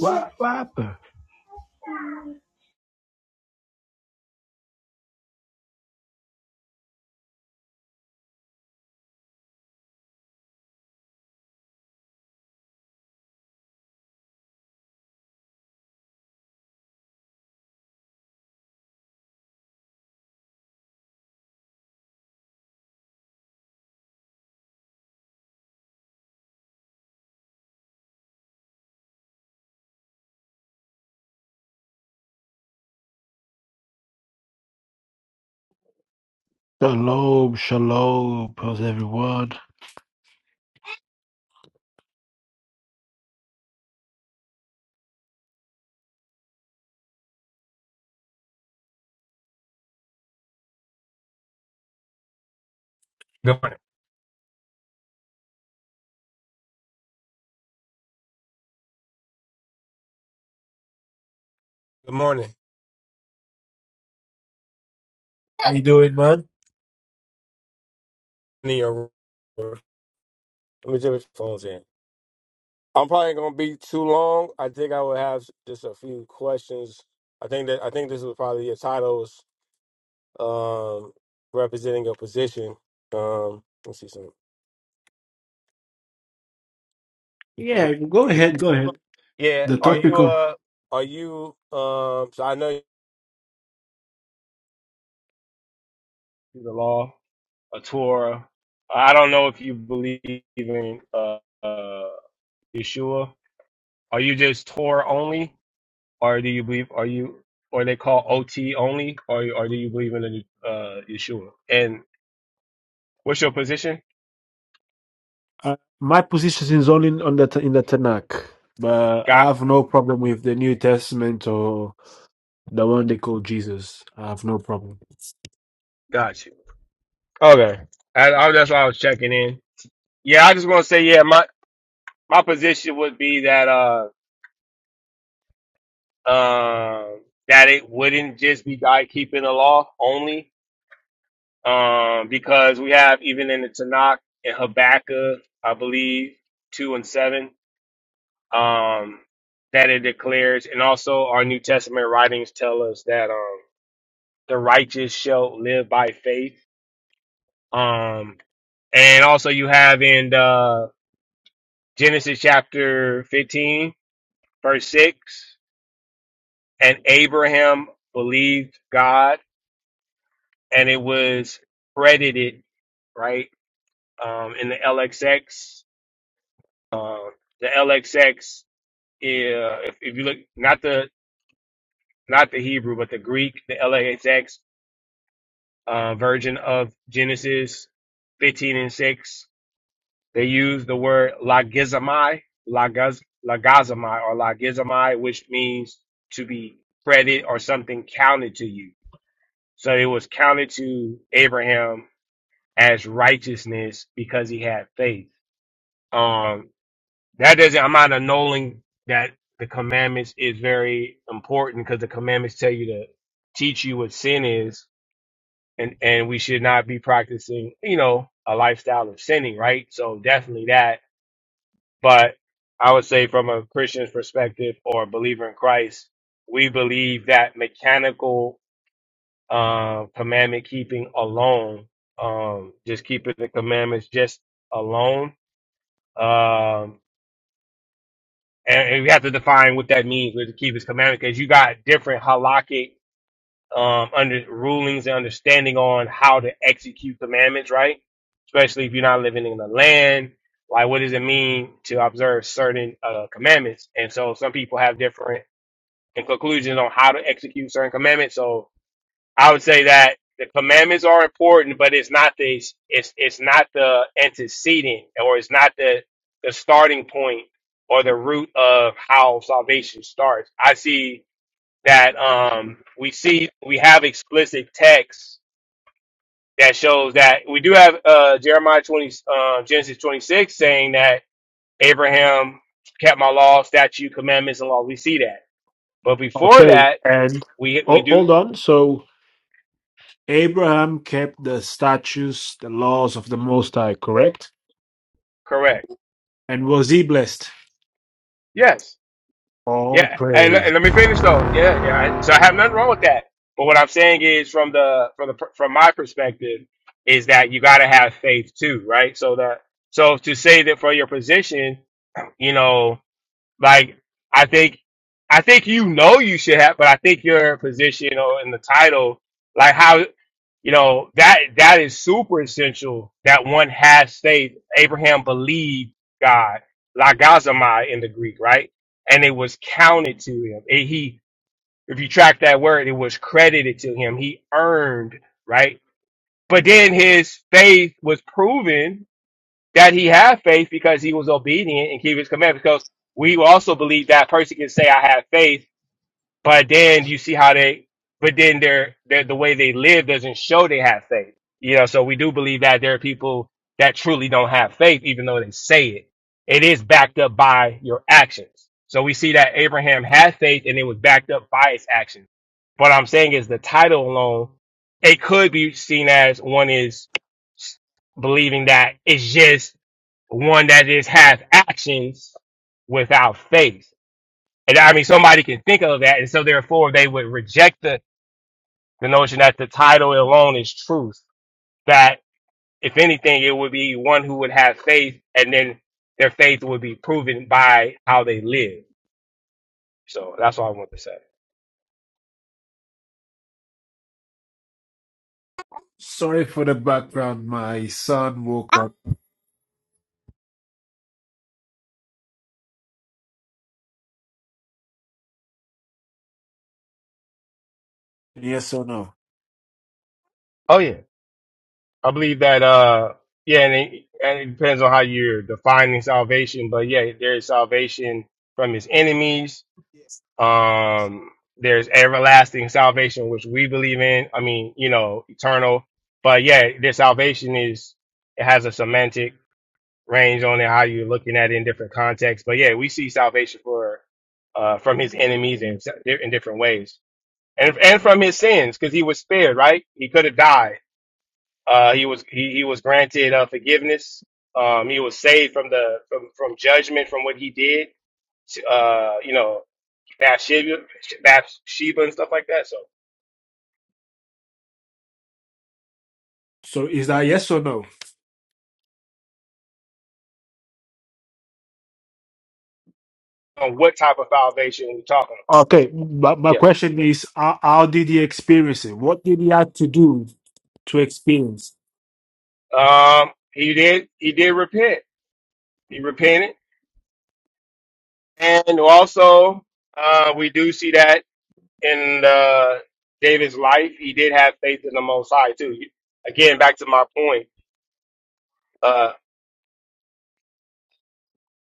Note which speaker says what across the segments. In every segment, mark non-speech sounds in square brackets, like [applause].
Speaker 1: What, what happened? Shalom, shalom, how's everyone?
Speaker 2: Good morning. Good morning.
Speaker 1: How you doing, man?
Speaker 2: Need your- Let me check the phones in. I'm probably gonna be too long. I think I will have just a few questions. I think that I think this was probably your titles um, representing your position. Um, let's see some. Um,
Speaker 1: Yeah, go ahead, go ahead.
Speaker 2: yeah.
Speaker 1: The
Speaker 2: Are you
Speaker 1: topic of
Speaker 2: uh Are you um? So I know the law, a Torah. I don't know if you believe in uh, uh Yeshua. Are you just Torah only? or do you believe are you or they call OT only, or or do you believe in the uh, Yeshua? And what's your position?
Speaker 1: uh, my position is only on the in the Tanakh, but I
Speaker 2: Got
Speaker 1: have no problem with the New Testament or the one they call Jesus. I have no problem.
Speaker 2: got you. Okay, I, I, that's why I was checking in. Yeah, I just want to say yeah, my my position would be that uh um that it wouldn't just be guy keeping the law only, um because we have even in the Tanakh and Habakkuk, I believe two and seven um, that it declares, and also our New Testament writings tell us that um, the righteous shall live by faith. Um, and also you have in uh, Genesis chapter 15, verse 6, and Abraham believed God, and it was credited, right, um, in the LXX. Uh, the LXX, uh, if, if you look, not the not the Hebrew, but the Greek, the LXX uh, version of Genesis 15 and 6, they use the word lagizamai, lagaz, lagazamai, or lagizamai, which means to be credit or something counted to you. So it was counted to Abraham as righteousness because he had faith. Um, that doesn't, I'm not annulling that the commandments is very important because the commandments tell you to teach you what sin is and and we should not be practicing, you know, a lifestyle of sinning, right? So definitely that. But I would say from a Christian's perspective or a believer in Christ, we believe that mechanical uh, commandment keeping alone, um, just keeping the commandments just alone. Um, and, and we have to define what that means with to keep his commandment because you got different halakhic um, under rulings and understanding on how to execute commandments, right? Especially if you're not living in the land. Like, what does it mean to observe certain uh, commandments? And so, some people have different conclusions on how to execute certain commandments. So, I would say that the commandments are important, but it's not the it's it's not the antecedent or it's not the the starting point or the root of how salvation starts. I see that um, we see we have explicit text that shows that we do have uh, Jeremiah 20 uh, Genesis 26 saying that Abraham kept my law, statute, commandments, and law. We see that, but before
Speaker 1: Okay,
Speaker 2: that,
Speaker 1: and
Speaker 2: we we
Speaker 1: oh,
Speaker 2: do
Speaker 1: hold on. So Abraham kept the statutes, the laws of the Most High, correct?
Speaker 2: correct.
Speaker 1: And was he blessed?
Speaker 2: Yes,
Speaker 1: All
Speaker 2: yeah, and,
Speaker 1: praise.
Speaker 2: and let me finish though. Yeah, yeah. I- So I have nothing wrong with that. But what I'm saying is, from the from the from my perspective, is that you got to have faith too, right? So that so to say that for your position, you know. Like I think I think you know you should have, but I think your position you know, in the title, like how you know that that is super essential that one has faith. Abraham believed God, lagazomai in the Greek, right? And it was counted to him. It- he, if you track that word, it was credited to him. He earned, right? But then his faith was proven that he had faith because he was obedient and keep his commandments. Because we also believe that person can say, I have faith but then you see how they, but then their, their the way they live doesn't show they have faith. You know, so we do believe that there are people that truly don't have faith, even though they say it. It is backed up by your actions. So we see that Abraham had faith and it was backed up by his actions. What I'm saying is the title alone, it could be seen as one is believing that it's just one that just has actions without faith. And I mean, somebody can think of that. And so therefore they would reject the, the notion that the title alone is truth. That if anything, it would be one who would have faith and then their faith would be proven by how they live. So that's all I want to say.
Speaker 1: Sorry for the background. My son woke up. Yes or no?
Speaker 2: Oh yeah. I believe that, uh, yeah, and it, and it depends on how you're defining salvation, but yeah, there is salvation from his enemies Um, there's everlasting salvation, which we believe in. I mean, you know, eternal. But yeah, their salvation is it has a semantic range on it, how you're looking at it in different contexts. But yeah, we see salvation for uh, from his enemies in in different ways, and and from his sins because he was spared. Right, he could have died. Uh, he was he, he was granted uh, forgiveness. Um, he was saved from the from, from judgment from what he did uh, you know. Bathsheba, Bathsheba and stuff like that. So,
Speaker 1: So is that yes or no?
Speaker 2: on what type of salvation are we talking about?
Speaker 1: Okay, but my
Speaker 2: Yeah.
Speaker 1: question is, how, how did he experience it? What did he have to do to experience?
Speaker 2: Um, he did. He did repent. He repented, and also
Speaker 1: What
Speaker 2: uh, we
Speaker 1: hap-
Speaker 2: do see that in uh, David's life, he did have faith in the Most High too. Again, back to my point. Uh,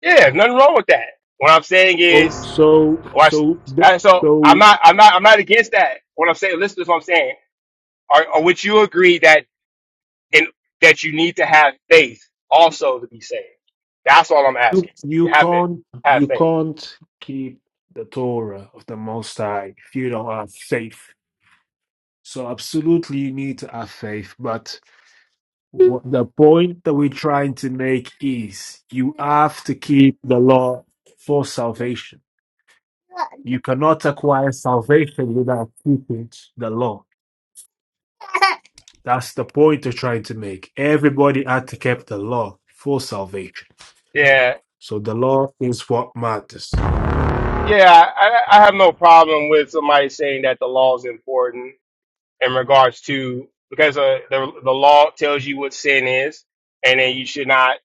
Speaker 2: yeah, nothing wrong with that. What I'm saying
Speaker 1: So
Speaker 2: is,
Speaker 1: so
Speaker 2: watch.
Speaker 1: so the-
Speaker 2: And So I'm
Speaker 1: so
Speaker 2: not. I'm not. I'm not against that. What I'm saying. Listen to what I'm saying. Or, or would you agree that and that you need to have faith also to be saved. That's all I'm
Speaker 1: you,
Speaker 2: asking. You
Speaker 1: you
Speaker 2: have to
Speaker 1: can't
Speaker 2: have
Speaker 1: you
Speaker 2: faith.
Speaker 1: can't keep the Torah of the Most High if you don't have faith. So absolutely you need to have faith. But what the point that we're trying to make is you have to keep the law for salvation. You cannot acquire salvation without keeping the law. [laughs] That's the point they're trying to make. Everybody had to keep the law for salvation.
Speaker 2: Yeah,
Speaker 1: So the law is what matters.
Speaker 2: yeah. I, I have no problem with somebody saying that the law is important in regards to because uh, the the law tells you what sin is, and then you should not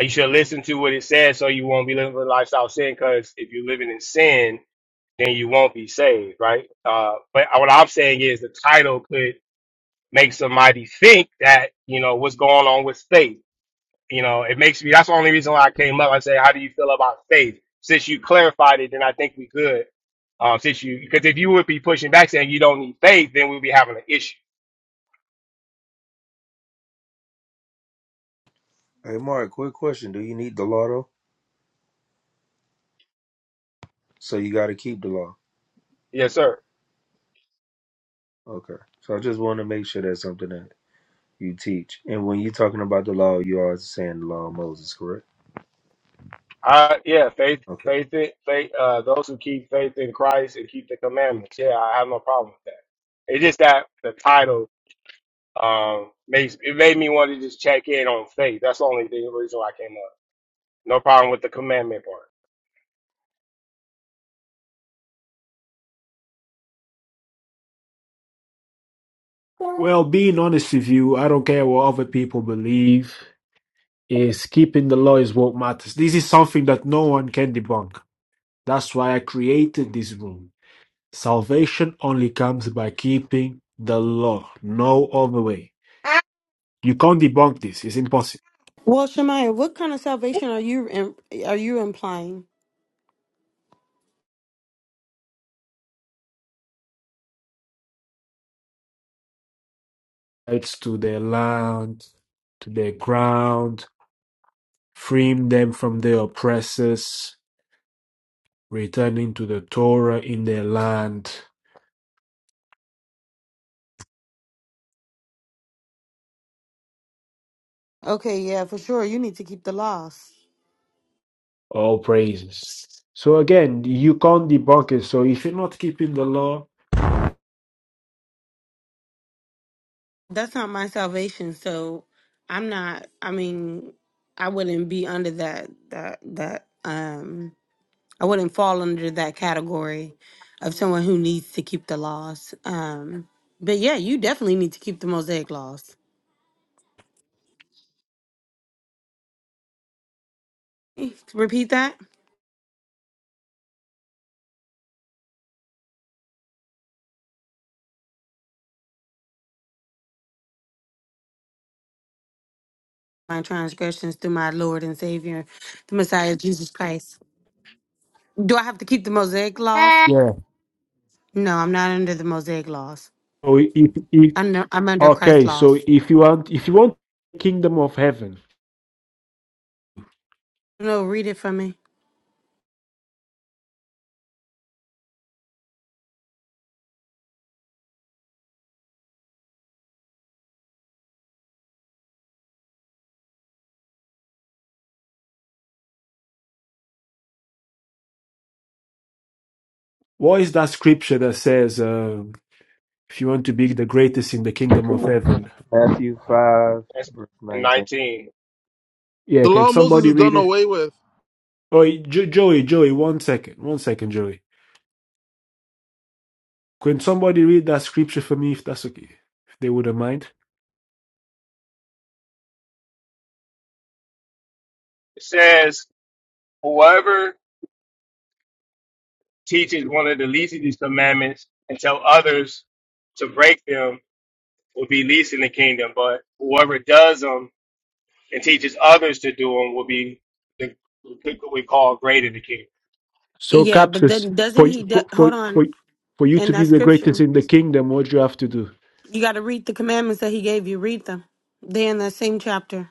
Speaker 2: you should listen to what it says so you won't be living a lifestyle of sin. Because if you're living in sin, then you won't be saved, right? Uh, but what I'm saying is the title could make somebody think that, you know, what's going on with faith. You know, it makes me, that's the only reason why I came up. I say, how do you feel about faith? Since you clarified it, then I think we good. Um, since you, because if you would be pushing back saying you don't need faith, then we'd be having an issue.
Speaker 3: Hey, Mark, quick question. Do you need the law though? So you got to keep the law.
Speaker 2: Yes, sir.
Speaker 3: Okay. So I just want to make sure that's something that you teach. And when you're talking about the law, you are saying the law of Moses, correct?
Speaker 2: Uh, yeah, faith,
Speaker 3: Okay.
Speaker 2: faith, in, faith, uh, those who keep faith in Christ and keep the commandments. Yeah, I have no problem with that. It's just that the title, um, makes, it made me want to just check in on faith. That's the only thing, reason why I came up. No problem with the commandment part.
Speaker 1: Well, being honest with you, I don't care what other people believe. Is keeping the law is what matters. This is something that no one can debunk. That's why I created this room. Salvation only comes by keeping the law. No other way. You can't debunk this. It's impossible.
Speaker 4: Well, Shemaya, what kind of salvation are you im- are you implying?
Speaker 1: It's to their land, to their ground, freeing them from their oppressors, returning to the Torah in their land.
Speaker 4: Okay, yeah, for sure. You need to keep the laws.
Speaker 1: All praises. So again, you can't debunk it. So if you're not keeping the law,
Speaker 4: That's not my salvation, so I'm not. I mean, I wouldn't be under that that that. Um, I wouldn't fall under that category of someone who needs to keep the laws. Um, but yeah, you definitely need to keep the Mosaic laws. Repeat that. My transgressions through my Lord and Savior, the Messiah Jesus Christ. Do I have to keep the Mosaic laws?
Speaker 1: yeah.
Speaker 4: No, I'm not under the Mosaic laws.
Speaker 1: So if, if
Speaker 4: I'm no, I'm under Christ's
Speaker 1: okay, so
Speaker 4: laws.
Speaker 1: if you want, if you want the kingdom of heaven,
Speaker 4: No, read it for me.
Speaker 1: what is that scripture that says, um, if you want to be the greatest in the kingdom of heaven?
Speaker 3: Matthew 5, verse
Speaker 2: and
Speaker 3: 19.
Speaker 2: 19.
Speaker 1: Yeah,
Speaker 5: The
Speaker 1: can
Speaker 5: law of Moses
Speaker 1: somebody
Speaker 5: is
Speaker 1: read
Speaker 5: done
Speaker 1: it?
Speaker 5: away with.
Speaker 1: Oh, jo- Joey, Joey, one second, one second, Joey. Can somebody read that scripture for me if that's okay? If they wouldn't mind.
Speaker 2: It says, Whoever teaches one of the least of these commandments and tell others to break them will be least in the kingdom, but whoever does them and teaches others to do them will be the, what we call great in the kingdom.
Speaker 1: So,
Speaker 4: Yeah, but
Speaker 1: Capsis,
Speaker 4: then doesn't
Speaker 1: for,
Speaker 4: he?
Speaker 1: you-
Speaker 4: do-
Speaker 1: for, for,
Speaker 4: hold on.
Speaker 1: for, for you
Speaker 4: In
Speaker 1: to be
Speaker 4: that
Speaker 1: the greatest
Speaker 4: scripture,
Speaker 1: in the kingdom, what do you have to do?
Speaker 4: you got to read the commandments that he gave you. Read them. They in that same chapter.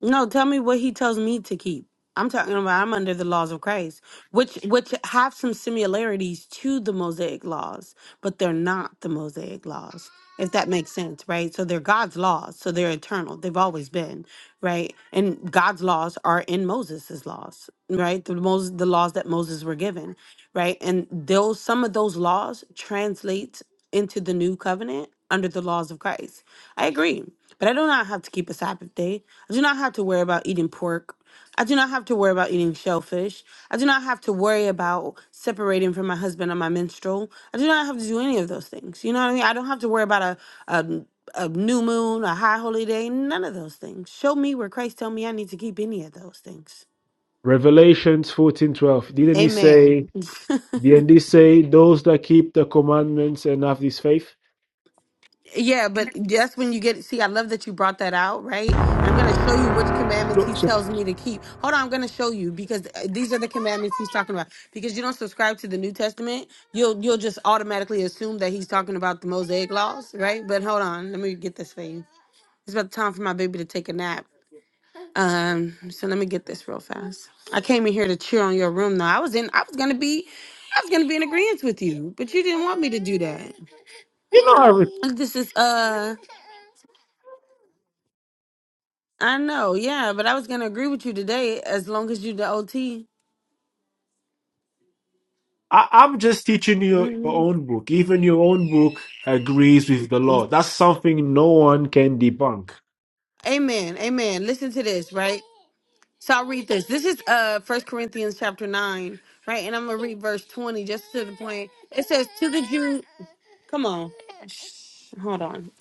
Speaker 4: No, tell me what he tells me to keep. I'm talking about I'm under the laws of Christ, which which have some similarities to the Mosaic laws, but they're not the Mosaic laws. If that makes sense, right? So they're God's laws, so they're eternal. They've always been, right? And God's laws are in Moses' laws, right? The Moses, the laws that Moses were given, right? And those some of those laws translate into the new covenant under the laws of Christ. I agree. But I do not have to keep a Sabbath day. I do not have to worry about eating pork. I do not have to worry about eating shellfish. I do not have to worry about separating from my husband on my menstrual. I do not have to do any of those things. You know what I mean? I don't have to worry about a, a, a new moon, a high holy day, none of those things. Show me where Christ tell me I need to keep any of those things.
Speaker 1: Revelations fourteen did Didn't he say,
Speaker 4: Amen. [laughs]
Speaker 1: didn't he say, those that keep the commandments and have this faith?
Speaker 4: Yeah, but that's when you get. See, I love that you brought that out, right? And I'm going to show you which commandments
Speaker 1: So,
Speaker 4: he
Speaker 1: so,
Speaker 4: tells me to keep. Hold on, I'm going to show you because uh, these are the commandments he's talking about. Because you don't subscribe to the New Testament, you'll you'll just automatically assume that he's talking about the Mosaic laws, right? But hold on, let me get this for you. It's about time for my baby to take a nap. Um, so let me get this real fast. I came in here to cheer on your room. Though I was in, I was gonna be, I was gonna be in agreement with you, but you didn't want me to do that.
Speaker 1: you know, how
Speaker 4: Look, This is uh. I know, yeah, but I was gonna agree with you today as long as you the OT.
Speaker 1: I, I'm just teaching you your
Speaker 4: Mhm.
Speaker 1: own book. Even your own book agrees with the law. That's something no one can debunk.
Speaker 4: Amen. Amen. Listen to this, right? So I'll read this. This is uh First Corinthians chapter nine, right? And I'm gonna read verse twenty just to the point. It says to the Jew come on. Shh, Hold on.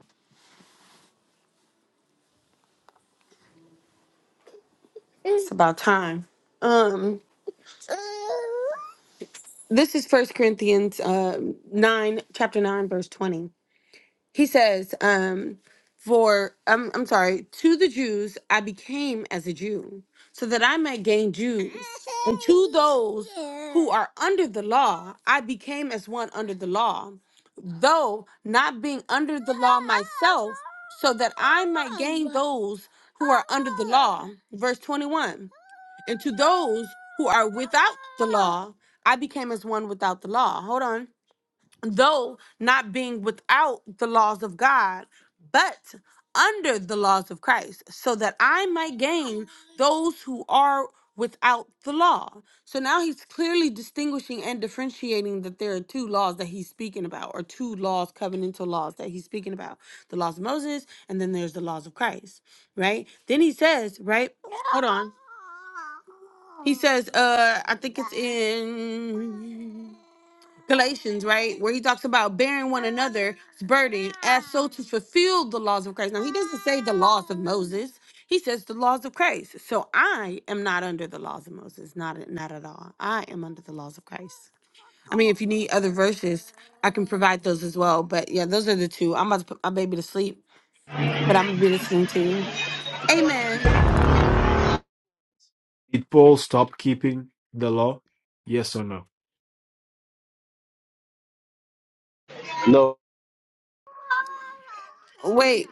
Speaker 4: It's about time. Um this is First Corinthians uh nine, chapter nine, verse twenty. he says um for I'm, I'm sorry to the jews i became as a jew so that i might gain jews and to those who are under the law i became as one under the law though not being under the law myself so that i might gain those who are under the law verse 21 and to those who are without the law i became as one without the law hold on though not being without the laws of God, but under the laws of Christ, so that I might gain those who are without the law. So now he's clearly distinguishing and differentiating that there are two laws that he's speaking about, or two laws, covenantal laws that he's speaking about the laws of Moses, and then there's the laws of Christ, right? Then he says, right? Hold on. He says, uh, I think it's in. Galatians, right? Where he talks about bearing one another's burden as so to fulfill the laws of Christ. Now, he doesn't say the laws of Moses. He says the laws of Christ. So I am not under the laws of Moses, not not at all. I am under the laws of Christ. I mean, if you need other verses, I can provide those as well. But yeah, those are the two. I'm about to put my baby to sleep, but I'm gonna be listening to you. Amen.
Speaker 1: Did Paul stop keeping the law? Yes or no?
Speaker 6: No,
Speaker 4: Wait.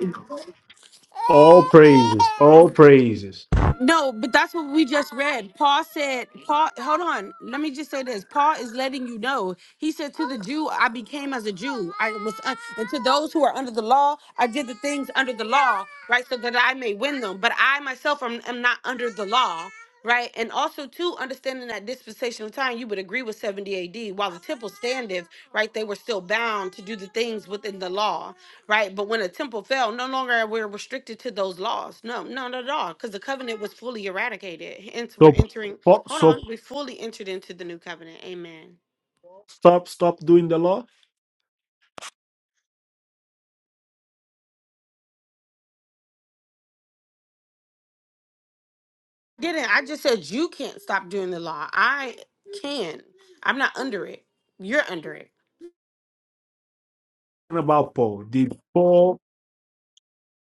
Speaker 1: All praises, all praises.
Speaker 4: No, but that's what we just read. Paul said, Paul, hold on. Let me just say this. Paul is letting you know. He said, To the Jew, I became as a Jew. I was, un- and to those who are under the law, I did the things under the law, right? So that I may win them. But I myself am, am not under the law right? And also too, understanding that dispensational time, you would agree with 70 AD. While the temple standeth, right, they were still bound to do the things within the law, right? But when a temple fell, no longer we're restricted to those laws. No, no, not at all, because the covenant was fully eradicated. Hence, we're
Speaker 1: So,
Speaker 4: entering.
Speaker 1: Paul-
Speaker 4: Hold on,
Speaker 1: so
Speaker 4: we fully entered into the new covenant. Amen.
Speaker 1: Paul stop, stop doing the law.
Speaker 4: Didn't I just said you can't stop doing the law? I can. I'm not under it. You're under it.
Speaker 1: What about Paul? Did Paul,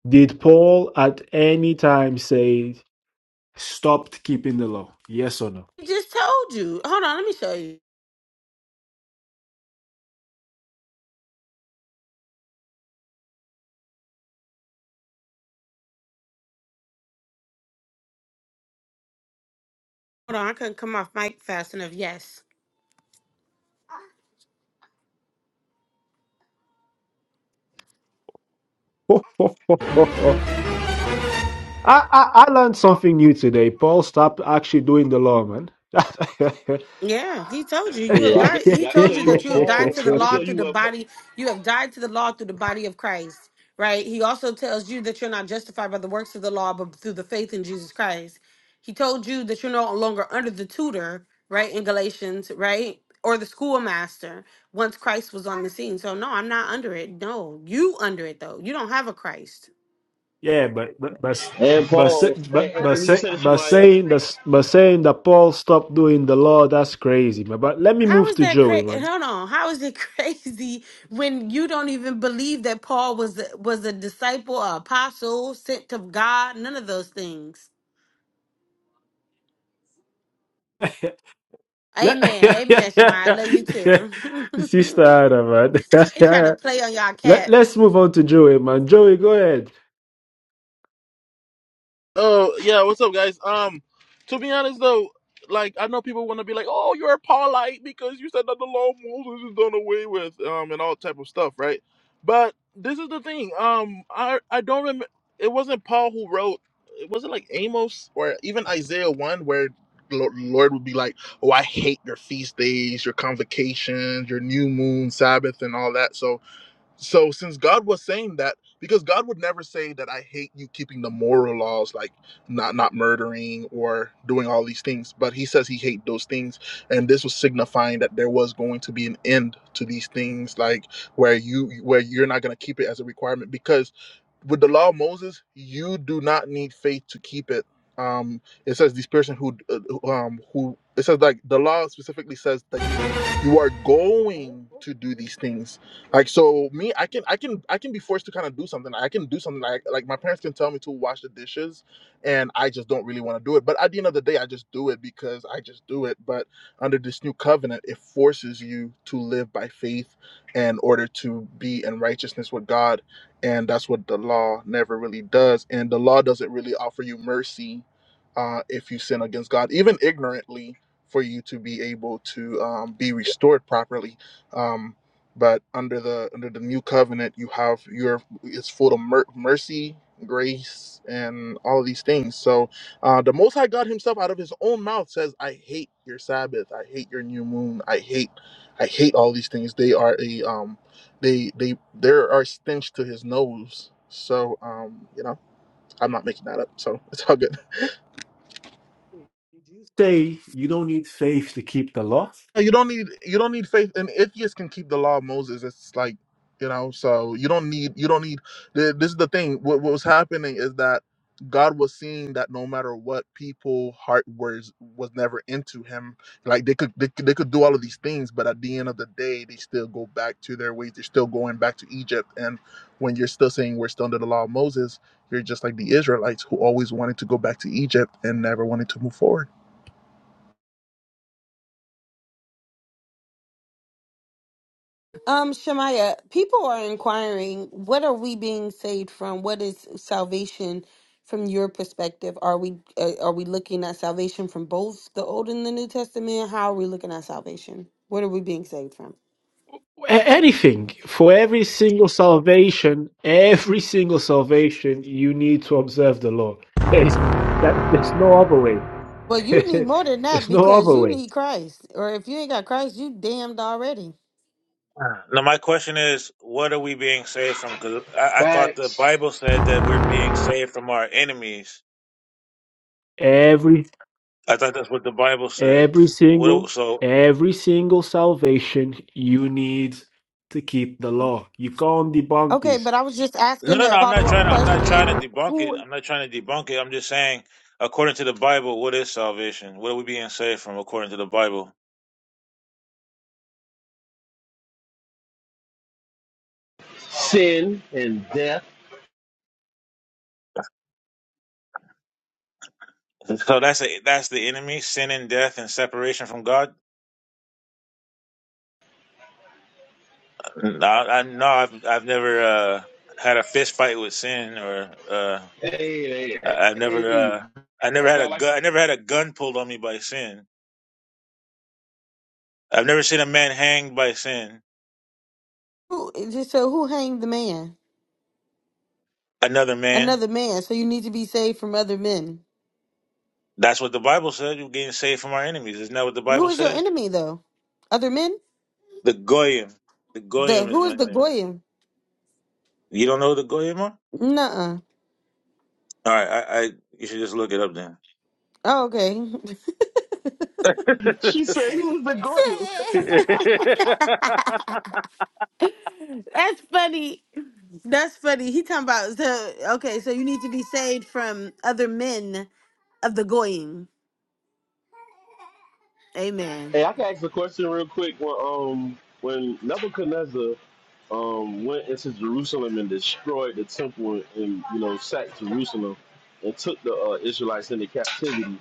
Speaker 1: did Paul at any time say Stopped keeping the law. Yes or no?
Speaker 4: I just told you. Hold on, let me show you. Hold on, I couldn't come off mic fast enough. Yes.
Speaker 1: [laughs] I, I, I learned something new today. Paul stopped actually doing the law, man.
Speaker 4: Yeah, he told you you have
Speaker 6: yeah, I can,
Speaker 4: died. He
Speaker 6: I can
Speaker 4: told
Speaker 6: show
Speaker 4: you
Speaker 6: you
Speaker 4: that
Speaker 6: what
Speaker 4: you have died
Speaker 6: Paul,
Speaker 4: to
Speaker 1: [laughs]
Speaker 4: the
Speaker 6: I can
Speaker 4: law
Speaker 6: show
Speaker 4: through
Speaker 6: you
Speaker 4: the
Speaker 6: what Paul,
Speaker 4: body. You have died to the law through the body of Christ, right? He also tells you that you're not justified by the works of the law, but through the faith in Jesus Christ. He told you that you're no longer under the tutor, right? In Galatians, right? Or the schoolmaster once Christ was on the scene. So no, I'm not under it. No, you under it though. You don't have a Christ.
Speaker 1: Yeah, but but but
Speaker 6: and
Speaker 1: but say-
Speaker 6: Paul, and,
Speaker 1: but
Speaker 6: and let
Speaker 1: but,
Speaker 6: me just
Speaker 1: say,
Speaker 6: say this,
Speaker 1: but
Speaker 6: Shemaya,
Speaker 1: saying that but saying that Paul stopped doing the law, that's crazy, man. But let me
Speaker 4: How
Speaker 1: move
Speaker 4: is
Speaker 1: to
Speaker 4: that
Speaker 1: Joey,
Speaker 4: crazy?
Speaker 1: man.
Speaker 4: Hold on. How is it [laughs] crazy when you don't even believe that Paul was a, was a disciple, an apostle, sent of God? None of those things.
Speaker 1: [laughs] let,
Speaker 4: Amen. Amen, Shemaya. I love you
Speaker 1: [laughs] sister
Speaker 4: too.
Speaker 1: Anna, man.
Speaker 4: [laughs] they trying to
Speaker 1: [laughs]
Speaker 4: play on y'all
Speaker 1: let,
Speaker 4: cat.
Speaker 1: let's move on to Joey, man. Joey, go ahead.
Speaker 5: Oh yeah, what's up, guys? Um, to be honest though, like I know people want to be like, "Oh, you're a Paulite because you said that the law of Moses is done away with," um, and all type of stuff, right? But this is the thing. Um, I I don't remember. It wasn't Paul who wrote. It wasn't like Amos or even Isaiah one where the Lo- Lord would be like, "Oh, I hate your feast days, your convocations, your new moon, Sabbath, and all that." So so since god was saying that because god would never say that i hate you keeping the moral laws like not not murdering or doing all these things but he says he hates those things and this was signifying that there was going to be an end to these things like where you where you're not going to keep it as a requirement because with the law of Moses, you do not need faith to keep it. Um, it says this person who, uh, um, who it says like the law specifically says that you, you are going to do these things. Like so, me, I can, I can, I can be forced to kind of do something. I can do something like, like my parents can tell me to wash the dishes, and I just don't really want to do it. But at the end of the day, I just do it because I just do it. But under this new covenant, it forces you to live by faith in order to be in righteousness with God and that's what the law never really does and the law doesn't really offer you mercy uh, if you sin against god even ignorantly for you to be able to um, be restored properly um, but under the under the new covenant you have your it's full of mer- mercy grace and all of these things so uh, the most high god himself out of his own mouth says i hate your sabbath i hate your new moon i hate i hate all these things they are a um, they they there are stench to his nose. So um, you know, I'm not making that up. So it's all good.
Speaker 1: say you don't need faith to keep the law?
Speaker 5: You don't need you don't need faith, and atheists can keep the law of Moses. It's like you know, so you don't need you don't need. th- This is the thing. What, what was happening is that God was seeing that no matter what, people heart was was never into Him. Like they could they, could- they could do all of these things, but at the end of the day, they still go back to their ways. They're still going back to Egypt. And when you're still saying we're still under the law of Moses, you're just like the Israelites who always wanted to go back to Egypt and never wanted to move forward.
Speaker 4: Um, Shemaya, people are inquiring, what are we being saved from? What is salvation from your perspective? Are we uh, are we looking at salvation from both the Old and the New Testament? How are we looking at salvation? What are we being saved from?
Speaker 1: A- Anything for every single salvation, every single salvation, you need to observe the law. There's, that, there's no other way.
Speaker 4: Well, you need
Speaker 1: [laughs]
Speaker 4: more than that
Speaker 1: there's no
Speaker 4: because
Speaker 1: other
Speaker 4: you
Speaker 1: way.
Speaker 4: need Christ. Or if you ain't got Christ, you damned already.
Speaker 7: Now, my question is, what are we being saved from? Because I, I thought the
Speaker 6: facts,
Speaker 7: Bible said that we're being saved from our enemies.
Speaker 1: Every
Speaker 7: I thought that's what the Bible said.
Speaker 1: every
Speaker 7: What? do-
Speaker 1: single
Speaker 7: So
Speaker 1: every single salvation, you need to keep the law. You can't debunk
Speaker 4: Okay,
Speaker 1: this.
Speaker 4: but I was just
Speaker 7: no,
Speaker 4: asking
Speaker 7: no, no.
Speaker 4: a
Speaker 7: I'm not
Speaker 4: follow up
Speaker 7: trying. To, I'm not trying to
Speaker 4: question.
Speaker 7: debunk it.
Speaker 4: Who,
Speaker 7: I'm not trying to debunk it. I'm just saying, according to the Bible, what is salvation? What are we being saved from according to the Bible?
Speaker 6: sin, and death.
Speaker 7: So that's a, that's the enemy, sin and death and separation from God. No, I, I, no I've I've never uh, had a fist fight with sin or. Uh,
Speaker 6: Hey,
Speaker 7: I,
Speaker 6: hey,
Speaker 7: I never,
Speaker 6: hey,
Speaker 7: uh, I never
Speaker 6: that's
Speaker 7: had a
Speaker 6: not like
Speaker 7: gun. I never had a gun pulled on me by sin. I've never seen a man hanged by sin.
Speaker 4: who, just so who hanged the man?
Speaker 7: Another man.
Speaker 4: Another man. So you need to be saved from other men.
Speaker 7: That's what the Bible says. You're getting saved from our enemies. Isn't that what the
Speaker 4: Who
Speaker 7: Bible
Speaker 4: is your
Speaker 7: says?
Speaker 4: enemy though? Other men?
Speaker 7: The goyim. The
Speaker 4: The
Speaker 7: goyim is
Speaker 4: who is
Speaker 7: my
Speaker 4: the
Speaker 7: name.
Speaker 4: goyim?
Speaker 7: You don't know who the goyim are?
Speaker 4: Nuh-uh.
Speaker 7: All right. I, I you should just look it up
Speaker 4: Oh, okay. [laughs]
Speaker 7: then.
Speaker 6: she said he was the Goyim.
Speaker 7: [laughs]
Speaker 4: That's funny. That's funny. He talking about so okay. So you need to be saved from other men of the goyim. Amen.
Speaker 6: Hey, I can ask a question real quick. When um, when Nebuchadnezzar um went into Jerusalem and destroyed the temple and you know sacked Jerusalem and took the uh, Israelites into captivity.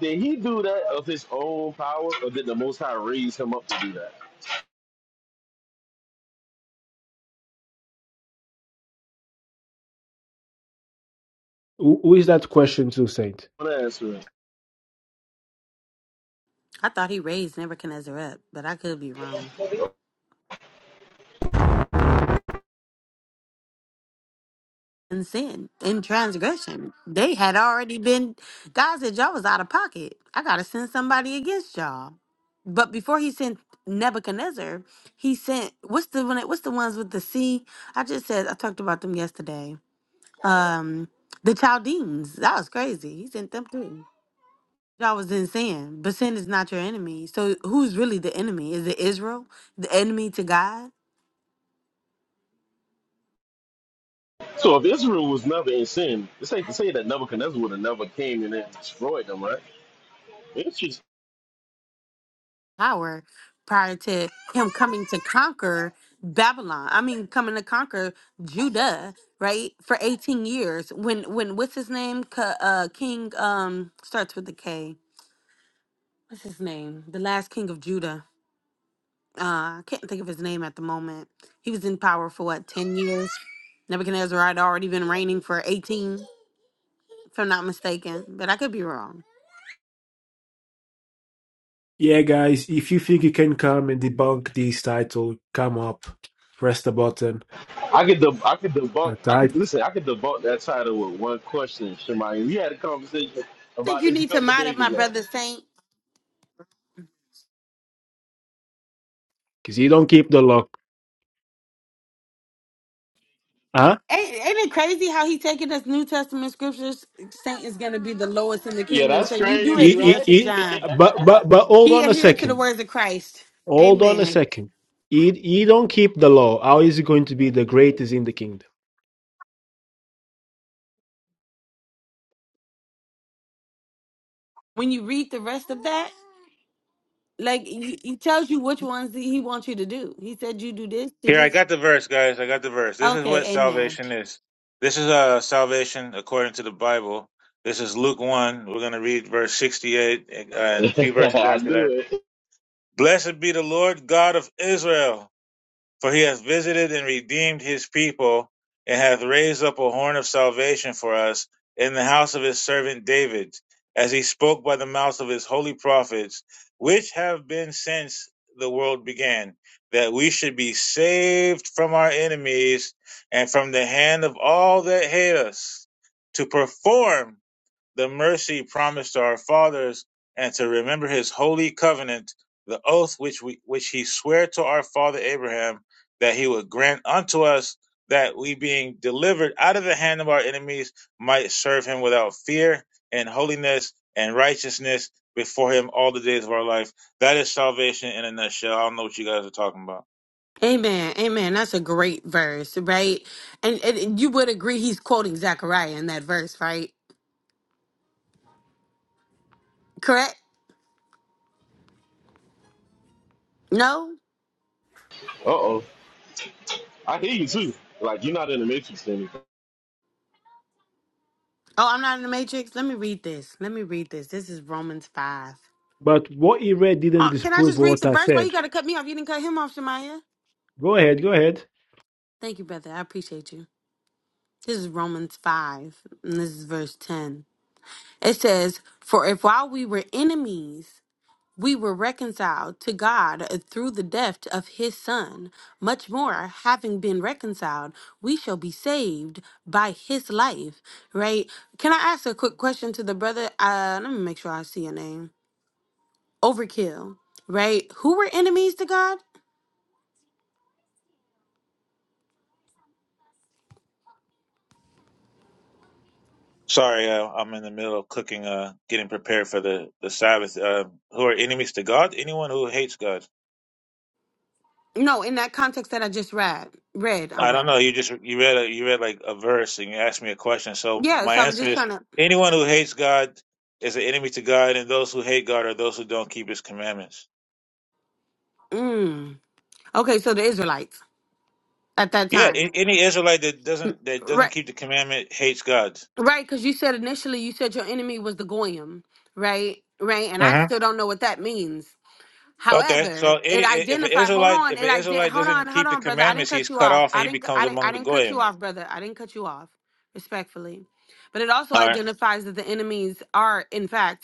Speaker 6: Did he do that of his own power, or did the Most High raise him up to do that?
Speaker 1: Who, who is that question to, Saint?
Speaker 6: What an answer.
Speaker 4: I thought he raised Nebuchadnezzar up, but I could be wrong. In sin, in transgression, they had already been. God said, Y'all was out of pocket. I got to send somebody against y'all. But before he sent Nebuchadnezzar, he sent what's the one? What's the ones with the sea? I just said I talked about them yesterday. Um, the Chaldeans. That was crazy. He sent them too. Y'all was in sin, but sin is not your enemy. So who's really the enemy? Is it Israel, the enemy to God?
Speaker 6: So if Israel was never in sin, it's safe to say that Nebuchadnezzar would have never came in and destroyed them, right? Interesting.
Speaker 4: power prior to him coming to conquer Babylon. I mean, coming to conquer Judah, right? For 18 years. When when what's his name? K- uh King um starts with the K. What's his name? The last king of Judah. Uh I can't think of his name at the moment. He was in power for what, 10 years? Nebuchadnezzar had already been reigning for 18, if I'm not mistaken, but I could be wrong.
Speaker 1: Yeah, guys, if you think you can come and debunk this title, come up, press the button,
Speaker 6: I could deb- I could debunk
Speaker 1: and
Speaker 6: I could
Speaker 1: type,
Speaker 6: listen, I could debunk that title with one question, Shemai. We had a conversation
Speaker 4: I think
Speaker 6: about
Speaker 4: you
Speaker 6: this a
Speaker 4: need to
Speaker 6: couple
Speaker 4: mod up
Speaker 6: days
Speaker 4: my
Speaker 6: ago.
Speaker 4: brother Saint.
Speaker 1: because you don't keep the lock. Huh?
Speaker 4: Ain't, ain't it crazy how he taking us New Testament scriptures? Saint is gonna be the lowest in the
Speaker 6: Yeah,
Speaker 4: kingdom.
Speaker 6: that's
Speaker 4: So you do
Speaker 6: crazy,
Speaker 1: It,
Speaker 4: adhere
Speaker 1: it,
Speaker 6: right?
Speaker 4: to
Speaker 6: [laughs]
Speaker 1: it,
Speaker 6: I
Speaker 4: John.
Speaker 1: but, but, but hold
Speaker 4: He
Speaker 1: on a
Speaker 4: adhered to the
Speaker 1: second.
Speaker 4: words of Christ.
Speaker 1: Hold on a
Speaker 4: Amen.
Speaker 1: second. He, he don't keep the law. How is he going to be the greatest in the kingdom?
Speaker 4: When you read the rest of that, like he, he tells you which ones he he wants you to do. He said you do this, do
Speaker 7: Here, I
Speaker 4: this.
Speaker 7: got the verse, guys. I got the verse. This is what
Speaker 4: Okay, amen.
Speaker 7: salvation is. This is uh, salvation according to the Bible. This is Luke 1. We're going to read verse 68 and uh, and a few verses after
Speaker 6: knew
Speaker 7: that.
Speaker 6: it.
Speaker 7: Blessed be the Lord God of Israel. For he has visited and redeemed his people, and hath raised up a horn of salvation for us in the house of his servant David, as he spoke by the mouth of his holy prophets, which have been since the world began, that we should be saved from our enemies and from the hand of all that hate us, to perform the mercy promised to our fathers and to remember his holy covenant, the oath which we which he sware to our father Abraham that he would grant unto us that we being delivered out of the hand of our enemies might serve him without fear and holiness and righteousness before him all the days of our life. That is salvation in a nutshell. I don't know what you guys are talking about.
Speaker 4: Amen. Amen. That's a great verse, right? And, and you would agree he's quoting Zechariah in that verse, right? Correct? No?
Speaker 6: Uh oh. I hear you too. Like you're not in the matrix or anything.
Speaker 4: Oh, I'm not in the matrix. Let me read this. Let me read this. This is Romans 5.
Speaker 1: But what he read didn't
Speaker 4: Uh, can I
Speaker 1: disprove
Speaker 4: just read
Speaker 1: what
Speaker 4: the
Speaker 1: I
Speaker 4: verse? Why you
Speaker 1: said.
Speaker 4: gotta cut me off? You didn't cut him off, Shemaya.
Speaker 1: Go ahead, go ahead.
Speaker 4: Thank you, brother. I appreciate you. This is Romans 5, and this is verse 10. It says, For if while we were enemies, we were reconciled to God through the death of his son, much more, having been reconciled, we shall be saved by his life. Right? Can I ask a quick question to the brother? Uh, let me make sure I see your name. Overkill, right? Who were enemies to God?
Speaker 7: Sorry, uh, I'm in the middle of cooking, uh, getting prepared for the, the Sabbath. Uh, who are enemies to God? Anyone who hates God.
Speaker 4: No, in that context that I just read, read, I
Speaker 7: I don't know.
Speaker 4: read.
Speaker 7: You just you read a, you read like a verse and you asked me a question. So
Speaker 4: Yeah,
Speaker 7: my
Speaker 4: so I was
Speaker 7: answer
Speaker 4: just
Speaker 7: is:
Speaker 4: trying to.
Speaker 7: anyone who hates God is an enemy to God, and those who hate God are those who don't keep His commandments.
Speaker 4: Mm. Okay, so the Israelites at that
Speaker 7: Yeah, a-
Speaker 4: time,
Speaker 7: any Israelite that doesn't that doesn't
Speaker 4: right?
Speaker 7: keep the commandment hates God.
Speaker 4: Right, because you said initially you said your enemy was the goyim, right? Right, and I
Speaker 7: hmm
Speaker 4: still don't know what that means.
Speaker 7: Okay, so
Speaker 4: However,
Speaker 7: any,
Speaker 4: it
Speaker 7: if an
Speaker 4: identified. Hold
Speaker 7: Israelite
Speaker 4: on,
Speaker 7: if
Speaker 4: it
Speaker 7: an
Speaker 4: ident.
Speaker 7: Israelite
Speaker 4: Hold on,
Speaker 7: doesn't
Speaker 4: hold
Speaker 7: keep the
Speaker 4: on, brother. I didn't
Speaker 7: commandments, he's
Speaker 4: cut you
Speaker 7: cut
Speaker 4: off.
Speaker 7: off and
Speaker 4: I
Speaker 7: he
Speaker 4: didn't.
Speaker 7: becomes
Speaker 4: I didn't. I
Speaker 7: among the
Speaker 4: didn't cut you
Speaker 7: goyim.
Speaker 4: off, brother. I didn't cut you off. Respectfully, but it also
Speaker 7: All right,
Speaker 4: identifies that the enemies are, in fact,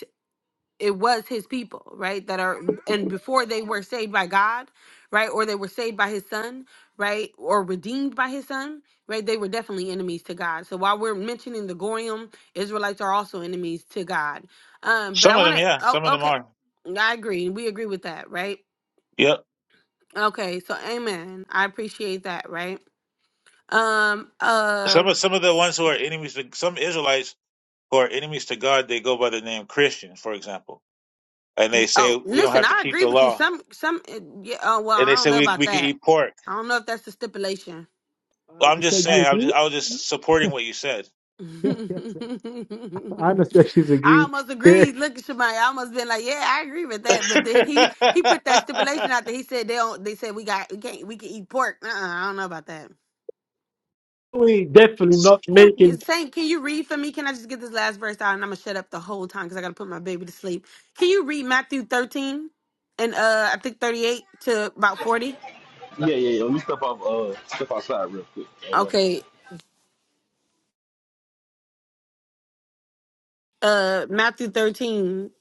Speaker 4: it was his people, right? That are and before they were saved by God, right? Or they were saved by his son, right? Or redeemed by his son, right? They were definitely enemies to God. So while we're mentioning the Goyim, Israelites are also enemies to God. Um, but
Speaker 7: some
Speaker 4: I
Speaker 7: of
Speaker 4: want
Speaker 7: them,
Speaker 4: to
Speaker 7: yeah,
Speaker 4: oh,
Speaker 7: some of them
Speaker 4: okay.
Speaker 7: are.
Speaker 4: I agree. We agree with that, right?
Speaker 7: Yep,
Speaker 4: Okay, so amen. I appreciate that, right? Um uh
Speaker 7: some of some of the ones who are enemies to some Israelites who are enemies to God, they go by the name Christian, for example and they say
Speaker 4: oh,
Speaker 7: we don't
Speaker 4: listen,
Speaker 7: have to
Speaker 4: I
Speaker 7: keep
Speaker 4: agree
Speaker 7: the
Speaker 4: with you.
Speaker 7: law,
Speaker 4: Some some uh, yeah, oh well,
Speaker 7: and
Speaker 4: I
Speaker 7: they
Speaker 4: don't
Speaker 7: say
Speaker 4: know
Speaker 7: we
Speaker 4: about
Speaker 7: we can
Speaker 4: that.
Speaker 7: eat pork.
Speaker 4: I don't know if that's the stipulation
Speaker 1: Uh,
Speaker 7: Well, I'm
Speaker 1: you
Speaker 7: just
Speaker 1: said you
Speaker 7: saying, I was
Speaker 1: agree?
Speaker 7: just,
Speaker 1: [laughs]
Speaker 7: I was just supporting what you said.
Speaker 4: [laughs]
Speaker 1: Yeah,
Speaker 4: I
Speaker 1: yes. Anna said she's agreed.
Speaker 4: almost
Speaker 1: Yeah.
Speaker 4: agreed. Look at Shemai. I almost been like, yeah, I agree with that. But
Speaker 7: [laughs]
Speaker 4: then he he put that stipulation out there. He said they don't. They said we got we can't we can eat pork. Uh, uh I don't know about that.
Speaker 1: We definitely not
Speaker 4: Can
Speaker 1: making.
Speaker 4: can- Saint, can you read for me? Can I just get this last verse out and I'm gonna shut up the whole time because I gotta put my baby to sleep. Can you read Matthew 13 and uh I think 38 to about 40?
Speaker 6: Yeah, yeah, yeah. Let me step off uh step outside real quick.
Speaker 4: Okay, uh Matthew 13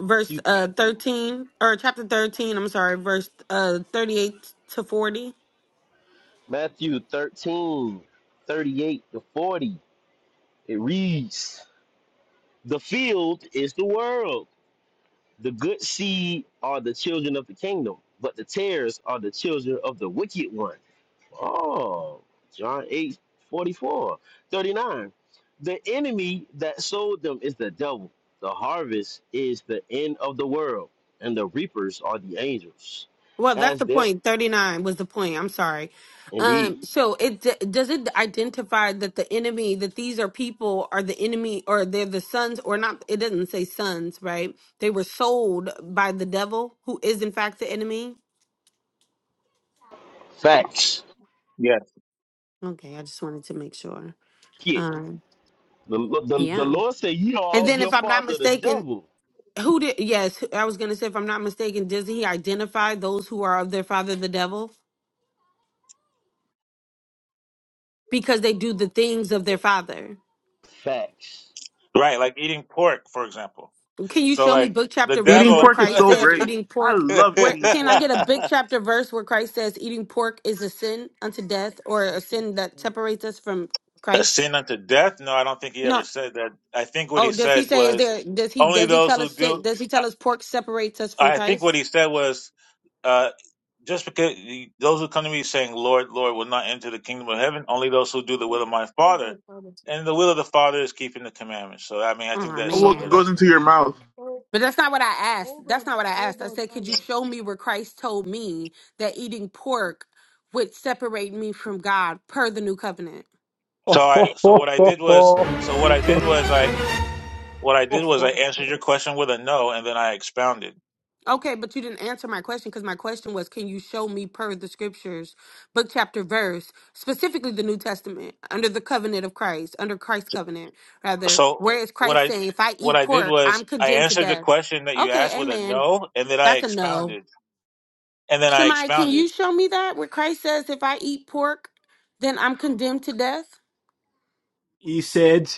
Speaker 4: verse
Speaker 6: Matthew,
Speaker 4: uh 13 or chapter 13, I'm sorry, verse uh 38 to 40.
Speaker 6: Matthew 13, thirty-eight to 40. It reads, The field is the world. The good seed are the children of the kingdom, but the tares are the children of the wicked one. Oh, John 8 44 39. The enemy that sold them is the devil. The harvest is the end of the world, and the reapers are the angels.
Speaker 4: Well, that's
Speaker 6: As
Speaker 4: the
Speaker 6: there,
Speaker 4: point. 39 was the point. I'm sorry.
Speaker 6: indeed,
Speaker 4: Um so it d- does it identify that the enemy that these are people are the enemy or they're the sons or not it doesn't say sons, right? They were sold by the devil who is in fact the enemy.
Speaker 6: facts.
Speaker 7: yeah,
Speaker 4: Okay, I just wanted to make sure.
Speaker 6: Yeah.
Speaker 4: Um
Speaker 6: The, the, the
Speaker 4: yeah.
Speaker 6: Lord said, Ye are
Speaker 4: And
Speaker 6: of
Speaker 4: then
Speaker 6: your
Speaker 4: if I'm not
Speaker 6: father the
Speaker 4: mistaken,
Speaker 6: devil.
Speaker 4: Who did? Yes, I was gonna say, if I'm not mistaken, doesn't he identify those who are of their father, the devil, because they do the things of their father?
Speaker 6: Facts.
Speaker 7: right. Like eating pork, for example.
Speaker 4: Can you
Speaker 7: So,
Speaker 4: show me
Speaker 7: like
Speaker 4: book
Speaker 7: the
Speaker 4: chapter verse
Speaker 5: Eating
Speaker 4: where
Speaker 7: devil,
Speaker 5: pork is
Speaker 4: Christ
Speaker 5: so
Speaker 4: says
Speaker 5: great.
Speaker 4: eating
Speaker 5: I
Speaker 4: pork?
Speaker 5: love
Speaker 4: Where
Speaker 5: eating
Speaker 4: can I
Speaker 5: pork.
Speaker 4: get a big chapter verse where Christ says eating pork is a sin unto death, or a sin that separates us from
Speaker 7: [laughs] a
Speaker 4: Christ?
Speaker 7: sin unto death. No, I don't think he ever
Speaker 4: No.
Speaker 7: said that. I think what he
Speaker 4: Oh, does he
Speaker 7: said
Speaker 4: say is
Speaker 7: was
Speaker 4: there? Does he
Speaker 7: only
Speaker 4: does he
Speaker 7: those
Speaker 4: tell
Speaker 7: who
Speaker 4: us
Speaker 7: do.
Speaker 4: sin? Does he
Speaker 7: I,
Speaker 4: tell us pork separates us from
Speaker 7: I think what
Speaker 4: Christ?
Speaker 7: he said was uh, just because those who come to me saying, Lord, Lord, will not enter the kingdom of heaven, only those who do the will
Speaker 1: Hold
Speaker 7: of my
Speaker 1: hold
Speaker 7: Father.
Speaker 1: on, Anna.
Speaker 7: And the will of the Father is keeping the commandments. So, I mean, I think
Speaker 4: Oh
Speaker 7: that
Speaker 5: What
Speaker 7: sums
Speaker 1: Oh,
Speaker 7: it
Speaker 4: man.
Speaker 7: up.
Speaker 5: goes into your
Speaker 1: oh, oh,
Speaker 5: mouth?
Speaker 1: oh,
Speaker 4: But that's not what I asked.
Speaker 1: hold
Speaker 4: That's
Speaker 1: on,
Speaker 4: not what I asked. I
Speaker 1: hold
Speaker 4: said, could you show me where Christ told me that eating pork would separate me from God per the new covenant?
Speaker 7: So I, so what I did was,
Speaker 1: on,
Speaker 7: so what I did was I, what I did was I
Speaker 1: Anna.
Speaker 7: answered your question with a no, and then I expounded.
Speaker 4: Okay, but you didn't answer my question because my question was, can you show me per the scriptures, book, chapter, verse, specifically the New Testament, under the covenant of Christ, under Christ's covenant, rather,
Speaker 7: So
Speaker 4: where is
Speaker 7: what
Speaker 4: Christ
Speaker 7: I,
Speaker 4: saying, if I
Speaker 7: what
Speaker 4: eat
Speaker 7: I did
Speaker 4: pork,
Speaker 7: was
Speaker 4: I'm
Speaker 7: I
Speaker 4: condemned to
Speaker 7: answered the
Speaker 4: death?
Speaker 7: question that you asked
Speaker 4: Okay,
Speaker 7: with a
Speaker 4: amen.
Speaker 7: no, and then I
Speaker 4: That's a no.
Speaker 7: expounded, and then I
Speaker 4: Shemai, can you
Speaker 7: expounded.
Speaker 4: show me that where Christ says, if I eat pork, then I'm condemned to death?
Speaker 1: [laughs] He said,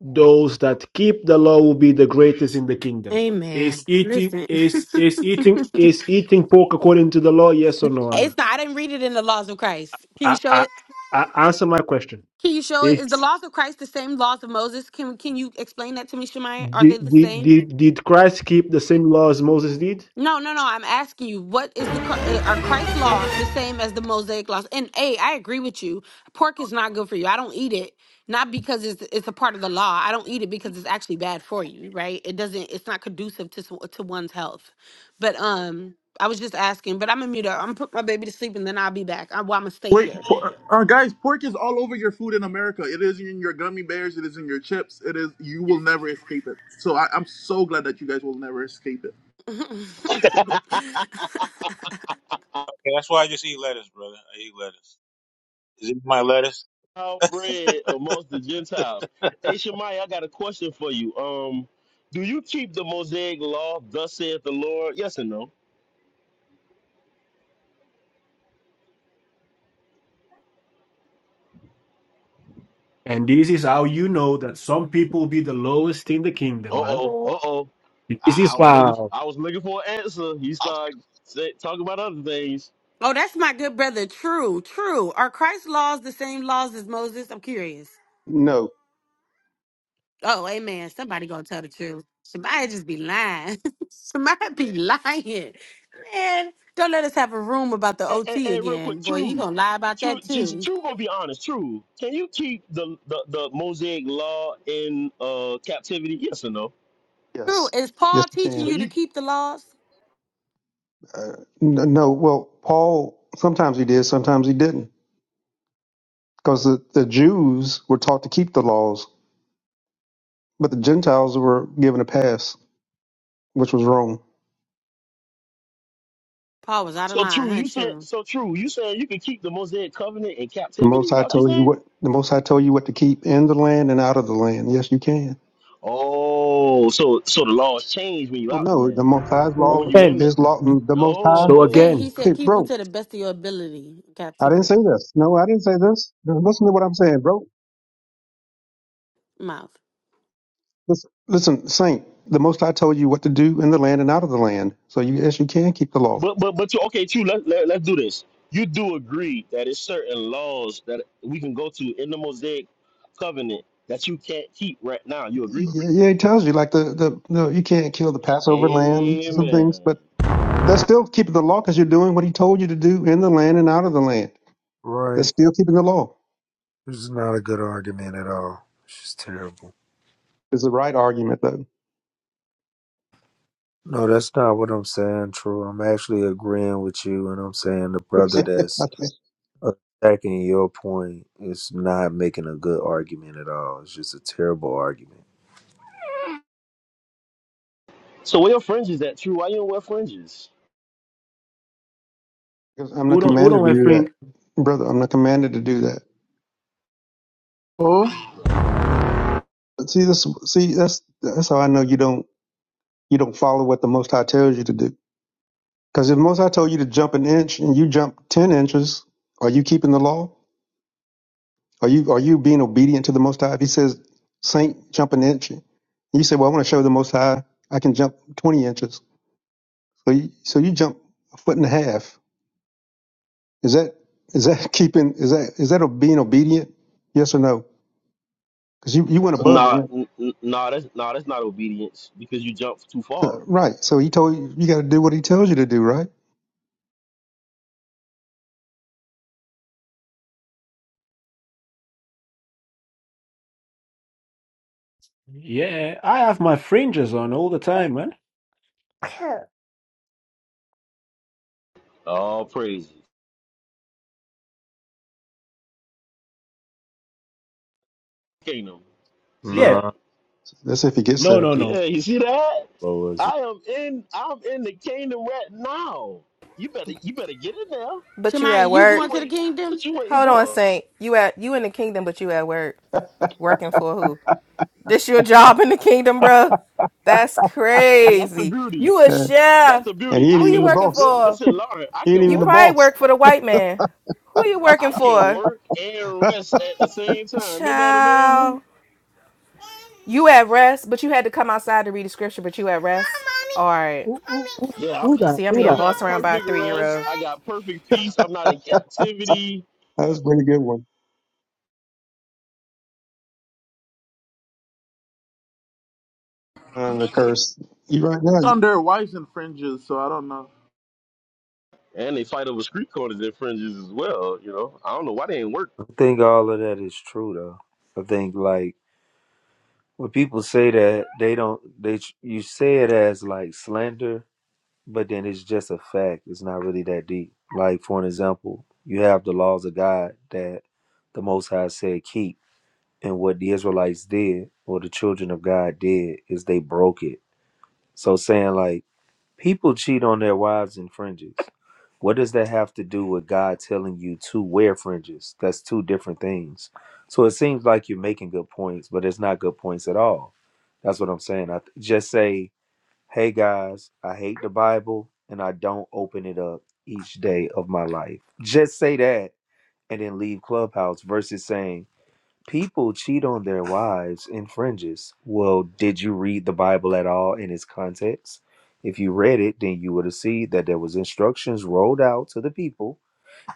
Speaker 1: "Those that keep the law will be the greatest in the kingdom." Is
Speaker 4: Amen.
Speaker 1: eating
Speaker 4: Listen, [laughs]
Speaker 1: is
Speaker 4: it's
Speaker 1: is eating is eating pork according to the law? Yes or no, Anna?
Speaker 4: not, I didn't read it in the laws of Christ. Can you
Speaker 1: I,
Speaker 4: show
Speaker 1: I,
Speaker 4: it?
Speaker 1: I answer my question.
Speaker 4: Can you show it? Is the laws of Christ the same laws of Moses? Can can you explain that to me, Shemai? Are
Speaker 1: Did,
Speaker 4: they the
Speaker 1: did,
Speaker 4: same?
Speaker 1: did, did Christ keep the same law as Moses did?
Speaker 4: No, no, no. I'm asking you, what is the Chri- uh, are Christ's laws the same as the Mosaic laws? And a, I agree with you. Pork is not good for you. I don't eat it not because it's it's a part of the law. I don't eat it because it's actually bad for you, right? It doesn't. It's not conducive to s- to one's health. But um, I was just asking. But I'm gonna mute up. I'm gonna put my baby to sleep and then I'll be back. I, well, I'm gonna stay
Speaker 5: Wait,
Speaker 4: here.
Speaker 5: por- uh, guys, pork is all over your food in America. It is in your gummy bears. It is in your chips. It is. You will never escape it. So I, I'm so glad that you guys will never escape it.
Speaker 4: [laughs]
Speaker 7: Okay, that's why I just eat lettuce, brother. I eat lettuce. Is it my lettuce?
Speaker 6: Outbred amongst the Gentiles. Hey Shemai, I got a question for you. Um, do you keep the Mosaic law, thus saith the Lord? Yes and no?
Speaker 1: And this is how you know that some people will be the lowest in the kingdom,
Speaker 6: Uh
Speaker 1: man.
Speaker 6: oh, uh oh.
Speaker 1: This
Speaker 6: I, I
Speaker 1: is
Speaker 6: was looking
Speaker 1: wow.
Speaker 6: I was looking for an answer. He started say, talking about other things.
Speaker 4: oh, that's my good brother. True, true. Are Christ's laws the same laws as Moses? I'm curious.
Speaker 8: No,
Speaker 4: Oh, amen. Somebody gonna tell the truth. Somebody just be lying. [laughs] Somebody be lying. Man, don't let us have a room about the
Speaker 6: And, and,
Speaker 4: OT
Speaker 6: and real
Speaker 4: again.
Speaker 6: quick,
Speaker 4: Boy, you
Speaker 6: true.
Speaker 4: gonna lie about
Speaker 6: True,
Speaker 4: that
Speaker 6: just-
Speaker 4: too.
Speaker 6: true. Gonna be honest. True. Can you keep the the, the mosaic law in uh captivity? Yes or no?
Speaker 4: True.
Speaker 8: yes,
Speaker 4: Is
Speaker 8: yes,
Speaker 4: Paul
Speaker 8: you
Speaker 4: teaching
Speaker 6: So
Speaker 8: can.
Speaker 4: you to
Speaker 6: you
Speaker 4: keep the laws?
Speaker 8: Uh, n- no, well, Paul sometimes he did, sometimes he didn't, because the, the Jews were taught to keep the laws, but the Gentiles were given a pass, which was wrong.
Speaker 4: Paul was out of
Speaker 6: So
Speaker 4: line,
Speaker 6: true,
Speaker 4: huh?
Speaker 6: you said
Speaker 4: True.
Speaker 6: so true. You said. you can keep the Mosaic covenant in
Speaker 8: The Most
Speaker 6: captivity?
Speaker 8: High
Speaker 6: That's what you
Speaker 8: told you
Speaker 6: saying?
Speaker 8: what the Most High told you what to keep in the land and out of the land. Yes, you can.
Speaker 6: Oh, so so the laws change when you
Speaker 8: Oh
Speaker 6: out the
Speaker 8: no, the
Speaker 6: land,
Speaker 8: Most High's
Speaker 6: but
Speaker 1: So
Speaker 6: when
Speaker 8: law,
Speaker 6: you in
Speaker 1: again,
Speaker 6: the
Speaker 8: His law, the Most High.
Speaker 1: so
Speaker 4: Saying
Speaker 6: oh,
Speaker 4: he
Speaker 1: again,
Speaker 8: Hey,
Speaker 4: said keep them
Speaker 8: bro,
Speaker 4: to the best of your ability.
Speaker 8: I didn't say
Speaker 4: Captivity.
Speaker 8: this. No, I didn't say this. Listen to what I'm saying, bro.
Speaker 4: Mouth.
Speaker 8: Listen, listen, Saint, the Most High told you what to do in the land and out of the land. So you, yes, you can keep the law.
Speaker 6: but but but you okay? True. Let, let let's do this. You do agree that it's certain laws that we can go to in the Mosaic covenant that you can't keep right now. You agree?
Speaker 8: Yeah, yeah, he tells you, like, the, the, no, you can't kill the Passover lamb, some things,
Speaker 6: Amen.
Speaker 8: but that's still keeping the law because you're doing what he told you to do in the land and out of the land. That's
Speaker 3: Right.
Speaker 8: still keeping the law,
Speaker 3: This is not a good argument at all. It's just terrible.
Speaker 8: is the right argument, though.
Speaker 3: No, that's not what I'm saying, True. I'm actually agreeing with you, and I'm saying the brother
Speaker 8: [laughs]
Speaker 3: that's attacking your point is not making a good argument at all. It's just a terrible argument.
Speaker 6: So where your fringes at? True. Why you don't wear fringes?
Speaker 8: Because I'm not
Speaker 1: who don't who
Speaker 8: commanded
Speaker 1: don't
Speaker 8: to
Speaker 1: have
Speaker 8: do that,
Speaker 1: fringe?
Speaker 8: brother. I'm not commanded to do that.
Speaker 5: Oh,
Speaker 8: But see, this, see, that's, that's how I know you don't, you don't follow what the Most High tells you to do. Because if most High told you to jump an inch and you jump ten inches, are you keeping the law? Are you are you being obedient to the Most High? If He says, "Saint, jump an inch," and you say, "Well, I want to show the Most High I can jump twenty inches," so you, so you jump a foot and a half. Is that is that [laughs] keeping is that is that being obedient? Yes or no? Because you you went above the
Speaker 6: Nah,
Speaker 8: inch.
Speaker 6: n- n- nah. That's nah. That's not obedience because you jumped too far.
Speaker 8: So- right. So He told you you got to do what He tells you to do. Right.
Speaker 1: Yeah, I have my fringes on all the time, man. [laughs]
Speaker 6: All praises. Kingdom. See
Speaker 1: Yeah,
Speaker 3: No.
Speaker 6: that?
Speaker 8: That's if He gets
Speaker 1: no,
Speaker 8: there.
Speaker 1: no, no.
Speaker 6: Yeah, you see that?
Speaker 3: lowers.
Speaker 6: I am in I'm in the kingdom right now. You better you better get in there.
Speaker 9: But you
Speaker 4: Shamari,
Speaker 9: at
Speaker 4: you
Speaker 6: What
Speaker 9: work.
Speaker 6: you
Speaker 4: going to the
Speaker 6: wait
Speaker 4: kingdom?
Speaker 6: what you waiting
Speaker 9: Hold on,
Speaker 6: for?
Speaker 9: Saint. You at you in the kingdom, but you at work. Working for who? This your job in the kingdom,
Speaker 1: I-
Speaker 9: bro? That's
Speaker 6: And, and that's the
Speaker 9: crazy.
Speaker 6: beauty.
Speaker 9: You a
Speaker 8: Yeah.
Speaker 6: That's
Speaker 9: chef.
Speaker 6: the
Speaker 8: And
Speaker 6: beauty.
Speaker 8: He ain't
Speaker 6: I
Speaker 9: Who you
Speaker 8: even the
Speaker 6: can
Speaker 9: working
Speaker 8: boss.
Speaker 6: li-
Speaker 9: for?
Speaker 6: listen, Lauren, I
Speaker 8: He ain't
Speaker 6: can
Speaker 8: even
Speaker 9: You
Speaker 8: the
Speaker 6: work,
Speaker 9: probably
Speaker 8: boss.
Speaker 9: work for the white man. Who you working
Speaker 6: I can
Speaker 9: for?
Speaker 6: work
Speaker 8: [laughs]
Speaker 6: and
Speaker 8: that
Speaker 6: rest at the same time. Isn't that amazing?
Speaker 9: Child. You at rest, but you had to come outside to read the scripture, but you at rest. All right.
Speaker 6: Yeah, I,
Speaker 1: Who that?
Speaker 9: See, I'm
Speaker 1: Who
Speaker 9: being
Speaker 6: I'm
Speaker 1: that?
Speaker 9: bossed
Speaker 6: at
Speaker 9: around by a
Speaker 6: perfect
Speaker 9: three year
Speaker 6: rest. I
Speaker 9: old.
Speaker 6: got perfect peace. I'm not in captivity.
Speaker 8: was a pretty good one. And the curse. You right now,
Speaker 5: on
Speaker 8: so
Speaker 5: their wives and fringes. So I don't know.
Speaker 6: And they fight over street corners and fringes as well. You know, I don't know why they ain't work.
Speaker 3: I think all of that is true though. I think like when people say that they don't they you say it as like slander, but then it's just a fact. It's not really that deep. Like for an example, you have the laws of God that the Most High said keep, and what the Israelites did or the children of God did is they broke it. So saying like People cheat on their wives and fringes. What does that have to do with God telling you to wear fringes? That's two different things. So it seems like you're making good points, but it's not good points at all. That's what I'm saying. I th- just say, "Hey guys, I hate the Bible and I don't open it up each day of my life." Just say that and then leave Clubhouse versus saying, People cheat on their wives in fringes. Well, did you read the Bible at all in its context? If you read it, then you would have seen that there was instructions rolled out to the people,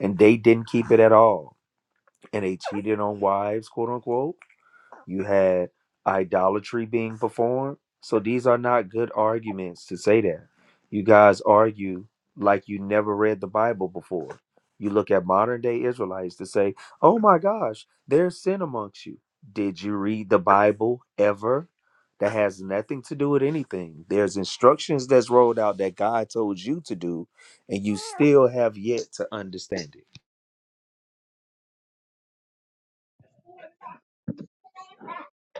Speaker 3: and they didn't keep it at all, and they cheated on wives, quote unquote you had idolatry being performed. So these are not good arguments to say that. You guys argue like you never read the Bible before. You look at modern day Israelites to say, oh my gosh, there's sin amongst you. Did you read the Bible ever? That has nothing to do with anything. There's instructions that's rolled out that God told you to do, and you still have yet to understand it.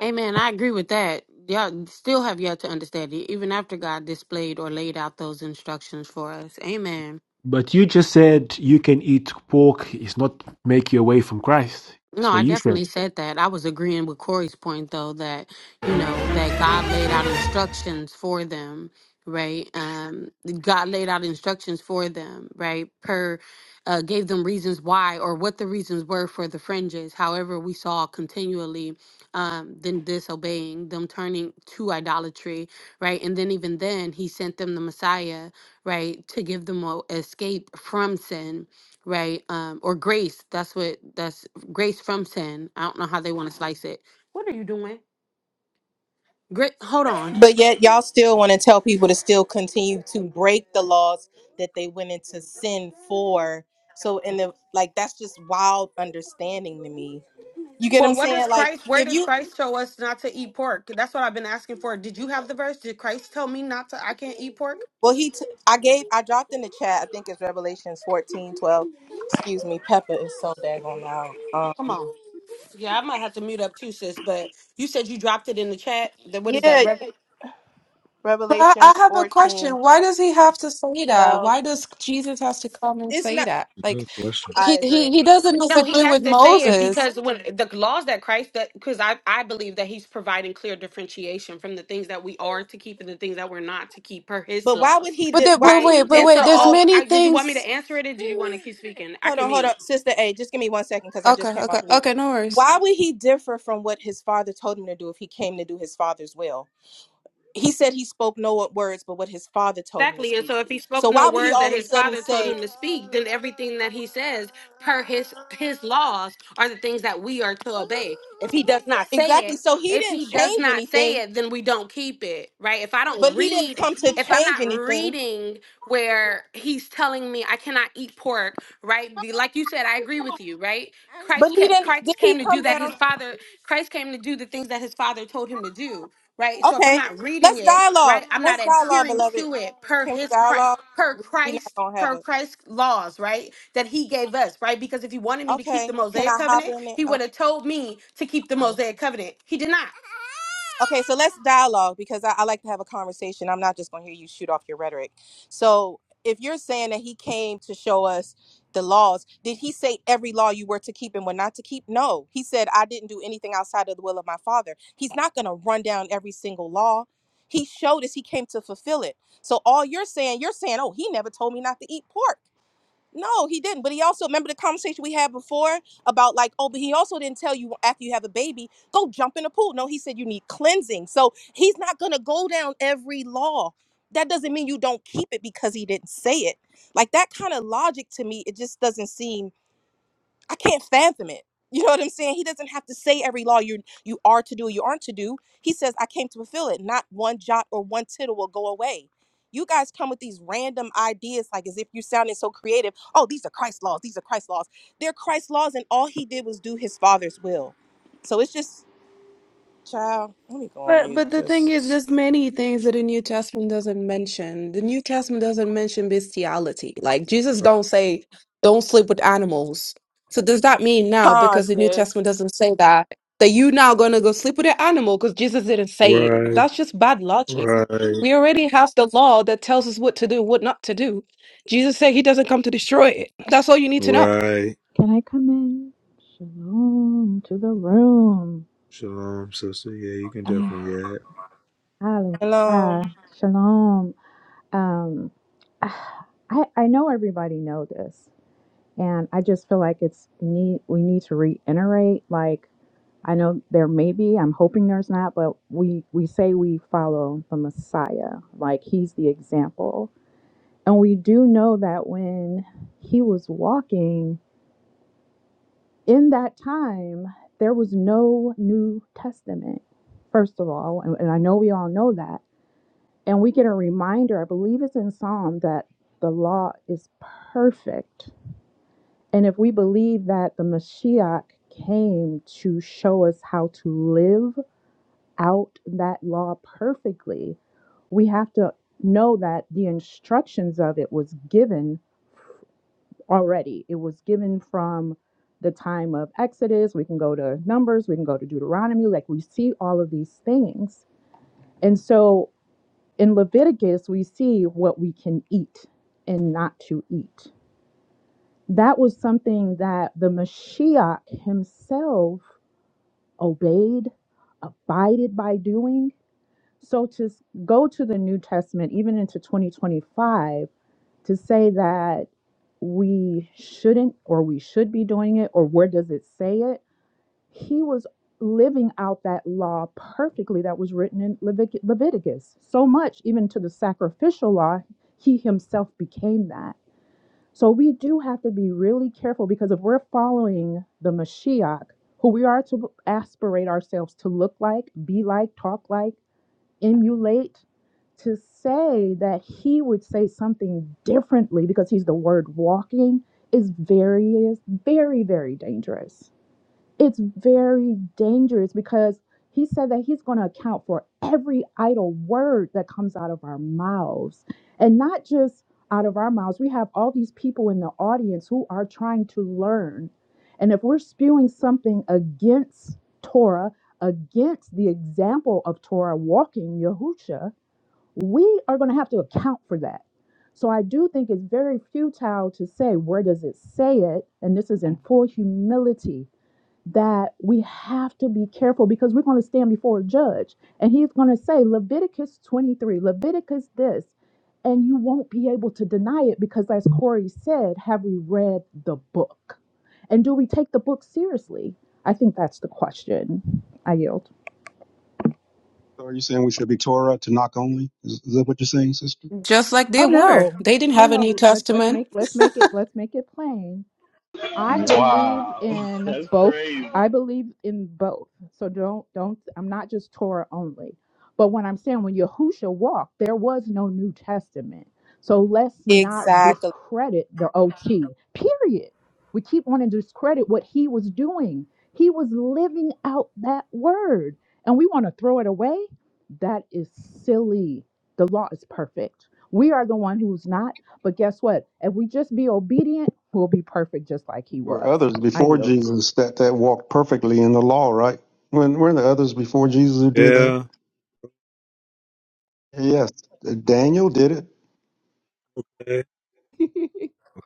Speaker 4: Amen. I agree with that. Y'all still have yet to understand it, even after God displayed or laid out those instructions for us. Amen.
Speaker 1: But you just said you can eat pork. It's not make you away from Christ.
Speaker 4: No,
Speaker 1: That's what
Speaker 4: I
Speaker 1: you said.
Speaker 4: definitely said that. I was agreeing with Corey's point, though, that you know that God laid out instructions for them, right? Um, God laid out instructions for them, right? Per uh, gave them reasons why or what the reasons were for the fringes. However, we saw continually um, them disobeying, them turning to idolatry, right? And then even then, He sent them the Messiah, right, to give them a escape from sin, right um or grace that's what that's grace from sin. I don't know how they want to slice it. What are you doing? Great. Hold on.
Speaker 9: But yet, y'all still want to tell people to still continue to break the laws that they went into sin for. So, in the like, that's just wild understanding to me. You get what I'm
Speaker 4: Well, what does
Speaker 9: saying? Like,
Speaker 4: Christ? Where
Speaker 9: if
Speaker 4: does
Speaker 9: you,
Speaker 4: Christ show us not to eat pork? That's what I've been asking for. Did you have the verse? Did Christ tell me not to? I can't eat pork.
Speaker 9: well, he, t- I gave, I dropped in the chat, I think it's Revelations 14 12. Excuse me, Peppa is so daggone loud. Um,
Speaker 4: Come on. Yeah, I might have to mute up too, sis. But you said you dropped it in the chat. Then what is that?
Speaker 9: yeah,
Speaker 4: Reverend?
Speaker 10: But I, I
Speaker 9: Revelations
Speaker 10: have a
Speaker 9: 14
Speaker 10: question. Why does he have to say that?
Speaker 9: 12.
Speaker 10: Why does Jesus has to come and
Speaker 9: It's
Speaker 10: say
Speaker 9: not,
Speaker 10: that?
Speaker 3: Good
Speaker 10: Like
Speaker 3: question.
Speaker 9: I
Speaker 10: he he,
Speaker 9: agree.
Speaker 10: he doesn't
Speaker 4: No, he
Speaker 10: disagree
Speaker 4: has
Speaker 10: with
Speaker 4: to say it
Speaker 10: Moses.
Speaker 4: because when the laws that Christ that because I, I believe that he's providing clear differentiation from the things that we are to keep and the things that we're not to keep per his
Speaker 9: But why would
Speaker 4: laws.
Speaker 9: he,
Speaker 10: But
Speaker 9: di-
Speaker 10: that
Speaker 9: why
Speaker 10: but
Speaker 9: would
Speaker 4: Right?
Speaker 10: wait,
Speaker 9: he
Speaker 10: but
Speaker 4: And
Speaker 9: differ
Speaker 10: wait,
Speaker 4: so,
Speaker 10: there's
Speaker 4: oh,
Speaker 10: many
Speaker 4: I, did you want me to
Speaker 10: things
Speaker 4: answer it or do you want to keep speaking? I
Speaker 9: Hold
Speaker 4: can
Speaker 9: on, hold
Speaker 4: mute.
Speaker 9: up, Sister A, just give me one second because I just
Speaker 10: Okay,
Speaker 9: came
Speaker 10: okay,
Speaker 9: off mute.
Speaker 10: okay, no worries.
Speaker 9: Why would he differ from what his father told him to do if he came to do his father's will? He said he spoke no words but what his father told him to
Speaker 4: Exactly. And so
Speaker 9: speak.
Speaker 4: if he spoke
Speaker 9: So
Speaker 4: no
Speaker 9: why would he
Speaker 4: words that
Speaker 9: all of a
Speaker 4: his
Speaker 9: sudden
Speaker 4: father told
Speaker 9: say
Speaker 4: him to speak, then everything that he says per his his laws are the things that we are to obey. If he does not say
Speaker 9: exactly?
Speaker 4: it,
Speaker 9: So he
Speaker 4: if
Speaker 9: didn't
Speaker 4: he does
Speaker 9: change
Speaker 4: not say
Speaker 9: anything,
Speaker 4: it, then we don't keep it, right? If I
Speaker 9: but
Speaker 4: don't
Speaker 9: he didn't
Speaker 4: read,
Speaker 9: come to
Speaker 4: if I'm
Speaker 9: change
Speaker 4: not
Speaker 9: anything.
Speaker 4: reading where he's telling me I cannot eat pork, right? Be- Like you said, I agree with you, right?
Speaker 9: But
Speaker 4: Christ
Speaker 9: he
Speaker 4: kept,
Speaker 9: didn't. Did
Speaker 4: Christ
Speaker 9: he
Speaker 4: came to do
Speaker 9: come
Speaker 4: that his
Speaker 9: down?
Speaker 4: father Christ came to do the things that his father told him to do right? So if I'm
Speaker 9: Okay,
Speaker 4: not reading
Speaker 9: let's
Speaker 4: it,
Speaker 9: dialogue.
Speaker 4: right, I'm not
Speaker 9: Let's dialogue,
Speaker 4: adhering
Speaker 9: beloved.
Speaker 4: to it per
Speaker 9: Can we
Speaker 4: his Christ,
Speaker 9: dialogue?
Speaker 4: per
Speaker 9: We're not
Speaker 4: Christ,
Speaker 9: gonna have
Speaker 4: per
Speaker 9: a.
Speaker 4: Christ laws, right, that he gave us, right? Because if he wanted me to keep the
Speaker 9: Okay, can
Speaker 4: Mosaic
Speaker 9: I hop
Speaker 4: covenant,
Speaker 9: in it?
Speaker 4: he would
Speaker 9: Oh,
Speaker 4: have told me to keep the Mosaic covenant. He did not. [laughs]
Speaker 9: Okay, so let's dialogue because I, I like to have a conversation. I'm not just going to hear you shoot off your rhetoric. So, if you're saying that he came to show us the laws, did he say every law you were to keep and were not to keep? No. He said, I didn't do anything outside of the will of my father. He's not going to run down every single law. He showed us he came to fulfill it. So, all you're saying, you're saying, oh, he never told me not to eat pork. No, he didn't. But he also remember the conversation we had before about like, oh, but he also didn't tell you after you have a baby, go jump in the pool. No, he said you need cleansing. So he's not gonna go down every law. That doesn't mean you don't keep it because he didn't say it. Like that kind of logic to me, it just doesn't seem I can't fathom it. You know what I'm saying? He doesn't have to say every law you you are to do you aren't to do. He says, I came to fulfill it. Not one jot or one tittle will go away. You guys come with these random ideas, like as if you're sounding so creative. Oh, these are Christ laws. These are Christ laws. They're Christ laws, and all he did was do his father's will. So it's just, child, let me go on
Speaker 10: But
Speaker 9: mute
Speaker 10: but the thing is,
Speaker 9: because.
Speaker 10: there's many things that the New Testament doesn't mention. The New Testament doesn't mention bestiality. Like Jesus don't say, don't sleep with animals. So does that mean now
Speaker 9: Con,
Speaker 10: because the New
Speaker 9: sis.
Speaker 10: Testament doesn't say that that you now gonna go sleep with an animal because Jesus didn't say it?
Speaker 3: Right,
Speaker 10: That's just bad logic.
Speaker 3: right,
Speaker 10: We already have the law that tells us what to do, what not to do. Jesus said he doesn't come to destroy it. That's all you need to know.
Speaker 3: right.
Speaker 11: Can I come in? Shalom to the room.
Speaker 3: Shalom, sister. Yeah, you can definitely
Speaker 11: Ah,
Speaker 3: add.
Speaker 9: Hello.
Speaker 11: Hallelujah. Shalom. Um, ah, I, I know everybody know this, and I just feel like it's need we need to reiterate. Like I know there may be, I'm hoping there's not, but we we say we follow the Messiah, like he's the example, and we do know that when he was walking in that time there was no new testament first of all and, and i know we all know that and we get a reminder i believe it's in psalm that the law is perfect and if we believe that the mashiach came to show us how to live out that law perfectly we have to know that the instructions of it was given already. It was given from the time of Exodus. We can go to Numbers, we can go to Deuteronomy. Like we see all of these things. And so in Leviticus, we see what we can eat and not to eat. That was something that the Mashiach himself obeyed, abided by doing. So to go to the New Testament, even into 2025, to say that we shouldn't or we should be doing it or where does it say it he was living out that law perfectly that was written in Levit- leviticus so much even to the sacrificial law he himself became that so we do have to be really careful because if we're following the mashiach who we are to aspirate ourselves to look like be like talk like emulate to say that he would say something differently because he's the word walking is very very very dangerous it's very dangerous because he said that he's going to account for every idle word that comes out of our mouths and not just out of our mouths we have all these people in the audience who are trying to learn and if we're spewing something against torah against the example of torah walking yahusha we are going to have to account for that so i do think it's very futile to say where does it say it and this is in full humility that we have to be careful because we're going to stand before a judge and he's going to say Leviticus 23, Leviticus this, and you won't be able to deny it because, as Corey said, have we read the book? And do we take the book seriously? I think that's the question. I yield.
Speaker 8: are you saying we should be Torah to knock only? Is, is that what you're saying, sister?
Speaker 10: Just like they
Speaker 11: Oh
Speaker 10: were.
Speaker 11: no.
Speaker 10: They didn't
Speaker 11: Oh
Speaker 10: have a
Speaker 11: no.
Speaker 10: New
Speaker 11: Let's let's
Speaker 10: Testament.
Speaker 11: make let's make it let's make it plain. I believe
Speaker 6: Wow, [laughs]
Speaker 11: in
Speaker 6: that's
Speaker 11: both.
Speaker 6: crazy.
Speaker 11: I believe in both. So don't don't I'm not just Torah only. But what I'm saying when Yahusha walked, there was no New Testament. So let's not
Speaker 9: Exactly.
Speaker 11: discredit the OT. Period. We keep wanting to discredit what he was doing. He was living out that word. And we want to throw it away. That is silly. The law is perfect. We are the one who's not. But guess what? If we just be obedient, we'll be perfect just like he
Speaker 8: There were
Speaker 11: was.
Speaker 8: others
Speaker 11: I
Speaker 8: before
Speaker 11: yield.
Speaker 8: Jesus that, that walked perfectly in the law, right? When were the others before Jesus who did that?
Speaker 3: Yeah.
Speaker 8: Yes, Daniel did it,
Speaker 3: Okay.
Speaker 11: [laughs]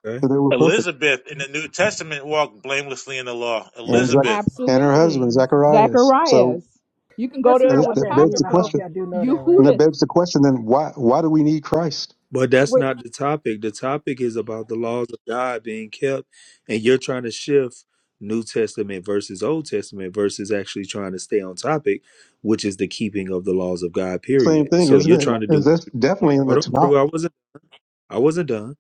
Speaker 3: okay.
Speaker 8: so they were perfect.
Speaker 7: Elizabeth in the New Testament walked blamelessly in the law.
Speaker 8: And
Speaker 3: Yeah.
Speaker 8: Zach,
Speaker 7: Elizabeth
Speaker 8: and her
Speaker 11: Absolutely.
Speaker 8: husband, Zacharias. So
Speaker 11: Zacharias. You can go
Speaker 12: That's
Speaker 11: to
Speaker 12: not
Speaker 11: the
Speaker 8: that,
Speaker 12: what
Speaker 8: that
Speaker 12: that
Speaker 8: begs
Speaker 12: means.
Speaker 8: the
Speaker 12: I hope
Speaker 11: Apocrypha.
Speaker 8: question.
Speaker 12: y'all do know that,
Speaker 8: And that
Speaker 12: right?
Speaker 11: Yehuda.
Speaker 8: begs the question then why why do we need Christ?
Speaker 3: But that's
Speaker 12: Wait,
Speaker 3: not the topic. The topic is about the laws of God being kept, and you're trying to shift New Testament versus Old Testament versus actually trying to stay on topic, which is the keeping of the laws of God,
Speaker 8: Same
Speaker 3: period.
Speaker 8: thing,
Speaker 3: So
Speaker 8: isn't
Speaker 3: you're trying to
Speaker 8: it?
Speaker 3: do.
Speaker 8: That's definitely in the
Speaker 3: Hold on,
Speaker 8: Tanakh.
Speaker 3: Drew. I wasn't I wasn't done.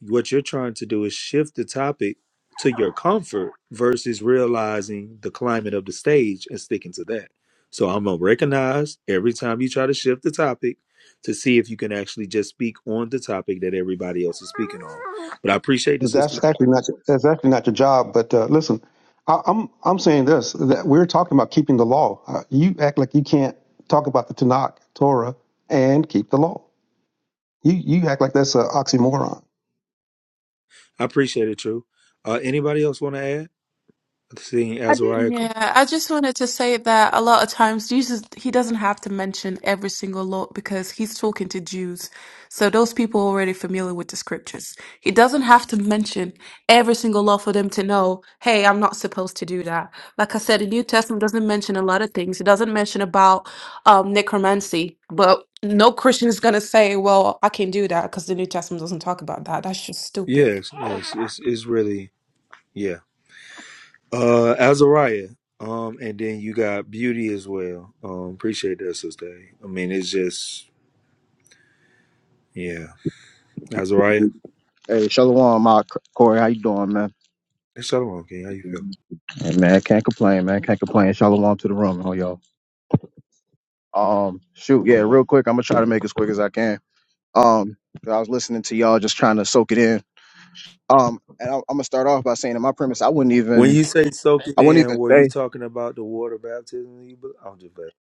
Speaker 3: What you're trying to do is shift the topic to your comfort versus realizing the climate of the stage and sticking to that. So I'm gonna recognize every time you try to shift the topic to see if you can actually just speak on the topic that everybody else is speaking on. But I appreciate the sister.
Speaker 8: That's actually not that's actually not your job. But uh, listen, I, I'm I'm saying this that we're talking about keeping the law. Uh, you act like you can't talk about the Tanakh, Torah, and keep the law. You you act like that's an oxymoron.
Speaker 3: I appreciate it, True. Uh, anybody else want to add? Seeing
Speaker 12: I did.
Speaker 3: Azariah.
Speaker 10: Yeah, I just wanted to say that a lot of times Jesus, he doesn't have to mention every single law because he's talking to Jews. So those people are already familiar with the scriptures. He doesn't have to mention every single law for them to know, hey, I'm not supposed to do that. Like I said, the New Testament doesn't mention a lot of things. It doesn't mention about um, necromancy, but no Christian is going to say, well, I can do that because the New Testament doesn't talk about that. That's just stupid.
Speaker 3: Yes, yes, it's, it's really yeah. Uh, Azariah. Um, and then you got Beauty as well. Um, appreciate that, Sister. A. I mean, it's just yeah, Azariah.
Speaker 13: Hey, Shalom, my Corey. How you doing, man?
Speaker 3: Hey, Shalom, King. How you feel?
Speaker 13: Hey, man, can't complain, man. Can't complain. Shalom to the room, oh y'all. Um, shoot, yeah, real quick. I'm gonna try to make it as quick as I can. Um, 'cause I was listening to y'all, just trying to soak it in. Um, and I, I'm gonna start off by saying, in my premise, I wouldn't
Speaker 3: When
Speaker 13: even,
Speaker 3: you say soak it
Speaker 13: I wouldn't
Speaker 3: in,
Speaker 13: even
Speaker 3: were you
Speaker 13: say
Speaker 3: talking about the water baptism? You, be- I'm just playing.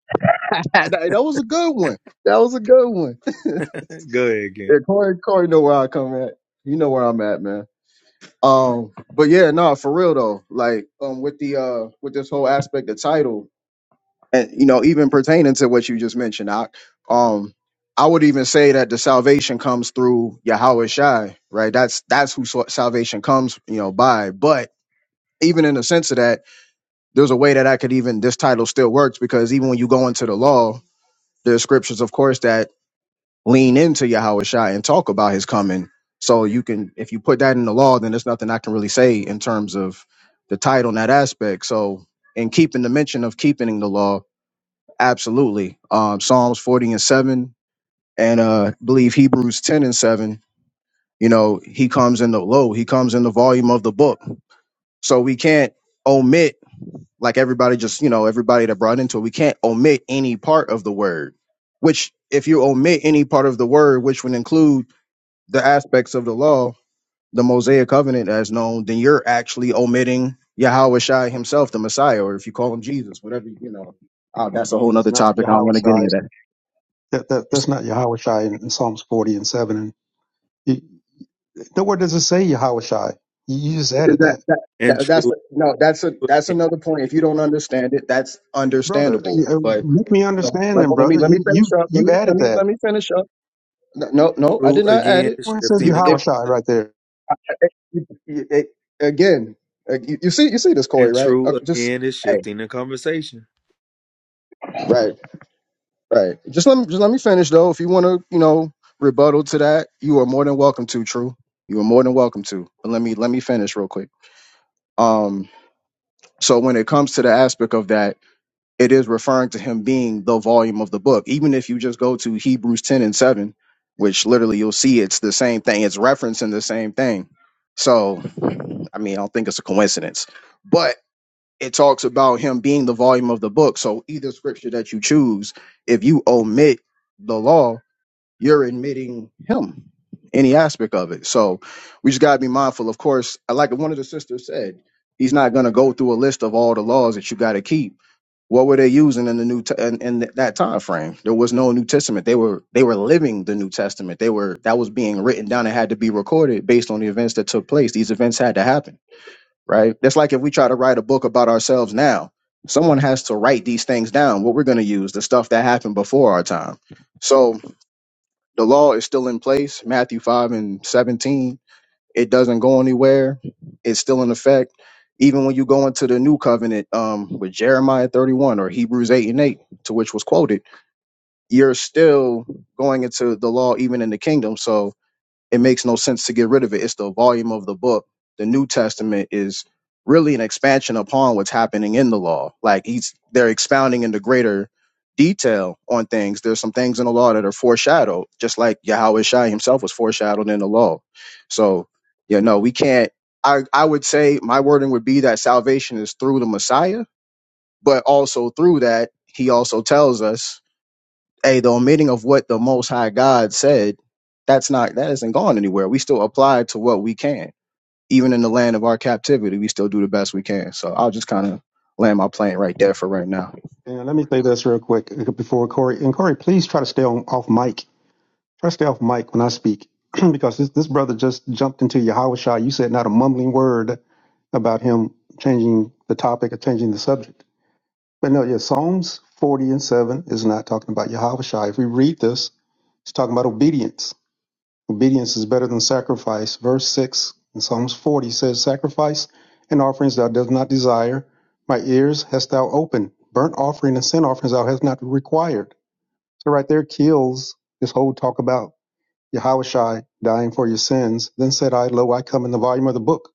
Speaker 13: [laughs] that, that was a good one. That was a good one. [laughs] yeah,
Speaker 3: [laughs] go ahead, again.
Speaker 13: Corey, Corey, know where I come at. You know where I'm at, man. Um, but yeah, no, for real though. Like, um, with the uh, with this whole aspect of title. and you know even pertaining to what you just mentioned I, um i would even say that the salvation comes through yahweh shai right that's that's who sal- salvation comes you know by but even in the sense of that there's a way that i could even this title still works because even when you go into the law there's scriptures of course that lean into yahweh shai and talk about his coming so you can if you put that in the law then there's nothing i can really say in terms of the title and that aspect so in keeping the mention of keeping the law Absolutely. Um, Psalms 40 and 7, and uh, I believe Hebrews 10 and 7, you know, he comes in the low, he comes in the volume of the book. So we can't omit, like everybody just, you know, everybody that brought into it, we can't omit any part of the word, which if you omit any part of the word, which would include the aspects of the law, the Mosaic covenant as known, then you're actually omitting Yahweh Shai himself, the Messiah, or if you call him Jesus, whatever, you know. Oh, that's a whole
Speaker 8: That's
Speaker 13: nother
Speaker 8: not
Speaker 13: topic. I don't
Speaker 8: Yahweh
Speaker 13: want to get
Speaker 8: Shai.
Speaker 13: into that.
Speaker 8: That, that that's not Yahweh Shai in, in Psalms 40 and 7. And you, nowhere does it say Yahweh Shai. You, you just added
Speaker 13: that,
Speaker 8: that,
Speaker 13: that,
Speaker 3: And
Speaker 13: that that's
Speaker 3: true
Speaker 13: no that's a that's
Speaker 3: again,
Speaker 13: another point if you don't understand it that's
Speaker 8: brother. You,
Speaker 13: understandable
Speaker 8: uh,
Speaker 13: but
Speaker 8: make me
Speaker 13: you know,
Speaker 8: understand,
Speaker 13: let,
Speaker 8: then,
Speaker 13: let me
Speaker 8: brother.
Speaker 13: let me
Speaker 8: You
Speaker 13: finish
Speaker 8: you
Speaker 13: up
Speaker 8: you
Speaker 13: let me let
Speaker 8: added
Speaker 13: me
Speaker 8: that.
Speaker 13: let me finish up no no, no i did
Speaker 3: true
Speaker 13: not add
Speaker 3: again
Speaker 13: it
Speaker 3: is
Speaker 8: Where it says
Speaker 3: shifting
Speaker 13: you
Speaker 3: the
Speaker 8: Yahweh
Speaker 13: if
Speaker 8: Shai
Speaker 3: conversation.
Speaker 8: right there.
Speaker 13: if- if- again uh, you, you see you see this corey
Speaker 3: And
Speaker 13: right Uh,
Speaker 3: true
Speaker 13: just
Speaker 3: again is
Speaker 13: hey
Speaker 3: shifting the conversation.
Speaker 13: right right just let me just let me finish though if you want to you know rebuttal to that you are more than welcome to true you are more than welcome to but let me let me finish real quick um so when it comes to the aspect of that it is referring to him being the volume of the book. Even if you just go to Hebrews 10 and 7, which literally you'll see it's the same thing, it's referencing the same thing. So, I mean, I don't think it's a coincidence, but it talks about him being the volume of the book. So, either scripture that you choose, if you omit the law, you're admitting him, any aspect of it. So, we just got to be mindful. Of course, like one of the sisters said, he's not going to go through a list of all the laws that you got to keep what were they using in the new t- in, in that time frame? There was no New Testament. They were they were living the New Testament. They were that was being written down and had to be recorded based on the events that took place. These events had to happen, right? That's like if we try to write a book about ourselves now, someone has to write these things down. What we're going to use the stuff that happened before our time. So the law is still in place. Matthew five and seventeen it doesn't go anywhere. It's still in effect. Even when you go into the new covenant um, with Jeremiah 31 or Hebrews 8 and 8, to which was quoted, you're still going into the law even in the kingdom. So it makes no sense to get rid of it. It's the volume of the book. The New Testament is really an expansion upon what's happening in the law. Like he's they're expounding into greater detail on things. There's some things in the law that are foreshadowed, just like Yahweh Shai himself was foreshadowed in the law. So, yeah, no, we can't I, I would say my wording would be that salvation is through the Messiah, but also through that, he also tells us hey, the omitting of what the Most High God said, that's not that isn't gone anywhere. We still apply to what we can, even in the land of our captivity. We still do the best we can. So I'll just kind of land my plane right there for right now.
Speaker 8: And let me say this real quick uh, before Corey. And Corey, please try to stay on off mic. Try to stay off mic when I speak [clears throat] because this, this brother just jumped into Yahushua. You said not a mumbling word about him changing the topic or changing the subject. But no, yeah, Psalms 40 and 7 is not talking about Yahushua. If we read this, it's talking about obedience. Obedience is better than sacrifice. Verse 6 in Psalms 40 says, Sacrifice and offerings thou dost not desire. My ears hast thou opened. Burnt offering and sin offerings thou hast not required. So right there kills this whole talk about Yahushai dying for your sins. Then said I, Lo, I come in the volume of the book.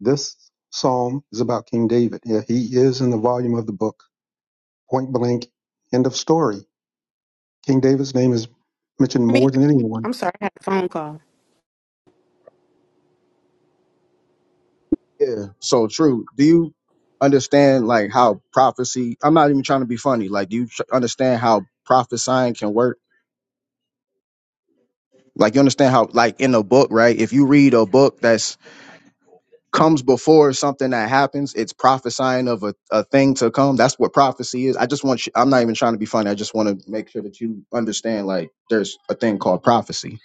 Speaker 8: This psalm is about King David. Yeah, he is in the volume of the book. Point blank, end of story. King David's name is mentioned
Speaker 4: Me,
Speaker 8: more than anyone.
Speaker 4: I'm sorry, I had a phone call.
Speaker 13: Yeah. So true. Do you understand like how prophecy? I'm not even trying to be funny. Like, do you tr- understand how prophesying can work? Like, you understand how like in a book, right? If you read a book that's comes before something that happens. It's prophesying of a, a thing to come. That's what prophecy is. I just want you, I'm not even trying to be funny. I just want to make sure that you understand like there's a thing called prophecy.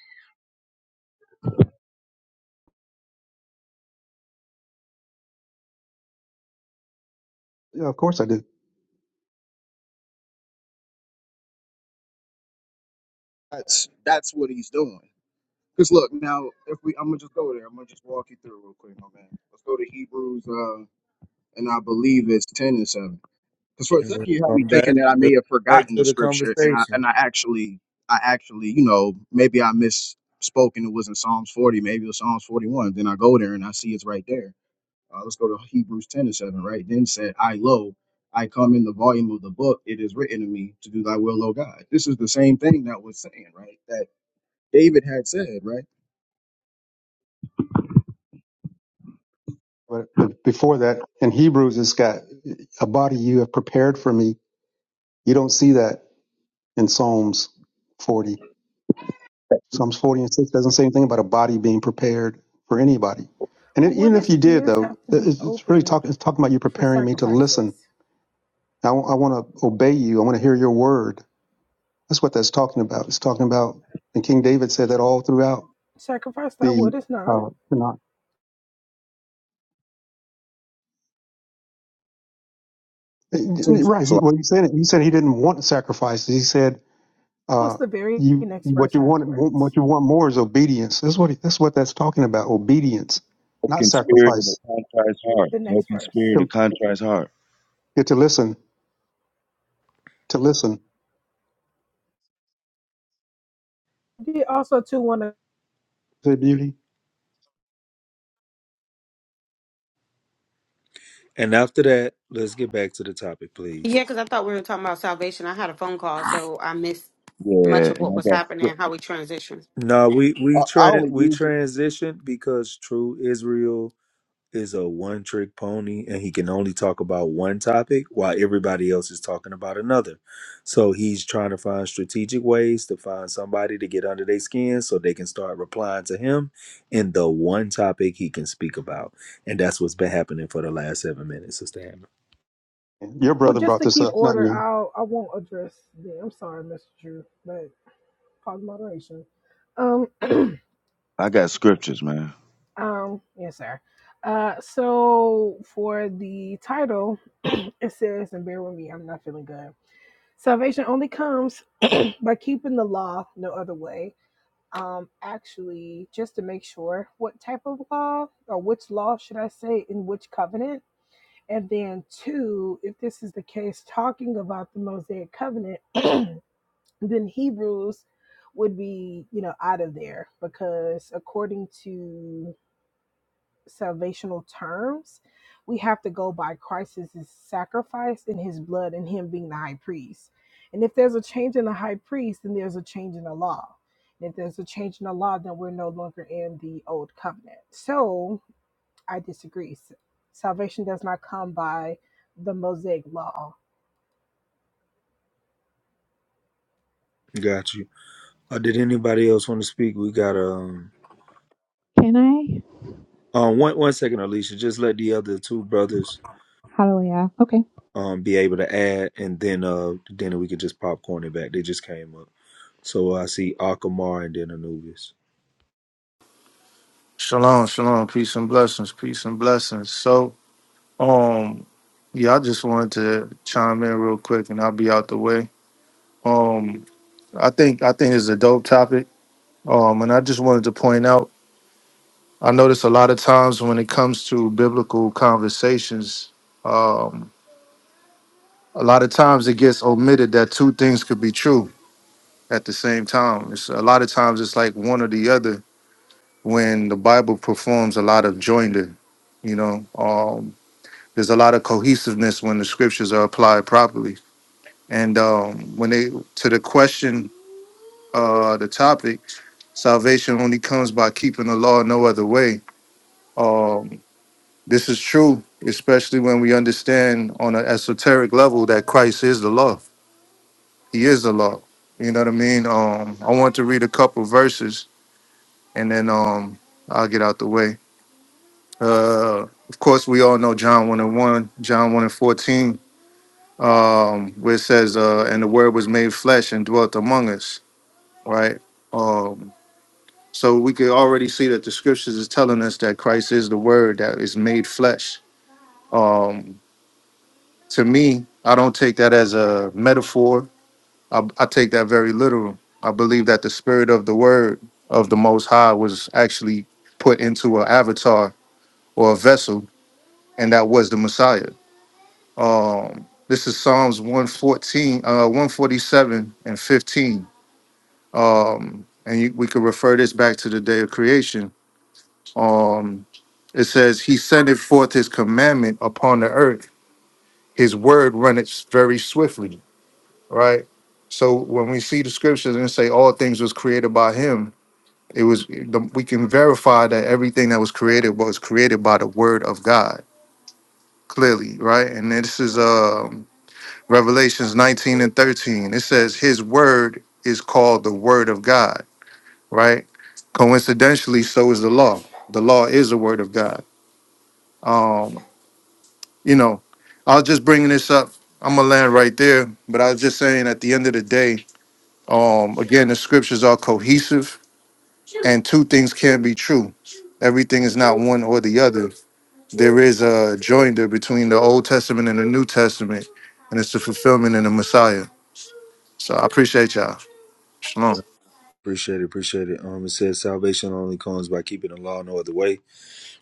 Speaker 8: Yeah, of course I did.
Speaker 13: That's that's what he's doing. Because look, now if we I'm gonna just go there. I'm gonna just walk you through real quick, my man. Let's go to Hebrews uh and I believe it's 10 and 7. Because for a
Speaker 3: And
Speaker 13: second you had
Speaker 3: we'll
Speaker 13: me
Speaker 3: come back.
Speaker 13: thinking that I may
Speaker 3: Let's
Speaker 13: have
Speaker 3: come back
Speaker 13: forgotten
Speaker 3: to
Speaker 13: the
Speaker 3: the
Speaker 13: scripture, and I
Speaker 3: conversation.
Speaker 13: and I actually, I actually, you know, maybe I misspoke and it was in Psalms 40, maybe it was Psalms 41. Then I go there and I see it's right there. Uh, let's go to Hebrews 10 and 7, right? Then said, I lo, I come in the volume of the book, it is written of me to do thy will, O God. This is the same thing that was saying, right? That David had said, right?
Speaker 8: But, but before that, in Hebrews, it's got a body you have prepared for me. You don't see that in Psalms 40. Psalms 40 and 6 doesn't say anything about a body being prepared for anybody. And it,
Speaker 12: Would
Speaker 8: even if
Speaker 12: his
Speaker 8: you did,
Speaker 12: ears have
Speaker 8: though,
Speaker 12: to
Speaker 8: it-
Speaker 12: be
Speaker 8: it's it's really
Speaker 12: open
Speaker 8: talking it's talking about you
Speaker 12: for
Speaker 8: preparing me to
Speaker 12: sacrifices?
Speaker 8: listen. I want to obey you. I want to hear your word. That's what that's talking about. It's talking about, and King David said that all throughout
Speaker 12: Sacrifice that
Speaker 8: the
Speaker 12: would not.
Speaker 8: uh, Tanakh.
Speaker 13: So,
Speaker 8: Right. He,
Speaker 13: so
Speaker 8: well, he said it. He said he didn't want sacrifices. He said
Speaker 12: What's
Speaker 8: Uh,
Speaker 12: the very
Speaker 8: you
Speaker 12: next
Speaker 8: what
Speaker 12: verse
Speaker 8: you want
Speaker 12: afterwards?
Speaker 8: what you want more is obedience. That's what that's what that's talking about. Obedience, not
Speaker 14: Broken spirit and a
Speaker 8: sacrifice.
Speaker 14: contrite heart.
Speaker 12: The next
Speaker 14: Broken
Speaker 12: verse.
Speaker 14: spirit, a
Speaker 8: To,
Speaker 14: contrite heart.
Speaker 8: to listen, to listen.
Speaker 12: I did also too want to.
Speaker 8: Say beauty.
Speaker 3: And after that, let's get back to the topic, please.
Speaker 4: Yeah, because I thought we were talking about salvation. I had a phone call, so I missed much
Speaker 14: Yeah,
Speaker 4: of
Speaker 14: and
Speaker 4: what
Speaker 14: I
Speaker 4: was
Speaker 14: got
Speaker 4: happening, and
Speaker 14: script-
Speaker 4: how we transitioned.
Speaker 3: No, we
Speaker 13: I,
Speaker 3: we
Speaker 13: I
Speaker 3: tran
Speaker 13: only
Speaker 3: we
Speaker 13: used it.
Speaker 3: transitioned because True Israel is a one trick pony, and he can only talk about one topic while everybody else is talking about another. So he's trying to find strategic ways to find somebody to get under their skin so they can start replying to him in the one topic he can speak about, and that's what's been happening for the last seven minutes, Sister Hammer.
Speaker 8: Your
Speaker 12: Well,
Speaker 8: brother
Speaker 12: just
Speaker 8: brought
Speaker 12: to
Speaker 8: this
Speaker 12: keep
Speaker 8: up, not
Speaker 12: order,
Speaker 8: me.
Speaker 12: I'll I won't address the. I'm sorry, Mr. Drew, but pause moderation. Um, [clears throat]
Speaker 14: I got scriptures, man.
Speaker 12: um, yes, sir. Uh, so for the title, [clears throat] it says, and bear with me, I'm not feeling good Salvation only comes by keeping the law, no other way. Um, actually, just to make sure what type of law or which law should I say in which covenant. And then, two, if this is the case, talking about the Mosaic covenant, [clears throat] then Hebrews would be, you know, out of there because according to salvational terms. We have to go by Christ's sacrifice in his blood and him being the high priest. And if there's a change in the high priest, then there's a change in the law. And if there's a change in the law, then we're no longer in the old covenant. So, I disagree. Salvation does not come by the Mosaic law.
Speaker 3: Got you. Uh, did anybody else want to speak? We got um, um one one second, Alicia. Just let the other two brothers um, be able to add, and then uh, then we could just popcorn it back. They just came up. So uh, I see Akamar and then Anubis.
Speaker 15: Shalom, shalom, peace and blessings, peace and blessings. So, um, yeah, I just wanted to chime in real quick, and I'll be out the way. Um, I think I think it's a dope topic. Um, and I just wanted to point out, I notice a lot of times when it comes to biblical conversations, um, a lot of times it gets omitted that two things could be true at the same time. It's a lot of times it's like one or the other when the Bible performs a lot of joinder you know. Um, there's a lot of cohesiveness when the scriptures are applied properly. And um, when they to the question, uh, the topic, salvation only comes by keeping the law no other way. Um, this is true, especially when we understand on an esoteric level that Christ is the law. He is the law. You know what I mean? Um, I want to read a couple verses and then um, I'll get out the way. Uh, of course, we all know John 1 and 1, John 1 and 14 um, where it says, uh, and the word was made flesh and dwelt among us, right? Um, so we could already see that the scriptures is telling us that Christ is the word that is made flesh. Um, to me, I don't take that as a metaphor. I, I take that very literal. I believe that the spirit of the word of the most high was actually put into an avatar or a vessel, and that was the Messiah. Um, this is Psalms 114, uh, 147 and 15 um, and you, we could refer this back to the day of creation. Um, it says, He sendeth forth His commandment upon the earth. His word runneth very swiftly, right? So when we see the scriptures and say all things was created by Him, it was the, we can verify that everything that was created was created by the word of God clearly, right? And this is um, Revelations 19 and 13. It says, His word is called the word of God right? Coincidentally, so is the law. The law is the word of God. Um, you know, I was just bringing this up. I'm gonna land right there, but I was just saying at the end of the day, um, again, the scriptures are cohesive, and two things can be true. Everything is not one or the other. There is a joinder between the Old Testament and the New Testament, and it's the fulfillment in the Messiah. So I appreciate y'all. Shalom.
Speaker 3: Appreciate it, appreciate it. Um, it says salvation only comes by keeping the law no other way.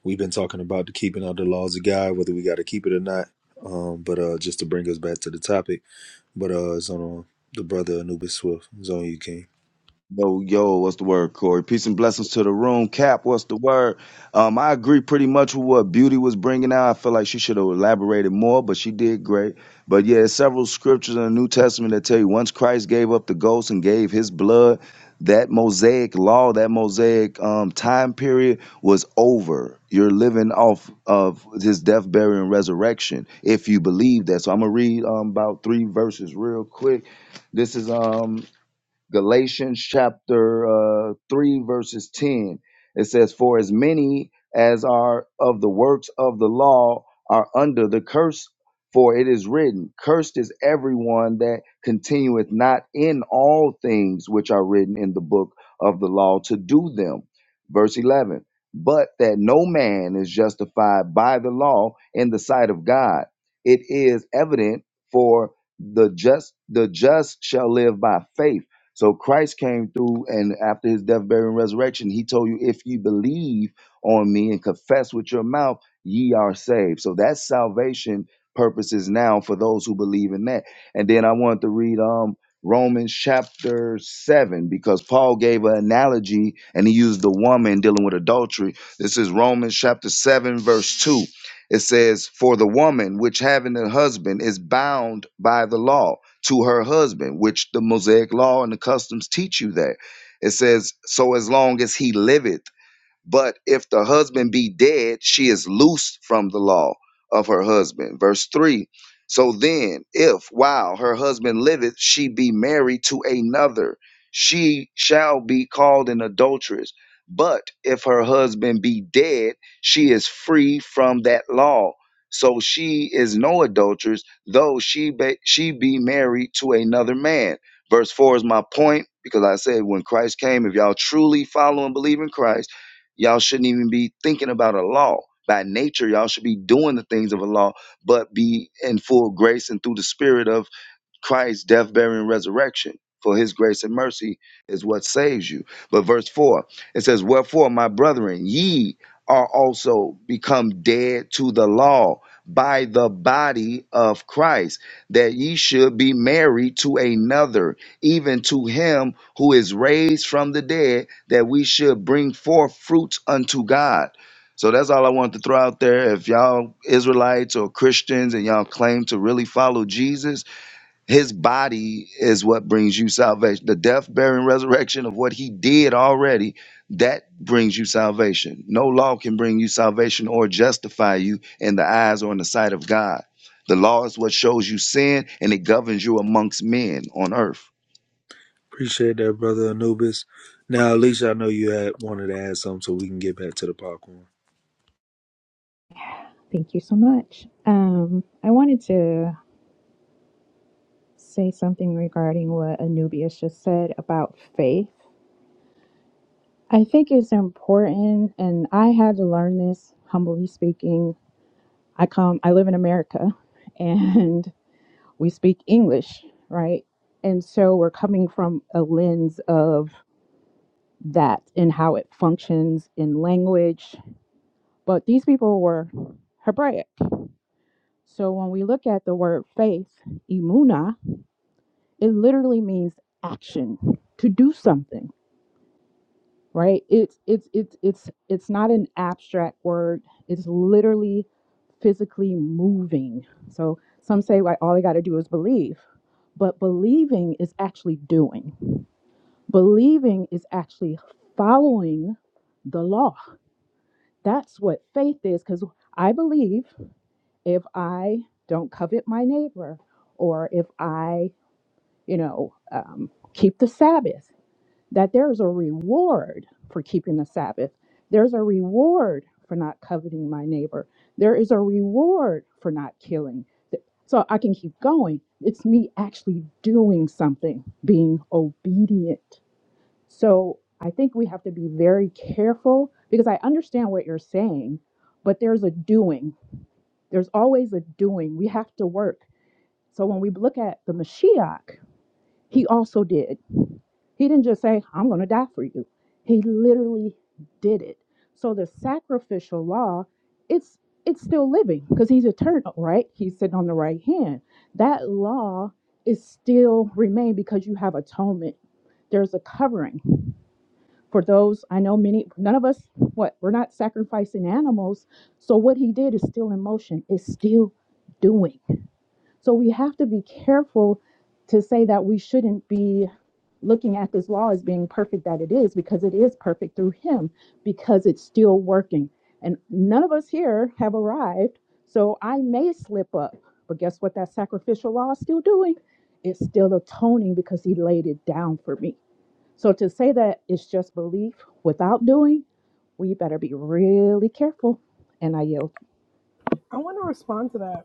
Speaker 3: We've been talking about the keeping of the laws of God, whether we got to keep it or not. Um, but uh, just to bring us back to the topic, but uh, it's on uh, the brother Anubis Swift. It's on you, King.
Speaker 14: Yo, yo, what's the word, Corey? Peace and blessings to the room. Cap, what's the word? Um, I agree pretty much with what Beauty was bringing out. I feel like she should have elaborated more, but she did great. But yeah, there's several scriptures in the New Testament that tell you once Christ gave up the ghost and gave his blood, that Mosaic law, that Mosaic um, time period was over. You're living off of his death, burial, and resurrection if you believe that. So I'm going to read um, about three verses real quick. This is um Galatians chapter uh, 3, verses 10. It says, For as many as are of the works of the law are under the curse, for it is written, Cursed is everyone that continueth not in all things which are written in the book of the law to do them. Verse 11, But that no man is justified by the law in the sight of God. It is evident for the just the just shall live by faith so Christ came through, and after his death, burial, and resurrection, he told you, if you believe on me and confess with your mouth, ye are saved. So that's salvation purposes now for those who believe in that. And then I wanted to read um Romans chapter seven because Paul gave an analogy and he used the woman dealing with adultery. This is Romans chapter seven, verse two. It says, For the woman which having a husband is bound by the law to her husband, which the Mosaic law and the customs teach you that. It says, So as long as he liveth, but if the husband be dead, she is loosed from the law of her husband. Verse 3 So then, if while her husband liveth, she be married to another, she shall be called an adulteress. But if her husband be dead, she is free from that law. So she is no adulteress, though she be, she be married to another man. Verse 4 is my point because I said when Christ came, if y'all truly follow and believe in Christ, Y'all shouldn't even be thinking about a law. By nature, y'all should be doing the things of a law, but be in full grace and through the spirit of. Christ's death, burial, and resurrection. For his grace and mercy is what saves you. But verse 4, it says, Wherefore, my brethren, ye are also become dead to the law by the body of Christ, that ye should be married to another, even to him who is raised from the dead, that we should bring forth fruits unto God. So that's all I wanted to throw out there. If y'all Israelites or Christians and y'all claim to really follow Jesus, his body is what brings you salvation. The death, burial, and resurrection of what he did already, that brings you salvation. No law can bring you salvation or justify you in the eyes or in the sight of God. The law is what shows you sin and it governs you amongst men on earth.
Speaker 3: Appreciate that, brother Anubis. Now, Alicia, I know you had wanted to add something, so we can get back to the popcorn.
Speaker 11: Thank you so much. Um, I wanted to say something regarding what Anubius just said about faith. I think it's important, and I had to learn this, humbly speaking. I come, I live in America, and [laughs] we speak English, right? And so we're coming from a lens of that and how it functions in language. But these people were Hebraic. So when we look at the word faith, imuna, it literally means action, to do something right it's it's it's it's it's not an abstract word it's literally physically moving so some say like all i got to do is believe but believing is actually doing believing is actually following the law that's what faith is because i believe if i don't covet my neighbor or if i you know um, keep the sabbath that there's a reward for keeping the Sabbath. There's a reward for not coveting my neighbor. There is a reward for not killing. Th- So I can keep going. It's me actually doing something, being obedient. So I think we have to be very careful because I understand what you're saying, but there's a doing. There's always a doing. We have to work. So when we look at the Mashiach, he also did. He didn't just say, I'm going to die for you. He literally did it. So the sacrificial law, it's it's still living because he's eternal, right? He's sitting on the right hand. That law is still remain because you have atonement. There's a covering for those. I know many none of us what we're not sacrificing animals. So what he did is still in motion. It's still doing. So we have to be careful to say that we shouldn't be looking at this law as being perfect that it is, because it is perfect through Him, because it's still working. And none of us here have arrived. So I may slip up, but guess what that sacrificial law is still doing? It's still atoning because He laid it down for me. So to say that it's just belief without doing, we better be really careful. And I yield.
Speaker 12: I want to respond to that.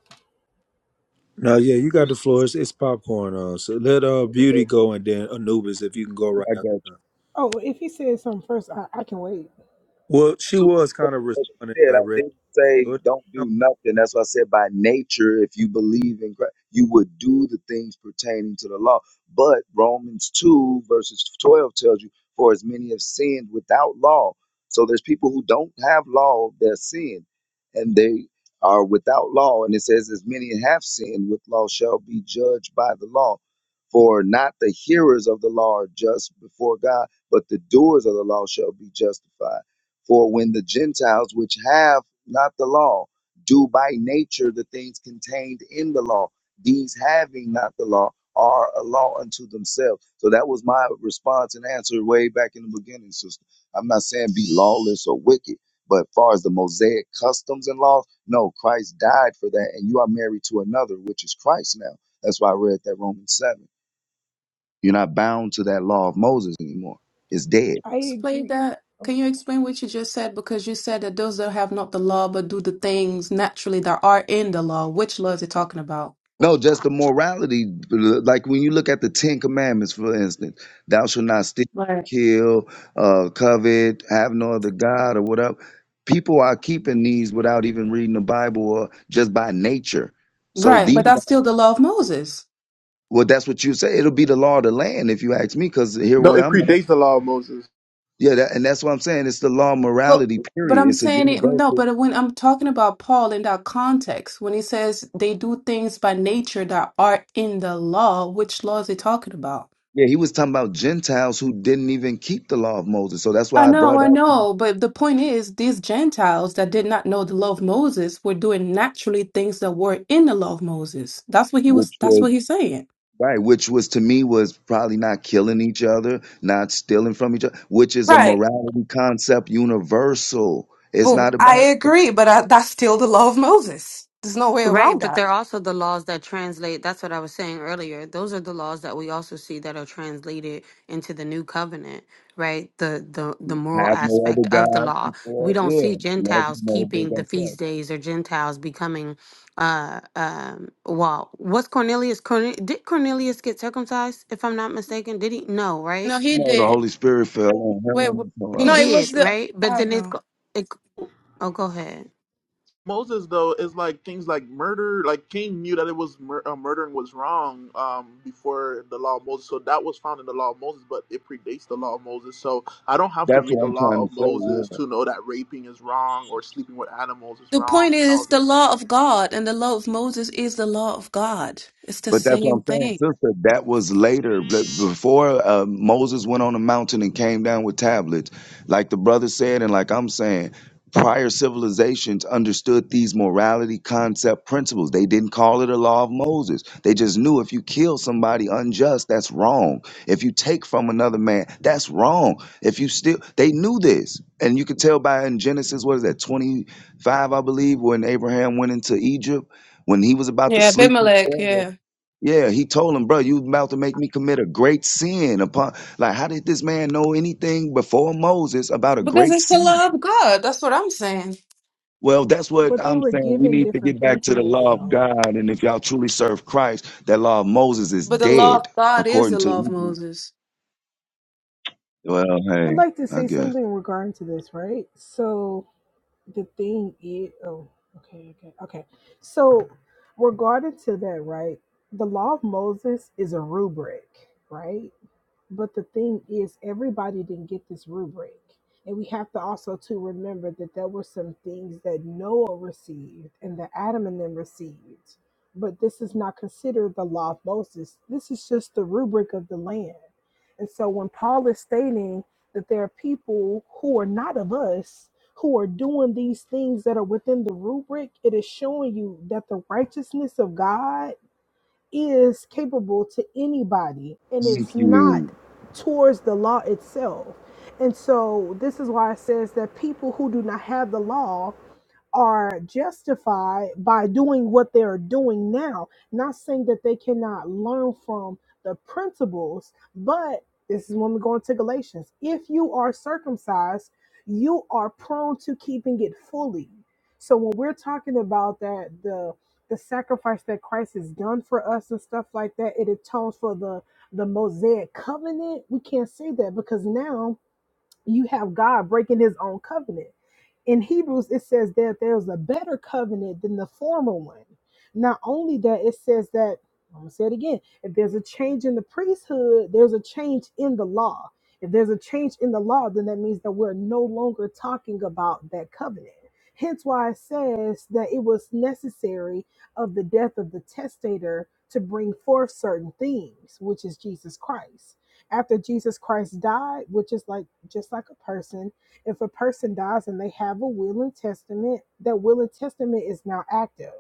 Speaker 3: No, yeah,
Speaker 14: Can
Speaker 3: you got the floor. It's, it's popcorn. Uh, so let uh
Speaker 14: I
Speaker 3: Beauty
Speaker 14: read
Speaker 3: go and then Anubis, if you can go right after
Speaker 14: this.
Speaker 3: her.
Speaker 12: Oh, if he says something first, I, I can wait.
Speaker 3: Well,
Speaker 14: I
Speaker 3: she
Speaker 14: just
Speaker 3: was kind of responding
Speaker 14: said. I
Speaker 3: directly.
Speaker 14: didn't
Speaker 3: So
Speaker 14: say
Speaker 3: it
Speaker 14: don't
Speaker 3: don't-
Speaker 14: do nothing. That's why I said by nature, if you believe in Christ, you would do the things pertaining to the law. But Romans two verses twelve tells you, for as many have sinned without law. So there's people who don't have law, they're sin, and they are without law. And it says, as many have sinned with law shall be judged by the law. For not the hearers of the law are just before God, but the doers of the law shall be justified. For when the Gentiles, which have not the law, do by nature the things contained in the law, these having not the law are a law unto themselves. So that was my response and answer way back in the beginning, sister. I'm not saying be lawless or wicked, but far as the Mosaic customs and laws, no, Christ died for that, and you are married to another, which is Christ now. That's why I read that Romans 7. You're not bound to that law of Moses anymore. It's dead.
Speaker 12: I
Speaker 10: Explain
Speaker 12: agree.
Speaker 10: that.
Speaker 12: Oh,
Speaker 10: Can you explain what you just said? Because you said that those that have not the law but do the things naturally that are in the law. Which law is it talking about?
Speaker 14: No, just the morality. Like when you look at the Ten Commandments, for instance, thou shalt not steal,
Speaker 10: Right.
Speaker 14: kill, uh, covet, have no other God, or whatever. People are keeping these without even reading the Bible or just by nature. So
Speaker 10: Right,
Speaker 14: these,
Speaker 10: but that's still the law of Moses.
Speaker 14: well, that's what you say. It'll be the law of the land if you ask me, because here
Speaker 5: No,
Speaker 14: where
Speaker 5: it
Speaker 14: I'm at,
Speaker 5: predates the law of Moses.
Speaker 14: yeah, that, and that's what I'm saying. It's the law of
Speaker 10: Well,
Speaker 14: morality.
Speaker 10: but
Speaker 14: Period.
Speaker 10: I'm
Speaker 14: It's a
Speaker 10: saying it, no,
Speaker 14: universal.
Speaker 10: but when I'm talking about Paul in that context, when he says they do things by nature that are in the law, which law is he talking about?
Speaker 14: Yeah, he was talking about Gentiles who didn't even keep the law of Moses. So that's
Speaker 10: I
Speaker 14: why I
Speaker 10: know,
Speaker 14: brought
Speaker 10: I
Speaker 14: up
Speaker 10: know, but the point is, these Gentiles that did not know the law of Moses were doing naturally things that were in the law of Moses. That's what he was,
Speaker 14: which was
Speaker 10: that's what he's saying.
Speaker 14: Right, which was to me was probably not killing each other, not stealing from each other, which is a
Speaker 10: Right.
Speaker 14: morality concept universal. It's
Speaker 10: But
Speaker 14: not
Speaker 10: I
Speaker 14: about
Speaker 10: agree, but I, that's still the law of Moses. There's no way
Speaker 4: Right,
Speaker 10: around
Speaker 4: but
Speaker 10: that.
Speaker 4: they're also the laws that translate. That's what I was saying earlier. Those are the laws that we also see that are translated into the new covenant, right? The the the moral
Speaker 14: have no
Speaker 4: aspect
Speaker 14: other
Speaker 4: of the
Speaker 14: God
Speaker 4: law. We
Speaker 14: before.
Speaker 4: don't see
Speaker 14: Yeah, love
Speaker 4: Gentiles
Speaker 14: your neighbor
Speaker 4: keeping the
Speaker 14: as
Speaker 4: feast
Speaker 14: thyself.
Speaker 4: days or Gentiles becoming uh um well, what's Cornelius Corne- did Cornelius get circumcised if I'm not mistaken? Did he? No,
Speaker 10: No,
Speaker 4: right?
Speaker 10: he
Speaker 14: No, the
Speaker 10: did.
Speaker 14: Holy Spirit fell on him
Speaker 10: Wait,
Speaker 14: and
Speaker 10: wh-
Speaker 14: his morale.
Speaker 4: He
Speaker 10: no, it
Speaker 4: did,
Speaker 10: was the.
Speaker 4: right?
Speaker 10: I
Speaker 4: But
Speaker 10: don't
Speaker 4: then it's
Speaker 10: know.
Speaker 4: go- it oh go ahead.
Speaker 5: Moses though is like things like murder. Like Cain knew that it was mur- uh, murdering was wrong um, before the law of Moses, so that was found in the law of Moses, but it predates the law of Moses. So I don't have to
Speaker 14: That's
Speaker 5: read the
Speaker 14: what I'm
Speaker 5: law
Speaker 14: trying
Speaker 5: of
Speaker 14: to say. yeah.
Speaker 5: Moses to know that raping is wrong or sleeping with animals is
Speaker 10: The point
Speaker 5: wrong and
Speaker 10: is
Speaker 5: all.
Speaker 10: the law of God and the law of Moses is the law of God. It's the
Speaker 14: But that's what
Speaker 10: same
Speaker 14: I'm saying,
Speaker 10: thing.
Speaker 14: sister. That was later, but before uh, Moses went on the mountain and came down with tablets. Like the brother said, and like I'm saying, prior civilizations understood these morality concept principles. They didn't call it a law of Moses. They just knew if you kill somebody unjust, that's wrong. If you take from another man, that's wrong. If you still, they knew this. And you could tell by in Genesis, what is that, 25, I believe, when Abraham went into Egypt, when he was about to
Speaker 10: Yeah,
Speaker 14: sleep with
Speaker 10: Abimelech,
Speaker 14: Sarah
Speaker 10: yeah.
Speaker 14: yeah, he told him, bro, you about to make me commit a great sin upon like how did this man know anything before Moses about a
Speaker 10: Because
Speaker 14: great
Speaker 10: it's the
Speaker 14: sin?
Speaker 10: law of God. That's what I'm saying.
Speaker 14: Well, that's
Speaker 12: But
Speaker 14: what
Speaker 12: they
Speaker 14: I'm
Speaker 12: were
Speaker 14: saying. We
Speaker 12: given
Speaker 14: need to get
Speaker 12: different
Speaker 14: back to the
Speaker 12: principles,
Speaker 14: law of
Speaker 12: though.
Speaker 14: God. And if y'all truly serve Christ, that law of Moses is
Speaker 10: But the law of
Speaker 14: dead,
Speaker 10: God is
Speaker 14: according
Speaker 10: the
Speaker 14: to
Speaker 10: law of
Speaker 14: Hebrew.
Speaker 10: Moses.
Speaker 14: Well, hey,
Speaker 12: I'd like to
Speaker 14: I
Speaker 12: say
Speaker 14: guess.
Speaker 12: something regarding to this, right? So the thing is oh okay okay okay so regarding to that right the law of moses is a rubric right but the thing is, everybody didn't get this rubric. And we have to also to remember that there were some things that Noah received and that Adam and them received. But this is not considered the law of Moses. This is just the rubric of the land. And so when Paul is stating that there are people who are not of us who are doing these things that are within the rubric, it is showing you that the righteousness of God is capable to anybody and
Speaker 14: Thank
Speaker 12: it's not
Speaker 14: you.
Speaker 12: towards the law itself and so this is why it says that people who do not have the law are justified by doing what they're doing now. Not saying that they cannot learn from the principles, but this is when we go into Galatians. If you are circumcised, you are prone to keeping it fully. So when we're talking about that, the the sacrifice that Christ has done for us and stuff like that, it atones for the the Mosaic covenant. We can't say that because now you have God breaking his own covenant in Hebrews, it says that there's a better covenant than the former one. Not only that, it says that, I'm going to say it again if there's a change in the priesthood, there's a change in the law. If there's a change in the law, then that means that we're no longer talking about that covenant. Hence why it says that it was necessary of the death of the testator to bring forth certain things, which is Jesus Christ. After Jesus Christ died, which is like just like a person, if a person dies and they have a will and testament, that will and testament is now active.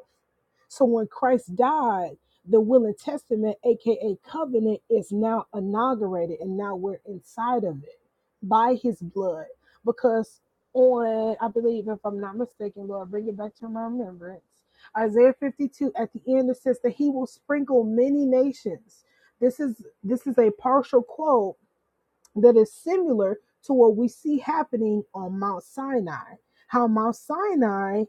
Speaker 12: So when Christ died, the will and testament, aka covenant, is now inaugurated and now we're inside of it by his blood. Because on, I believe, if I'm not mistaken, Lord, bring it back to my remembrance. Isaiah 52 at the end it says that he will sprinkle many nations. This is this is a partial quote that is similar to what we see happening on Mount Sinai. How Mount Sinai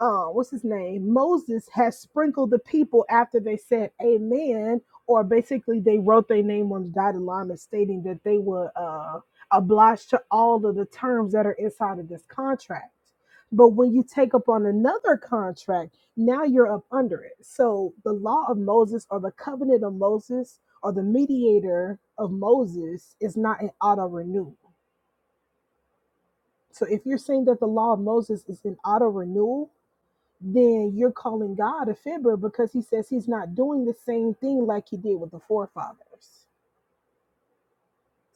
Speaker 12: uh, what's his name? Moses has sprinkled the people after they said amen, or basically they wrote their name on the dotted line and stating that they were uh, obliged to all of the terms that are inside of this contract. But when you take up on another contract, now you're up under it. So the law of Moses or the covenant of Moses or the mediator of Moses is not an auto renewal. So if you're saying that the law of Moses is an auto renewal, then you're calling God a fibber because he says he's not doing the same thing like he did with the forefathers.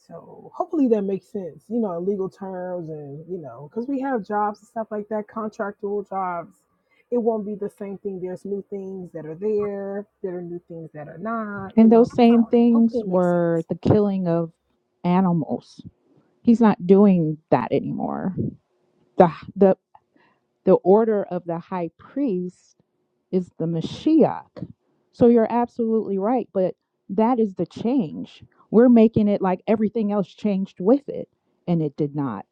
Speaker 12: So hopefully that makes sense, you know, in legal terms and, you know, because we have jobs and stuff like that, contractual jobs. It won't be the same thing. There's new things that are there, there are new things that are not, you
Speaker 11: And
Speaker 12: know.
Speaker 11: those same
Speaker 12: So hopefully
Speaker 11: things
Speaker 12: it makes sense.
Speaker 11: were the killing of animals. He's not doing that anymore. The the the order of the high priest is the Mashiach. So you're absolutely right, but that is the change. We're making it like everything else changed with it, and it did not.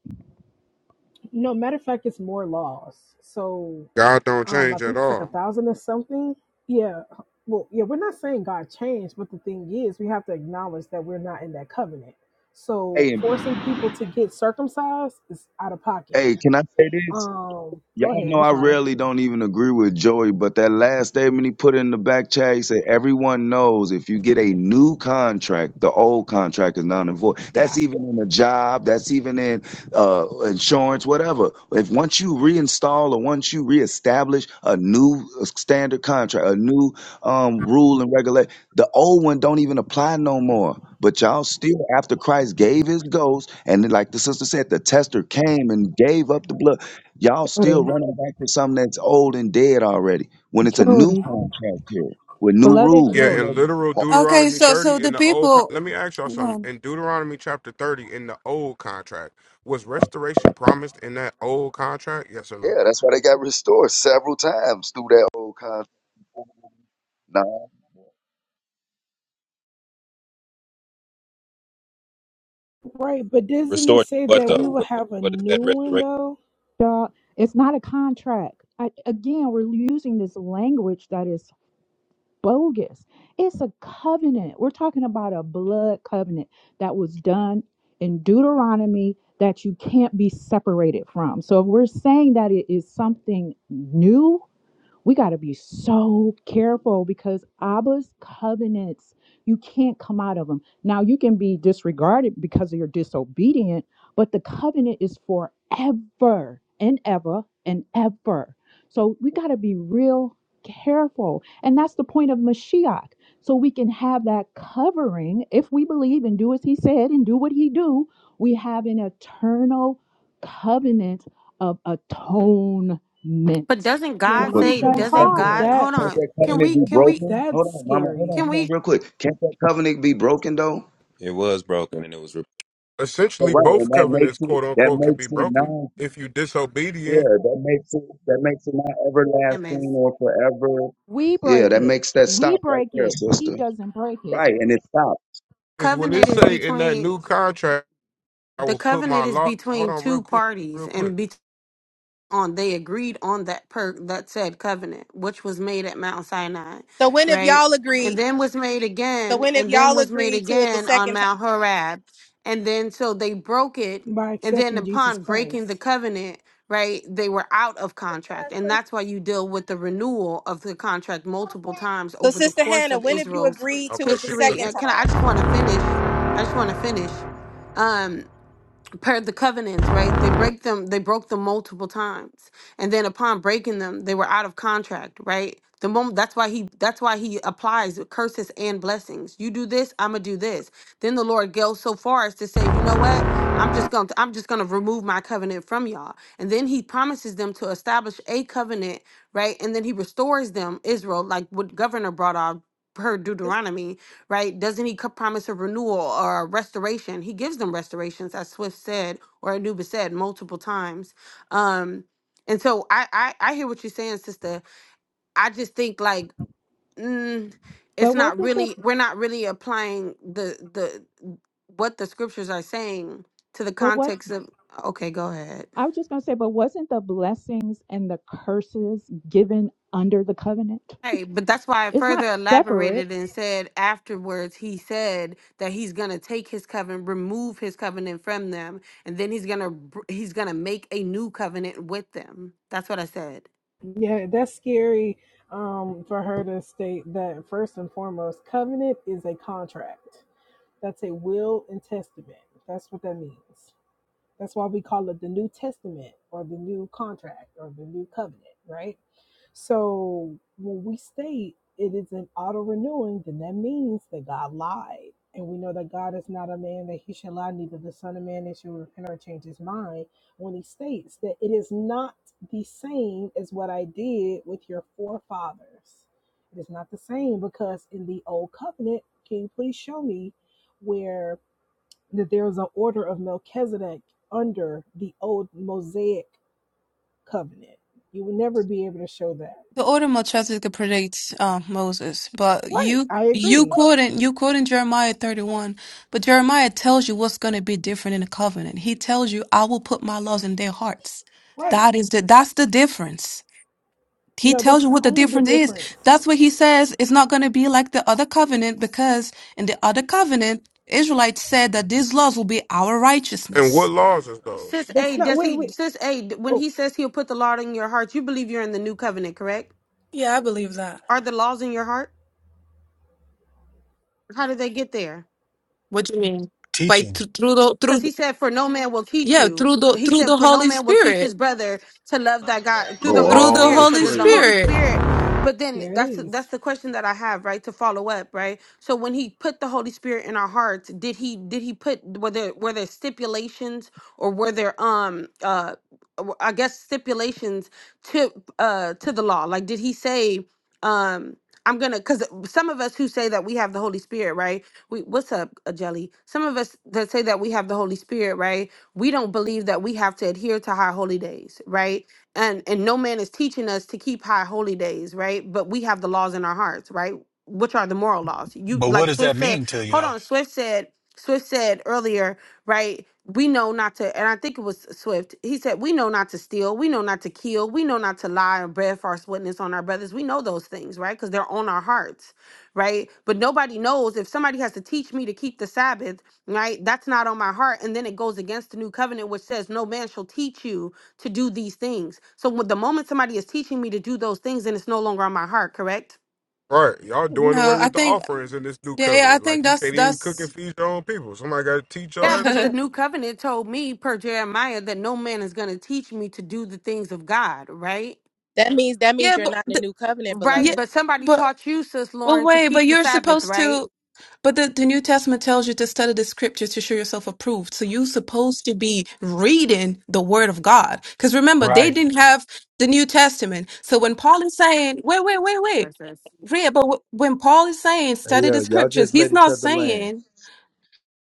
Speaker 12: No, matter of fact, it's more laws. So
Speaker 16: God don't
Speaker 12: um i
Speaker 16: change
Speaker 12: think
Speaker 16: at
Speaker 12: it's like a
Speaker 16: all.
Speaker 12: thousand or something yeah well yeah we're not saying god changed but the thing is we have to acknowledge that we're not in that covenant so
Speaker 14: Hey, and-
Speaker 12: forcing people to get circumcised is out of
Speaker 14: hey,
Speaker 12: pocket
Speaker 14: can I say this?
Speaker 12: um
Speaker 14: Y'all
Speaker 12: go ahead
Speaker 14: know
Speaker 12: i'm
Speaker 14: I
Speaker 12: sorry
Speaker 14: rarely don't even agree with Joey, but that last statement he put in the back chat, he said, Everyone knows if you get a new contract, the old contract is non and void. That's
Speaker 12: yeah
Speaker 14: even in a job, that's even in uh, insurance, whatever. If once you reinstall or once you reestablish a new standard contract, a new um, rule and regulation, the old one don't even apply no more. But y'all still, after Christ gave his ghost, and then, like the sister said, the tester came and gave up the blood Y'all still
Speaker 11: Joey,
Speaker 14: running back to something that's old and dead already when it's a new
Speaker 11: Joey,
Speaker 14: contract here with new
Speaker 11: beloved
Speaker 14: rules.
Speaker 16: Yeah,
Speaker 14: new
Speaker 16: in
Speaker 11: Joey.
Speaker 14: regu-
Speaker 16: literal
Speaker 10: Okay,
Speaker 16: Deuteronomy
Speaker 10: so so
Speaker 16: 30
Speaker 10: the
Speaker 16: in the old con-
Speaker 10: people
Speaker 16: let me ask y'all something.
Speaker 10: well,
Speaker 16: In Deuteronomy chapter 30 in the old contract, was restoration promised in that old contract? Yes or no?
Speaker 14: Yeah, that's why they got
Speaker 11: Yes.
Speaker 14: restored several times through that old contract. Nah,
Speaker 12: right but doesn't it
Speaker 17: Restored to
Speaker 12: say
Speaker 17: what
Speaker 12: that we
Speaker 17: though?
Speaker 12: will
Speaker 17: What, what,
Speaker 12: have a
Speaker 17: what is
Speaker 12: new
Speaker 17: that
Speaker 12: one
Speaker 17: restoration?
Speaker 12: though
Speaker 11: Dog, it's not a contract. I, again, we're using this language that is bogus. It's a covenant. We're talking about a blood covenant that was done in Deuteronomy that you can't be separated from. So if we're saying that it is something new, we got to be so careful because Abba's covenants, you can't come out of them. Now, you can be disregarded because of your disobedient, but the covenant is forever and ever and ever. So we got to be real careful. And that's the point of Mashiach. So we can have that covering if we believe and do as he said and do what he do, we have an eternal covenant of atonement
Speaker 4: But doesn't
Speaker 11: why
Speaker 12: ma'am
Speaker 4: God
Speaker 14: but
Speaker 12: i'm
Speaker 11: is
Speaker 4: say
Speaker 14: can't
Speaker 11: that
Speaker 12: truly
Speaker 14: that
Speaker 12: sorry
Speaker 4: doesn't
Speaker 12: but
Speaker 14: covenant,
Speaker 4: God
Speaker 11: hard?
Speaker 4: Hold
Speaker 14: can't
Speaker 4: on.
Speaker 12: that's
Speaker 14: that
Speaker 4: Can
Speaker 17: It
Speaker 14: covenant
Speaker 4: we
Speaker 14: be
Speaker 4: can we
Speaker 14: broken?
Speaker 12: that's
Speaker 14: Hold on, mama, hold
Speaker 12: scary
Speaker 14: on,
Speaker 4: can
Speaker 14: hold
Speaker 4: we
Speaker 14: on, real quick. Can't that covenant be broken though?
Speaker 17: it was broken and it was re-
Speaker 14: So
Speaker 16: Essentially
Speaker 14: right, and
Speaker 16: both
Speaker 14: that makes
Speaker 16: covenants
Speaker 14: it
Speaker 16: quote
Speaker 14: that
Speaker 16: unquote can
Speaker 14: makes
Speaker 16: be
Speaker 14: it
Speaker 16: broken
Speaker 14: non
Speaker 16: if you disobedient.
Speaker 14: yeah, that makes it that makes it not everlasting or forever.
Speaker 11: We
Speaker 14: Yeah,
Speaker 11: break
Speaker 14: that
Speaker 11: it.
Speaker 14: makes that
Speaker 11: We
Speaker 14: stop right
Speaker 11: break
Speaker 14: there,
Speaker 11: it. He
Speaker 14: sister.
Speaker 11: doesn't break it.
Speaker 14: Right, and it stops.
Speaker 16: Because when it
Speaker 4: covenant is
Speaker 16: say in that
Speaker 4: between
Speaker 16: new contract, I
Speaker 4: the
Speaker 16: will put
Speaker 4: covenant
Speaker 16: my
Speaker 4: is
Speaker 16: law hold
Speaker 4: between
Speaker 16: on real
Speaker 4: two
Speaker 16: quick,
Speaker 4: parties
Speaker 16: real quick.
Speaker 4: and between on they agreed on that per that said covenant which was made at mount sinai
Speaker 9: So when if
Speaker 4: right
Speaker 9: y'all
Speaker 4: and
Speaker 9: agree?
Speaker 4: then was made
Speaker 9: So
Speaker 4: again
Speaker 9: when if
Speaker 4: and then
Speaker 9: y'all
Speaker 4: was made
Speaker 9: agree to it the
Speaker 4: again on
Speaker 9: second
Speaker 4: mount horeb and then so they broke it
Speaker 12: by
Speaker 4: and then
Speaker 12: accepting jesus
Speaker 4: upon breaking the
Speaker 12: christ
Speaker 4: covenant right they were out of contract and that's why you deal with the renewal of the contract multiple times
Speaker 9: So,
Speaker 4: over the
Speaker 9: Sister
Speaker 4: course
Speaker 9: Hannah,
Speaker 4: of
Speaker 9: when have you
Speaker 4: israel's
Speaker 9: agreed to
Speaker 16: Okay,
Speaker 9: it the
Speaker 16: she
Speaker 4: history
Speaker 9: second
Speaker 16: cooking.
Speaker 4: and
Speaker 9: time?
Speaker 4: can i, I just want to finish i just want to finish Um, per the covenants, right? They break them, they broke them multiple times. And then upon breaking them, they were out of contract, right? The moment that's why he that's why he applies curses and blessings. You do this, I'ma do this. Then the Lord goes so far as to say, you know what? I'm just gonna I'm just gonna remove my covenant from y'all. And then he promises them to establish a covenant, right? And then he restores them, Israel, like what governor brought out per
Speaker 9: Sis-
Speaker 4: Deuteronomy, right? Doesn't he co- promise a renewal or a restoration? He gives them restorations, as Swift said or Anubis said multiple times. Um, and so I, I I hear what you're saying, sister. I just think like mm, it's
Speaker 11: But
Speaker 4: not
Speaker 11: wasn't the
Speaker 4: really we're not really applying the the what the scriptures are saying to the
Speaker 11: but what
Speaker 4: context of. Okay, go ahead.
Speaker 11: I was just gonna say, but wasn't the blessings and the curses given under the covenant?
Speaker 4: Right, but that's why I
Speaker 11: It's not
Speaker 4: further
Speaker 11: separate.
Speaker 4: elaborated and said afterwards he said that he's gonna take his covenant, remove his covenant from them, and then he's gonna he's gonna make a new covenant with them. That's what I said.
Speaker 12: Yeah, that's scary um, for her to state that first and foremost, covenant is a contract. That's a will and testament. That's what that means. That's why we call it the New Testament or the New Contract or the New Covenant, right? So when we state it is an auto renewing, then that means that God lied. And we know that God is not a man that he should lie, neither the Son of Man that should repent or change his mind. When he states that it is not the same as what I did with your forefathers, it is not the same because in the old covenant, can you please show me where that there is an order of Melchizedek under the old Mosaic covenant. You would never be able to show that.
Speaker 10: the order of Melchizedek could predict uh, Moses, but
Speaker 12: Right.
Speaker 10: you
Speaker 12: I
Speaker 10: you
Speaker 12: agree.
Speaker 10: quoting you quoting Jeremiah thirty one, but Jeremiah tells you what's going to be different in the covenant. He tells you, "I will put my laws in their hearts."
Speaker 12: Right.
Speaker 10: That is the that's the difference. He
Speaker 12: No,
Speaker 10: tells
Speaker 12: that's
Speaker 10: you
Speaker 12: not
Speaker 10: what the
Speaker 12: only the
Speaker 10: difference is.
Speaker 12: difference.
Speaker 10: That's what he says. It's not going to be like the other covenant because in the other covenant, Israelites said that these laws will be our
Speaker 16: And what
Speaker 10: righteousness.
Speaker 16: laws is
Speaker 4: Sis
Speaker 16: those?
Speaker 12: That's
Speaker 4: A,
Speaker 12: not
Speaker 4: does
Speaker 12: wait,
Speaker 4: he?
Speaker 12: wait.
Speaker 4: Sis A, d- when
Speaker 12: Oh,
Speaker 4: he says he'll put the law in your heart, you believe you're in the new covenant, correct?
Speaker 10: Yeah, I believe that.
Speaker 4: Are the laws in your heart? How did they get there?
Speaker 10: What do you mean? By
Speaker 18: teaching.
Speaker 10: th- through the through
Speaker 4: Because he said, For no man will teach
Speaker 10: yeah
Speaker 4: you.
Speaker 10: through the
Speaker 4: He
Speaker 10: through
Speaker 4: said,
Speaker 10: the
Speaker 4: For no
Speaker 10: Holy
Speaker 4: man will teach
Speaker 10: Spirit
Speaker 4: his brother to love thy God through the
Speaker 6: Oh,
Speaker 4: Holy
Speaker 10: through the
Speaker 6: all
Speaker 4: Spirit. So
Speaker 10: Holy
Speaker 4: does the
Speaker 6: praises.
Speaker 4: Holy
Speaker 10: Spirit.
Speaker 6: Uh
Speaker 4: Spirit but then
Speaker 12: there it
Speaker 4: that's
Speaker 12: is.
Speaker 4: that's the question that I have, right? To follow up, right? So when he put the Holy Spirit in our hearts, did he did he put were there were there stipulations or were there um uh I guess stipulations to uh to the law? Like did he say um I'm gonna because some of us who say that we have the Holy Spirit, right? we what's up uh, jelly some of us that say that we have the holy spirit right we don't believe that we have to adhere to high holy days right and and no man is teaching us to keep high holy days right but we have the laws in our hearts right which are the moral laws you
Speaker 18: But what
Speaker 4: like
Speaker 18: does that
Speaker 4: swift said
Speaker 18: mean to you
Speaker 4: hold
Speaker 18: though?
Speaker 4: on swift said swift said earlier right we know not to and i think it was swift he said we know not to steal we know not to kill we know not to lie or bear false witness on our brothers we know those things right because they're on our hearts right? But nobody knows if somebody has to teach me to keep the Sabbath, right? That's not on my heart. And then it goes against the new covenant, which says, No man shall teach you to do these things. So with the moment somebody is teaching me to do those things, then it's no longer on my heart, correct?
Speaker 16: Right. Y'all doing
Speaker 10: No,
Speaker 16: away
Speaker 10: I
Speaker 16: with the
Speaker 10: think
Speaker 16: offerings in this new
Speaker 10: yeah, I
Speaker 16: covenant. Like
Speaker 10: think
Speaker 16: you
Speaker 10: that's
Speaker 16: can't even cook
Speaker 10: that's
Speaker 16: and feed your own people. Somebody gotta teach y'all
Speaker 4: Yeah,
Speaker 10: [laughs]
Speaker 16: that
Speaker 4: but the
Speaker 16: too.
Speaker 10: yeah,
Speaker 4: new covenant told me per Jeremiah that no man is going to teach me to do the things of God, right?
Speaker 9: That means that means you're
Speaker 10: but
Speaker 9: not in the
Speaker 10: th-
Speaker 9: new covenant,
Speaker 4: Right,
Speaker 10: yeah,
Speaker 9: beloved.
Speaker 4: but somebody
Speaker 10: but
Speaker 4: taught you, sis
Speaker 10: but
Speaker 4: Lauren, to
Speaker 10: wait, but
Speaker 4: keep the
Speaker 10: you're
Speaker 4: Sabbath,
Speaker 10: supposed to.
Speaker 4: right?
Speaker 10: But the, the New Testament tells you to study the scriptures to show yourself approved. So you're supposed to be reading the word of God. Because remember, they
Speaker 18: Right.
Speaker 10: didn't have the New Testament. So when Paul is saying, wait, wait, wait, wait,
Speaker 4: Sorry, sis.
Speaker 10: read, but wh- when Paul is saying study
Speaker 3: yeah,
Speaker 10: the
Speaker 3: y'all
Speaker 10: scriptures,
Speaker 3: just let
Speaker 10: he's
Speaker 3: each
Speaker 10: not
Speaker 3: other land.
Speaker 10: saying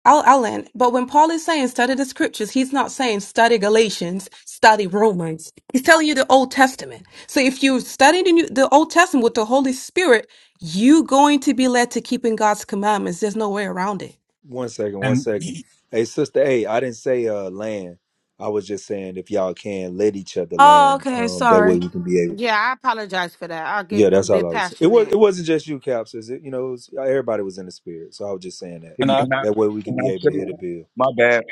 Speaker 10: I'll, I'll end. But when Paul is saying study the scriptures, he's not saying study Galatians, study Romans. He's telling you the Old Testament. So if you study the, New, the Old Testament with the Holy Spirit, you going to be led to keeping God's commandments. There's no way around it.
Speaker 3: One second, one
Speaker 18: And
Speaker 3: second. Hey, sister, hey, I didn't say uh land. I was just saying if y'all can let each other
Speaker 10: Oh,
Speaker 3: land,
Speaker 10: okay.
Speaker 3: um, that way
Speaker 10: Sorry.
Speaker 3: we can be able.
Speaker 4: Yeah, I apologize for that. I'll get
Speaker 3: Yeah,
Speaker 4: a
Speaker 3: that's all I
Speaker 4: bit
Speaker 3: was. It was. It
Speaker 4: passionate.
Speaker 3: wasn't just you, Caps. Is it? You know, it was, everybody was in the spirit. So I was just saying that.
Speaker 14: Can
Speaker 18: and I
Speaker 14: I,
Speaker 3: That way we can
Speaker 14: can I
Speaker 3: be able to
Speaker 14: say
Speaker 3: hit a bill.
Speaker 14: My bad.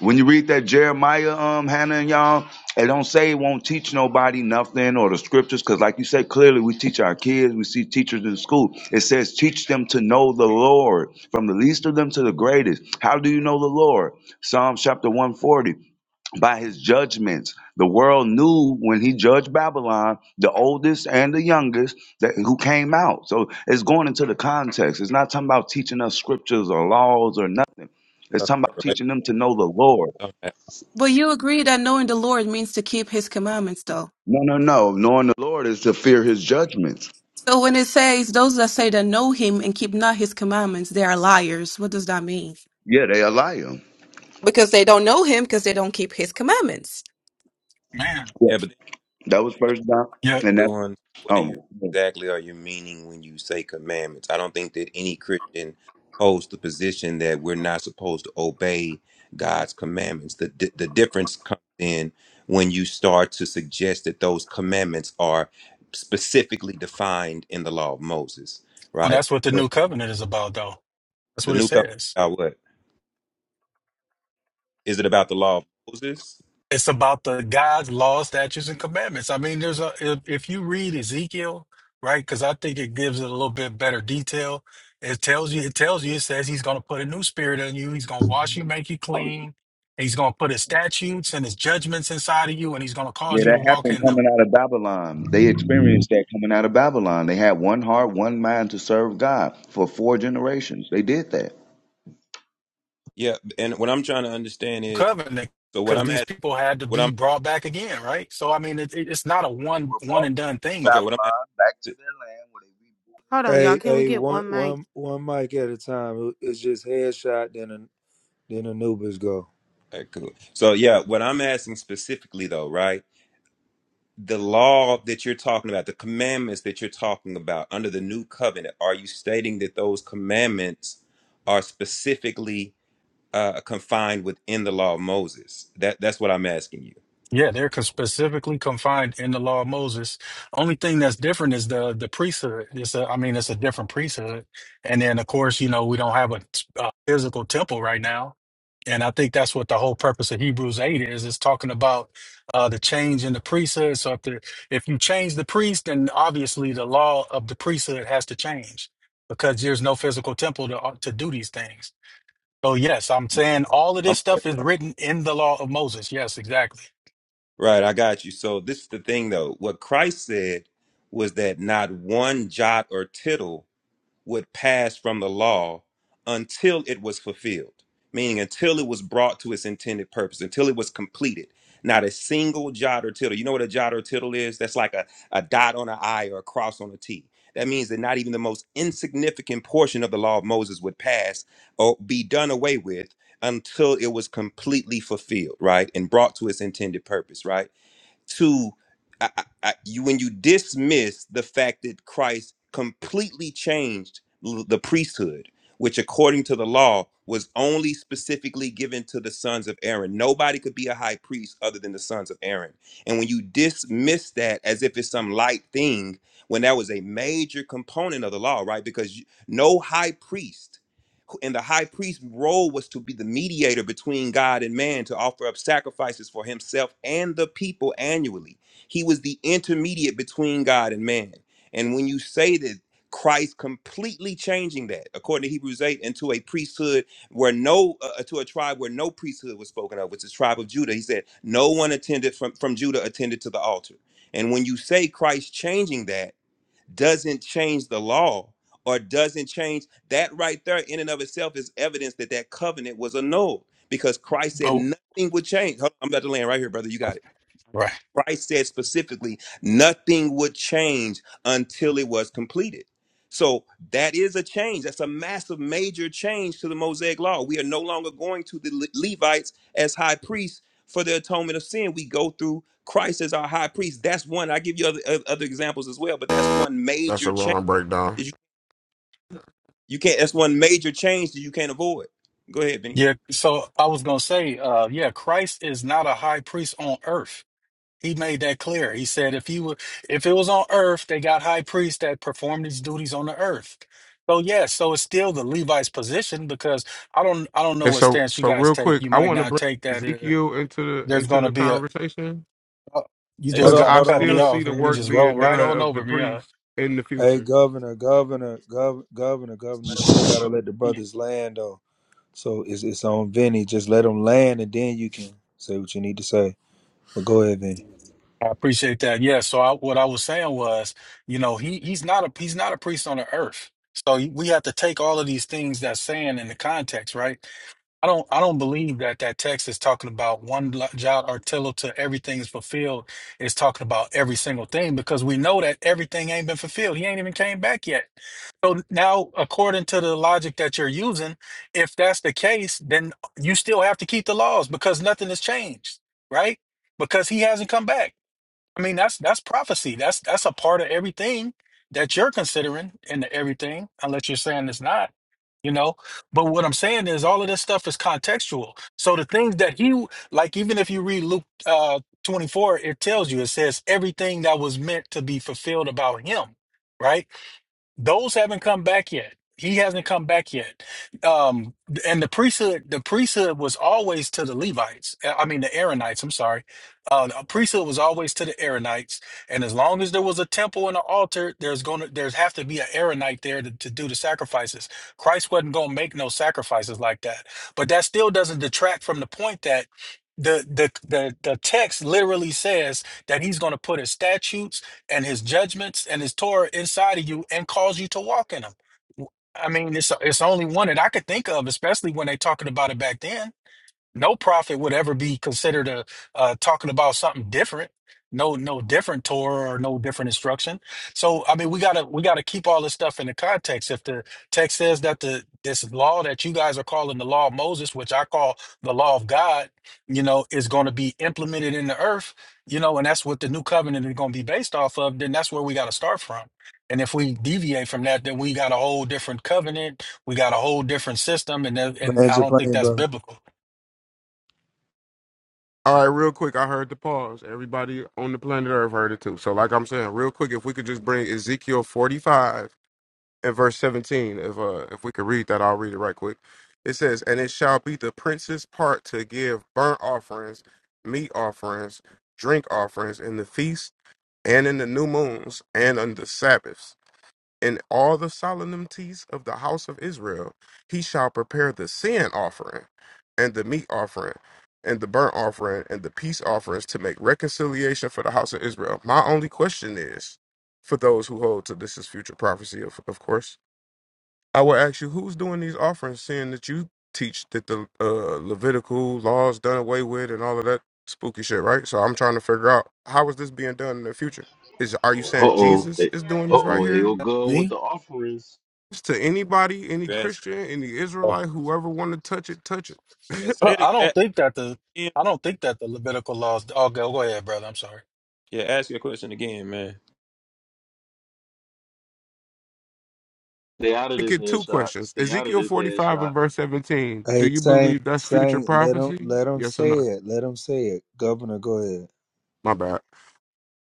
Speaker 14: When you read that Jeremiah, um, Hannah and y'all, it don't say it won't teach nobody nothing or the scriptures, because like you said, clearly we teach our kids, we see teachers in school. It says teach them to know the Lord, from the least of them to the greatest. How do you know the Lord? Psalms chapter 140 by his judgments. The world knew when he judged Babylon, the oldest and the youngest that who came out. So it's going into the context. It's not talking about teaching us scriptures or laws or nothing. It's
Speaker 17: something
Speaker 14: talking about
Speaker 17: related.
Speaker 14: teaching them to know the Lord.
Speaker 17: to that.
Speaker 10: But you agree that knowing the Lord means to keep his commandments, though.
Speaker 14: No, no, no. Knowing the Lord is to fear his judgments.
Speaker 10: So when it says those that say that know him and keep not his commandments, they are liars. What does that mean?
Speaker 14: Yeah, they allow him.
Speaker 10: Because they don't know him because they don't keep his commandments.
Speaker 18: man,
Speaker 14: Yeah.
Speaker 17: Yeah, but then
Speaker 14: That was first John
Speaker 17: you have
Speaker 18: yeah,
Speaker 17: to
Speaker 14: and that
Speaker 17: go on. What are
Speaker 14: um
Speaker 17: you exactly are you meaning when you say commandments? I don't think that any Christian holds the position that we're not supposed to obey God's commandments. The di- the difference comes in when you start to suggest that those commandments are specifically defined in the law of Moses,
Speaker 18: well
Speaker 17: right?
Speaker 18: that's what the
Speaker 17: Sure.
Speaker 18: new covenant is about though. That's
Speaker 17: The
Speaker 18: what it
Speaker 17: new covenant is
Speaker 18: says.
Speaker 17: about what? Is it about the law of Moses?
Speaker 18: It's about the God's law, statutes, and commandments. I mean, there's a if, if you read Ezekiel, right? Because I think it gives it a little bit better detail. It tells you, it tells you, it says he's gonna put a new spirit in you, he's gonna wash you, make you clean, he's gonna put his statutes and his judgments inside of you, and he's gonna
Speaker 14: yeah,
Speaker 18: cause you to
Speaker 14: that
Speaker 18: walk
Speaker 14: happened
Speaker 18: in them.
Speaker 14: coming out of Babylon. They experienced that coming out of Babylon. They had one heart, one mind to serve God for four generations. They did that.
Speaker 17: Yeah, and what I'm trying to understand is
Speaker 18: covenant
Speaker 17: so what
Speaker 18: because
Speaker 17: I'm
Speaker 18: these
Speaker 17: asking,
Speaker 18: people had to
Speaker 17: what
Speaker 18: be
Speaker 17: I'm
Speaker 18: brought back again, right? So I mean, it, it- it's not a
Speaker 14: They
Speaker 18: one
Speaker 14: were
Speaker 18: one
Speaker 14: brought
Speaker 18: and done
Speaker 14: from
Speaker 18: thing
Speaker 17: okay,
Speaker 18: though.
Speaker 17: what I'm
Speaker 14: Babylon back to
Speaker 17: asking.
Speaker 14: their land where they rebuilt.
Speaker 4: Hold on, y'all.
Speaker 3: Hey,
Speaker 4: Can we
Speaker 3: hey,
Speaker 4: get
Speaker 3: one,
Speaker 4: one mic?
Speaker 3: one, one mic at a time. It's just headshot, then a, then Anubis go.
Speaker 17: all right, cool. So yeah, what I'm asking specifically though, right? The law that you're talking about, the commandments that you're talking about under the new covenant, are you stating that those commandments are specifically uh, confined within the law of Moses? That that's what I'm asking you.
Speaker 18: Yeah, they're con- specifically confined in the law of Moses. Only thing that's different is the the priesthood. It's a, I mean, it's a different priesthood. And then, of course, you know, we don't have a, a physical temple right now. And I think that's what the whole purpose of Hebrews 8 is, It's talking about uh, the change in the priesthood. So if, the, if you change the priest, then obviously the law of the priesthood has to change because there's no physical temple to, uh, to do these things. So yes, I'm saying all of
Speaker 17: Um,
Speaker 18: this stuff is written in the law of Moses. Yes, exactly.
Speaker 17: right, I got you. So this is the thing though. What Christ said was that not one jot or tittle would pass from the law until it was fulfilled, meaning until it was brought to its intended purpose, until it was completed. Not a single jot or tittle. You know what a jot or tittle is? That's like a, a dot on an I or a cross on a T. That means that not even the most insignificant portion of the law of Moses would pass or be done away with until it was completely fulfilled, right? And brought to its intended purpose, right? to I, I, I- you when you dismiss the fact that Christ completely changed l- the priesthood, which according to the law was only specifically given to the sons of Aaron. Nobody could be a high priest other than the sons of Aaron. And when you dismiss that as if it's some light thing, when that was a major component of the law, right? Because you- no high priest and the high priest's role was to be the mediator between God and man to offer up sacrifices for himself and the people annually. He was the intermediate between God and man. And when you say that Christ completely changing that, according to Hebrews 8, into a priesthood where no, uh, uh, to a tribe where no priesthood was spoken of, which is tribe of Judah. He said, no one attended from, from Judah attended to the altar. And when you say Christ changing that, doesn't change the law or doesn't change that right there in and of itself is evidence that that covenant was annulled because Christ said nothing would change. Hold on, I'm about to land right here, brother. You got it
Speaker 18: Right.
Speaker 17: Christ said specifically, nothing would change until it was completed. So that is a change. That's a massive, major change to the Mosaic law. We are no longer going to the Le- Levites as high priests for the atonement of sin. We go through Christ as our high priest. That's one. I give you other oth- other examples as well, but that's one
Speaker 16: That's
Speaker 17: major
Speaker 16: a
Speaker 17: change.
Speaker 16: wrong breakdown.
Speaker 17: that You, you can't. That's one major change that you can't avoid. Go ahead, Benny.
Speaker 18: Yeah. So I was going to say, uh, yeah, Christ is not a high priest on earth. He made that clear. He said if he were, if it was on earth, they got high priests that performed these duties on the earth. So yeah, so it's still the Levi's position because I don't, I don't know
Speaker 16: And
Speaker 18: what
Speaker 16: so
Speaker 18: stance you
Speaker 16: so
Speaker 18: guys
Speaker 16: real
Speaker 18: take.
Speaker 16: quick,
Speaker 18: You
Speaker 16: I
Speaker 18: might
Speaker 16: want to
Speaker 18: not
Speaker 16: bring
Speaker 18: take that. Uh,
Speaker 16: Ezekiel into the
Speaker 18: there's
Speaker 16: into
Speaker 18: going to
Speaker 16: the
Speaker 18: be a.
Speaker 16: conversation.
Speaker 18: Uh, you
Speaker 17: Hey, good
Speaker 3: Hold
Speaker 18: just
Speaker 16: Because
Speaker 3: on,
Speaker 18: gotta
Speaker 16: I
Speaker 3: hold
Speaker 18: cut
Speaker 3: on,
Speaker 17: man.
Speaker 18: me
Speaker 16: still
Speaker 3: gov-
Speaker 16: see
Speaker 18: off.
Speaker 16: the
Speaker 18: You
Speaker 3: governor,
Speaker 16: work
Speaker 18: just roll
Speaker 16: being
Speaker 3: governor,
Speaker 18: right
Speaker 16: done
Speaker 18: on
Speaker 3: governor.
Speaker 16: of the
Speaker 18: over me.
Speaker 16: priests
Speaker 18: Uh,
Speaker 16: in the
Speaker 3: Hey,
Speaker 16: future.
Speaker 3: governor, governor, gov- governor, governor. You still gotta let the brothers land though. So it's it's on Vinny. Just let them land, and then you can say what you need to say. But go ahead, Vinny.
Speaker 18: I appreciate that. Yeah. So I, what I was saying was, you know, he he's not a he's not a priest on the earth. So he- we have to take all of these things that's saying in the context, right? I don't I don't believe that that text is talking about one lo- jot or tittle to everything is fulfilled. It's talking about every single thing because we know that everything ain't been fulfilled. He ain't even came back yet. So now, according to the logic that you're using, if that's the case, then you still have to keep the laws because nothing has changed, right? Because he hasn't come back. I mean, that's that's prophecy. That's that's a part of everything that you're considering in the everything, unless you're saying it's not, you know. But what I'm saying is all of this stuff is contextual. So the things that he like, even if you read Luke uh 24, it tells you, it says everything that was meant to be fulfilled about him, right? Those haven't come back yet. He hasn't come back yet. Um, and the priesthood, the priesthood was always to the Levites. Uh, I mean, the Aaronites, I'm sorry. Uh, the priesthood was always to the Aaronites. And as long as there was a temple and an altar, there's going to, there's have to be an Aaronite there to, to do the sacrifices. Christ wasn't going to make no sacrifices like that. But that still doesn't detract from the point that the, the, the, the text literally says that he's going to put his statutes and his judgments and his Torah inside of you and cause you to walk in them. I mean, it's it's only one that I could think of, especially when they talking about it back then no prophet would ever be considered a uh, talking about something different no no different torah or no different instruction so i mean we gotta we gotta keep all this stuff in the context if the text says that the this law that you guys are calling the law of moses which i call the law of god you know is going to be implemented in the earth you know and that's what the new covenant is going to be based off of then that's where we got to start from and if we deviate from that then we got a whole different covenant we got a whole different system and that- and
Speaker 3: Land
Speaker 18: i
Speaker 3: your
Speaker 18: don't think
Speaker 3: plane,
Speaker 18: that's
Speaker 3: brother.
Speaker 18: biblical
Speaker 16: All right, real quick, I heard the pause. Everybody on the planet Earth heard it too. So like I'm saying, real quick, if we could just bring Ezekiel 45 in verse 17 if uh if we could read that i'll read it right quick it says and it shall be the prince's part to give burnt offerings meat offerings drink offerings in the feast and in the new moons and on the sabbaths in all the solemnities of the house of israel he shall prepare the sin offering and the meat offering and the burnt offering and the peace offerings to make reconciliation for the house of israel my only question is for those who hold to this is future prophecy of, of course I will ask you, who's doing these offerings, seeing that you teach that the uh, Levitical laws done away with and all of that spooky shit, right? So I'm trying to figure out how is this being done in the future? Is are you saying
Speaker 6: oh, uh
Speaker 16: Jesus is doing this right
Speaker 6: oh, here
Speaker 16: here?
Speaker 6: we go with
Speaker 18: me
Speaker 6: the offerings.
Speaker 16: It's to anybody, any
Speaker 17: You ask-
Speaker 16: Christian, any
Speaker 18: I
Speaker 16: Israelite, whoever want to touch it, touch it.
Speaker 17: hey,
Speaker 16: [laughs]
Speaker 17: Say
Speaker 18: don't,
Speaker 17: it
Speaker 18: I don't think that the
Speaker 17: again.
Speaker 18: I don't think that the Levitical laws. Oh, go go ahead, brother. I'm sorry.
Speaker 17: Yeah, ask your question again, man.
Speaker 6: Stay out of
Speaker 16: Make
Speaker 6: this
Speaker 16: it two
Speaker 6: headshot.
Speaker 16: questions.
Speaker 6: Stay out of
Speaker 16: Ezekiel
Speaker 6: this
Speaker 16: 45 and
Speaker 6: headshot.
Speaker 16: verse 17. Do
Speaker 3: Hey,
Speaker 16: you
Speaker 3: Saint,
Speaker 16: believe that's future
Speaker 3: Saint, let them
Speaker 16: prophecy?
Speaker 3: let them
Speaker 16: Yes or
Speaker 3: say
Speaker 16: no?
Speaker 3: it. Let them say it. Governor, go ahead.
Speaker 16: My bad.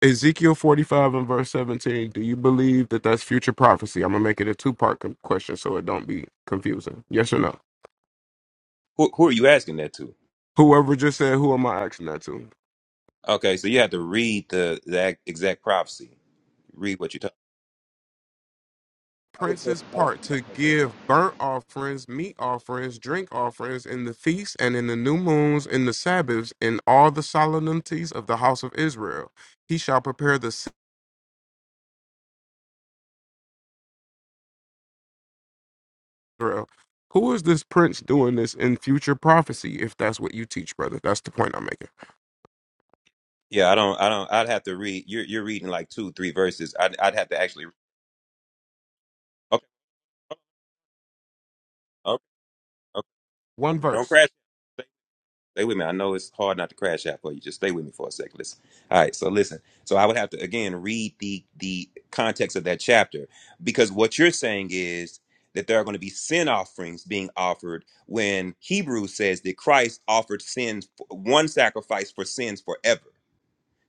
Speaker 16: Ezekiel 45 and verse 17, do you believe that that's future prophecy? I'm going to make it a two part question so it don't be confusing. Yes or no?
Speaker 17: Who, who are you asking that to?
Speaker 16: Whoever just said, who am I asking that to?
Speaker 17: Okay, so you have to read the the ac- exact prophecy. Read what you're talking.
Speaker 14: I was supposed
Speaker 16: Prince's
Speaker 14: to talk
Speaker 16: part to
Speaker 14: about that.
Speaker 16: give burnt offerings, meat offerings, drink offerings in the feasts and in the new moons, in the Sabbaths, in all the solemnities of the house of Israel. He shall prepare the Israel. Who is this prince doing this in future prophecy, if that's what you teach, brother? That's the point I'm making.
Speaker 17: Yeah, I don't. I don't. I'd have to read. You're you're reading like two, three verses. I'd I'd have to actually. Okay, okay, okay.
Speaker 16: One
Speaker 17: Don't
Speaker 16: verse.
Speaker 17: crash. Stay, stay with me. I know it's hard not to crash out for you. Just stay with me for a second. Listen. All right. So listen. So I would have to again read the the context of that chapter because what you're saying is that there are going to be sin offerings being offered when Hebrews says that Christ offered sins one sacrifice for sins forever.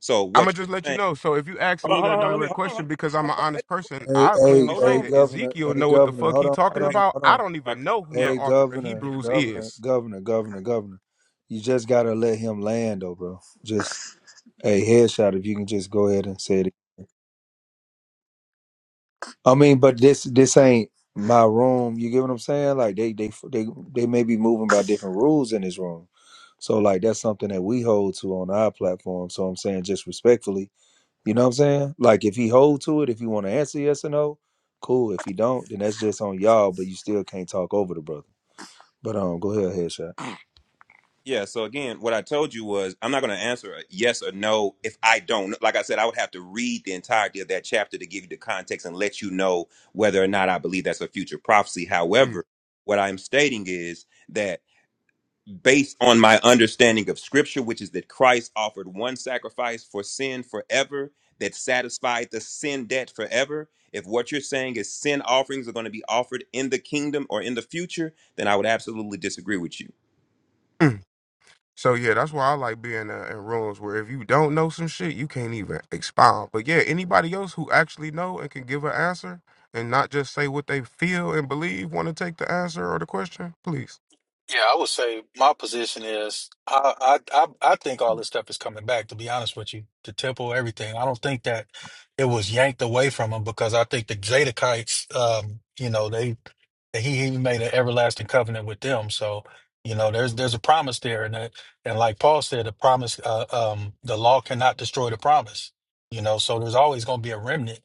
Speaker 17: So
Speaker 16: I'm gonna
Speaker 17: what you're
Speaker 16: just let
Speaker 17: saying.
Speaker 16: you know. So if you ask
Speaker 17: Hold
Speaker 16: me
Speaker 17: on, hold on,
Speaker 16: that
Speaker 17: hold on. Let me
Speaker 16: direct
Speaker 17: hold on, hold
Speaker 16: question, because I'm
Speaker 17: on,
Speaker 16: an
Speaker 17: hold
Speaker 16: honest person,
Speaker 3: Hey,
Speaker 16: I'll
Speaker 17: on,
Speaker 3: hey,
Speaker 16: cleanly
Speaker 17: hold
Speaker 16: say
Speaker 3: hey,
Speaker 17: on, bro.
Speaker 16: that
Speaker 3: governor,
Speaker 16: Ezekiel
Speaker 3: hey,
Speaker 16: know what the
Speaker 3: governor.
Speaker 16: fuck
Speaker 3: Hold
Speaker 16: he
Speaker 3: on, hold
Speaker 16: talking
Speaker 17: Here we go.
Speaker 3: on,
Speaker 16: about.
Speaker 3: hold
Speaker 16: I
Speaker 3: on.
Speaker 16: don't
Speaker 17: I
Speaker 16: even
Speaker 17: cut-
Speaker 16: know who the
Speaker 17: Yeah,
Speaker 3: Hey,
Speaker 16: author of
Speaker 3: governor,
Speaker 16: Hebrews
Speaker 3: governor,
Speaker 16: is.
Speaker 3: governor, governor, governor. You just gotta let him land, though, bro. Just a headshot. If you can just go ahead and say it. I mean, but this this ain't my room. You get what I'm saying? Like they they they they may be moving by different rules in this room. So like that's something that we hold to on our platform. So I'm saying just respectfully. You know what I'm saying? Like if he hold to it, if he want to answer yes or no, cool. If he don't, then that's just on y'all. But you still can't talk over the brother. But um, go ahead, headshot.
Speaker 17: yeah. So again, what I told you was I'm not going to answer a yes or no if I don't. know. Like I said, I would have to read the entirety of that chapter to give you the context and let you know whether or not I believe that's a future prophecy.
Speaker 16: Mm,
Speaker 17: However, what I'm stating is that. based on my understanding of scripture, which is that Christ offered one sacrifice for sin forever that satisfied the sin debt forever. If what you're saying is sin offerings are going to be offered in the kingdom or in the future, then I would absolutely disagree with you.
Speaker 16: mm. so yeah, that's why I like being uh, in rooms where if you don't know some shit, you can't even expound. But yeah, anybody else who actually know and can give an answer and not just say what they feel and believe, want to take the answer or the question, please.
Speaker 18: Yeah, I would say my position is I, I I I think all this stuff is coming back. To be honest with you, the temple, everything. I don't think that it was yanked away from him because I think the Zadokites, um, you know, they he he made an everlasting covenant with them. So you know, there's there's a promise there, and that, and like Paul said, the promise, uh, um, the law cannot destroy the promise. You know, so there's always going to be a remnant.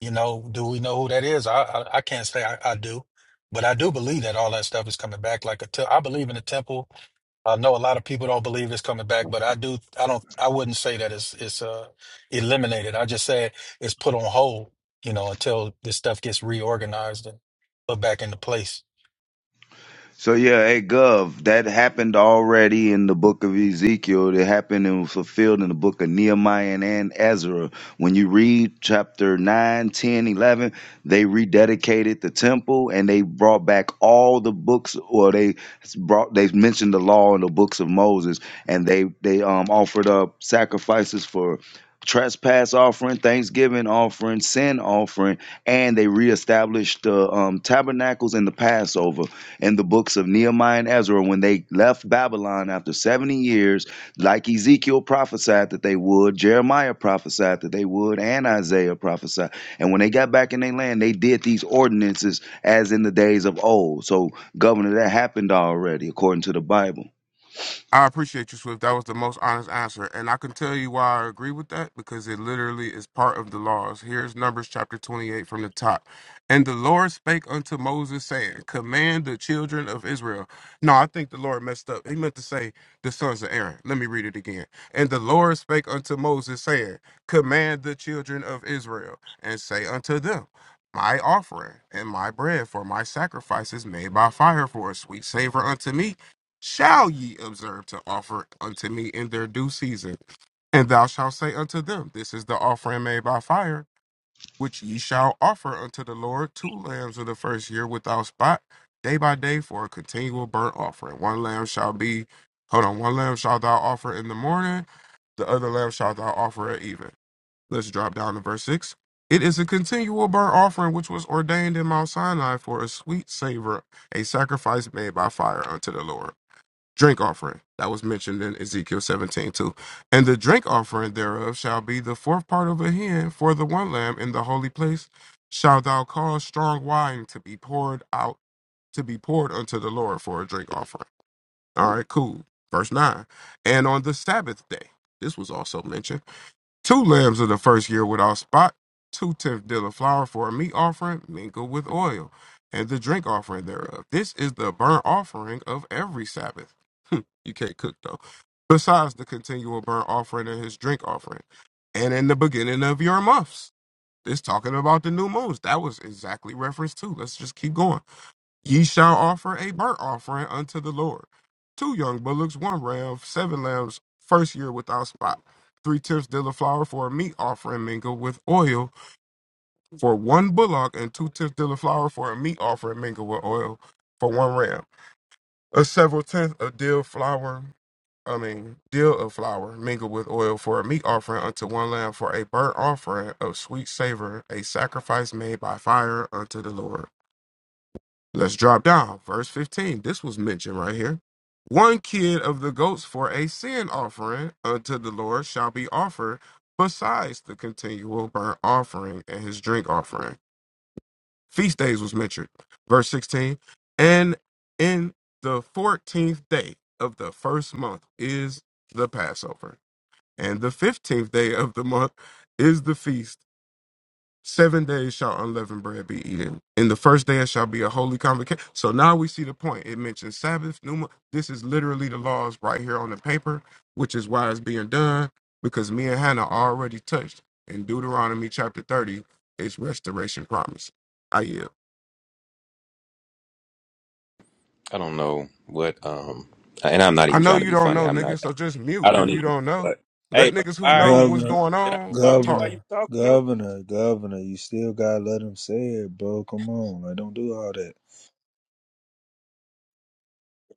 Speaker 18: You know, do we know who that is? I I, I can't say I, I do but I do believe that all that stuff is coming back. Like a te- I believe in the temple. I know a lot of people don't believe it's coming back, but I do. I don't. I wouldn't say that it's it's uh, eliminated. I just said it's put on hold. You know, until this stuff gets reorganized and put back into place.
Speaker 14: So yeah, hey Gov, that happened already in the book of Ezekiel. It happened and was fulfilled in the book of Nehemiah and, and Ezra. When you read chapter 9, 10, 11, they rededicated the temple and they brought back all the books or they brought they mentioned the law in the books of Moses and they they um offered up sacrifices for trespass offering, thanksgiving offering, sin offering, and they reestablished the um, tabernacles and the Passover in the books of Nehemiah and Ezra when they left Babylon after 70 years, like Ezekiel prophesied that they would, Jeremiah prophesied that they would, and Isaiah prophesied. And when they got back in their land, they did these ordinances as in the days of old. So, Governor, that happened already according to the Bible.
Speaker 16: I appreciate you, Swift. That was the most honest answer. And I can tell you why I agree with that because it literally is part of the laws. Here's Numbers chapter 28 from the top. And the Lord spake unto Moses, saying, Command the children of Israel. No, I think the Lord messed up. He meant to say, The sons of Aaron. Let me read it again. And the Lord spake unto Moses, saying, Command the children of Israel, and say unto them, my offering and my bread for my sacrifices made by fire for a sweet savor unto me shall ye observe to offer unto me in their due season. And thou shalt say unto them, This is the offering made by fire, which ye shall offer unto the Lord two lambs of the first year without spot, day by day for a continual burnt offering. One lamb shall be, hold on, one lamb shalt thou offer in the morning, the other lamb shalt thou offer at even. Let's drop down to verse 6. It is a continual burnt offering which was ordained in Mount Sinai for a sweet savor, a sacrifice made by fire unto the Lord drink offering that was mentioned in Ezekiel 17 too. And the drink offering thereof shall be the fourth part of a hin for the one lamb in the holy place. Shalt thou cause strong wine to be poured out to be poured unto the Lord for a drink offering. All right, cool. Verse nine. And on the Sabbath day, this was also mentioned two lambs of the first year without spot, two tenth dill of flour for a meat offering, mingled with oil, and the drink offering thereof. This is the burnt offering of every Sabbath. [laughs] Hmm, you can't cook though. Besides the continual burnt offering and his drink offering, and in the beginning of your months. This talking about the new moons. That was exactly referenced to. Let's just keep going. Ye shall offer a burnt offering unto the Lord. Two young bullocks, one ram, seven lambs, first year without spot. Three tenths dill of flour for a meat offering mingled with oil for one bullock, and two tenths dill of flour for a meat offering mingled with oil for one ram. A several tenth of dill flour, I mean, dill of flour mingled with oil for a meat offering unto one lamb for a burnt offering of sweet savor, a sacrifice made by fire unto the Lord. Let's drop down. Verse 15. This was mentioned right here. One kid of the goats for a sin offering unto the Lord shall be offered besides the continual burnt offering and his drink offering. Feast days was mentioned. Verse 16. And in the 14th day of the first month is the Passover. And the 15th day of the month is the feast Seven days shall unleavened bread be eaten. In the first day it shall be a holy convocation. So now we see the point. It mentions Sabbath, Numa. This is literally the laws right here on the paper, which is why it's being done, because me and Hannah already touched in Deuteronomy chapter 30, it's restoration promise. I yield.
Speaker 17: I don't know what, um, and I'm not
Speaker 16: I
Speaker 17: even
Speaker 16: know
Speaker 17: trying to
Speaker 16: you
Speaker 17: be
Speaker 16: don't
Speaker 17: funny.
Speaker 16: know,
Speaker 17: I'm not,
Speaker 16: niggas, so just mute
Speaker 17: I don't
Speaker 16: if you
Speaker 17: even know
Speaker 16: don't know.
Speaker 17: what. Hey,
Speaker 16: Let
Speaker 17: bro,
Speaker 16: niggas
Speaker 17: why
Speaker 16: who
Speaker 17: are
Speaker 16: know
Speaker 17: you?
Speaker 16: what's
Speaker 3: Governor,
Speaker 16: going
Speaker 17: Did I
Speaker 16: on
Speaker 17: harm you
Speaker 16: talk.
Speaker 17: while you
Speaker 3: governor,
Speaker 17: talking, bro?
Speaker 3: governor, governor. You still gotta let him say it, bro. Come on, like don't do all that,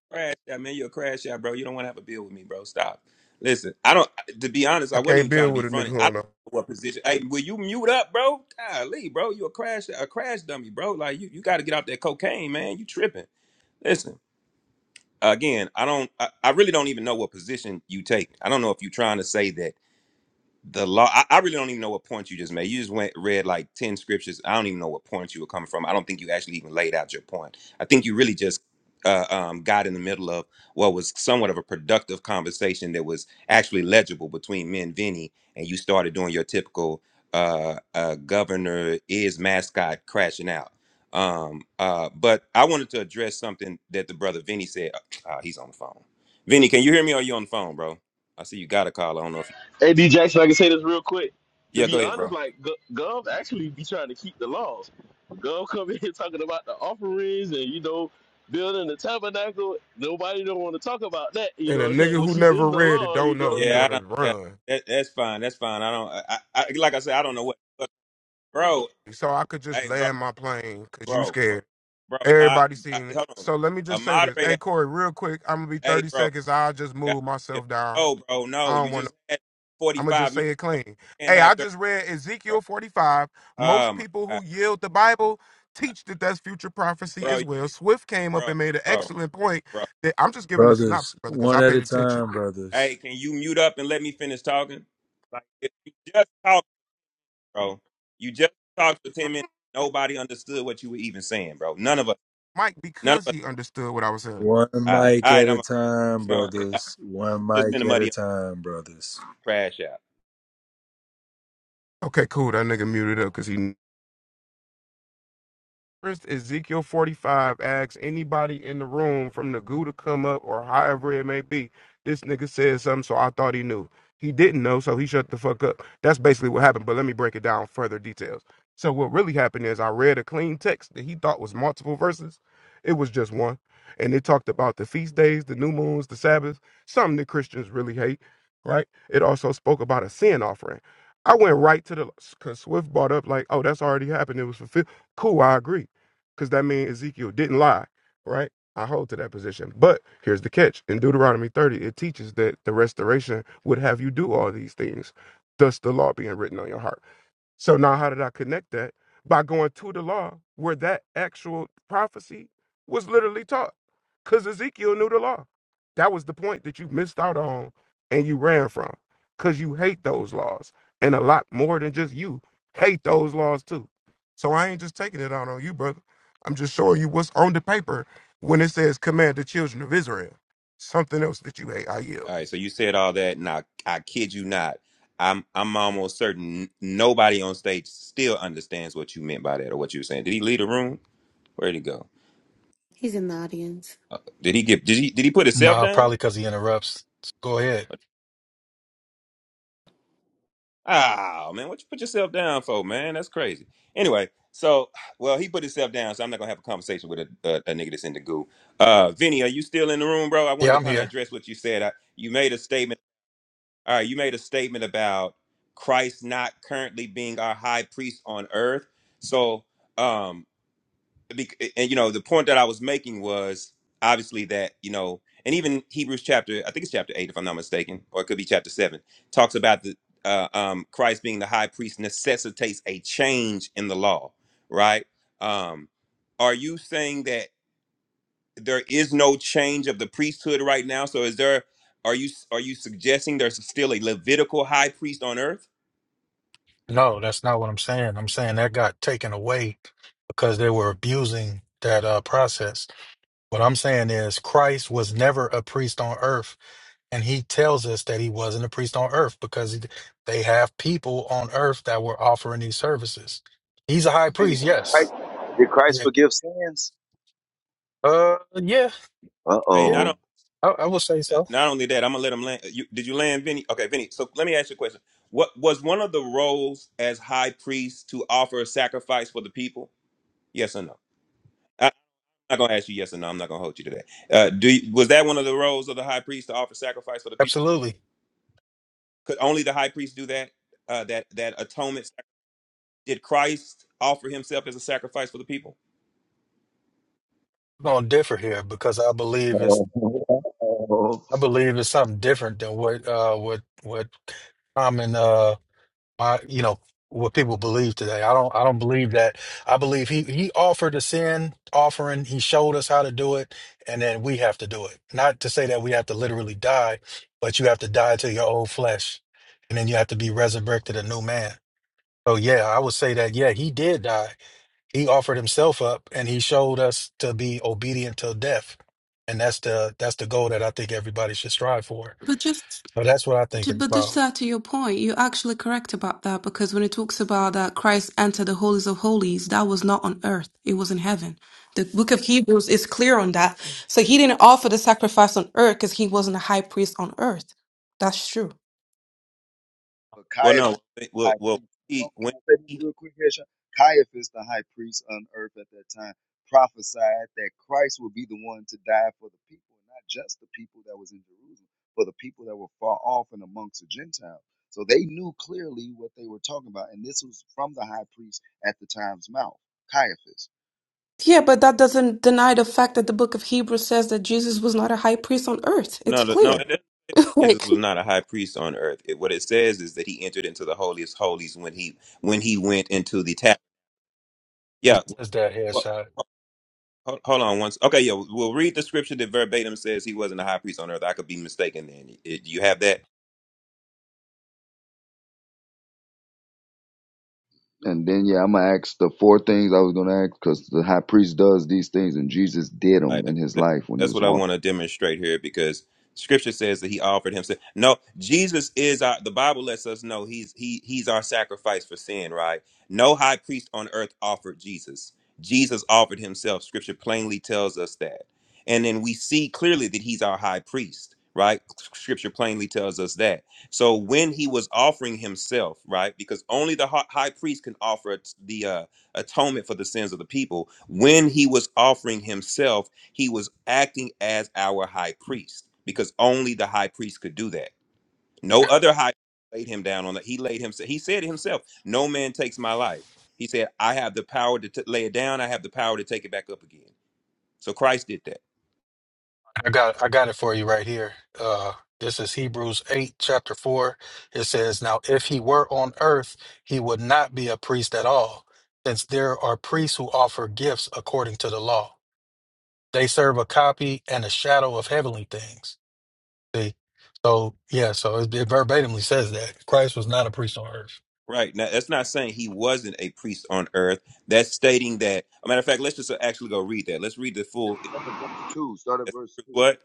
Speaker 17: Crash out, man. You're a crash out, bro. You don't want to have a bill with me, bro. Stop. Listen, I don't. To be honest, I
Speaker 16: I
Speaker 17: wasn't
Speaker 16: can't
Speaker 17: even trying
Speaker 16: deal
Speaker 17: to be
Speaker 16: with a nigga
Speaker 17: funny.
Speaker 16: who
Speaker 17: I
Speaker 16: don't
Speaker 17: don't
Speaker 16: know.
Speaker 17: know what position. Hey, will you mute up, bro? Golly, bro. You a crash, a crash dummy, bro. Like you, you got to get out that cocaine, man. You tripping? Listen, again, I don't. I, I really don't even know what position you take. I don't know if you're trying to say that the law I, I really don't even know what point you just made you just went read like 10 scriptures i don't even know what point you were coming from i don't think you actually even laid out your point i think you really just uh, um, got in the middle of what was somewhat of a productive conversation that was actually legible between me and vinny and you started doing your typical uh, uh, governor is mascot crashing out um, uh, but i wanted to address something that the brother vinny said [clears throat] uh, he's on the phone vinny can you hear me or are you on the phone bro i see you got a call i don't know if you
Speaker 6: Hey, D Jackson, I can say this real quick. To
Speaker 17: yeah go
Speaker 6: be
Speaker 17: ahead bro
Speaker 6: honest, like Gu- Gov actually be trying to keep the laws. Gov come [laughs] in here talking about the offerings and you know building the tabernacle. Nobody don't want to talk about that. You
Speaker 16: And
Speaker 6: know
Speaker 16: a
Speaker 6: what I'm
Speaker 16: nigga
Speaker 6: saying?
Speaker 16: who
Speaker 6: Which is
Speaker 16: never
Speaker 6: in the
Speaker 16: read it
Speaker 6: law. You
Speaker 16: don't know
Speaker 6: know.
Speaker 16: he
Speaker 17: Yeah, I
Speaker 16: wanna
Speaker 17: don't, yeah,
Speaker 16: run.
Speaker 17: that, that's fine. That's fine. I don't. I, I like I said. I don't know what, but bro.
Speaker 16: so I could just
Speaker 17: Hey, bro,
Speaker 16: land my plane because you
Speaker 17: bro, bro,
Speaker 16: scared.
Speaker 17: bro. I,
Speaker 16: Everybody
Speaker 17: I,
Speaker 16: seen it.
Speaker 17: hold on.
Speaker 16: So let me
Speaker 17: A
Speaker 16: just say this. Hey,
Speaker 17: moderator.
Speaker 16: Corey, real quick, I'm going to be
Speaker 17: Hey,
Speaker 16: 30
Speaker 17: bro.
Speaker 16: seconds. I'll just
Speaker 17: God,
Speaker 16: move myself down.
Speaker 17: no, bro. No,
Speaker 16: I
Speaker 17: you
Speaker 16: don't want to.
Speaker 17: just had forty
Speaker 16: I'm going to
Speaker 17: five
Speaker 16: just
Speaker 17: minutes.
Speaker 16: say it
Speaker 17: Bro.
Speaker 16: clean.
Speaker 17: Can't
Speaker 16: Hey,
Speaker 17: have
Speaker 16: I
Speaker 17: thirty,
Speaker 16: just read
Speaker 17: bro.
Speaker 16: Ezekiel 45.
Speaker 17: Oh
Speaker 16: Most
Speaker 17: my
Speaker 16: people
Speaker 17: god,
Speaker 16: who yield the Bible teach that that's future prophecy
Speaker 17: bro, you-
Speaker 16: as well. Swift came up
Speaker 17: bro,
Speaker 16: and made an
Speaker 17: bro,
Speaker 16: excellent point
Speaker 17: bro.
Speaker 16: that I'm just giving a
Speaker 3: brothers.
Speaker 16: synopsis, brother, because
Speaker 3: One
Speaker 16: I
Speaker 3: at a
Speaker 16: paid attention.
Speaker 3: time,
Speaker 17: Hey,
Speaker 3: brothers.
Speaker 17: can you mute up and let me finish talking? Like, if you just talked, bro. You just talked for ten minutes. Nobody understood what you were even saying, bro. None of us.
Speaker 16: Mike,
Speaker 17: None
Speaker 16: because
Speaker 17: of us.
Speaker 16: he understood what I was saying.
Speaker 3: One
Speaker 17: All right,
Speaker 3: mic
Speaker 17: all right.
Speaker 3: at
Speaker 17: I'm
Speaker 3: a time,
Speaker 17: just gonna. I'm
Speaker 3: brothers. One
Speaker 17: just
Speaker 3: mic
Speaker 17: finna
Speaker 3: at a
Speaker 17: muddy up
Speaker 3: time, brothers.
Speaker 17: the out.
Speaker 16: Okay, cool. That nigga muted up because he First, Ezekiel 45 asks anybody in the room from the goo to come up or however it may be. This nigga said something, so I thought he knew. He didn't know, so he shut the fuck up. That's basically what happened, but let me break it down further details. So, what really happened is I read a clean text that he thought was multiple verses. It was just one. And it talked about the feast days, the new moons, the Sabbath, something that Christians really hate, right? It also spoke about a sin offering. I went right to the, because Swift brought up, like, oh, that's already happened. It was fulfilled. Cool, I agree because that means Ezekiel didn't lie, right? I hold to that position. But here's the catch in Deuteronomy 30, it teaches that the restoration would have you do all these things, thus the law being written on your heart. So now how did I connect that? By going to the law where that actual prophecy was literally taught. Because Ezekiel knew the law. That was the point that you missed out on and you ran from. Because you hate those laws. And a lot more than just you hate those laws too. So I ain't just taking it out on you, brother. I'm just showing you what's on the paper when it says command the children of Israel. Something else that you hate, I yield.
Speaker 17: All right. So you said all that, and I, I kid you not. I'm I'm almost certain nobody on stage still understands what you meant by that or what you were saying. Did he leave the room? Where'd he go?
Speaker 4: He's in the audience.
Speaker 17: Did he get? Did he? Did he put himself
Speaker 18: No,
Speaker 17: down?
Speaker 18: probably because he interrupts. Go ahead.
Speaker 17: Ah man, what you put yourself down for, man? That's crazy. Anyway, so well he put himself down, so I'm not gonna have a conversation with a, a, a nigga that's in the goo. Uh, Vinny, are you still in the room, bro? I wanted
Speaker 18: Yeah,
Speaker 17: to
Speaker 18: I'm
Speaker 17: kind of
Speaker 18: here.
Speaker 17: address what you said. I, you made a statement. All right, you made a statement about Christ not currently being our high priest on earth. So, um, bec- and you know, the point that I was making was obviously that you know, and even Hebrews chapter, I think it's chapter eight, if I'm not mistaken, or it could be chapter seven, talks about the uh, um, Christ being the high priest necessitates a change in the law, right? Um, are you saying that? there is no change of the priesthood right now. So is there are you are you suggesting there's still a Levitical high priest on earth?
Speaker 18: No, that's not what I'm saying. I'm saying that got taken away because they were abusing that uh, process. What I'm saying is Christ was never a priest on earth, and he tells us that he wasn't a priest on earth because he- they have people on earth that were offering these services. He's a high
Speaker 14: Many-
Speaker 18: priest,
Speaker 14: Christ-
Speaker 18: yes.
Speaker 14: Did Christ
Speaker 18: Yeah.
Speaker 14: forgive sins?
Speaker 18: Uh yeah,
Speaker 14: Uh
Speaker 17: Hey,
Speaker 18: yeah.
Speaker 17: not on,
Speaker 18: I, I would say so.
Speaker 17: not only that, I'm gonna let him land. You, did you land, Vinny? Okay, Vinny. So let me ask you a question. What was one of the roles as high priest to offer a sacrifice for the people? Yes or no? I'm not gonna ask you yes or no. I'm not gonna hold you to that. Uh, do you, was that one of the roles of the high priest to offer sacrifice for the people?
Speaker 18: Absolutely.
Speaker 17: Could only the high priest do that? Uh, that that atonement? Did Christ offer himself as a sacrifice for the people?
Speaker 18: We're gonna differ here because I believe it's
Speaker 14: oh. [laughs]
Speaker 18: I believe it's something different than what uh what what common uh my you know what people believe today. I don't I don't believe that. I believe he he offered a sin offering. He showed us how to do it, and then we have to do it. Not to say that we have to literally die, but you have to die to your old flesh, and then you have to be resurrected a new man. So yeah, I would say that yeah, he did die. He offered himself up, and he showed us to be obedient till death. And that's the that's the goal that I think everybody should strive for.
Speaker 10: But just
Speaker 18: So that's what I think
Speaker 10: to,
Speaker 18: it's
Speaker 10: but just
Speaker 18: about.
Speaker 10: that to your point, you're actually correct about that because when it talks about that Christ entered the holies of holies, that was not on earth; it was in heaven. The book of Hebrews is clear on that. So he didn't offer the sacrifice on earth because he wasn't a high priest on earth. That's true.
Speaker 14: But
Speaker 17: Well, no.
Speaker 14: Caiaphas, the
Speaker 17: Well,
Speaker 14: high
Speaker 17: well,
Speaker 14: priest, can I
Speaker 17: he
Speaker 14: can
Speaker 17: when
Speaker 14: I say this
Speaker 17: he,
Speaker 14: real quick, Hesha? Caiaphas, the high priest on earth at that time, prophesied that Christ would be the one to die for the people, not just the people that was in Jerusalem, but the people that were far off and amongst the Gentiles. So they knew clearly what they were talking about, and this was from the high priest at the time's mouth, Caiaphas.
Speaker 10: Yeah, but that doesn't deny the fact that the book of Hebrews says that Jesus was not a high priest on earth. It's
Speaker 17: no, no, no.
Speaker 10: clear. [laughs]
Speaker 17: Jesus
Speaker 10: like
Speaker 17: was not a high priest on earth. It, what it says is that he entered into the holiest holies when he when he went into the tap. Yeah.
Speaker 18: Is that
Speaker 17: Well,
Speaker 18: headshot?
Speaker 17: hold, hold on once. Okay. Yeah. We'll read the scripture that verbatim says he wasn't a high priest on earth. I could be mistaken. Then do you have that?
Speaker 14: And then, yeah, I'm gonna ask the four things I was gonna ask because the high priest does these things, and Jesus did them
Speaker 17: Right. That,
Speaker 14: in his
Speaker 17: that-
Speaker 14: life when he
Speaker 17: that's
Speaker 14: was
Speaker 17: what I
Speaker 14: walking.
Speaker 17: want to demonstrate here because scripture says that he offered himself. No, Jesus is our the Bible lets us know he's he he's our sacrifice for sin, right? No high priest on earth offered Jesus. Jesus offered himself. Scripture plainly tells us that. And then we see clearly that he's our high priest, right? Scripture plainly tells us that. So when he was offering himself, right? Because only the hi- high priest can offer the uh atonement for the sins of the people when he was offering himself he was acting as our high priest because only the high priest could do that. No other high priest laid him down on that. He laid himself. He said himself, "No man takes my life." He said, "I have the power to t- lay it down. I have the power to take it back up again." So Christ did that.
Speaker 18: I got I got it for you right here. Uh this is Hebrews 8 chapter 4. It says, "Now if he were on earth, he would not be a priest at all, since there are priests who offer gifts according to the law. They serve a copy and a shadow of heavenly things." See? So, yeah, so it, it verbatimly says that Christ was not a priest on earth.
Speaker 17: Right now, that's not saying he wasn't a priest on earth. That's stating that. A matter of fact, let's just uh, actually go read that. Let's read the
Speaker 14: Yeah,
Speaker 17: full.
Speaker 14: Start at verse two. Start at verse two.
Speaker 17: What?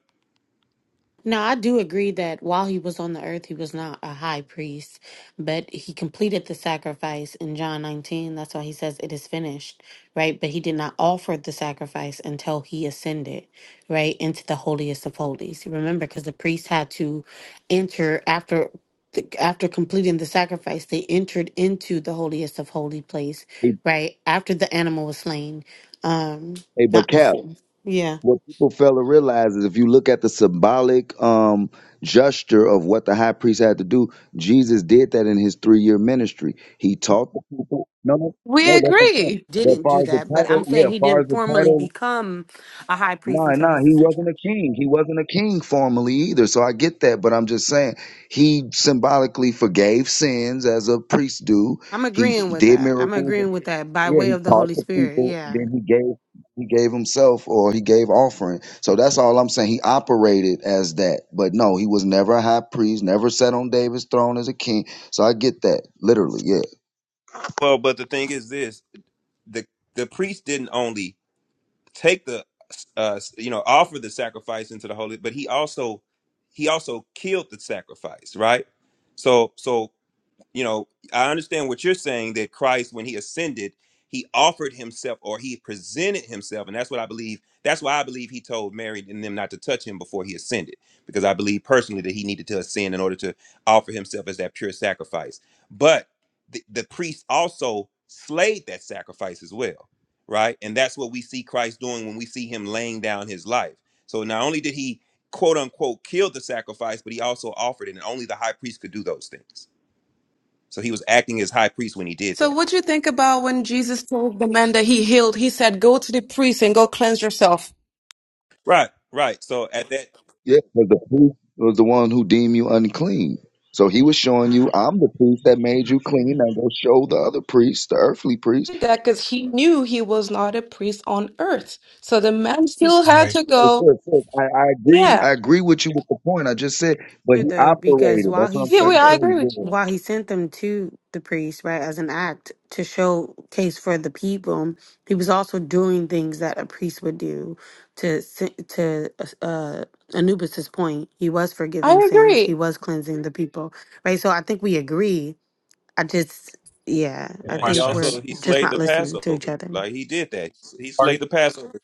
Speaker 4: Now, I do agree that while he was on the earth, he was not a high priest, but he completed the sacrifice in John 19. That's why he says it is finished, right? But he did not offer the sacrifice until he ascended, right, into the holiest of holies. Remember, because the priest had to enter after. After completing the sacrifice, they entered into the holiest of holy place, right? After the animal was slain, um,
Speaker 14: Hey, but
Speaker 4: not
Speaker 14: Cap,
Speaker 4: before. Yeah.
Speaker 14: what people fail to realize is if you look at the symbolic um, gesture of what the high priest had to do, Jesus did that in his three year ministry. He taught the people. No, no,
Speaker 10: we
Speaker 14: no, that's what I'm saying.
Speaker 10: agree.
Speaker 14: But as
Speaker 4: didn't
Speaker 14: far
Speaker 4: do
Speaker 14: as the
Speaker 4: that, but I'm
Speaker 14: title, yeah,
Speaker 4: saying
Speaker 14: as
Speaker 4: he
Speaker 14: far as
Speaker 4: didn't
Speaker 14: the
Speaker 4: formally
Speaker 14: title,
Speaker 4: become a high priest
Speaker 14: nah,
Speaker 4: until
Speaker 14: nah,
Speaker 4: his
Speaker 14: he wasn't a
Speaker 4: ascension.
Speaker 14: king. He wasn't a king formally either. So I get that, but I'm just saying he symbolically forgave sins as a priest do.
Speaker 4: I'm
Speaker 14: He
Speaker 4: agreeing with
Speaker 14: did
Speaker 4: that. I'm
Speaker 14: miracles.
Speaker 4: agreeing with that by
Speaker 14: Yeah,
Speaker 4: way
Speaker 14: he
Speaker 4: of the
Speaker 14: taught
Speaker 4: Holy
Speaker 14: the
Speaker 4: Spirit.
Speaker 14: people,
Speaker 4: Yeah.
Speaker 14: then he gave he gave himself or he gave offering. So that's all I'm saying. He operated as that. But no, he was never a high priest, never sat on David's throne as a king. So I get that. Literally, yeah.
Speaker 17: Well, but the thing is this: the the priest didn't only take the uh you know offer the sacrifice into the holy but he also he also killed the sacrifice right so so you know, I understand what you're saying that Christ, when he ascended, he offered himself or he presented himself. And that's what I believe. That's why I believe he told Mary and them not to touch him before he ascended, because I believe personally that he needed to ascend in order to offer himself as that pure sacrifice. But the, the priest also slayed that sacrifice as well, right? And that's what we see Christ doing when we see him laying down his life. So not only did he quote unquote kill the sacrifice, but he also offered it. And only the high priest could do those things. So he was acting as high priest when he did
Speaker 10: So
Speaker 17: that.
Speaker 10: what do you think about when Jesus told the man that he healed, he said, Go to the priest and go cleanse yourself.
Speaker 17: Right, right. So at that,
Speaker 14: Yeah. But the priest was the one who deemed you unclean. So he was showing you, I'm the priest that made you clean. Now go show the other priests, the earthly priest.
Speaker 10: That because he knew he was not a priest on earth. So the man
Speaker 4: It's
Speaker 10: still
Speaker 18: All
Speaker 10: had
Speaker 18: right.
Speaker 10: to
Speaker 14: Hey,
Speaker 10: go.
Speaker 14: sis, sis, I, I agree.
Speaker 10: Yeah.
Speaker 14: I agree with you with the point I just said. But
Speaker 4: true
Speaker 14: he
Speaker 4: though, because
Speaker 14: operated.
Speaker 4: while
Speaker 14: That's what
Speaker 4: he
Speaker 14: I'm
Speaker 10: Yeah, we
Speaker 14: trying
Speaker 4: sent
Speaker 14: to
Speaker 10: I
Speaker 4: the
Speaker 14: show
Speaker 10: agree
Speaker 14: you.
Speaker 10: with
Speaker 14: Yeah.
Speaker 10: you.
Speaker 4: while he sent them to the priest, right, as an act to showcase for the people, he was also doing things that a priest would do. To sin- to uh, Anubis's point, he was
Speaker 10: I
Speaker 4: forgiving sins. He
Speaker 10: agree.
Speaker 4: was cleansing the people, right? So I think we agree I just, yeah, I
Speaker 17: yeah, he
Speaker 4: think we're
Speaker 17: also
Speaker 18: Questions?
Speaker 17: he
Speaker 4: just
Speaker 17: slayed
Speaker 4: not
Speaker 17: the
Speaker 4: listening to each
Speaker 17: Passover.
Speaker 4: other.
Speaker 17: Like he did that. He
Speaker 18: Are you,
Speaker 17: slayed the Passover.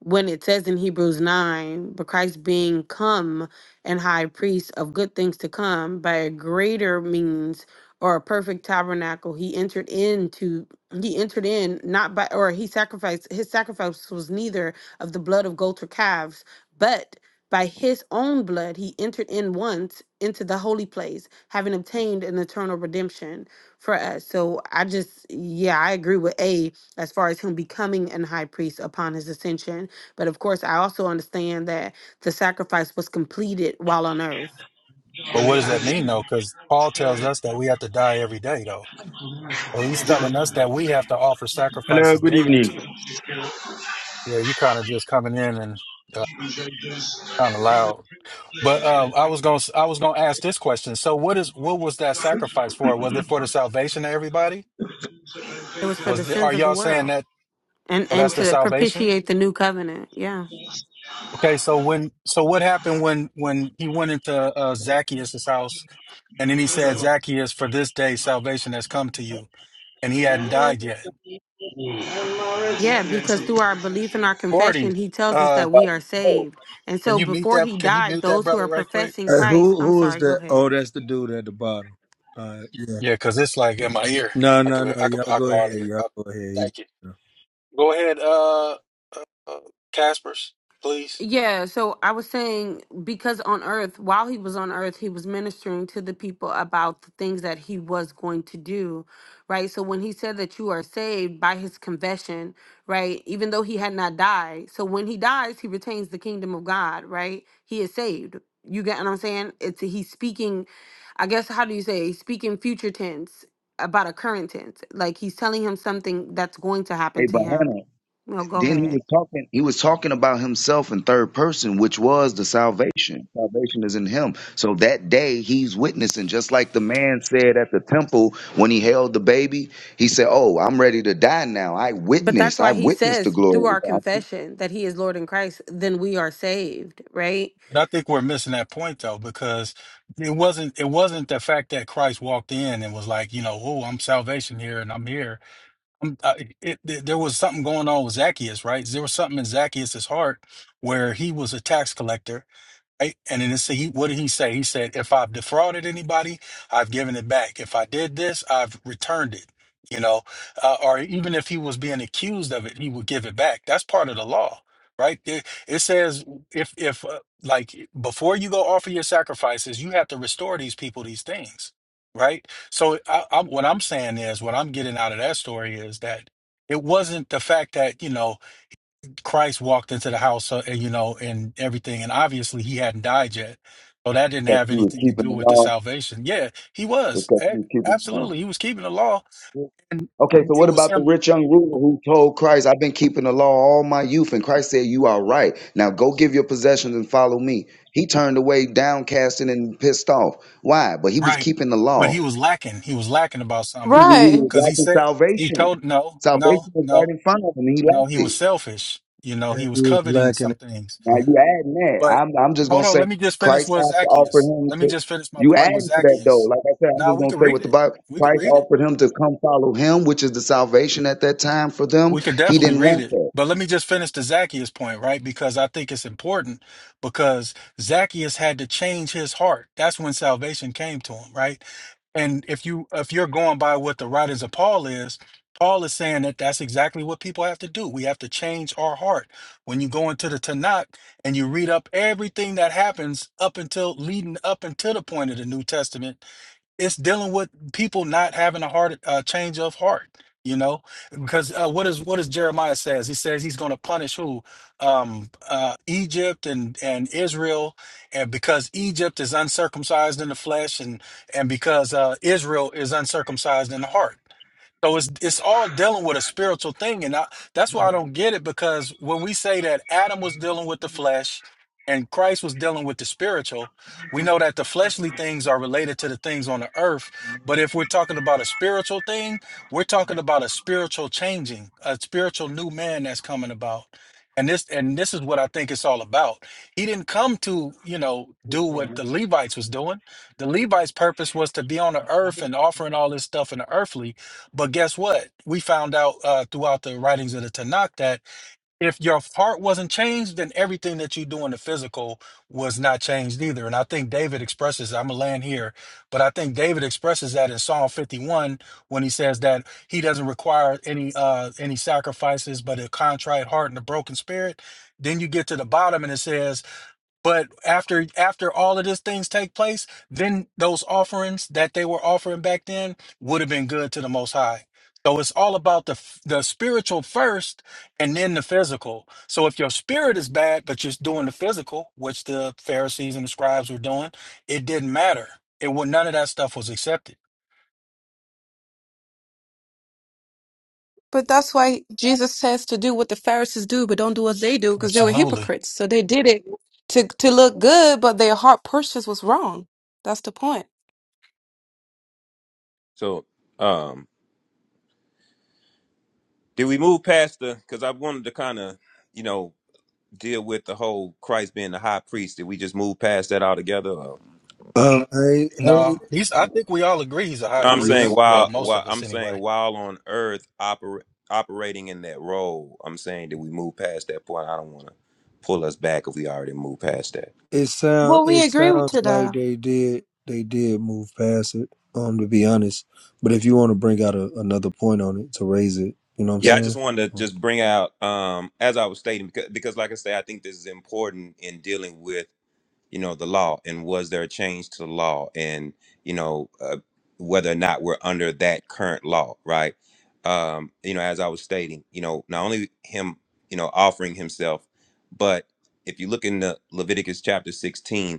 Speaker 4: when it says in Hebrews 9, but Christ being come and high priest of good things to come by a greater means or a perfect tabernacle, he entered into, he entered in not by, or he sacrificed, his sacrifice was neither of the blood of goats or calves, but by his own blood he entered in once into the holy place, having obtained an eternal redemption for us. So I just, yeah, I agree with A as far as him becoming an high priest upon his ascension but of course, I also understand that the sacrifice was completed while on earth.
Speaker 18: but what does that mean though? Cuz Paul tells us that we have to die every day though. So he's telling us that we have to offer
Speaker 19: Hello,
Speaker 18: sacrifices
Speaker 19: good
Speaker 18: daily
Speaker 19: evening.
Speaker 18: too. Yeah, you kind of just coming in and uh, kind of loud. But uh, I was going to I was going to ask this question. So what is what was that sacrifice for? Was it for the salvation of everybody?
Speaker 4: It was for
Speaker 18: Was
Speaker 4: the
Speaker 18: the, are
Speaker 4: sins of the
Speaker 18: y'all saying
Speaker 4: world
Speaker 18: that
Speaker 4: and,
Speaker 18: so
Speaker 4: and
Speaker 18: that's the
Speaker 4: to
Speaker 18: salvation?
Speaker 4: propitiate the new covenant. Yeah.
Speaker 18: Okay, so when so what happened when when he went into uh, Zacchaeus' house and then he said Zacchaeus for this day salvation has come to you and he hadn't died yet.
Speaker 4: Yeah, because through our belief in our
Speaker 18: Forty.
Speaker 4: confession, he tells us
Speaker 18: Uh,
Speaker 4: that
Speaker 14: By
Speaker 4: we are
Speaker 14: himself.
Speaker 4: saved. And
Speaker 18: can
Speaker 4: so
Speaker 18: you mute
Speaker 4: before he
Speaker 18: that? Can you
Speaker 4: died,
Speaker 18: mute that
Speaker 4: those who
Speaker 18: brother
Speaker 4: are
Speaker 18: right quick?
Speaker 4: professing
Speaker 3: Hey,
Speaker 4: Christ,
Speaker 3: who
Speaker 4: I'm
Speaker 3: who is
Speaker 4: sorry, go
Speaker 3: that? Oh,
Speaker 4: ahead.
Speaker 3: that's the dude at the bottom. Uh, yeah.
Speaker 18: Yeah, because it's like in my ear.
Speaker 3: No,
Speaker 18: I could
Speaker 3: no, no.
Speaker 18: I could
Speaker 3: Y'all
Speaker 18: I could
Speaker 3: go ahead.
Speaker 18: hardly.
Speaker 3: Y'all
Speaker 18: Uh,
Speaker 3: go ahead. He,
Speaker 18: thank you. Go ahead, uh, uh, uh, Caspers, please.
Speaker 4: Yeah, so I was saying because on earth, while he was on earth, he was ministering to the people about the things that he was going to do, right? So when he said that you are saved by his confession, right? Even though he had not died. So when he dies, he retains the kingdom of God, right? He is saved. You get what I'm saying? It's he's speaking, I guess how do you say? He's speaking future tense about a current tense. Like he's telling him something that's going to happen
Speaker 14: Hey,
Speaker 4: to
Speaker 14: but
Speaker 4: him.
Speaker 14: Hannah,
Speaker 4: No, go
Speaker 14: Then he
Speaker 4: ahead.
Speaker 14: was talking. He was talking about himself in third person, which was the salvation. Salvation is in him. So that day, he's witnessing, just like the man said at the temple when he held the baby. He said, "Oh, I'm ready to die now. I
Speaker 4: But that's
Speaker 14: witnessed. I
Speaker 4: why he
Speaker 14: witnessed the
Speaker 4: says through
Speaker 14: glory of
Speaker 4: our
Speaker 14: God
Speaker 4: confession that he is Lord in Christ, then we are saved, right?
Speaker 18: I think we're missing that point though, because it wasn't it wasn't the fact that Christ walked in and was like, you know, oh, I'm salvation here and I'm here. I'm, I, it, it, there was something going on with Zacchaeus, right? There was something in Zacchaeus' heart where he was a tax collector Right? And then it said, he, what did he say? He said, if I've defrauded anybody, I've given it back. If I did this, I've returned it. You know, uh, or even if he was being accused of it, he would give it back. That's part of the law, right? It, it says if if uh, like before you go offer your sacrifices, you have to restore these people these things, right? So I, I'm, what I'm saying is, what I'm getting out of that story is that it wasn't the fact that you know Christ walked into the house, uh, and you know, and everything, and obviously he hadn't died yet, so that didn't
Speaker 14: because
Speaker 18: have
Speaker 14: he was
Speaker 18: anything to
Speaker 14: keeping
Speaker 18: do
Speaker 14: the
Speaker 18: with the
Speaker 14: law.
Speaker 18: salvation. Yeah, he was
Speaker 14: Because he
Speaker 18: A-
Speaker 14: was keeping the law."
Speaker 18: absolutely he was keeping the law, and,
Speaker 14: Okay, so
Speaker 18: and it
Speaker 14: what
Speaker 18: was
Speaker 14: about the
Speaker 18: him,
Speaker 14: rich young ruler who told Christ, I've been keeping the law all my youth, and Christ said, You are right. Now go give your possessions and follow me. He turned away, downcast and pissed off. Why? But he was
Speaker 18: right?
Speaker 14: keeping the
Speaker 18: But
Speaker 14: law.
Speaker 18: he was lacking. He was lacking about
Speaker 14: He
Speaker 18: something
Speaker 14: he
Speaker 10: Right.
Speaker 14: was
Speaker 18: because he
Speaker 14: lacking
Speaker 18: said he
Speaker 14: salvation.
Speaker 18: told no, no,
Speaker 14: Salvation was
Speaker 18: no,
Speaker 14: right in front of him, and he
Speaker 18: no.
Speaker 14: lacked
Speaker 18: He
Speaker 14: it.
Speaker 18: was selfish. You know,
Speaker 3: yeah,
Speaker 18: he was
Speaker 3: he was
Speaker 18: coveting
Speaker 3: lacking.
Speaker 18: some
Speaker 3: it.
Speaker 18: things.
Speaker 14: Now you adding that.
Speaker 18: But
Speaker 14: I'm, I'm just going
Speaker 18: hold
Speaker 14: to
Speaker 18: on,
Speaker 14: say,
Speaker 18: let me just finish
Speaker 14: Christ
Speaker 18: with
Speaker 14: has to offer
Speaker 18: Zacchaeus.
Speaker 14: him
Speaker 18: Let me
Speaker 14: to.
Speaker 18: just finish my
Speaker 14: You
Speaker 18: point with
Speaker 14: adding to that though.
Speaker 18: Zacchaeus.
Speaker 14: Like I said, I'm
Speaker 18: Now
Speaker 14: just
Speaker 18: we
Speaker 14: going to
Speaker 18: can
Speaker 14: say
Speaker 18: read
Speaker 14: what the
Speaker 18: it.
Speaker 14: Bible,
Speaker 18: We can
Speaker 14: Christ
Speaker 18: read it
Speaker 14: offered him to come follow him, which is the salvation at that time for them.
Speaker 18: We could
Speaker 14: He
Speaker 18: definitely
Speaker 14: didn't
Speaker 18: read
Speaker 14: want
Speaker 18: it.
Speaker 14: that.
Speaker 18: But let me just finish the Zacchaeus point, right? Because I think it's important because Zacchaeus had to change his heart. That's when salvation came to him, right? And if you if you're going by what the writings of Paul is, Paul is saying that that's exactly what people have to do. We have to change our heart. When you go into the Tanakh and you read up everything that happens up until leading up until the point of the New Testament, it's dealing with people not having a heart uh, change of heart you know because uh, what is what does jeremiah says he says he's going to punish who um uh egypt and and israel and because egypt is uncircumcised in the flesh and and because uh israel is uncircumcised in the heart so it's it's all dealing with a spiritual thing, and I, that's why I don't get it because when we say that Adam was dealing with the flesh and Christ was dealing with the spiritual, we know that the fleshly things are related to the things on the earth. But if we're talking about a spiritual thing, we're talking about a spiritual changing, a spiritual new man that's coming about. And this and this is what I think it's all about. He didn't come to, you know, do
Speaker 19: Yeah,
Speaker 18: what the Levites was doing. The Levites' purpose was to be on the earth and offering all this stuff in the earthly but guess what? We found out uh, throughout the writings of the Tanakh that if your heart wasn't changed, then everything that you do in the physical was not changed either. And I think David expresses, I'm going to land here, but I think David expresses that in Psalm 51 when he says that he doesn't require any uh, any sacrifices, but a contrite heart and a broken spirit. Then you get to the bottom and it says, but after after all of these things take place, then those offerings that they were offering back then would have been good to the Most High. So it's all about the f- the spiritual first, and then the physical. So if your spirit is bad, but you're doing the physical, which the Pharisees and the scribes were doing, it didn't matter. It would none of that stuff was accepted.
Speaker 10: But that's why Jesus says to do what the Pharisees do, but don't do as they do, because they were
Speaker 18: Absolutely.
Speaker 10: hypocrites. So they did it to to look good, but their heart purpose was wrong. That's the point.
Speaker 17: So, um, did we move past the? Because I wanted to kind of, you know, deal with the whole Christ being the high priest. Did we just move past that altogether? Or?
Speaker 3: Uh, hey, hey.
Speaker 18: No, he's. I think we all agree he's a
Speaker 17: No,
Speaker 18: high
Speaker 17: I'm
Speaker 3: yeah.
Speaker 17: saying
Speaker 18: priest. Well,
Speaker 17: while
Speaker 18: most
Speaker 17: while
Speaker 18: of us
Speaker 17: I'm saying
Speaker 18: anyway.
Speaker 17: while on earth oper, operating in that role, I'm saying did we move past that point? I don't want to pull us back if we already moved past that.
Speaker 3: It sound
Speaker 10: Well,
Speaker 3: it
Speaker 10: we agree with
Speaker 3: sounds
Speaker 10: to
Speaker 3: like
Speaker 10: that.
Speaker 3: they did they did move past it. Um, to be honest, but if you want to bring out a, another point on it to raise it, you know what I'm
Speaker 17: Yeah, I just
Speaker 3: saying?
Speaker 17: wanted to just bring out um, as I was stating because, because like I say, I think this is important in dealing with you know the law and was there a change to the law and you know uh, whether or not we're under that current law, right? Um, you know, as I was stating, you know, not only him, you know, offering himself, but if you look in the Leviticus chapter 16,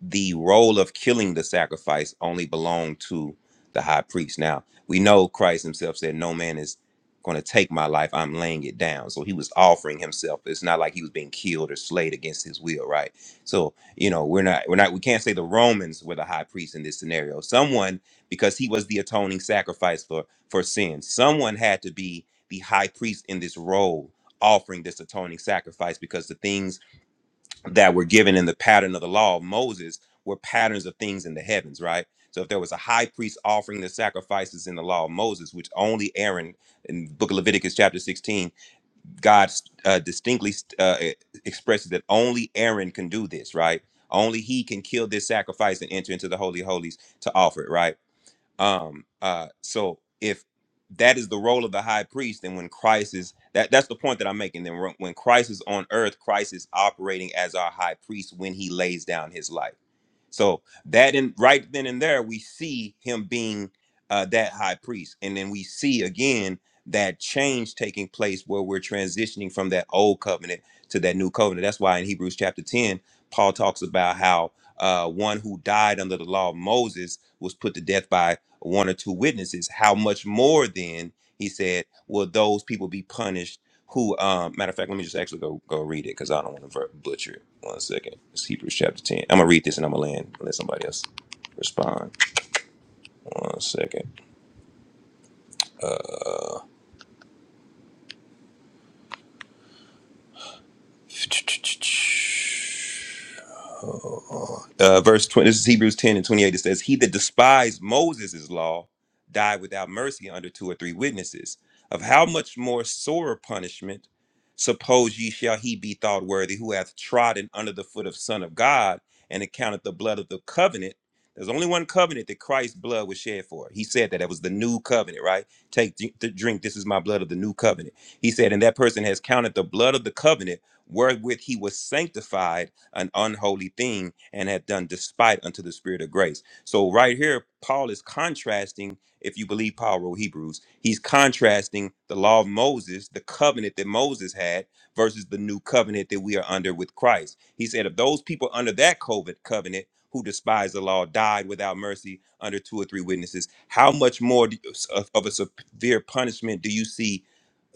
Speaker 17: the role of killing the sacrifice only belonged to the high priest. Now, we know Christ himself said, No man is going to take my life. I'm laying it down. So he was offering himself. It's not like he was being killed or slayed against his will, right? So, you know, we're not, we're not, we can't say the Romans were the high priest in this scenario. Someone, because he was the atoning sacrifice for, for sin, someone had to be the high priest in this role offering this atoning sacrifice because the things that were given in the pattern of the law of Moses were patterns of things in the heavens, right? So if there was a high priest offering the sacrifices in the law of Moses, which only Aaron in the book of Leviticus chapter 16, God uh, distinctly uh, e, expresses that only Aaron can do this, right? Only he can kill this sacrifice and enter into the holy of holies to offer it, right? um uh so if that is the role of the high priest then when christ is that that's the point that i'm making then when christ is on earth christ is operating as our high priest when he lays down his life so that in right then and there we see him being uh that high priest and then we see again that change taking place where we're transitioning from that old covenant to that new covenant that's why in hebrews chapter 10 paul talks about how uh one who died under the law of moses was put to death by one or two witnesses. How much more then, he said, will those people be punished who, um, matter of fact, let me just actually go go read it because I don't want to butcher it. One second. It's Hebrews chapter 10. I'm going to read this and I'm going to land and let somebody else respond. One second. uh, uh, verse 20, this is Hebrews 10 and 28. It says, He that despised Moses' law died without mercy under two or three witnesses. Of how much more sore punishment, suppose ye shall he be thought worthy, who hath trodden under the foot of Son of God and accounted the blood of the covenant. There's only one covenant that Christ's blood was shed for. He said that it was the new covenant, right? Take th- th- drink. This is my blood of the new covenant. He said, and that person has counted the blood of the covenant wherewith he was sanctified an unholy thing and hath done despite unto the spirit of grace. So right here, Paul is contrasting, if you believe Paul wrote Hebrews, he's contrasting the law of Moses, the covenant that Moses had, versus the new covenant that we are under with Christ. He said, if those people under that COVID covenant who despise the law died without mercy under two or three witnesses, how much more do you- of, of a severe punishment do you see?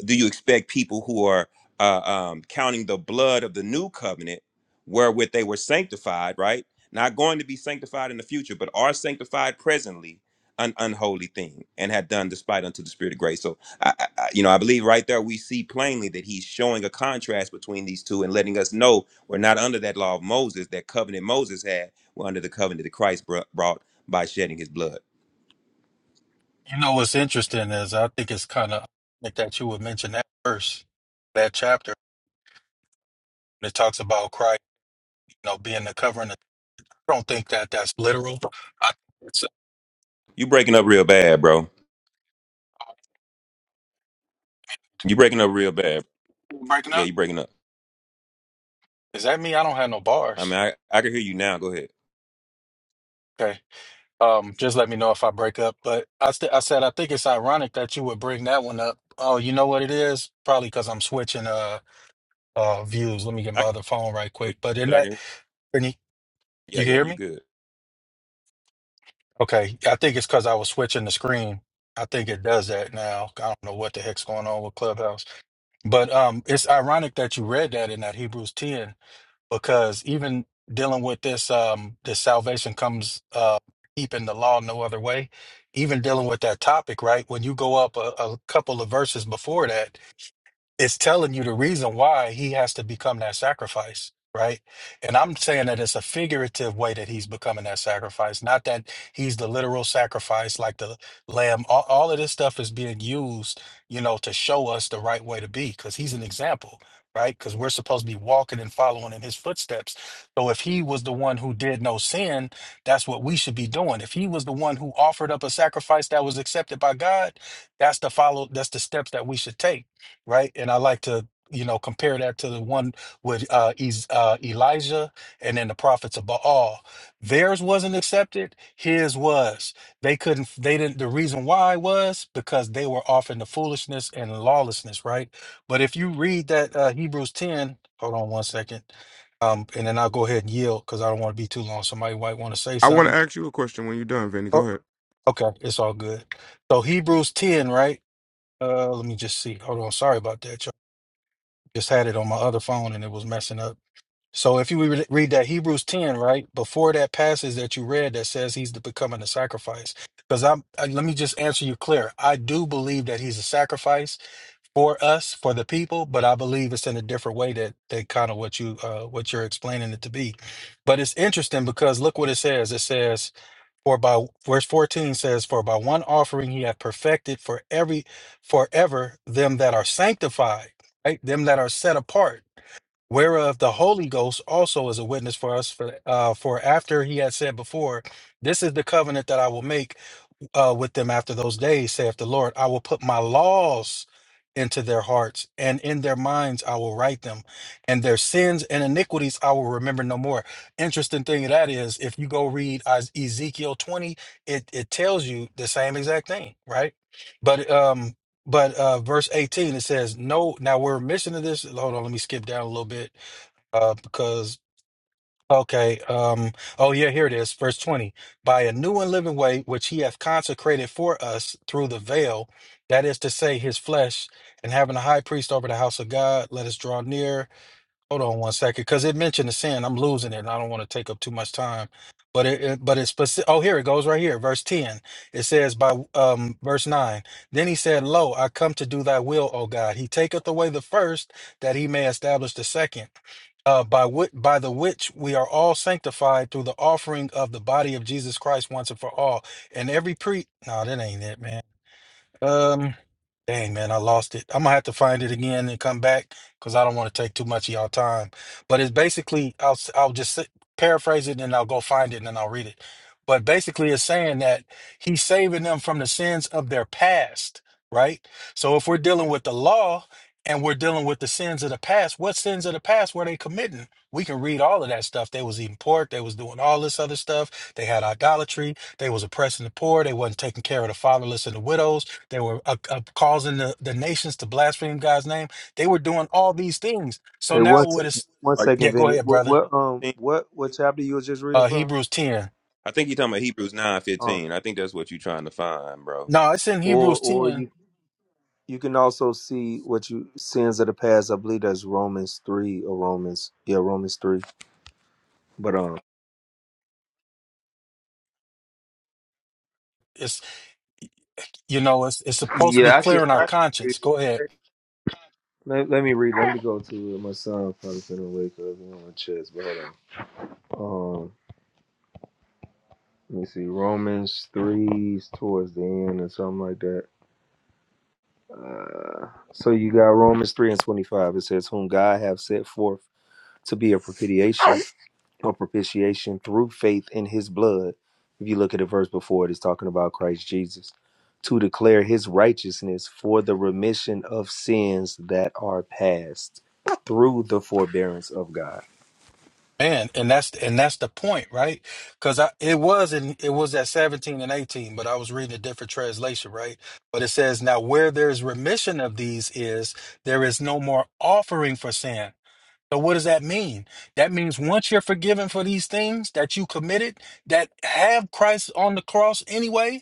Speaker 17: Do you expect people who are uh, um, counting the blood of the new covenant? wherewith they were sanctified, right? Not going to be sanctified in the future, but are sanctified presently, an unholy thing, and have done despite unto the Spirit of grace. So, I, I, I- you know, I believe right there we see plainly that he's showing a contrast between these two and letting us know we're not under that law of Moses, that covenant Moses had. We're under the covenant that Christ br- brought by shedding his blood.
Speaker 18: You know what's interesting is I think it's kind of like that you would mention that verse, that chapter that talks about Christ, you know, being the covering. I don't think that that's literal. I, it's uh,
Speaker 17: You breaking up real bad, bro. You breaking up real bad.
Speaker 18: breaking
Speaker 17: Yeah,
Speaker 18: up.
Speaker 17: you breaking up.
Speaker 18: Is that me? I don't have no
Speaker 17: I mean,
Speaker 18: bars.
Speaker 17: I, I can hear you now. Go ahead.
Speaker 18: Okay. Um, just let me know if I break up. But I, st- I said I think it's ironic that you would bring that one up. Oh, you know what it is? Probably because I'm switching uh uh views. Let me get
Speaker 17: I
Speaker 18: my
Speaker 17: can,
Speaker 18: other phone right quick. But
Speaker 17: I
Speaker 18: in
Speaker 17: can
Speaker 18: that,
Speaker 17: hear. you.
Speaker 18: Brittany,
Speaker 17: Yeah,
Speaker 18: you can
Speaker 17: yeah,
Speaker 18: hear me?
Speaker 17: you good.
Speaker 18: Okay, yeah, I think it's because I was switching the screen. I think it does that now. I don't know what the heck's going on with Clubhouse. But um, it's ironic that you read that in that Hebrews 10 because even dealing with this um this salvation comes uh keeping the law no other way. Even dealing with that topic, right? When you go up a, a couple of verses before that, it's telling you the reason why he has to become that sacrifice, right? And I'm saying that it's a figurative way that he's becoming that sacrifice, not that he's the literal sacrifice like the lamb. All, all of this stuff is being used, you know, to show us the right way to be because he's an example, right? Because we're supposed to be walking and following in his footsteps. So if he was the one who did no sin, that's what we should be doing. If he was the one who offered up a sacrifice that was accepted by God, that's the follow, that's the steps that we should take right? And I like to, you know, compare that to the one with uh, Ez- uh, Elijah and then the prophets of Baal. Theirs wasn't accepted, his was. They couldn't, they didn't, the reason why was because they were off in the foolishness and lawlessness, right? But if you read that uh, Hebrews 10, hold on one second. Um, and then I'll go ahead and yield because I don't want to be too long. Somebody might want to say
Speaker 16: I want to
Speaker 18: something.
Speaker 16: ask you a question when you're done, Vinny.
Speaker 18: Oh,
Speaker 16: Go ahead.
Speaker 18: okay, it's all good. So Hebrews 10, right? Uh, let me just see. Hold on. Sorry about that, y'all. Just had it on my other phone and it was messing up. So if you re- read that Hebrews 10, right before that passage that you read that says he's the becoming a sacrifice, because I'm I, let me just answer you clear. I do believe that he's a sacrifice for us, for the people, but I believe it's in a different way that that kind of what you uh, what you're explaining it to be. But it's interesting because look what it says. It says for by verse 14 says for by one offering he hath perfected for every forever them that are sanctified, right? Them that are set apart whereof the Holy Ghost also is a witness for us. For, uh, for after he had said before, This is the covenant that I will make uh, with them after those days, saith the Lord. I will put my laws into their hearts, and in their minds I will write them, and their sins and iniquities I will remember no more. Interesting thing of that is, if you go read Is- Ezekiel 20, it, it tells you the same exact thing, right? But um, but uh, verse 18 it says, No, now we're missing to this. Hold on, let me skip down a little bit uh, because okay, um, oh yeah, here it is, verse twenty. By a new and living way which he hath consecrated for us through the veil, that is to say, his flesh, and having a high priest over the house of God, let us draw near Hold on one second, because it mentioned the sin. I'm losing it, and I don't want to take up too much time. But it, it but it's specific. Oh, here it goes, right here, verse ten. It says by um verse nine. Then he said, "Lo, I come to do Thy will, O God." He taketh away the first, that He may establish the second. Uh, by which by the which we are all sanctified through the offering of the body of Jesus Christ once and for all. And every pre no, that ain't it, man. Um, dang man, I lost it. I'm gonna have to find it again and come back because I don't want to take too much of y'all time. But it's basically, I'll s- I'll just sit- paraphrase it and I'll go find it and then I'll read it. But basically, it's saying that he's saving them from the sins of their past, right? So if we're dealing with the law and we're dealing with the sins of the past, what sins of the past were they committing? We can read all of that stuff. They was eating pork. They was doing all this other stuff. They had idolatry. They was oppressing the poor. They wasn't taking care of the fatherless and the widows they were uh, uh, causing the, the nations to blaspheme God's name. They were doing all these things. So
Speaker 3: Hey,
Speaker 18: now
Speaker 3: one
Speaker 18: what
Speaker 3: second,
Speaker 18: is?
Speaker 3: one
Speaker 17: Are
Speaker 3: second,
Speaker 18: Yeah, go
Speaker 3: Vinny.
Speaker 18: ahead,
Speaker 3: What,
Speaker 18: brother.
Speaker 3: what, um,
Speaker 17: you?
Speaker 3: what, what chapter you were just reading
Speaker 18: Uh,
Speaker 3: from?
Speaker 18: Hebrews ten.
Speaker 17: I think you're talking about Hebrews nine
Speaker 3: Uh,
Speaker 17: fifteen. I think that's what you're trying to find, bro.
Speaker 18: No, it's in
Speaker 3: or,
Speaker 18: Hebrews
Speaker 3: or
Speaker 18: ten.
Speaker 3: you, you can also see what you sins of the past. I believe that's Romans three or Romans, yeah, Romans three. But um,
Speaker 18: It's you know it's it's supposed to be
Speaker 3: yeah, I can,
Speaker 18: clear in our
Speaker 3: I can read.
Speaker 18: conscience.
Speaker 3: It.
Speaker 18: Go ahead,
Speaker 3: Let, let me read. Let me go to it. My son probably finna wake up. He on my chest, but hold on. Um, let me see, Romans three is towards the end or something like that. Uh, so you got Romans three and twenty five. It says, "Whom God have set forth to be a propitiation or propitiation through faith in His blood." If you look at the verse before it, it's talking about Christ Jesus to declare His righteousness for the remission of sins that are past through the forbearance of God.
Speaker 18: man. And that's and that's the point, right? Because I it was in it was at seventeen and eighteen, but I was reading a different translation, right? But it says now where there is remission of these is there is no more offering for sin So what does that mean? That means once you're forgiven for these things that you committed that have Christ on the cross anyway,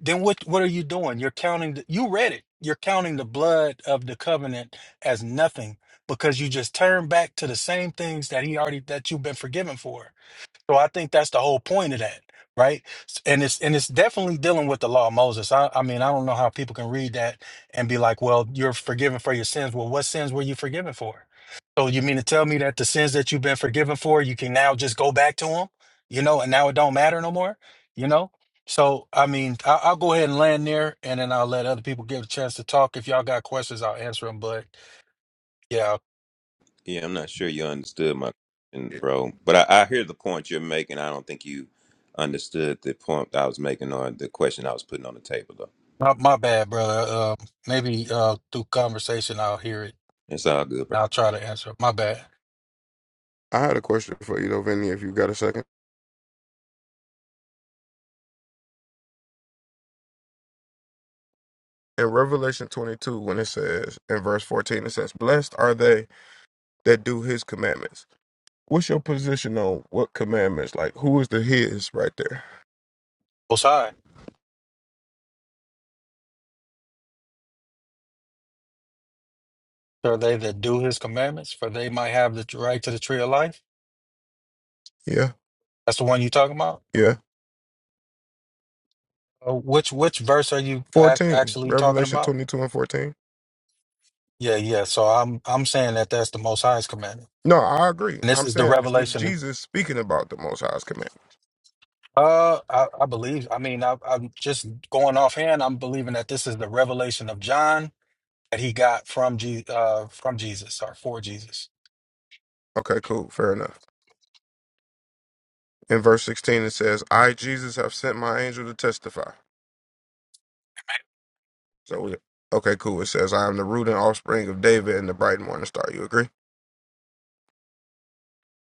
Speaker 18: then what what are you doing? You're counting the, you read it. You're counting the blood of the covenant as nothing because you just turn back to the same things that he already that you've been forgiven for. So I think that's the whole point of that, right? S- And it's and it's definitely dealing with the law of Moses. I, I mean, I don't know how people can read that and be like, "Well, you're forgiven for your sins." Well, what sins were you forgiven for? So you mean to tell me that the sins that you've been forgiven for, you can now just go back to them, you know, and now it don't matter no more, you know? So I mean, I, I'll go ahead and land there, and then I'll let other people get a chance to talk. If y'all got questions, I'll answer them. But yeah,
Speaker 17: Yeah, I'm not sure you understood my question, bro. But I, I hear the point you're making. I don't think you understood the point I was making or the question I was putting on the table, though.
Speaker 18: my, my bad, brother. Uh, maybe uh, through conversation, I'll hear it
Speaker 17: It's all good, bro.
Speaker 18: I'll try to answer. My bad.
Speaker 16: I had a question for you though, Vinny, if you got a second. in Revelation 22, when it says in verse 14, it says, Blessed are they that do his commandments. What's your position on what commandments? Like, who is the his right there?
Speaker 18: Most High. Are they that do his commandments? For they might have the right to the tree of life.
Speaker 16: Yeah,
Speaker 18: That's the one you talking about?
Speaker 16: yeah.
Speaker 18: Uh, which which verse are you ac
Speaker 16: 14,
Speaker 18: actually talking
Speaker 16: Revelation
Speaker 18: about?
Speaker 16: 22 and 14.
Speaker 18: Yeah, yeah. So I'm I'm saying that that's the Most High's commandment,
Speaker 16: No, I agree.
Speaker 18: and this
Speaker 16: I'm
Speaker 18: is the
Speaker 16: saying, is this
Speaker 18: revelation. That,
Speaker 16: Jesus speaking about the Most High's commandment?
Speaker 18: uh, I, I believe. I mean, I, I'm just going offhand. I'm believing that this is the revelation of John that he got from Je- uh from Jesus or for Jesus.
Speaker 16: Okay, cool. Fair enough. In verse 16, it says, I, Jesus, have sent my angel to testify. So, we, okay, cool. It says, I am the root and offspring of David and the bright morning star. You agree?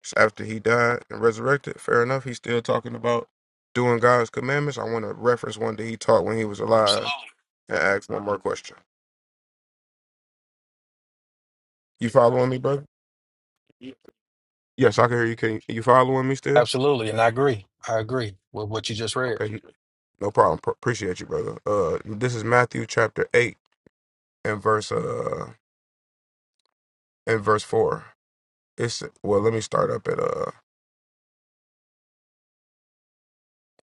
Speaker 16: So after he died and resurrected, fair enough, he's still talking about doing God's commandments. I want to reference one that he taught when he was alive and ask one more question. You following me, brother? Yes, I can hear you. Can you following me still?
Speaker 18: Absolutely, and I agree. I agree with what you just read.
Speaker 16: Okay, no problem. Pr- appreciate you, brother. Uh, this is Matthew chapter eight and verse uh and verse four. It's well, let me start up at uh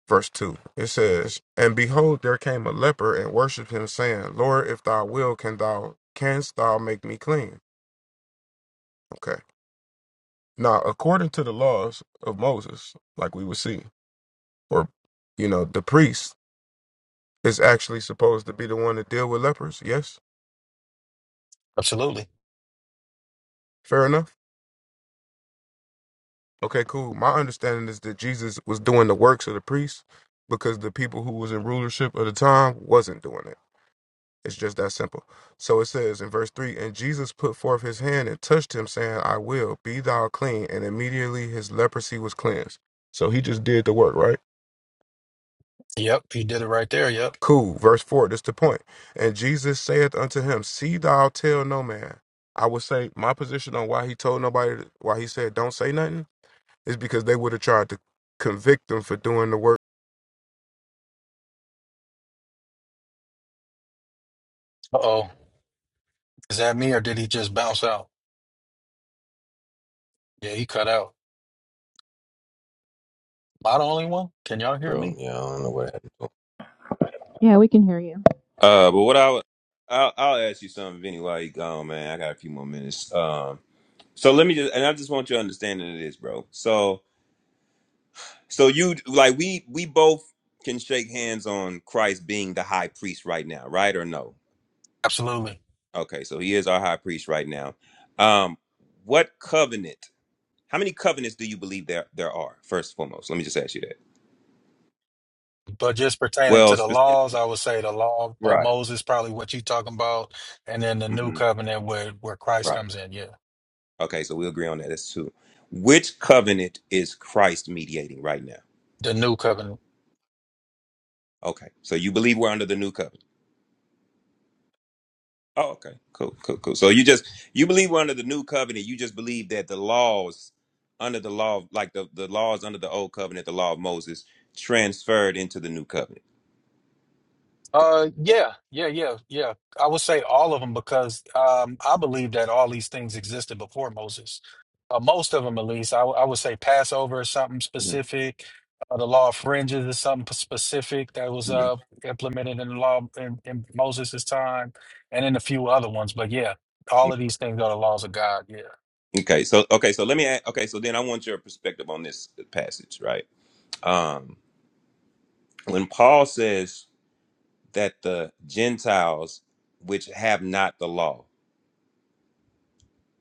Speaker 16: verse two. It says, "And behold, there came a leper and worshipped him, saying, Lord, if thou will, can thou canst thou make me clean?" Okay." Now, according to the laws of Moses, like we would see, or you know, the priest is actually supposed to be the one to deal with lepers. Yes,
Speaker 18: Absolutely.
Speaker 16: fair enough. Okay, cool. My understanding is that Jesus was doing the works of the priests because the people who was in rulership at the time wasn't doing it. It's just that simple. So it says in verse three, and Jesus put forth his hand and touched him, saying, "I will be thou clean." And immediately his leprosy was cleansed. So he just did the work, right?
Speaker 18: Yep, he did it right there. Yep.
Speaker 16: Cool. Verse 4, this the point. And Jesus saith unto him, See thou tell no man. I would say my position on why he told nobody, why he said don't say nothing, is because they would have tried to convict them for doing the work.
Speaker 18: Uh-oh. Is that me or did he just bounce out? Yeah, he cut out. Am I the only one? Can y'all hear
Speaker 17: bro.
Speaker 18: me?
Speaker 17: Yeah, I don't know what happened. to him.
Speaker 11: Yeah, we can hear you.
Speaker 17: Uh, but what I would, I'll, I'll ask you something, Vinny, while you gone, man. I got a few more minutes. Um, so let me just, and I just want your understanding of this, bro. So, so you like we we both can shake hands on Christ being the high priest right now, right or no?
Speaker 18: Absolutely.
Speaker 17: Okay, so he is our high priest right now. Um, what covenant? How many covenants do you believe there there are? First and foremost, let me just ask you that.
Speaker 18: But just pertaining
Speaker 17: Well,
Speaker 18: to the
Speaker 17: specific.
Speaker 18: laws, I would say the law of
Speaker 17: Right.
Speaker 18: Moses, probably what you talking about, and then the new
Speaker 17: hmm
Speaker 18: covenant where, where Christ
Speaker 17: right.
Speaker 18: comes in. Yeah.
Speaker 17: Okay, so we agree on that. That's two. Which covenant is Christ mediating right now?
Speaker 18: The new covenant.
Speaker 17: Okay, so you believe we're under the new covenant. Oh, okay, cool, cool, cool. So you just you believe we're under the new covenant. You just believe that the laws under the law, like the the laws under the old covenant, the law of Moses, transferred into the new covenant.
Speaker 18: Uh, yeah, yeah, yeah, yeah. I would say all of them because um, I believe that all these things existed before Moses. Uh, most of them, at least, I, w- I would say Passover is something specific. Uh, the law of fringes is something p- specific that was
Speaker 17: Mhm.
Speaker 18: uh, implemented in the law in, in Moses' time, and in a few other ones. But yeah, all of these things are the laws of God. Yeah,
Speaker 17: Okay, so okay, so let me ask, okay, so then I want your perspective on this passage, right? Um when Paul says that the Gentiles which have not the law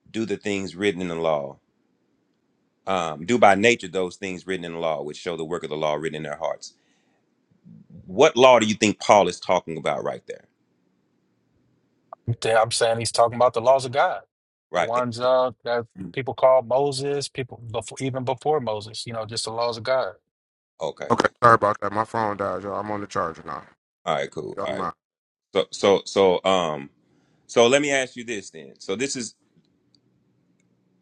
Speaker 17: do the things written in the law, um do by nature those things written in the law which show the work of the law written in their hearts. What law do you think Paul is talking about right there?
Speaker 18: Yeah, I'm saying he's talking about the laws of God, the
Speaker 17: Right?
Speaker 18: ones uh, that
Speaker 17: Mhm.
Speaker 18: people call Moses, people before even before Moses. You know, just the laws of God.
Speaker 17: Okay.
Speaker 16: Okay, sorry about that. My phone died, y'all. I'm on the charger now.
Speaker 17: All right, cool. All
Speaker 16: Y'all
Speaker 17: right.
Speaker 16: mind.
Speaker 17: So so so um so let me ask you this then. So this is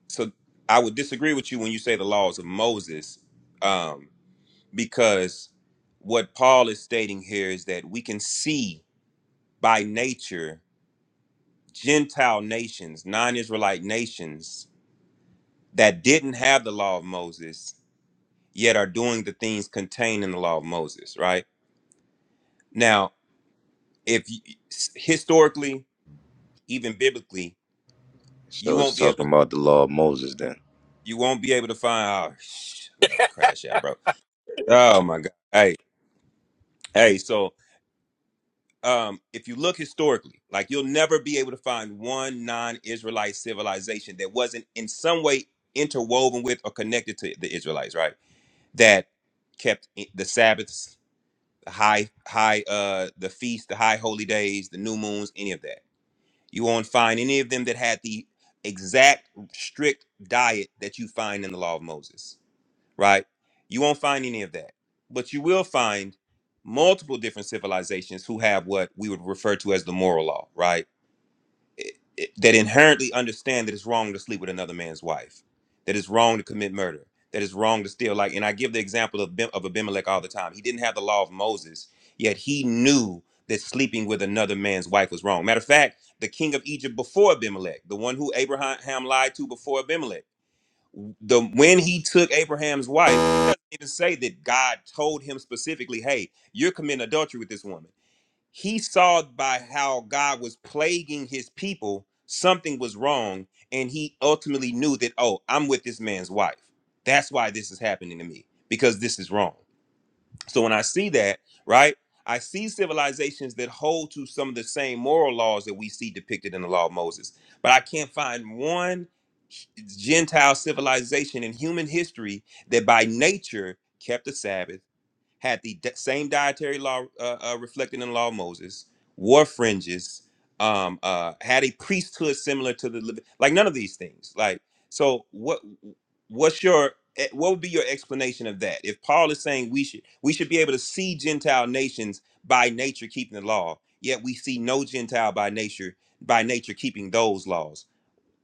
Speaker 17: so I would disagree with you when you say the laws of Moses. Um because what Paul is stating here is that we can see by nature Gentile nations, non Israelite nations that didn't have the law of Moses, yet are doing the things contained in the law of Moses, right? Now, if you, historically, even biblically, you
Speaker 20: So it's
Speaker 17: won't be able
Speaker 20: talking
Speaker 17: to.
Speaker 20: about the law of Moses then.
Speaker 17: You won't be able to find oh, sh- another crash out, bro. Oh my god! Hey, hey. So. um, if you look historically, like you'll never be able to find one non-Israelite civilization that wasn't in some way interwoven with or connected to the Israelites, right? That kept i- the Sabbaths, the high, high, uh, the feasts, the high holy days, the new moons, any of that. You won't find any of them that had the exact strict diet that you find in the Law of Moses right? You won't find any of that. But you will find multiple different civilizations who have what we would refer to as the moral law, right? It- it- that inherently understand that it's wrong to sleep with another man's wife, that it's wrong to commit murder, that it's wrong to steal. Like, and I give the example of, Bim- of Abimelech all the time. He didn't have the law of Moses, yet he knew that sleeping with another man's wife was wrong. Matter of fact, the king of Egypt before Abimelech, the one who Abraham lied to before Abimelech the when he took Abraham's wife, it doesn't even say that God told him specifically, "Hey, you're committing adultery with this woman." He saw by how God was plaguing his people something was wrong, and he ultimately knew that, "Oh, I'm with this man's wife. That's why this is happening to me because this is wrong." So when I see that, right, I see civilizations that hold to some of the same moral laws that we see depicted in the law of Moses. But I can't find one Gentile civilization in human history that by nature kept the Sabbath had the di- same dietary law uh, uh, reflected in the law of Moses, wore fringes, um, uh, had a priesthood similar to the Levi- like none of these things. Like so, what what's your eh, what would be your explanation of that? If Paul is saying we should we should be able to see Gentile nations by nature keeping the law, yet we see no Gentile by nature by nature keeping those laws.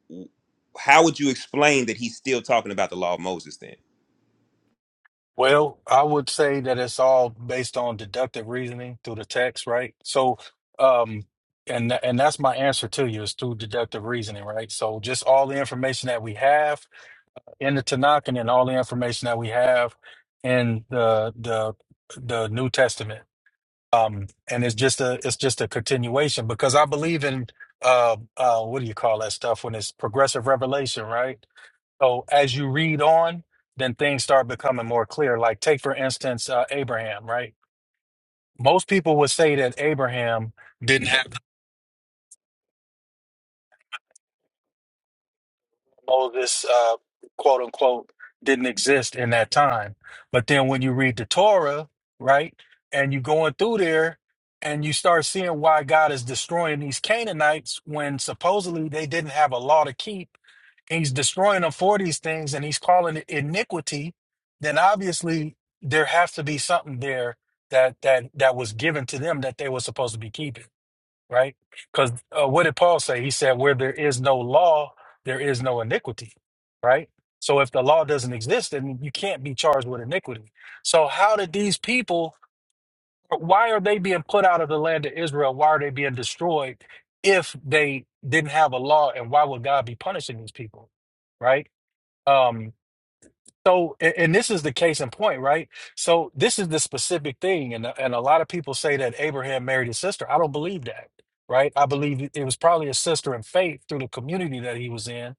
Speaker 17: W- How would you explain that he's still talking about the law of Moses then?
Speaker 18: Well, I would say that it's all based on deductive reasoning through the text, right? So, um, and tha- and that's my answer to you is through deductive reasoning, right? So, just all the information that we have in the Tanakh, and then all the information that we have in the the the New Testament, um, and it's just a it's just a continuation because I believe in uh uh what do you call that stuff when it's progressive revelation, right? So as you read on, then things start becoming more clear. Like take for instance uh, Abraham, right? Most people would say that Abraham didn't have Moses, uh, quote unquote, didn't exist in that time. But then when you read the Torah, right, and you going through there, and you start seeing why God is destroying these Canaanites when supposedly they didn't have a law to keep he's destroying them for these things and he's calling it iniquity, then obviously there has to be something there that that that was given to them that they were supposed to be keeping, right? Because uh, what did Paul say? He said, "Where there is no law, there is no iniquity," right? So if the law doesn't exist, then you can't be charged with iniquity. So how did these people? Why are they being put out of the land of Israel? Why are they being destroyed if they didn't have a law? And why would God be punishing these people? right? Um, so, a- and this is the case in point, right? So, this is the specific thing, and and a lot of people say that Abraham married his sister. I don't believe that, right? I believe it it was probably his sister in faith through the community that he was in,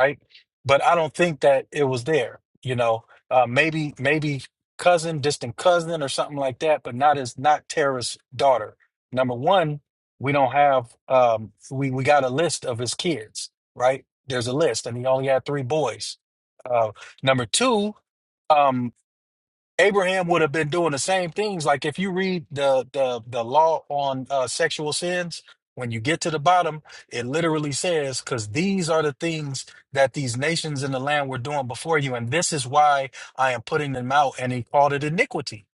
Speaker 18: right? But I don't think that it was there. You know, uh, maybe maybe cousin, distant cousin, or something like that, but not as not Terah's daughter. Number one, we don't have um, we we got a list of his kids, right? There's a list, and he only had three boys Uh, Number two, um, Abraham would have been doing the same things. Like if you read the the the law on uh, sexual sins, when you get to the bottom, it literally says, "Because these are the things that these nations in the land were doing before you, and this is why I am putting them out." And he called it iniquity,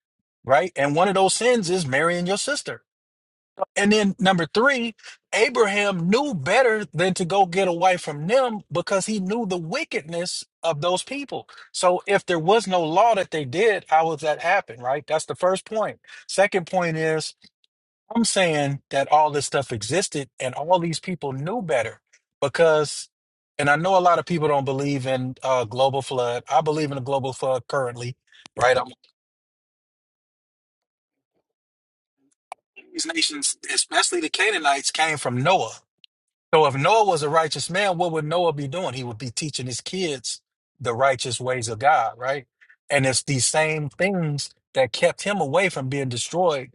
Speaker 18: right? And one of those sins is marrying your sister. And then number three, Abraham knew better than to go get away from them because he knew the wickedness of those people. So if there was no law that they did, how would that happen, right? That's the first point. Second point is I'm saying that all this stuff existed and all these people knew better because and I know a lot of people don't believe in uh, global flood. I believe in a global flood currently, right? I'm, these nations, especially the Canaanites, came from Noah So if Noah was a righteous man, what would Noah be doing? He would be teaching his kids the righteous ways of God, right? And it's these same things that kept him away from being destroyed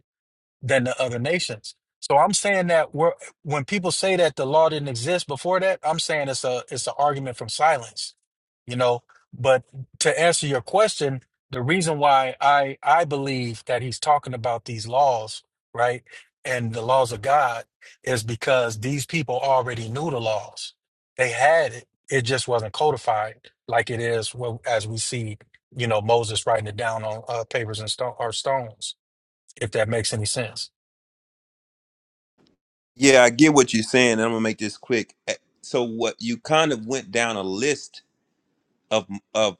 Speaker 18: than the other nations. So I'm saying that we're, when people say that the law didn't exist before that, I'm saying it's a it's an argument from silence, you know. But to answer your question, the reason why I I believe that he's talking about these laws, right, and the laws of God, is because these people already knew the laws. They had it. It just wasn't codified like it is well, as we see, you know, Moses writing it down on uh, papers and stone or stones. If that makes any sense.
Speaker 17: Yeah, I get what you're saying, and I'm gonna make this quick. Eh, So, what you kind of went down a list of of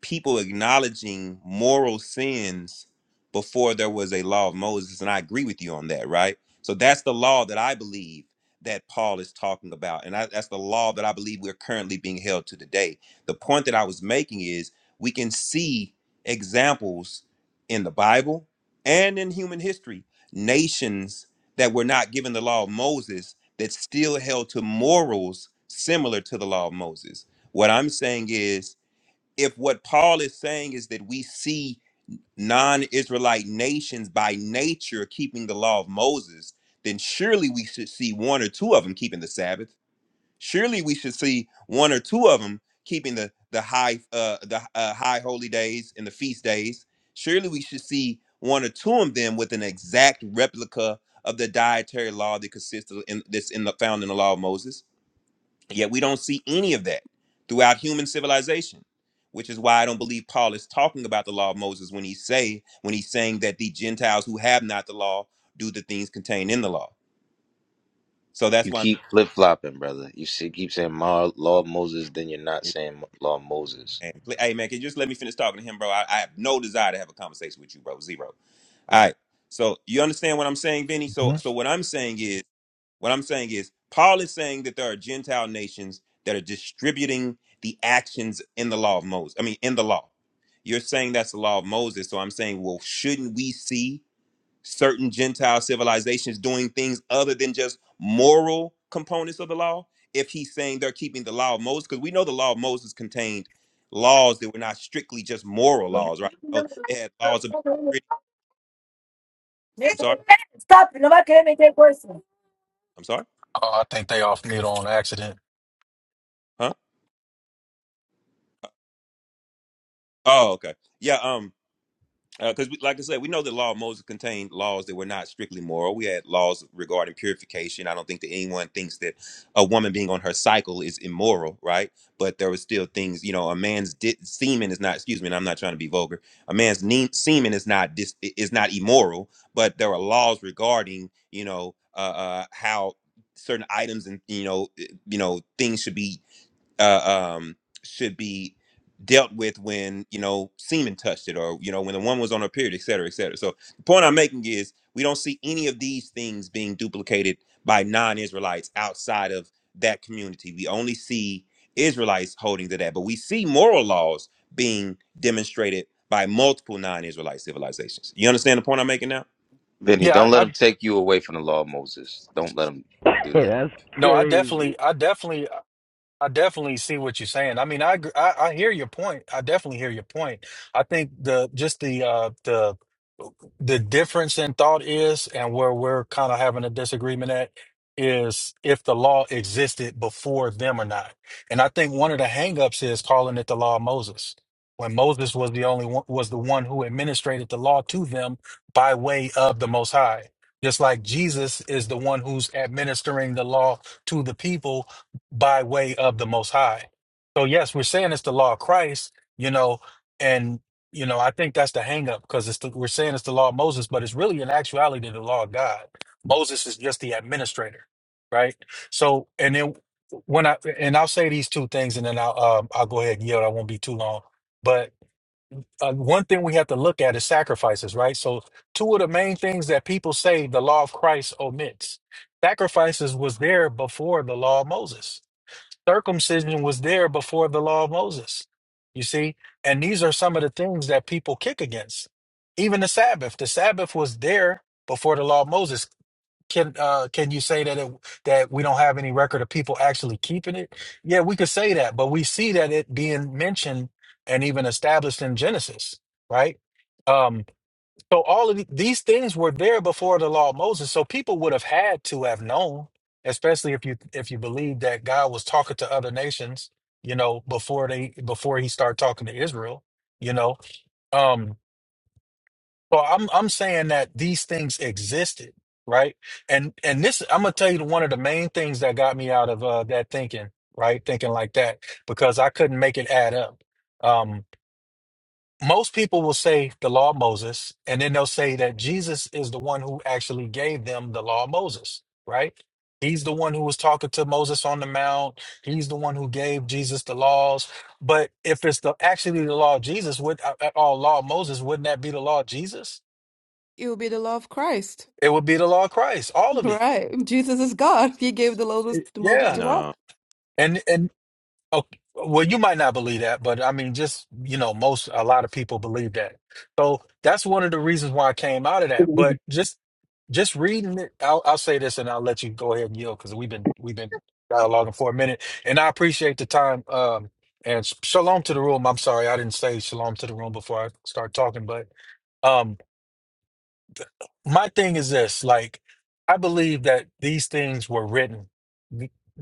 Speaker 17: people acknowledging moral sins before there was a law of Moses. And I agree with you on that, right? So that's the law that I believe that Paul is talking about. And I, that's the law that I believe we're currently being held to today. The point that I was making is we can see examples in the Bible and in human history, nations that were not given the law of Moses that still held to morals similar to the law of Moses. What I'm saying is, if what Paul is saying is that we see non-Israelite nations by nature keeping the law of Moses, then surely we should see one or two of them keeping the Sabbath. Surely we should see one or two of them keeping the the high uh, the uh, high holy days and the feast days. Surely we should see one or two of them with an exact replica of the dietary law that consists of in, that's in the found in the law of Moses Yet we don't see any of that throughout human civilization, which is why I don't believe Paul is talking about the law of Moses when he say when he's saying that the Gentiles who have not the law do the things contained in the law. So that's
Speaker 20: You
Speaker 17: why. I'm,
Speaker 20: keep flip flopping, brother. You see, keep saying Ma- law
Speaker 17: um,
Speaker 20: of Moses, then you're not
Speaker 17: it-
Speaker 20: saying law of Moses.
Speaker 17: and pl- hey man, can you just let me finish talking to him, bro? I, I have no desire to have a conversation with you, bro. Zero. All right. So you understand what I'm saying, Benny? So
Speaker 18: Yes.
Speaker 17: so what I'm saying is What I'm saying is, Paul is saying that there are Gentile nations that are distributing the actions in the law of Moses. I mean, in the law. You're saying that's the law of Moses. So I'm saying, well, shouldn't we see certain Gentile civilizations doing things other than just moral components of the law? If he's saying they're keeping the law of Moses, because we know the law of Moses contained laws that were not strictly just moral laws, right? So they had laws about. I'm sorry. I'm sorry.
Speaker 18: Oh, I think they off mid on accident.
Speaker 17: Huh? Oh, okay. Yeah. Um. because like I said, we know the law of Moses contained laws that were not strictly moral. We had laws regarding purification. I don't think that anyone thinks that a woman being on her cycle is immoral, right? But there were still things, you know, a man's di- semen is not. Excuse me, and I'm not trying to be vulgar. A man's ne- semen is not dis- i- is not immoral, but there are laws regarding, you know, uh, uh, how certain items and you know, i- you know, things should be uh, um, should be dealt with when you know semen touched it or you know when the woman was on her period et cetera et cetera so the point i'm making is we don't see any of these things being duplicated by non-israelites outside of that community we only see israelites holding to that but we see moral laws being demonstrated by multiple non-israelite civilizations you understand the point i'm making now
Speaker 20: Vinny,
Speaker 18: Yeah,
Speaker 20: don't
Speaker 18: I,
Speaker 20: let
Speaker 18: I
Speaker 20: him take you away from the law of Moses. Don't let him
Speaker 6: [laughs]
Speaker 20: do that.
Speaker 6: That's
Speaker 18: no, I
Speaker 6: crazy.
Speaker 18: definitely, I definitely, I definitely see what you're saying. I mean, I, gr- I I hear your point. I definitely hear your point. I think the just the uh the the difference in thought is, and where we're kind of having a disagreement at is if the law existed before them or not. And I think one of the hangups is calling it the law of Moses. When Moses was the only one was the one who administrated the law to them by way of the most high. Just like Jesus is the one who's administering the law to the people by way of the Most High. So yes, we're saying it's the law of Christ, you know, and you know I think that's the hang up because it's the, we're saying it's the law of Moses, but it's really in actuality the law of God. Moses is just the administrator, right? So and then when I and I'll say these two things and then I'll um, I'll go ahead and yield. I won't be too long, but. Uh, one thing we have to look at is sacrifices, right? So, two of the main things that people say the law of Christ omits sacrifices was there before the law of Moses circumcision was there before the law of Moses. You see? And these are some of the things that people kick against. Even the Sabbath. The Sabbath was there before the law of Moses. Can uh can you say that it that we don't have any record of people actually keeping it? Yeah, we could say that, but we see that it being mentioned and even established in Genesis, right? Um, so all of the- these things were there before the law of Moses. So people would have had to have known, especially if you if you believe that God was talking to other nations, you know, before they before he started talking to Israel, you know. Um so I'm I'm saying that these things existed, right? And and this I'm gonna tell you one of the main things that got me out of uh that thinking, right? Thinking like that, because I couldn't make it add up. Um, most people will say the law of Moses, and then they'll say that Jesus is the one who actually gave them the law of Moses, right? He's the one who was talking to Moses on the mount. He's the one who gave Jesus the laws. But if it's the actually the law of Jesus, would uh, uh, all law of Moses, wouldn't that be the law of Jesus?
Speaker 10: It would be the law of Christ,
Speaker 18: It would be the law of Christ,
Speaker 10: [laughs]
Speaker 18: all of it.
Speaker 10: right? Jesus is God. He gave the law
Speaker 18: It-
Speaker 10: to Moses
Speaker 18: Yeah.
Speaker 10: to law.
Speaker 17: No,
Speaker 18: And and Oh, well, you might not believe that, but I mean, just, you know, most, a lot of people believe that. So that's one of the reasons why I came out of that. But just, just reading it, I'll, I'll say this and I'll let you go ahead and yield because we've been, we've been dialoguing for a minute and I appreciate the time. Um, and sh- shalom to the room. I'm sorry. I didn't say shalom to the room before I start talking, but, um my thing is this like i believe that these things were written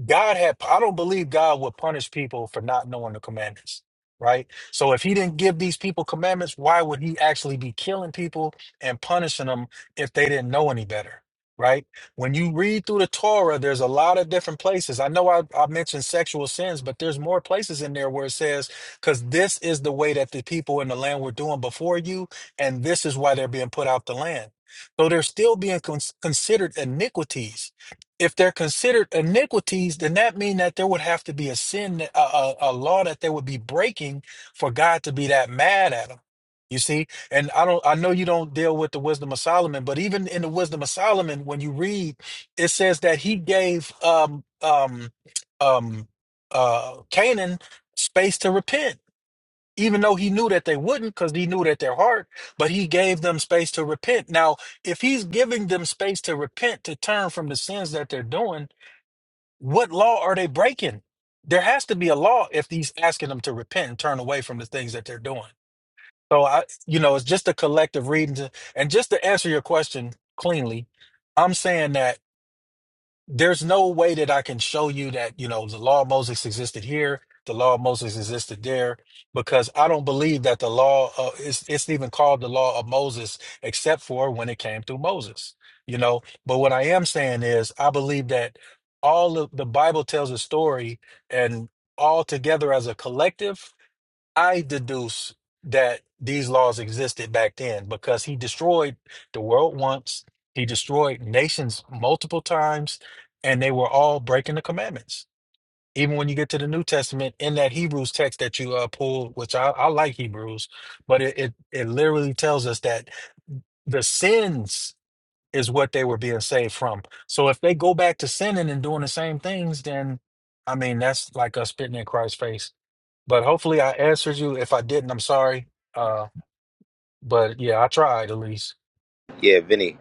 Speaker 18: god had i don't believe god would punish people for not knowing the commandments right so if he didn't give these people commandments why would he actually be killing people and punishing them if they didn't know any better right when you read through the torah there's a lot of different places i know i, I mentioned sexual sins but there's more places in there where it says because this is the way that the people in the land were doing before you and this is why they're being put out the land so they're still being cons- considered iniquities. If they're considered iniquities, then that means that there would have to be a sin, that- a, a, a law that they would be breaking for God to be that mad at them. You see, and I don't, I know you don't deal with the wisdom of Solomon, but even in the wisdom of Solomon, when you read, it says that he gave um um um uh Canaan space to repent even though he knew that they wouldn't because he knew that their heart but he gave them space to repent now if he's giving them space to repent to turn from the sins that they're doing what law are they breaking there has to be a law if he's asking them to repent and turn away from the things that they're doing so i you know it's just a collective reading to, and just to answer your question cleanly i'm saying that there's no way that I can show you that, you know, the law of Moses existed here, the law of Moses existed there, because I don't believe that the law uh, it's it's even called the law of Moses, except for when it came through Moses, you know. But what I am saying is, I believe that all of the Bible tells a story, and all together as a collective. I deduce that these laws existed back then because he destroyed the world once, he destroyed nations multiple times, and they were all breaking the commandments. Even when you get to the New Testament, in that Hebrews text that you uh, pulled, which I, I like Hebrews, but it, it it literally tells us that the sins is what they were being saved from. So if they go back to sinning and doing the same things, then I mean that's like us spitting in Christ's face but hopefully I answered you. If I didn't, I'm sorry. Uh, but yeah, I tried at least.
Speaker 20: Yeah, Vinny,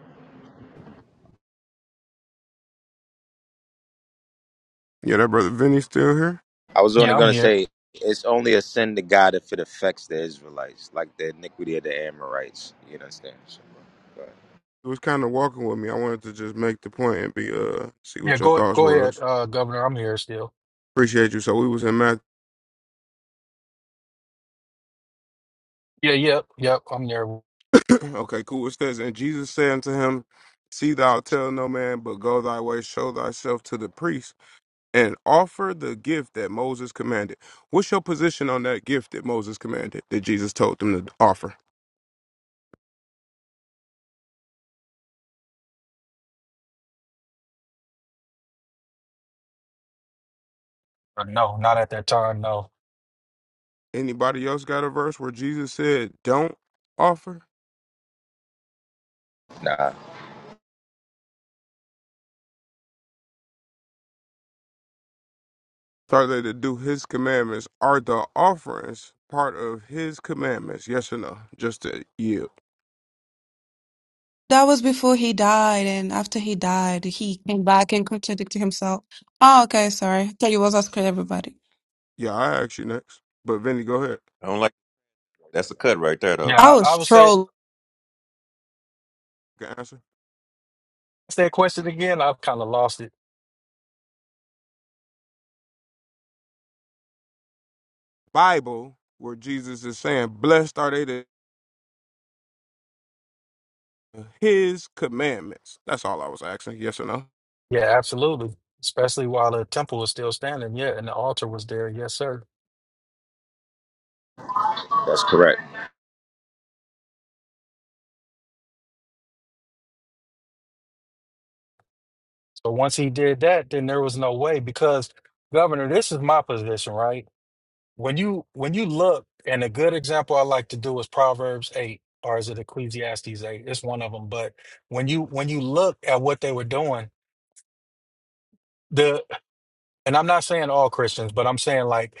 Speaker 16: Yeah, that brother Vinny still here?
Speaker 20: I was only
Speaker 18: Yeah, I'm
Speaker 20: going to
Speaker 18: here.
Speaker 20: say it's only a sin to God if it affects the Israelites, like the iniquity of the Amorites. You understand? So, but,
Speaker 16: He was kind of walking with me. I wanted to just make the point and be, uh, see
Speaker 18: Yeah,
Speaker 16: what your
Speaker 18: go
Speaker 16: thoughts
Speaker 18: go ahead,
Speaker 16: was.
Speaker 18: uh, Governor. I'm here still.
Speaker 16: Appreciate you. So we was in Matthew.
Speaker 18: Yeah, yep, yep. I'm there. Uh,
Speaker 16: Okay, cool. It says, And Jesus said unto him, See thou tell no man, but go thy way, show thyself to the priest, and offer the gift that Moses commanded. What's your position on that gift that Moses commanded that Jesus told them to offer?
Speaker 18: No, not at that time. No.
Speaker 16: Anybody else got a verse where Jesus said, Don't offer?
Speaker 20: nah,
Speaker 16: Are they to do his commandments? Are the offerings part of his commandments? Yes or no? Just to yield.
Speaker 10: That was before he died, and after he died, he came back and contradicted himself. Oh, okay, sorry. I thought you was asking everybody.
Speaker 16: Yeah, I asked you next. But Vinny, go ahead.
Speaker 17: I don't like. That's a cut right there,
Speaker 18: Yeah,
Speaker 17: though.
Speaker 10: I
Speaker 18: I, I
Speaker 10: was
Speaker 18: would say
Speaker 10: trolling.
Speaker 16: You can answer.
Speaker 18: ask that question again. I've kind of lost it.
Speaker 16: Bible where Jesus is saying, Blessed are they that his commandments. That's all I was asking. Yes or no?
Speaker 18: Yeah, absolutely. Especially while the temple was still standing. Yeah, and the altar was there. Yes, sir.
Speaker 20: that's correct.
Speaker 18: So once he did that, then there was no way because, Governor, this is my position, right? when you when you look and a good example i like to do is proverbs 8 or is it ecclesiastes 8 it's one of them but when you when you look at what they were doing the and i'm not saying all christians but i'm saying like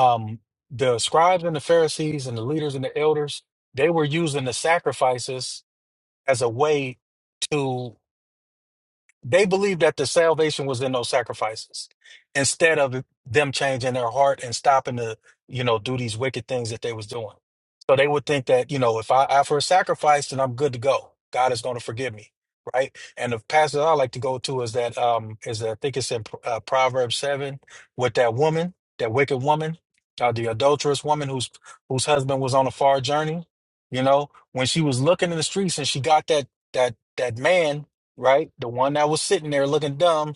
Speaker 18: um the scribes and the pharisees and the leaders and the elders they were using the sacrifices as a way to They believed that the salvation was in those sacrifices instead of them changing their heart and stopping to, you know, do these wicked things that they was doing. So they would think that, you know, if I offer a sacrifice, then I'm good to go. God is going to forgive me. Right. And the passage I like to go to is that, um, is I think it's in uh, Proverbs 7 with that woman, that wicked woman, uh, the adulterous woman whose, whose husband was on a far journey. You know, when she was looking in the streets and she got that, that, that man right? The one that was sitting there looking dumb,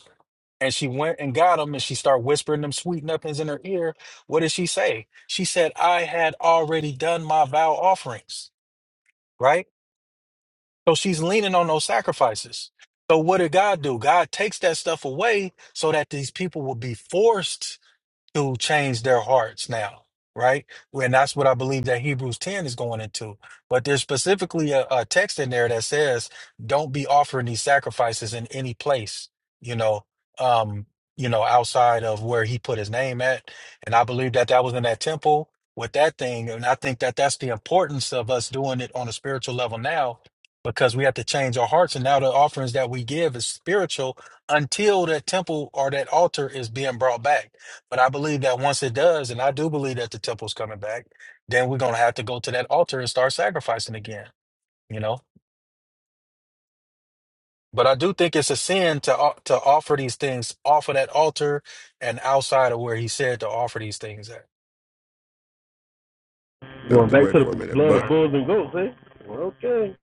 Speaker 18: and she went and got him, and she started whispering them sweet nothings in her ear. What did she say? She said, "I had already done my vow offerings," right? So she's leaning on those sacrifices. So what did God do? God takes that stuff away so that these people will be forced to change their hearts now, right? Well, And that's what I believe that Hebrews 10 is going into. But there's specifically a, a text in there that says, don't be offering these sacrifices in any place, you know, um, you know, outside of where he put his name at. And I believe that that was in that temple with that thing. And I think that that's the importance of us doing it on a spiritual level now because we have to change our hearts. And now the offerings that we give is spiritual until that temple or that altar is being brought back but I believe that once it does, and I do believe that the temple's coming back, then we're gonna have to go to that altar and start sacrificing again, you know. But I do think it's a sin to o- to offer these things off of that altar and outside of where he said to offer these things at.
Speaker 16: Have
Speaker 6: Going
Speaker 16: to
Speaker 6: back
Speaker 16: wait
Speaker 6: to the
Speaker 16: for a minute.
Speaker 6: blood of
Speaker 16: But
Speaker 6: bulls and goats, eh? Well, okay.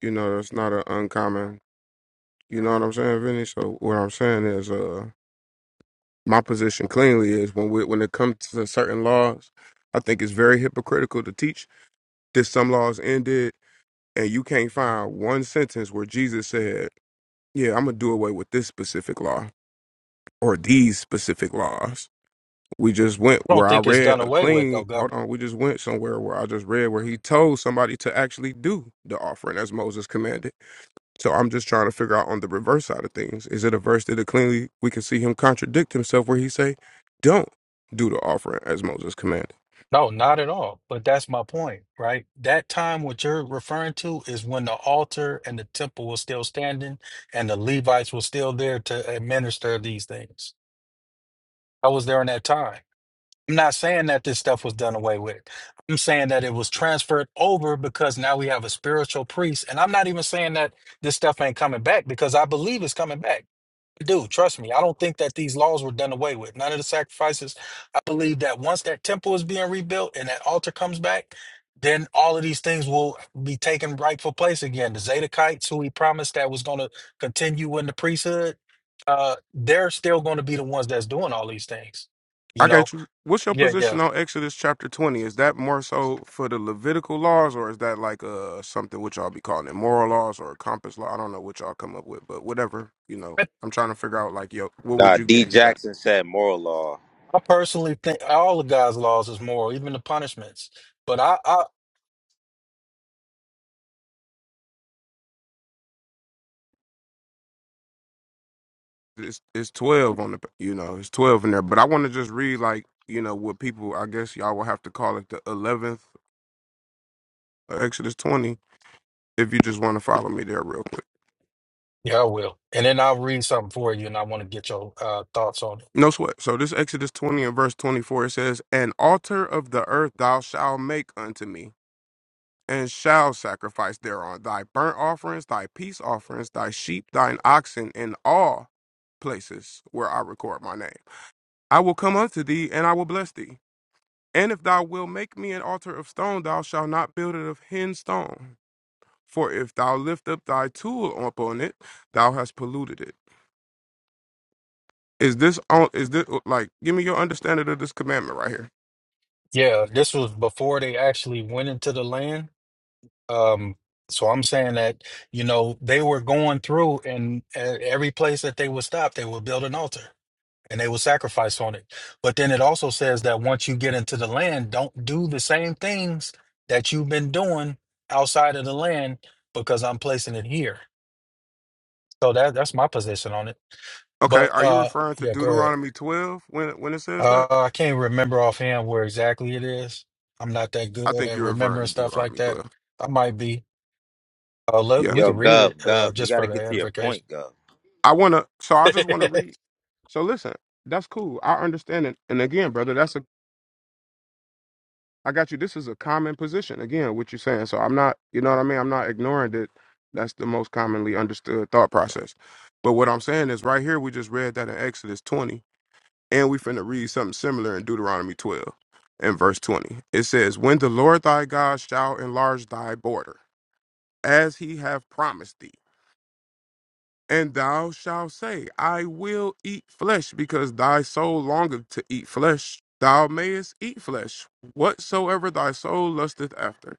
Speaker 16: you know, that's not an uncommon you know what I'm saying, Vinny? So what I'm saying is uh my position cleanly is when we, when it comes to certain laws, I think it's very hypocritical to teach that some laws ended and you can't find one sentence where Jesus said, Yeah, I'm gonna do away with this specific law or these specific laws. we just went
Speaker 18: I don't
Speaker 16: where I
Speaker 18: think it's
Speaker 16: read
Speaker 18: done
Speaker 16: a
Speaker 18: away with, though,
Speaker 16: clean.
Speaker 18: Gov.
Speaker 16: Hold on, we just went somewhere where I just read where he told somebody to actually do the offering as Moses commanded. So I'm just trying to figure out on the reverse side of things. Is it a verse that it cleanly we can see him contradict himself where he say, "Don't do the offering as Moses commanded."
Speaker 18: No, not at all. But that's my point, right? That time what you're referring to is when the altar and the temple was still standing and the Levites were still there to administer these things. I was there in that time. I'm not saying that this stuff was done away with. I'm saying that it was transferred over because now we have a spiritual priest. And I'm not even saying that this stuff ain't coming back because I believe it's coming back. I do. Trust me. I don't think that these laws were done away with. None of the sacrifices. I believe that once that temple is being rebuilt and that altar comes back, then all of these things will be taken rightful place again. The Zadokites, who he promised that was going to continue in the priesthood, uh, they're still going to be the ones that's doing all these things. You
Speaker 16: I
Speaker 18: know,
Speaker 16: got you. What's your
Speaker 18: yeah, yeah.
Speaker 16: position on Exodus chapter 20? Is that more so for the Levitical laws, or is that like uh something which y'all be calling it moral laws or compass law? I don't know what y'all come up with, but whatever you know.
Speaker 18: I
Speaker 16: I'm trying to figure out like yo, what would
Speaker 20: Nah,
Speaker 16: you
Speaker 20: D.
Speaker 16: gauge that?
Speaker 20: Jackson said moral law.
Speaker 18: I personally think all of God's laws is moral, even the punishments. But I, I
Speaker 16: it's it's twelve on the you know it's twelve in there. But I want to just read like you know what people I guess y'all will have to call it the eleventh uh, Exodus twenty if you just want to follow me there real quick.
Speaker 18: yeah, I will. And then I'll read something for you, and I want to get your uh, thoughts on it.
Speaker 16: No sweat. So this Exodus twenty and verse twenty four it says, "An altar of the earth thou shalt make unto me." And shall sacrifice thereon thy burnt offerings, thy peace offerings, thy sheep, thine oxen, in all places where I record my name. I will come unto thee, and I will bless thee. And if thou wilt make me an altar of stone, thou shalt not build it of hen stone. For if thou lift up thy tool upon it, thou hast polluted it. Is this on? Is this like? Give me your understanding of this commandment right here.
Speaker 18: Yeah, this was before they actually went into the land. Um, so I'm saying that you know they were going through, and at every place that they would stop, they would build an altar and they would sacrifice on it. But then it also says that once you get into the land, don't do the same things that you've been doing outside of the land because I'm placing it here. So that that's my position on it.
Speaker 16: Okay,
Speaker 18: But
Speaker 16: are you
Speaker 18: uh
Speaker 16: referring to
Speaker 18: yeah, go ahead.
Speaker 16: Deuteronomy twelve when when it says
Speaker 18: Uh
Speaker 16: that?
Speaker 18: I can't remember offhand where exactly it is. I'm not that
Speaker 16: I
Speaker 18: good
Speaker 16: think
Speaker 18: at
Speaker 16: you're referring
Speaker 18: remembering
Speaker 16: to
Speaker 18: stuff like
Speaker 16: Deuteronomy
Speaker 18: that.
Speaker 16: twelve.
Speaker 18: I might be. Uh look,
Speaker 16: Yeah,
Speaker 18: we
Speaker 20: Yo,
Speaker 18: could read
Speaker 20: Gov,
Speaker 18: it uh
Speaker 20: Gov, you
Speaker 18: just
Speaker 20: got to
Speaker 18: for the
Speaker 20: get to your
Speaker 18: edification.
Speaker 20: point, Gov.
Speaker 16: I wanna. So I
Speaker 18: [laughs]
Speaker 16: just wanna read. So listen, that's cool. I understand it. And again, brother, that's a I got you. This is a common position. Again, what you're saying. So I'm not, you know what I mean? I'm not ignoring that that's the most commonly understood thought process. But what I'm saying is right here, we just read that in Exodus 20, and we finna read something similar in Deuteronomy 12 and verse 20. It says, When the Lord thy God shall enlarge thy border, as he hath promised thee, and thou shalt say, I will eat flesh, because thy soul longeth to eat flesh. Thou mayest eat flesh, whatsoever thy soul lusteth after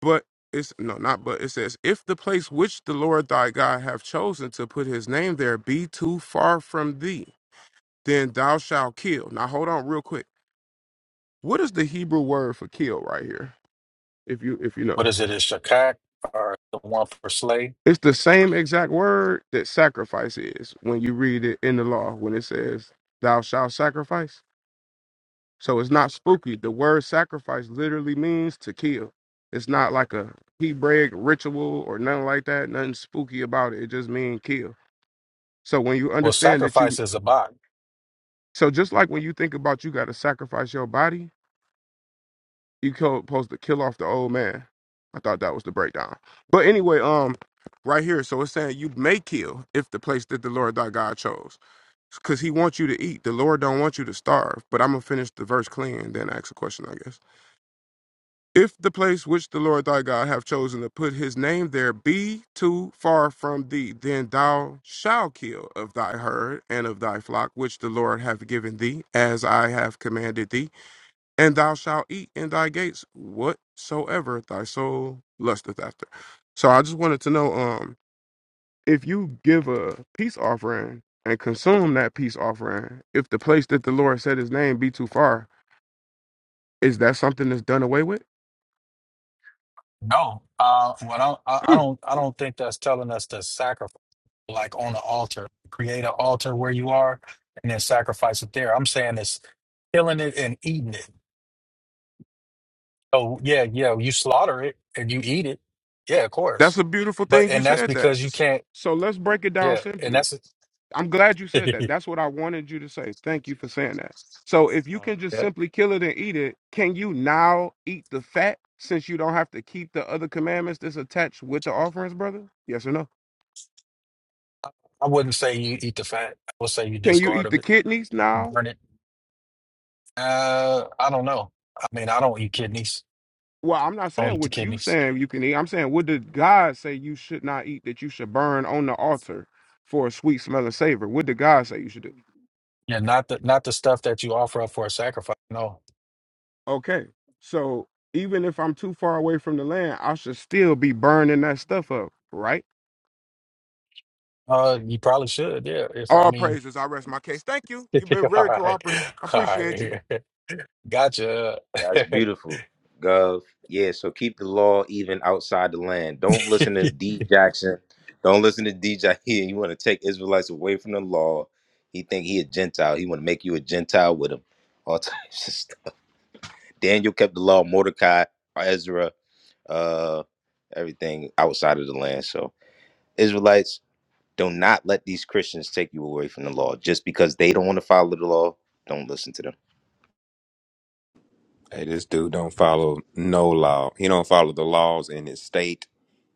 Speaker 16: but it's no, not but it says, if the place which the Lord thy God hath chosen to put his name there be too far from thee, then thou shalt kill. Now hold on real quick. What is the Hebrew word for kill right here? If you if you know.
Speaker 18: what is it? Is Shakak or the one for slay?
Speaker 16: It's the same exact word that sacrifice is when you read it in the law when it says thou shalt sacrifice. So it's not spooky. The word sacrifice literally means to kill. It's not like a Hebraic ritual or nothing like that. Nothing spooky about it. It just means kill. So when you
Speaker 18: Well,
Speaker 16: understand that you,
Speaker 18: sacrifice is a bot.
Speaker 16: so just like when you think about you got to sacrifice your body, you co- supposed to kill off the old man. I thought that was the breakdown. But anyway, um, right here, so it's saying you may kill if the place that the Lord thy God chose, because He wants you to eat. The Lord don't want you to starve. But I'm gonna finish the verse clean, then ask a question, I guess. If the place which the Lord thy God hath chosen to put his name there be too far from thee, then thou shalt kill of thy herd and of thy flock which the Lord hath given thee, as I have commanded thee, and thou shalt eat in thy gates whatsoever thy soul lusteth after. So I just wanted to know um if you give a peace offering and consume that peace offering, if the place that the Lord said his name be too far, is that something that's done away with?
Speaker 18: No. Uh what I, I I don't I don't think that's telling us to sacrifice like on the altar. Create an altar where you are and then sacrifice it there. I'm saying it's killing it and eating it Oh yeah, yeah. You slaughter it and you eat it. Yeah, of
Speaker 16: That's
Speaker 18: course.
Speaker 16: a beautiful
Speaker 18: But
Speaker 16: thing you
Speaker 18: and that's
Speaker 16: said that.
Speaker 18: because you can't.
Speaker 16: So let's break it down
Speaker 18: Yeah, and
Speaker 16: simply.
Speaker 18: that's
Speaker 16: I'm glad you said that. That's what I wanted you to say. Thank you
Speaker 18: [laughs]
Speaker 16: for saying that. So if you can just
Speaker 18: yeah.
Speaker 16: simply kill it and eat it, can you now eat the fat since you don't have to keep the other commandments that's attached with the offerings, brother? Yes or no?
Speaker 18: I wouldn't say you eat the fat. I would say you
Speaker 16: Can you
Speaker 18: discard
Speaker 16: eat
Speaker 18: of
Speaker 16: the
Speaker 18: it,
Speaker 16: kidneys now?
Speaker 18: burn it. Uh, I don't know. I mean, I don't eat kidneys.
Speaker 16: Well, I'm
Speaker 18: I
Speaker 16: not
Speaker 18: don't
Speaker 16: saying
Speaker 18: eat the
Speaker 16: what you
Speaker 18: kidneys.
Speaker 16: saying you can eat. I'm saying what did God say you should not eat that you should burn on the altar for a sweet smelling savor? What did God say you should do?
Speaker 18: Yeah, not the not the stuff that you offer up for a sacrifice. No.
Speaker 16: Okay. So even if I'm too far away from the land, I should still be burning that stuff up, right?
Speaker 18: Uh, you probably should. Yeah. If I
Speaker 16: All
Speaker 18: mean,
Speaker 16: praises. I rest my case. Thank you. You've
Speaker 18: [laughs]
Speaker 16: been
Speaker 18: all
Speaker 16: very
Speaker 18: right,
Speaker 16: cooperative. I
Speaker 18: all
Speaker 16: appreciate you.
Speaker 18: right. [laughs] Gotcha.
Speaker 20: That's
Speaker 18: [laughs]
Speaker 20: beautiful, Gov. Yeah, so keep the law even outside the land. Don't
Speaker 18: you
Speaker 20: listen to D Jackson. Don't listen to DJ here. [laughs] You want to take Israelites away from the law. He think he a Gentile. He want to make you a Gentile with him. All [laughs] types of stuff. Daniel kept the law, Mordecai, Ezra, uh, everything outside of the land. So Israelites, do not let these Christians take you away from the law. Just because they don't want to follow the law, don't listen to them.
Speaker 17: Hey, this dude don't follow no law. He don't follow the laws in his state.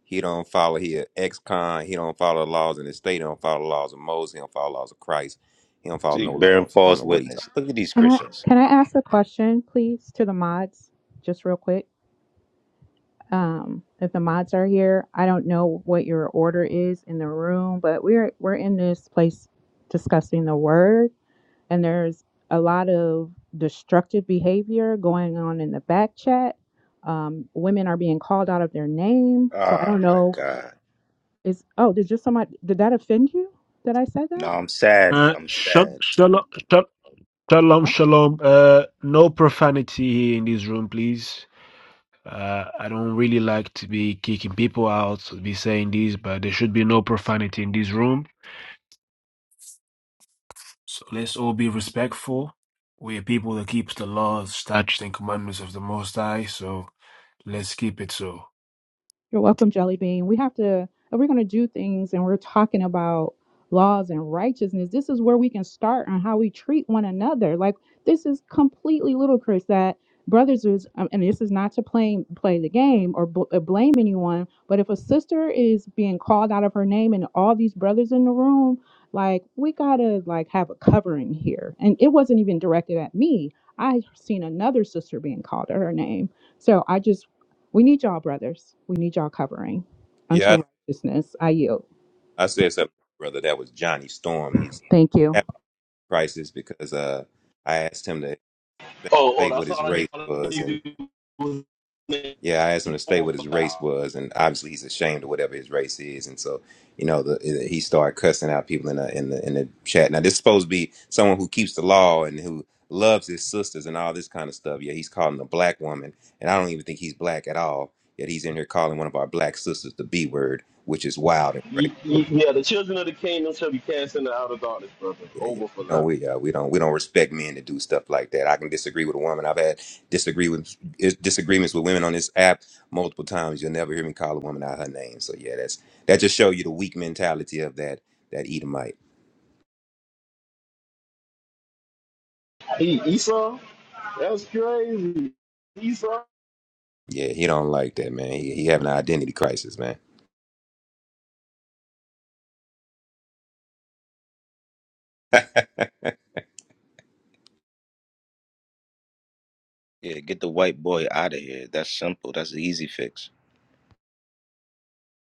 Speaker 17: He don't follow he a ex-con. He don't follow the laws in his state. He don't follow the laws of Moses. He don't follow the laws of Christ. He don't follow
Speaker 20: See,
Speaker 17: no
Speaker 20: bearing
Speaker 17: laws. I don't
Speaker 20: false
Speaker 17: know what he talking.
Speaker 20: witness. Look at these
Speaker 11: Can I
Speaker 20: Christians.
Speaker 11: can I ask a question, please, to the mods, just real quick? um, if the mods are here. I don't know what your order is in the room, but we're we're in this place discussing the word, and there's a lot of destructive behavior going on in the back chat. Um, women are being called out of their name, so I
Speaker 20: Oh
Speaker 11: don't
Speaker 20: my
Speaker 11: know.
Speaker 20: God.
Speaker 11: Is oh, did just somebody did that offend you that I said
Speaker 20: No,
Speaker 11: that?
Speaker 20: I'm sad.
Speaker 1: Uh,
Speaker 20: I'm
Speaker 1: shut,
Speaker 20: sad.
Speaker 1: shut up, Shalom,
Speaker 11: Well,
Speaker 1: shalom. Uh, no profanity here in this room, please. Uh, I don't really like to be kicking people out, to be saying this, but there should be no profanity in this room. So let's all be respectful. We are people that keeps the laws, statutes, and commandments of the Most High, so let's keep it so.
Speaker 11: You're welcome, Jelly Bean. We have to, if we're going to do things and we're talking about laws and righteousness, this is where we can start on how we treat one another. Like, this is completely ludicrous that brothers is, um, and this is not to play, play the game or bl- uh, blame anyone, but if a sister is being called out of her name and all these brothers in the room, like, we got to, like, have a covering here. And it wasn't even directed at me. I seen another sister being called out her name. So I just we need y'all, brothers. We need y'all covering.
Speaker 17: Yeah,
Speaker 11: Unto righteousness, I yield.
Speaker 17: I, I said something, brother. That was Johnny Storm. He's
Speaker 11: Thank you.
Speaker 17: having a crisis because uh, I asked him to
Speaker 6: Oh, oh,
Speaker 17: state what
Speaker 6: that's
Speaker 17: his
Speaker 6: all I
Speaker 17: race
Speaker 6: did. All I
Speaker 17: was, and.
Speaker 6: knew was name
Speaker 17: Yeah, I asked him to state
Speaker 6: over
Speaker 17: what
Speaker 6: for
Speaker 17: his race
Speaker 6: thou.
Speaker 17: was, and obviously he's ashamed of whatever his race is, and so you know the, he started cussing out people in the in the in the chat. Now this is supposed to be someone who keeps the law and who loves his sisters and all this kind of stuff. Yeah, he's calling a black woman, and I don't even think he's black at all. Yet he's in here calling one of our black sisters the B word, which is wild and crazy.
Speaker 6: Ye- ye- Yeah, the children of the kingdom shall be cast into outer darkness, brother.
Speaker 17: yeah, yeah.
Speaker 6: Over for
Speaker 17: No,
Speaker 6: thou.
Speaker 17: we uh, we don't we don't respect men that do stuff like that. I can disagree with a woman. I've had disagree with is- disagreements with women on this app multiple times. You'll never hear me call a woman out her name. So yeah, that's that just show you the weak mentality of that that Edomite.
Speaker 6: E- Esau? That's crazy. Esau?
Speaker 17: Yeah, he don't like that man. He he having an identity crisis, man. [laughs] but
Speaker 20: Yeah, get the white boy out of here. That's simple. That's an easy fix.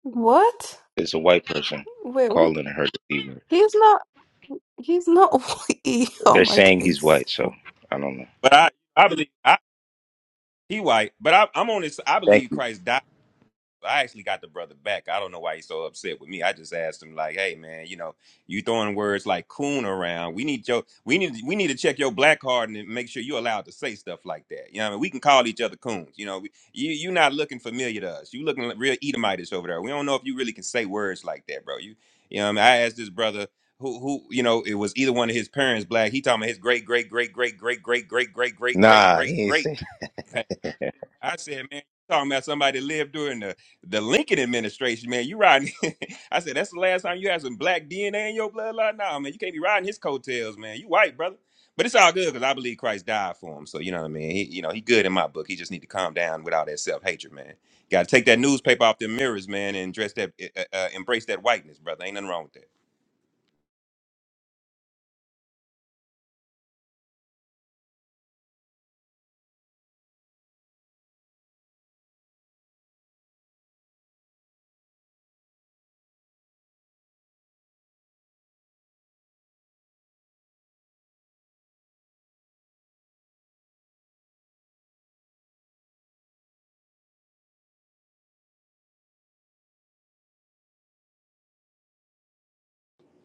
Speaker 10: What?
Speaker 20: It's a white person
Speaker 10: Wait, what?
Speaker 20: calling her deceiver.
Speaker 10: he's not. He's not. [laughs] white. Oh
Speaker 20: They're
Speaker 10: my
Speaker 20: saying he's
Speaker 10: days!
Speaker 20: white, so I don't know.
Speaker 17: I I believe I, he white, but I, I'm on this. I
Speaker 20: Thank
Speaker 17: believe
Speaker 20: you.
Speaker 17: Christ died. I actually got the brother back. I don't know why he's so upset with me. I just asked him like, "Hey man, you know, you throwing words like coon around. We need your we need we need to check your black card and make sure you're allowed to say stuff like that. You know, what I mean, we can call each other coons. You know, we, you you're not looking familiar to us. You looking like real Edomitish over there. We don't know if you really can say words like that, bro. You you know, what I mean, I asked this brother who who you know it was either one of his parents black. He talking about his great great great great great great great great great great great
Speaker 20: Nah, he
Speaker 17: great
Speaker 20: ain't saying. [laughs]
Speaker 17: great I said, man, you talking about somebody that lived during the, the Lincoln administration, man. You riding. [laughs] I said, that's the last time you had some black DNA in your bloodline? Nah, man, you can't be riding his coattails, man. You white, brother. But it's all good because I believe Christ died for him. So, you know what I mean? He, you know, he good in my book. He just need to calm down with all that self-hatred, man. got to take that newspaper off them mirrors, man, and dress that, uh, uh, embrace that whiteness, brother. Ain't nothing wrong with that.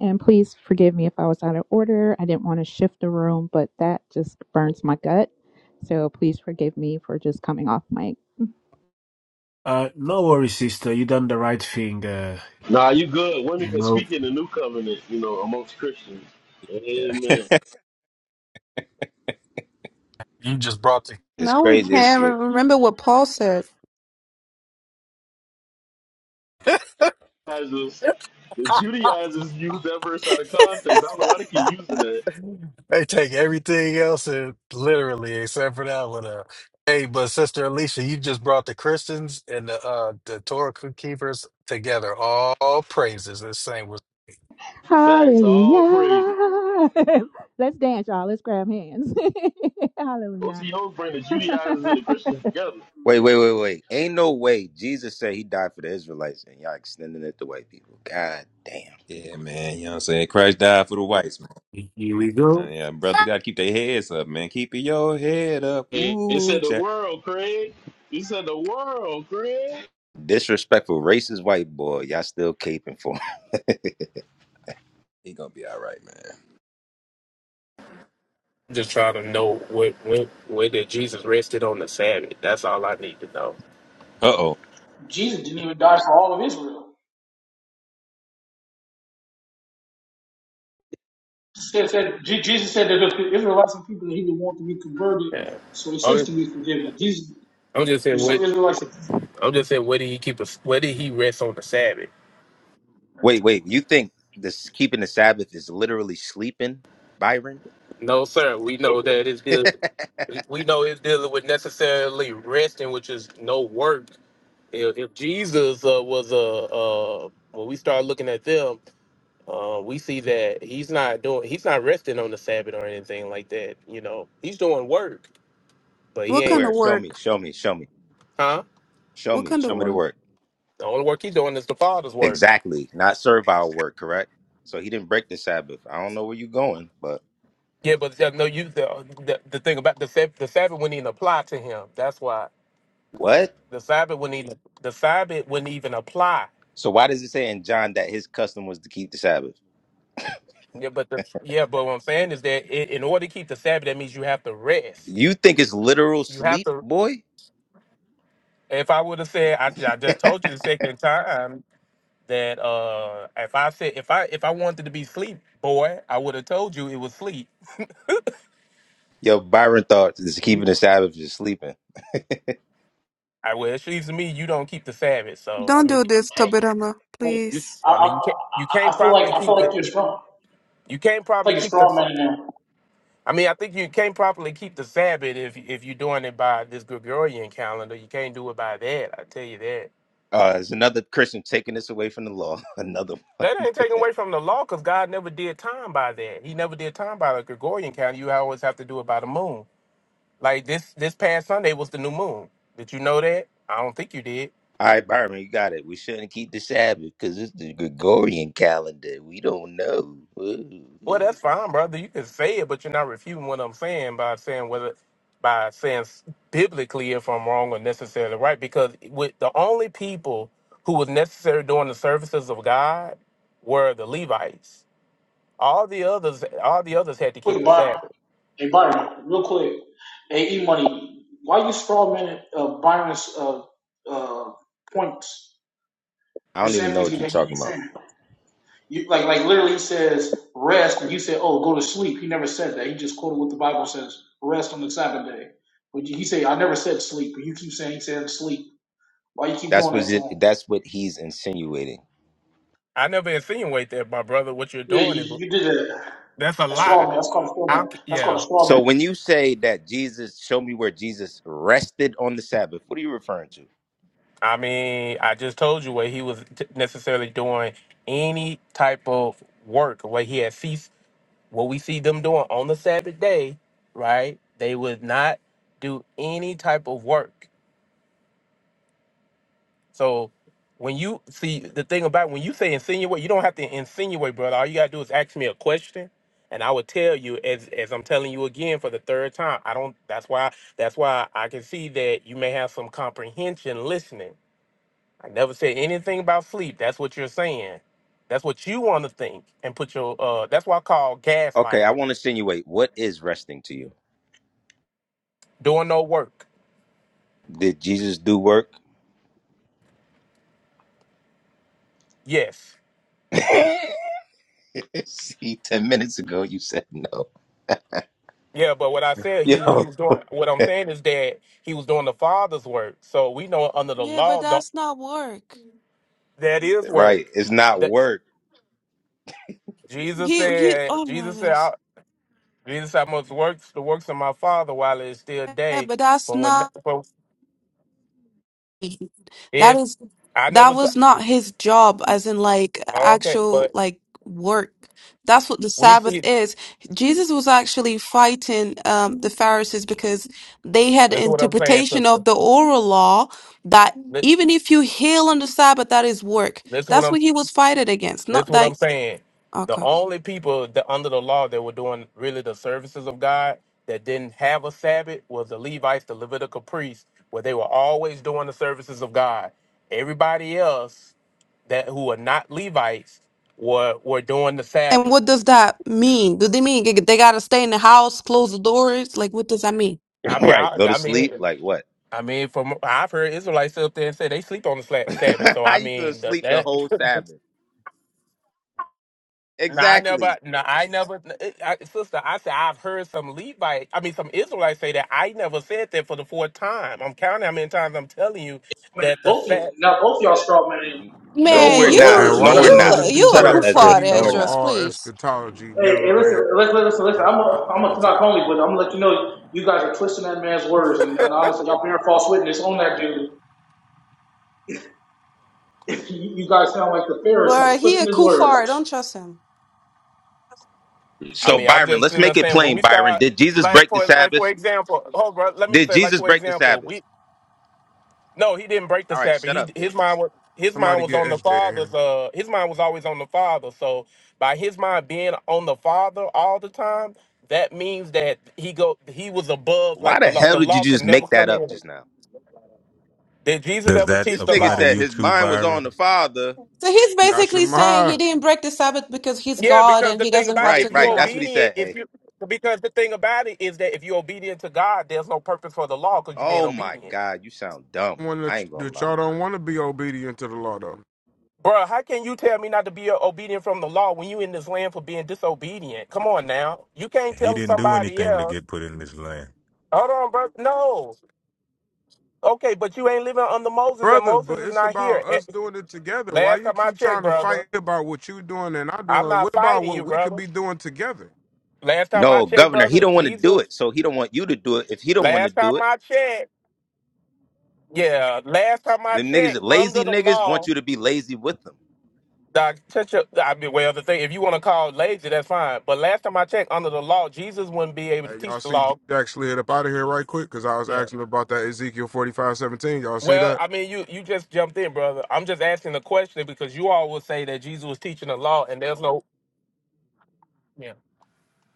Speaker 11: And please forgive me if I was out of order. I didn't want to shift the room, but that just burns my gut. So please forgive me for just coming off mic.
Speaker 1: Uh, no worries, sister. You done the right thing. Uh,
Speaker 6: Nah, you good. Women
Speaker 1: you
Speaker 6: can
Speaker 1: know,
Speaker 6: speak in the new covenant, you know, amongst Christians.
Speaker 17: Yeah. [laughs]
Speaker 6: Amen.
Speaker 18: just brought the.
Speaker 20: It's
Speaker 10: Now we
Speaker 20: crazy. It's
Speaker 10: can't
Speaker 20: good.
Speaker 10: remember what Paul said.
Speaker 6: I the Judaizers use that verse out of context. I don't know why they keep using that.
Speaker 18: They take everything else and literally except for that one. Uh, hey, but Sister Alicia, you just brought the Christians and the uh the Torah keepers together. All praises. This thing was
Speaker 6: Facts,
Speaker 11: Hallelujah.
Speaker 6: all praise.
Speaker 11: [laughs] Let's dance, y'all. Let's grab hands. [laughs] Hallelujah.
Speaker 6: OTOs bring the
Speaker 11: [laughs]
Speaker 6: Judaizers and the Christians together.
Speaker 20: Wait, wait, wait, wait. Ain't no way. Jesus said he died for the Israelites, and y'all extending it to white people. God damn.
Speaker 17: Yeah, man. You know what I'm saying? Christ died for the whites, man.
Speaker 1: here we
Speaker 17: Uh,
Speaker 1: go.
Speaker 17: yeah, brother, got to keep their heads up, man. Keep your head up.
Speaker 6: It it
Speaker 17: Ooh,
Speaker 6: said
Speaker 17: child.
Speaker 6: the world, Craig. You said the world, Craig.
Speaker 20: Disrespectful, racist white boy. Y'all still caping for. him.
Speaker 17: He gonna be all right, man.
Speaker 21: just trying to know what when where did Jesus rested on the Sabbath. That's all I need to know.
Speaker 17: Uh oh.
Speaker 22: Jesus didn't even die for all of Israel. He Said, said, Je- Jesus said that if the Israelites and people that he would want to be converted,
Speaker 21: Yeah.
Speaker 22: so He sins
Speaker 21: I'm,
Speaker 22: to be forgiven. Jesus,
Speaker 21: I'm just saying
Speaker 22: there's some
Speaker 21: what
Speaker 22: Israelites that Jesus
Speaker 21: I'm just saying where did he keep us where did he rest on the Sabbath?
Speaker 20: Wait, wait. You think this keeping the Sabbath is literally sleeping, Byron?
Speaker 21: No, sir. We know that it's
Speaker 20: [laughs]
Speaker 21: deal we know it's dealing with necessarily resting, which is no work. If, if Jesus uh, was a uh, when we start looking at them, uh, we see that he's not doing he's not resting on the Sabbath or anything like that. You know, he's doing work, but he
Speaker 10: What kind
Speaker 21: ain't,
Speaker 20: Where?
Speaker 10: of
Speaker 20: Show me.
Speaker 10: work?
Speaker 20: Show me. Show me.
Speaker 21: huh?
Speaker 20: Show
Speaker 10: What
Speaker 20: me.
Speaker 10: kind of
Speaker 20: Show me the
Speaker 10: work?
Speaker 20: work.
Speaker 21: The only work he's doing is the Father's work.
Speaker 20: Exactly. Not servile work. Correct. So he didn't break the Sabbath. I don't know where you're going, but
Speaker 21: Yeah, but uh, no, you the, the the thing about the Sab- the Sabbath wouldn't even apply to him. That's why
Speaker 20: what?
Speaker 21: the Sabbath wouldn't even the Sabbath wouldn't even apply.
Speaker 20: So why does it say in John that his custom was to keep the Sabbath?
Speaker 21: Yeah, but the, yeah, but what I'm saying is that i in order to keep the Sabbath, that means you have to rest.
Speaker 20: You think it's literal
Speaker 21: You have
Speaker 20: sleep,
Speaker 21: to.
Speaker 20: boy?
Speaker 21: If I would have said, I, ju- I just told you the second time that uh if I said if I if I wanted to be sleep boy, I would have told you it was sleep.
Speaker 20: Yo, Byron thought this keeping
Speaker 21: Mhm.
Speaker 20: the Sabbath is sleeping. [laughs]
Speaker 21: I well, it seems to me you don't keep the Sabbath, so
Speaker 10: Don't
Speaker 21: I mean
Speaker 10: do this,
Speaker 22: can't.
Speaker 10: Tobirama,
Speaker 22: Like,
Speaker 21: You,
Speaker 10: please.
Speaker 22: I, I,
Speaker 21: I mean, you can't you
Speaker 22: I
Speaker 21: can't
Speaker 22: I feel like
Speaker 21: properly
Speaker 22: I
Speaker 21: keep
Speaker 22: feel
Speaker 21: the
Speaker 22: like you're
Speaker 21: you,
Speaker 22: strong.
Speaker 21: you can't
Speaker 22: I feel
Speaker 21: properly
Speaker 22: like you're
Speaker 21: keep
Speaker 22: strong
Speaker 21: the.
Speaker 22: man now.
Speaker 21: I mean, I think you can't properly keep the Sabbath if if you're doing it by this Gregorian calendar. You can't do it by that. I tell you that.
Speaker 20: Uh, there's another Christian taking this away from the law. [laughs] Another
Speaker 21: That
Speaker 20: one.
Speaker 21: ain't taken away from the law because God never did time by that. He never did time by the Gregorian calendar. You always have to do it by the moon. Like this this past Sunday was the new moon. Did you know that? I don't think you did.
Speaker 20: All right, Byron, you got it. We shouldn't keep the Sabbath because it's the Gregorian calendar. We don't know. Ooh.
Speaker 21: Well, that's fine, brother. You can say it, but you're not refuting what I'm saying by saying whether by saying s- biblically if I'm wrong or necessarily right. Because with the only people who was necessary during the services of God were the Levites. All the others, all the others had to keep
Speaker 22: Quick,
Speaker 21: the
Speaker 22: Byron.
Speaker 21: Sabbath.
Speaker 22: Hey, Byron, real quick. Hey, E Money, why you straw man uh, Byron's uh, uh, points?
Speaker 20: I
Speaker 22: You're
Speaker 20: don't even
Speaker 22: saying
Speaker 20: know
Speaker 22: things
Speaker 20: what you're
Speaker 22: that he
Speaker 20: talking
Speaker 22: ain't
Speaker 20: about.
Speaker 22: saying. You, like, like literally, he says rest, and you said, "Oh, go to sleep." He never said that. He just quoted what the Bible says: rest on the Sabbath day. But you- he said, "I never said sleep," but you keep saying he said sleep. Why you keep
Speaker 20: That's
Speaker 22: doing
Speaker 20: what
Speaker 22: that to
Speaker 20: it,
Speaker 22: him?
Speaker 20: that's what he's insinuating.
Speaker 21: I never insinuate that, my brother. What you're
Speaker 22: Yeah,
Speaker 21: doing is
Speaker 22: you, you did that.
Speaker 21: that's a
Speaker 22: That's straw
Speaker 21: lie.
Speaker 22: man. That's called a straw
Speaker 21: How?
Speaker 22: man.
Speaker 21: c-
Speaker 22: That's called a
Speaker 21: Yeah.
Speaker 22: straw
Speaker 20: So
Speaker 22: man.
Speaker 20: when you say that Jesus, show me where Jesus rested on the Sabbath, what are you referring to?
Speaker 21: I mean, I just told you where he was t- necessarily doing any type of work where he had ceased what we see them doing on the Sabbath day, right? They would not do any type of work. So when you see the thing about when you say insinuate, you don't have to insinuate, brother. All you gotta do is ask me a question, and I will tell you as as I'm telling you again for the third time. I don't. That's why. That's why I can see that you may have some comprehension listening. I never said anything about sleep. That's what you're saying. That's what you want to think and put your. uh That's why I call
Speaker 20: Okay,
Speaker 21: gaslighting.
Speaker 20: I want to insinuate what is resting to you.
Speaker 21: Doing no work.
Speaker 20: Did Jesus do work?
Speaker 21: Yes.
Speaker 20: [laughs] See, ten minutes ago you said no.
Speaker 21: Yeah, but what I said, he he
Speaker 20: Yo,
Speaker 21: was
Speaker 20: [laughs]
Speaker 21: doing. What I'm saying is that he was doing the Father's work. So we know under the
Speaker 10: Yeah, but
Speaker 21: law the,
Speaker 10: that's not work.
Speaker 21: that is
Speaker 20: right?
Speaker 21: work.
Speaker 20: It's not
Speaker 21: That
Speaker 20: work.
Speaker 21: Jesus
Speaker 10: He he.
Speaker 21: said.
Speaker 10: Oh my
Speaker 21: Jesus said.
Speaker 10: gosh.
Speaker 21: I, Jesus said, "I must work the works of my Father while it is still
Speaker 10: Yeah,
Speaker 21: day."
Speaker 10: but that's
Speaker 21: From when
Speaker 10: not.
Speaker 21: from
Speaker 10: That
Speaker 21: it's,
Speaker 10: is.
Speaker 21: I
Speaker 10: That
Speaker 21: never said.
Speaker 10: was not his job, as in like
Speaker 21: Okay,
Speaker 10: actual
Speaker 21: but
Speaker 10: like work. That's what the
Speaker 21: we
Speaker 10: Sabbath
Speaker 21: see.
Speaker 10: is. Jesus was actually fighting um, the Pharisees because they had an
Speaker 21: Listen, what I'm saying,
Speaker 10: interpretation
Speaker 21: sister.
Speaker 10: of the oral law that
Speaker 21: Li-
Speaker 10: even if you heal on the Sabbath, that is work.
Speaker 21: Listen, what
Speaker 10: That's
Speaker 21: I'm
Speaker 10: what he was fighting against.
Speaker 21: That's
Speaker 10: Not
Speaker 21: what
Speaker 10: that.
Speaker 21: I'm saying.
Speaker 10: Okay.
Speaker 21: The only people that under the law that were doing really the services of God that didn't have a Sabbath was the Levites, the Levitical priests, where they were always doing the services of God. Everybody else that who were not Levites were were doing the
Speaker 10: And
Speaker 21: Sabbath.
Speaker 10: what does that mean? Do they mean they they gotta stay in the house, close the doors? Like, what does that mean?
Speaker 21: I mean,
Speaker 20: Right.
Speaker 21: I,
Speaker 20: Go to
Speaker 21: I
Speaker 20: sleep?
Speaker 21: mean,
Speaker 20: Like what?
Speaker 21: I mean, from I've heard Israelites sit up there and say they sleep on the sla- Sabbath.
Speaker 20: [laughs]
Speaker 21: So
Speaker 20: How
Speaker 21: I
Speaker 20: you gonna
Speaker 21: mean, the,
Speaker 20: sleep the
Speaker 21: that
Speaker 20: whole
Speaker 21: [laughs]
Speaker 20: Sabbath?
Speaker 21: No, I never.
Speaker 20: Exactly.
Speaker 21: No, I never. I, sister, I said I've heard some Levite. I mean, some Israelites say that. I never said that for the fourth time. I'm counting how many times I'm telling you
Speaker 22: But
Speaker 21: that the
Speaker 22: both of you,
Speaker 21: fact.
Speaker 22: now both of y'all straw man.
Speaker 20: No,
Speaker 22: Listen to
Speaker 10: Man,
Speaker 20: we're
Speaker 22: his
Speaker 16: Hey,
Speaker 20: not.
Speaker 16: man,
Speaker 22: words.
Speaker 10: you
Speaker 22: You
Speaker 16: why
Speaker 20: No, we're
Speaker 22: guys
Speaker 16: that
Speaker 22: are
Speaker 10: you
Speaker 16: brother
Speaker 20: not.
Speaker 22: twisting his
Speaker 10: you a
Speaker 20: Shut up,
Speaker 16: DJ
Speaker 22: words.
Speaker 16: say
Speaker 20: Ezra.
Speaker 10: kuffar
Speaker 16: he
Speaker 20: No,
Speaker 10: there,
Speaker 20: we're
Speaker 16: know
Speaker 20: not.
Speaker 10: George,
Speaker 16: all
Speaker 10: please.
Speaker 16: eschatology,
Speaker 22: Hey,
Speaker 16: never
Speaker 22: hey,
Speaker 16: read
Speaker 22: listen, listen, listen, listen. I'm a, I'm a Tanakh
Speaker 16: 4517?
Speaker 22: only, but I'm gonna let you know you guys are twisting that man's words, and, and honestly, y'all bearing false witness on that dude. You, guys sound like the
Speaker 10: But
Speaker 22: Pharisees
Speaker 10: he
Speaker 22: twisting
Speaker 10: a
Speaker 22: his
Speaker 10: kuffar, don't
Speaker 22: words.
Speaker 10: trust him.
Speaker 21: I
Speaker 20: So
Speaker 21: mean, I'm
Speaker 20: Byron,
Speaker 21: just
Speaker 20: let's
Speaker 21: sitting there
Speaker 20: make it
Speaker 21: saying when
Speaker 20: plain,
Speaker 21: we
Speaker 20: Byron.
Speaker 21: start,
Speaker 20: Did Jesus
Speaker 21: like
Speaker 20: break the
Speaker 21: for like for
Speaker 20: Sabbath?
Speaker 21: example, hold bro, let me
Speaker 20: Did
Speaker 21: say like
Speaker 20: Jesus
Speaker 21: for
Speaker 20: break the
Speaker 21: example,
Speaker 20: Sabbath?
Speaker 21: we no, he didn't break the
Speaker 20: All right,
Speaker 21: Sabbath.
Speaker 20: shut
Speaker 21: He
Speaker 20: up then.
Speaker 21: his mind was his mind
Speaker 16: Somebody
Speaker 21: was
Speaker 16: get
Speaker 21: on the
Speaker 16: SJ in
Speaker 21: father's.
Speaker 16: here.
Speaker 21: Uh, his mind was always on the father. So by his mind being on the father all the time, that means that he go he was above
Speaker 20: Why
Speaker 21: like
Speaker 20: the
Speaker 21: the law.
Speaker 20: hell
Speaker 21: The
Speaker 20: did you
Speaker 21: law could
Speaker 20: just
Speaker 21: never
Speaker 20: make that
Speaker 21: come
Speaker 20: up
Speaker 21: in.
Speaker 20: just now?
Speaker 21: Did Jesus
Speaker 23: Does
Speaker 21: ever
Speaker 23: that
Speaker 20: This
Speaker 21: teach the
Speaker 20: nigga
Speaker 23: apply to
Speaker 21: law?
Speaker 20: said
Speaker 23: you
Speaker 20: his
Speaker 23: too,
Speaker 20: mind was on the
Speaker 23: Byron?
Speaker 20: Father.
Speaker 10: So he's
Speaker 16: Y'all should
Speaker 10: basically saying he
Speaker 16: mind
Speaker 10: didn't break the Sabbath because he's
Speaker 21: Yeah,
Speaker 10: God
Speaker 21: because
Speaker 10: and
Speaker 21: the
Speaker 10: he
Speaker 21: thing
Speaker 10: doesn't
Speaker 21: about
Speaker 10: have
Speaker 20: Right,
Speaker 10: to
Speaker 21: if
Speaker 10: do
Speaker 21: you're
Speaker 20: right. That's
Speaker 10: that.
Speaker 20: what he
Speaker 21: obedient,
Speaker 20: said.
Speaker 21: if
Speaker 20: Hey.
Speaker 21: you because the thing about it is that if you're obedient to God, there's no purpose for the law because you're being
Speaker 20: Oh my
Speaker 21: obedient.
Speaker 20: God, you sound dumb.
Speaker 16: one
Speaker 20: I
Speaker 16: that
Speaker 20: ain't gonna
Speaker 16: that
Speaker 20: lie.
Speaker 16: y'all don't want to be obedient to the law, though.
Speaker 21: Bruh, how can you tell me not to be obedient from the law when you in this land for being disobedient? Come on now. You can't
Speaker 23: He
Speaker 21: tell
Speaker 23: didn't do
Speaker 21: somebody
Speaker 23: anything to
Speaker 21: else.
Speaker 23: get put in this land.
Speaker 21: Hold on, bro. No. Okay, but you ain't living under Moses and
Speaker 16: Brother, but
Speaker 21: Moses is
Speaker 16: it's
Speaker 21: not
Speaker 16: about
Speaker 21: here. Eh,
Speaker 16: us doing it together. Why
Speaker 21: Last
Speaker 16: you
Speaker 21: time I
Speaker 16: keep
Speaker 21: checked,
Speaker 16: trying to
Speaker 21: brother,
Speaker 16: fight about what you doing and I
Speaker 21: I'm
Speaker 16: doing?
Speaker 21: not
Speaker 16: What about
Speaker 21: fighting
Speaker 16: what
Speaker 21: you,
Speaker 16: we could
Speaker 21: brother.
Speaker 16: be doing together?
Speaker 21: Last time I
Speaker 20: No,
Speaker 21: checked,
Speaker 20: Governor, he
Speaker 21: brother,
Speaker 20: don't want to do
Speaker 21: Jesus.
Speaker 20: it, so he don't want you to do it. If he don't want to
Speaker 21: Last time
Speaker 20: do it.
Speaker 21: I checked. Yeah, last time I
Speaker 20: Them niggas,
Speaker 21: checked,
Speaker 20: lazy
Speaker 21: under the
Speaker 20: niggas, want
Speaker 21: law,
Speaker 20: you to be lazy with them.
Speaker 21: the teacher, I mean, well, the thing, if you want to call it lazy, that's fine. But last time I checked, under the law, Jesus wouldn't be able to
Speaker 16: Hey, y'all
Speaker 21: teach the
Speaker 16: see D
Speaker 21: law.
Speaker 16: Jack slid up out of here right quick because I was
Speaker 21: Yeah.
Speaker 16: asking him about that Ezekiel forty five seventeen. Y'all see
Speaker 21: Well,
Speaker 16: that?
Speaker 21: I mean, you you just jumped in, brother. I'm just asking the question because you all will say that Jesus was teaching the law, and there's no. Yeah.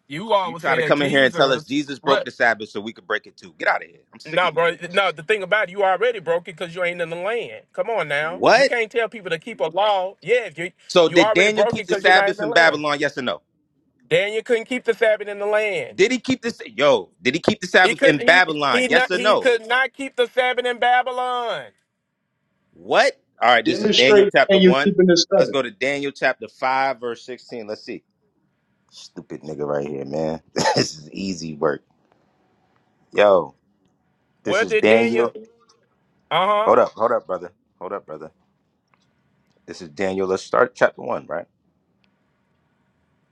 Speaker 21: You all
Speaker 20: You
Speaker 21: would
Speaker 20: try
Speaker 21: say
Speaker 20: to
Speaker 21: that
Speaker 20: come in here and tell us
Speaker 21: Jesus.
Speaker 20: Jesus broke
Speaker 21: What?
Speaker 20: the Sabbath so we could break it too. Get out of here. I'm sick of
Speaker 21: No,
Speaker 20: you
Speaker 21: bro. No,
Speaker 20: niggas.
Speaker 21: the thing about it, you already broke it because you ain't in the land. Come on now, you
Speaker 20: What?
Speaker 21: can't tell people to keep a law. Yeah, you
Speaker 20: So
Speaker 21: you
Speaker 20: did
Speaker 21: already
Speaker 20: Daniel
Speaker 21: broke
Speaker 20: keep
Speaker 21: it
Speaker 20: the
Speaker 21: because you're not in
Speaker 20: Sabbath
Speaker 21: the
Speaker 20: in
Speaker 21: land.
Speaker 20: Babylon? Yes or no?
Speaker 21: Daniel couldn't keep the Sabbath in the land.
Speaker 20: Did he keep this? Yo, did he keep the
Speaker 21: He
Speaker 20: Sabbath in
Speaker 21: couldn't. He
Speaker 20: Babylon?
Speaker 21: he
Speaker 20: Yes
Speaker 21: not.
Speaker 20: or
Speaker 21: He
Speaker 20: no?
Speaker 21: could not keep the Sabbath in Babylon.
Speaker 20: What? All right, this is Daniel
Speaker 24: Demonstrate
Speaker 20: chapter
Speaker 24: and you
Speaker 20: one.
Speaker 24: keeping this
Speaker 20: Let's
Speaker 24: covenant.
Speaker 20: go to Daniel chapter five, verse sixteen. Let's see. Stupid nigga right here, man. [laughs] this is easy work. Yo, this
Speaker 21: Where
Speaker 20: is
Speaker 21: did Daniel?
Speaker 20: Daniel.
Speaker 21: Uh huh.
Speaker 20: Hold up, hold up, brother. Hold up, brother. This is Daniel. Let's start chapter one, right?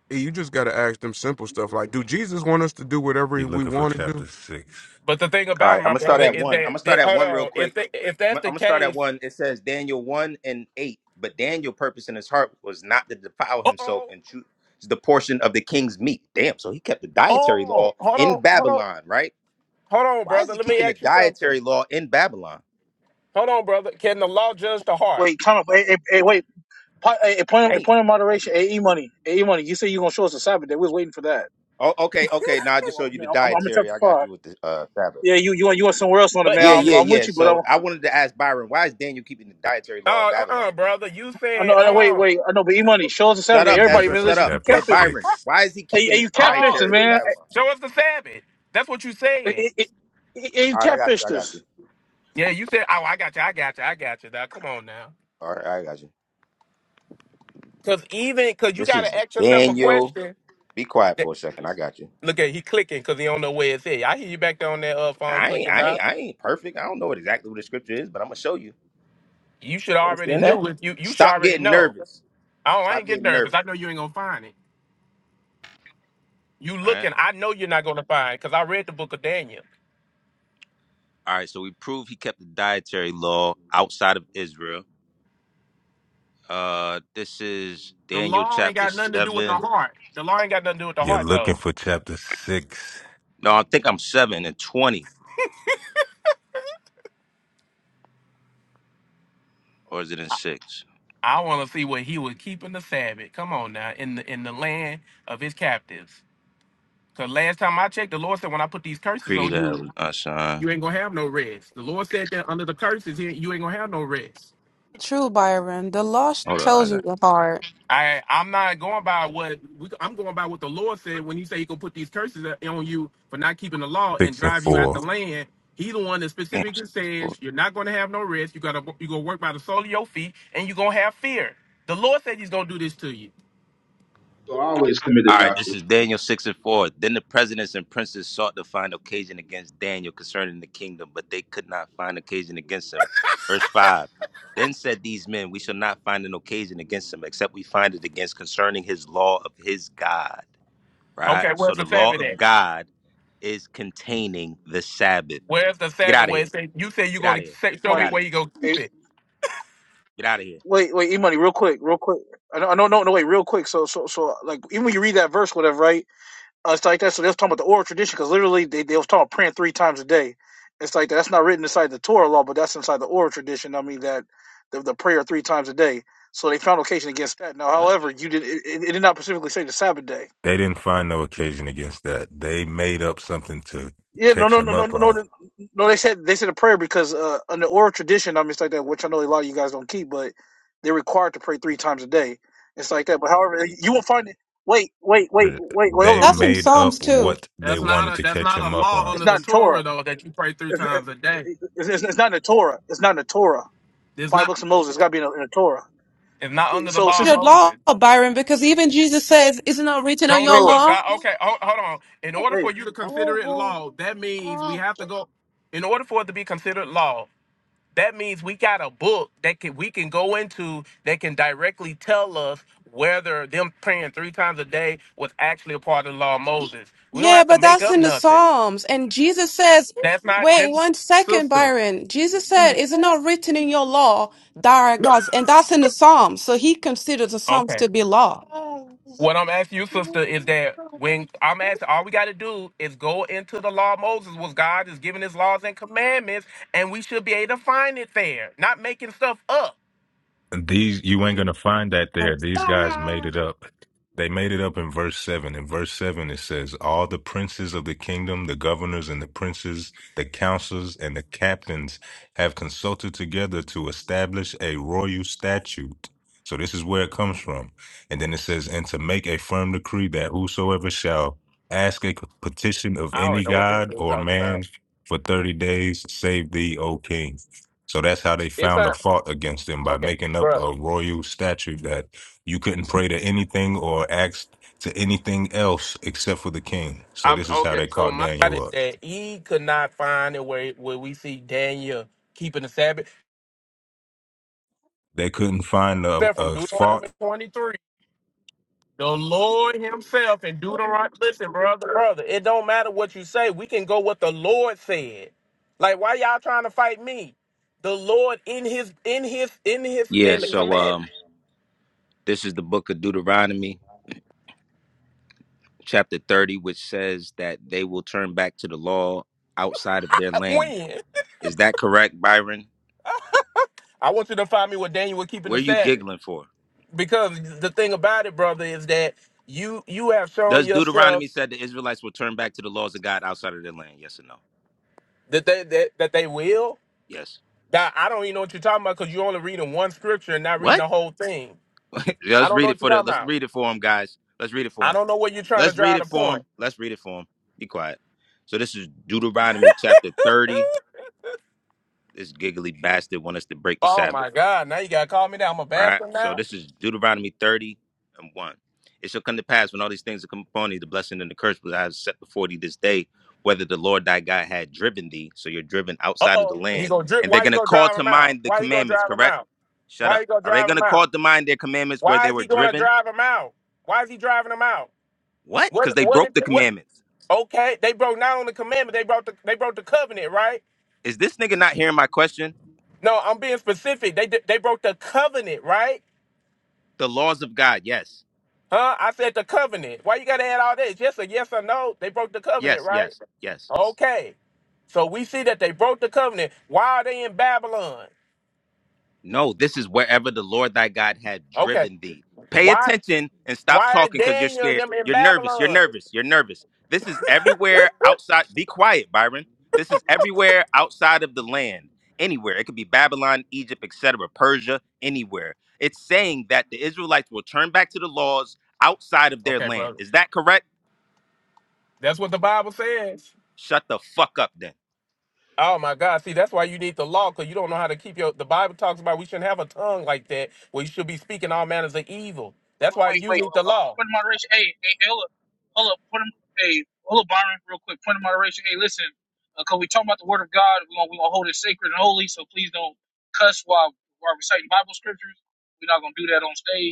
Speaker 16: Hey, you just got to ask them simple stuff like, do Jesus want us to do
Speaker 23: He's
Speaker 16: whatever we
Speaker 23: looking for
Speaker 16: want to do?
Speaker 23: chapter six.
Speaker 21: But the thing
Speaker 20: All
Speaker 21: about
Speaker 20: right,
Speaker 21: it,
Speaker 20: I'm
Speaker 21: my
Speaker 20: gonna start
Speaker 21: brother
Speaker 20: at
Speaker 21: is
Speaker 20: one. I'm gonna
Speaker 21: that, that
Speaker 20: start at
Speaker 21: hold
Speaker 20: one real
Speaker 21: on.
Speaker 20: quick.
Speaker 21: If they, if
Speaker 20: I'm
Speaker 21: that's
Speaker 20: gonna,
Speaker 21: the
Speaker 20: I'm gonna start at
Speaker 21: case,
Speaker 20: one. It says Daniel one and eight, but Daniel' purpose in his heart was not to defile
Speaker 21: uh
Speaker 20: himself
Speaker 21: oh,
Speaker 20: and choose the portion of the king's meat. Damn, so he kept the dietary law
Speaker 21: oh, hold on,
Speaker 20: in
Speaker 21: hold on,
Speaker 20: Babylon, right?
Speaker 21: hold on,
Speaker 20: Why is
Speaker 21: brother.
Speaker 20: he
Speaker 21: Let me
Speaker 20: keeping the
Speaker 21: ask you something.
Speaker 20: dietary law in Babylon?
Speaker 21: Hold on, brother. Can the law judge the heart?
Speaker 22: Wait, time up. Hey, hey, hey, wait. Po- hey, hey, point, of, hey,
Speaker 20: Damn.
Speaker 22: point of moderation. Hey, E money. Hey, E money. You say you are gonna show us the Sabbath day. We was waiting for that.
Speaker 20: Oh, okay, okay. Now I
Speaker 22: I'm,
Speaker 20: just showed you the
Speaker 22: I'm, I'm I'm in
Speaker 20: dietary.
Speaker 22: chapter
Speaker 20: I got
Speaker 22: five.
Speaker 20: you with the uh Sabbath.
Speaker 22: Yeah, you you want you want somewhere else on it,
Speaker 21: But
Speaker 22: man.
Speaker 20: Yeah,
Speaker 21: even
Speaker 22: I'm,
Speaker 20: yeah,
Speaker 22: I'm
Speaker 20: yeah.
Speaker 22: with you, but I'm,
Speaker 20: So I wanted to ask Byron, why is Daniel keeping the dietary law in
Speaker 21: uh uh
Speaker 20: Babylon?
Speaker 21: uh brother, you
Speaker 22: I
Speaker 21: said
Speaker 22: know. I know.
Speaker 21: hold
Speaker 22: Wait,
Speaker 21: on,
Speaker 22: wait. I know. But E money. Show us the Sabbath
Speaker 20: Shut
Speaker 22: day.
Speaker 20: up,
Speaker 23: He's
Speaker 22: Everybody,
Speaker 23: looking
Speaker 20: Ezra.
Speaker 22: man.
Speaker 23: for
Speaker 20: Shut
Speaker 22: Listen,
Speaker 20: up.
Speaker 22: you
Speaker 23: chapter
Speaker 20: The
Speaker 22: catfish us.
Speaker 20: Byron.
Speaker 23: six.
Speaker 20: Why is he
Speaker 22: Hey,
Speaker 20: keeping
Speaker 22: hey,
Speaker 20: the
Speaker 22: you
Speaker 21: hold
Speaker 22: catfish us,
Speaker 21: on.
Speaker 20: dietary in
Speaker 22: man.
Speaker 20: Babylon?
Speaker 21: Show us the Sabbath. That's what you
Speaker 22: Hey,
Speaker 21: said.
Speaker 22: hey, hey, hey, hey, you
Speaker 20: All right, I got
Speaker 22: catfish
Speaker 20: you. I got you.
Speaker 22: us,
Speaker 21: Yeah, you said. Oh, I got you. I got you. I got you. Now come on now.
Speaker 20: All right, I got you.
Speaker 21: Cause even cause you
Speaker 20: This
Speaker 21: gotta
Speaker 20: is
Speaker 21: ask yourself a
Speaker 20: Daniel.
Speaker 21: question.
Speaker 20: Be quiet
Speaker 21: that-
Speaker 20: for a second. I got you.
Speaker 21: look at he clicking because he don't know where it's at. I hear you back there on that uh, phone
Speaker 20: I ain't,
Speaker 21: clicking
Speaker 20: I
Speaker 21: down.
Speaker 20: ain't, I ain't perfect. I don't know what exactly what the scripture is, but I'm gonna show you.
Speaker 21: You should
Speaker 20: You
Speaker 21: already
Speaker 20: understand that?
Speaker 21: knew it. You you should
Speaker 20: Stop
Speaker 21: already
Speaker 20: getting
Speaker 21: know. Oh,
Speaker 20: nervous.
Speaker 21: I
Speaker 20: Stop
Speaker 21: ain't getting
Speaker 20: getting
Speaker 21: nervous.
Speaker 20: nervous.
Speaker 21: I know you ain't gonna find it. You
Speaker 20: right?
Speaker 21: looking, I know you're not gonna find because I read the book of Daniel.
Speaker 20: All right, so we prove he kept the dietary law outside of Israel. Uh, this is
Speaker 21: The
Speaker 20: Daniel
Speaker 21: law ain't
Speaker 20: chapter
Speaker 21: got nothing to do with the
Speaker 20: seven.
Speaker 21: heart. The law ain't got nothing to do with the
Speaker 23: You're
Speaker 21: heart though.
Speaker 23: looking for chapter six,
Speaker 20: No, I think I'm seven and twenty, or is it in six?
Speaker 21: I wanna see what he was keeping the Sabbath. Come on now, in the in the land of his captives. Cause last time I checked, the Lord said when I put these curses on
Speaker 20: Creed
Speaker 21: you,
Speaker 20: of Heaven,
Speaker 21: You ain't gonna have no rest. The Lord said that under the curses, here you ain't gonna have no rest.
Speaker 10: True, Byron. The law sh-
Speaker 20: Hold on, I
Speaker 10: tells you
Speaker 20: got.
Speaker 10: your heart.
Speaker 21: I I'm not going by what we, I'm going by what the Lord said when He said He gonna put these curses on you for not keeping the law and
Speaker 23: six and
Speaker 21: drive you out the
Speaker 23: four.
Speaker 21: land. He the one that
Speaker 20: Damn.
Speaker 21: specifically says you're not gonna have no rest. You gotta you gonna work by the sole of your feet, and you are gonna have fear. The Lord said He's gonna do this to you.
Speaker 24: So I always committed
Speaker 20: All right, this
Speaker 24: doctrine.
Speaker 20: is Daniel six and four. Then the presidents and princes sought to find occasion against Daniel concerning the kingdom, but they could not find occasion against him. Verse five. Then said these men, We shall not find an occasion against him, except we find it against concerning his law of his God. Right.
Speaker 21: Okay,
Speaker 20: So
Speaker 21: where's
Speaker 20: the
Speaker 21: the
Speaker 20: law
Speaker 21: Sabbath
Speaker 20: of
Speaker 21: at?
Speaker 20: God is containing the Sabbath.
Speaker 21: Where's the
Speaker 20: Get
Speaker 21: Sabbath?
Speaker 20: out of
Speaker 21: Where
Speaker 20: here.
Speaker 21: it say you say you're
Speaker 20: Get out
Speaker 21: gonna
Speaker 20: of here.
Speaker 21: say, show
Speaker 20: Get
Speaker 21: me
Speaker 20: out of
Speaker 22: money.
Speaker 21: where
Speaker 20: here.
Speaker 21: you gonna keep
Speaker 22: Hey,
Speaker 21: it?
Speaker 20: Get out of here.
Speaker 22: wait, wait. E money. Real quick. Real quick. I know. I know. No, no. Wait. Real quick. So so so like even when you read that verse, whatever, right? Uh, it's like that. So they was talking about the oral tradition because literally they, they was talking about praying three times a day. It's like that's not written inside the Torah law, but that's inside the oral tradition. I mean that the, the prayer three times a day. So they found occasion against that. Now,
Speaker 20: What?
Speaker 22: however, you did it, it did not specifically say the Sabbath day.
Speaker 23: They didn't find no occasion against that. They made up something to
Speaker 22: Yeah, no,
Speaker 23: catch
Speaker 22: no, no,
Speaker 23: him
Speaker 22: no,
Speaker 23: up
Speaker 22: no,
Speaker 23: on.
Speaker 22: no. no, They said they said a prayer because uh, in the oral tradition, I mean it's like that, which I know a lot of you guys don't keep, but they're required to pray three times a day. It's like that. But however, you won't find it. Wait, wait, wait, wait, wait.
Speaker 23: They
Speaker 22: Hold
Speaker 10: That's
Speaker 22: on.
Speaker 10: in
Speaker 23: made
Speaker 10: Psalms
Speaker 23: up
Speaker 10: too.
Speaker 23: what they
Speaker 21: That's not
Speaker 23: wanted
Speaker 21: a
Speaker 23: to
Speaker 21: that's
Speaker 23: catch
Speaker 21: not a
Speaker 23: him up
Speaker 21: law
Speaker 23: on.
Speaker 22: It's
Speaker 21: under the
Speaker 22: not in
Speaker 21: Torah
Speaker 22: Torah.
Speaker 21: though that you pray three
Speaker 22: It's,
Speaker 21: times a day.
Speaker 22: It's, it's, it's not in the Torah. It's not in the Torah.
Speaker 21: There's
Speaker 22: Five
Speaker 21: not
Speaker 22: books of Moses. It's got to be in the, in the Torah.
Speaker 21: It's not under the
Speaker 22: So
Speaker 21: law of
Speaker 22: since
Speaker 10: The law,
Speaker 21: Moses.
Speaker 10: Byron, because even Jesus says, "Isn't it written on
Speaker 21: Show
Speaker 10: your
Speaker 21: me
Speaker 22: no,
Speaker 21: what
Speaker 10: law?"
Speaker 21: God. Okay, hold, hold on. In order
Speaker 22: hey,
Speaker 21: for you to consider it law, that means we have to go. In order for it to be considered law, that means we got a book that can we can go into that can directly tell us whether them praying three times a day was actually a part of the law of Moses. We don't
Speaker 10: Yeah,
Speaker 21: have to
Speaker 10: but
Speaker 21: make
Speaker 10: that's
Speaker 21: up
Speaker 10: in the
Speaker 21: nothing.
Speaker 10: Psalms. And Jesus says,
Speaker 21: That's not
Speaker 10: wait
Speaker 21: just
Speaker 10: one second,
Speaker 21: sister.
Speaker 10: Byron. Jesus said, is it not written in your law, thou art God's? And that's in the Psalms. So he considers the Psalms
Speaker 21: Okay.
Speaker 10: to be law.
Speaker 21: What I'm asking you, sister, is that when I'm asking, all we got to do is go into the law of Moses, was God is giving his laws and commandments, and we should be able to find it there, not making stuff up.
Speaker 23: These you ain't gonna find that there. These guys made it up. They made it up in verse seven. In verse seven, it says, "All the princes of the kingdom, the governors and the princes, the counselors and the captains, have consulted together to establish a royal statute." So this is where it comes from. And then it says, "And to make a firm decree that whosoever shall ask a petition of
Speaker 21: I
Speaker 23: any
Speaker 21: don't know what this
Speaker 23: god
Speaker 21: is
Speaker 23: or
Speaker 21: talking
Speaker 23: man
Speaker 21: about.
Speaker 23: for thirty days, save thee, O king." So that's how they
Speaker 21: It's
Speaker 23: found a
Speaker 21: a
Speaker 23: fault against him by
Speaker 21: okay,
Speaker 23: making up
Speaker 21: bro.
Speaker 23: a royal statute that you couldn't pray to anything or ask to anything else except for the king. So
Speaker 21: I'm
Speaker 23: this is how
Speaker 21: okay.
Speaker 23: they
Speaker 21: So
Speaker 23: caught
Speaker 21: my God is
Speaker 23: Daniel up.
Speaker 21: that he could not find it where where we see Daniel keeping the Sabbath,
Speaker 23: They couldn't find a,
Speaker 21: except from
Speaker 23: a
Speaker 21: Deuteronomy
Speaker 23: fault.
Speaker 21: 23. The Lord Himself in Deuteronomy. Listen, brother, brother. It don't matter what you say. We can go what the Lord said. Like, why y'all trying to fight me? The Lord in His, in His, in His,
Speaker 20: Yeah.
Speaker 21: in the
Speaker 20: So
Speaker 21: command.
Speaker 20: um, this is the book of Deuteronomy. chapter 30, which says that they will turn back to the law outside of their
Speaker 21: Uh,
Speaker 20: land.
Speaker 21: When?
Speaker 20: Is that correct, Byron?
Speaker 21: I want you to find me what Daniel was keeping
Speaker 20: Where
Speaker 21: the
Speaker 20: are you
Speaker 21: Sabbath.
Speaker 20: giggling for?
Speaker 21: Because the thing about it, brother, is that you you have shown
Speaker 20: Does
Speaker 21: yourself
Speaker 20: Deuteronomy said the Israelites will turn back to the laws of God outside of their land? Yes or no?
Speaker 21: that they that, that they will.
Speaker 20: Yes.
Speaker 21: That I don't even know what you're talking about because you're only reading one scripture and not reading
Speaker 20: What?
Speaker 21: the whole thing.
Speaker 20: [laughs]
Speaker 21: I
Speaker 20: let's
Speaker 21: don't
Speaker 20: read
Speaker 21: know
Speaker 20: it
Speaker 21: what you're
Speaker 20: for the
Speaker 21: talking
Speaker 20: let's
Speaker 21: about.
Speaker 20: read it for them, guys. Let's read it for
Speaker 21: I
Speaker 20: them.
Speaker 21: don't know where you're trying to
Speaker 20: Let's read
Speaker 21: drive
Speaker 20: it
Speaker 21: the
Speaker 20: for
Speaker 21: point.
Speaker 20: them. Let's read it for them. Be quiet. So this is Deuteronomy chapter 30. This giggly bastard want us to break the
Speaker 21: Oh
Speaker 20: Sabbath.
Speaker 21: my God! Now you gotta call me down. I'm a
Speaker 20: Right?
Speaker 21: bastard
Speaker 20: So
Speaker 21: now.
Speaker 20: this is Deuteronomy 30 and 1. It shall come to pass when all these things are come upon thee, the blessing and the curse which I have set before thee this day, whether the Lord thy God had driven thee, so you're driven
Speaker 21: Uh
Speaker 20: outside of the
Speaker 21: oh. He
Speaker 20: land.
Speaker 21: gonna drip.
Speaker 20: And they're
Speaker 21: Why you
Speaker 20: gonna
Speaker 21: gonna
Speaker 20: call
Speaker 21: drive
Speaker 20: to
Speaker 21: him out?
Speaker 20: mind the
Speaker 21: Why you gonna
Speaker 20: commandments,
Speaker 21: drive him
Speaker 20: correct?
Speaker 21: out?
Speaker 20: Shut
Speaker 21: Why
Speaker 20: up.
Speaker 21: you gonna
Speaker 20: Are they
Speaker 21: drive him
Speaker 20: gonna call
Speaker 21: out?
Speaker 20: to mind their commandments where
Speaker 21: Why
Speaker 20: they
Speaker 21: is
Speaker 20: were
Speaker 21: he gonna
Speaker 20: driven?
Speaker 21: drive him out? Why is he driving him out?
Speaker 20: What?
Speaker 21: What?
Speaker 20: Because they
Speaker 21: What?
Speaker 20: broke
Speaker 21: Is,
Speaker 20: the
Speaker 21: what?
Speaker 20: commandments.
Speaker 21: Okay. They broke not only the commandment. They broke the. They broke the covenant, right?
Speaker 20: Is this nigga not hearing my question?
Speaker 21: No, I'm being specific. They did- they broke the covenant, right?
Speaker 20: The laws of God, yes.
Speaker 21: Huh? I said the covenant. Why you gotta add all this? Yes or yes or no? They broke the covenant,
Speaker 20: Yes,
Speaker 21: right?
Speaker 20: yes, yes.
Speaker 21: Okay. So we see that they broke the covenant. Why are they in Babylon?
Speaker 20: No, this is wherever the Lord thy God had
Speaker 21: Okay.
Speaker 20: driven thee. Pay
Speaker 21: Why?
Speaker 20: attention and stop
Speaker 21: Why are
Speaker 20: talking because you're
Speaker 21: Daniel and
Speaker 20: scared.
Speaker 21: them in
Speaker 20: You're nervous. You're
Speaker 21: Babylon?
Speaker 20: nervous. You're nervous. This is everywhere outside. Be quiet, Byron. This is everywhere outside of the land. Anywhere. It could be Babylon, Egypt, etc., Persia, anywhere. It's saying that the Israelites will turn back to the laws outside of their
Speaker 21: Okay,
Speaker 20: land.
Speaker 21: brother.
Speaker 20: Is that correct?
Speaker 21: That's what the Bible says.
Speaker 20: Shut the fuck up then.
Speaker 21: Oh my God. See, that's why you need the law, because you don't know how to keep your the Bible talks about we shouldn't have a tongue like that where you should be speaking all manners of evil. That's why
Speaker 22: Wait,
Speaker 21: you
Speaker 22: wait.
Speaker 21: need
Speaker 22: Oh,
Speaker 21: the
Speaker 22: oh,
Speaker 21: law.
Speaker 22: Point of moderation. Hey, hey, hey, hold up, hold up. Point of, hey, hold up, Byron, real quick. Point of moderation. Hey, listen, because we talking about the Word of God, we gonna we gonna hold it sacred and holy. So please don't cuss while while reciting Bible scriptures. We're not gonna do that on stage.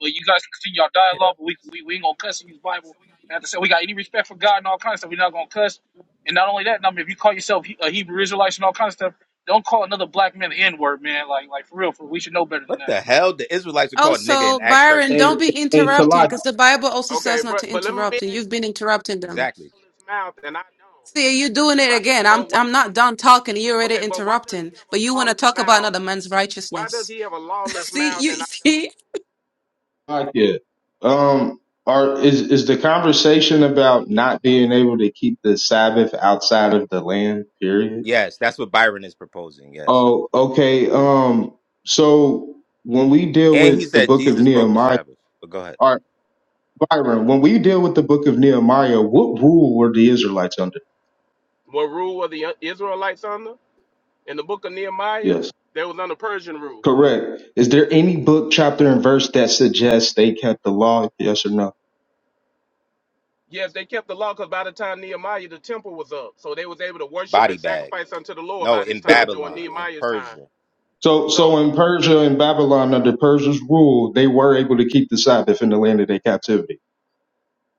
Speaker 22: But you guys can continue your
Speaker 21: Yeah.
Speaker 22: dialogue, but we, we, we ain't gonna cuss in this Bible. Not to say we got any respect for God and all kinds of stuff. We're not gonna cuss. And not only that, I mean, if you call yourself He- a Hebrew Israelite and all kinds of stuff, don't call another black man the N word, man. Like, like for real, for we should know better than
Speaker 20: What
Speaker 22: that.
Speaker 20: the hell? The Israelites are called nigga in
Speaker 10: Also,
Speaker 20: Acts
Speaker 10: Byron,
Speaker 20: 13.
Speaker 24: Hey,
Speaker 10: don't be
Speaker 24: hey,
Speaker 10: interrupting
Speaker 24: Salakia.
Speaker 10: because the Bible also
Speaker 21: Okay,
Speaker 10: says not to
Speaker 21: but but let me
Speaker 10: interrupt, and
Speaker 21: ask
Speaker 10: you've
Speaker 21: you
Speaker 10: been interrupting them.
Speaker 20: Exactly.
Speaker 21: lawless mouth, and I don't.
Speaker 10: See, you're doing it
Speaker 21: But
Speaker 10: again. I'm
Speaker 21: but why
Speaker 10: I'm not done talking. You're already
Speaker 21: okay, but why does he
Speaker 10: interrupting,
Speaker 21: have
Speaker 10: but
Speaker 21: a
Speaker 10: you want to
Speaker 21: lawless
Speaker 10: talk about
Speaker 21: mouth?
Speaker 10: another man's
Speaker 21: Why does
Speaker 10: righteousness.
Speaker 21: he have a
Speaker 10: [laughs]
Speaker 21: lawless
Speaker 10: see,
Speaker 21: mouth
Speaker 10: you
Speaker 21: and I
Speaker 10: see.
Speaker 21: don't?
Speaker 24: Salakia, Um, are is is the conversation about not being able to keep the Sabbath outside of the land? Period.
Speaker 20: Yes, that's what Byron is proposing. Yes.
Speaker 24: Oh, okay. Um, so when we deal
Speaker 20: And he
Speaker 24: with the
Speaker 20: said
Speaker 24: Book of
Speaker 20: Jesus broke the
Speaker 24: Nehemiah,
Speaker 20: Sabbath. But go ahead.
Speaker 24: or Byron, when we deal with the Book of Nehemiah, what rule were the Israelites under?
Speaker 21: What rule were the Israelites under? In the book of Nehemiah,
Speaker 24: Yes.
Speaker 21: they was under Persian rule.
Speaker 24: Correct. Is there any book, chapter, and verse that suggests they kept the law? Yes or no?
Speaker 21: Yes, they kept the law because by the time Nehemiah, the temple was up. So they was able to worship
Speaker 20: Body
Speaker 21: and
Speaker 20: bag.
Speaker 21: sacrifice unto the Lord
Speaker 20: No,
Speaker 21: by this
Speaker 20: in
Speaker 21: time, during
Speaker 20: Babylon and
Speaker 21: Nehemiah's time.
Speaker 20: Persia.
Speaker 24: So,
Speaker 21: So
Speaker 24: so in Persia and Babylon, under Persia's rule, they were able to keep the Sabbath in the land of their captivity.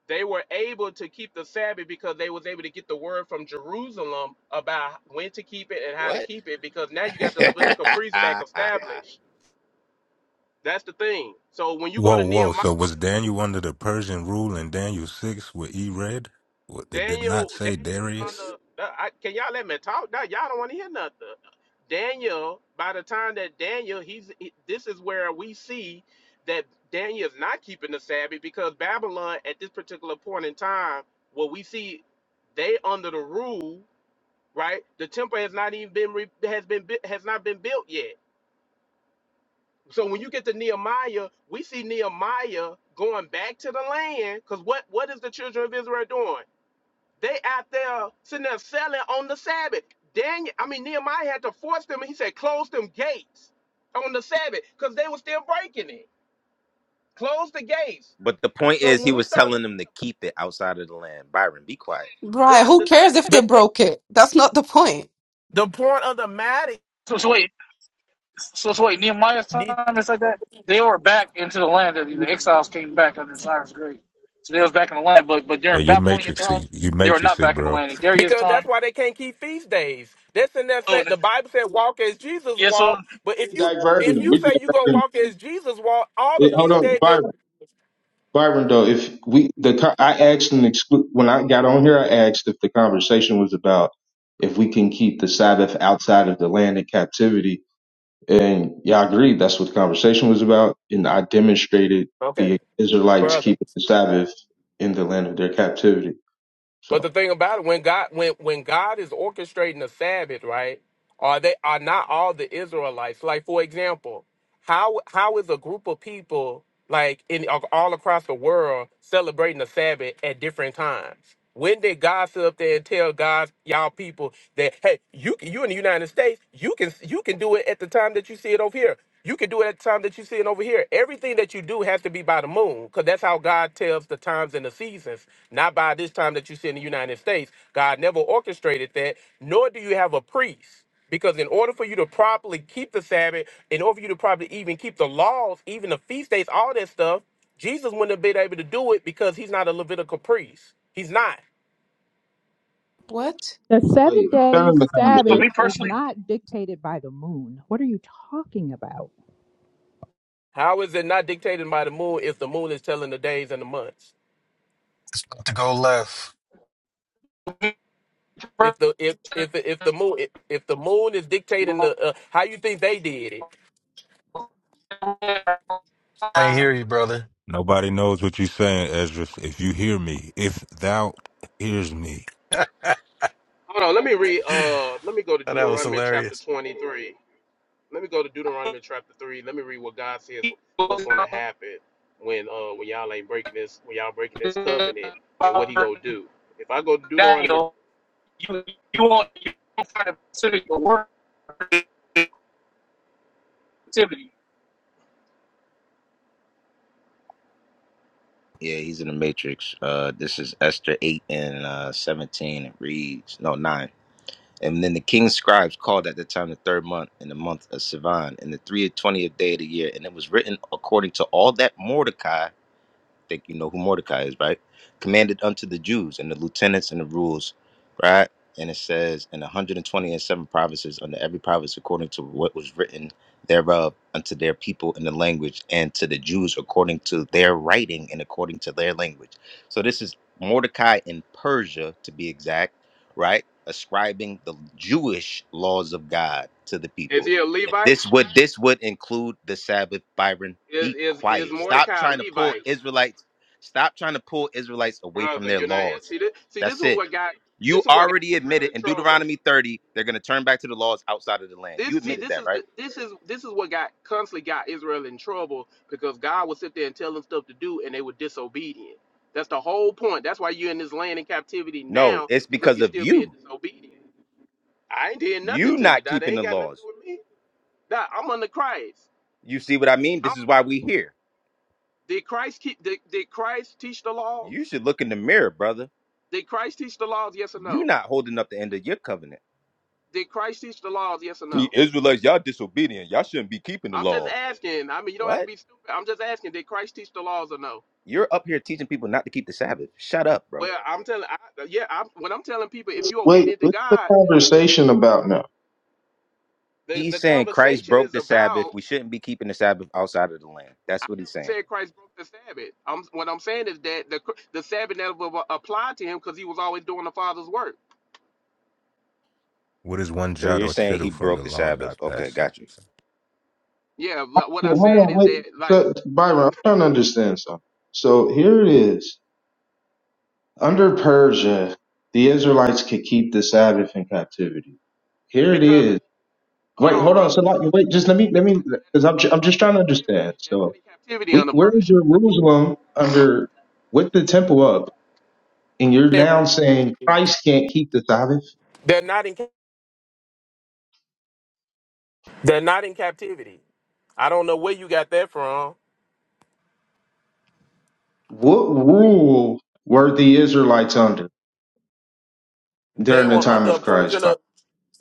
Speaker 21: they were able to keep the Sabbath because they was able to get the word from Jerusalem about when to keep it and how to
Speaker 20: What?
Speaker 21: keep it because now you
Speaker 20: [laughs] but
Speaker 21: got the Levitical priest back established. That's the thing. So when you go
Speaker 23: Whoa,
Speaker 21: to Nehemiah,
Speaker 23: whoa. So was Daniel under the Persian rule in Daniel 6 where he read? What, they did
Speaker 21: Daniel,
Speaker 23: not say
Speaker 21: Daniel was on
Speaker 23: Darius?
Speaker 21: the. I, can y'all let me talk? Now y'all don't want to hear nothing. Daniel. By the time that Daniel, he's he- this is where we see that Daniel is not keeping the Sabbath because Babylon at this particular point in time, what we see, they under the rule, right? The temple has not even been re, has been bui- has not been built yet. So when you get to Nehemiah, we see Nehemiah going back to the land because what what is the children of Israel doing? They out there sitting there selling on the Sabbath. Daniel, I mean Nehemiah had to force them. He said, close them gates on the Sabbath because they were still breaking it. Close the gates.
Speaker 20: the point
Speaker 21: So
Speaker 20: is, he
Speaker 21: when we
Speaker 20: was
Speaker 21: start
Speaker 20: telling
Speaker 21: looking,
Speaker 20: them to keep it outside of the land. Byron, be quiet.
Speaker 21: bro,
Speaker 10: Right, who
Speaker 21: the
Speaker 10: cares if they
Speaker 21: the thing,
Speaker 10: broke it? That's not the point.
Speaker 21: the point of the matter
Speaker 22: So, so wait, so, so wait, Nehemiah's
Speaker 21: need
Speaker 22: time is like that. They were back into the land that the exiles came back under Cyrus the Great. So they was back in the land, but but
Speaker 23: Hey,
Speaker 22: during
Speaker 23: you're
Speaker 22: Babylonian time,
Speaker 23: matrixy. You
Speaker 22: they were not
Speaker 23: matrixy,
Speaker 22: back in the
Speaker 23: bro.
Speaker 22: land. In Darius'
Speaker 21: because that's
Speaker 22: time,
Speaker 21: why they can't keep feast days. That's in that
Speaker 22: so
Speaker 21: saying
Speaker 22: the-
Speaker 21: the Bible said walk as Jesus
Speaker 22: yeah. So
Speaker 21: walked. But if
Speaker 24: We
Speaker 21: you
Speaker 24: diverted
Speaker 21: if
Speaker 24: them.
Speaker 21: you
Speaker 24: We
Speaker 21: say you
Speaker 24: diverted
Speaker 21: gonna
Speaker 24: them.
Speaker 21: walk as Jesus walked, all the
Speaker 24: It- hold
Speaker 21: feast
Speaker 24: on,
Speaker 21: days. That,
Speaker 24: Byron. Byron, though, if we the co- I asked an exclu- when I got on here, I asked if the conversation was about if we can keep the Sabbath outside of the land of captivity, and y'all agreed that's what the conversation was about. And I demonstrated
Speaker 21: okay,
Speaker 24: the Israelites
Speaker 21: brother.
Speaker 24: keeping the Sabbath in the land of their captivity.
Speaker 21: But the
Speaker 24: So,
Speaker 21: thing about it, when God when when God is orchestrating the Sabbath, right? Are they are not all the Israelites? Like for example, how how is a group of people like in all across the world celebrating the Sabbath at different times? When did God sit up there and tell God y'all people that hey, you can- you in the United States, you can you can do it at the time that you see it over here. You can do it at the time that you're seeing over here. Everything that you do has to be by the moon, because that's how God tells the times and the seasons, not by this time that you see in the United States. God never orchestrated that, nor do you have a priest. Because in order for you to properly keep the Sabbath, in order for you to properly even keep the laws, even the feast days, all that stuff, Jesus wouldn't have been able to do it because he's not a Levitical priest. He's not.
Speaker 10: What?
Speaker 11: the seven
Speaker 24: wait,
Speaker 11: day
Speaker 24: turn the conversation.
Speaker 22: for
Speaker 11: Sabbath
Speaker 22: me
Speaker 11: is
Speaker 22: personally,
Speaker 11: not dictated by the moon. What are you talking about?
Speaker 21: How is it not dictated by the moon if the moon is telling the days and the months?
Speaker 18: it's about to go left.
Speaker 21: If the if if if the moon if, if the moon is dictating the uh, how you think they did it,
Speaker 18: I ain't hear you, brother.
Speaker 23: Nobody knows what you're saying, Ezra. If you hear me, if thou hears me.
Speaker 18: [laughs] that
Speaker 21: Hold on, let me read. Uh, let me go to
Speaker 18: was
Speaker 21: Deuteronomy chapter
Speaker 18: hilarious.
Speaker 21: 23. Let me go to Deuteronomy chapter 3. Let me read what God says was going to happen when uh when y'all ain't breaking this when y'all breaking this
Speaker 22: Daniel,
Speaker 21: covenant and what he gonna do. If I go to Deuteronomy,
Speaker 22: you you won't you won't find a specific word activity.
Speaker 20: Yeah, he's in the Matrix. Uh, this is Esther 8 and uh, 17. It reads, no, 9. And then the king's scribes called at the time the third month in the month of Sivan in the three and twentieth day of the year. And it was written according to all that Mordecai think you know who Mordecai is, right? Commanded unto the Jews and the lieutenants and the rules, right? And it says, in 120 and twenty and seven provinces, under every province according to what was written thereof, unto their people in the language, and to the Jews according to their writing and according to their language. So this is Mordecai in Persia, to be exact, right? Ascribing the Jewish laws of God to the
Speaker 21: is
Speaker 20: people
Speaker 21: he a Levite?
Speaker 20: this would this would include the Sabbath, Byron.
Speaker 21: Is
Speaker 20: Be
Speaker 21: is is
Speaker 20: quiet. Stop
Speaker 21: Mordecai a
Speaker 20: trying to pull
Speaker 21: Levite,
Speaker 20: Israelites. Stop trying to pull Israelites away from
Speaker 21: brother?
Speaker 20: their
Speaker 21: You're not
Speaker 20: laws.
Speaker 21: see this. See this
Speaker 20: That's
Speaker 21: is
Speaker 20: it.
Speaker 21: what got
Speaker 20: You
Speaker 21: this is what got
Speaker 20: already
Speaker 21: Israel
Speaker 20: admitted
Speaker 21: in
Speaker 20: in
Speaker 21: trouble.
Speaker 20: Deuteronomy 30, they're gonna turn back to the laws outside of the land.
Speaker 21: This
Speaker 20: You
Speaker 21: see,
Speaker 20: admitted
Speaker 21: this
Speaker 20: that,
Speaker 21: is
Speaker 20: right?
Speaker 21: the this is this is what got constantly got Israel in trouble because God would sit there and tell them stuff to do and they were disobedient. That's the whole point. That's why you're in this land in captivity
Speaker 20: No,
Speaker 21: now
Speaker 20: it's
Speaker 21: because
Speaker 20: because
Speaker 21: you're
Speaker 20: of
Speaker 21: still being
Speaker 20: you.
Speaker 21: disobedient. I ain't did nothing
Speaker 20: You
Speaker 21: to you.
Speaker 20: not
Speaker 21: That
Speaker 20: keeping the
Speaker 21: ain't got nothing to
Speaker 20: laws.
Speaker 21: do with me. That I'm under Christ.
Speaker 20: You see what I mean?
Speaker 21: I
Speaker 20: This
Speaker 21: don't
Speaker 20: is
Speaker 21: have
Speaker 20: why
Speaker 21: to,
Speaker 20: we here.
Speaker 21: did Christ keep did, did Christ teach the laws?
Speaker 20: You should look in the mirror, brother.
Speaker 21: Did Christ teach the laws? Yes or
Speaker 20: You
Speaker 21: no?
Speaker 20: not holding up the end of your covenant.
Speaker 21: Did Christ teach the laws? Yes or
Speaker 20: See,
Speaker 21: no?
Speaker 20: Israelites, y'all disobedient. Y'all shouldn't be keeping the
Speaker 21: I'm just
Speaker 20: law.
Speaker 21: asking. I mean, you don't
Speaker 20: What?
Speaker 21: have to be stupid. I'm just asking. Did Christ teach the laws or no?
Speaker 20: You're up here teaching people not to keep the Sabbath. Shut up, bro.
Speaker 21: Well, I'm telling, I, yeah, I'm, when I'm telling people, if you're
Speaker 24: Wait,
Speaker 21: obedient to
Speaker 24: what's the
Speaker 21: God,
Speaker 24: conversation about now?
Speaker 21: the,
Speaker 20: He's
Speaker 21: the
Speaker 20: saying Christ
Speaker 21: conversation
Speaker 20: broke
Speaker 21: is
Speaker 20: the Sabbath.
Speaker 21: about.
Speaker 20: We shouldn't be keeping the Sabbath outside of the land.
Speaker 21: I
Speaker 20: That's what he's
Speaker 21: never
Speaker 20: saying.
Speaker 21: said Christ broke the Sabbath. I'm, what I'm saying is that the the Sabbath never applied to him because he was always doing the Father's work.
Speaker 23: What is one
Speaker 20: So
Speaker 23: jot
Speaker 20: you're
Speaker 23: or
Speaker 20: saying
Speaker 23: tittle
Speaker 20: he
Speaker 23: from the
Speaker 20: broke the
Speaker 23: law
Speaker 20: Sabbath.
Speaker 23: not
Speaker 20: Okay,
Speaker 23: passing?
Speaker 20: got you.
Speaker 21: Yeah, but what I
Speaker 24: Yeah, hold
Speaker 21: said
Speaker 24: on,
Speaker 21: is
Speaker 24: wait.
Speaker 21: that like
Speaker 24: So, Byron, I'm trying to understand something. So here it is. Under Persia, the Israelites could keep the Sabbath in captivity. Here it
Speaker 21: because
Speaker 24: is.
Speaker 21: hold
Speaker 24: Wait,
Speaker 21: on,
Speaker 24: hold on.
Speaker 21: brother,
Speaker 24: So, like, wait, just let me, let
Speaker 21: they're
Speaker 24: me, because I'm,
Speaker 21: not,
Speaker 24: ju-
Speaker 21: they're
Speaker 24: I'm
Speaker 21: not
Speaker 24: just
Speaker 21: in
Speaker 24: trying to understand.
Speaker 21: captivity. They're not
Speaker 24: So,
Speaker 21: in captivity
Speaker 24: we,
Speaker 21: under
Speaker 24: we're in
Speaker 21: Persia.
Speaker 24: Jerusalem under, with the temple up, and you're
Speaker 21: They're
Speaker 24: now saying Christ can't keep the Sabbath?
Speaker 21: they're not in. They're not in captivity. I don't know where you got that from.
Speaker 24: What rule were the Israelites under
Speaker 21: They
Speaker 24: during the
Speaker 21: were
Speaker 24: time
Speaker 21: under a
Speaker 24: of Christ, Byron?
Speaker 21: Persian.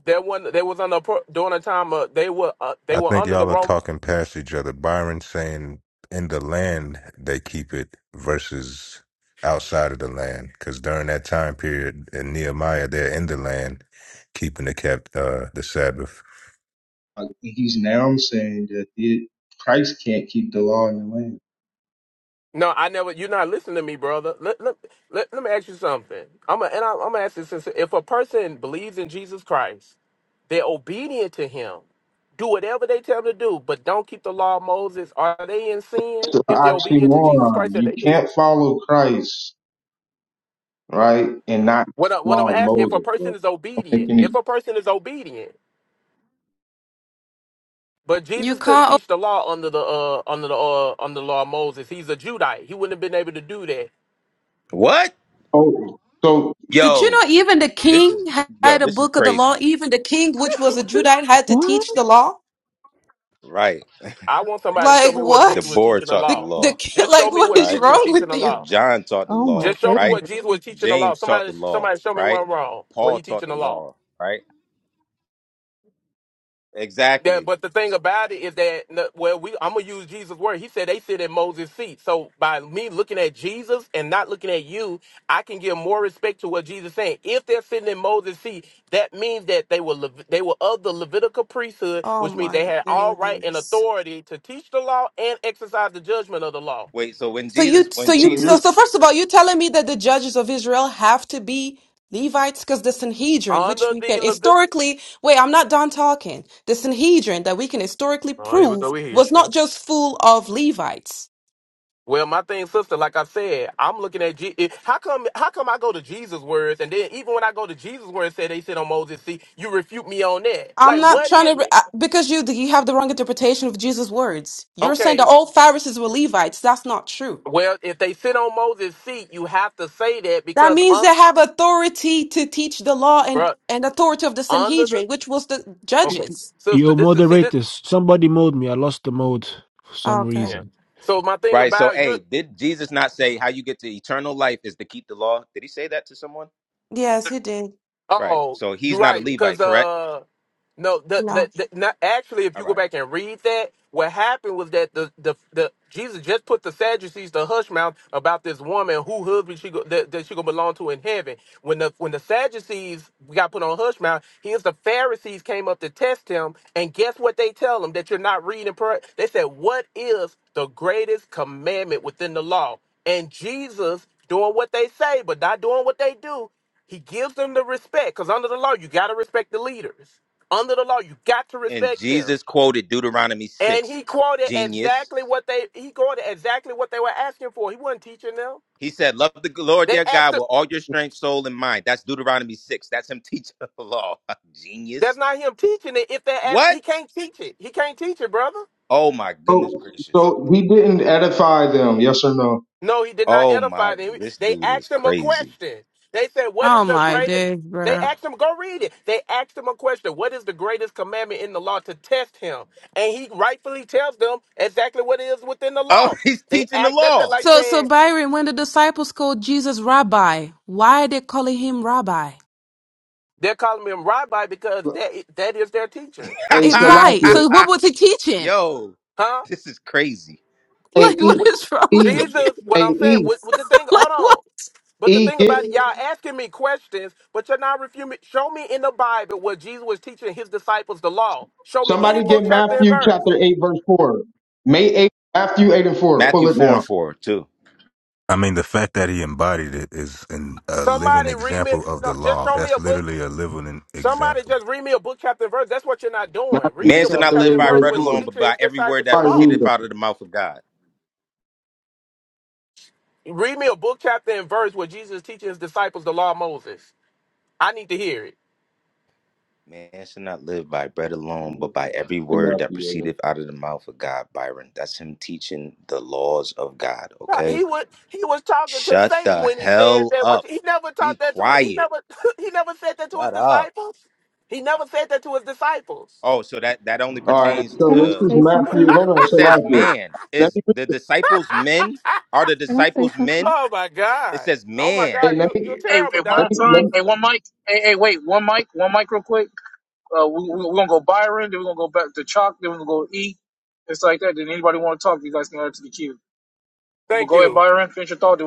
Speaker 21: There one they was on the pro- during the time uh, they were uh, they
Speaker 23: I
Speaker 21: were
Speaker 23: think
Speaker 21: under the
Speaker 23: y'all are
Speaker 21: Roman.
Speaker 23: talking past each other. Byron saying in the land they keep it versus outside of the land. Because during that time period in Nehemiah, they're in the land keeping the kept uh, the Sabbath.
Speaker 24: Uh, He's now saying that it, Christ can't keep the law in the land.
Speaker 21: No, I never. You're not listening to me, brother. Let let, let, let me ask you something. I'm a, and I, I'm gonna ask this: since- if a person believes in Jesus Christ, they're obedient to Him. Do whatever they tell them to do, but don't keep the law of Moses. Are they in sin
Speaker 24: It's an
Speaker 21: if they're obedient to Jesus
Speaker 24: oxymoron.
Speaker 21: Christ? And
Speaker 24: You
Speaker 21: they did.
Speaker 24: can't follow Christ, right, and not
Speaker 21: What I,
Speaker 24: the
Speaker 21: what I'm
Speaker 24: law of
Speaker 21: asking: if a
Speaker 24: Moses, bro.
Speaker 21: person is
Speaker 24: Don't make
Speaker 21: obedient,
Speaker 24: any.
Speaker 21: if a person is obedient, but
Speaker 10: You
Speaker 21: Jesus couldn't
Speaker 10: can't. oh,
Speaker 21: teach the law under the uh, under the uh, under the law of Moses. He's a Judite. He wouldn't have been able to do that.
Speaker 20: What?
Speaker 24: Oh, so
Speaker 10: Did you
Speaker 20: Yo,
Speaker 10: know even the
Speaker 20: this is
Speaker 10: king
Speaker 20: yo,
Speaker 10: had a
Speaker 20: this is
Speaker 10: book of the law?
Speaker 20: crazy.
Speaker 10: Even the king, which was a Judite, had to
Speaker 11: What?
Speaker 10: teach the law?
Speaker 20: Right.
Speaker 21: I want somebody to show
Speaker 10: Like,
Speaker 21: me what
Speaker 20: The
Speaker 21: Jesus
Speaker 10: what?
Speaker 21: was
Speaker 20: board
Speaker 21: teaching the
Speaker 20: taught the
Speaker 10: The,
Speaker 21: law.
Speaker 10: the
Speaker 20: law,
Speaker 10: [laughs]
Speaker 21: Just show
Speaker 10: like,
Speaker 21: me
Speaker 10: what
Speaker 21: what
Speaker 10: is
Speaker 20: right?
Speaker 21: Jesus was
Speaker 10: wrong
Speaker 21: teaching
Speaker 10: with
Speaker 21: the
Speaker 10: you?
Speaker 21: law.
Speaker 20: John taught the
Speaker 11: Oh my
Speaker 20: law,
Speaker 21: Just show me
Speaker 20: right?
Speaker 21: what
Speaker 11: goodness.
Speaker 21: Jesus was teaching the law.
Speaker 20: James taught the
Speaker 21: Somebody,
Speaker 20: law,
Speaker 21: somebody, show me where
Speaker 20: right?
Speaker 21: I'm wrong. What
Speaker 20: Paul
Speaker 21: he
Speaker 20: taught
Speaker 21: teaching
Speaker 20: the
Speaker 21: the law?
Speaker 20: law, right?
Speaker 21: That,
Speaker 20: Exactly.
Speaker 21: but the thing about it is that n- well, we I'm gonna use Jesus' word. He said they sit at Moses' seat. So by me looking at Jesus and not looking at you, I can give more respect to what Jesus saying. If they're sitting in Moses' seat, that means that they were Lev- they were of the Levitical priesthood,
Speaker 10: Oh
Speaker 21: which means
Speaker 10: my
Speaker 21: they had all right and
Speaker 10: days.
Speaker 21: authority to teach the law and exercise the judgment of the law.
Speaker 20: Wait, so when
Speaker 10: So you,
Speaker 20: Jesus
Speaker 10: so
Speaker 20: when
Speaker 10: you,
Speaker 24: so
Speaker 20: Jesus
Speaker 10: so,
Speaker 24: you're
Speaker 10: so first of all, you're telling me that the judges of Israel have to be Levites because the Sanhedrin, which
Speaker 21: Under
Speaker 10: we
Speaker 21: the
Speaker 10: can
Speaker 21: Levit.
Speaker 10: historically, wait, I'm not done talking. The Sanhedrin that we can historically
Speaker 21: Oh, here we
Speaker 10: prove
Speaker 21: go with
Speaker 10: was
Speaker 21: history.
Speaker 10: not just full of Levites.
Speaker 21: Well, my thing, sister, like I said, I'm looking at Je- it- how come how come I go to Jesus' words, and then even when I go to Jesus' words, say they sit on Moses' seat, you refute me on that.
Speaker 10: I'm
Speaker 21: Like,
Speaker 10: not
Speaker 21: what
Speaker 10: trying
Speaker 21: is
Speaker 10: to, re-
Speaker 21: it?
Speaker 10: I- because you, you have the wrong interpretation of Jesus' words. You're saying that
Speaker 21: Okay,
Speaker 10: all Pharisees were Levites. That's not true.
Speaker 21: well, if they sit on Moses' seat, you have to say that
Speaker 10: That
Speaker 21: because
Speaker 10: means
Speaker 21: un,
Speaker 10: they have authority to teach the law and,
Speaker 21: bruh,
Speaker 10: and authority of the
Speaker 21: under the
Speaker 10: Sanhedrin, which was the
Speaker 1: Y-
Speaker 21: okay,
Speaker 10: judges.
Speaker 21: sister,
Speaker 1: Your
Speaker 21: this is see this.
Speaker 1: moderators, somebody mode me. I lost the mode for some
Speaker 10: Okay.
Speaker 21: Yeah.
Speaker 1: reason.
Speaker 21: So my thing
Speaker 20: Right. So,
Speaker 21: about you.
Speaker 20: hey, did Jesus not say how you get to eternal life is to keep the law? Did he say that to someone?
Speaker 10: Yes, he did.
Speaker 20: Right.
Speaker 21: Oh,
Speaker 20: So
Speaker 21: you're
Speaker 20: he's not a
Speaker 21: right. Because
Speaker 20: Levite, correct?
Speaker 21: uh, no, the,
Speaker 10: No.
Speaker 21: the the not actually, if
Speaker 20: All
Speaker 21: you go
Speaker 20: right.
Speaker 21: back and read that, what happened was that the the the Jesus just put the Sadducees to hush mouth about this woman who husband she go, that, that she gonna belong to in heaven. When the when the Sadducees got put on hush mouth, here's the Pharisees came up to test him, and guess what they tell him that you're not reading prayer. They said, "What is the greatest commandment within the law?" And Jesus doing what they say, but not doing what they do. He gives them the respect because under the law, you got to respect the leaders. Under the law, you got to
Speaker 20: And
Speaker 21: respect them.
Speaker 20: Jesus quoted Deuteronomy
Speaker 21: And
Speaker 20: 6.
Speaker 21: he quoted
Speaker 20: Genius.
Speaker 21: exactly what they he quoted exactly what they were asking for. He wasn't teaching them.
Speaker 20: He said, Love the Lord
Speaker 21: They
Speaker 20: your
Speaker 21: asked.
Speaker 20: God
Speaker 21: him-
Speaker 20: with all your strength, soul, and mind. That's Deuteronomy 6. That's him [laughs] teaching the law. [laughs] Genius.
Speaker 21: That's not him teaching it. If they ask,
Speaker 20: What?
Speaker 21: he can't teach it. He can't teach it, brother.
Speaker 20: Oh my
Speaker 24: so
Speaker 20: goodness gracious.
Speaker 24: so he didn't edify them, yes or no?
Speaker 21: No, he did not
Speaker 20: Oh my
Speaker 21: edify them.
Speaker 20: this
Speaker 21: They
Speaker 20: dude is
Speaker 21: asked him a
Speaker 20: crazy.
Speaker 21: question. They said, What
Speaker 10: Oh
Speaker 21: is the
Speaker 10: my
Speaker 21: greatest?
Speaker 10: days,
Speaker 21: They
Speaker 10: bro.
Speaker 21: asked him, go read it. They asked him a question. What is the greatest commandment in the law to test him? And he rightfully tells them exactly what it is within the
Speaker 20: Oh,
Speaker 21: law.
Speaker 20: [laughs] he's
Speaker 21: They
Speaker 20: teaching the
Speaker 21: act that's just
Speaker 20: law.
Speaker 21: like
Speaker 10: So, so
Speaker 21: saying
Speaker 10: Byron, when the disciples called Jesus Rabbi, why are they calling him Rabbi?
Speaker 21: they're calling him rabbi because that that is their teacher.
Speaker 24: Hey,
Speaker 10: It, right.
Speaker 24: Salakia.
Speaker 10: So, what
Speaker 20: [laughs]
Speaker 10: was he teaching? [laughs]
Speaker 20: Yo,
Speaker 21: Huh?
Speaker 20: this is crazy.
Speaker 24: Hey,
Speaker 10: Like, what
Speaker 24: E,
Speaker 21: What-
Speaker 10: is wrong with
Speaker 24: E,
Speaker 10: me? [laughs]
Speaker 21: Jesus, what
Speaker 24: hey,
Speaker 21: I'm saying,
Speaker 24: E,
Speaker 21: what, what the thing,
Speaker 10: Like,
Speaker 21: hold
Speaker 10: what?
Speaker 21: on. But the
Speaker 24: E,
Speaker 21: thing
Speaker 24: get
Speaker 21: about it, y'all asking me questions, but you're not refusing. Show me in the Bible where Jesus was teaching his disciples the law. Show me any
Speaker 24: somebody get
Speaker 21: book, chapter, and
Speaker 24: Matthew
Speaker 21: verse.
Speaker 24: chapter 8, verse 4. May 8, Matthew 8 and 4. Pull
Speaker 20: Matthew
Speaker 24: it
Speaker 20: 4 and
Speaker 24: down.
Speaker 20: 4, too.
Speaker 23: I mean, the fact that he embodied it is an, a living
Speaker 21: Somebody read me.
Speaker 23: example of the
Speaker 21: No, just
Speaker 23: law.
Speaker 21: show me
Speaker 23: That's
Speaker 21: a book.
Speaker 23: literally a living
Speaker 21: Somebody
Speaker 23: example.
Speaker 21: just read me a book, chapter, and verse. That's what you're not doing. Read me
Speaker 20: Man
Speaker 24: Matthew
Speaker 21: a
Speaker 20: should
Speaker 21: book,
Speaker 20: not
Speaker 24: chapter
Speaker 21: chapter,
Speaker 20: live
Speaker 21: and
Speaker 24: 8,
Speaker 20: by
Speaker 21: verse
Speaker 24: verse
Speaker 20: bread
Speaker 21: where
Speaker 24: 4.
Speaker 21: he's
Speaker 20: alone, but
Speaker 21: teaching
Speaker 20: by
Speaker 21: his
Speaker 20: every word
Speaker 21: disciples the
Speaker 20: that
Speaker 24: Probably
Speaker 21: law.
Speaker 24: read
Speaker 20: proceedeth
Speaker 24: them.
Speaker 20: out of the mouth of God.
Speaker 21: Read me a book, chapter, and verse where Jesus is teaching his disciples the law of Moses. I need to hear it.
Speaker 20: Man should not live by bread alone, but by every word that
Speaker 24: Matthew 8.
Speaker 20: proceedeth out of the mouth of God, Byron. That's him teaching the laws of God,
Speaker 21: [laughs] He
Speaker 20: okay?
Speaker 21: would he was talking to
Speaker 20: Shut
Speaker 21: Satan
Speaker 20: the
Speaker 21: when he said
Speaker 20: hell
Speaker 21: that. What
Speaker 20: up.
Speaker 21: he never
Speaker 20: Be
Speaker 21: taught that to he
Speaker 20: quiet.
Speaker 21: never [laughs] he never said that to his
Speaker 20: Shut up.
Speaker 21: disciples. He never said that to his disciples.
Speaker 20: Oh, so that, that only
Speaker 24: All right,
Speaker 20: pertains
Speaker 24: so
Speaker 11: Can I
Speaker 24: this
Speaker 20: to
Speaker 24: is
Speaker 11: say
Speaker 24: Matthew.
Speaker 11: something?
Speaker 24: Hold on,
Speaker 20: it says
Speaker 24: Shalakia.
Speaker 20: man.
Speaker 24: Let
Speaker 20: Is
Speaker 24: me,
Speaker 20: the disciples men? Are the
Speaker 11: Can I say
Speaker 20: disciples
Speaker 11: something?
Speaker 20: men?
Speaker 21: Oh my
Speaker 20: It
Speaker 21: God.
Speaker 20: says
Speaker 21: Oh my
Speaker 20: man.
Speaker 21: God.
Speaker 24: hey, let
Speaker 21: You,
Speaker 24: me,
Speaker 21: you're terrible,
Speaker 24: let
Speaker 21: Doc.
Speaker 24: me, let me,
Speaker 21: Thank you.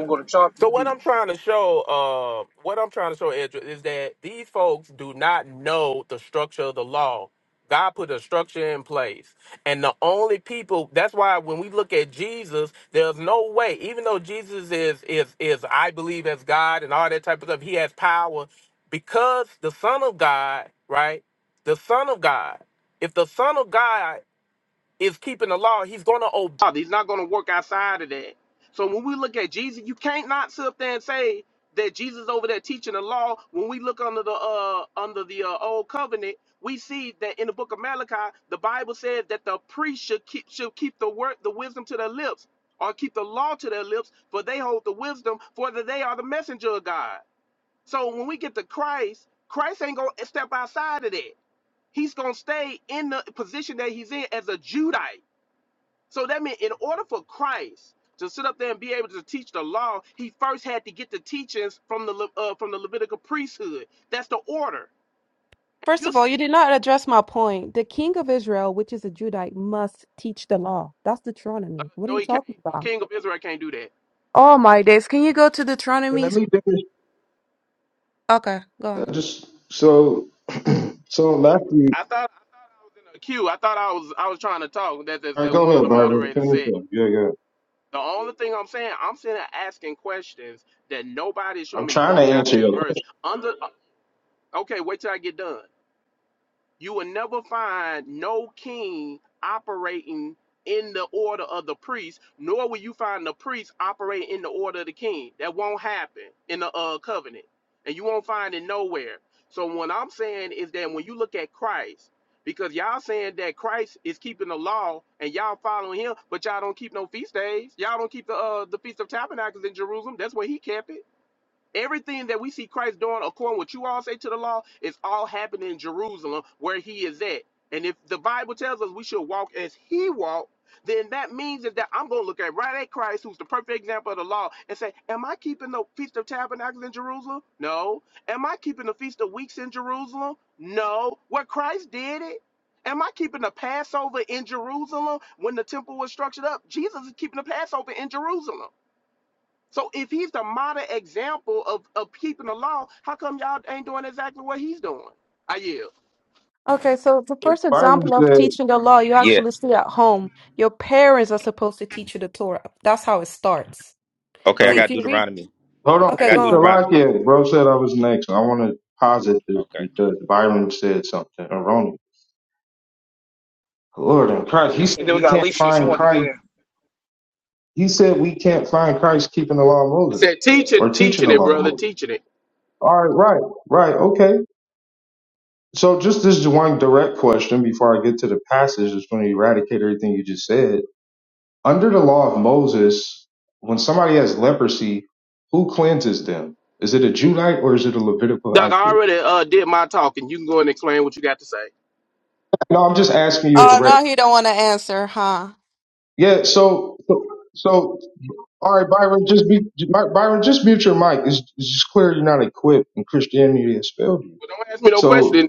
Speaker 22: I'm going to chalk the
Speaker 21: So what
Speaker 22: lead.
Speaker 21: I'm trying to show, uh, what I'm trying to show, Andrew, is that these folks do not know the structure of the law. God put a structure in place, and the only people. That's why when we look at Jesus, there's no way. Even though Jesus is is is I believe as God and all that type of stuff, He has power because the Son of God, right? The Son of God. If the Son of God is keeping the law. He's going to obey. He's not going to work outside of that. So when we look at Jesus, you can't not sit up there and say that Jesus over there teaching the law. When we look under the uh under the uh, old covenant, we see that in the book of Malachi, the Bible says that the priest should keep should keep the word the wisdom to their lips or keep the law to their lips, for they hold the wisdom, for that they are the messenger of God. So when we get to Christ, Christ ain't gonna step outside of that. He's gonna stay in the position that he's in as a Judite. So that meant in order for Christ to sit up there and be able to teach the law, he first had to get the teachings from the Le- uh, from the Levitical priesthood. That's the order. And
Speaker 10: First
Speaker 21: you're
Speaker 10: of all,
Speaker 21: saying
Speaker 10: you did not address my point. The king of Israel, which is a Judite, must teach the law. That's
Speaker 21: uh,
Speaker 10: Deuteronomy. What are
Speaker 21: no,
Speaker 10: you
Speaker 21: he can't.
Speaker 10: talking
Speaker 21: A
Speaker 10: about?
Speaker 21: king of Israel can't do that.
Speaker 10: Oh my days. Can you go to Deuteronomy?
Speaker 24: let me finish.
Speaker 10: Okay, go on.
Speaker 24: Uh, just so, [clears throat] so Matthew.
Speaker 21: I thought I thought I was in a queue. I thought I was I was trying to talk. That as,
Speaker 24: All right,
Speaker 21: as
Speaker 24: go
Speaker 21: one of
Speaker 24: ahead,
Speaker 21: the
Speaker 24: Byron.
Speaker 21: moderators
Speaker 24: Finish
Speaker 21: said.
Speaker 24: up. Yeah, yeah.
Speaker 21: The only thing I'm saying, I'm sitting there asking questions that nobody's
Speaker 24: I'm
Speaker 21: showing me
Speaker 24: trying
Speaker 21: book,
Speaker 24: to answer
Speaker 21: chapter, and
Speaker 24: your
Speaker 21: verse. Under uh, okay, wait till I get done. You will never find no king operating in the order of the priest, nor will you find the priest operating in the order of the king. That won't happen in the uh, covenant, and you won't find it nowhere. So what I'm saying is that when you look at Christ, because y'all saying that Christ is keeping the law and y'all following him, but y'all don't keep no feast days. Y'all don't keep the uh, the feast of tabernacles in Jerusalem. That's where he kept it. Everything that we see Christ doing, according to what you all say to the law, is all happening in Jerusalem where he is at. And if the Bible tells us we should walk as he walked, then that means is that I'm going to look at right at Christ, who's the perfect example of the law, and say, Am I keeping the Feast of Tabernacles in Jerusalem? No. Am I keeping the Feast of Weeks in Jerusalem? No. Where Christ did it? Am I keeping the Passover in Jerusalem when the temple was structured up? Jesus is keeping the Passover in Jerusalem. So if he's the model example of, of keeping the law, how come y'all ain't doing exactly what he's doing? I yield.
Speaker 10: Okay, so the
Speaker 24: question.
Speaker 10: first
Speaker 24: Byron
Speaker 10: example of
Speaker 24: said,
Speaker 10: teaching the law you
Speaker 20: Yeah.
Speaker 10: actually see at home. Your parents are supposed to teach you the Torah. That's how it starts.
Speaker 20: Okay, I
Speaker 10: So
Speaker 24: all right,
Speaker 10: if
Speaker 20: got
Speaker 10: you read,
Speaker 20: Deuteronomy.
Speaker 24: hold on.
Speaker 20: I
Speaker 10: okay,
Speaker 24: Hey,
Speaker 20: got
Speaker 10: go on.
Speaker 20: Deuteronomy.
Speaker 24: Shalakia, bro said I was next. I want to posit this
Speaker 20: Okay.
Speaker 24: because Byron said something erroneous. Lord in Christ, he
Speaker 22: And
Speaker 24: said
Speaker 22: then we
Speaker 24: we
Speaker 22: got
Speaker 24: can't
Speaker 22: Alicia. She
Speaker 24: find
Speaker 22: wanted to
Speaker 24: Christ
Speaker 22: get in.
Speaker 24: He said we can't find Christ keeping the law of
Speaker 21: I
Speaker 24: Moses
Speaker 21: said
Speaker 24: or
Speaker 21: teaching,
Speaker 24: teaching
Speaker 21: teaching
Speaker 24: the
Speaker 21: it,
Speaker 24: law of
Speaker 21: brother,
Speaker 24: Moses.
Speaker 21: teaching it.
Speaker 24: All right, right, right, okay. So just this one direct question before I get to the passage that's going to eradicate everything you just said. Under the law of Moses, when somebody has leprosy, who cleanses them? Is it a Judite or is it a Levitical
Speaker 21: Doc,
Speaker 24: high
Speaker 21: I already
Speaker 24: priest?
Speaker 21: uh, did my talking. You can go in and explain what you got to say.
Speaker 24: No, I'm just asking you a
Speaker 10: Oh,
Speaker 24: direct.
Speaker 10: now he don't want to answer, huh?
Speaker 24: Yeah. So, so, so, all right, Byron, just be Byron, just mute your mic. It's, it's just clear you're not equipped, and Christianity has failed you.
Speaker 21: But don't ask me no question.
Speaker 24: So
Speaker 21: Then.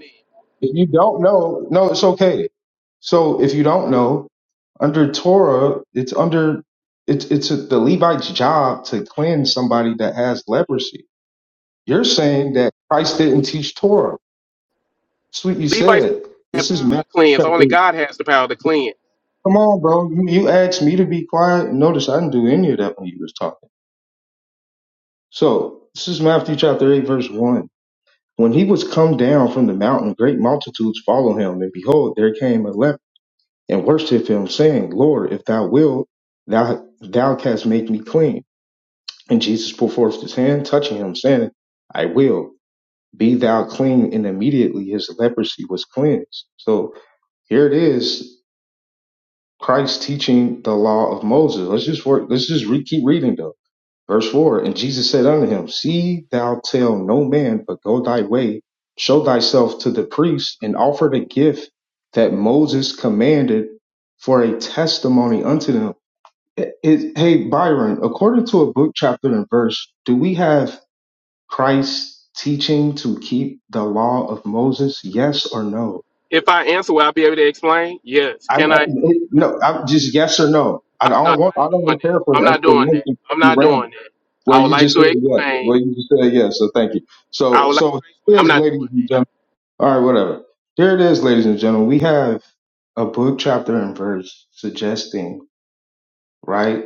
Speaker 24: If you don't know, no, it's okay. So if you don't know, under Torah, it's under it's it's a, the Levite's job to cleanse somebody that has leprosy. You're saying that Christ didn't teach Torah. That's what you
Speaker 21: Levites
Speaker 24: said.
Speaker 21: have
Speaker 24: This
Speaker 21: power
Speaker 24: is Matthew
Speaker 21: to cleanse.
Speaker 24: chapter.
Speaker 21: Only God has the power to cleanse.
Speaker 24: Come on, bro. You you asked me to be quiet. Notice I didn't do any of that when you was talking. So this is Matthew chapter eight, verse one. When he was come down from the mountain, great multitudes followed him, and behold, there came a leper and worship him, saying, Lord, if thou wilt, thou, thou canst make me clean. And Jesus put forth his hand, touching him, saying, I will, be thou clean. And immediately his leprosy was cleansed. So here it is, Christ teaching the law of Moses. Let's just work, let's just re- keep reading though. Verse 4 And Jesus said unto him, See thou tell no man, but go thy way, show thyself to the priest, and offer the gift that Moses commanded for a testimony unto them it- hey, Byron, according to a book, chapter, and verse, do we have Christ teaching to keep the law of Moses? Yes or no?
Speaker 21: If I answer, will I be able to explain? Yes.
Speaker 24: I'm,
Speaker 21: Can I?
Speaker 24: it- no, I'm just yes or no. I
Speaker 21: I'm
Speaker 24: don't
Speaker 21: not.
Speaker 24: want,
Speaker 21: I
Speaker 24: I
Speaker 21: ain't doing
Speaker 24: don't care for
Speaker 21: that. I'm
Speaker 24: the
Speaker 21: not doing that.
Speaker 24: explanation.
Speaker 21: I'm
Speaker 24: You
Speaker 21: not
Speaker 24: ran.
Speaker 21: doing that.
Speaker 24: Well,
Speaker 21: I would
Speaker 24: you
Speaker 21: like
Speaker 24: just
Speaker 21: to
Speaker 24: said yes.
Speaker 21: explain.
Speaker 24: Well, you just said yes. So thank you.
Speaker 21: I
Speaker 24: So,
Speaker 21: would like
Speaker 24: so
Speaker 21: to explain. I'm
Speaker 24: here's,
Speaker 21: not doing that.
Speaker 24: ladies and gentlemen. All right, whatever. Here it is, ladies and gentlemen. We have a book, chapter, and verse suggesting right?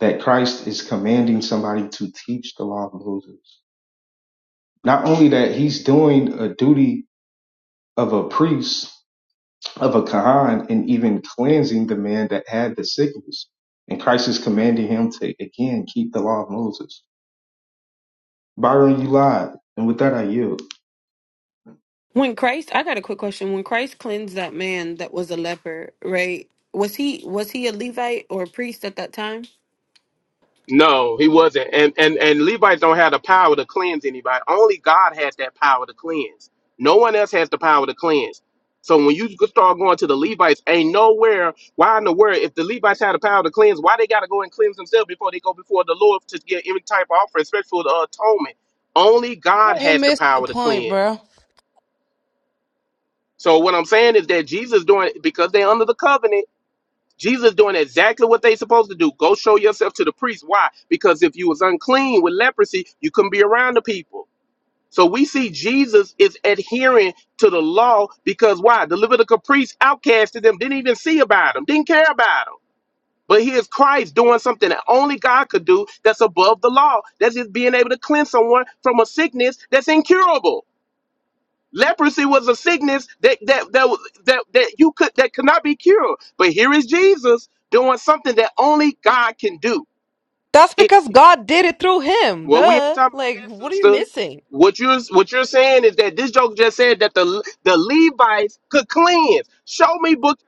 Speaker 24: That Christ is commanding somebody to teach the law of Moses. Not only that, he's doing a duty of a priest, of a Kahan, and even cleansing the man that had the sickness. And Christ is commanding him to, again, keep the law of Moses. Byron, you lied. And with that, I yield.
Speaker 4: When Christ, I got a quick question. When Christ cleansed that man that was a leper, right? Was he was he a Levite or a priest at that time?
Speaker 21: No, he wasn't. And and and Levites don't have the power to cleanse anybody. Only God has that power to cleanse. No one else has the power to cleanse. So when you go- start going to the Levites, ain't nowhere. Why in the world, if the Levites had the power to cleanse, why they got to go and cleanse themselves before they go before the Lord to get any type of offering, especially for the atonement? Only God
Speaker 10: You
Speaker 21: has the
Speaker 10: missed the
Speaker 21: power to
Speaker 10: point,
Speaker 21: cleanse.
Speaker 10: bro.
Speaker 21: So what I'm saying is that Jesus doing because they're under the covenant. Jesus doing exactly what they supposed to do. Go show yourself to the priest. Why? Because if you was unclean with leprosy, you couldn't be around the people. So we see Jesus is adhering to the law because why? The Levitical priests outcasted them, didn't even see about them, didn't care about them. But here's Christ doing something that only God could do that's above the law. That's just being able to cleanse someone from a sickness that's incurable. Leprosy was a sickness that that that was- that, that you could that could not be cured. But here is Jesus doing something that only God can do.
Speaker 10: That's
Speaker 21: If
Speaker 10: because God did it through him.
Speaker 21: well, we ain't
Speaker 10: Duh.
Speaker 21: talking about
Speaker 10: Like,
Speaker 21: that,
Speaker 10: what are you
Speaker 21: sister.
Speaker 10: missing?
Speaker 21: What you're what you're saying is that this joke just said that the the Levites could cleanse. Show me book.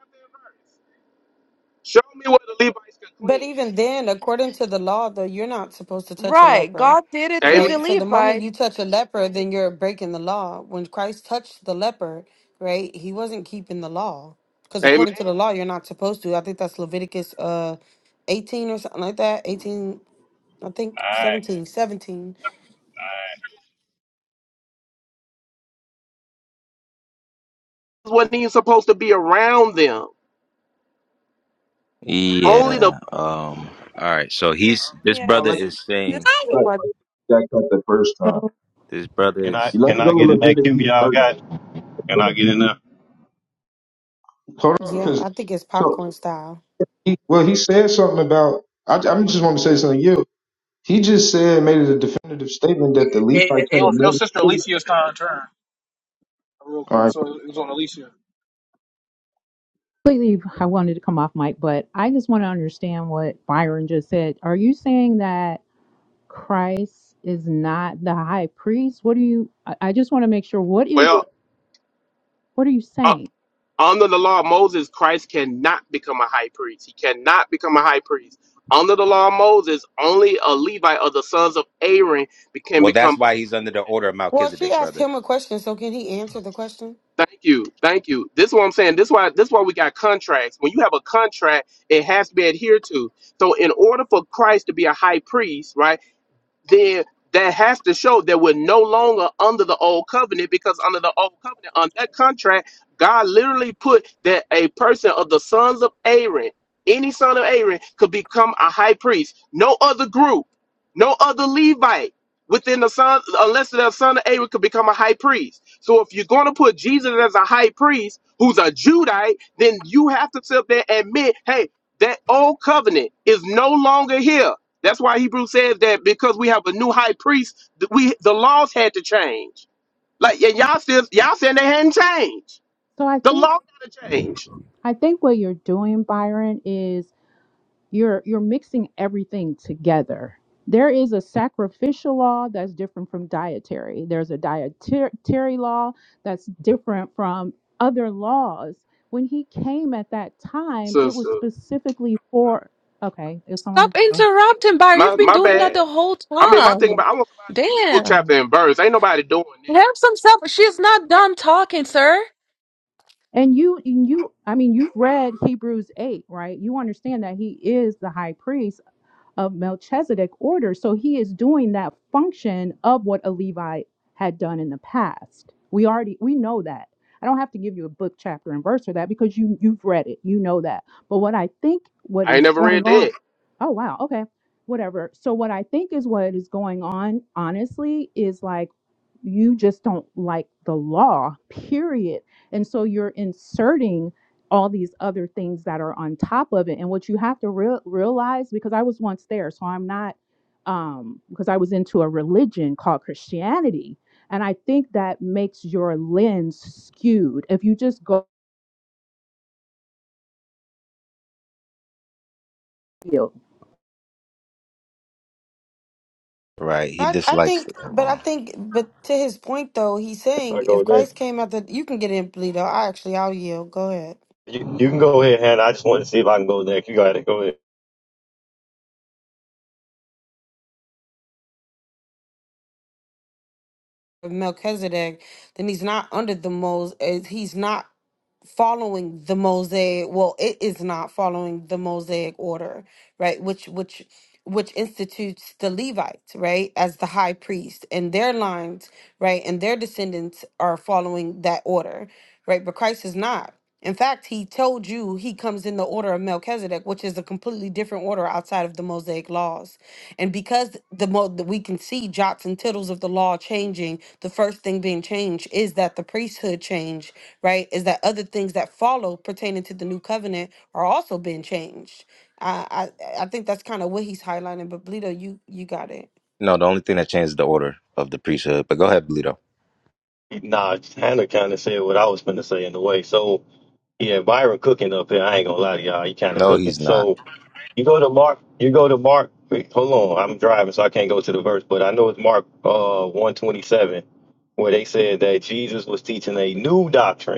Speaker 21: Show me where the Levites could
Speaker 4: But even
Speaker 21: cleanse.
Speaker 4: then, according to the law, though, you're not supposed to touch a
Speaker 10: Right.
Speaker 4: leper,
Speaker 10: God did it through
Speaker 21: Amen.
Speaker 10: the
Speaker 4: right? So the moment
Speaker 10: Levite.
Speaker 4: you touch a leper, then you're breaking the law. When Christ touched the leper, right, he wasn't keeping the law because
Speaker 21: Amen.
Speaker 4: according to the law, you're not supposed to. I think that's Leviticus uh 18 or something like that. 18, I think
Speaker 25: Alright,
Speaker 4: 17, 17.
Speaker 25: alright.
Speaker 21: Wasn't even supposed to be around them. Only the
Speaker 20: Yeah. Um. All right. So he's this
Speaker 24: I
Speaker 10: Yeah,
Speaker 20: brother
Speaker 24: like
Speaker 10: this is
Speaker 20: is
Speaker 10: this
Speaker 20: saying
Speaker 10: is the
Speaker 24: the
Speaker 10: one.
Speaker 24: that cut the first time.
Speaker 11: Well,
Speaker 20: this brother
Speaker 25: Can I
Speaker 20: is
Speaker 24: You let
Speaker 25: can
Speaker 24: it
Speaker 25: I
Speaker 24: on the
Speaker 25: get in that queue
Speaker 24: Leviticus
Speaker 25: y'all
Speaker 24: 13.
Speaker 25: got? Can
Speaker 24: Go
Speaker 25: I get in there?
Speaker 24: Hold on,
Speaker 4: Yeah,
Speaker 24: because
Speaker 4: I think it's
Speaker 24: so
Speaker 4: popcorn style.
Speaker 24: he, well, he said something about, I, I just want to say something to you. He just said made it a definitive statement that the
Speaker 22: It, it,
Speaker 24: Levites
Speaker 22: it
Speaker 24: had
Speaker 22: was, your
Speaker 24: nothing
Speaker 22: sister
Speaker 24: to do.
Speaker 22: Alicia's kind of turn, real
Speaker 24: All
Speaker 22: quick.
Speaker 24: right.
Speaker 22: So it was on Alicia.
Speaker 11: completely, I wanted to come off mic, but I just want to understand what Byron just said. Are you saying that Christ is not the high priest? What do you, I I just want to make sure, what you
Speaker 21: Well,
Speaker 11: what are you
Speaker 21: uh,
Speaker 11: saying?
Speaker 21: Under the law of Moses, Christ cannot become a high priest. He cannot become a high priest. Under the law of Moses, only a Levite of the sons of Aaron be- can
Speaker 20: Well, that's
Speaker 21: become.
Speaker 20: why he's under the order of
Speaker 4: Well, she
Speaker 20: Melchizedek,
Speaker 4: asked
Speaker 20: brother.
Speaker 4: him a question, so can he answer the question?
Speaker 21: Thank you, thank you. This is what I'm saying. This why this why we got contracts. When you have a contract, it has to be adhered to. So in order for Christ to be a high priest, right? Then that has to show that we're no longer under the old covenant because under the old covenant on that contract god literally put that a person of the sons of aaron any son of aaron could become a high priest no other group no other levite within the son unless the son of aaron could become a high priest so if you're going to put jesus as a high priest who's a judite then you have to sit up there and admit hey that old covenant is no longer here that's why Hebrew says that because we have a new high priest, th- we the laws had to change. Like and y'all still y'all saying they hadn't changed.
Speaker 11: So I
Speaker 21: The
Speaker 11: think,
Speaker 21: law had to change.
Speaker 11: I think what you're doing, Byron, is you're you're mixing everything together there is a sacrificial law that's different from dietary there's a dietary law that's different from other laws when he came at that time it
Speaker 21: Sister,
Speaker 11: was specifically for okay is someone
Speaker 10: Stop interrupting, Byron.
Speaker 21: my
Speaker 10: You've been
Speaker 21: my
Speaker 10: doing that
Speaker 21: bad.
Speaker 10: the whole
Speaker 21: I mean, my thing
Speaker 10: time.
Speaker 21: about I want somebody to show me book chapter
Speaker 10: Damn.
Speaker 21: and verse. Ain't nobody doing
Speaker 10: Have
Speaker 21: that.
Speaker 10: some self. She's not done talking, sir.
Speaker 11: and you and you i mean you've read hebrews 8 right you understand that he is the high priest of Melchizedek order. So he is doing that function of what a Levite had done in the past. We already we know that. I don't have to give you a book chapter and verse for that because you you've read it. You know that. But what I think what
Speaker 21: I
Speaker 11: is
Speaker 21: ain't never
Speaker 11: going
Speaker 21: read
Speaker 11: on
Speaker 21: that.
Speaker 11: Oh wow, okay. Whatever. So what I think is what is going on honestly is like you just don't like the law, period. And so you're inserting all these other things that are on top of it. And what you have to real realize, because I was once there, so I'm not, um, because I was into a religion called Christianity. And I think that makes your lens skewed. If you just go, Abba's,
Speaker 20: right. He
Speaker 4: I, I
Speaker 20: dislikes the
Speaker 4: think, but I
Speaker 20: Quran.
Speaker 4: think, but to his point though, he's
Speaker 25: Can
Speaker 4: saying
Speaker 25: I
Speaker 4: if
Speaker 25: go there.
Speaker 4: Christ came out, the, you can get in, Bleedo. I actually, I'll yield. Go ahead.
Speaker 25: You you can go ahead, Hannah. I just want to see if I can go there. You gotta go ahead.
Speaker 4: Melchizedek, then he's not under the moles. eh, He's not. following the mosaic well it is not following the mosaic order right which which which institutes the levites right as the high priest and their lines right and their descendants are following that order right but christ is not in fact he told you he comes in the order of melchizedek which is a completely different order outside of the mosaic laws and because the mo that we can see jots and tittles of the law changing the first thing being changed is that the priesthood changed right? Is that other things that follow pertaining to the new covenant are also being changed. I I, I think that's kind of what he's highlighting. But Bleedo, you you got it.
Speaker 20: No, the only thing that changes the order of the priesthood. But go ahead, Bleedo.
Speaker 25: Nah, Hannah kinda said what I was gonna say in a way. So yeah, Byron cooking up here. I ain't gonna lie to y'all, he kinda
Speaker 20: No,
Speaker 25: cooking.
Speaker 20: he's not.
Speaker 25: So you go to Mark you go to Mark wait, hold on, I'm driving so I can't go to the verse, but I know it's Mark uh one twenty seven where they said that Jesus was teaching a new doctrine.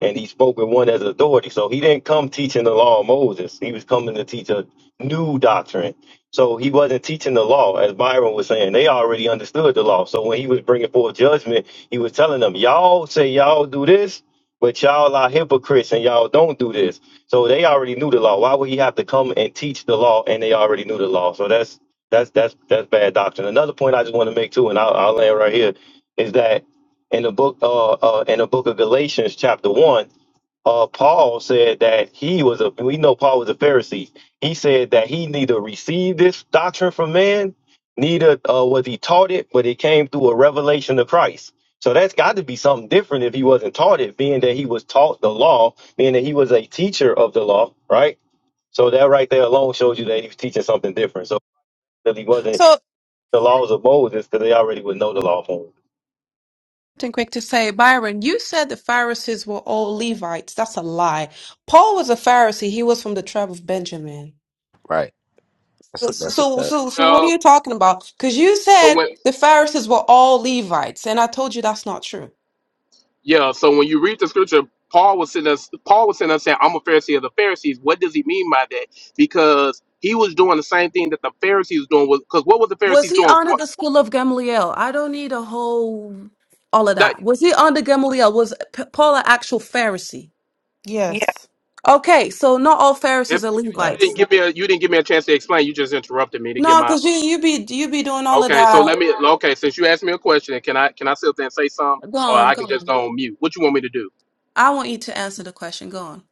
Speaker 25: and he spoke with one as authority. So he didn't come teaching the law of Moses. He was coming to teach a new doctrine. So he wasn't teaching the law, as Byron was saying. They already understood the law. So when he was bringing forth judgment, he was telling them, y'all say y'all do this, but y'all are hypocrites and y'all don't do this. So they already knew the law. Why would he have to come and teach the law? And they already knew the law. So that's that's that's that's bad doctrine. Another point I just want to make too, and I'll, I'll land right here, is that in the book uh, uh in the book of Galatians chapter one uh, Paul said that he was a, we know Paul was a Pharisee. He said that he neither received this doctrine from man, neither uh, was he taught it, but it came through a revelation of Christ. So that's got to be something different if he wasn't taught it, being that he was taught the law, being that he was a teacher of the law, right? So that right there alone shows you that he was teaching something different. So that he wasn't
Speaker 10: So,
Speaker 25: the laws of Moses, because they already would know the law.
Speaker 10: and quick to say, Byron, you said the Pharisees were all Levites. That's a lie. Paul was a Pharisee. He was from the tribe of Benjamin.
Speaker 20: Right. That's
Speaker 10: So,
Speaker 20: that's a
Speaker 10: so,
Speaker 20: fact.
Speaker 10: so, so what are
Speaker 21: Well,
Speaker 10: you talking about? Because you
Speaker 21: so
Speaker 10: said
Speaker 21: when
Speaker 10: the Pharisees were all Levites, and I told you that's not true.
Speaker 21: yeah, so when you read the scripture, Paul was in us. Paul was in us saying, "I'm a Pharisee of the Pharisees." What does he mean by that? Because he was doing the same thing that the Pharisees doing. Was because what was the
Speaker 10: Was
Speaker 21: Pharisees
Speaker 10: he
Speaker 21: doing?
Speaker 10: under
Speaker 21: Go-
Speaker 10: the school of Gamaliel? I don't need a whole all of
Speaker 21: That.
Speaker 10: that. Was he under Gamaliel? Was P- Paul an actual Pharisee?
Speaker 4: Yes.
Speaker 10: Okay, so not all
Speaker 21: If
Speaker 10: Pharisees are
Speaker 21: I can,
Speaker 20: Right.
Speaker 21: you didn't
Speaker 10: Levites.
Speaker 21: give me a you didn't give me a chance to explain. You just interrupted me to get
Speaker 10: No,
Speaker 21: my.
Speaker 10: because you
Speaker 21: uh,
Speaker 10: you be you be doing all of
Speaker 21: Okay, so let
Speaker 10: that.
Speaker 21: me. Okay, since you asked me a question, can I can I sit there and say something,
Speaker 10: Go
Speaker 21: or
Speaker 10: on,
Speaker 21: I
Speaker 10: go
Speaker 21: can
Speaker 10: on.
Speaker 21: just go on mute? What you want me to do?
Speaker 10: I want you to answer the question. Go on.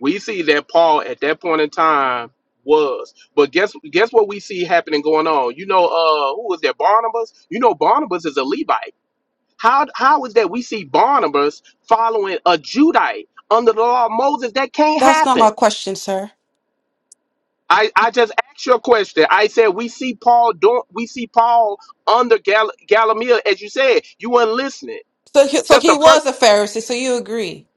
Speaker 21: We see that Paul at that point in time was, but guess guess what we see happening going on? You know, uh, who was that? Barnabas. You know, Barnabas is a Levite. How how is that we see Barnabas following a Judite under the law of Moses? That can't
Speaker 10: That's not
Speaker 21: happen.
Speaker 10: my question, sir.
Speaker 21: I, I just asked you a question. I said we see Paul do we see Paul under Gal- Gamaliel as you said. You weren't listening.
Speaker 10: So, he, so
Speaker 21: That's
Speaker 10: he
Speaker 21: the first
Speaker 10: was a
Speaker 21: thing I
Speaker 10: Pharisee.
Speaker 21: said.
Speaker 10: So you agree?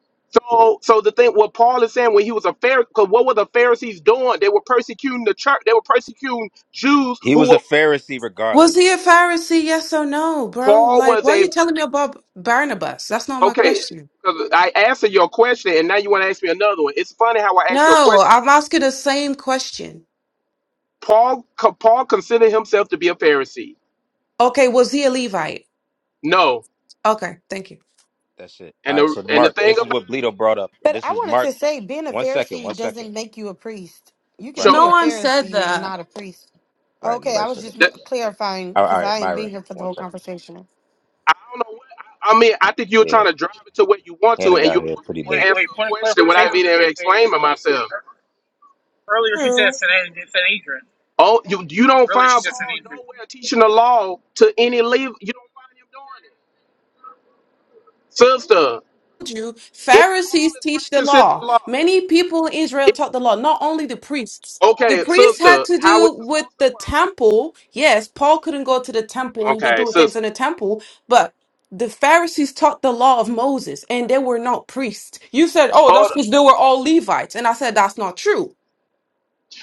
Speaker 21: So so the thing what Paul is saying when he was a Pharisee, because what were the Pharisees doing? They were persecuting the church. They were persecuting Jews
Speaker 20: He
Speaker 21: who
Speaker 20: was a
Speaker 21: were
Speaker 20: Pharisee
Speaker 10: Was
Speaker 20: regardless.
Speaker 10: he a Pharisee? Yes or no, bro?
Speaker 21: Paul
Speaker 10: Like,
Speaker 21: was
Speaker 10: why are
Speaker 21: a
Speaker 10: you telling me about Barnabas? That's not my
Speaker 21: okay.
Speaker 10: question.
Speaker 21: 'cause I answered your question and now you want to ask me another one. It's funny how I asked you a
Speaker 10: No,
Speaker 21: question.
Speaker 10: I'm asking the same question.
Speaker 21: Paul co- Paul considered himself to be a Pharisee.
Speaker 10: Okay, was he a Levite?
Speaker 21: No,
Speaker 10: Okay, thank you.
Speaker 20: That's it. All
Speaker 21: and
Speaker 20: right.
Speaker 21: the
Speaker 20: So
Speaker 21: and the
Speaker 20: Mark,
Speaker 21: thing
Speaker 20: this is
Speaker 21: about
Speaker 20: what Bleedo brought up.
Speaker 4: But
Speaker 20: This
Speaker 4: I
Speaker 20: is
Speaker 4: wanted
Speaker 20: Mark.
Speaker 4: to say, being a
Speaker 20: One second.
Speaker 4: Pharisee
Speaker 20: One second.
Speaker 4: doesn't make you a priest. You could
Speaker 20: Right.
Speaker 21: so
Speaker 4: be
Speaker 10: No
Speaker 4: a
Speaker 20: Right.
Speaker 10: one said
Speaker 21: exactly.
Speaker 4: Pharisee and
Speaker 10: that.
Speaker 4: not a priest.
Speaker 20: Right.
Speaker 4: Okay,
Speaker 20: Nobody
Speaker 4: I was
Speaker 20: said that.
Speaker 4: just clarifying
Speaker 20: All right. All
Speaker 4: because
Speaker 20: right
Speaker 4: I ain't been
Speaker 20: Byron.
Speaker 4: here for the
Speaker 20: One
Speaker 4: whole
Speaker 20: second.
Speaker 4: conversation.
Speaker 21: I don't know what I, I mean. I think you're
Speaker 20: Yeah.
Speaker 21: trying to drive it to what you want to,
Speaker 20: Hannah
Speaker 21: and
Speaker 20: got
Speaker 21: you're
Speaker 20: here
Speaker 21: forcing
Speaker 20: pretty
Speaker 21: me
Speaker 20: late.
Speaker 21: to
Speaker 22: Wait,
Speaker 21: answer
Speaker 22: wait.
Speaker 21: a
Speaker 22: Point of
Speaker 21: question without
Speaker 22: clarification.
Speaker 21: me to explain
Speaker 22: Hey, uh,
Speaker 21: explaining myself.
Speaker 22: earlier she said
Speaker 10: True.
Speaker 22: San Sanhedrin.
Speaker 21: Oh, you you don't
Speaker 22: Earlier she
Speaker 21: find
Speaker 22: said
Speaker 21: Paul
Speaker 22: Sanhedrin.
Speaker 21: nowhere teaching the law to any leave. You don't find him doing it, sister.
Speaker 10: you,
Speaker 21: If Paul
Speaker 10: Pharisees
Speaker 21: is
Speaker 10: teach the
Speaker 21: practicing
Speaker 10: law.
Speaker 21: the law,
Speaker 10: Many people in Israel
Speaker 21: if,
Speaker 10: taught the law, not only the priests. The
Speaker 21: okay,
Speaker 10: priests had
Speaker 21: sister,
Speaker 10: to
Speaker 21: how
Speaker 10: do
Speaker 21: it's
Speaker 10: with
Speaker 21: supposed to
Speaker 10: the
Speaker 21: work.
Speaker 10: temple. Yes, Paul couldn't go to the temple and be
Speaker 21: Okay,
Speaker 10: doing things
Speaker 21: sister.
Speaker 10: in the temple, but the Pharisees taught the law of Moses and they were not priests. You said, oh,
Speaker 21: Hold.
Speaker 10: that's because they were all Levites. And I said, that's not true.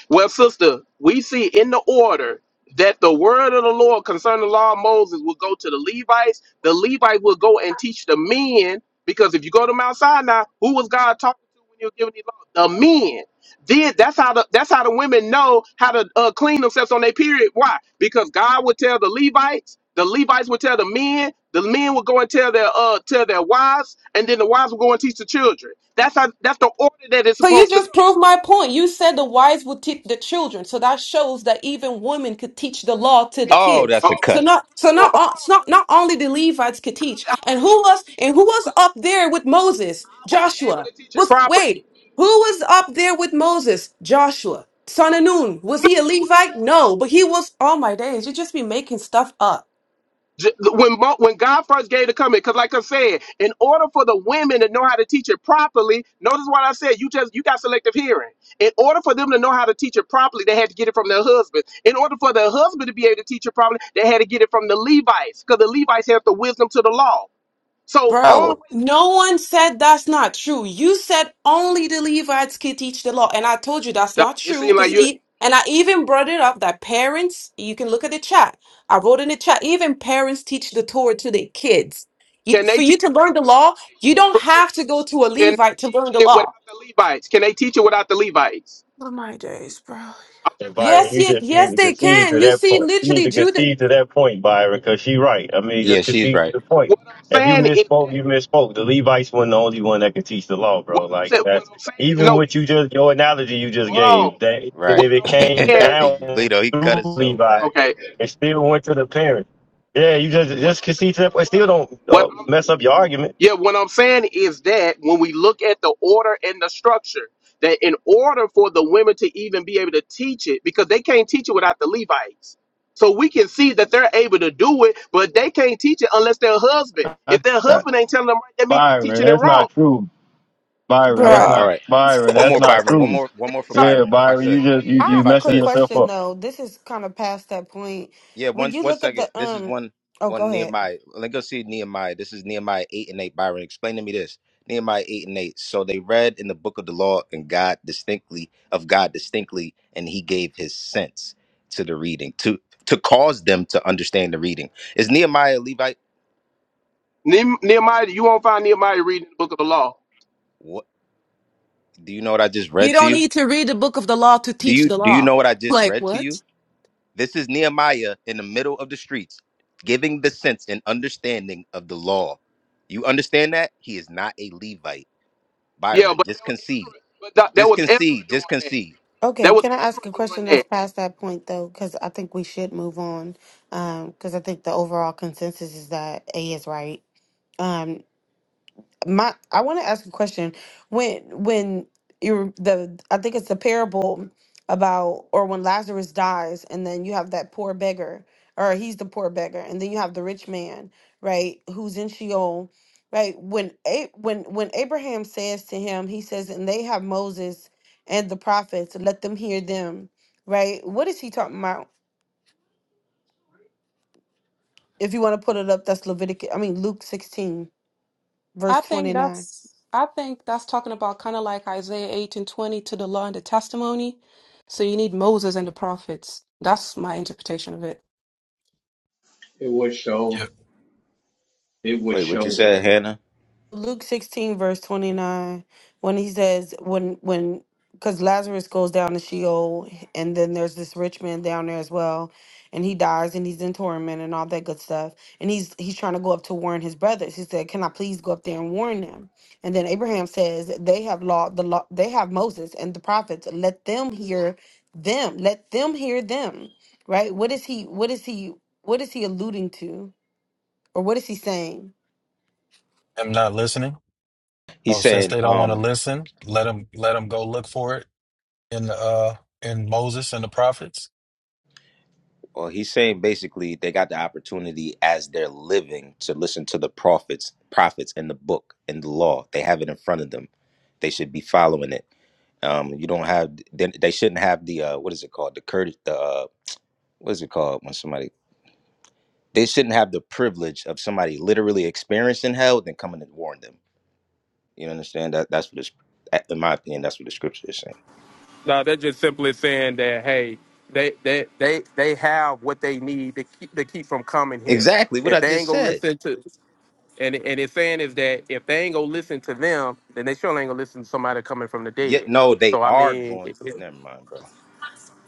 Speaker 21: Well, sister, we see in the order that the word of the Lord concerning the law of Moses will go to the Levites. The Levites will go and teach the men, because if you go to Mount Sinai, who was God talking to when you were giving the law? The men. Then that's how the that's how the women know how to uh, clean themselves on their period. Why? Because God would tell the Levites, the Levites would tell the men, the men would go and tell their uh tell their wives, and then the wives would go and teach the children. That's how that's the order that it's
Speaker 10: So you
Speaker 21: supposed to
Speaker 10: just
Speaker 21: go.
Speaker 10: proved my point. You said the wise would teach the children, so that shows that even women could teach the law to the
Speaker 20: Oh,
Speaker 10: kids.
Speaker 20: that's a
Speaker 21: Um,
Speaker 10: So
Speaker 20: cut.
Speaker 10: not
Speaker 21: so
Speaker 10: so not
Speaker 21: hold
Speaker 10: o- it's
Speaker 21: on, sister.
Speaker 10: not not only the Levites could teach,
Speaker 21: How
Speaker 10: and
Speaker 21: were
Speaker 10: who
Speaker 21: they able
Speaker 10: was
Speaker 21: to teach it
Speaker 10: and who was
Speaker 21: properly?
Speaker 10: up there with Moses?
Speaker 21: How were they able
Speaker 10: Joshua
Speaker 21: to teach it
Speaker 10: was
Speaker 21: properly?
Speaker 10: wait, who was up there with Moses? Joshua, son of Nun. Was
Speaker 21: No,
Speaker 10: he a
Speaker 21: it
Speaker 10: Levite?
Speaker 21: wasn't.
Speaker 10: No, but he was. All my days, you just be making stuff up.
Speaker 21: J- When Mo- when God first gave the command, because like I said, in order for the women to know how to teach it properly, notice what I said. You just you got selective hearing. In order for them to know how to teach it properly, they had to get it from their husband. In order for their husband to be able to teach it properly, they had to get it from the Levites, because the Levites have the wisdom to the law. So only
Speaker 10: Bro,
Speaker 21: way.
Speaker 10: no one said that's not true. You said only the Levites could teach the law, and I told you that's
Speaker 21: Nah,
Speaker 10: not
Speaker 21: It
Speaker 10: true.
Speaker 21: seems like
Speaker 10: Because
Speaker 21: you.
Speaker 10: e and I even brought it up that parents, you can look at the chat. I wrote in the chat, even parents teach the Torah to their kids. You,
Speaker 21: Can
Speaker 10: for
Speaker 21: they
Speaker 10: you
Speaker 21: teach
Speaker 10: to
Speaker 21: it
Speaker 10: learn
Speaker 21: without
Speaker 10: the
Speaker 21: the
Speaker 10: law, you don't
Speaker 21: Levites?
Speaker 10: have
Speaker 21: Sister,
Speaker 10: to go to a
Speaker 21: can they
Speaker 10: Levite to learn
Speaker 21: teach
Speaker 10: the
Speaker 21: it without
Speaker 10: law.
Speaker 21: the Levites? Can they teach it without the Levites?
Speaker 10: Oh my days, bro.
Speaker 21: I'm
Speaker 25: And
Speaker 21: just
Speaker 10: Yes,
Speaker 25: Byron,
Speaker 21: asking.
Speaker 25: you
Speaker 10: yes,
Speaker 25: just need
Speaker 10: yes,
Speaker 25: to
Speaker 10: they
Speaker 25: concede
Speaker 10: can.
Speaker 25: to
Speaker 10: You
Speaker 25: that
Speaker 10: see,
Speaker 25: point. You need
Speaker 10: literally,
Speaker 25: to
Speaker 10: Judah,
Speaker 25: concede to that point, Byron, because she right. I mean,
Speaker 20: Yeah,
Speaker 25: just
Speaker 20: she's
Speaker 25: concede to
Speaker 20: right.
Speaker 25: the point.
Speaker 21: What I'm
Speaker 25: If you
Speaker 21: saying is
Speaker 25: misspoke,
Speaker 21: that
Speaker 25: you misspoke. The Levites weren't the only one that could teach the law,
Speaker 21: what
Speaker 25: bro.
Speaker 21: I'm
Speaker 25: Like
Speaker 21: saying what
Speaker 25: that's
Speaker 21: I'm saying
Speaker 25: even
Speaker 21: no
Speaker 25: what
Speaker 21: we
Speaker 25: you just your analogy you just
Speaker 21: hold
Speaker 25: gave.
Speaker 21: on.
Speaker 25: That and
Speaker 21: What
Speaker 20: Right.
Speaker 25: if
Speaker 20: [laughs]
Speaker 25: it
Speaker 21: I'm
Speaker 25: came
Speaker 21: saying
Speaker 25: down
Speaker 20: Lito, he cut
Speaker 25: through
Speaker 20: it so
Speaker 25: Levi,
Speaker 20: bad.
Speaker 21: okay.
Speaker 25: it still went to the parents. Yeah, you just
Speaker 21: What
Speaker 25: just
Speaker 21: I'm saying,
Speaker 25: concede to
Speaker 21: bro,
Speaker 25: that point. Still
Speaker 21: brother.
Speaker 25: don't
Speaker 21: What
Speaker 25: uh,
Speaker 21: I'm
Speaker 25: mess up your argument.
Speaker 21: Yeah, what I'm saying is that when we look at the order and the structure, that in order for the women to even be able to teach it, because they can't teach it without the Levites. So we can see that they're able to do it, but they can't teach it unless their husband. If
Speaker 25: That's
Speaker 21: their
Speaker 25: not,
Speaker 21: husband ain't telling them right, that means they're
Speaker 25: Byron,
Speaker 21: teaching it
Speaker 25: that's
Speaker 21: wrong.
Speaker 25: not true. Byron,
Speaker 20: All
Speaker 25: that's
Speaker 20: right, all
Speaker 10: bro.
Speaker 25: not
Speaker 20: right.
Speaker 25: Byron,
Speaker 20: One
Speaker 25: that's
Speaker 20: more
Speaker 25: not
Speaker 21: Somebody,
Speaker 20: Byron. One
Speaker 25: true.
Speaker 20: more
Speaker 21: sh-
Speaker 20: one
Speaker 21: did
Speaker 20: more for
Speaker 21: somebody
Speaker 25: Yeah,
Speaker 20: Byron, if I
Speaker 25: Byron, you
Speaker 20: could.
Speaker 21: show
Speaker 25: just you
Speaker 4: I
Speaker 21: me.
Speaker 25: you
Speaker 20: If
Speaker 4: have
Speaker 20: I
Speaker 4: a
Speaker 25: messing
Speaker 4: quick
Speaker 20: could.
Speaker 25: yourself up.
Speaker 4: question though. This is kind of past that point.
Speaker 20: Yeah,
Speaker 4: When
Speaker 20: one
Speaker 4: you
Speaker 20: one
Speaker 4: look at the
Speaker 20: second. This is
Speaker 4: um,
Speaker 20: one
Speaker 4: oh, go
Speaker 20: one
Speaker 4: ahead.
Speaker 20: Nehemiah. Let's go see Nehemiah. This is Nehemiah eight and eight. Byron, explain to me this. Nehemiah eight and eight. So they read in the book of the law and God distinctly of God distinctly, and he gave his sense to the reading, to to cause them to understand the reading. Is Nehemiah a Levite?
Speaker 21: Ne- Nehemiah, you won't find Nehemiah reading the book of the law.
Speaker 20: Do you know what I just
Speaker 10: You
Speaker 20: read to
Speaker 10: don't
Speaker 20: you?
Speaker 10: need to read the book of the law to
Speaker 20: Do
Speaker 10: teach
Speaker 20: you
Speaker 10: the
Speaker 20: do you
Speaker 10: law.
Speaker 20: know what I just
Speaker 10: Like
Speaker 20: read to
Speaker 10: what?
Speaker 20: you? This is Nehemiah in the middle of the streets, giving the sense and understanding of the law. You understand that? He is not a Levite.
Speaker 21: Yeah,
Speaker 20: Byron,
Speaker 21: but that
Speaker 20: just
Speaker 21: was
Speaker 20: concede.
Speaker 21: Ezra, but that, that
Speaker 20: Just
Speaker 21: was Ezra
Speaker 20: concede.
Speaker 21: doing
Speaker 20: Just
Speaker 21: that.
Speaker 20: concede.
Speaker 4: Okay,
Speaker 21: That was
Speaker 4: can I ask
Speaker 21: Ezra
Speaker 4: a
Speaker 21: doing
Speaker 4: question that's
Speaker 21: that.
Speaker 4: past that point though? Because I think we should move on. Um, because I think the overall consensus is that A is right. Um, my I want to ask a question. When when you are the I think it's the parable about or when Lazarus dies and then you have that poor beggar or he's the poor beggar and then you have the rich man, right, who's in Sheol, right? When A- when when Abraham says to him, he says, "And they have Moses and the prophets, let them hear them." Right? What is he talking about? If you want to put it up, that's Leviticus, I mean Luke 16
Speaker 10: I
Speaker 4: verse
Speaker 10: think
Speaker 4: 29.
Speaker 10: that's I think that's talking about kind of like Isaiah 8 and 20 to the law and the testimony. So you need Moses and the prophets. That's my interpretation of it.
Speaker 26: It would show.
Speaker 18: Yep.
Speaker 26: It would
Speaker 20: Wait, what you
Speaker 26: show.
Speaker 20: said, Hannah?
Speaker 4: Luke 16 verse 29 when he says when when cuz Lazarus goes down to Sheol and then there's this rich man down there as well and he dies and he's in torment and all that good stuff and he's he's trying to go up to warn his brothers he said can I please go up there and warn them and then Abraham says they have law the law they have Moses and the prophets let them hear them let them hear them right what is he what is he what is he alluding to or what is he saying
Speaker 18: I'm not listening.
Speaker 20: He's
Speaker 18: Oh, since
Speaker 20: saying,
Speaker 18: they don't want to
Speaker 20: um,
Speaker 18: listen, let them let them go look for it in the uh in Moses and the prophets.
Speaker 20: well, he's saying basically they got the opportunity as they're living to listen to the prophets, prophets in the book and the law. They have it in front of them. They should be following it. Um, you don't have then they shouldn't have the uh, what is it called the courage the uh, what is it called when somebody they shouldn't have the privilege of somebody literally experiencing hell then coming and warn them. You understand that that's what it's in my opinion that's what the scripture is saying.
Speaker 21: No, they're just simply saying that hey, they they they they have what they need to keep to keep from coming here.
Speaker 20: Exactly what
Speaker 21: If
Speaker 20: I
Speaker 21: they ain't
Speaker 20: just
Speaker 21: gonna
Speaker 20: said.
Speaker 21: listen to, and and it's saying is that if they ain't gonna listen to them, then they sure ain't gonna listen to somebody coming from the
Speaker 20: Yet
Speaker 21: dead.
Speaker 20: no, they
Speaker 21: So I
Speaker 20: are
Speaker 21: mean,
Speaker 20: going.
Speaker 21: it, it,
Speaker 20: Never mind, bro.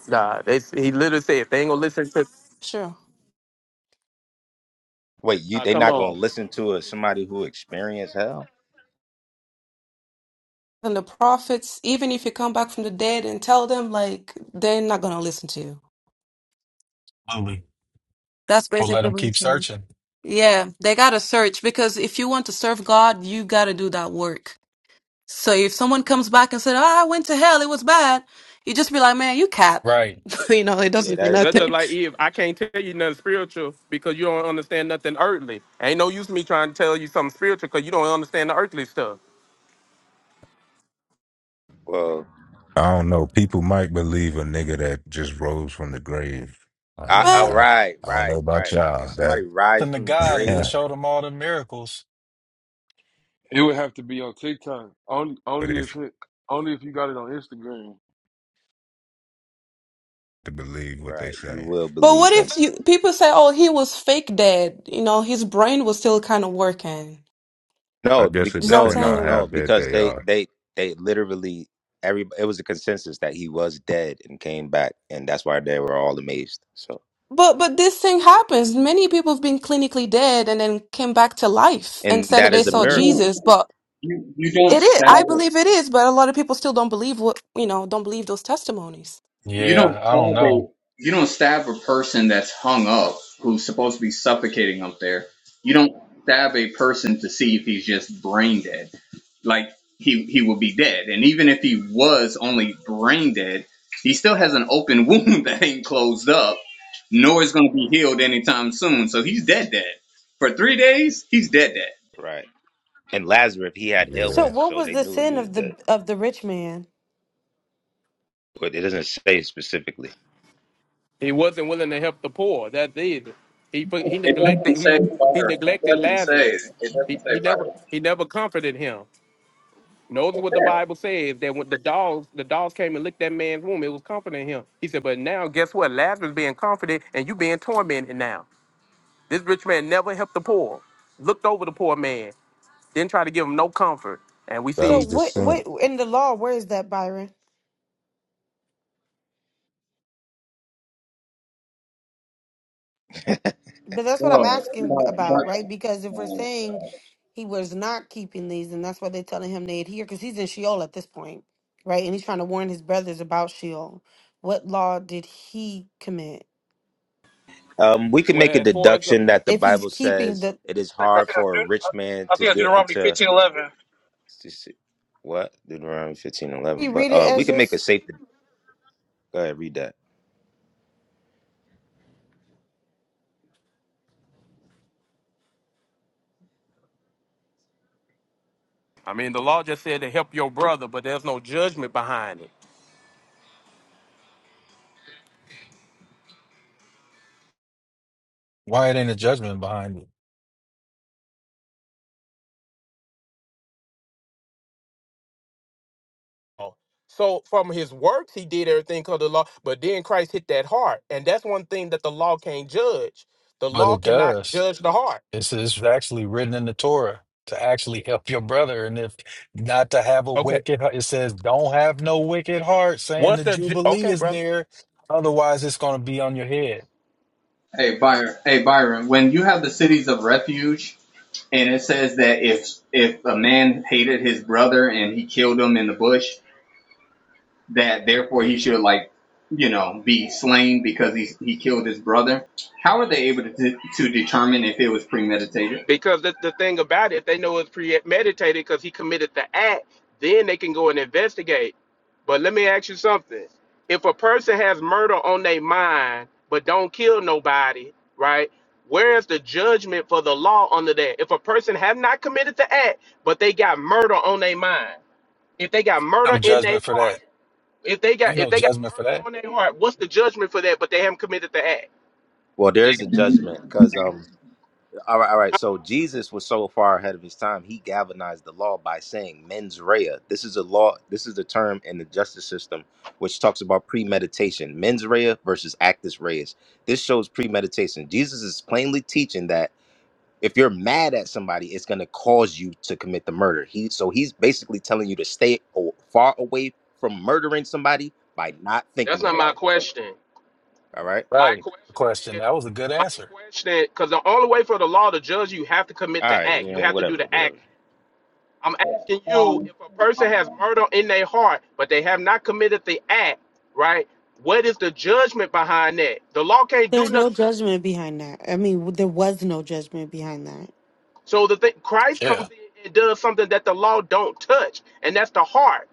Speaker 21: nah, they, he literally said if they ain't gonna listen to,
Speaker 10: Sure.
Speaker 20: Wait, you
Speaker 21: uh,
Speaker 20: they
Speaker 21: come
Speaker 20: not going
Speaker 21: on.
Speaker 20: to listen to a, somebody who experienced hell?
Speaker 10: And the prophets, even if you come back from the dead and tell them, like, they're not gonna listen to you.
Speaker 18: Absolutely.
Speaker 10: That's
Speaker 18: So let
Speaker 10: basically
Speaker 18: them
Speaker 10: what you're
Speaker 18: keep
Speaker 10: saying.
Speaker 18: searching.
Speaker 10: Yeah, they gotta search because if you want to serve God, you gotta do that work. So if someone comes back and said, "Oh, I went to hell, it was bad," you just be like, "Man, you cap."
Speaker 18: Right.
Speaker 10: [laughs] you know, it
Speaker 20: Yeah,
Speaker 10: doesn't mean
Speaker 20: that is
Speaker 21: That's
Speaker 10: nothing.
Speaker 21: just
Speaker 20: true.
Speaker 21: like Eve. I can't tell you nothing spiritual because you don't understand nothing earthly. Ain't no use me trying to tell you something spiritual because you don't understand the earthly stuff.
Speaker 20: Well,
Speaker 23: I don't know. People might believe a nigga that just rose from the grave. I
Speaker 20: I,
Speaker 23: mean,
Speaker 20: I
Speaker 10: But
Speaker 23: I
Speaker 20: right,
Speaker 23: I don't
Speaker 20: right,
Speaker 23: know about
Speaker 20: right. If
Speaker 23: y'all that,
Speaker 20: somebody rises
Speaker 18: Then to
Speaker 20: from the
Speaker 18: God, and He
Speaker 20: grave,
Speaker 23: [laughs]
Speaker 18: showed them all the miracles.
Speaker 27: It would have to be on TikTok. Only
Speaker 23: but
Speaker 27: only
Speaker 23: if
Speaker 27: if it, only if you got it on Instagram.
Speaker 23: to believe what they
Speaker 20: right, you
Speaker 23: say,
Speaker 20: will
Speaker 10: but what
Speaker 20: believe them.
Speaker 10: if you people say, "Oh, he was fake dead." You know, his brain was still kind of working.
Speaker 23: I
Speaker 20: No, be,
Speaker 23: guess it
Speaker 10: You see what I'm
Speaker 20: no,
Speaker 23: depends
Speaker 20: no,
Speaker 23: on
Speaker 10: saying?
Speaker 23: how
Speaker 20: no,
Speaker 23: bad
Speaker 20: because
Speaker 23: they
Speaker 20: they
Speaker 23: are.
Speaker 20: they they literally every it was a consensus that he was dead and came back, and that's why they were all amazed. So,
Speaker 10: But but this thing happens. Many people have been clinically dead and then came back to life and
Speaker 20: and
Speaker 10: said
Speaker 20: that
Speaker 10: that they
Speaker 20: is a
Speaker 10: saw
Speaker 20: miracle,
Speaker 26: You,
Speaker 10: Jesus. But
Speaker 26: you you don't
Speaker 10: it is,
Speaker 26: stab
Speaker 10: I believe it is. But a lot of people still don't believe what you know, don't believe those testimonies.
Speaker 26: you don't
Speaker 18: Yeah, I
Speaker 26: stab
Speaker 18: don't
Speaker 26: a
Speaker 18: know
Speaker 26: you don't stab a person that's hung up who's supposed to be suffocating up there. You don't stab a person to see if he's just brain dead. Like he he will be dead. And even if he was only brain dead, he still has an open [laughs] wound that ain't closed up, nor is gonna be healed anytime soon. So he's dead dead. For three days, he's dead dead.
Speaker 20: right? And Lazarus, he had
Speaker 23: Yeah,
Speaker 4: So
Speaker 20: ailments,
Speaker 4: what
Speaker 20: so
Speaker 4: was
Speaker 20: they
Speaker 4: the
Speaker 20: knew he
Speaker 4: sin
Speaker 20: was
Speaker 4: of
Speaker 20: dead,
Speaker 4: the of the rich man?
Speaker 20: but it doesn't say specifically.
Speaker 21: He wasn't willing to help the poor. That's it. He put, he
Speaker 26: It
Speaker 21: neglected
Speaker 26: doesn't say
Speaker 21: he he
Speaker 26: fire. It
Speaker 21: neglected
Speaker 26: doesn't say.
Speaker 21: Lazarus.
Speaker 26: It doesn't
Speaker 21: He he
Speaker 26: say
Speaker 21: never
Speaker 26: Byron.
Speaker 21: he never comforted him. Notice what the Bible says that when the dogs the dogs came and licked that man's womb, it was comforting him. He said, but now guess what? Lazarus being comforted and you being tormented now. This rich man never helped the poor. Looked over the poor man, didn't try to give him no comfort. And we
Speaker 23: that
Speaker 4: So
Speaker 23: was
Speaker 21: see
Speaker 23: the
Speaker 4: what
Speaker 23: sin.
Speaker 4: what in the law where is that Byron? But that's what I'm
Speaker 26: No,
Speaker 4: asking
Speaker 26: but,
Speaker 4: about, right? Because if
Speaker 26: but
Speaker 4: we're
Speaker 26: um,
Speaker 4: saying he was not keeping these and that's why they're telling him they adhere because he's in Sheol at this point, right? And he's trying to warn his brothers about Sheol. What law did he commit?
Speaker 20: Um, we can
Speaker 21: well
Speaker 20: make a
Speaker 21: as far as the,
Speaker 20: deduction that the
Speaker 4: If he's
Speaker 20: Bible
Speaker 4: keeping
Speaker 20: says
Speaker 4: the
Speaker 20: it is
Speaker 22: I think I
Speaker 20: hard
Speaker 22: think that's
Speaker 20: for a
Speaker 22: Deut-
Speaker 20: rich man
Speaker 22: I
Speaker 20: to
Speaker 22: think that's
Speaker 20: get
Speaker 22: Deuteronomy
Speaker 20: into
Speaker 22: fifteen eleven.
Speaker 20: what Deuteronomy fifteen eleven,
Speaker 4: can you
Speaker 20: but
Speaker 4: read it,
Speaker 20: uh, we can make a
Speaker 4: Esdras?
Speaker 20: safe. Go ahead, read that.
Speaker 21: I mean the law just said to help your brother, but there's no judgment behind it.
Speaker 18: why it ain't a judgment behind it,
Speaker 21: Oh, So from his works, he did everything called the law. But then Christ hit that heart, and that's one thing that the law can't judge. The
Speaker 18: but
Speaker 21: law
Speaker 18: it
Speaker 21: cannot
Speaker 18: does.
Speaker 21: judge the heart.
Speaker 18: It's, it's actually written in the Torah to actually help your brother, and if not to have a
Speaker 21: Okay.
Speaker 18: wicked, heart- it says, "Don't have no wicked heart," saying
Speaker 21: Once
Speaker 18: the
Speaker 21: the ju-
Speaker 18: jubilee
Speaker 21: okay,
Speaker 18: is
Speaker 21: brother.
Speaker 18: near. Otherwise, it's going to be on your head.
Speaker 26: Hey Byron. Hey Byron. When you have the cities of refuge, and it says that if if a man hated his brother and he killed him in the bush, that therefore he should like you know be slain because he he killed his brother. How are they able to de- to determine if it was premeditated?
Speaker 21: Because the, the thing about it, if they know it's premeditated because he committed the act, then they can go and investigate. But let me ask you something. If a person has murder on their mind but don't kill nobody, right? Where is the judgment for the law under that? If a person have not committed the act, but they got murder on their mind, if they got murder
Speaker 18: No
Speaker 21: in their
Speaker 18: judgment for that.
Speaker 21: heart, if they
Speaker 18: Ain't
Speaker 21: got if
Speaker 18: no
Speaker 21: they got
Speaker 18: judgment for
Speaker 21: murder
Speaker 18: that.
Speaker 21: on their heart, what's the judgment for that? But they haven't committed the act.
Speaker 20: Well, there is a judgment because um. All right, all right. So Jesus was so far ahead of his time, he galvanized the law by saying mens rea. This is a law, this is a term in the justice system which talks about premeditation. Mens rea versus actus reus. This shows premeditation. Jesus is plainly teaching that if you're mad at somebody, it's going to cause you to commit the murder. He so he's basically telling you to stay o- far away from murdering somebody by not
Speaker 21: That's
Speaker 20: thinking
Speaker 21: not my
Speaker 20: about it.
Speaker 21: question.
Speaker 20: All right?
Speaker 21: My
Speaker 18: Right. Good
Speaker 21: question
Speaker 18: Question.
Speaker 21: is,
Speaker 18: That was a good
Speaker 21: my
Speaker 18: answer.
Speaker 21: question, because the only way for the law to judge you, you have to commit
Speaker 20: All
Speaker 21: the
Speaker 20: right,
Speaker 21: act. You
Speaker 20: yeah,
Speaker 21: have to do
Speaker 20: whatever,
Speaker 21: the act.
Speaker 20: whatever.
Speaker 21: I'm asking you,
Speaker 26: um,
Speaker 21: if a person has
Speaker 26: um,
Speaker 21: murder in their heart, but they have not committed the act, right? What is the judgment behind that? The law can't do
Speaker 4: There's no
Speaker 21: nothing. to it.
Speaker 4: judgment behind that. I mean, there was no judgment behind that.
Speaker 21: So the thing, Christ
Speaker 18: Yeah.
Speaker 21: comes in and does something that the law don't touch, and that's the heart.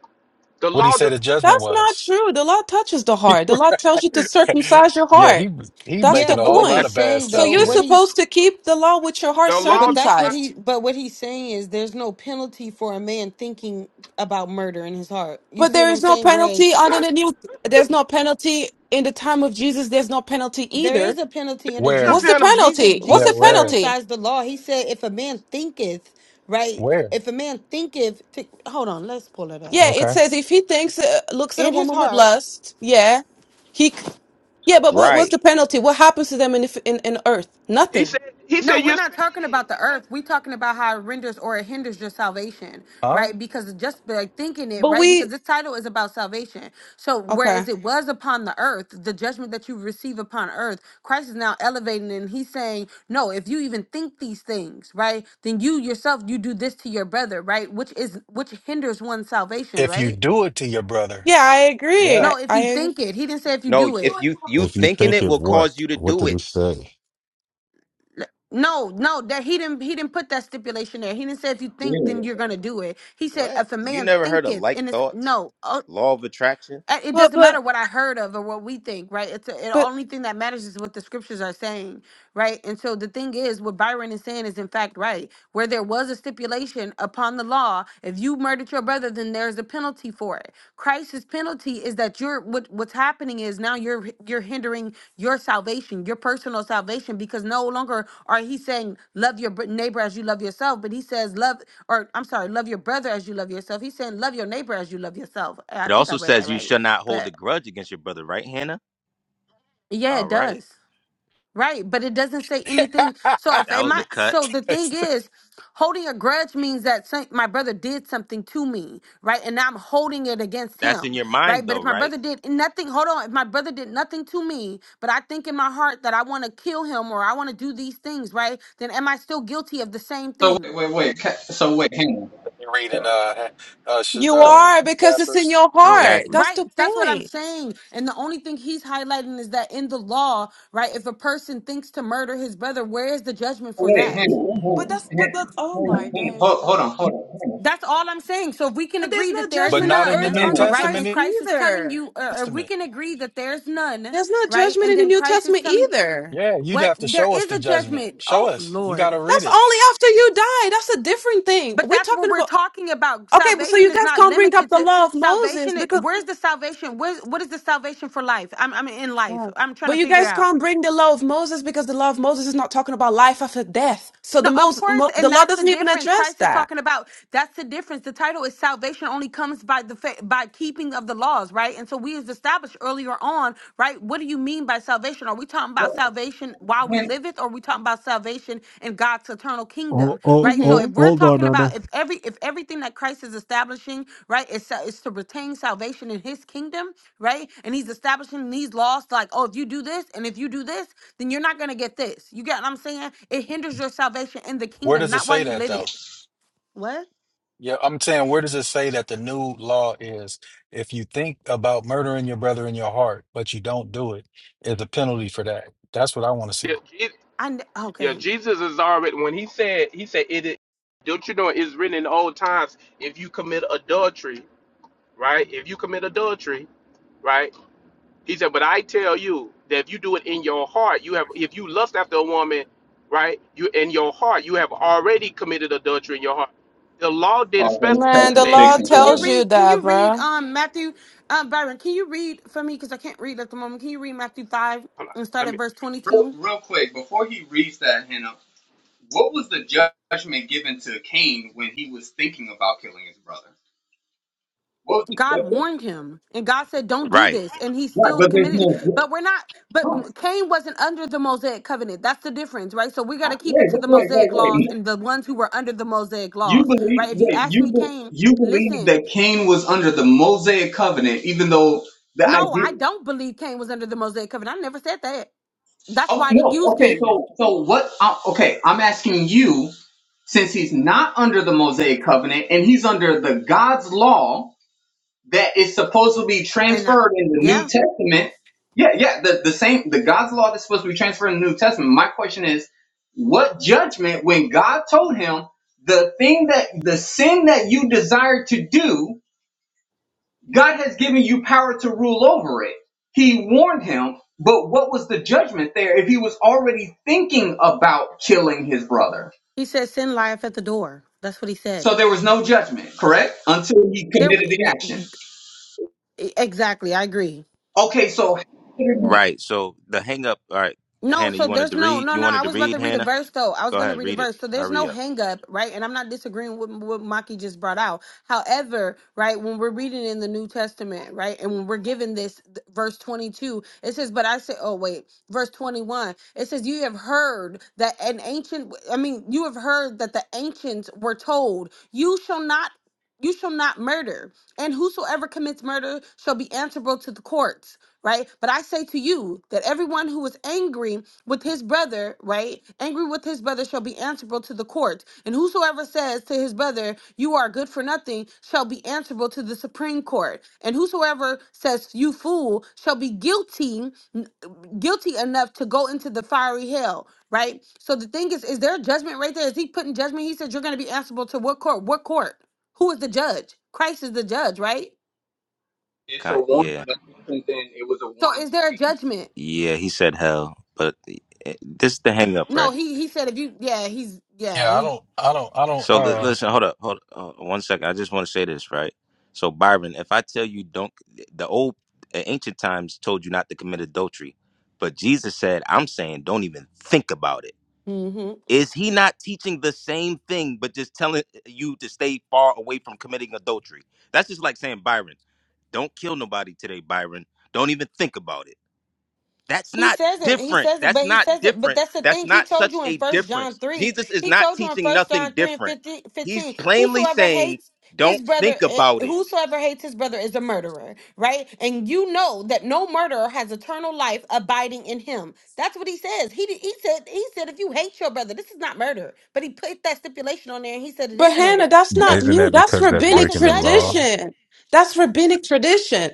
Speaker 21: The
Speaker 18: What did he
Speaker 21: law
Speaker 18: say
Speaker 21: does
Speaker 18: the
Speaker 21: not.
Speaker 18: judgment
Speaker 10: That's not
Speaker 18: was?
Speaker 10: true. The law touches the heart. The law
Speaker 18: [laughs]
Speaker 10: tells you to circumcise your
Speaker 18: yeah,
Speaker 10: heart.
Speaker 18: he he
Speaker 10: That's
Speaker 4: Yeah,
Speaker 10: the
Speaker 18: making a
Speaker 4: but
Speaker 18: whole
Speaker 4: what
Speaker 18: lot
Speaker 10: point.
Speaker 21: That's
Speaker 4: he's
Speaker 18: of bad
Speaker 21: not
Speaker 4: saying
Speaker 21: the
Speaker 10: So
Speaker 18: stuff
Speaker 4: though,
Speaker 10: you're
Speaker 21: law.
Speaker 4: what
Speaker 18: here.
Speaker 4: he's
Speaker 10: supposed to keep the law with your heart
Speaker 21: The law
Speaker 4: But
Speaker 21: does
Speaker 4: that's what
Speaker 21: not.
Speaker 10: circumcised.
Speaker 4: he but what he's saying is there's no penalty for a man thinking about murder in his heart. You
Speaker 10: But
Speaker 4: see
Speaker 10: there
Speaker 4: what I'm
Speaker 10: is no
Speaker 4: saying?
Speaker 10: penalty
Speaker 4: Whereas
Speaker 10: under the new there's no penalty in the time of Jesus, there's no penalty
Speaker 4: there
Speaker 10: either.
Speaker 4: is a
Speaker 21: There
Speaker 4: penalty under
Speaker 21: is a
Speaker 18: Where?
Speaker 10: What's
Speaker 4: Jesus
Speaker 10: the
Speaker 21: penalty.
Speaker 4: because Jesus,
Speaker 10: penalty? What's
Speaker 18: Yeah,
Speaker 10: the
Speaker 4: Jesus
Speaker 18: where?
Speaker 10: penalty?
Speaker 4: circumcised the law. He said if a man thinketh, right?
Speaker 18: Where?
Speaker 4: If a man thinketh to, hold on, let's pull it up.
Speaker 10: Yeah, it
Speaker 18: Okay.
Speaker 10: says if he thinks uh, looks at a
Speaker 4: In his
Speaker 10: woman with
Speaker 4: heart,
Speaker 10: lust, yeah. He c- yeah, but what, what's
Speaker 20: Right.
Speaker 10: the penalty? What happens to them in, if- in in earth?
Speaker 21: He
Speaker 10: Nothing.
Speaker 21: said. He said
Speaker 4: No, we're
Speaker 21: you're
Speaker 4: not talking
Speaker 21: sinning.
Speaker 4: about the
Speaker 21: He said.
Speaker 4: earth. We're talking about how it renders or it hinders your salvation, right?
Speaker 18: Oh,
Speaker 4: Because just like thinking it,
Speaker 10: But
Speaker 4: right? Because
Speaker 10: we
Speaker 4: this title is about salvation. So,
Speaker 10: okay.
Speaker 4: whereas it was upon the earth, the judgment that you receive upon earth, Christ is now elevating and he's saying, No, if you even think these things, right, then you yourself, you do this to your brother, right? Which is which hinders one's salvation,
Speaker 18: if you
Speaker 4: right?
Speaker 18: do it to your brother,
Speaker 10: Yeah, I agree.
Speaker 18: yeah.
Speaker 10: I,
Speaker 4: No, if you
Speaker 10: I
Speaker 4: think it, he didn't say if you
Speaker 20: No,
Speaker 4: do
Speaker 20: if
Speaker 4: it.
Speaker 20: you you
Speaker 23: If you
Speaker 20: thinking
Speaker 23: think
Speaker 20: it
Speaker 23: of
Speaker 20: will
Speaker 23: what?
Speaker 20: cause you to
Speaker 23: What
Speaker 20: do
Speaker 23: did he
Speaker 20: it.
Speaker 23: say?
Speaker 4: No, no, that he didn't he didn't put that stipulation there. He didn't say if you think
Speaker 26: yeah.
Speaker 4: then you're gonna do it. He said
Speaker 20: What?
Speaker 4: if a
Speaker 20: You
Speaker 4: man
Speaker 20: never heard of
Speaker 4: thinketh
Speaker 20: like
Speaker 4: in his
Speaker 20: thoughts?
Speaker 4: no. Oh,
Speaker 20: Law of attraction?
Speaker 4: uh, It
Speaker 10: but
Speaker 4: doesn't matter
Speaker 10: but
Speaker 4: what I heard of or what we think, right? It's a, the
Speaker 10: but
Speaker 4: only thing that matters is what the scriptures are saying, right? And so the thing is, what Byron is saying is in fact right. Where there was a stipulation upon the law, if you murdered your brother, then there's a penalty for it. Christ's penalty is that you're what what's happening is now you're you're hindering your salvation, your personal salvation, because no longer are he saying love your br- neighbor as you love yourself, but he says love or I'm sorry, love your brother as you love yourself. He's saying love your neighbor as you love yourself. I
Speaker 20: It
Speaker 4: think I
Speaker 20: also
Speaker 4: read that
Speaker 20: says you
Speaker 4: right.
Speaker 20: shall not hold a
Speaker 4: But
Speaker 20: grudge against your brother, right, Hannah?
Speaker 4: yeah,
Speaker 20: All
Speaker 4: it
Speaker 20: right.
Speaker 4: does. Right, but it doesn't say
Speaker 18: [laughs]
Speaker 4: anything. So if
Speaker 20: That
Speaker 4: am
Speaker 18: you're
Speaker 20: was a
Speaker 4: I
Speaker 20: cut.
Speaker 4: so the thing is, holding a grudge means that some, my brother did something to me, right? And now I'm holding it against
Speaker 20: That's in
Speaker 4: him,
Speaker 20: your mind
Speaker 4: right? But if
Speaker 20: though,
Speaker 4: my
Speaker 20: right?
Speaker 4: brother did nothing, hold on, if my brother did nothing to me, but I think in my heart that I want to kill him or I want to do these things, right? Then am I still guilty of the same
Speaker 26: So wait,
Speaker 4: thing?
Speaker 26: wait, wait. ca- So wait, hang on.
Speaker 18: Reading uh, uh, sh-
Speaker 10: you
Speaker 18: um,
Speaker 10: are because it's in
Speaker 18: Casper's,
Speaker 10: your
Speaker 4: Oh,
Speaker 10: heart.
Speaker 20: Exactly.
Speaker 10: That's
Speaker 4: right.
Speaker 10: the
Speaker 4: That's what I'm
Speaker 10: point.
Speaker 4: saying. And the only thing he's highlighting is that in the law, right, if a person thinks to murder his brother, where is the judgment for
Speaker 26: Wait,
Speaker 4: that?
Speaker 26: Hannah, Hannah, Hannah,
Speaker 10: But that's but
Speaker 26: Hannah,
Speaker 10: that's oh my
Speaker 26: Hannah,
Speaker 10: days.
Speaker 26: hold,
Speaker 10: bro.
Speaker 26: hold on, hold on,
Speaker 4: That's all I'm saying. So if we can
Speaker 10: But there's
Speaker 4: agree
Speaker 10: no
Speaker 4: that there is
Speaker 18: but
Speaker 10: judgment on
Speaker 18: not in the
Speaker 10: earth
Speaker 4: none,
Speaker 18: New
Speaker 10: under
Speaker 26: Hannah,
Speaker 4: right?
Speaker 18: Testament.
Speaker 4: And
Speaker 10: Christ
Speaker 18: New
Speaker 4: Christ is telling
Speaker 10: either.
Speaker 4: you, or if we
Speaker 18: Testament.
Speaker 4: can agree that there's none,
Speaker 10: There's no
Speaker 4: right?
Speaker 10: judgment
Speaker 4: And
Speaker 10: in the
Speaker 4: then
Speaker 10: New
Speaker 4: Christ is
Speaker 10: Testament
Speaker 4: telling
Speaker 10: either.
Speaker 18: Yeah, you'd
Speaker 4: what
Speaker 18: have to
Speaker 4: there
Speaker 18: show us
Speaker 4: is
Speaker 18: the
Speaker 4: a
Speaker 18: judgment.
Speaker 4: judgment.
Speaker 18: Show
Speaker 4: Oh
Speaker 18: us. You got
Speaker 4: Lord.
Speaker 18: to read
Speaker 10: That's
Speaker 18: it.
Speaker 10: only after you die. That's a different thing.
Speaker 4: But
Speaker 10: We're
Speaker 4: that's what
Speaker 10: talking
Speaker 4: we're
Speaker 10: about
Speaker 4: talking about.
Speaker 10: okay, but so
Speaker 4: Salvation
Speaker 10: you
Speaker 4: is
Speaker 10: guys
Speaker 4: not
Speaker 10: can't bring up
Speaker 4: limited
Speaker 10: the
Speaker 4: to
Speaker 10: law of Moses
Speaker 4: salvation.
Speaker 10: because
Speaker 4: Where's the salvation? Where's, what is the salvation for life? I'm, I'm in
Speaker 10: Yeah.
Speaker 4: life. I'm trying
Speaker 10: but
Speaker 4: to
Speaker 10: you
Speaker 4: figure
Speaker 10: guys
Speaker 4: out.
Speaker 10: can't bring the law of Moses because the law of Moses is not talking about life after death. So
Speaker 4: No,
Speaker 10: the
Speaker 4: of
Speaker 10: most
Speaker 4: course,
Speaker 10: the
Speaker 4: and
Speaker 10: law
Speaker 4: that's the
Speaker 10: doesn't even
Speaker 4: difference.
Speaker 10: address
Speaker 4: Christ is
Speaker 10: that.
Speaker 4: talking about that's the difference. The title is salvation only comes by the fa- by keeping of the laws, right? And so we as established earlier on, right? What do you mean by salvation? Are we talking
Speaker 26: Hannah,
Speaker 4: about salvation while we
Speaker 26: Hannah.
Speaker 4: live it, or are we talking about salvation in God's eternal
Speaker 1: Oh,
Speaker 4: kingdom,
Speaker 1: oh,
Speaker 4: right? So
Speaker 1: oh,
Speaker 10: hmm
Speaker 4: if we're
Speaker 1: hold on,
Speaker 4: talking
Speaker 1: Anna.
Speaker 4: about if every if everything that Christ is establishing, right, is sa- is to retain salvation in His kingdom, right? And He's establishing these laws, like oh, if you do this and if you do this, then you're not gonna get this. You get what I'm saying? It hinders your salvation in the
Speaker 18: Where
Speaker 4: kingdom,
Speaker 18: does it
Speaker 4: not while
Speaker 18: say
Speaker 4: you
Speaker 18: that
Speaker 4: live
Speaker 18: though?
Speaker 4: it. What?
Speaker 18: Yeah, I'm saying, where does it say that the new law is if you think about murdering your brother in your heart, but you don't do it, is a penalty for that. That's what I want to see.
Speaker 21: "Yeah,
Speaker 4: I kn-
Speaker 21: Yeah,
Speaker 4: okay.
Speaker 21: Jesus is already when he said he said it. is- Don't you know it's written in the old times? If you commit adultery, right? If you commit adultery, right? He said, but I tell you that if you do it in your heart, you have. If you lust after a woman, right? You in your heart, you have already committed adultery in your heart. The law didn't
Speaker 26: Oh, okay,
Speaker 10: Man,
Speaker 21: specify
Speaker 26: chapter
Speaker 10: the
Speaker 21: that.
Speaker 4: M-
Speaker 10: law
Speaker 26: six and
Speaker 4: Can you
Speaker 10: tells
Speaker 26: seven.
Speaker 10: you
Speaker 4: read? Can
Speaker 10: that,
Speaker 4: you read?
Speaker 10: bro.
Speaker 4: Um, Matthew, um, Byron, can you read for me? Because I can't read at the moment. Can you read Matthew five
Speaker 21: Hold on,
Speaker 4: and start
Speaker 21: let
Speaker 4: at
Speaker 21: me.
Speaker 4: verse
Speaker 26: Real,
Speaker 4: 22?
Speaker 26: real quick, before he reads that, Hannah, what was the judgment given to Cain when he was thinking about killing his brother? What was the
Speaker 4: God
Speaker 26: judgment?
Speaker 4: warned him, and God said, "Don't do
Speaker 20: Right.
Speaker 4: this," and he
Speaker 26: Right,
Speaker 4: still
Speaker 26: but there's
Speaker 4: committed it.
Speaker 26: no.
Speaker 4: But we're not. But
Speaker 26: Wait,
Speaker 4: Cain wasn't under the Mosaic covenant. That's the difference, right? So we got to keep
Speaker 26: wait,
Speaker 4: it to the
Speaker 26: wait, wait,
Speaker 4: Mosaic laws
Speaker 26: wait.
Speaker 4: and the ones who were under the Mosaic
Speaker 26: You
Speaker 4: laws,
Speaker 26: believe?
Speaker 4: right? If you
Speaker 26: Wait,
Speaker 4: ask
Speaker 26: you
Speaker 4: me,
Speaker 26: be-
Speaker 4: Cain,
Speaker 26: you believe
Speaker 4: listen.
Speaker 26: that Cain was under the Mosaic covenant, even though the
Speaker 4: No, I
Speaker 26: idea.
Speaker 4: don't believe Cain was under the Mosaic covenant. I never said that. That's
Speaker 26: Oh
Speaker 4: why I didn't
Speaker 26: no.
Speaker 4: use
Speaker 26: Okay.
Speaker 4: Cain.
Speaker 26: So so what? Uh, okay. I'm asking you, since he's not under the Mosaic covenant and he's under the God's law that is supposed to be
Speaker 4: And I,
Speaker 26: transferred in the New
Speaker 4: yeah,
Speaker 26: Testament. Yeah, yeah. The the same the God's law that's supposed to be transferred in the New Testament. My question is, what judgment when God told him the thing that the sin that you desire to do? God has given you power to rule over it. He warned him, but what was the judgment there if he was already thinking about killing his brother?
Speaker 4: he said sin lieth at the door. That's what he
Speaker 26: So
Speaker 4: said.
Speaker 26: there was no judgment, correct? Until he
Speaker 4: There,
Speaker 26: committed the action.
Speaker 4: th- exactly. I agree.
Speaker 26: Okay, so
Speaker 20: Right. So the hang up, all right,
Speaker 4: No,
Speaker 20: Hannah,
Speaker 4: so
Speaker 20: you wanted
Speaker 4: there's
Speaker 20: to
Speaker 4: no,
Speaker 20: read?
Speaker 4: no,
Speaker 20: You
Speaker 4: no.
Speaker 20: wanted
Speaker 4: I
Speaker 20: to
Speaker 4: was about
Speaker 20: read,
Speaker 4: to read a
Speaker 20: Hannah?
Speaker 4: verse though. I was
Speaker 20: Go
Speaker 4: going to
Speaker 20: ahead,
Speaker 4: read a
Speaker 20: read it.
Speaker 4: verse. So there's
Speaker 20: Hurry
Speaker 4: no
Speaker 20: up.
Speaker 4: hang up, right? And I'm not disagreeing with what Maki just brought out. However, right, when we're reading in the New Testament, right, and when we're given this th- verse 22, it says, But I say, oh, wait, verse 21, it says, You have heard that an ancient, I mean, you have heard that the ancients were told, You shall not you shall not murder and whosoever commits murder shall be answerable to the courts right but i say to you that everyone who is angry with his brother right angry with his brother shall be answerable to the court and whosoever says to his brother you are good for nothing shall be answerable to the supreme court and whosoever says you fool shall be guilty guilty enough to go into the fiery hell right so the thing is is there a judgment right there is he putting judgment he said you're going to be answerable to what court what court who is the judge? Christ is the judge, right?
Speaker 26: it's a
Speaker 20: Ki-
Speaker 26: warning,
Speaker 20: Yeah.
Speaker 26: but since then it was a
Speaker 4: So
Speaker 26: warning
Speaker 4: is
Speaker 26: to
Speaker 4: there a
Speaker 26: Cain.
Speaker 4: judgment?
Speaker 20: Yeah, he said hell, but eh, this is the hang up,
Speaker 4: No,
Speaker 20: right?
Speaker 4: he he said if you yeah, he's yeah,
Speaker 18: Yeah, I
Speaker 4: he
Speaker 18: don't, I don't, I don't.
Speaker 20: So li-
Speaker 18: Uh,
Speaker 20: listen, hold up, hold up, uh, one second. I just want to say this, right? So Byron, if I tell you don't, the old uh, ancient times told you not to commit adultery, but Jesus said, "I'm saying don't even think about it."
Speaker 4: mhm.
Speaker 20: Is he not teaching the same thing, but just telling you to stay far away from committing adultery? That's just like saying, Byron, don't kill nobody today, Byron. Don't even think about it. That's
Speaker 4: He
Speaker 20: not
Speaker 4: says it. He
Speaker 20: different.
Speaker 4: says it,
Speaker 20: That's
Speaker 4: but he
Speaker 20: not
Speaker 4: says it. But
Speaker 20: different.
Speaker 4: that's the
Speaker 20: That's
Speaker 4: thing. He
Speaker 20: not
Speaker 4: told
Speaker 20: such
Speaker 4: you in
Speaker 20: a
Speaker 4: First John
Speaker 20: difference.
Speaker 4: three.
Speaker 20: Jesus is
Speaker 4: He
Speaker 20: not
Speaker 4: told you in
Speaker 20: teaching
Speaker 4: First
Speaker 20: nothing
Speaker 4: John three and
Speaker 20: different.
Speaker 4: 15,
Speaker 20: He's
Speaker 4: 15
Speaker 20: plainly
Speaker 4: Whosoever
Speaker 20: saying,
Speaker 4: hates
Speaker 20: don't
Speaker 4: his brother,
Speaker 20: think
Speaker 4: eh,
Speaker 20: about it.
Speaker 4: whosoever hates his brother is a murderer, right? And you know that no murderer has eternal life abiding in him. That's what he says. He did- he said he said if you hate your brother, this is not murder. But he put that stipulation on there, and he said it
Speaker 10: But
Speaker 4: is
Speaker 10: Hannah,
Speaker 4: murder,
Speaker 10: that's
Speaker 4: and
Speaker 10: not
Speaker 4: that
Speaker 23: Isn't
Speaker 10: new.
Speaker 23: that
Speaker 10: That's
Speaker 23: because that's
Speaker 4: that's
Speaker 10: rabbinic
Speaker 4: a
Speaker 23: breaking the law?
Speaker 4: judgment.
Speaker 10: tradition. That's rabbinic tradition.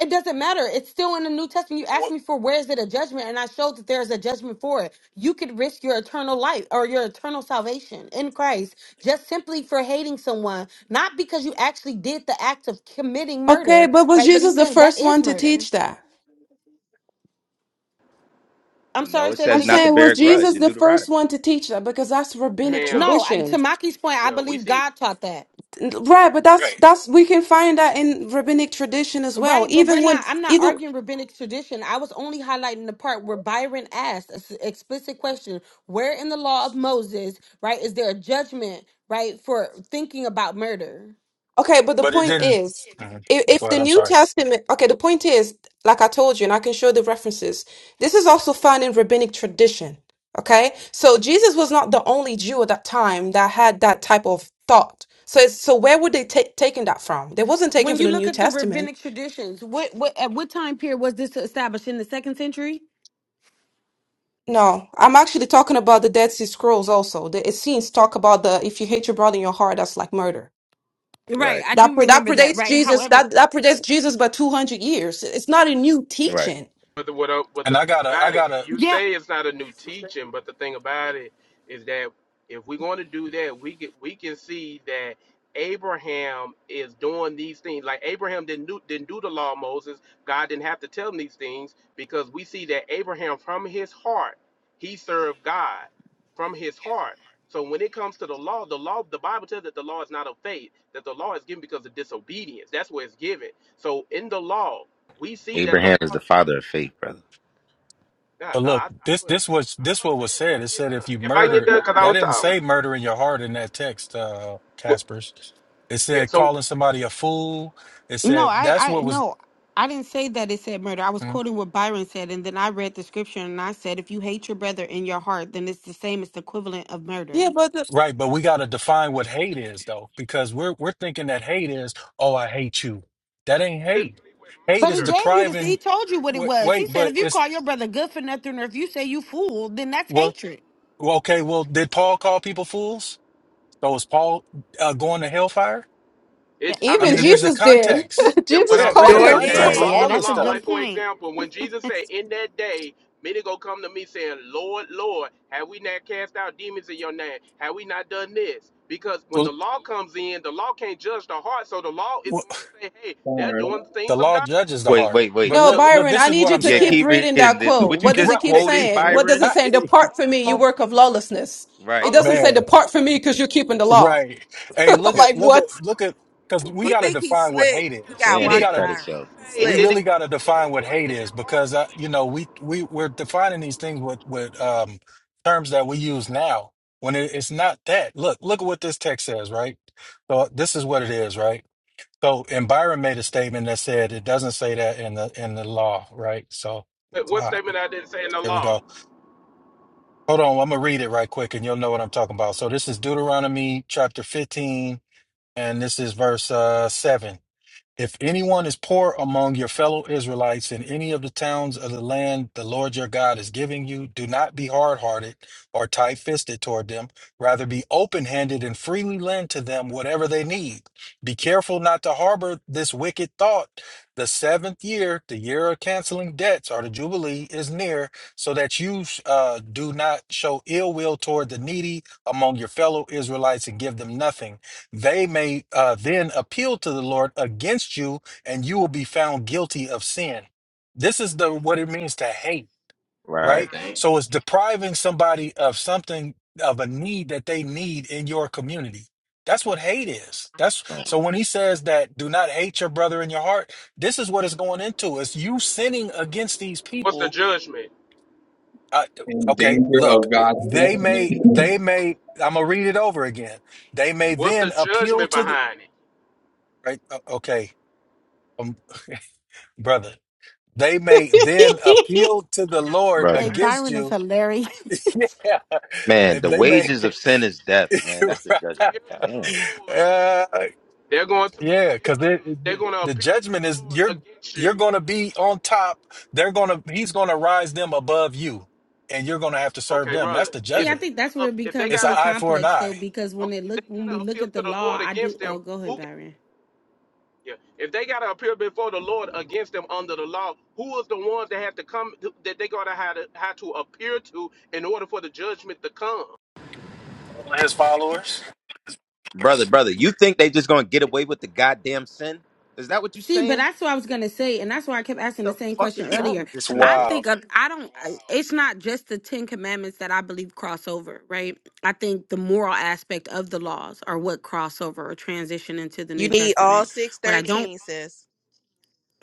Speaker 4: It doesn't matter. It's still in the New Testament. You asked
Speaker 18: what?
Speaker 4: me for where is it a judgment, and I showed that there is a judgment for it. You could risk your eternal life or your eternal salvation in Christ just simply for hating someone, not because you actually did the act of committing
Speaker 10: Okay,
Speaker 4: murder,
Speaker 10: but was
Speaker 4: right? But
Speaker 10: Jesus
Speaker 4: he's
Speaker 10: the
Speaker 4: saying that
Speaker 10: first
Speaker 4: is
Speaker 10: one to
Speaker 4: murder.
Speaker 10: teach that?
Speaker 4: I'm
Speaker 20: No,
Speaker 4: sorry,
Speaker 20: it
Speaker 4: said
Speaker 10: I'm
Speaker 4: it
Speaker 20: says not to
Speaker 10: saying,
Speaker 4: again.
Speaker 20: bear
Speaker 10: was
Speaker 20: a grudge
Speaker 10: Jesus
Speaker 20: in
Speaker 10: the first
Speaker 20: Deuteronomy.
Speaker 10: one to teach that? Because that's rabbinic
Speaker 21: Hell,
Speaker 4: No, I- to
Speaker 10: tradition,
Speaker 4: Maki's point, I
Speaker 21: yeah. We
Speaker 4: believe
Speaker 21: see
Speaker 4: God taught that.
Speaker 10: right? But that's
Speaker 18: Right.
Speaker 10: that's we can find that in rabbinic tradition as well.
Speaker 4: Right, but we're
Speaker 10: Even when
Speaker 4: not. I'm not
Speaker 10: even
Speaker 4: arguing rabbinic tradition. I was only highlighting the part where Byron asked an explicit question: Where in the law of Moses, right, is there a judgment, right, for thinking about murder?
Speaker 10: Okay, but the
Speaker 18: but it
Speaker 10: point
Speaker 18: didn't.
Speaker 10: is,
Speaker 18: Mhm.
Speaker 10: if,
Speaker 18: Go
Speaker 10: if the
Speaker 18: ahead. I'm
Speaker 10: New
Speaker 18: sorry.
Speaker 10: Testament, okay, the point is, like I told you, and I can show the references, this is also found in rabbinic tradition. Okay, so Jesus was not the only Jew at that time that had that type of thought. So, it's, so where would they take taking that from? They wasn't taken
Speaker 4: When
Speaker 10: from
Speaker 4: you
Speaker 10: the
Speaker 4: look
Speaker 10: New
Speaker 4: at the
Speaker 10: Testament.
Speaker 4: rabbinic traditions, what, what at what time period was this established in the second century?
Speaker 10: No, I'm actually talking about the Dead Sea Scrolls also. The Essenes talk about the if you hate your brother in your heart, that's like murder.
Speaker 4: Right,
Speaker 20: Right.
Speaker 4: I
Speaker 10: That
Speaker 4: do
Speaker 10: pre- that
Speaker 4: remember that.
Speaker 10: predates
Speaker 4: Right,
Speaker 10: Jesus.
Speaker 4: however,
Speaker 10: That that predates Jesus by 200 years. It's not a new
Speaker 20: Right.
Speaker 10: teaching.
Speaker 21: But the, what, I- what
Speaker 18: And
Speaker 21: the thing
Speaker 18: I gotta, I
Speaker 21: about it,
Speaker 18: gotta.
Speaker 21: you
Speaker 4: yep.
Speaker 21: say it's not a new teaching, but the thing about it is that if we're going to do that, we can we can see that Abraham is doing these things. Like Abraham didn't do didn't do the law of Moses. God didn't have to tell him these things because we see that Abraham from his heart he served God from his heart. So when it comes to the law, the law, the Bible tells that the law is not of faith, that the law is given because of disobedience. That's where it's given. So in the law, we see that the law
Speaker 20: Abraham is the father of faith, brother.
Speaker 21: yeah,
Speaker 18: But
Speaker 21: no,
Speaker 18: look,
Speaker 21: I, I
Speaker 18: this,
Speaker 21: swear.
Speaker 18: this was, this
Speaker 21: All I'm
Speaker 18: what
Speaker 21: saying,
Speaker 18: was
Speaker 21: if I
Speaker 18: said. It
Speaker 21: can get
Speaker 18: said
Speaker 21: done,
Speaker 18: if you
Speaker 21: if I can get
Speaker 18: murdered,
Speaker 21: done, because I
Speaker 18: that
Speaker 21: was
Speaker 18: didn't
Speaker 21: talking.
Speaker 18: say murder in your heart in that text, uh,
Speaker 21: Well,
Speaker 18: Casper's. It
Speaker 21: yeah,
Speaker 18: said
Speaker 21: so
Speaker 18: calling somebody a fool. It
Speaker 4: No,
Speaker 18: said
Speaker 4: I,
Speaker 18: that's
Speaker 4: I,
Speaker 18: what was
Speaker 4: no, I didn't say that it said murder. I was
Speaker 18: Mhm.
Speaker 4: quoting what Byron said, and then I read the scripture and I said, if you hate your brother in your heart, then it's the same as the equivalent of murder.
Speaker 10: Yeah, but the,
Speaker 18: right. But we gotta define what hate is though, because we're we're thinking that hate is, oh, I hate you. That ain't hate.
Speaker 21: specifically with
Speaker 18: Hate
Speaker 4: But
Speaker 18: is
Speaker 4: he
Speaker 21: murder,
Speaker 4: gave you this. He
Speaker 18: depriving.
Speaker 4: told you what it
Speaker 18: Wait,
Speaker 4: was. He
Speaker 18: wait,
Speaker 4: said
Speaker 18: but
Speaker 4: if you
Speaker 18: it's
Speaker 4: call your brother good for nothing, or if you say you fool, then that's
Speaker 18: well,
Speaker 4: hatred.
Speaker 18: well, okay. Well, did Paul call people fools? So is Paul uh, going to hellfire?
Speaker 4: That,
Speaker 21: it. I
Speaker 18: I
Speaker 21: mean,
Speaker 10: even
Speaker 21: the
Speaker 18: mean, there's
Speaker 21: th-
Speaker 18: a
Speaker 10: Jesus did.
Speaker 18: context.
Speaker 10: [laughs]
Speaker 21: yeah. What
Speaker 10: Jesus
Speaker 18: Yeah,
Speaker 21: I'm
Speaker 4: that,
Speaker 18: there's
Speaker 10: called
Speaker 18: a
Speaker 21: saying
Speaker 9: Sure
Speaker 10: them.
Speaker 21: is
Speaker 4: yeah,
Speaker 21: that
Speaker 18: context
Speaker 20: Right.
Speaker 18: to
Speaker 9: did.
Speaker 4: yeah,
Speaker 21: under
Speaker 18: all
Speaker 21: the
Speaker 4: that's
Speaker 18: this
Speaker 4: a
Speaker 21: law,
Speaker 4: good
Speaker 21: like
Speaker 18: stuff.
Speaker 21: for
Speaker 4: point.
Speaker 21: example, when Jesus said, "In that day, many go come to me saying, Lord, Lord, have we not cast out demons in your name? Have we not done this?" Because when the
Speaker 18: Well,
Speaker 21: law comes in, the law can't judge the heart, so the law is
Speaker 18: well
Speaker 21: going to say, "Hey, they're
Speaker 26: Sorry.
Speaker 21: doing the
Speaker 18: the
Speaker 21: things of
Speaker 18: law
Speaker 21: God."
Speaker 18: judges the
Speaker 20: Wait,
Speaker 18: heart.
Speaker 20: wait, wait.
Speaker 18: But
Speaker 10: No,
Speaker 21: The
Speaker 18: look,
Speaker 21: law,
Speaker 18: look,
Speaker 10: Byron,
Speaker 21: the
Speaker 18: this
Speaker 10: I
Speaker 18: is
Speaker 10: need
Speaker 21: law
Speaker 18: what
Speaker 10: you
Speaker 18: I'm
Speaker 10: to
Speaker 20: Yeah,
Speaker 21: can't
Speaker 10: keep
Speaker 18: saying.
Speaker 21: judge.
Speaker 20: keep
Speaker 10: reading
Speaker 20: reading.
Speaker 10: that
Speaker 21: It's
Speaker 20: The,
Speaker 21: the
Speaker 20: the-
Speaker 10: quote.
Speaker 20: what you
Speaker 18: [laughs]
Speaker 10: What
Speaker 21: law.
Speaker 10: does
Speaker 20: just
Speaker 10: it keep
Speaker 18: right.
Speaker 20: quoted,
Speaker 18: [laughs]
Speaker 10: saying? What does
Speaker 20: Byron?
Speaker 10: it say?
Speaker 21: It's the
Speaker 18: right.
Speaker 10: Depart from me, you
Speaker 21: law.
Speaker 10: work of lawlessness.
Speaker 20: Right.
Speaker 10: It
Speaker 21: A
Speaker 10: doesn't
Speaker 21: lo-
Speaker 10: say
Speaker 18: Man,
Speaker 10: depart from me because you're keeping the law.
Speaker 18: right. Hey,
Speaker 10: [laughs]
Speaker 18: look
Speaker 10: like
Speaker 18: at, look at,
Speaker 10: what?
Speaker 18: look at, because we
Speaker 9: He
Speaker 21: But
Speaker 18: got to
Speaker 21: did,
Speaker 9: think he's
Speaker 18: define
Speaker 21: when you
Speaker 18: what
Speaker 21: go
Speaker 9: slick.
Speaker 18: hate
Speaker 21: back
Speaker 9: You
Speaker 21: and
Speaker 18: is.
Speaker 9: gotta
Speaker 21: read
Speaker 20: Damn,
Speaker 18: We
Speaker 9: watch
Speaker 20: he
Speaker 21: it,
Speaker 18: got to
Speaker 21: did
Speaker 20: cut
Speaker 21: he not
Speaker 9: Byron.
Speaker 20: himself.
Speaker 9: He's
Speaker 21: say?
Speaker 18: we
Speaker 9: slick.
Speaker 21: Did he
Speaker 18: really got to
Speaker 21: not say they were
Speaker 18: define what
Speaker 21: doing it
Speaker 18: hate
Speaker 21: in their
Speaker 18: is
Speaker 21: hearts?
Speaker 18: because uh, you know we we we're defining these things with with um terms that we use now when it, it's not that look look at what this text says right so this is what it is right so and Byron made a statement that said it doesn't say that in the in the law right so
Speaker 21: What what
Speaker 18: all right
Speaker 21: statement I didn't say in the
Speaker 18: there we
Speaker 21: law?
Speaker 18: go hold on I'm gonna read it right quick and you'll know what I'm talking about so this is Deuteronomy chapter 15 and this is verse uh 7 if anyone is poor among your fellow Israelites in any of the towns of the land the Lord your God is giving you, do not be hard hearted or tight fisted toward them. Rather, be open handed and freely lend to them whatever they need. Be careful not to harbor this wicked thought. The seventh year, the year of canceling debts or the Jubilee, is near, so that you uh, do not show ill will toward the needy among your fellow Israelites and give them nothing they may uh, then appeal to the Lord against you, and you will be found guilty of sin. This is the what it means to hate,
Speaker 20: Right.
Speaker 18: right?
Speaker 26: Dang.
Speaker 18: So it's depriving somebody of something of a need that they need in your community. That's what hate is. That's
Speaker 20: Right.
Speaker 18: so when he says that do not hate your brother in your heart, this is what it's going into. It's you sinning against these
Speaker 21: What's the
Speaker 18: people.
Speaker 21: judgment?
Speaker 18: Uh,
Speaker 26: In
Speaker 18: okay,
Speaker 26: danger
Speaker 18: look,
Speaker 26: of God's
Speaker 18: they may,
Speaker 26: judgment.
Speaker 18: they may. I'm gonna read it over again. They may
Speaker 21: What's the
Speaker 18: then appeal
Speaker 21: judgment
Speaker 18: to the
Speaker 21: behind it?
Speaker 18: Right? O- Okay, um, [laughs] brother. They may
Speaker 10: [laughs]
Speaker 18: then appeal to the Lord
Speaker 4: Hey,
Speaker 20: Brother.
Speaker 18: against
Speaker 4: Byron is
Speaker 18: you.
Speaker 4: hilarious.
Speaker 18: [laughs] Yeah,
Speaker 20: Man,
Speaker 18: and
Speaker 20: the
Speaker 18: they may.
Speaker 20: wages
Speaker 18: [laughs]
Speaker 20: of sin is death, man. That's the
Speaker 18: Right.
Speaker 21: Appeal
Speaker 20: judgment.
Speaker 21: to
Speaker 20: Damn.
Speaker 21: the Lord.
Speaker 18: uh,
Speaker 21: They're going to appeal.
Speaker 18: yeah, because the
Speaker 21: they're going to
Speaker 18: the
Speaker 21: appeal to the
Speaker 18: judgment is
Speaker 21: Lord
Speaker 18: you're
Speaker 21: against
Speaker 18: you're
Speaker 21: you.
Speaker 18: going to be on top. They're going to he's going to rise them above you, and you're going to have to serve
Speaker 21: Okay,
Speaker 18: them.
Speaker 21: brother.
Speaker 18: That's the
Speaker 4: [laughs] See,
Speaker 21: If
Speaker 4: I
Speaker 21: they
Speaker 18: judgment.
Speaker 4: think
Speaker 21: got
Speaker 4: that's where
Speaker 21: to,
Speaker 4: it
Speaker 21: if they
Speaker 4: becomes
Speaker 18: It's
Speaker 21: got
Speaker 18: an
Speaker 21: to
Speaker 4: so
Speaker 18: eye for
Speaker 21: appeal
Speaker 18: an
Speaker 21: to
Speaker 4: complex, though,
Speaker 18: eye.
Speaker 4: because
Speaker 21: the,
Speaker 4: when
Speaker 21: okay,
Speaker 4: it
Speaker 21: if
Speaker 4: look
Speaker 21: they
Speaker 4: when
Speaker 21: got
Speaker 4: we
Speaker 21: to
Speaker 4: look
Speaker 21: appeal
Speaker 4: at the
Speaker 21: to the
Speaker 4: law,
Speaker 21: Lord
Speaker 4: I do.
Speaker 21: against them,
Speaker 4: Oh, go ahead,
Speaker 21: who?
Speaker 4: Byron.
Speaker 21: Yeah. If they gotta appear before the Lord against them under the law, who is the ones that have to come that they gotta have to have to appear to in order for the judgment to come?
Speaker 18: All His followers.
Speaker 20: brother, brother, you think they just gonna get away with the goddamn sin? Is that what you
Speaker 4: See, but
Speaker 20: saying?
Speaker 4: that's what I was gonna say, and that's why I kept asking the
Speaker 20: the
Speaker 4: same
Speaker 20: fuck
Speaker 4: question
Speaker 20: is wrong
Speaker 4: earlier.
Speaker 20: with
Speaker 18: It's
Speaker 20: this
Speaker 4: I
Speaker 20: nigga?
Speaker 4: think
Speaker 18: wild.
Speaker 4: of, I don't. uh, It's not just the Ten Commandments that I believe cross over, right? I think the moral aspect of the laws are what cross over or transition into the
Speaker 9: You
Speaker 4: New
Speaker 9: need all
Speaker 4: Testament.
Speaker 9: six
Speaker 4: What I don't
Speaker 9: thirteen, sis.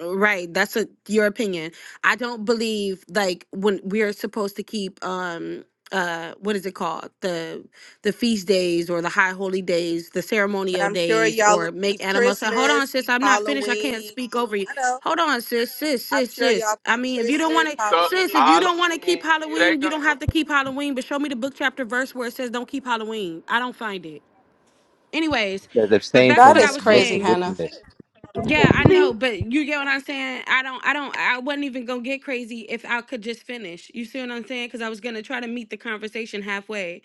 Speaker 4: Right, that's a, your opinion. I don't believe like when we're supposed to keep um uh what is it called the the feast days or the high holy days, the
Speaker 9: But
Speaker 4: ceremonial
Speaker 9: I'm sure
Speaker 4: days,
Speaker 9: y'all will
Speaker 4: or
Speaker 9: keep
Speaker 4: make animals. So hold on,
Speaker 9: Christmas,
Speaker 4: sis, I'm not finished. I can't
Speaker 9: Halloween.
Speaker 4: speak over you.
Speaker 9: I know.
Speaker 4: Hold on, sis, sis,
Speaker 9: I'm
Speaker 4: sis,
Speaker 9: sure
Speaker 4: sis.
Speaker 9: y'all keep
Speaker 4: I mean, if you don't
Speaker 9: Christmas,
Speaker 4: want to,
Speaker 21: So
Speaker 4: sis, if you
Speaker 9: Halloween.
Speaker 21: Halloween,
Speaker 4: don't want to keep
Speaker 21: here they
Speaker 4: Halloween, you don't
Speaker 21: go.
Speaker 4: have to keep Halloween. But show me the book chapter verse where it says don't keep Halloween. I don't find it. Anyways,
Speaker 20: Says
Speaker 4: but
Speaker 20: abstain
Speaker 4: back to
Speaker 10: that
Speaker 4: what
Speaker 20: from
Speaker 4: I
Speaker 10: is
Speaker 4: was
Speaker 20: looks
Speaker 10: crazy,
Speaker 20: of
Speaker 4: saying
Speaker 10: Hannah.
Speaker 20: wickedness.
Speaker 4: yeah, I know, but you get what I'm saying? I don't I don't I wasn't even going to get crazy if I could just finish. You see what I'm saying? Cuz I was going to try to meet the conversation halfway.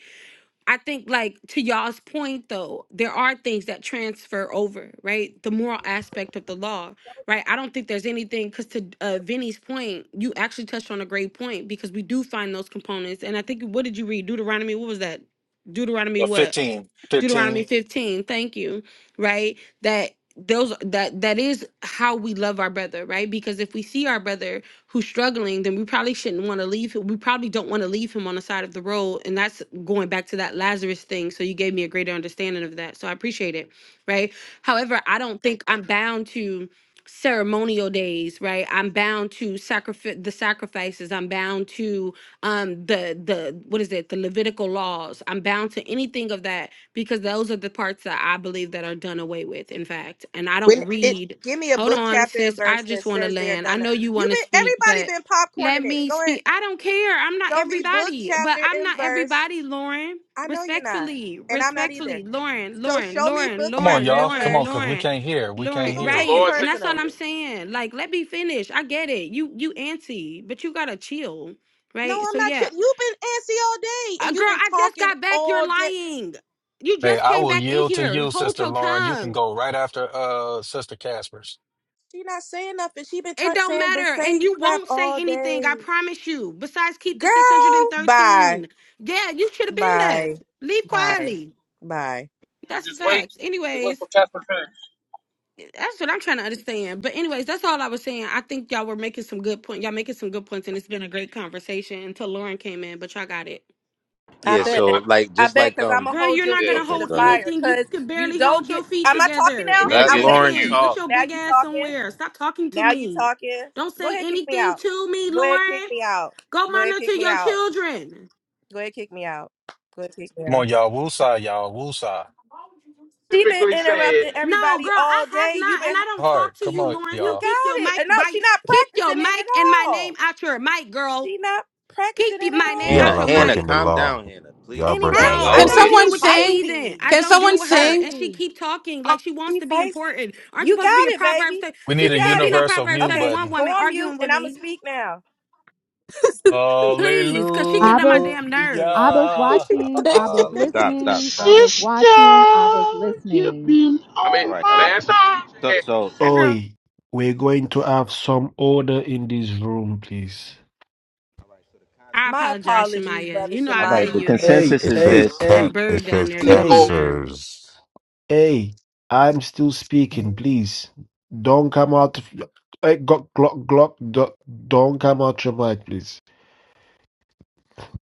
Speaker 4: I think like to y'all's point though, there are things that transfer over, right? The moral aspect of the law, right? I don't think there's anything cuz to uh, Vinny's point, you actually touched on a great point because we do find those components and I think what did you read? Deuteronomy, what was that? Deuteronomy
Speaker 18: But
Speaker 4: what?
Speaker 18: 15,
Speaker 4: Deuteronomy
Speaker 18: 15.
Speaker 4: 15. Thank you. Right? That those that that is how we love our brother, right? Because if we see our brother who's struggling, then we probably shouldn't want to leave him. We probably don't want to leave him on the side of the road. And that's going back to that Lazarus thing. So you gave me a greater understanding of that. So I appreciate it. Right. However, I don't think I'm bound to ceremonial days, right? I'm bound to sacrifice the sacrifices. I'm bound to um the the what is it the levitical laws i'm bound to anything of that because those are the parts that I believe that are done away with, in fact. And I
Speaker 9: When
Speaker 4: don't
Speaker 9: it
Speaker 4: read.
Speaker 9: give me a
Speaker 4: Hold
Speaker 9: book
Speaker 4: on,
Speaker 9: chapter and
Speaker 4: sis. I
Speaker 9: verse that
Speaker 4: just want to
Speaker 9: says they're
Speaker 4: land. I
Speaker 9: done. it.
Speaker 4: know you
Speaker 9: You
Speaker 4: want to
Speaker 9: been
Speaker 4: speak, but
Speaker 9: everybody been
Speaker 4: let
Speaker 9: popcorning it.
Speaker 4: me
Speaker 9: Go ahead.
Speaker 4: speak. I don't care. I'm not
Speaker 9: Show me book
Speaker 4: everybody, but
Speaker 9: chapter
Speaker 4: I'm
Speaker 9: and
Speaker 4: not
Speaker 9: verse.
Speaker 4: everybody, Lauren.
Speaker 9: I know you're not.
Speaker 4: Respectfully,
Speaker 9: And I'm not
Speaker 4: respectfully,
Speaker 9: either.
Speaker 4: Lauren,
Speaker 9: So
Speaker 4: Lauren,
Speaker 9: show me
Speaker 4: Lauren,
Speaker 9: book
Speaker 18: Come on,
Speaker 9: chapter
Speaker 4: Lauren,
Speaker 18: y'all.
Speaker 9: and
Speaker 18: Come
Speaker 4: Lauren,
Speaker 18: on, because
Speaker 9: verse.
Speaker 18: we
Speaker 4: Lauren.
Speaker 18: can't hear. We
Speaker 9: She
Speaker 18: can't
Speaker 4: Lauren,
Speaker 9: gonna
Speaker 21: The
Speaker 18: hear.
Speaker 9: take it
Speaker 4: right.
Speaker 21: Lord
Speaker 4: And
Speaker 21: said,
Speaker 4: that's
Speaker 9: personal.
Speaker 4: all I'm saying. Like, let me finish. I get it. You you antsy, but you gotta chill.
Speaker 9: No,
Speaker 4: Right.
Speaker 9: I'm
Speaker 4: So
Speaker 9: not.
Speaker 4: yeah,
Speaker 9: Chip. You've been antsy all day,
Speaker 4: uh,
Speaker 9: and you've
Speaker 4: girl,
Speaker 9: been
Speaker 4: I just
Speaker 9: talking
Speaker 4: got back. You're
Speaker 9: all day.
Speaker 4: lying. You
Speaker 18: Hey,
Speaker 4: just
Speaker 18: I
Speaker 4: came
Speaker 18: will
Speaker 4: back in
Speaker 18: yield to
Speaker 4: here.
Speaker 18: you,
Speaker 4: Hold
Speaker 18: Sister
Speaker 4: your
Speaker 18: Lauren. You can
Speaker 4: tongue.
Speaker 18: go right after uh Sister Casper's.
Speaker 9: She not saying nothing. She been
Speaker 4: It
Speaker 9: ta-
Speaker 4: don't
Speaker 9: saying the
Speaker 4: matter. And
Speaker 9: same
Speaker 4: you
Speaker 9: crap
Speaker 4: won't
Speaker 9: all
Speaker 4: say anything, I
Speaker 9: day.
Speaker 4: promise you. Besides, keep the
Speaker 9: Girl, bye,
Speaker 4: 613. Yeah, you should have been left.
Speaker 9: bye,
Speaker 4: Leave
Speaker 9: bye,
Speaker 4: quietly.
Speaker 9: bye.
Speaker 4: That's the
Speaker 22: Just wait.
Speaker 4: facts.
Speaker 22: Just wait
Speaker 4: Anyways,
Speaker 22: for Casper to finish.
Speaker 4: that's what I'm trying to understand. But anyways, that's all I was saying. I think y'all were making some good point. Y'all making some good points, and it's been a great conversation until Lauren came in, but y'all got it.
Speaker 9: I
Speaker 20: Yeah,
Speaker 21: I mean,
Speaker 20: so
Speaker 21: I
Speaker 9: bet.
Speaker 20: like
Speaker 9: I
Speaker 20: just
Speaker 9: bet
Speaker 20: like
Speaker 9: because I'm
Speaker 20: um
Speaker 9: gonna
Speaker 4: Girl,
Speaker 9: hold
Speaker 4: you're
Speaker 9: your
Speaker 4: not
Speaker 28: Yeah,
Speaker 9: feet
Speaker 4: gonna
Speaker 9: to
Speaker 20: okay,
Speaker 9: the
Speaker 4: hold
Speaker 20: go ahead.
Speaker 9: fire.
Speaker 4: anything. You
Speaker 9: Cause
Speaker 4: could
Speaker 9: you
Speaker 4: barely
Speaker 9: don't
Speaker 4: hold
Speaker 9: get.
Speaker 4: your feet
Speaker 9: Am
Speaker 28: can
Speaker 9: I talking
Speaker 4: together.
Speaker 9: now?
Speaker 28: can I
Speaker 4: Make it
Speaker 20: Let
Speaker 9: I
Speaker 28: get in
Speaker 4: make
Speaker 28: the
Speaker 9: waited
Speaker 20: Lauren
Speaker 9: for
Speaker 4: sense.
Speaker 28: queue?
Speaker 4: Get
Speaker 9: you.
Speaker 20: talk.
Speaker 4: your
Speaker 9: Now
Speaker 4: big
Speaker 9: you
Speaker 4: ass
Speaker 9: talking.
Speaker 4: somewhere. Stop talking to
Speaker 9: Now you
Speaker 4: me.
Speaker 9: talking.
Speaker 4: Don't
Speaker 9: Go
Speaker 4: say
Speaker 9: ahead, kick me
Speaker 4: anything
Speaker 9: out.
Speaker 4: to me,
Speaker 9: Go ahead, kick
Speaker 4: Lauren.
Speaker 9: me out.
Speaker 4: Go
Speaker 9: Go ahead,
Speaker 4: monitor
Speaker 9: kick me
Speaker 4: your
Speaker 9: out.
Speaker 4: children.
Speaker 9: Go ahead, kick me out. Go ahead, kick me
Speaker 18: Come
Speaker 9: out.
Speaker 18: on, y'all. Woosah, y'all. Woosah.
Speaker 9: She been
Speaker 21: typically said,
Speaker 9: interrupting
Speaker 4: No,
Speaker 9: everybody
Speaker 4: girl, I
Speaker 9: all
Speaker 4: have
Speaker 9: day. You
Speaker 4: not, and
Speaker 9: been
Speaker 4: I don't talk
Speaker 18: Heart.
Speaker 4: to
Speaker 18: Come
Speaker 4: you,
Speaker 18: on,
Speaker 4: Lauren.
Speaker 9: you
Speaker 4: So
Speaker 18: y'all.
Speaker 4: keep your
Speaker 9: got it.
Speaker 4: mic
Speaker 9: And no,
Speaker 4: by
Speaker 9: she not
Speaker 4: keep your
Speaker 9: practicing it at
Speaker 4: mic and my name
Speaker 9: all.
Speaker 4: out your mic, girl.
Speaker 9: She not
Speaker 4: Keep
Speaker 9: practicing
Speaker 4: y-
Speaker 9: it at
Speaker 4: my name
Speaker 20: Hannah,
Speaker 23: Y'all
Speaker 4: out
Speaker 9: all.
Speaker 23: are
Speaker 4: your
Speaker 20: Hannah,
Speaker 23: breaking
Speaker 4: mic.
Speaker 23: the
Speaker 20: calm
Speaker 23: law.
Speaker 20: down, Hannah,
Speaker 23: Y'all
Speaker 20: please.
Speaker 23: breaking
Speaker 4: No,
Speaker 28: My
Speaker 23: the
Speaker 9: Anyway,
Speaker 4: I
Speaker 9: I
Speaker 10: Can
Speaker 23: law.
Speaker 4: don't
Speaker 28: Lord.
Speaker 9: know
Speaker 4: deal
Speaker 9: she
Speaker 10: someone
Speaker 4: with that
Speaker 10: sing?
Speaker 4: heathen. I
Speaker 9: feisty.
Speaker 10: Can
Speaker 4: don't
Speaker 10: someone
Speaker 4: deal
Speaker 9: She
Speaker 4: with her.
Speaker 10: sing?
Speaker 4: And she
Speaker 9: feisty.
Speaker 4: keep talking like she wants
Speaker 9: She
Speaker 4: to be
Speaker 9: feisty.
Speaker 4: important. Aren't you
Speaker 9: You
Speaker 4: supposed to be
Speaker 9: got
Speaker 4: a
Speaker 9: it,
Speaker 4: Proverbs?
Speaker 9: baby.
Speaker 4: thir-
Speaker 18: We
Speaker 9: You
Speaker 18: need
Speaker 4: Since
Speaker 18: a
Speaker 4: you can't
Speaker 9: got
Speaker 4: be
Speaker 9: it.
Speaker 4: no
Speaker 18: universal
Speaker 4: Proverbs
Speaker 18: mute
Speaker 9: Okay,
Speaker 4: 31
Speaker 18: button.
Speaker 9: go
Speaker 4: woman
Speaker 9: on mute
Speaker 4: arguing
Speaker 9: and
Speaker 4: with
Speaker 9: I'ma
Speaker 4: me,
Speaker 9: speak now.
Speaker 4: please, because she
Speaker 18: Hallelujah.
Speaker 4: get on my
Speaker 11: Abba's
Speaker 4: damn nerves.
Speaker 11: watching,
Speaker 10: [laughs]
Speaker 11: Abba's
Speaker 18: Halle-
Speaker 20: Stop, stop,
Speaker 11: listening,
Speaker 20: stop,
Speaker 11: Abba's
Speaker 20: stop.
Speaker 28: Sister,
Speaker 11: watching, Abba's
Speaker 28: you've
Speaker 11: listening.
Speaker 28: been
Speaker 21: I
Speaker 20: All
Speaker 21: mean,
Speaker 28: on
Speaker 20: right, all
Speaker 28: my
Speaker 20: right.
Speaker 21: last time I
Speaker 28: mind.
Speaker 20: So
Speaker 21: checked,
Speaker 20: so
Speaker 4: That girl,
Speaker 1: Oi, we're going to have some order in this room, please.
Speaker 4: I
Speaker 9: My
Speaker 4: apologize,
Speaker 9: apologies,
Speaker 4: Shemaya.
Speaker 9: brother
Speaker 4: You know I
Speaker 20: all
Speaker 4: love
Speaker 20: right,
Speaker 9: Shemaya.
Speaker 20: the
Speaker 4: you, but
Speaker 1: Hey,
Speaker 20: consensus
Speaker 23: It
Speaker 20: is
Speaker 1: hey,
Speaker 23: says
Speaker 20: this.
Speaker 4: that
Speaker 23: cap.
Speaker 1: hey,
Speaker 23: It
Speaker 4: bird down
Speaker 23: says
Speaker 4: there get on my
Speaker 1: hey,
Speaker 28: Nicole.
Speaker 4: nerves.
Speaker 23: captures.
Speaker 1: hey. I'm still speaking, please. Don't come out. of- Hey, Glock, Glock, Glock, do- don't come out your mic, please.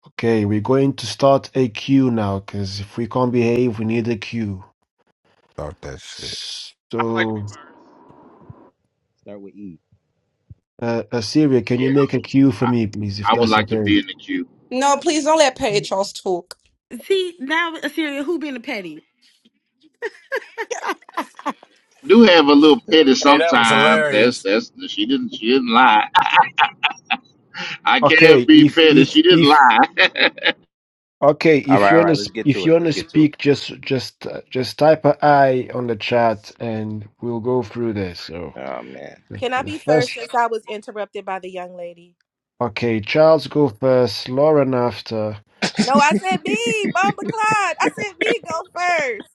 Speaker 1: Okay, we're going to start a queue now, because if we can't behave, we need a queue.
Speaker 23: Start that shit.
Speaker 21: I like to be
Speaker 1: So,
Speaker 21: first.
Speaker 20: Start with E.
Speaker 1: uh, Assyria, can you
Speaker 28: Yeah,
Speaker 1: make a queue for me, please, if
Speaker 28: I would
Speaker 1: that's
Speaker 28: like to
Speaker 1: okay?
Speaker 28: be in the queue.
Speaker 10: no, please don't let Perry Charles talk.
Speaker 4: See, now, Assyria, who being a petty?
Speaker 28: Do have a little petty
Speaker 18: Hey, that was
Speaker 28: sometimes. That's
Speaker 18: hilarious.
Speaker 28: that's she didn't she didn't lie. [laughs] I
Speaker 1: Okay,
Speaker 28: can't be
Speaker 1: if
Speaker 28: petty.
Speaker 1: if
Speaker 28: She didn't
Speaker 1: if
Speaker 28: lie. [laughs]
Speaker 1: Okay,
Speaker 20: All
Speaker 1: if
Speaker 20: right,
Speaker 1: you
Speaker 20: all
Speaker 1: wanna
Speaker 20: right,
Speaker 1: s-
Speaker 20: let's get
Speaker 1: if
Speaker 20: to
Speaker 1: you
Speaker 20: it. Let's
Speaker 1: wanna
Speaker 20: get to it.
Speaker 1: speak, just just uh, just type a I on the chat, and we'll go through this. So
Speaker 20: Oh man.
Speaker 1: the,
Speaker 9: Can I
Speaker 1: the
Speaker 9: be first
Speaker 1: first,
Speaker 9: since I was interrupted by the young lady?
Speaker 1: okay, Charles go first, Lauren after.
Speaker 9: No, I said me, Bumba Clyde. I said me go first.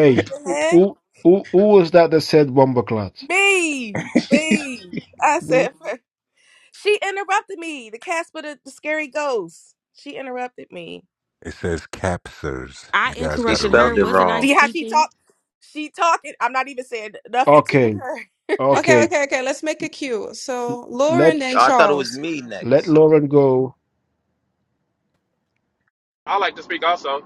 Speaker 9: What the heck?
Speaker 1: who who who was that that said Wombaclat?
Speaker 9: Me, me. I
Speaker 1: Mm,
Speaker 9: said first. She interrupted me. The Casper, the, the scary ghost. She interrupted me.
Speaker 23: It says captures.
Speaker 4: I
Speaker 23: You guys
Speaker 20: She
Speaker 23: got to
Speaker 4: interrupted
Speaker 20: spelled
Speaker 4: her.
Speaker 20: it
Speaker 23: read
Speaker 4: Wasn't I
Speaker 20: wrong.
Speaker 9: See how she
Speaker 4: speaking?
Speaker 9: talk? She talking. I'm not even saying nothing to
Speaker 1: Okay,
Speaker 9: her. [laughs]
Speaker 10: Okay,
Speaker 1: okay,
Speaker 10: okay, okay. Let's make it cute. So
Speaker 1: let
Speaker 10: Lauren and
Speaker 20: I thought it was
Speaker 10: Charles.
Speaker 20: me
Speaker 1: let
Speaker 20: next.
Speaker 1: Lauren go.
Speaker 21: I like to speak also.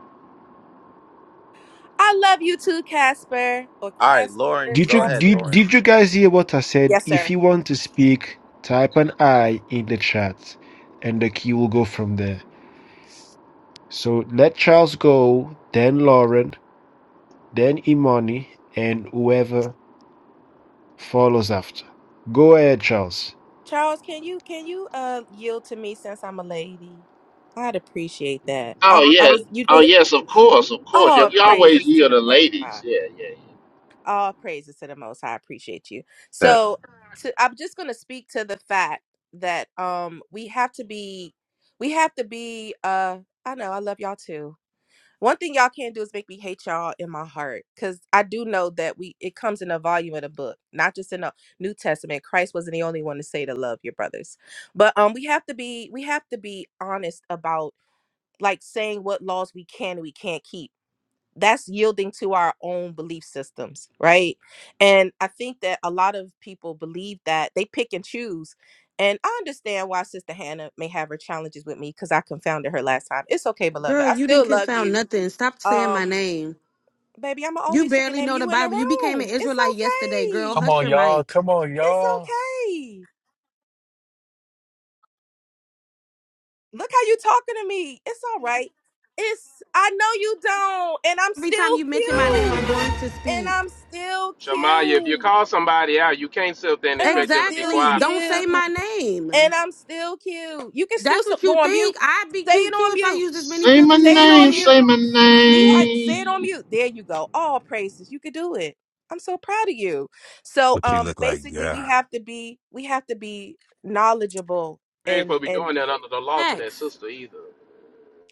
Speaker 9: I love you too, Casper or
Speaker 20: All right, Lauren,
Speaker 9: Casper,
Speaker 1: Did you
Speaker 20: go ahead,
Speaker 9: Casper.
Speaker 1: did
Speaker 20: Lauren.
Speaker 1: did you guys hear what I said?
Speaker 9: Yes,
Speaker 1: If
Speaker 9: sir.
Speaker 1: you want to speak, type an I in the chat, and the key will go from there. So let Charles go, then Lauren, then Imani, and whoever follows after. Go ahead, Charles.
Speaker 9: Charles, can you can you uh yield to me since I'm a lady? I'd appreciate that.
Speaker 28: oh
Speaker 9: I I
Speaker 28: yeah.
Speaker 9: was you
Speaker 28: Oh
Speaker 9: just
Speaker 28: yes, of course, of course. Yeah,
Speaker 9: oh
Speaker 28: we always
Speaker 9: praises to
Speaker 28: hear
Speaker 9: the
Speaker 28: the
Speaker 9: Most
Speaker 28: ladies.
Speaker 9: High.
Speaker 28: Yeah, yeah, yeah.
Speaker 9: All praises to the Most High. I appreciate you.
Speaker 20: Temp.
Speaker 9: So, to, I'm just going to speak to the fact that um we have to be, we have to be. uh I know I love y'all too. One thing y'all can't do is make me hate y'all in my heart, because I do know that we it comes in the volume of the book, not just in the New Testament. Christ wasn't the only one to say to love your brothers, but um we have to be we have to be honest about like saying what laws we can and we can't keep that's yielding to our own belief systems right and i think that a lot of people believe that they pick and choose and i understand why sister hannah may have her challenges with me because i confounded her last time it's okay beloved
Speaker 4: Girl,
Speaker 9: i
Speaker 4: you didn't
Speaker 9: still love
Speaker 4: confound
Speaker 9: you
Speaker 4: nothing. Stop saying my
Speaker 9: um
Speaker 4: name.
Speaker 9: baby i'ma
Speaker 4: You
Speaker 9: always say your
Speaker 4: barely
Speaker 9: name
Speaker 4: know the
Speaker 9: you in the
Speaker 4: Bible. You became an
Speaker 9: room it's
Speaker 4: Israelite yesterday, girl.
Speaker 9: okay
Speaker 18: Come
Speaker 4: Hush
Speaker 18: on,
Speaker 4: your
Speaker 18: y'all.
Speaker 4: mic.
Speaker 18: Come on,
Speaker 9: it's
Speaker 18: y'all.
Speaker 9: okay look how you talking to me it's all right it's i know you don't and i'm
Speaker 4: every time you
Speaker 9: still
Speaker 4: mention my name, I'm
Speaker 9: cute
Speaker 4: going to
Speaker 9: and
Speaker 4: speak.
Speaker 9: i'm still
Speaker 21: Shamaya, if you
Speaker 9: cute
Speaker 21: call somebody out, you can't sit there and
Speaker 9: And I'm
Speaker 21: expect them to be
Speaker 9: still
Speaker 4: Exactly.
Speaker 21: quiet
Speaker 4: Don't
Speaker 9: cute.
Speaker 4: say
Speaker 21: about it.
Speaker 4: my name.
Speaker 9: And I'm still cute. You can still
Speaker 4: That's
Speaker 9: so-
Speaker 4: what
Speaker 9: go
Speaker 4: you
Speaker 9: on mute.
Speaker 4: think. I'd be
Speaker 9: Say it
Speaker 4: cute too
Speaker 9: on
Speaker 4: if I
Speaker 9: mute.
Speaker 4: used as many
Speaker 28: Say my
Speaker 4: filters as
Speaker 9: Say it
Speaker 4: you
Speaker 28: name,
Speaker 9: on
Speaker 4: did.
Speaker 28: say
Speaker 9: mute.
Speaker 28: my
Speaker 9: See how say it on
Speaker 28: name.
Speaker 9: mute. There you go. All praises. You could do it. I'm so proud of you. So
Speaker 23: what you
Speaker 9: um
Speaker 23: look like.
Speaker 9: basically we
Speaker 23: Yeah.
Speaker 9: have to be we have to be knowledgeable
Speaker 21: We ain't
Speaker 9: and
Speaker 21: supposed to be
Speaker 9: and
Speaker 21: doing that under the law to that
Speaker 4: X. [laughs]
Speaker 21: sister either.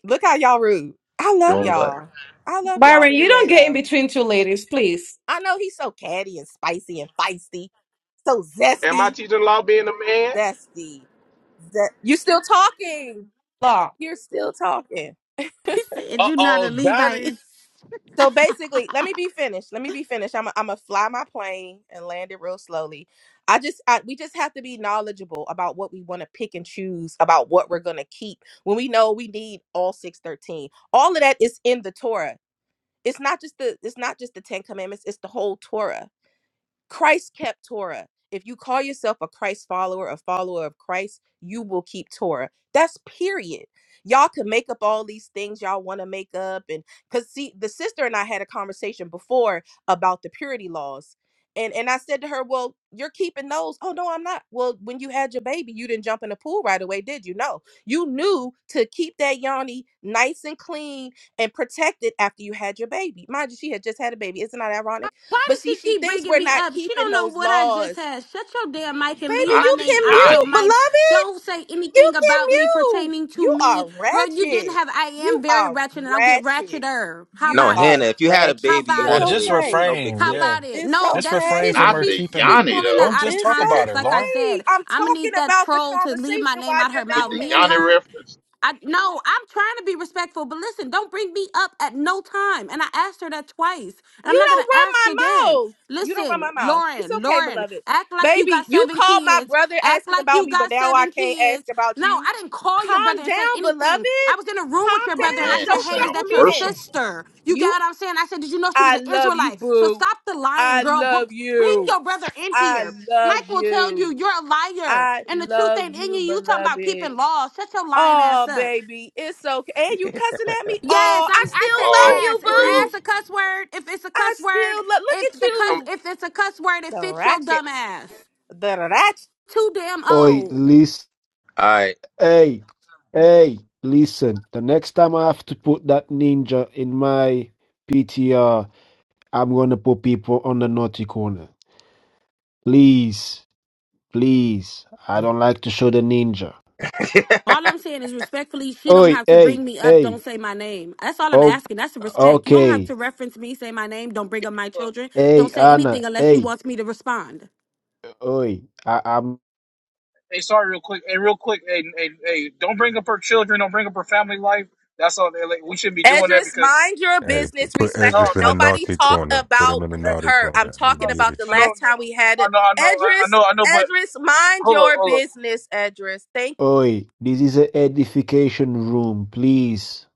Speaker 9: look how y'all rude. I love
Speaker 20: Doing what?
Speaker 9: y'all. I love y'all
Speaker 10: Byron, you
Speaker 9: anyway
Speaker 10: don't get in
Speaker 9: though.
Speaker 10: between two ladies, please.
Speaker 9: I know he's so catty and spicy and feisty. So
Speaker 21: Am I
Speaker 9: zesty.
Speaker 21: teaching law being a
Speaker 9: Zesty. Ze- you still talking.
Speaker 10: Law.
Speaker 9: You're still talking.
Speaker 4: He said, you are not
Speaker 18: Uh-oh,
Speaker 4: a
Speaker 18: got
Speaker 4: Levite.
Speaker 18: him.
Speaker 9: So basically, let me be finished. Let me be finished. I'm i I'm gonna fly my plane and land it real slowly. I just I, we just have to be knowledgeable about what we want to pick and choose about what we're gonna keep when we know we need all six thirteen. All of that is in the Torah. It's not just the it's not just the Ten Commandments. It's the whole Torah. Christ kept Torah. If you call yourself a Christ follower, a follower of Christ, you will keep Torah. That's period. Y'all can make up all these things y'all want to make up. And because see, the sister and I had a conversation before about the purity laws. And and I said to her, Well, you're keeping those. Oh no, I'm not. Well, when you had your baby, you didn't jump in the pool right away, did you? No. You knew to keep that yoni nice and clean and protected after you had your baby. Mind you, she had just had a baby. Isn't that ironic?
Speaker 4: [laughs] Why
Speaker 9: But
Speaker 4: does
Speaker 9: see,
Speaker 4: she
Speaker 9: she
Speaker 4: keep
Speaker 9: thinks
Speaker 4: bringing
Speaker 9: we're
Speaker 4: me
Speaker 9: not
Speaker 4: up? She
Speaker 9: keeping
Speaker 4: don't know
Speaker 9: those
Speaker 4: what I just
Speaker 9: laws.
Speaker 4: had. Shut your damn mic and leave
Speaker 9: Baby,
Speaker 28: Not
Speaker 4: my
Speaker 9: you
Speaker 28: the
Speaker 4: name
Speaker 9: can
Speaker 4: out your
Speaker 9: mute,
Speaker 28: Yanni.
Speaker 4: mic.
Speaker 9: beloved.
Speaker 4: Don't say
Speaker 9: You
Speaker 4: anything
Speaker 9: can
Speaker 4: about me
Speaker 9: mute.
Speaker 4: pertaining to
Speaker 9: You are
Speaker 4: me. Girl, you didn't
Speaker 9: ratchet.
Speaker 4: have I
Speaker 9: You
Speaker 4: am very
Speaker 9: are
Speaker 4: ratchet and I'll get
Speaker 9: ratchet.
Speaker 4: ratcheter. How
Speaker 9: You
Speaker 20: No,
Speaker 4: about it?
Speaker 20: Hannah.
Speaker 9: are
Speaker 20: If you had a
Speaker 4: How
Speaker 9: ratchet.
Speaker 20: baby, you
Speaker 4: about
Speaker 9: It's
Speaker 18: Well,
Speaker 20: had a
Speaker 4: it?
Speaker 18: just
Speaker 20: baby. It's
Speaker 9: okay.
Speaker 20: no big
Speaker 18: refrain.
Speaker 4: How
Speaker 20: deal.
Speaker 18: Yeah.
Speaker 4: about it?
Speaker 9: It's
Speaker 4: No,
Speaker 18: Just
Speaker 4: that's
Speaker 18: refrain
Speaker 4: she's
Speaker 18: from
Speaker 28: Not
Speaker 18: her
Speaker 9: okay.
Speaker 4: she's
Speaker 28: the
Speaker 18: keeping.
Speaker 4: she's
Speaker 28: Yanni
Speaker 4: pulling that
Speaker 28: though.
Speaker 18: Don't
Speaker 4: out
Speaker 18: just
Speaker 4: of
Speaker 9: It's
Speaker 18: talk about
Speaker 4: context.
Speaker 18: her,
Speaker 4: Like I
Speaker 18: Lauren.
Speaker 9: okay.
Speaker 4: said,
Speaker 9: I'm
Speaker 4: I'm gonna
Speaker 9: talking
Speaker 4: need that
Speaker 9: about the
Speaker 4: troll to leave my
Speaker 9: conversation
Speaker 4: name
Speaker 9: while
Speaker 4: out
Speaker 9: you're
Speaker 4: her
Speaker 28: with
Speaker 4: mouth.
Speaker 28: the
Speaker 4: Me and
Speaker 9: mad.
Speaker 28: Yanni
Speaker 4: her,
Speaker 28: reference.
Speaker 4: I no, I'm trying to be respectful, but listen, don't bring me up at no time. And I asked her that twice, and I'm
Speaker 9: You
Speaker 4: not gonna
Speaker 9: don't run
Speaker 4: ask
Speaker 9: my
Speaker 4: again.
Speaker 9: mouth. You don't run
Speaker 4: Listen,
Speaker 9: my mouth. It's
Speaker 4: Lauren,
Speaker 9: okay,
Speaker 4: Lauren,
Speaker 9: beloved.
Speaker 4: act like you got
Speaker 9: Baby, you
Speaker 4: seven
Speaker 9: called my
Speaker 4: kids.
Speaker 9: brother
Speaker 4: Act
Speaker 9: asking
Speaker 4: like
Speaker 9: about
Speaker 4: you
Speaker 9: me, but
Speaker 4: got
Speaker 9: now I
Speaker 4: seven
Speaker 9: can't ask
Speaker 4: kids.
Speaker 9: about
Speaker 4: No,
Speaker 9: you.
Speaker 4: I didn't call your
Speaker 9: Calm
Speaker 4: brother and say
Speaker 9: down,
Speaker 4: anything thing.
Speaker 9: beloved.
Speaker 4: I was in a room with
Speaker 9: Calm
Speaker 4: your
Speaker 28: Oh
Speaker 4: brother and I
Speaker 9: down.
Speaker 28: man,
Speaker 4: said,
Speaker 28: it
Speaker 9: Don't
Speaker 4: Hey,
Speaker 9: check
Speaker 4: is
Speaker 28: sounds
Speaker 9: on
Speaker 4: that
Speaker 9: me
Speaker 4: your
Speaker 9: then.
Speaker 28: personal.
Speaker 4: sister? You get
Speaker 9: You,
Speaker 4: what I'm saying? I said, Did you know she was
Speaker 9: I
Speaker 4: an
Speaker 9: love you,
Speaker 4: Israelite? So
Speaker 9: boo.
Speaker 4: stop the lying,
Speaker 9: I
Speaker 4: girl. Br-
Speaker 9: love
Speaker 4: Bring
Speaker 9: you.
Speaker 4: your brother in
Speaker 9: I
Speaker 4: here.
Speaker 9: love
Speaker 4: Mike will tell
Speaker 9: you.
Speaker 4: you you're a liar.
Speaker 9: I
Speaker 4: And the truth
Speaker 9: love
Speaker 4: ain't in you.
Speaker 9: you,
Speaker 4: You talking about
Speaker 9: beloved.
Speaker 4: keeping laws? Shut your lying
Speaker 9: Oh,
Speaker 4: ass up.
Speaker 9: baby, it's okay. And you cussing at me?
Speaker 4: Yes,
Speaker 9: Oh, I
Speaker 4: I'm I
Speaker 9: still
Speaker 4: said
Speaker 9: love
Speaker 28: Oh
Speaker 9: you,
Speaker 4: ass. Is
Speaker 9: boo.
Speaker 4: ass
Speaker 28: praise.
Speaker 4: a cuss word? If it's a
Speaker 9: I
Speaker 4: cuss word,
Speaker 9: still love. Look
Speaker 4: if
Speaker 9: at
Speaker 4: the
Speaker 21: man?
Speaker 4: cuss
Speaker 9: you,
Speaker 4: if it's a cuss word, it
Speaker 9: the
Speaker 4: fits your
Speaker 9: ratchet.
Speaker 4: dumb ass.
Speaker 9: That's
Speaker 4: Too damn
Speaker 1: Oi,
Speaker 4: old.
Speaker 1: listen.
Speaker 20: All right.
Speaker 1: Hey, hey, listen. The next time I have to put that ninja in my PTR, I'm gonna put people on the naughty corner. Please, please. I don't like to show the ninja.
Speaker 20: [laughs]
Speaker 4: All I'm saying is respectfully, she don't
Speaker 1: Oi,
Speaker 4: have to
Speaker 1: hey,
Speaker 4: bring me up.
Speaker 1: hey.
Speaker 4: Don't say my name. That's all I'm
Speaker 1: Okay,
Speaker 4: asking. That's the respect. You don't have to
Speaker 1: okay.
Speaker 4: reference me, say my name. Don't bring up my
Speaker 22: Look,
Speaker 4: children.
Speaker 1: Hey,
Speaker 4: Don't say
Speaker 1: Anna.
Speaker 4: anything unless she
Speaker 1: Hey,
Speaker 4: wants me to respond.
Speaker 1: oi. I, I'm
Speaker 22: Hey, sorry, real quick. Hey, real quick. Hey, hey, hey, don't bring up her children. Don't bring up her family life. That's all. like, we shouldn't be doing that
Speaker 9: Edris,
Speaker 22: because
Speaker 9: mind your
Speaker 23: Hey,
Speaker 9: business
Speaker 23: put
Speaker 22: no,
Speaker 23: Esdras
Speaker 9: respectfully.
Speaker 23: in
Speaker 22: no, no,
Speaker 23: the
Speaker 9: Nobody
Speaker 23: naughty
Speaker 9: talked
Speaker 23: corner. Put
Speaker 9: about
Speaker 23: him in the
Speaker 22: hey,
Speaker 23: naughty
Speaker 9: her. I'm
Speaker 23: corner. He
Speaker 22: no,
Speaker 9: talking about
Speaker 23: muted
Speaker 9: the
Speaker 22: no,
Speaker 23: you.
Speaker 22: no,
Speaker 9: last time we had
Speaker 22: I
Speaker 9: it.
Speaker 22: know, I know, I
Speaker 9: Edris,
Speaker 22: know, I know. But
Speaker 9: Edris, mind
Speaker 22: hold up,
Speaker 9: your
Speaker 22: hold up.
Speaker 9: business, Edris. Thank
Speaker 1: Oi, this is a edification room, please.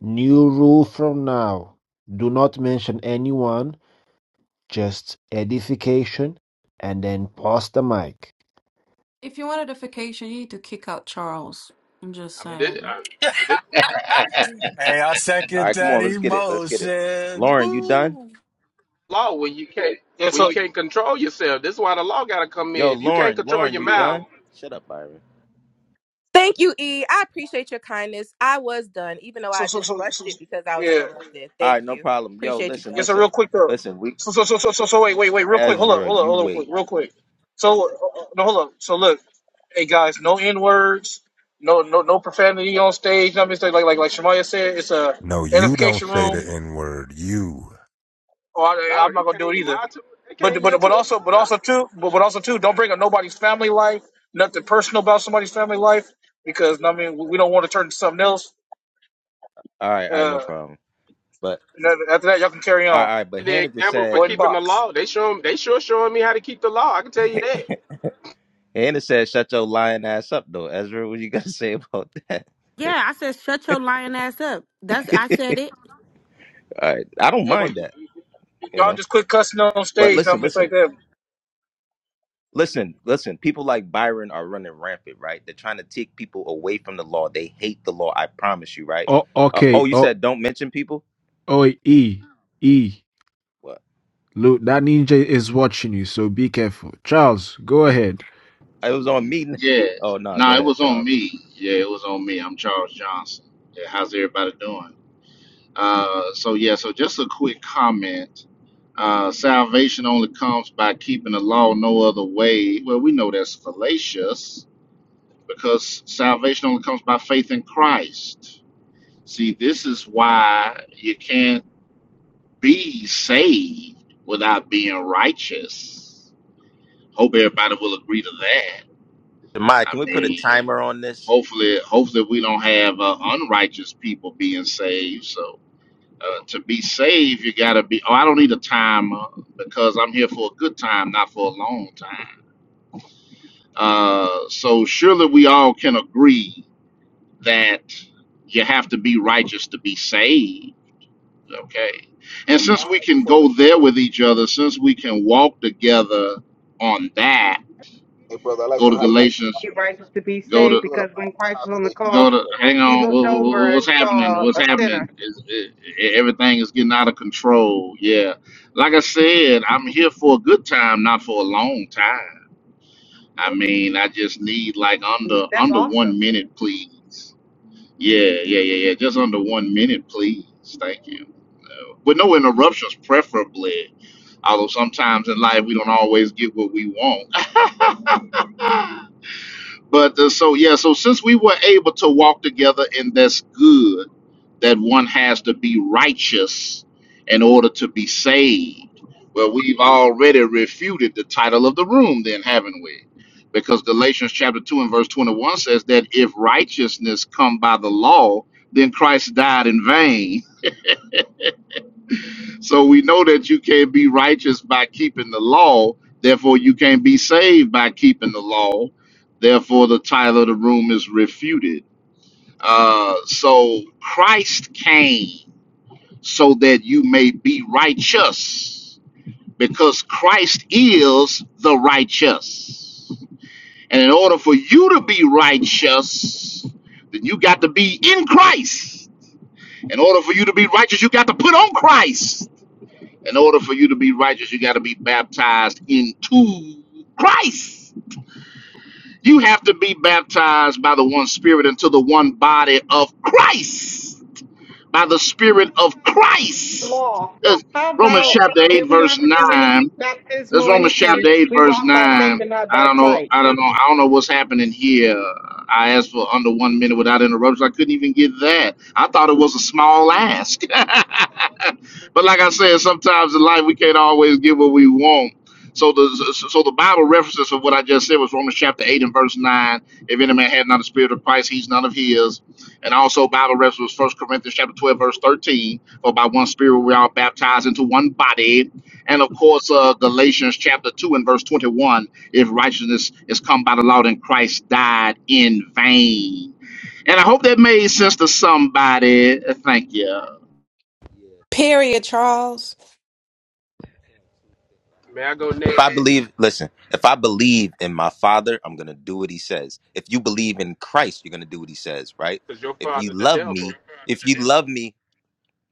Speaker 1: New rule from now. Do not mention anyone, just edification, and then pause the mic.
Speaker 10: If you want edification, you need to kick out Charles. I'm just
Speaker 21: I mean, this,
Speaker 10: saying.
Speaker 21: I mean, this
Speaker 18: [laughs] hey, I
Speaker 20: All
Speaker 18: second
Speaker 20: right. Come
Speaker 18: that
Speaker 20: on. Let's get it. Let's get it.
Speaker 18: emotion.
Speaker 20: Lauren, you done?
Speaker 18: Woo.
Speaker 21: law where you can't
Speaker 22: Yeah.
Speaker 21: where you
Speaker 22: So,
Speaker 21: can't control yourself. This is why the law got to come
Speaker 20: Yo,
Speaker 21: in. If you can't
Speaker 20: Lauren.
Speaker 21: control
Speaker 20: Lauren,
Speaker 21: your
Speaker 20: you
Speaker 21: mouth,
Speaker 20: done? Shut up, Byron.
Speaker 9: thank you, E. I appreciate your kindness. I was done, even though
Speaker 22: so,
Speaker 9: I
Speaker 22: so,
Speaker 9: just
Speaker 22: so,
Speaker 9: rushed
Speaker 22: so,
Speaker 9: it
Speaker 22: so
Speaker 9: because I was
Speaker 22: yeah.
Speaker 9: interrupted.
Speaker 20: All
Speaker 9: Thank
Speaker 20: right. No
Speaker 9: you.
Speaker 20: problem. Yo,
Speaker 9: Appreciate you,
Speaker 20: listen,
Speaker 22: Yeah.
Speaker 9: brother.
Speaker 22: So,
Speaker 20: listen,
Speaker 22: real quick though.
Speaker 20: listen. We
Speaker 22: So, so, so, so, so, so, wait, wait, wait. Real quick. Hold up,
Speaker 20: Ezra,
Speaker 22: hold up,
Speaker 20: you
Speaker 22: hold up,
Speaker 20: wait.
Speaker 22: quick, real quick. So, uh, uh, no, hold up. So, look, hey guys, no n words, no, no, no profanity on stage. I mean, like, like, like Shemaya said, it's a
Speaker 23: No, you don't
Speaker 22: edification
Speaker 23: say the
Speaker 22: room.
Speaker 23: N word. You
Speaker 22: Oh, I,
Speaker 21: dog,
Speaker 22: I'm not
Speaker 21: it
Speaker 22: gonna
Speaker 21: can't
Speaker 22: do it
Speaker 21: even
Speaker 22: either.
Speaker 21: mind to it
Speaker 22: but
Speaker 21: can't
Speaker 22: but
Speaker 21: yield to
Speaker 22: but
Speaker 21: a
Speaker 22: also but
Speaker 21: mind.
Speaker 22: also too but, but also too don't bring up nobody's family life nothing personal about somebody's family life because I mean we we don't want to turn to something else.
Speaker 20: All right. All right. No
Speaker 22: Uh,
Speaker 20: problem. But
Speaker 22: and then after that y'all can carry
Speaker 20: all right.
Speaker 22: on.
Speaker 20: All right but
Speaker 21: The
Speaker 20: Hannah just
Speaker 21: example for
Speaker 22: Go
Speaker 20: said.
Speaker 22: ahead and
Speaker 21: keeping the
Speaker 22: box.
Speaker 21: law, they show 'em- they sure showing me how to keep the law. I can tell you that.
Speaker 20: Hannah said, "Shut your lying ass up, though." Ezra, what you gotta [laughs] say about that?
Speaker 4: Yeah, I said shut your lying ass up. That's I said it.
Speaker 20: All right. I don't
Speaker 22: Yeah, but
Speaker 20: mind that. You
Speaker 22: y'all
Speaker 20: know.
Speaker 22: just quit cussing on
Speaker 20: But
Speaker 22: stage. I
Speaker 20: listen,
Speaker 22: mean it's
Speaker 20: listen.
Speaker 22: like that.
Speaker 20: Listen, listen. People like Byron are running rampant, right? They're trying to take people away from the law. They hate the law. I promise you, right?
Speaker 1: Oh,
Speaker 20: Uh,
Speaker 1: okay.
Speaker 20: oh, you
Speaker 1: Oh,
Speaker 20: said don't mention people.
Speaker 1: oi, E, E.
Speaker 20: What?
Speaker 1: Look, that ninja is watching you, so be careful. Charles, go ahead.
Speaker 20: I was on meeting. [laughs] Oh
Speaker 28: Yes.
Speaker 20: no, go
Speaker 28: Nah, it
Speaker 20: ahead,
Speaker 28: was on
Speaker 20: Charles.
Speaker 28: me. Yeah, it was on me. I'm Charles Johnson. Yeah, how's everybody doing? Uh so yeah, so just a quick comment. Uh salvation only comes by keeping the law no other way. Well, we know that's fallacious because salvation only comes by faith in Christ. See, this is why you can't be saved without being righteous Hope everybody will agree to that.
Speaker 20: Maya,
Speaker 28: I
Speaker 20: can we put a
Speaker 28: mean,
Speaker 20: timer on this?
Speaker 28: hopefully, hopefully we don't have uh, unrighteous people being saved. So uh, to be saved, you gotta be. Oh, I don't need a timer because I'm here for a good time, not for a long time. Uh, so surely we all can agree that you have to be righteous to be saved. Okay. And
Speaker 29: Hey, can I
Speaker 28: since
Speaker 29: hire
Speaker 28: we
Speaker 29: you
Speaker 28: can
Speaker 29: for a little
Speaker 28: go there with
Speaker 29: moderation?
Speaker 28: each other, since we can walk together on that,
Speaker 29: Hey, brother, I'd like
Speaker 28: go
Speaker 29: to
Speaker 28: to
Speaker 29: hire
Speaker 30: that
Speaker 29: you for
Speaker 28: Galatians.
Speaker 30: he righteous to be
Speaker 28: Go to
Speaker 30: saved
Speaker 29: I'm doing a
Speaker 30: because when
Speaker 29: Bible
Speaker 30: Christ was on the
Speaker 29: compilation. I
Speaker 30: cross,
Speaker 28: Go
Speaker 29: need
Speaker 28: to
Speaker 29: your
Speaker 28: hang
Speaker 30: he
Speaker 28: on. wha-
Speaker 30: looked
Speaker 28: wha- wha-
Speaker 30: over
Speaker 28: What's
Speaker 30: and
Speaker 28: happening?
Speaker 30: saw
Speaker 28: What's
Speaker 30: a
Speaker 28: happening?
Speaker 30: sinner.
Speaker 28: Is i- everything is getting out of control? Yeah. Like I said, I'm here for a good time, not for a long time. I
Speaker 30: Your good
Speaker 28: mean, I
Speaker 30: time is
Speaker 28: just need like
Speaker 30: really long.
Speaker 28: under
Speaker 30: That's
Speaker 28: under
Speaker 30: awesome.
Speaker 28: one minute, please. Yeah, yeah, yeah, yeah. Just under one minute, please. Thank you. Uh, With no interruptions, preferably. Although sometimes in life we don't always get what we want. [laughs] But uh, so yeah, so since we were able to walk together, and that's good. that one has to be righteous in order to be saved. Well, we've already refuted the title of the room, then, haven't we? Because Galatians chapter 2 and verse 21 says that if righteousness come by the law, then Christ died in vain. So we know that you can't be righteous by keeping the law. Therefore, you can't be saved by keeping the law. Therefore, the title of the room is refuted. Uh, so Christ came. so that you may be righteous, because Christ is the righteous. And in order for you to be righteous, then you got to be in Christ. In order for you to be righteous, you got to put on Christ. In order for you to be righteous, you got to be baptized into Christ. You have to be baptized by the one spirit into the one body of Christ. by the
Speaker 30: What
Speaker 28: Spirit
Speaker 30: about
Speaker 28: of
Speaker 30: Christ fulfilling the
Speaker 28: Christ.
Speaker 30: law?
Speaker 28: That's
Speaker 30: How
Speaker 28: Romans
Speaker 30: about
Speaker 28: chapter eight,
Speaker 30: that we don't
Speaker 28: verse
Speaker 30: have to do any
Speaker 28: nine. That's
Speaker 30: baptismal
Speaker 28: Romans
Speaker 30: anything?
Speaker 28: chapter eight,
Speaker 30: We
Speaker 28: verse
Speaker 30: walk by faith
Speaker 28: nine.
Speaker 30: and not
Speaker 28: I
Speaker 30: by
Speaker 28: don't know.
Speaker 30: sight.
Speaker 28: I don't know. I don't know what's happening here. I asked for under one minute without interruptions. I couldn't even get that. I thought it was a small
Speaker 30: We got
Speaker 28: ask.
Speaker 30: more than a minute, love.
Speaker 28: But like I said, sometimes in life we can't always get what we want. So the so the Bible references of what I just said was Romans chapter eight and verse nine. If any man had not the spirit of Christ, he's none of his. And also Bible reference was First Corinthians chapter twelve verse thirteen. For by one spirit we are baptized into one body. And of course uh, Galatians chapter two and verse twenty one. If righteousness is come by the law, then Christ died in vain. And I hope that made sense to somebody. Thank you.
Speaker 10: Period, Charles.
Speaker 21: May I go
Speaker 20: If I
Speaker 21: next?
Speaker 20: believe, listen. If I believe in my Father, I'm gonna do what He says. If you believe in Christ, you're gonna do what He says, right?
Speaker 21: Cause your
Speaker 20: If you
Speaker 21: father the
Speaker 20: love me,
Speaker 21: devil,
Speaker 20: if you love me,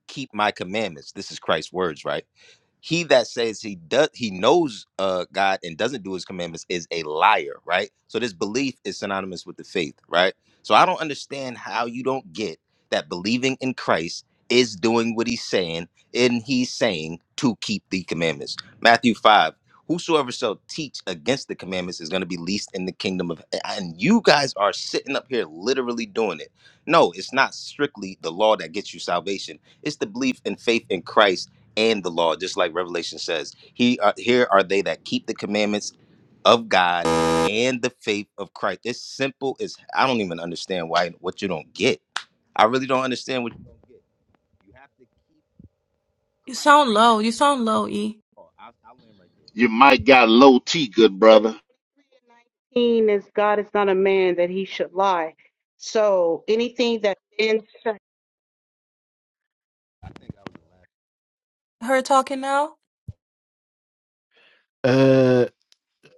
Speaker 20: keep my commandments. This is Christ's words, right? he that says he does he knows uh god and doesn't do his commandments is a liar right so this belief is synonymous with the faith right so i don't understand how you don't get that believing in christ is doing what he's saying and he's saying to keep the commandments matthew 5 whosoever shall teach against the commandments is going to be least in the kingdom of and you guys are sitting up here literally doing it no it's not strictly the law that gets you salvation it's the belief and faith in christ and the law, just like Revelation says. He uh, here are they that keep the commandments of God and the faith of Christ. It's simple as I don't even understand why what you don't get. I really don't understand what you don't get. You have to keep
Speaker 10: You
Speaker 20: Christ.
Speaker 10: sound low. You sound low, E.
Speaker 20: Oh, I, I land right there.
Speaker 28: You might got low T, good
Speaker 30: Verse
Speaker 28: brother.
Speaker 30: 23 and 19 is God is not a man that he should lie. So anything that then said,
Speaker 10: Her talking now?
Speaker 1: Uh,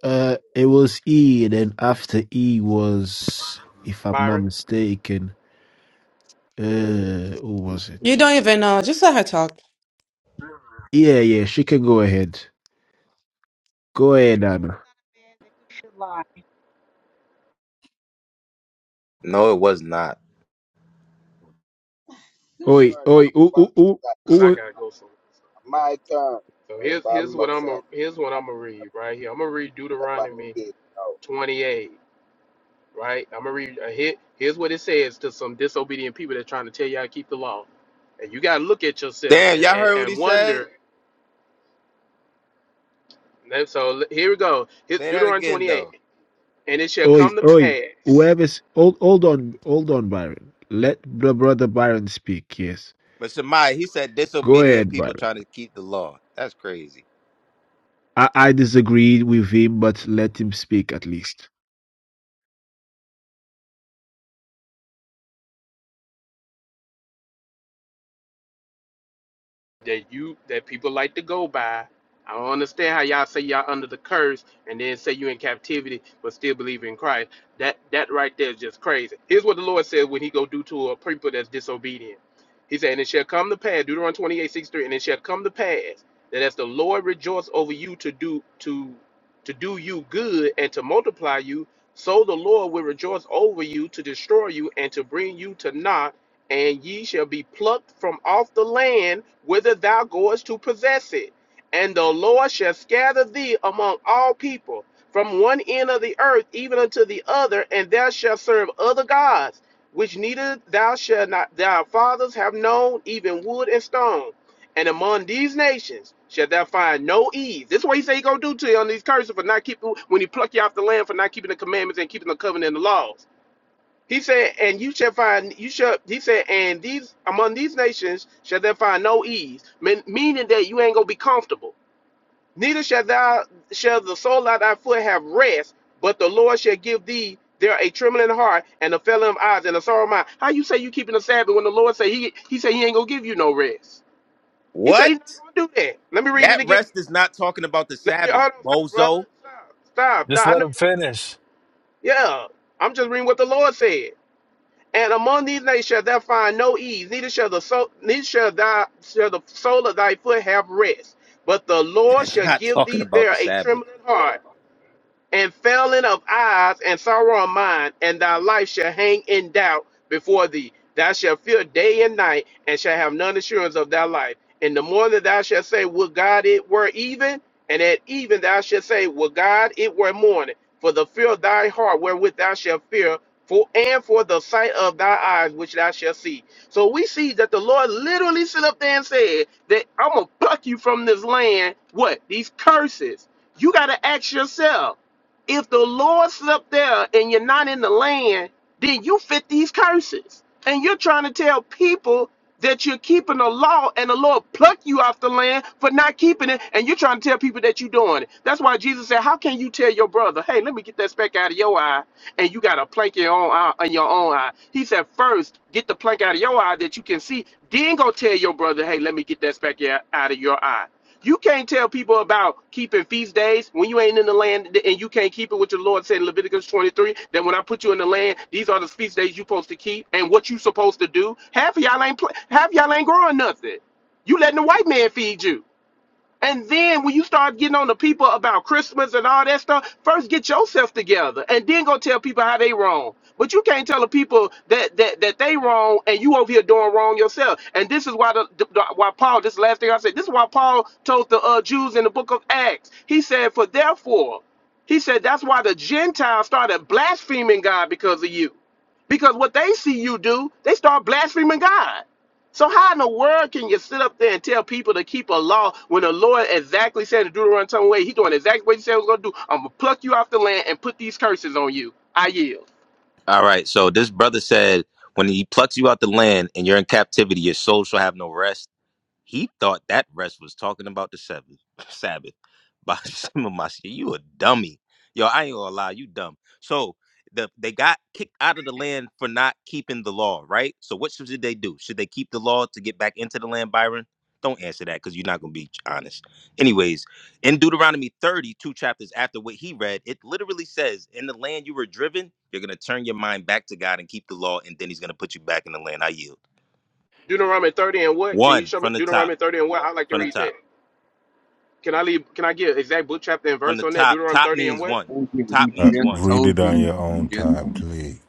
Speaker 1: uh, it was E, and then after E was, if I'm not
Speaker 21: Byron.
Speaker 1: mistaken, uh, who was it?
Speaker 10: You don't even know. Just let her talk.
Speaker 1: Yeah, yeah, she can go ahead. Go ahead,
Speaker 30: God is
Speaker 1: Nana.
Speaker 30: not a man that he should lie.
Speaker 20: No, it was not.
Speaker 1: Oi,
Speaker 29: turn. man.
Speaker 1: oi,
Speaker 29: I'm at the
Speaker 1: ooh, ooh,
Speaker 29: bottom of
Speaker 1: ooh,
Speaker 29: the
Speaker 21: Cause I
Speaker 1: ooh.
Speaker 21: gotta go somewhere.
Speaker 29: line. My turn.
Speaker 21: So
Speaker 29: I'm at the
Speaker 21: here's
Speaker 29: bottom
Speaker 21: here's
Speaker 29: of
Speaker 21: what
Speaker 29: the
Speaker 21: I'm
Speaker 29: line.
Speaker 21: a, here's
Speaker 29: I'm
Speaker 21: what I'm gonna read right here. I'm gonna read
Speaker 29: at the
Speaker 21: Deuteronomy 28. right? I'm gonna read. Uh, here, here's what it says to some disobedient people that trying to tell you how to keep the law, and you gotta look at yourself
Speaker 20: Damn,
Speaker 21: and
Speaker 20: y'all
Speaker 21: and,
Speaker 20: heard what he
Speaker 21: and
Speaker 20: said?
Speaker 21: wonder. And so here we go. Here-
Speaker 20: Say that
Speaker 21: Deuteronomy
Speaker 20: again
Speaker 21: 28,
Speaker 20: though.
Speaker 21: and it shall
Speaker 1: Oi,
Speaker 21: come to
Speaker 1: oi.
Speaker 21: pass.
Speaker 1: Whoever's hold, hold on, hold on, Byron. Let the brother Byron speak. Yes,
Speaker 20: But Shemai, he said
Speaker 1: go
Speaker 20: disobedient
Speaker 1: ahead,
Speaker 20: people
Speaker 1: Byron.
Speaker 20: trying to keep the law. That's crazy.
Speaker 1: I, I disagreed with him, but let him speak at least.
Speaker 21: that you that people like to go by. I don't understand how y'all say y'all under the curse and then say you in captivity but still believe in Christ. That that right there is just crazy. Here's what the Lord said when he go do to a people that's disobedient. He said, And it shall come to pass, Deuteronomy 28, six, 3, and it shall come to pass that as the Lord rejoice over you to do to to do you good and to multiply you, so the Lord will rejoice over you to destroy you and to bring you to naught and ye shall be plucked from off the land whither thou goest to possess it. And the Lord shall scatter thee among all people, from one end of the earth even unto the other, and thou shalt serve other gods, which neither thou shalt not thy fathers have known, even wood and stone. And among these nations shalt thou find no ease. This is what he said he gonna do to you on these curses for not keeping when he pluck you off the land for not keeping the commandments and keeping the covenant and the laws. He said, and you shall find, you shall, he said, and these, among these nations shall there find no ease, mean, meaning that you ain't gonna be comfortable. Neither shall thou, shall the sole of thy foot have rest, but the Lord shall give thee there a trembling heart and a failing of eyes and a sorrow of mind. How you say you keeping the Sabbath when the Lord say he, he say he ain't gonna give you no rest? He said
Speaker 20: What?
Speaker 21: he's not gonna do that. Let me read it
Speaker 20: That
Speaker 21: again.
Speaker 20: rest is not talking about the
Speaker 21: Let me,
Speaker 20: Sabbath,
Speaker 21: hold on, stop, brother.
Speaker 20: bozo.
Speaker 21: Stop, stop.
Speaker 18: Just
Speaker 21: stop. I
Speaker 18: let
Speaker 21: know
Speaker 18: him
Speaker 21: you don't like it.
Speaker 18: finish.
Speaker 21: Yeah, I'm just reading what the Lord said. And among these nations shall thou find no ease, neither shall the soul, neither shall thy shall the sole of thy foot have rest. But the
Speaker 20: [laughs] i
Speaker 21: Lord shall
Speaker 20: not
Speaker 21: give
Speaker 20: talking
Speaker 21: thee
Speaker 20: about
Speaker 21: there
Speaker 20: the
Speaker 21: a
Speaker 20: Sabbath.
Speaker 21: trembling heart, and failing of eyes and sorrow of mind, and thy life shall hang in doubt before thee. Thou shalt fear day and night, and shall have none assurance of thy life. In the morning thou shalt say, Would God it were even? And at even thou shalt say, Would God it were morning? For the fear of thy heart wherewith thou shalt fear, for and for the sight of thy eyes which thou shalt see. So we see that the Lord literally stood up there and said that I'm gonna pluck you from this land. What? These curses. You gotta ask yourself. If the Lord sit up there and you're not in the land, then you fit these curses. And you're trying to tell people that you're keeping the law and the Lord plucked you off the land for not keeping it. And you're trying to tell people that you're doing it. That's why Jesus said, How can you tell your brother, hey, let me get that speck out of your eye? And you got a plank in your own eye in your own eye. He said, first get the plank out of your eye that you can see, then go tell your brother, hey, let me get that speck out out of your eye. You can't tell people about keeping feast days when you ain't in the land and you can't keep it what the Lord said in Leviticus 23 that when I put you in the land, these are the feast days you are supposed to keep and what you supposed to do. Half of y'all ain't half y'all ain't growing nothing. You letting the white man feed you. And then when you start getting on the people about Christmas and all that stuff, first get yourself together and then go tell people how they wrong. But you can't tell the people that that, that they wrong and you over here doing wrong yourself. And this is why the, the why Paul, this is the last thing I said, this is why Paul told the uh, Jews in the book of Acts. He said, For therefore, he said that's why the Gentiles started blaspheming God because of you. Because what they see you do, they start blaspheming God. So how in the world can you sit up there and tell people to keep a law when the Lord exactly said to Deuteronomy some way, He doing exactly what he said he was gonna do. I'm gonna pluck you off the land and put these curses on you. I yield.
Speaker 20: All right. So this brother said, when he plucks you out the land and you're in captivity, your soul shall have no rest. He thought that rest was talking about the seventh [laughs] Sabbath. By [laughs] some of my shit, you a dummy. Yo, I ain't gonna lie, you dumb. So the they got kicked out of the land for not keeping the law, right? So what should they do? Should they keep the law to get back into the land, Byron? Don't answer that because you're not gonna be honest. Anyways, in Deuteronomy 32 chapters after what he read, it literally says, In the land you were driven, you're gonna turn your mind back to God and keep the law, and then he's gonna put you back in the land. I yield.
Speaker 21: Deuteronomy 30 and what? Can you
Speaker 20: One
Speaker 21: show me
Speaker 20: from the top.
Speaker 21: Deuteronomy 30 and what? I'd like to
Speaker 20: From the
Speaker 21: read
Speaker 20: top.
Speaker 21: that. Can I leave can I get exact book chapter and
Speaker 20: From
Speaker 21: verse
Speaker 20: the
Speaker 21: on that?
Speaker 20: top.
Speaker 21: Deuteronomy
Speaker 20: Top
Speaker 21: 30 and
Speaker 20: means
Speaker 21: what?
Speaker 20: one. Top
Speaker 23: uh,
Speaker 20: means
Speaker 26: [laughs] I
Speaker 20: one.
Speaker 23: read it
Speaker 26: told
Speaker 23: on
Speaker 26: you.
Speaker 23: your
Speaker 26: you
Speaker 23: own
Speaker 26: just
Speaker 23: time, please.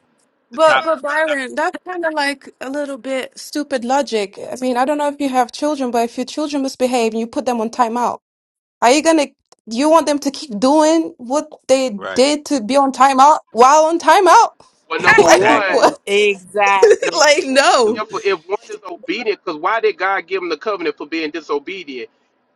Speaker 20: The
Speaker 10: But
Speaker 20: top.
Speaker 10: but Byron, that's kind of like a little bit stupid logic. I mean, I don't know if you have children, but if your children misbehave and you put them on timeout, are you gonna you want them to keep doing what they
Speaker 20: Right.
Speaker 10: did to be on timeout while on timeout? [laughs]
Speaker 21: Well
Speaker 20: [laughs]
Speaker 21: number
Speaker 10: Like
Speaker 21: one,
Speaker 20: exactly.
Speaker 10: what? [laughs]
Speaker 21: number
Speaker 9: exactly.
Speaker 10: Like
Speaker 21: one,
Speaker 10: no.
Speaker 21: if
Speaker 20: Stupid.
Speaker 21: if one is obedient, because why did God give him the covenant for being disobedient?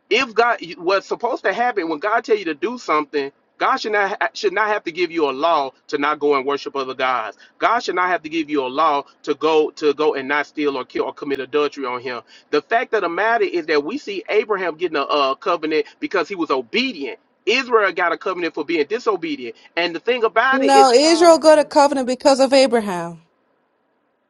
Speaker 21: if God what's supposed to happen when God tell you to do something, God should not ha- should not have to give you a law to not go and worship other gods. God should not have to give you a law to go to go and not steal or kill or commit adultery on him. The fact of the matter is that we see Abraham getting a, uh covenant because he was obedient. Israel got a covenant for being disobedient. And the thing about it is,
Speaker 10: No, Israel
Speaker 9: Oh,
Speaker 10: got a covenant because of Abraham.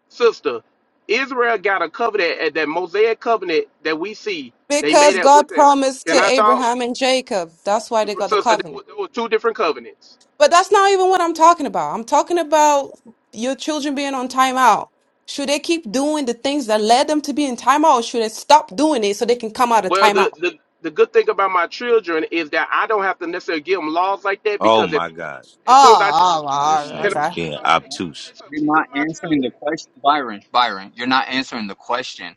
Speaker 21: sister, Israel got a covenant, uh, that Mosaic covenant that we see. They made
Speaker 10: Because
Speaker 21: that
Speaker 10: God
Speaker 21: with them.
Speaker 10: promised to
Speaker 21: Can I talk?
Speaker 10: Abraham and Jacob. That's why they got the
Speaker 21: sister, there
Speaker 10: covenant.
Speaker 21: were, there were two different covenants.
Speaker 10: But that's not even what I'm talking about. I'm talking about your children being on timeout. Should they keep doing the things that led them to be in timeout, or should they stop doing it so they can come out of
Speaker 21: Well, the,
Speaker 10: timeout?
Speaker 21: the the good thing about my children is that I don't have to necessarily give them laws like that
Speaker 20: Oh
Speaker 21: because as
Speaker 20: my
Speaker 21: soon
Speaker 20: God.
Speaker 21: as, soon as I tell them,
Speaker 10: Oh,
Speaker 20: This
Speaker 21: can
Speaker 20: nigga is
Speaker 21: I say
Speaker 20: being
Speaker 21: something? Hey,
Speaker 26: Okay.
Speaker 21: can I
Speaker 20: obtuse.
Speaker 21: say something?
Speaker 26: You're
Speaker 21: She's
Speaker 26: not
Speaker 21: talking about
Speaker 26: answering the
Speaker 21: children.
Speaker 26: question, Byron. Byron, you're not answering the question.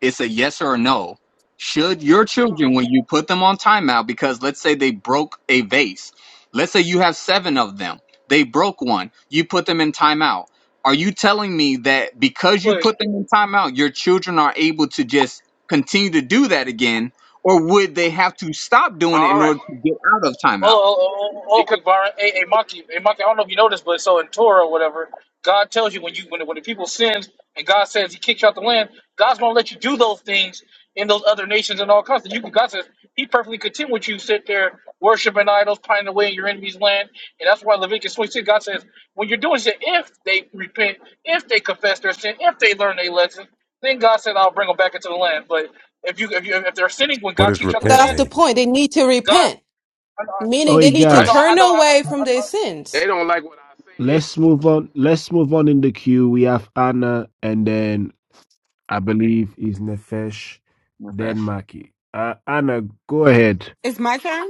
Speaker 26: It's a yes or a no. Should
Speaker 21: Can
Speaker 26: your
Speaker 21: I talk?
Speaker 26: children, when you put them on timeout, because let's say they broke a vase, let's say you have seven of them, they broke one, you put them in timeout. Are you telling me that because you
Speaker 22: Quick.
Speaker 26: put them in timeout, your children are able to just continue to do that again, or would they have to stop doing it
Speaker 21: All
Speaker 26: in
Speaker 21: right,
Speaker 26: order to get out of
Speaker 22: Well,
Speaker 26: timeout?
Speaker 22: oh, oh, oh, oh, oh,
Speaker 21: because
Speaker 22: quick, Byron.
Speaker 21: I have
Speaker 22: Hey, hey,
Speaker 21: children.
Speaker 22: Maki, hey, Maki. I don't know if you noticed, but so in Torah or whatever, God tells you when you when when the people sins and God says He kicks you out the land, God's gonna let you do those things in those other nations and all kinds. And you can God says He perfectly content with you sit there worshiping idols, pining away in your enemy's land, and that's why Leviticus twenty six. God says when you're doing shit, if they repent, if they confess their sin, if they learn their lesson, then God said I'll bring them back into the land. But if you if you if they're sinning when
Speaker 23: What
Speaker 22: God
Speaker 23: does
Speaker 22: kicks you out the
Speaker 23: repent
Speaker 10: That's
Speaker 22: land,
Speaker 10: the
Speaker 23: mean?
Speaker 10: point. They need to
Speaker 22: God.
Speaker 10: repent, meaning they
Speaker 1: Oi,
Speaker 10: need to
Speaker 22: I know.
Speaker 1: guys.
Speaker 20: Right.
Speaker 22: I
Speaker 10: turn
Speaker 22: know. I,
Speaker 10: away
Speaker 22: I,
Speaker 10: from
Speaker 22: I,
Speaker 10: their
Speaker 22: I,
Speaker 21: They
Speaker 10: sins.
Speaker 21: don't like what I said.
Speaker 1: Let's move on. Let's move on in the queue. We have Anna, and then I believe is Nefesh, then
Speaker 26: Okay.
Speaker 1: Maki. Uh, Anna, go ahead.
Speaker 4: It's my turn.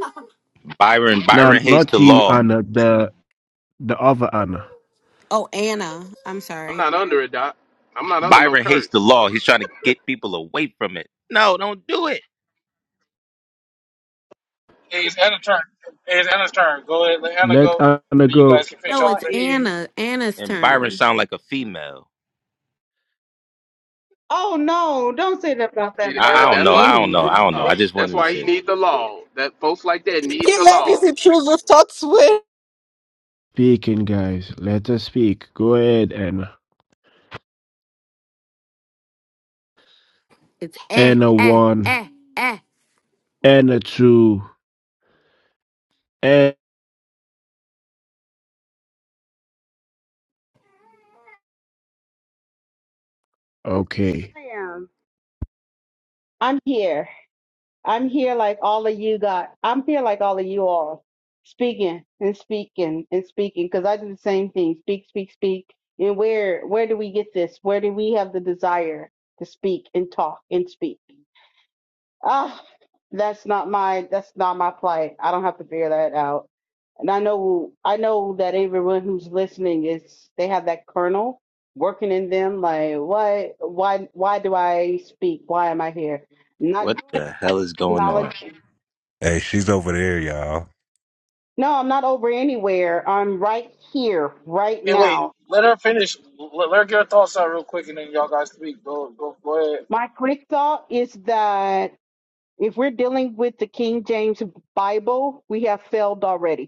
Speaker 20: Byron.
Speaker 1: No,
Speaker 20: Byron hates
Speaker 1: not
Speaker 20: the
Speaker 1: you,
Speaker 20: law.
Speaker 1: Anna. The the other Anna.
Speaker 4: Oh, Anna. I'm
Speaker 21: I'm
Speaker 4: sorry.
Speaker 21: not under it, doc. I'm not under no
Speaker 20: Byron hates the
Speaker 21: curse.
Speaker 20: law. He's trying to get people away from it. No, don't do it.
Speaker 22: it's Anna's turn. Hey, It's Anna's turn. Go ahead. Let Anna
Speaker 1: Let
Speaker 22: go.
Speaker 1: Anna
Speaker 22: But you
Speaker 1: go
Speaker 22: guys can
Speaker 30: The
Speaker 22: finish
Speaker 4: No,
Speaker 22: up.
Speaker 30: law
Speaker 4: it's
Speaker 30: is.
Speaker 4: Anna. Anna's
Speaker 20: And Byron
Speaker 4: turn.
Speaker 20: sound like a female.
Speaker 30: Oh no, don't say that about
Speaker 21: See,
Speaker 30: that
Speaker 20: I
Speaker 21: that-
Speaker 20: I
Speaker 30: love.
Speaker 20: don't
Speaker 30: He
Speaker 21: that's
Speaker 20: know.
Speaker 21: why
Speaker 20: I
Speaker 30: ain't
Speaker 20: don't
Speaker 21: he
Speaker 20: know.
Speaker 21: needs
Speaker 20: I
Speaker 30: I
Speaker 4: Rude.
Speaker 21: the
Speaker 20: don't know. I
Speaker 21: law.
Speaker 20: just
Speaker 21: That's
Speaker 20: wanted to
Speaker 21: why he
Speaker 20: say,
Speaker 21: needs the law. That folks like that need
Speaker 10: He
Speaker 21: the
Speaker 10: let his
Speaker 21: law.
Speaker 10: choose thoughts win.
Speaker 1: speaking, guys. Let her speak. Go ahead, Anna.
Speaker 4: It's eh
Speaker 1: Anna
Speaker 4: eh
Speaker 1: one,
Speaker 4: eh eh.
Speaker 1: Anna two, and okay.
Speaker 30: am. I'm here. I'm here like all of you got. I'm here like all of you all, speaking and speaking and speaking because I do the same thing. Speak, speak, speak. And where where do we get this? Where do we have the desire to speak and talk and speak? Ah, that's not my that's not my plight. I don't have to figure that out. And I know I know that everyone who's listening is they have that kernel working in them. Like, why why why do I speak? Why am I here? Not
Speaker 20: what
Speaker 30: doing that.
Speaker 20: the
Speaker 30: I'm
Speaker 20: hell is going on?
Speaker 30: acknowledging.
Speaker 23: Hey, she's over there, y'all.
Speaker 30: No, I'm not over anywhere. I'm right here, right
Speaker 22: Hey, wait.
Speaker 30: now.
Speaker 22: Let her finish. Let, let her get her thoughts out real quick, and then y'all guys speak. Go. Go. Go ahead.
Speaker 30: My quick thought is that if we're dealing with the King James Bible, we have failed already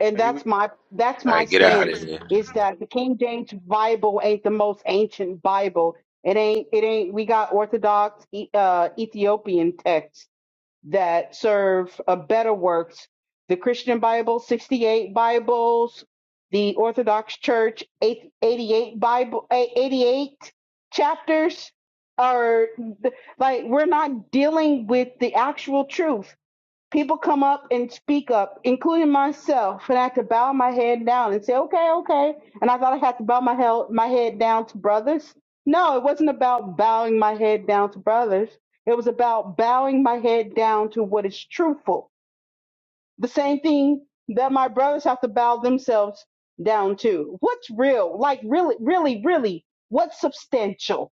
Speaker 30: and that's my that's
Speaker 20: All
Speaker 30: my
Speaker 20: right, get out of
Speaker 30: stance
Speaker 20: here.
Speaker 30: is that the King James Bible ain't the most ancient Bible. It ain't it ain't we got Orthodox E- uh, Ethiopian texts that serve a better works. The Christian Bible, 68 Bibles, the Orthodox Church, eight- 88 Bible, eh, 88 chapters are like we're not dealing with the actual truth People come up and speak up, including myself, and I had to bow my head down and say, "Okay, okay." And I thought I had to bow my head my head down to brothers. No, it wasn't about bowing my head down to brothers. It was about bowing my head down to what is truthful. The same thing that my brothers have to bow themselves down to. What's real? Like really, really, really, what's substantial?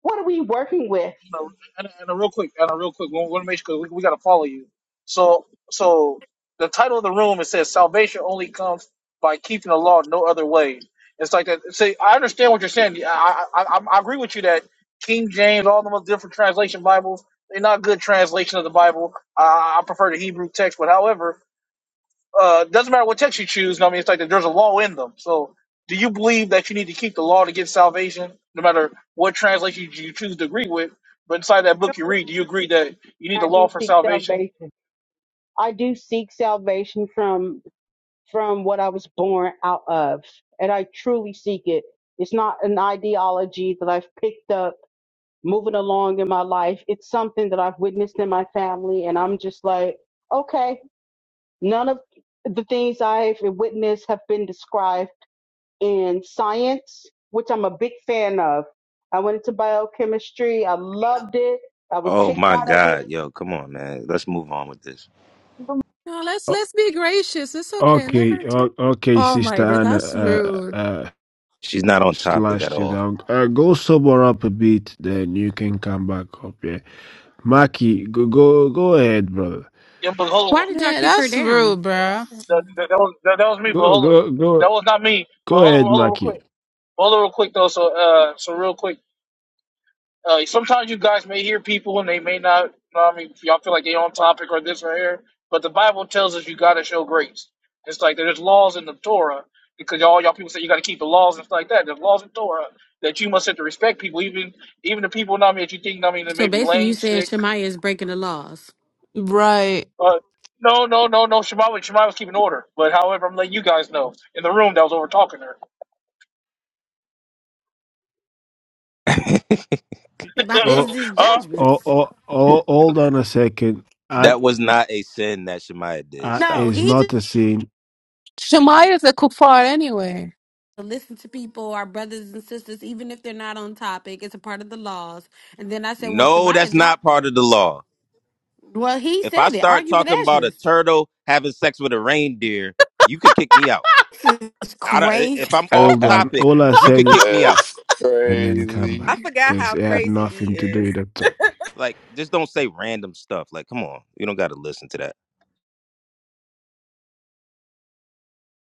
Speaker 30: What are we working with?
Speaker 22: So, and, and a real quick, and a real quick, we want to make sure 'cause we, we got to follow you. So, so the title of the room it says salvation only comes by keeping the law, no other way. It's like that. See, I understand what you're saying. I, I, I, I agree with you that King James, all the most different translation Bibles, they're not good translation of the Bible. I, I prefer the Hebrew text, but however, uh, doesn't matter what text you choose. I mean, it's like that there's a law in them. So, do you believe that you need to keep the law to get salvation, no matter what translation you choose to agree with? But inside that
Speaker 30: I
Speaker 22: book you
Speaker 30: know
Speaker 22: read, do you agree that you need the
Speaker 30: I do
Speaker 22: law for
Speaker 30: seek
Speaker 22: salvation?
Speaker 30: salvation. I do seek salvation from from what I was born out of. And I truly seek it. It's not an ideology that I've picked up moving along in my life. It's something that I've witnessed in my family. And I'm just like, okay, none of the things I've witnessed have been described in science, which I'm a big fan of. I went into biochemistry. I loved it. I was
Speaker 20: Oh
Speaker 30: kicked
Speaker 20: my
Speaker 30: out of
Speaker 20: God,
Speaker 30: it.
Speaker 20: yo, come on, man. Let's move on with this.
Speaker 10: No, let's let's be gracious. It's okay. Let
Speaker 1: Okay,
Speaker 10: her talk.
Speaker 1: o- okay,
Speaker 10: Oh
Speaker 1: Sister
Speaker 10: my God,
Speaker 1: Anna,
Speaker 10: that's
Speaker 1: uh,
Speaker 10: rude.
Speaker 1: uh,
Speaker 20: She's not on topic
Speaker 1: slash
Speaker 20: at
Speaker 1: chill
Speaker 20: all.
Speaker 1: down. Uh, go sober up a bit, then you can come back up. Yeah, Maki, go, go, go ahead, brother.
Speaker 22: Yeah, but hold on.
Speaker 4: Why did y'all
Speaker 10: Yeah,
Speaker 4: kick her
Speaker 10: that's
Speaker 4: down?
Speaker 10: rude, bruh.
Speaker 22: That, that, that was, that, that was me, but
Speaker 1: Go,
Speaker 22: hold on.
Speaker 1: go, go,
Speaker 22: That was not me. But
Speaker 1: go
Speaker 22: hold on,
Speaker 1: ahead,
Speaker 22: hold on real quick.
Speaker 1: Maki.
Speaker 22: Hold on real quick, though. So, uh, so real quick. Uh, sometimes you guys may hear people and they may not. You know what I mean, if y'all feel like they on topic or this or here, but the Bible tells us you got to show grace. It's like there's laws in the Torah because all y'all people say you got to keep the laws and stuff like that. There's laws in Torah that you must have to respect people, even even the people. you Know what I mean, that you think. you know what I mean, that
Speaker 4: So
Speaker 22: may be
Speaker 4: basically, you
Speaker 22: lame,
Speaker 4: saying
Speaker 22: sick.
Speaker 4: Shemaya is breaking the laws
Speaker 10: Right.
Speaker 22: But no, no, no, no. Shemai was- Shema was keeping order. But however, I'm letting you guys know in the room that was over talking to her.
Speaker 20: [laughs]
Speaker 4: [laughs] about
Speaker 22: [laughs]
Speaker 4: his,
Speaker 1: Oh,
Speaker 4: his
Speaker 22: uh,
Speaker 1: oh,
Speaker 4: judgments.
Speaker 1: oh, oh, hold on a second. I,
Speaker 20: That was not a sin that Shemaiah did.
Speaker 1: I
Speaker 20: Stop
Speaker 4: No,
Speaker 1: is
Speaker 20: it.
Speaker 4: he just.
Speaker 1: not a sin.
Speaker 10: Shemaya's a kuffar anyway.
Speaker 4: to listen to people, our brothers and sisters, even if they're not on topic. It's a part of the laws. And then I said, well,
Speaker 20: No,
Speaker 4: Shemaiah
Speaker 20: that's not
Speaker 4: dropped
Speaker 20: part
Speaker 4: her.
Speaker 20: of the law.
Speaker 4: Well, he
Speaker 20: If I
Speaker 4: said it.
Speaker 20: start
Speaker 4: Argue with
Speaker 20: talking about a
Speaker 4: Ezra's.
Speaker 20: turtle having sex with a reindeer, you could kick me out.
Speaker 4: It's
Speaker 20: I don't, if
Speaker 4: crazy
Speaker 20: I'm off
Speaker 1: Hold on.
Speaker 20: topic,
Speaker 1: All I
Speaker 20: you
Speaker 1: said
Speaker 20: could
Speaker 1: is,
Speaker 20: kick me out.
Speaker 1: and then come back
Speaker 9: I forgot
Speaker 1: because
Speaker 9: how
Speaker 1: it had
Speaker 9: crazy E
Speaker 1: nothing to do
Speaker 9: is.
Speaker 1: with that topic.
Speaker 20: Like, just don't say random stuff. Like, come on, you don't got to listen to that.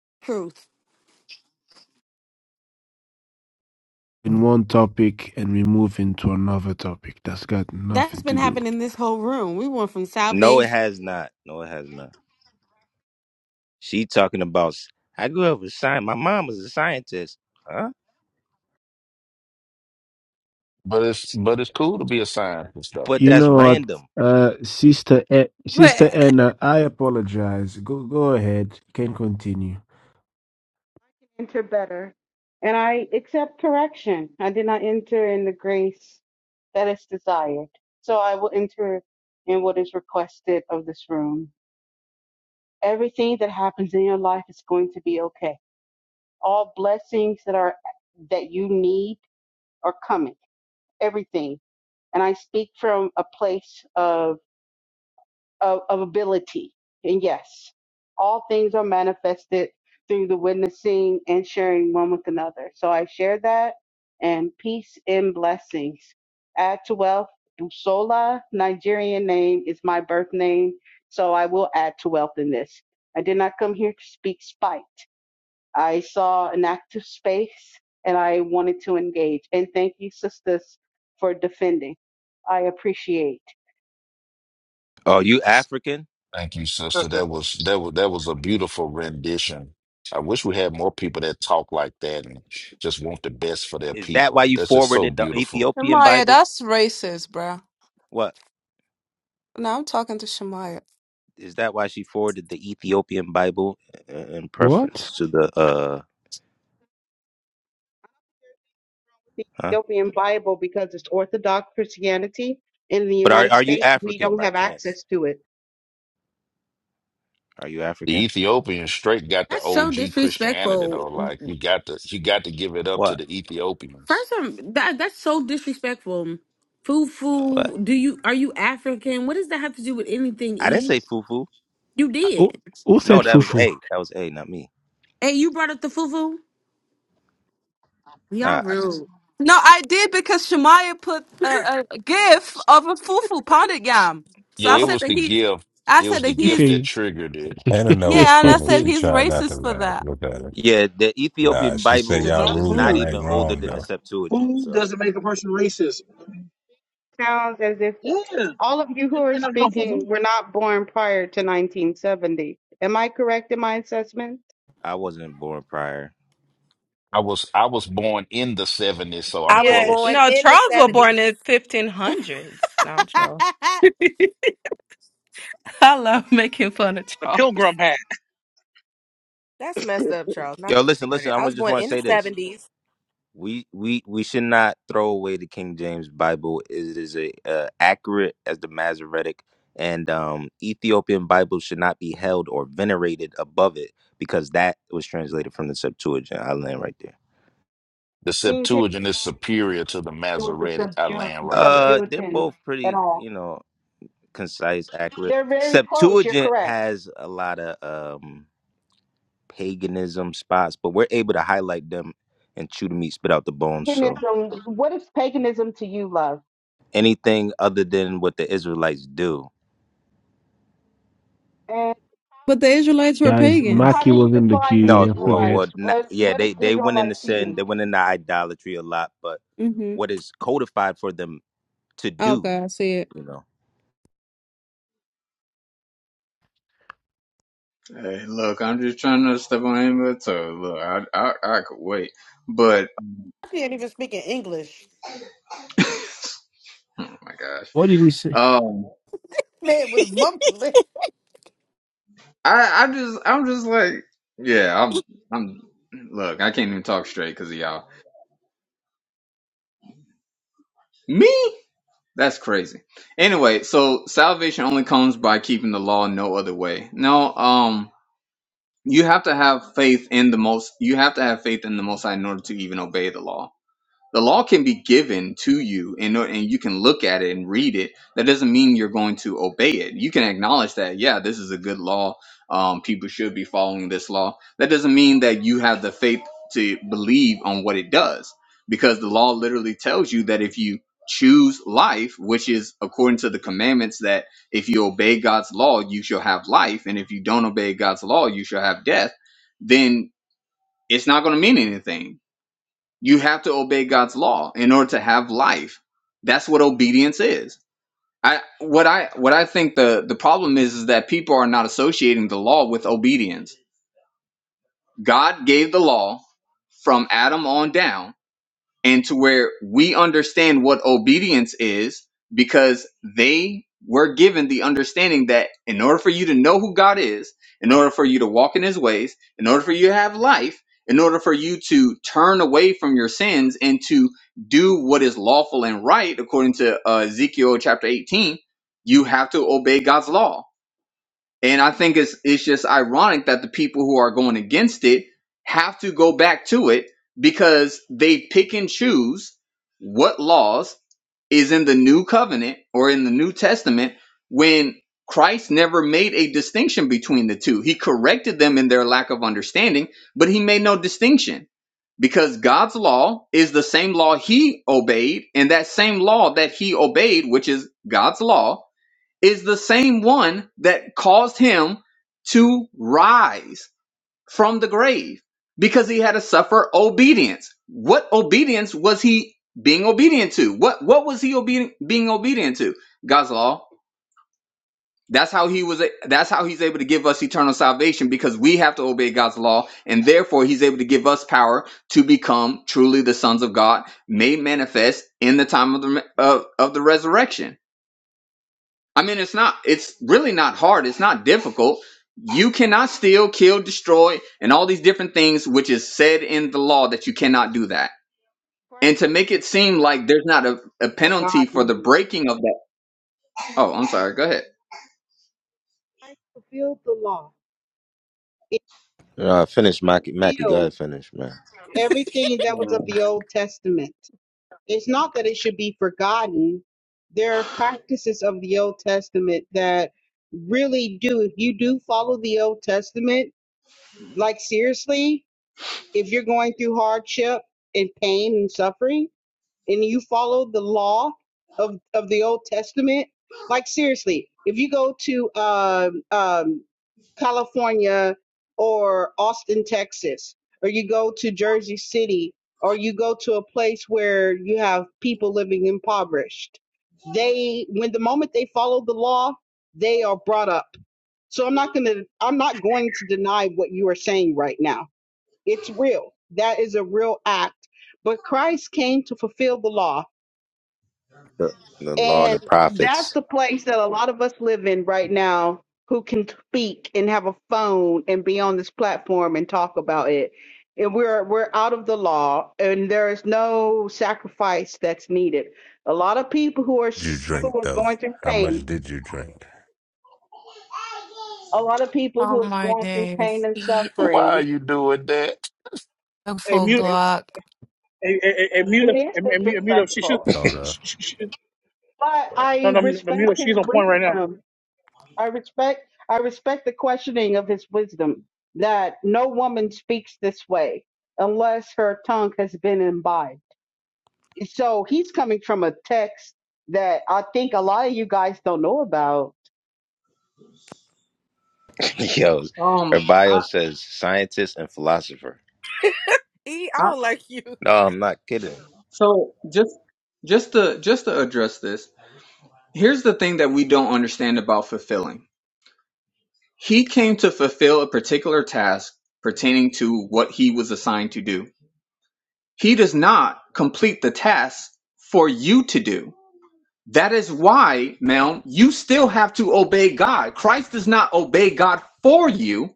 Speaker 4: [laughs] truth.
Speaker 1: In one topic, and we move into another topic that's got
Speaker 4: That's
Speaker 1: nothing to
Speaker 4: been
Speaker 1: do.
Speaker 4: happening in this whole room. We went from
Speaker 20: No, it
Speaker 4: salvation.
Speaker 20: has not. No, it has not. She talking about. s- I grew up with science. My mom was a scientist. Huh? But
Speaker 1: You
Speaker 20: that's
Speaker 1: know what,
Speaker 20: random.
Speaker 1: uh, sister, A-
Speaker 10: But
Speaker 1: sister Anna, I apologize. Go, go ahead. You can continue.
Speaker 30: enter better. And I accept correction. I did not enter in the grace that is desired. So I will enter in what is requested of this room. Everything that happens in your life is going to be okay. All blessings that are that you need are coming. Everything. And I speak from a place of of, of ability. And yes, all things are manifested through the witnessing and sharing one with another. So I share that and peace and blessings. Add to wealth. Busola, Nigerian name, is my birth name. So I will add to wealth in this. I did not come here to speak spite. I saw an active space and I wanted to engage. And thank you, sisters, for defending. I appreciate.
Speaker 20: Oh, you African?
Speaker 22: sister.
Speaker 20: Is that why you forwarded the Ethiopian
Speaker 10: Shemaya,
Speaker 20: Bible?
Speaker 10: that's racist, bruh.
Speaker 20: What
Speaker 10: No, I'm talking to Shemaya.
Speaker 20: is that why she forwarded the Ethiopian Bible i- in
Speaker 1: What?
Speaker 20: preference to the uh
Speaker 30: the
Speaker 20: huh?
Speaker 30: Ethiopian Bible because it's Orthodox Christianity. In the
Speaker 20: But are
Speaker 30: United
Speaker 20: are you
Speaker 30: States, we
Speaker 20: African
Speaker 30: don't
Speaker 20: by
Speaker 30: have
Speaker 20: chance?
Speaker 30: access to it.
Speaker 20: Are you African?
Speaker 4: That's so disrespectful.
Speaker 20: What?
Speaker 4: First, um, that that's so disrespectful. Fufu,
Speaker 20: What?
Speaker 4: Do you are you African? What does that have to do with anything?
Speaker 20: I didn't
Speaker 4: E,
Speaker 20: say fufu.
Speaker 4: you
Speaker 1: Who,
Speaker 4: did.
Speaker 1: who
Speaker 20: No,
Speaker 1: said
Speaker 20: that was
Speaker 1: fufu?
Speaker 20: A. That was A, not me.
Speaker 4: Hey, you brought up the fufu. Y'all
Speaker 20: Nah, I just
Speaker 4: rude.
Speaker 10: No, I did because Shemaya put a, a gif of a fufu pounded yam. So I
Speaker 4: Oh.
Speaker 10: said that he, I said that
Speaker 1: If
Speaker 10: he's.
Speaker 1: he,
Speaker 23: Hannah know it's
Speaker 10: Yeah, and I
Speaker 23: funny.
Speaker 10: said
Speaker 23: She
Speaker 10: he's
Speaker 23: trying not to
Speaker 10: racist for
Speaker 23: laugh.
Speaker 10: that. [laughs]
Speaker 23: Look at her.
Speaker 20: Yeah, the
Speaker 23: Nah,
Speaker 20: Ethiopian
Speaker 23: she said
Speaker 22: This
Speaker 20: Bible
Speaker 22: is
Speaker 23: y'all
Speaker 22: not
Speaker 20: is
Speaker 23: rule.
Speaker 20: not
Speaker 23: Y'all
Speaker 22: food.
Speaker 20: even
Speaker 23: ain't
Speaker 20: older
Speaker 23: wrong
Speaker 20: than the
Speaker 23: though.
Speaker 20: Septuagint,
Speaker 22: Food
Speaker 20: so
Speaker 22: make a person racist.
Speaker 30: Sounds as if
Speaker 22: Yeah.
Speaker 30: all of you who are speaking were not born prior to 1970. Am I correct in my assessment?
Speaker 20: I wasn't born prior.
Speaker 9: I was
Speaker 10: Yeah,
Speaker 9: born
Speaker 10: no,
Speaker 9: in the
Speaker 10: Charles was born
Speaker 9: 70s.
Speaker 10: in 1500s. No, I'm trolling. [laughs] I love making fun of
Speaker 4: [laughs]
Speaker 22: the
Speaker 10: Charles.
Speaker 22: pilgrim hat,
Speaker 9: That's messed up, Charles. Not
Speaker 20: Yo,
Speaker 9: the
Speaker 20: listen, listen,
Speaker 9: 1500.
Speaker 20: I
Speaker 9: I
Speaker 20: wa-
Speaker 9: was
Speaker 20: just
Speaker 9: born
Speaker 20: want to
Speaker 9: in the
Speaker 20: say this.
Speaker 9: 70s.
Speaker 20: we we we should not throw away the King James Bible. It is a, uh, accurate as the Masoretic and um, Ethiopian Bible should not be held or venerated above it because that was translated from the Septuagint. I land right there.
Speaker 30: King James Bible has nothing to do with the
Speaker 20: Uh, they're
Speaker 30: subjunctions
Speaker 20: both
Speaker 30: at
Speaker 20: pretty,
Speaker 30: all.
Speaker 20: you know, concise, accurate.
Speaker 30: They're very close. You're
Speaker 20: Septuagint
Speaker 30: correct.
Speaker 20: has a lot of um paganism spots, but we're able to highlight them and chew the meat, spit out the bones. So
Speaker 30: Paganism. What is paganism to you, love?
Speaker 20: anything other than what the Israelites do
Speaker 30: And
Speaker 10: But the Israelites
Speaker 1: [laughs]
Speaker 10: were
Speaker 1: Guys,
Speaker 30: how
Speaker 10: pagans.
Speaker 1: Maki
Speaker 30: do you
Speaker 1: was in the
Speaker 30: define
Speaker 1: queue.
Speaker 30: the
Speaker 20: No,
Speaker 1: Don't
Speaker 20: well, well,
Speaker 1: forget.
Speaker 30: Israelites?
Speaker 20: not,
Speaker 30: What
Speaker 20: yeah,
Speaker 30: What is
Speaker 20: they they went into
Speaker 30: Israelite to
Speaker 20: sin,
Speaker 30: you?
Speaker 20: they went into idolatry a lot, but
Speaker 10: hmm
Speaker 20: what is codified for them to do,
Speaker 10: Okay, I see it.
Speaker 20: you know?
Speaker 26: Hey, look, I'm just trying to step on anybody's toes. Look, I, I, I could wait, but
Speaker 4: She ain't even speaking English.
Speaker 26: [laughs] oh my gosh,
Speaker 1: what did we say?
Speaker 26: um,
Speaker 4: Man was mumbling.
Speaker 26: I, I just, I'm just like, yeah, I'm, I'm. Look, I can't even talk straight because of y'all. Me? That's crazy. Anyway, so salvation only comes by keeping the law no other way. No, um, you have to have faith in the most. You have to have faith in the Most High in order to even obey the law the law can be given to you and, and you can look at it and read it that doesn't mean you're going to obey it you can acknowledge that yeah this is a good law um, people should be following this law that doesn't mean that you have the faith to believe on what it does because the law literally tells you that if you choose life which is according to the commandments that if you obey god's law you shall have life and if you don't obey god's law you shall have death then it's not going to mean anything you have to obey God's law in order to have life. That's what obedience is. I what I what I think the the problem is is that people are not associating the law with obedience. God gave the law from Adam on down and to where we understand what obedience is because they were given the understanding that in order for you to know who God is, in order for you to walk in his ways, in order for you to have life, in order for you to turn away from your sins and to do what is lawful and right, according to uh, Ezekiel chapter 18, you have to obey God's law and I think it's it's just ironic that the people who are going against it have to go back to it because they pick and choose what laws is in the new covenant or in the New Testament when Christ never made a distinction between the two. He corrected them in their lack of understanding, but he made no distinction because God's law is the same law he obeyed, and that same law that he obeyed, which is God's law, is the same one that caused him to rise from the grave because he had to suffer obedience. What obedience was he being obedient to? What what was he obedient being obedient to? God's law. That's how he was a- that's how he's able to give us eternal salvation because we have to obey God's law and therefore he's able to give us power to become truly the sons of God made manifest in the time of the of, of the resurrection I mean, it's not, it's really not hard. It's not difficult. You cannot steal, kill, destroy, and all these different things, which is said in the law that you cannot do that.
Speaker 30: Christ
Speaker 26: And to make it seem like there's not a, a
Speaker 30: for
Speaker 26: penalty for
Speaker 30: God.
Speaker 26: the breaking of that. Oh, I'm sorry. Go ahead.
Speaker 30: Christ fulfilled the law. It
Speaker 20: Uh, finish, Mackie. Mackie, go ahead,
Speaker 30: filled
Speaker 20: finish, man.
Speaker 30: everything that was of the Old Testament. It's not that it should be forgotten. There are practices of the Old Testament that really do. If you do follow the Old Testament, like seriously, if you're going through hardship and pain and suffering, and you follow the law of of the Old Testament, like seriously, if you go to um, um, California or Austin, Texas, or you go to Jersey City, or you go to a place where you have people living impoverished, they when the moment they follow the law, they are brought up. So I'm not gonna I'm not going to deny what you are saying right now. It's real. That is a real act. But Christ came to fulfill the law.
Speaker 20: The law and the
Speaker 30: And that's
Speaker 20: prophets.
Speaker 30: the place that a lot of us live in right now who can speak and have a phone and be on this platform and talk about it. And we're we're out of the law and there is no sacrifice that's needed. A lot of people who are
Speaker 23: Did you
Speaker 30: s- who
Speaker 23: drink
Speaker 30: are
Speaker 23: though?
Speaker 30: going through
Speaker 23: How much
Speaker 30: pain,
Speaker 23: did you drink?
Speaker 30: a lot of people
Speaker 10: Oh
Speaker 30: who have
Speaker 10: my
Speaker 30: gone through pain
Speaker 10: days.
Speaker 30: and suffering,
Speaker 10: Look
Speaker 22: a
Speaker 10: for
Speaker 22: mute,
Speaker 10: Glock.
Speaker 22: a a a a,
Speaker 30: it
Speaker 22: mute,
Speaker 30: is
Speaker 22: a a, mute, a mute. She should,
Speaker 30: disrespectful.
Speaker 23: Called her.
Speaker 22: she, she, she,
Speaker 30: But
Speaker 22: no,
Speaker 30: I
Speaker 22: no, the
Speaker 30: respect
Speaker 22: mute.
Speaker 30: his
Speaker 22: She's on point right now.
Speaker 30: wisdom I respect I respect the questioning of his wisdom that no woman speaks this way unless her tongue has been imbibed. So he's coming from a text that I think a lot of you guys don't know about
Speaker 20: [laughs] Yo, her
Speaker 26: Um, I,
Speaker 20: bio says scientist and philosopher.
Speaker 9: E, I
Speaker 26: I,
Speaker 9: don't like you. [laughs]
Speaker 20: No, I'm not kidding.
Speaker 26: so just, just to, just to address this, here's the thing that we don't understand about fulfilling. He came to fulfill a particular task pertaining to what he was assigned to do. He does not complete the task for you to do. That is why, Mel, you still have to obey God. Christ does not obey God for you.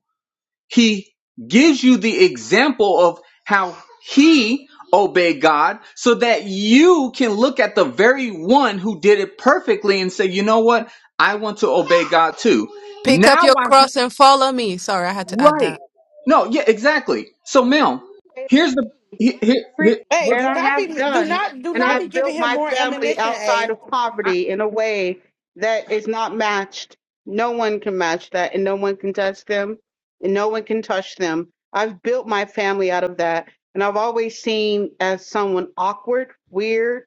Speaker 26: He gives you the example of how he obeyed God so that you can look at the very one who did it perfectly and say, you know what? I want to obey God too.
Speaker 10: Pick
Speaker 26: Now
Speaker 10: up your
Speaker 26: I, ha-
Speaker 10: cross and follow me. Sorry, I had to add
Speaker 26: right.
Speaker 10: that.
Speaker 26: No, yeah, exactly. So, Mel,
Speaker 30: I
Speaker 26: here's the,
Speaker 30: agree.
Speaker 26: here,
Speaker 30: I
Speaker 26: here,
Speaker 30: agree.
Speaker 26: here,
Speaker 4: Hey,
Speaker 26: what-
Speaker 30: And
Speaker 4: do
Speaker 30: I
Speaker 4: not
Speaker 30: have
Speaker 4: be do
Speaker 30: done,
Speaker 4: not do
Speaker 30: and
Speaker 4: not
Speaker 26: this-
Speaker 4: be
Speaker 30: I've
Speaker 4: giving
Speaker 30: built
Speaker 4: him
Speaker 30: my
Speaker 4: more
Speaker 30: family
Speaker 4: ammunition,
Speaker 30: outside
Speaker 4: A.
Speaker 30: of
Speaker 26: I-
Speaker 30: poverty in a way that is not matched. No one can match that, and no one can touch them, and no one can touch them. I've built my family out of that, and I've always seen as someone awkward, weird,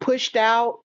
Speaker 30: pushed out,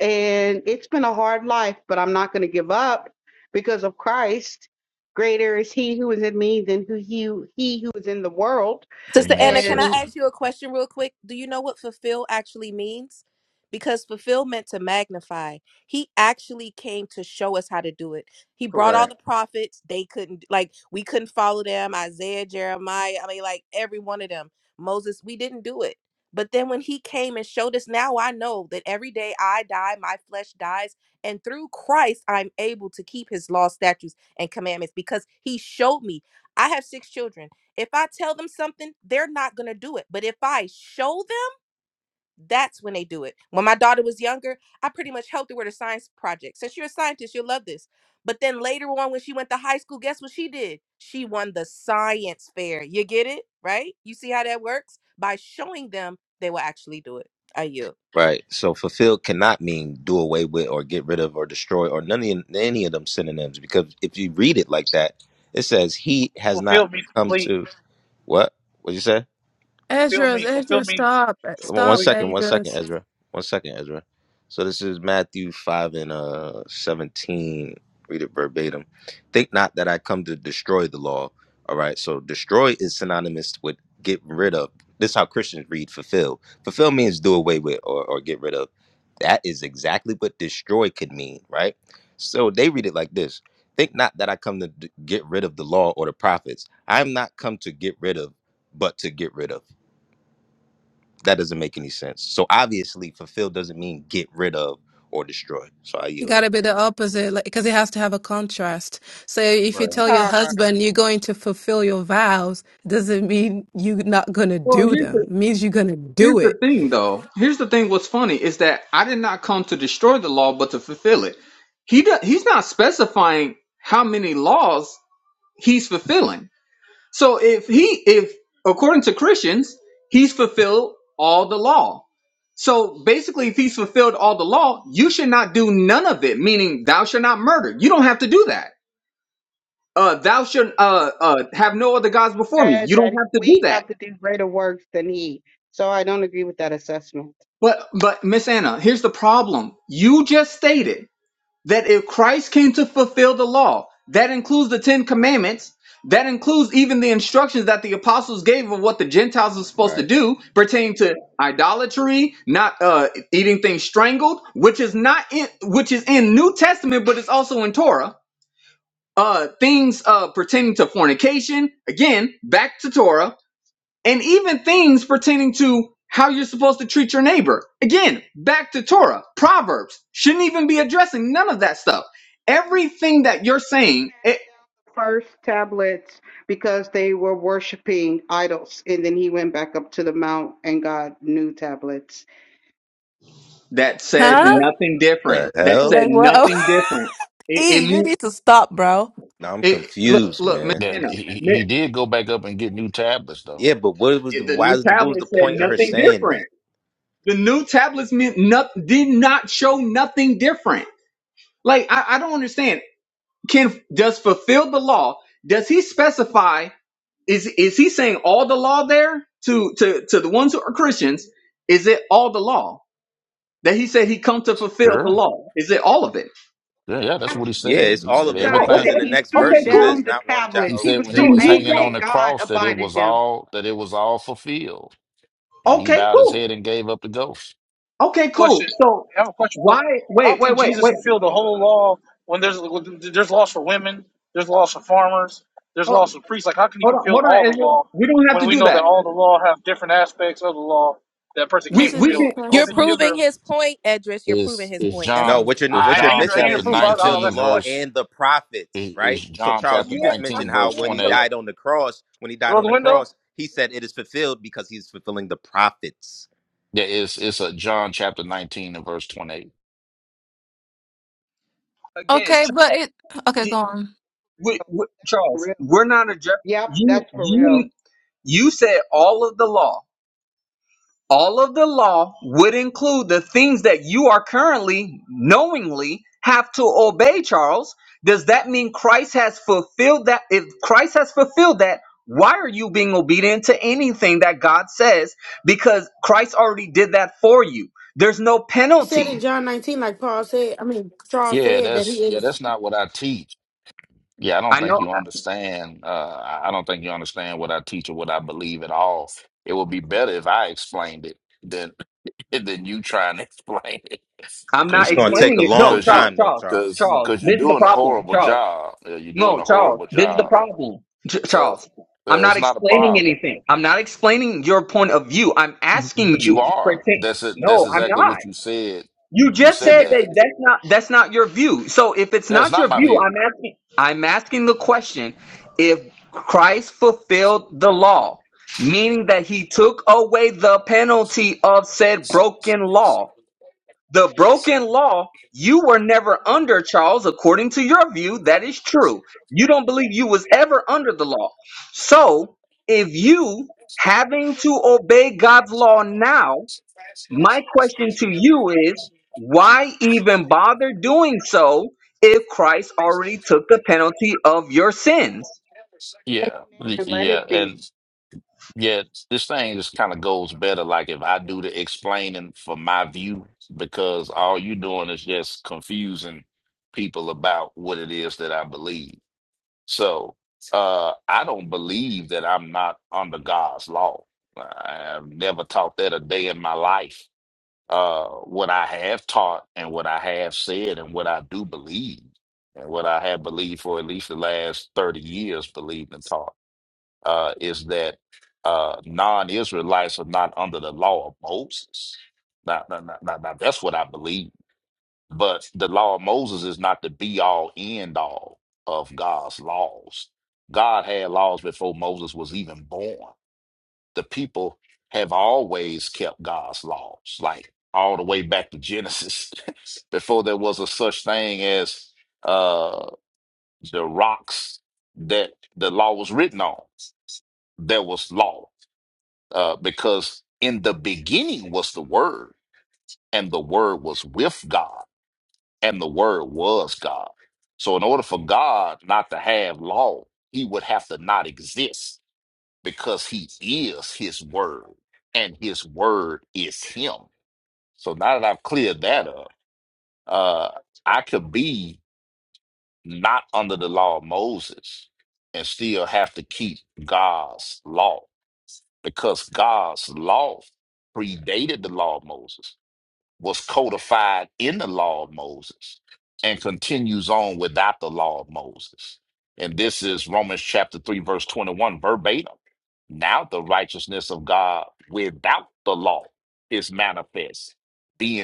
Speaker 30: and it's been a hard life, but I'm not going to give up because of Christ. Greater is He who is in me than who he, he who is in the world.
Speaker 9: Sister Anna, can I
Speaker 30: And
Speaker 9: ask you a question real quick? Do you know what fulfill actually means? Because fulfill meant to magnify. He actually came to show us how to do it. He brought
Speaker 26: correct.
Speaker 9: all the prophets. They couldn't, like, we couldn't follow them. Isaiah, Jeremiah, I mean, like, every one of them. Moses, we didn't do it. But then when he came and showed us, now I know that every day I die, my flesh dies. And through Christ, I'm able to keep his law, statutes, and commandments because he showed me. I have six children. If I tell them something, they're not going to do it. But if I show them, that's when they do it. When my daughter was younger, I pretty much helped her with a science project. Since you're a scientist, you'll love this. But then later on, when she went to high school, guess what she did? She won the science fair. You get it? Right? You see how that works? By showing them, they will actually do it. Are you?
Speaker 20: Right. So fulfill cannot mean do away with or get rid of or destroy or none of any of them synonyms because if you read it like that, it says he has not
Speaker 22: Fulfill me,
Speaker 20: come
Speaker 22: complete.
Speaker 20: to what? What you say?
Speaker 22: Fulfill
Speaker 10: Ezra's,
Speaker 22: me, fulfill
Speaker 10: Ezra,
Speaker 22: me,
Speaker 10: stop.
Speaker 20: One one
Speaker 10: Stop,
Speaker 22: complete.
Speaker 20: second, one
Speaker 10: Ezra.
Speaker 20: second, Ezra. One second, Ezra. So this is Matthew five and uh seventeen. Read it verbatim. Think not that I come to destroy the law. All right. So destroy is synonymous with get rid of. This is how Christians read fulfill. Fulfill means do away with or, or get rid of. That is exactly what destroy could mean, right? So they read it like this. Think not that I come to d- get rid of the law or the prophets. I am not come to get rid of, but to get rid of. That doesn't make any sense. So obviously, fulfill doesn't mean get rid of or destroy. So I
Speaker 10: You
Speaker 20: yield
Speaker 10: gotta
Speaker 20: right
Speaker 10: be the opposite, like, because it has to have a contrast. So if you
Speaker 26: Right.
Speaker 10: tell your
Speaker 9: Con.
Speaker 10: husband you're going to fulfill your vows, doesn't mean you're not gonna
Speaker 26: Well,
Speaker 10: do
Speaker 26: here's
Speaker 10: them.
Speaker 26: the
Speaker 10: It means you're gonna
Speaker 26: here's
Speaker 10: do
Speaker 26: the
Speaker 10: it.
Speaker 26: thing though. Here's the thing. What's funny is that I did not come to destroy the law, but to fulfill it. He do, he's not specifying how many laws he's fulfilling. So if he if according to Christians, he's fulfilled all the law. So basically, if he's fulfilled all the law, you should not do none of it. Meaning, thou shalt not murder. You don't have to do that. Uh, thou should uh, uh, have no other gods before me.
Speaker 30: said
Speaker 26: You don't
Speaker 30: that
Speaker 26: have to do
Speaker 30: we
Speaker 26: that
Speaker 30: have to do greater works than He. So I don't agree with that assessment.
Speaker 26: But but Miss Anna, here's the problem. You just stated that if Christ came to fulfill the law, that includes the Ten Commandments, that includes even the instructions that the apostles gave of what the Gentiles are supposed
Speaker 20: there.
Speaker 26: to
Speaker 20: Right.
Speaker 26: do pertaining to idolatry, not uh, eating things strangled, which is not in which is in New Testament, but it's also in Torah. Uh, things uh, pertaining to fornication, again, back to Torah and even things pertaining to how you're supposed to treat your neighbor. Again, back to Torah, Proverbs shouldn't even be addressing none of that stuff. Everything
Speaker 30: Moses
Speaker 26: that you're
Speaker 30: had to
Speaker 26: saying
Speaker 30: cast
Speaker 26: it,
Speaker 30: down the First tablets because they were worshiping idols, and then he went back up to the mount and got new tablets.
Speaker 26: that said
Speaker 20: What?
Speaker 10: Huh?
Speaker 26: nothing different.
Speaker 20: The
Speaker 26: That said
Speaker 20: hell?
Speaker 10: Like, whoa. [laughs]
Speaker 26: nothing different. It, it,
Speaker 10: E, you
Speaker 26: mean-
Speaker 10: need to stop, bro.
Speaker 20: Now I'm
Speaker 26: it look
Speaker 20: confused,
Speaker 26: look Miss
Speaker 20: man.
Speaker 26: Anna, Mi-
Speaker 20: Yeah, but what was the
Speaker 26: it- the new
Speaker 20: why was the, what was
Speaker 26: tablet
Speaker 20: the
Speaker 26: said
Speaker 20: point of her
Speaker 26: nothing
Speaker 20: saying
Speaker 26: different.
Speaker 20: that?
Speaker 26: The new tablets meant not, did not show nothing different. Like I, I don't understand. Can does fulfill the law? Does he specify? Is is he saying all the law there to to to the ones who are Christians? Is it all the law that he said he come to fulfill the law? Is it all of it?
Speaker 30: After it was
Speaker 20: Yeah, it's all of it
Speaker 26: Oh,
Speaker 30: disgust
Speaker 20: because
Speaker 30: that
Speaker 20: in
Speaker 26: okay,
Speaker 20: the
Speaker 30: he
Speaker 20: next
Speaker 30: threw
Speaker 20: verse
Speaker 26: okay,
Speaker 20: she says
Speaker 30: down
Speaker 26: cool.
Speaker 30: the
Speaker 20: not one jot
Speaker 30: tablets.
Speaker 20: or
Speaker 30: He
Speaker 20: one
Speaker 30: was so
Speaker 26: Then
Speaker 20: tittle.
Speaker 26: you
Speaker 30: angry and
Speaker 26: don't.
Speaker 30: God abided him.
Speaker 26: Okay, cool. Okay,
Speaker 22: Question.
Speaker 26: cool. So
Speaker 22: I have a question for.
Speaker 26: why?
Speaker 22: How
Speaker 26: Wait, wait,
Speaker 22: can
Speaker 26: wait,
Speaker 22: Jesus
Speaker 26: wait.
Speaker 22: fulfill the whole law when there's there's laws for women, there's laws for farmers, there's
Speaker 26: Oh,
Speaker 22: laws for priests? Like, how can he
Speaker 26: hold on,
Speaker 22: fulfill
Speaker 26: hold on.
Speaker 22: all the
Speaker 26: Ezra.
Speaker 22: law
Speaker 26: We don't have to
Speaker 22: when we
Speaker 26: do
Speaker 22: know that
Speaker 26: that.
Speaker 22: all the law have different aspects of the law that a person
Speaker 26: We
Speaker 22: can't
Speaker 10: That's a
Speaker 26: we
Speaker 10: good
Speaker 26: can
Speaker 22: fulfill? Like the whole
Speaker 9: You're
Speaker 22: nation
Speaker 10: question.
Speaker 22: of
Speaker 9: proving
Speaker 22: Israel.
Speaker 9: his point, Edris. You're proving his point. That's what
Speaker 20: No,
Speaker 9: he's
Speaker 20: what
Speaker 9: saying.
Speaker 20: you're what you're
Speaker 22: I, I ain't I
Speaker 20: missing
Speaker 22: ain't
Speaker 20: is he
Speaker 22: proof. I,
Speaker 20: fulfilled
Speaker 22: I'll
Speaker 20: the
Speaker 22: ask the
Speaker 20: law
Speaker 22: question.
Speaker 20: and the prophets, right? So Charles, you just mentioned how when he died on the cross, when he died
Speaker 22: Roll
Speaker 20: on
Speaker 22: the
Speaker 20: the
Speaker 22: window.
Speaker 20: cross, he said it is fulfilled because he's fulfilling the prophets.
Speaker 26: again,
Speaker 10: Okay, but
Speaker 26: Charles.
Speaker 10: it okay,
Speaker 26: y-
Speaker 10: go on.
Speaker 26: We, we,
Speaker 30: For
Speaker 26: Charles,
Speaker 30: real.
Speaker 26: we're not addressing
Speaker 30: Yep,
Speaker 26: you.
Speaker 30: that's for real.
Speaker 26: You you said all of the law. all of the law would include the things that you are currently knowingly have to obey charles does that mean christ has fulfilled that if christ has fulfilled that why are you being obedient to anything that god says because christ already did that for you there's no
Speaker 4: He said
Speaker 26: penalty
Speaker 4: in John 19, like Paul said, I mean Charles said that he it was
Speaker 26: i know i'm
Speaker 20: It's
Speaker 26: not
Speaker 20: going to take
Speaker 26: explaining
Speaker 20: a
Speaker 26: it no
Speaker 20: long
Speaker 26: charles
Speaker 20: time, though,
Speaker 26: charles
Speaker 20: Charles. Come
Speaker 26: charles
Speaker 20: on.
Speaker 26: this is the problem charles No, Charles, this is the problem. Ch- Charles, I'm not explaining anything. I'm not explaining your point of view. I'm asking you. for t- No, I'm not. You just said that that's not that's not your view. So if it's not your view, I'm asking I'm asking the question if Christ fulfilled the law, meaning that he took away the penalty of said broken law. The broken law, you were never under, Charles, according to your view. That is true. You don't believe you was ever under the law. So if you having to obey God's law now, my question to you is why even bother doing so if Christ already took the penalty of your sins?
Speaker 30: And let it be.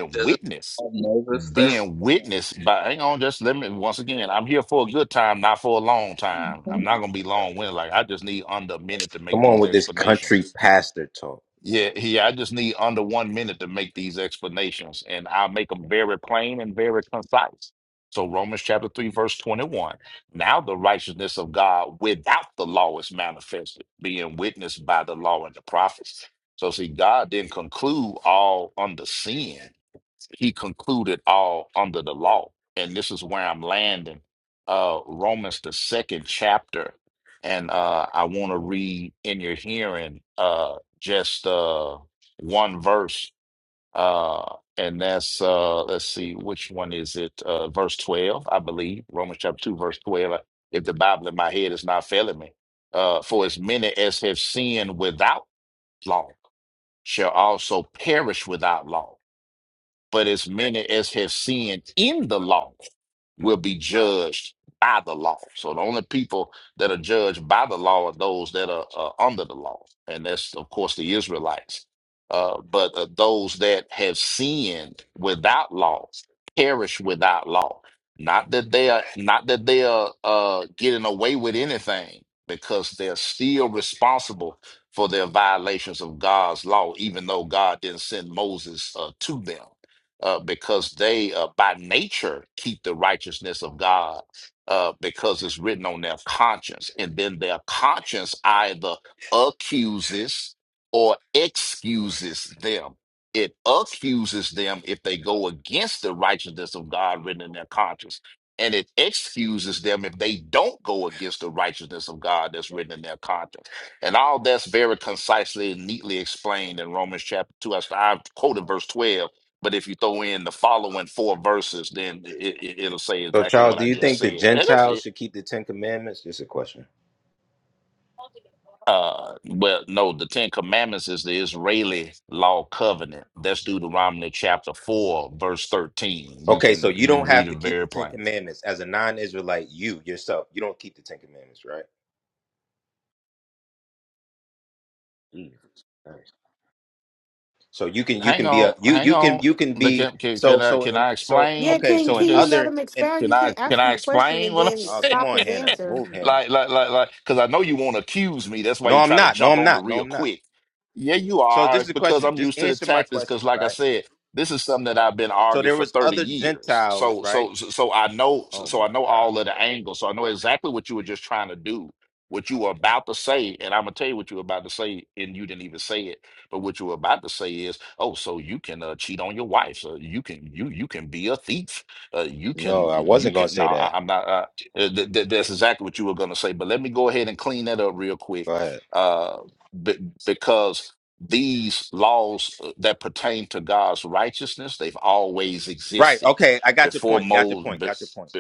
Speaker 26: Does it have Moses there?
Speaker 20: Come on with this country pastor talk. So, Charles, do you think the Gentiles should keep the Ten Commandments? Just a question. Okay, so you don't have to keep the Ten Commandments. As a non Israelite, you yourself, you don't keep the Ten Commandments, right? Mm. All right. So you can you can be a you you can you can be so so in so
Speaker 4: Yeah,
Speaker 20: okay
Speaker 4: can
Speaker 20: so in
Speaker 4: can you let
Speaker 20: other
Speaker 4: him
Speaker 20: and
Speaker 4: expound? You can't ask him a question and then
Speaker 20: uh come
Speaker 4: stop
Speaker 20: on
Speaker 4: his
Speaker 20: Hannah
Speaker 4: answer.
Speaker 20: move Hannah no I'm not no I'm not no I'm not so this is a question just answer my question right so there was other Gentiles right Oh my God. No, I wasn't gonna say that. Go ahead. Right. Okay. I got your point. Got your point. Got your point.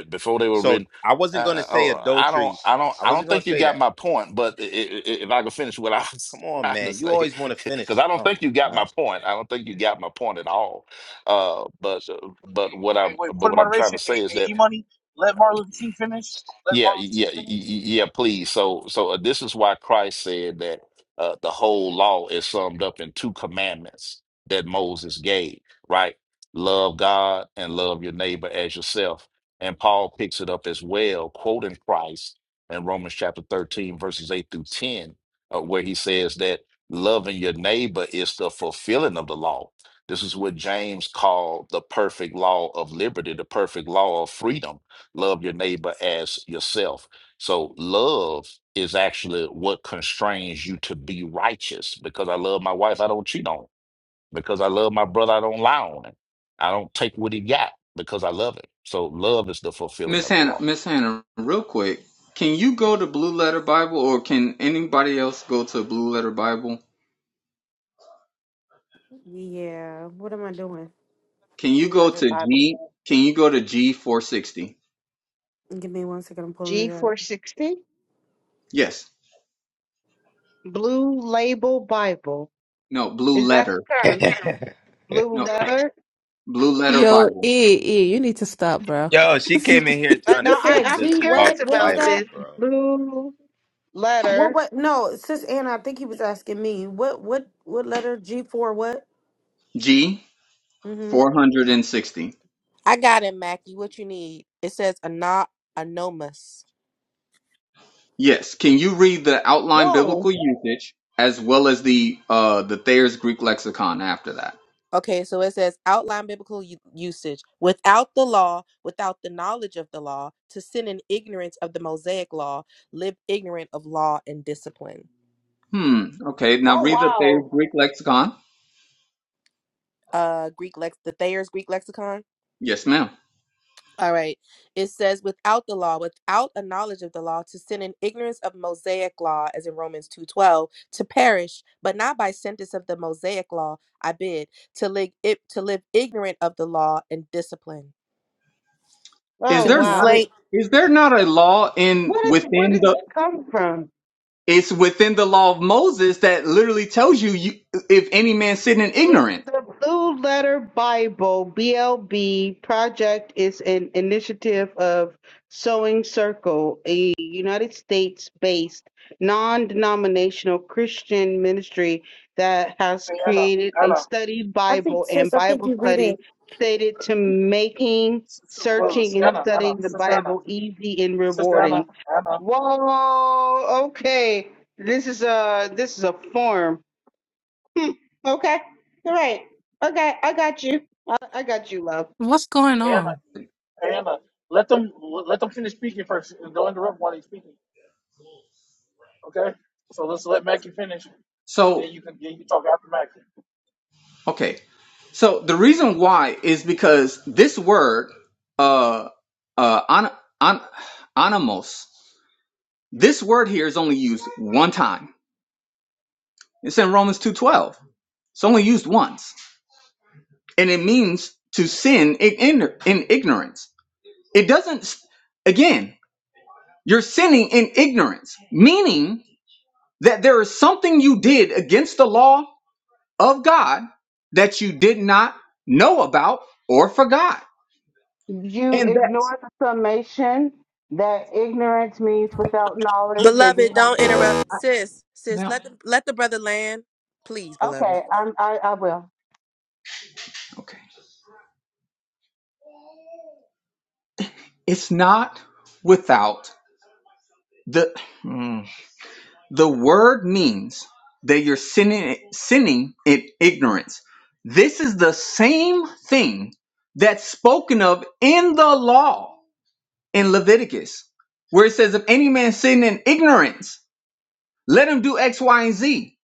Speaker 20: So I wasn't gonna say adultery. I wasn't gonna say that. Come on, man. You always want to finish. Oh my
Speaker 22: Hey, wait, put in moderation. Hey, hey, E Money, let Martin Luther King finish. Let Martin Luther King finish.
Speaker 26: Miss Hannah, Miss Hannah, real quick, can you go to Blue Letter Bible, or can anybody else go to Blue Letter Bible?
Speaker 4: Yeah, what am I doing?
Speaker 26: Can you
Speaker 30: Blue
Speaker 26: go
Speaker 30: letter
Speaker 26: to
Speaker 30: Bible.
Speaker 26: G? Can you go to G four sixty?
Speaker 4: Give me one second, I'm pulling it up.
Speaker 30: G460,
Speaker 26: Yes.
Speaker 30: Blue Label Bible.
Speaker 26: No. Blue
Speaker 30: Is that
Speaker 26: Letter.
Speaker 30: the term?
Speaker 20: god.
Speaker 30: Blue
Speaker 26: No.
Speaker 30: letter?
Speaker 26: Blue Letter
Speaker 10: Yo, E,
Speaker 26: Bible.
Speaker 10: E, you need to stop,
Speaker 20: [laughs]
Speaker 10: bro.
Speaker 20: Yo, she
Speaker 10: [laughs]
Speaker 20: came in here
Speaker 30: Uh,
Speaker 20: trying
Speaker 4: You
Speaker 20: to
Speaker 30: no, I,
Speaker 20: teach
Speaker 4: said
Speaker 30: I'm
Speaker 20: us
Speaker 4: G
Speaker 20: about
Speaker 30: curious
Speaker 4: what?
Speaker 20: the
Speaker 4: What was
Speaker 30: about
Speaker 20: Bible,
Speaker 30: this.
Speaker 4: that?
Speaker 20: bro.
Speaker 30: Blue
Speaker 4: What
Speaker 30: letter.
Speaker 4: what no, sis Anna, I think he was asking me. What what what letter G for what?
Speaker 26: G
Speaker 4: Mm-hmm.
Speaker 26: four hundred and sixty.
Speaker 9: I got it, Mackie. What you need? It says ano- anonymous.
Speaker 26: Yes. Can you read the outline
Speaker 30: Whoa.
Speaker 26: biblical usage as well as the uh the Thayer's Greek lexicon after that?
Speaker 9: Okay, so it says outline biblical u- usage without the law, without the knowledge of the law, to sin in ignorance of the Mosaic law, live ignorant of law and discipline.
Speaker 26: Hmm. Okay. Now
Speaker 30: Oh,
Speaker 26: read the Thayer's
Speaker 30: wow.
Speaker 26: Greek lexicon.
Speaker 9: Uh, Greek lex, the Thayer's Greek lexicon.
Speaker 26: Yes, ma'am.
Speaker 9: All right, it says without the law, without a knowledge of the law, to sin in ignorance of Mosaic law, as in Romans two twelve, to perish, but not by sentence of the Mosaic law. I bid to live to live ignorant of the law and discipline,
Speaker 26: Is
Speaker 30: Oh,
Speaker 9: to be
Speaker 26: there not a
Speaker 30: wow.
Speaker 9: slain.
Speaker 26: is there not a law in
Speaker 30: What is, where
Speaker 26: within
Speaker 30: does
Speaker 26: the
Speaker 30: this come from?
Speaker 26: it's within the law of Moses that literally tells you, you if any man sin in ignorant.
Speaker 30: the Blue Letter Bible BLB project is an initiative of Sewing Circle, a United States-based non-denominational Christian ministry that has
Speaker 22: Hey, Anna,
Speaker 30: created a
Speaker 22: Anna,
Speaker 30: study
Speaker 4: I
Speaker 30: Bible
Speaker 4: think
Speaker 30: and
Speaker 4: sis, I think
Speaker 30: Bible
Speaker 4: you read
Speaker 30: study
Speaker 4: it.
Speaker 30: stated to making
Speaker 22: Sister Willis,
Speaker 30: searching and
Speaker 22: Anna, Anna,
Speaker 30: studying the
Speaker 22: Sister Anna,
Speaker 30: Bible easy and
Speaker 22: Sister Anna,
Speaker 30: rewarding.
Speaker 22: Anna,
Speaker 30: Whoa, okay. This is a this is a form. Hmm. Okay. All right. Okay. I got you. I, I got you, love.
Speaker 10: What's going
Speaker 22: Anna,
Speaker 10: on?
Speaker 22: Anna. Let them let them finish speaking first. and Don't interrupt while they're speaking. Okay. So let's let Mackie finish.
Speaker 26: So
Speaker 22: Then you can then you can talk after Mackie.
Speaker 26: okay. So the reason why is because this word uh uh on, on, animos, this word here is only used one time. It's in Romans 2:12. It's only used once. And it means to sin in, in, in ignorance. It doesn't again You're sinning in ignorance, meaning that there is something you did against the law of God that you did not know about or forgot.
Speaker 30: You
Speaker 26: And
Speaker 30: ignore the summation that ignorance means without knowledge, and you
Speaker 9: Beloved,
Speaker 30: have
Speaker 9: don't
Speaker 30: to.
Speaker 9: interrupt. Sis, sis,
Speaker 26: now,
Speaker 9: let the, let the brother land. Please, beloved.
Speaker 30: Okay. I'm. I. I will.
Speaker 26: okay, it's not without the mm, the word means that you're sinning sinning in ignorance. This is the same thing that's spoken of in the law in Leviticus, where it says, "If any man sin in ignorance." Let them do X, Y, and Z.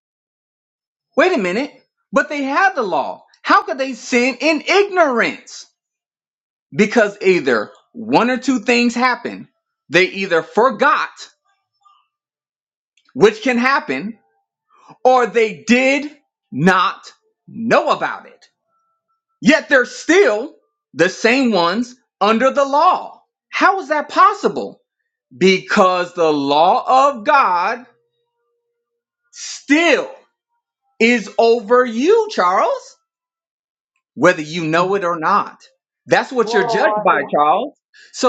Speaker 26: Wait a minute. But they have the law. How could they sin in ignorance? Because either one or two things happen. They either forgot, which can happen, or they did not know about it. Yet they're still the same ones under the law. How is that possible? Because the law of God still is over you, Charles. whether you know it or not. That's what you're judged by,
Speaker 30: Whoa.
Speaker 26: Charles.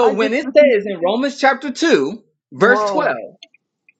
Speaker 30: I, I
Speaker 26: when
Speaker 30: just
Speaker 26: it
Speaker 30: listened.
Speaker 26: says in Romans chapter 2, verse
Speaker 30: Whoa.
Speaker 26: 12,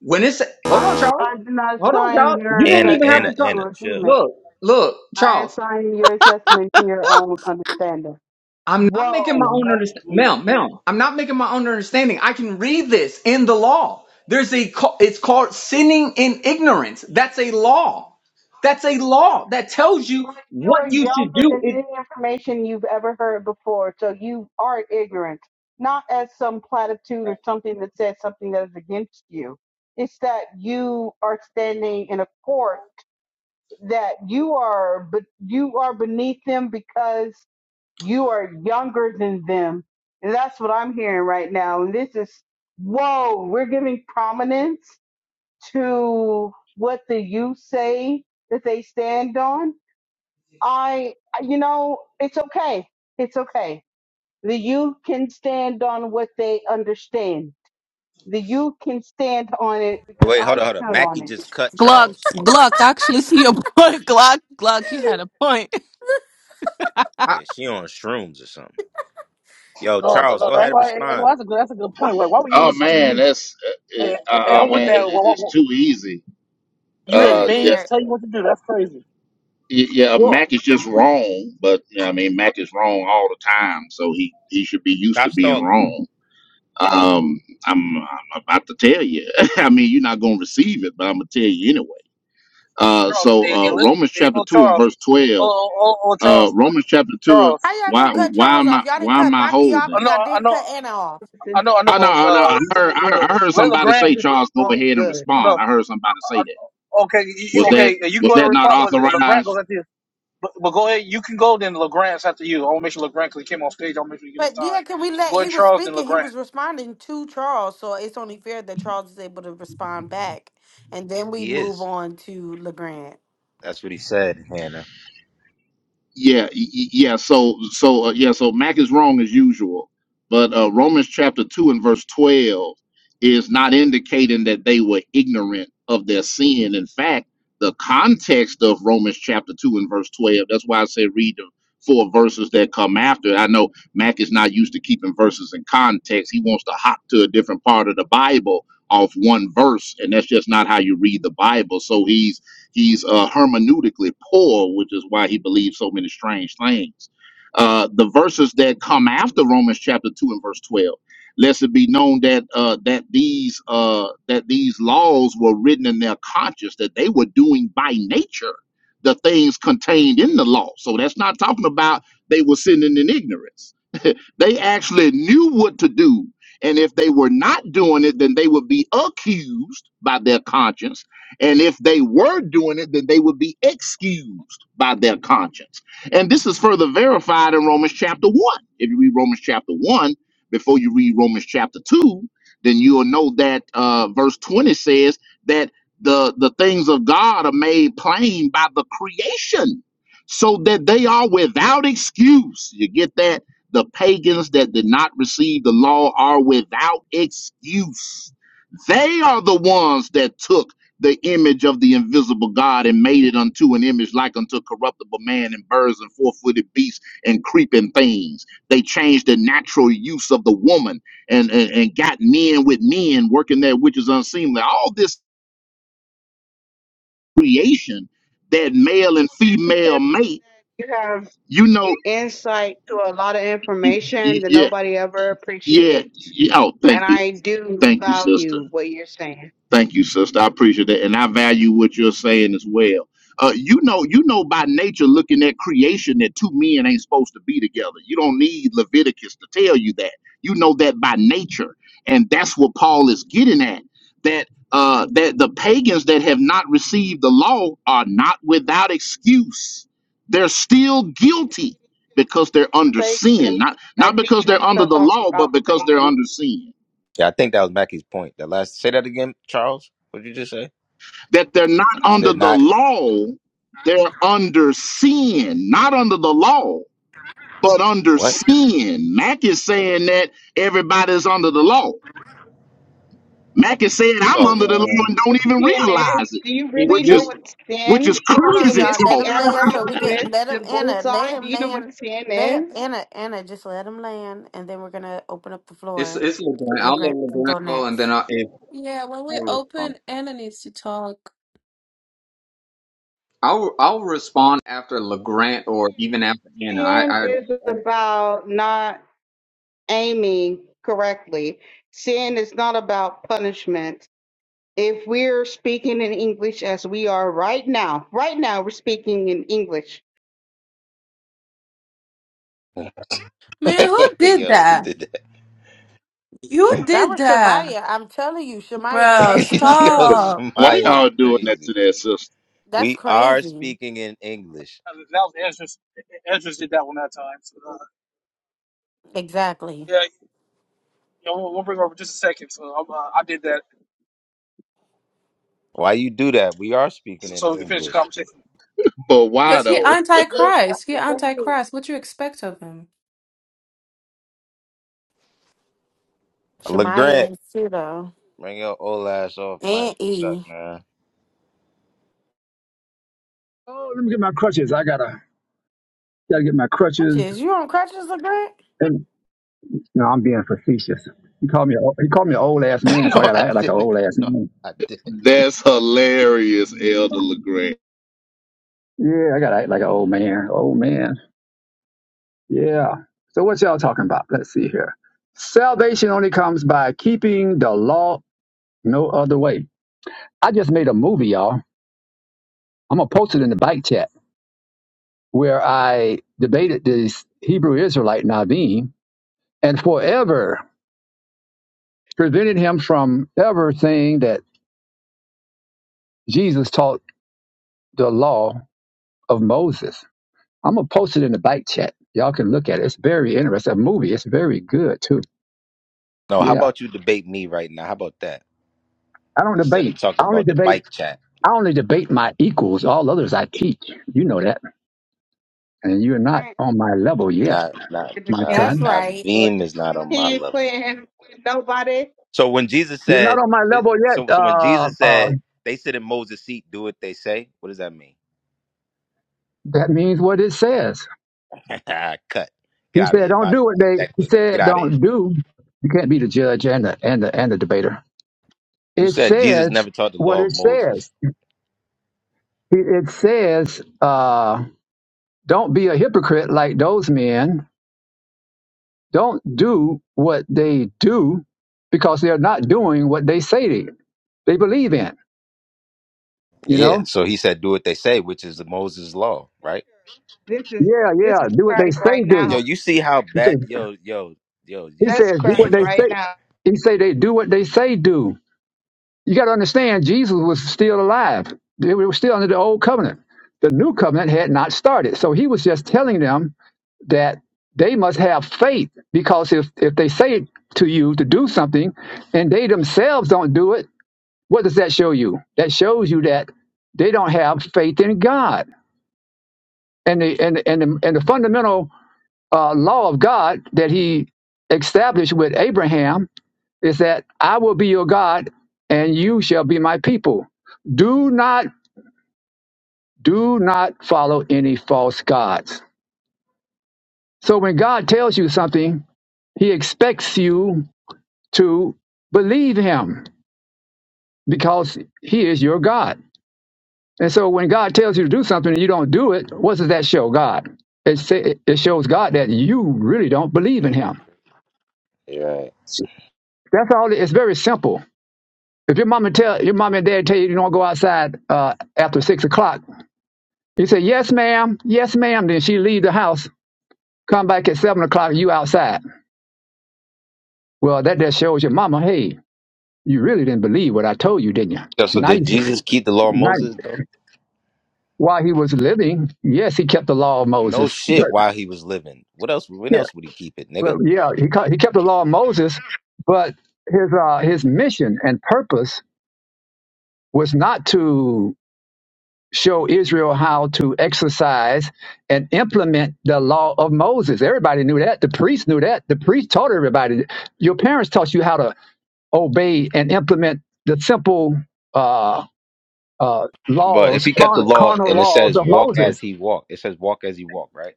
Speaker 26: when it says, hold
Speaker 30: I.
Speaker 26: on,
Speaker 30: I
Speaker 26: Charles.
Speaker 30: did not
Speaker 26: Hold on,
Speaker 30: assign
Speaker 26: Charles.
Speaker 30: your
Speaker 26: You didn't
Speaker 20: Anna,
Speaker 26: even have
Speaker 20: Anna,
Speaker 30: assessment
Speaker 26: to talk.
Speaker 30: to
Speaker 20: Anna,
Speaker 30: a
Speaker 20: chill.
Speaker 30: human.
Speaker 26: Look, look,
Speaker 30: I
Speaker 26: Charles.
Speaker 30: assign your assessment to your own understanding.
Speaker 26: I'm not making my
Speaker 30: Whoa.
Speaker 26: own
Speaker 30: That's
Speaker 26: understanding.
Speaker 30: deep.
Speaker 26: Ma'am, ma'am, I'm not making my own understanding. I can read this in the law. There's a, ca- it's called sinning in ignorance. That's a law. That's a law that tells you
Speaker 30: But you
Speaker 26: what
Speaker 30: are
Speaker 26: you should
Speaker 30: younger
Speaker 26: do.
Speaker 30: than
Speaker 26: If,
Speaker 30: any information you've ever heard before, so you are ignorant. Not as some platitude or something that says something that is against you. It's that you are standing in a court that you are, but you are beneath them because you are younger than them. And that's what I'm hearing right now. And this is, whoa, we're giving prominence to what the youth say that they stand on I, you know, it's okay. It's okay. The youth can stand on what they understand. The youth can stand on it because
Speaker 20: Wait,
Speaker 30: I
Speaker 20: hold on, hold on.
Speaker 30: stood
Speaker 20: Mackie
Speaker 30: on it.
Speaker 20: just cut
Speaker 10: Glock,
Speaker 20: Charles.
Speaker 10: Glock, I actually see your [laughs] point. Glock, Glock, you had a point.
Speaker 26: I,
Speaker 20: Yeah, she on shrooms or something. Yo,
Speaker 22: No, no,
Speaker 20: Charles,
Speaker 22: no,
Speaker 20: go
Speaker 22: no.
Speaker 20: ahead
Speaker 22: ain't
Speaker 20: and
Speaker 22: like- ain't
Speaker 20: respond.
Speaker 22: like- That's a good, that's a good
Speaker 26: I,
Speaker 22: point. Like, why would you
Speaker 28: Oh
Speaker 22: listen to the
Speaker 28: man,
Speaker 22: youth?
Speaker 28: that's uh,
Speaker 22: Hey, hey,
Speaker 28: uh,
Speaker 22: hey,
Speaker 28: oh
Speaker 22: I'm with
Speaker 28: man, it,
Speaker 22: that. Why-
Speaker 28: it-
Speaker 22: why-
Speaker 28: it's
Speaker 22: why-
Speaker 28: too easy.
Speaker 22: You
Speaker 4: Grant
Speaker 22: letting
Speaker 28: Uh,
Speaker 4: in
Speaker 28: yeah,
Speaker 22: babes
Speaker 4: there.
Speaker 22: tell you what to do? That's crazy.
Speaker 28: yeah, uh,
Speaker 26: well,
Speaker 28: Mac is just wrong, but you know, I mean, Mac is wrong all the time, so he he should be used to
Speaker 20: Stop
Speaker 28: being
Speaker 20: stalling.
Speaker 28: wrong. Um, I'm, I'm about to tell you. [laughs] I mean, you're not gonna receive it, but I'm gonna tell you anyway. Uh,
Speaker 22: Charles,
Speaker 28: so
Speaker 22: hey, hey,
Speaker 28: uh,
Speaker 22: let-
Speaker 28: Romans
Speaker 22: hey,
Speaker 28: chapter
Speaker 22: oh
Speaker 28: two and
Speaker 22: Charles,
Speaker 28: verse
Speaker 22: oh,
Speaker 28: twelve.
Speaker 22: oh, oh, oh
Speaker 28: Uh,
Speaker 22: Charles,
Speaker 28: Romans chapter two.
Speaker 22: Charles.
Speaker 4: How y'all
Speaker 28: Why
Speaker 4: gonna cut
Speaker 28: why
Speaker 4: Charles
Speaker 28: am
Speaker 4: off?
Speaker 28: I
Speaker 4: Y'all didn't
Speaker 28: why am
Speaker 4: cut
Speaker 28: I
Speaker 4: Maki off
Speaker 28: holding?
Speaker 22: I
Speaker 4: and
Speaker 22: know,
Speaker 4: y'all
Speaker 22: I
Speaker 4: didn't
Speaker 22: know,
Speaker 4: cut Anna off.
Speaker 30: This
Speaker 22: I
Speaker 30: is
Speaker 22: know, I know,
Speaker 28: I know,
Speaker 22: but
Speaker 28: I know.
Speaker 22: uh,
Speaker 28: I heard, I heard I
Speaker 30: good.
Speaker 28: heard
Speaker 22: let
Speaker 28: somebody
Speaker 22: LeGrant.
Speaker 30: This
Speaker 28: say,
Speaker 30: is
Speaker 28: Charles, go
Speaker 30: so
Speaker 28: ahead and
Speaker 30: good.
Speaker 22: I
Speaker 28: respond.
Speaker 22: know.
Speaker 28: I heard somebody say
Speaker 22: I,
Speaker 28: that.
Speaker 22: okay, you you-
Speaker 28: Was that
Speaker 22: okay? uh, You can
Speaker 28: was
Speaker 22: go ahead and
Speaker 28: that not
Speaker 22: respond, but LeGrant
Speaker 28: authorized?
Speaker 22: goes after you. But, but go ahead, you can go. Then LeGrant's after you. I want to make sure LeGrant, because he came off stage, I want to make sure you get his
Speaker 4: But yeah,
Speaker 22: time.
Speaker 4: can we
Speaker 22: So
Speaker 4: let
Speaker 22: go
Speaker 4: he
Speaker 22: ahead,
Speaker 4: was
Speaker 22: Charles, then
Speaker 4: speaking, he
Speaker 22: LeGrant.
Speaker 4: was responding to Charles, so it's only fair that Charles is able to respond back. And then we
Speaker 20: He
Speaker 4: move
Speaker 20: is.
Speaker 4: on to LeGrand.
Speaker 20: That's what he said, Hannah.
Speaker 28: Yeah, y- y- yeah. So, so uh, yeah. So Mac is wrong as usual, but uh, Romans chapter two and verse twelve is not indicating that they were ignorant of their sin. In fact, the context of Romans chapter two and verse twelve. That's why I say read the four verses that come after. I know Mac is not used to keeping verses in context. He wants to hop to a different part of the Bible off one verse, and that's just not how you read the Bible. So he's He's uh, hermeneutically poor, which is why he believes so many strange things. Uh, the verses that come after Romans chapter two and verse twelve, lest it be known that uh, that these uh, that these laws were written in their conscience, that they were doing by nature the things contained in the law. So that's not talking about they were sinning in ignorance they actually knew what to do. And if they were not doing it, then they would be accused by their conscience. And if they were doing it, then they would be excused by their conscience. And this is further verified in Romans chapter 1. If you read Romans chapter 1 before you read Romans chapter 2, then you'll know that uh, verse 20 says that the, the things of God are made plain by the creation so that they are without excuse. You get that? The pagans that did not receive the law are without excuse. They are the ones that took the image of the invisible God and made it unto an image like unto corruptible man and birds and four footed beasts and creeping things. They changed the natural use of the woman and, and, and got men with men working that which is unseemly. All this creation that male and
Speaker 30: Charles, I can tell
Speaker 28: female mate,
Speaker 30: that you have
Speaker 28: you know,
Speaker 30: insight to a lot of
Speaker 28: y-
Speaker 30: information
Speaker 28: y-
Speaker 30: that
Speaker 28: yeah,
Speaker 30: nobody ever
Speaker 28: yeah,
Speaker 30: appreciates.
Speaker 28: yeah. Oh, thank
Speaker 30: And
Speaker 28: you.
Speaker 30: I do
Speaker 28: Thank you, sister.
Speaker 30: value what you're saying.
Speaker 28: Thank you, sister. I appreciate that, and I value what you're saying as well. Uh, you know, you know by nature, looking at creation, that two men ain't supposed to be together. You don't need Leviticus to tell you that. You know that by nature, and that's what Paul is getting at. That uh, that the pagans that have not received the law are not without excuse. They're still guilty because they're
Speaker 30: The
Speaker 28: under
Speaker 30: Fagin.
Speaker 28: sin, not
Speaker 30: I
Speaker 28: not
Speaker 30: think
Speaker 28: because
Speaker 30: you
Speaker 28: they're
Speaker 30: can
Speaker 28: under
Speaker 30: start
Speaker 28: the
Speaker 30: talking
Speaker 28: law, but
Speaker 30: about the
Speaker 28: because they're
Speaker 30: Fagin.
Speaker 28: under sin.
Speaker 20: Yeah, I think that was Mackey's point. The last say that again, Charles. What did you just say?
Speaker 28: that they're not
Speaker 20: They're
Speaker 28: under the
Speaker 20: not
Speaker 28: law, they're under sin, not under the law, but under
Speaker 20: what?
Speaker 28: sin. Mac is saying that everybody's under the law.
Speaker 30: what
Speaker 28: Mac is saying
Speaker 30: sin
Speaker 28: I'm
Speaker 20: Oh.
Speaker 28: under the law
Speaker 30: is? You know
Speaker 28: and
Speaker 30: what
Speaker 28: don't even
Speaker 30: sin is?
Speaker 28: realize it,
Speaker 30: Do you
Speaker 26: if
Speaker 30: really
Speaker 28: which
Speaker 26: you
Speaker 30: know
Speaker 28: is
Speaker 30: what
Speaker 28: which is
Speaker 30: sin?
Speaker 4: Hold on,
Speaker 30: To
Speaker 28: crazy
Speaker 4: y'all.
Speaker 30: miss
Speaker 4: Let
Speaker 30: the
Speaker 28: talk.
Speaker 4: him land
Speaker 30: arrow,
Speaker 4: so we
Speaker 30: to
Speaker 4: get
Speaker 30: miss
Speaker 4: let
Speaker 30: the
Speaker 4: him Anna. Let
Speaker 30: bullseye. Do
Speaker 4: him
Speaker 30: you know what
Speaker 4: land.
Speaker 30: sin
Speaker 4: Let him,
Speaker 30: is?
Speaker 4: Anna Anna just let him land and then we're gonna open up the
Speaker 26: It's
Speaker 4: floor.
Speaker 26: it's LeGrant. I'll let
Speaker 4: LeGrand can go
Speaker 26: LeGrant go, and
Speaker 4: next.
Speaker 26: then I'll, if
Speaker 10: Yeah, when
Speaker 26: I'll
Speaker 10: we're
Speaker 26: respond.
Speaker 10: open, Anna needs to talk.
Speaker 26: I'll I'll respond after LeGrant or even after Anna. I
Speaker 30: Sin
Speaker 26: I
Speaker 30: is about not aiming correctly. Sin is not about punishment. If we're speaking in English as we are right now, right now we're speaking in English.
Speaker 20: [laughs]
Speaker 10: Man, who did
Speaker 20: Yo, who
Speaker 10: that?
Speaker 20: did that?
Speaker 10: You
Speaker 4: That
Speaker 10: did
Speaker 4: was
Speaker 10: that,
Speaker 4: Shamaya. I'm telling you, Shamaya
Speaker 10: bro.
Speaker 4: had
Speaker 20: [laughs]
Speaker 4: to drop her
Speaker 20: Yo,
Speaker 4: again.
Speaker 10: Stop.
Speaker 28: Why
Speaker 20: Shemaya is
Speaker 28: y'all doing that to
Speaker 20: crazy.
Speaker 28: that sister?
Speaker 4: That's
Speaker 20: We are
Speaker 4: crazy.
Speaker 20: speaking in English.
Speaker 22: Uh, That was Ezra's. Ezra's did that one that time. So, uh,
Speaker 4: Exactly.
Speaker 22: yeah, yeah, we'll, we'll bring it over just a second. So I'm, uh, I did that,
Speaker 20: Why you do that? We are speaking
Speaker 22: so,
Speaker 20: in
Speaker 22: so we can finish the
Speaker 20: English.
Speaker 22: conversation.
Speaker 28: But why
Speaker 10: Because he
Speaker 28: though?
Speaker 10: antichrist. He antichrist. What you expect of him?
Speaker 4: Shemaya
Speaker 20: LeGrant,
Speaker 4: and Sudo
Speaker 20: bring your old ass off mic.
Speaker 4: and
Speaker 20: What's up,
Speaker 4: E.
Speaker 20: man?
Speaker 31: Oh, let me get my crutches. I gotta gotta get my crutches.
Speaker 4: Crutches, you on crutches, LeGrant?
Speaker 31: And no, I'm being facetious. He called me a- he called me an old ass
Speaker 20: [laughs]
Speaker 31: man, so I
Speaker 20: no,
Speaker 31: gotta
Speaker 20: I
Speaker 31: act like an
Speaker 20: didn't.
Speaker 31: old ass
Speaker 20: No,
Speaker 31: man.
Speaker 20: I didn't.
Speaker 28: That's hilarious, Elder
Speaker 31: Yeah, I gotta act like an old man. Old man. Yeah. So what y'all talking about? Let's see here. Salvation only comes by keeping the law no other way. I just made a movie, y'all. I'm gonna post it in the bike chat where I debated this Hebrew Israelite Naveem and forever prevented him from ever saying that Jesus taught the law of Moses. I'm gonna post it in the bike chat. Y'all can look at it. It's very interesting. A movie. It's very good too.
Speaker 20: No, how
Speaker 31: Yeah.
Speaker 20: about you debate me right now? How about that?
Speaker 31: I don't
Speaker 20: Instead of
Speaker 31: debate. I
Speaker 20: talking
Speaker 31: only
Speaker 20: about the
Speaker 31: debate.
Speaker 20: bike chat.
Speaker 31: I only debate my equals. All others I teach. You know that. And you're not
Speaker 30: Grant,
Speaker 31: on my level yet,
Speaker 20: Not not
Speaker 30: the
Speaker 31: my
Speaker 20: all right.
Speaker 30: cadence
Speaker 4: That's
Speaker 31: son.
Speaker 30: of his
Speaker 4: right.
Speaker 30: voice.
Speaker 20: Naveem is not on my
Speaker 30: He ain't
Speaker 20: level. So.
Speaker 30: playing with nobody.
Speaker 20: So when Jesus
Speaker 31: You're not
Speaker 20: said,
Speaker 31: on my level yet.
Speaker 20: so, so when
Speaker 31: Uh,
Speaker 20: Jesus
Speaker 31: uh,
Speaker 20: said, they sit in Moses' seat, do what they say, what does that mean?
Speaker 31: that means what it says.
Speaker 20: [laughs] Cut. Get
Speaker 31: He
Speaker 20: out of
Speaker 31: said,
Speaker 20: here.
Speaker 31: "Don't
Speaker 20: Body
Speaker 31: do what
Speaker 20: bag.
Speaker 31: they."
Speaker 20: That
Speaker 31: He
Speaker 20: quick. Get
Speaker 31: said,
Speaker 20: out of here.
Speaker 31: "Don't do." You can't be the judge and the and the and the debater.
Speaker 20: You
Speaker 31: It
Speaker 20: said Jesus
Speaker 31: says
Speaker 20: never taught the
Speaker 31: what
Speaker 20: law of
Speaker 31: it
Speaker 20: Moses.
Speaker 31: says. It it says. Uh, Don't be a hypocrite like those men. Don't do what they do because they're not doing what they say they, they believe in, you
Speaker 20: Yeah.
Speaker 31: know?
Speaker 20: So he said, do what they say, which is the Moses law, right?
Speaker 30: This is
Speaker 31: Yeah, yeah,
Speaker 30: this is
Speaker 31: do what they
Speaker 30: Christ
Speaker 31: say
Speaker 30: right
Speaker 31: do.
Speaker 20: Yo,
Speaker 30: now.
Speaker 20: you see how
Speaker 31: He
Speaker 20: bad,
Speaker 31: says,
Speaker 20: yo, yo, yo.
Speaker 31: he
Speaker 20: You,
Speaker 30: That's
Speaker 31: says
Speaker 20: [laughs]
Speaker 31: do what
Speaker 30: Christ
Speaker 31: they
Speaker 30: right
Speaker 31: say.
Speaker 30: now.
Speaker 31: He say they do what they say do. You got to understand, Jesus was still alive. They were still under the old covenant. The new covenant had not started. So he was just telling them that they must have faith because if, if they say to you to do something and they themselves don't do it, What does that show you? That shows you that they don't have faith in God and the and and the, and the fundamental uh, law of God that He established with Abraham is that I will be your God and you shall be my people. Do not do not follow any false gods. So when God tells you something, He expects you to believe Him because He is your God. And so when God tells you to do something and you don't do it, what does that show God? It, say, it shows God that you really don't believe in Him.
Speaker 20: You're right.
Speaker 31: That's all. It's very simple. If your mama tell your mom and dad tell you you don't go outside uh, after six o'clock, you say yes, ma'am, yes, ma'am. Then she leave the house, come back at seven o'clock, you outside. Well, that just shows your mama, hey, you really didn't believe what I told you, didn't you?
Speaker 20: Yo, so
Speaker 31: Now,
Speaker 20: did
Speaker 31: you-
Speaker 20: Jesus keep the law of
Speaker 31: now
Speaker 20: Moses, though?
Speaker 31: while he was living, yes, he kept the law of
Speaker 20: No
Speaker 31: Moses. but
Speaker 20: shit while he was living. What else? When
Speaker 31: yeah.
Speaker 20: else would he keep it,
Speaker 31: But
Speaker 20: nigga?
Speaker 31: yeah, he ca- he kept the law of Moses, but his uh, his mission and purpose was not to show Israel how to exercise and implement the law of Moses. Everybody knew that. The priest knew that. The priest taught everybody. Your parents taught you how to obey and implement the simple uh, uh,
Speaker 20: But if
Speaker 31: laws,
Speaker 20: he kept the
Speaker 31: carnal,
Speaker 20: law
Speaker 31: carnal
Speaker 20: and it
Speaker 31: laws
Speaker 20: says
Speaker 31: of
Speaker 20: walk as
Speaker 31: Moses.
Speaker 20: he walked, it says walk as he walked, right?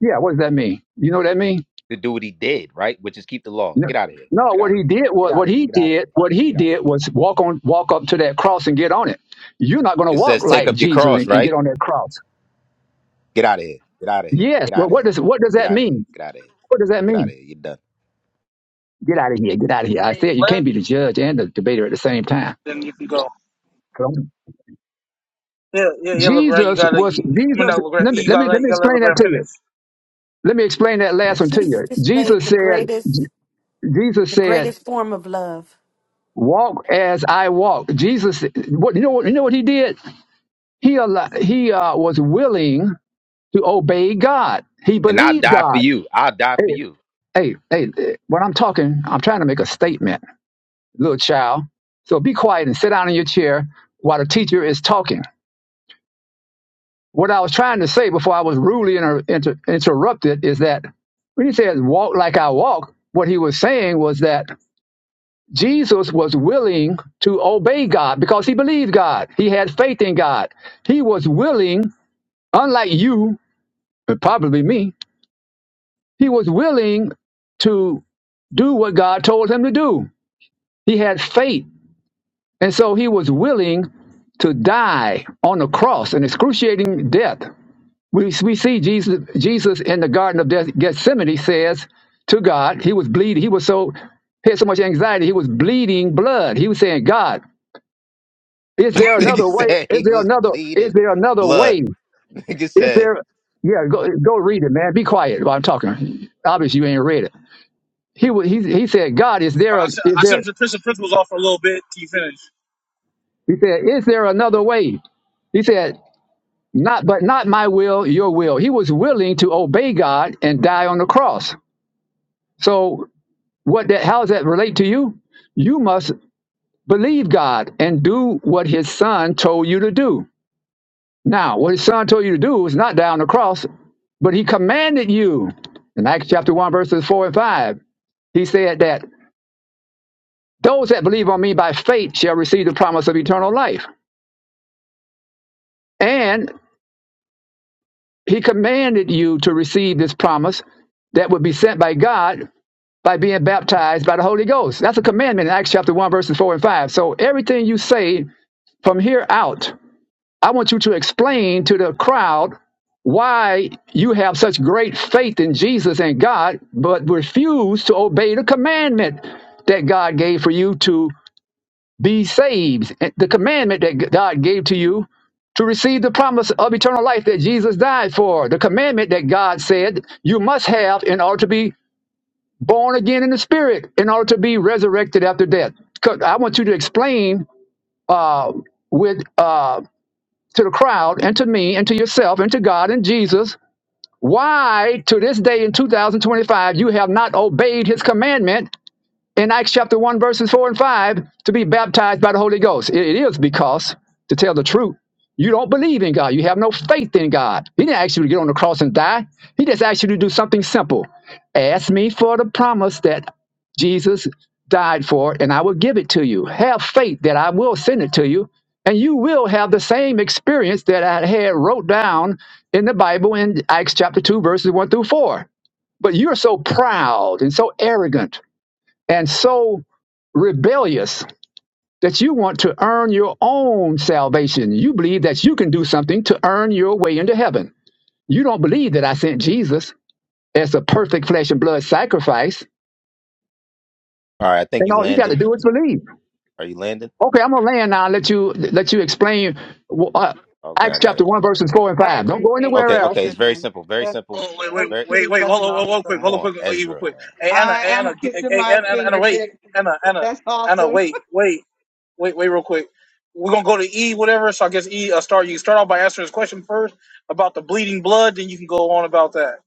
Speaker 31: Yeah, what does that mean? You know what that means?
Speaker 20: To do what he did, right? Which is keep the law.
Speaker 31: No,
Speaker 20: Get out of here.
Speaker 31: no,
Speaker 20: Get
Speaker 31: what
Speaker 20: out of
Speaker 31: he did
Speaker 20: here. Get
Speaker 31: was
Speaker 20: out of
Speaker 31: what
Speaker 20: here.
Speaker 31: he
Speaker 20: Get out of
Speaker 31: did,
Speaker 20: here.
Speaker 31: what he
Speaker 20: Get out of
Speaker 31: did
Speaker 20: here.
Speaker 31: was walk on walk up to that cross and get on it. You're not gonna
Speaker 20: It
Speaker 31: walk
Speaker 20: says take
Speaker 31: like
Speaker 20: up your
Speaker 31: Jesus
Speaker 20: cross,
Speaker 31: and, and
Speaker 20: right?
Speaker 31: get on that cross.
Speaker 20: Get out of here. Get out of here.
Speaker 31: Yes,
Speaker 20: Get out
Speaker 31: but
Speaker 20: of here.
Speaker 31: what does what does
Speaker 20: Get
Speaker 31: that
Speaker 20: out of here.
Speaker 31: mean?
Speaker 20: Get out of here.
Speaker 31: What does that
Speaker 20: Get out
Speaker 31: mean?
Speaker 20: of here. You're done.
Speaker 31: Get out of here, get out of
Speaker 22: Hey,
Speaker 31: here. I
Speaker 22: hey,
Speaker 31: said you
Speaker 22: let-
Speaker 31: can't be the judge and the debater at the same time.
Speaker 22: then you can go.
Speaker 31: So,
Speaker 22: Yeah, yeah, yeah, LeGrant, you
Speaker 31: Jesus
Speaker 22: gotta.
Speaker 31: was
Speaker 22: You, I mean,
Speaker 31: Jesus
Speaker 22: not LeGrant.
Speaker 31: let me
Speaker 22: You
Speaker 31: let
Speaker 22: gotta
Speaker 31: me
Speaker 22: let
Speaker 31: let
Speaker 22: you
Speaker 31: me
Speaker 22: gotta let
Speaker 31: explain that
Speaker 22: LeGrant
Speaker 31: to you.
Speaker 22: finish.
Speaker 31: Let me explain that last one to
Speaker 4: Jesus
Speaker 31: you.
Speaker 4: displayed
Speaker 31: Jesus
Speaker 4: the
Speaker 31: said
Speaker 4: greatest,
Speaker 31: Jesus
Speaker 4: the
Speaker 31: said,
Speaker 4: greatest form of love.
Speaker 31: Walk as I walk. Jesus what you know what you know what he did? He al- he uh, was willing to obey God. He
Speaker 20: And I'll
Speaker 31: believed
Speaker 20: die for
Speaker 31: God.
Speaker 20: you. I'll die for
Speaker 31: Hey,
Speaker 20: you.
Speaker 31: hey, hey, eh, when I'm talking, I'm trying to make a statement, little child. So be quiet and sit down in your chair while the teacher is talking. What I was trying to say before I was rudely inter- inter- interrupted is that when he says walk like I walk, what he was saying was that Jesus was willing to obey God because he believed God. He had faith in God. He was willing, unlike you, and probably me, he was willing to do what God told him to do. He had faith. And so he was willing to die on the cross, an excruciating death. We, we see Jesus, Jesus in the Garden of Gethsemane says to God, he was bleeding. He was so, he had so much anxiety. He was bleeding blood. He was saying, God, is there
Speaker 20: [laughs] Nigga
Speaker 31: another way?
Speaker 20: said
Speaker 31: Is
Speaker 20: he
Speaker 31: there
Speaker 20: was
Speaker 31: another, is
Speaker 20: bleeding
Speaker 31: there another
Speaker 20: blood.
Speaker 31: way?
Speaker 20: Nigga
Speaker 31: Is
Speaker 20: said,
Speaker 31: there, yeah, go, go read it, man. Be quiet while I'm talking. Obviously you ain't read it. He, wa- he, he said, God, is there,
Speaker 22: But I
Speaker 31: a,
Speaker 22: sent,
Speaker 31: is
Speaker 22: I
Speaker 31: there
Speaker 22: sent the Prince of principles off for a little bit. He finished.
Speaker 31: He said, Is there another way? He said, Not, but not my will, your will. He was willing to obey God and die on the cross. So, what that, how does that relate to you? You must believe God and do what his son told you to do. Now, what his son told you to do was not die on the cross, but he commanded you in Acts chapter 1, verses 4 and 5. He said that those that believe on me by faith shall receive the promise of eternal life. And He commanded you to receive this promise that would be sent by God by being baptized by the Holy Ghost. That's a commandment in Acts chapter 1, verses 4 and 5. So everything you say from here out, I want you to explain to the crowd why you have such great faith in Jesus and God, but refuse to obey the commandment that God gave for you to be saved. The commandment that God gave to you to receive the promise of eternal life that Jesus died for. The commandment that God said you must have in order to be born again in the spirit, in order to be resurrected after death. 'Cause I want you to explain uh, with uh, to the crowd and to me and to yourself and to God and Jesus why to this day in 2025 you have not obeyed his commandment in Acts chapter 1, verses 4 and 5 to be baptized by the Holy Ghost. It it is because, to tell the truth, you don't believe in God. You have no faith in God. He didn't ask you to get on the cross and die. He just asked you to do something simple. Ask me for the promise that Jesus died for, and I will give it to you. Have faith that I will send it to you, and you will have the same experience that I had wrote down in the Bible in Acts chapter 2, verses 1 through 4. But you're so proud and so arrogant and so rebellious that you want to earn your own salvation. You believe that you can do something to earn your way into heaven. You don't believe that I sent Jesus as a perfect flesh and blood sacrifice.
Speaker 20: All right, I think
Speaker 31: And
Speaker 20: you
Speaker 31: all you got to
Speaker 20: landing.
Speaker 31: do is believe.
Speaker 20: Are you landing?
Speaker 31: Okay, I'm gonna land now. And let you let you explain uh,
Speaker 20: Okay,
Speaker 31: Acts
Speaker 20: I got
Speaker 31: chapter
Speaker 20: it.
Speaker 31: one verses four and
Speaker 30: I
Speaker 31: five. Don't go
Speaker 30: appreciate
Speaker 31: anywhere
Speaker 20: Okay,
Speaker 30: your
Speaker 31: else.
Speaker 20: okay. It's very
Speaker 30: pronoun.
Speaker 20: simple. Very
Speaker 30: That's
Speaker 20: simple.
Speaker 22: Oh, wait, wait,
Speaker 30: that's
Speaker 20: Very
Speaker 22: wait,
Speaker 30: pretty
Speaker 22: wait. Hold
Speaker 30: fucking
Speaker 22: hold on, hold on quick.
Speaker 30: awesome.
Speaker 20: come
Speaker 22: Hold on,
Speaker 20: on,
Speaker 22: quick, wait, even
Speaker 20: Ezra,
Speaker 22: quick.
Speaker 20: man.
Speaker 22: Hey, Anna,
Speaker 30: I
Speaker 22: hey,
Speaker 30: am
Speaker 22: Anna, get-
Speaker 30: kissing
Speaker 22: hey,
Speaker 30: my
Speaker 22: Anna, Anna, Anna, wait.
Speaker 30: fingertips.
Speaker 22: Anna, Anna,
Speaker 30: That's
Speaker 22: Anna,
Speaker 30: awesome.
Speaker 22: wait, wait, wait, wait, real quick. We're going to go to E, whatever. So I guess E, uh, start. You can start off by answering this question first about the bleeding blood. Then you can go on about that.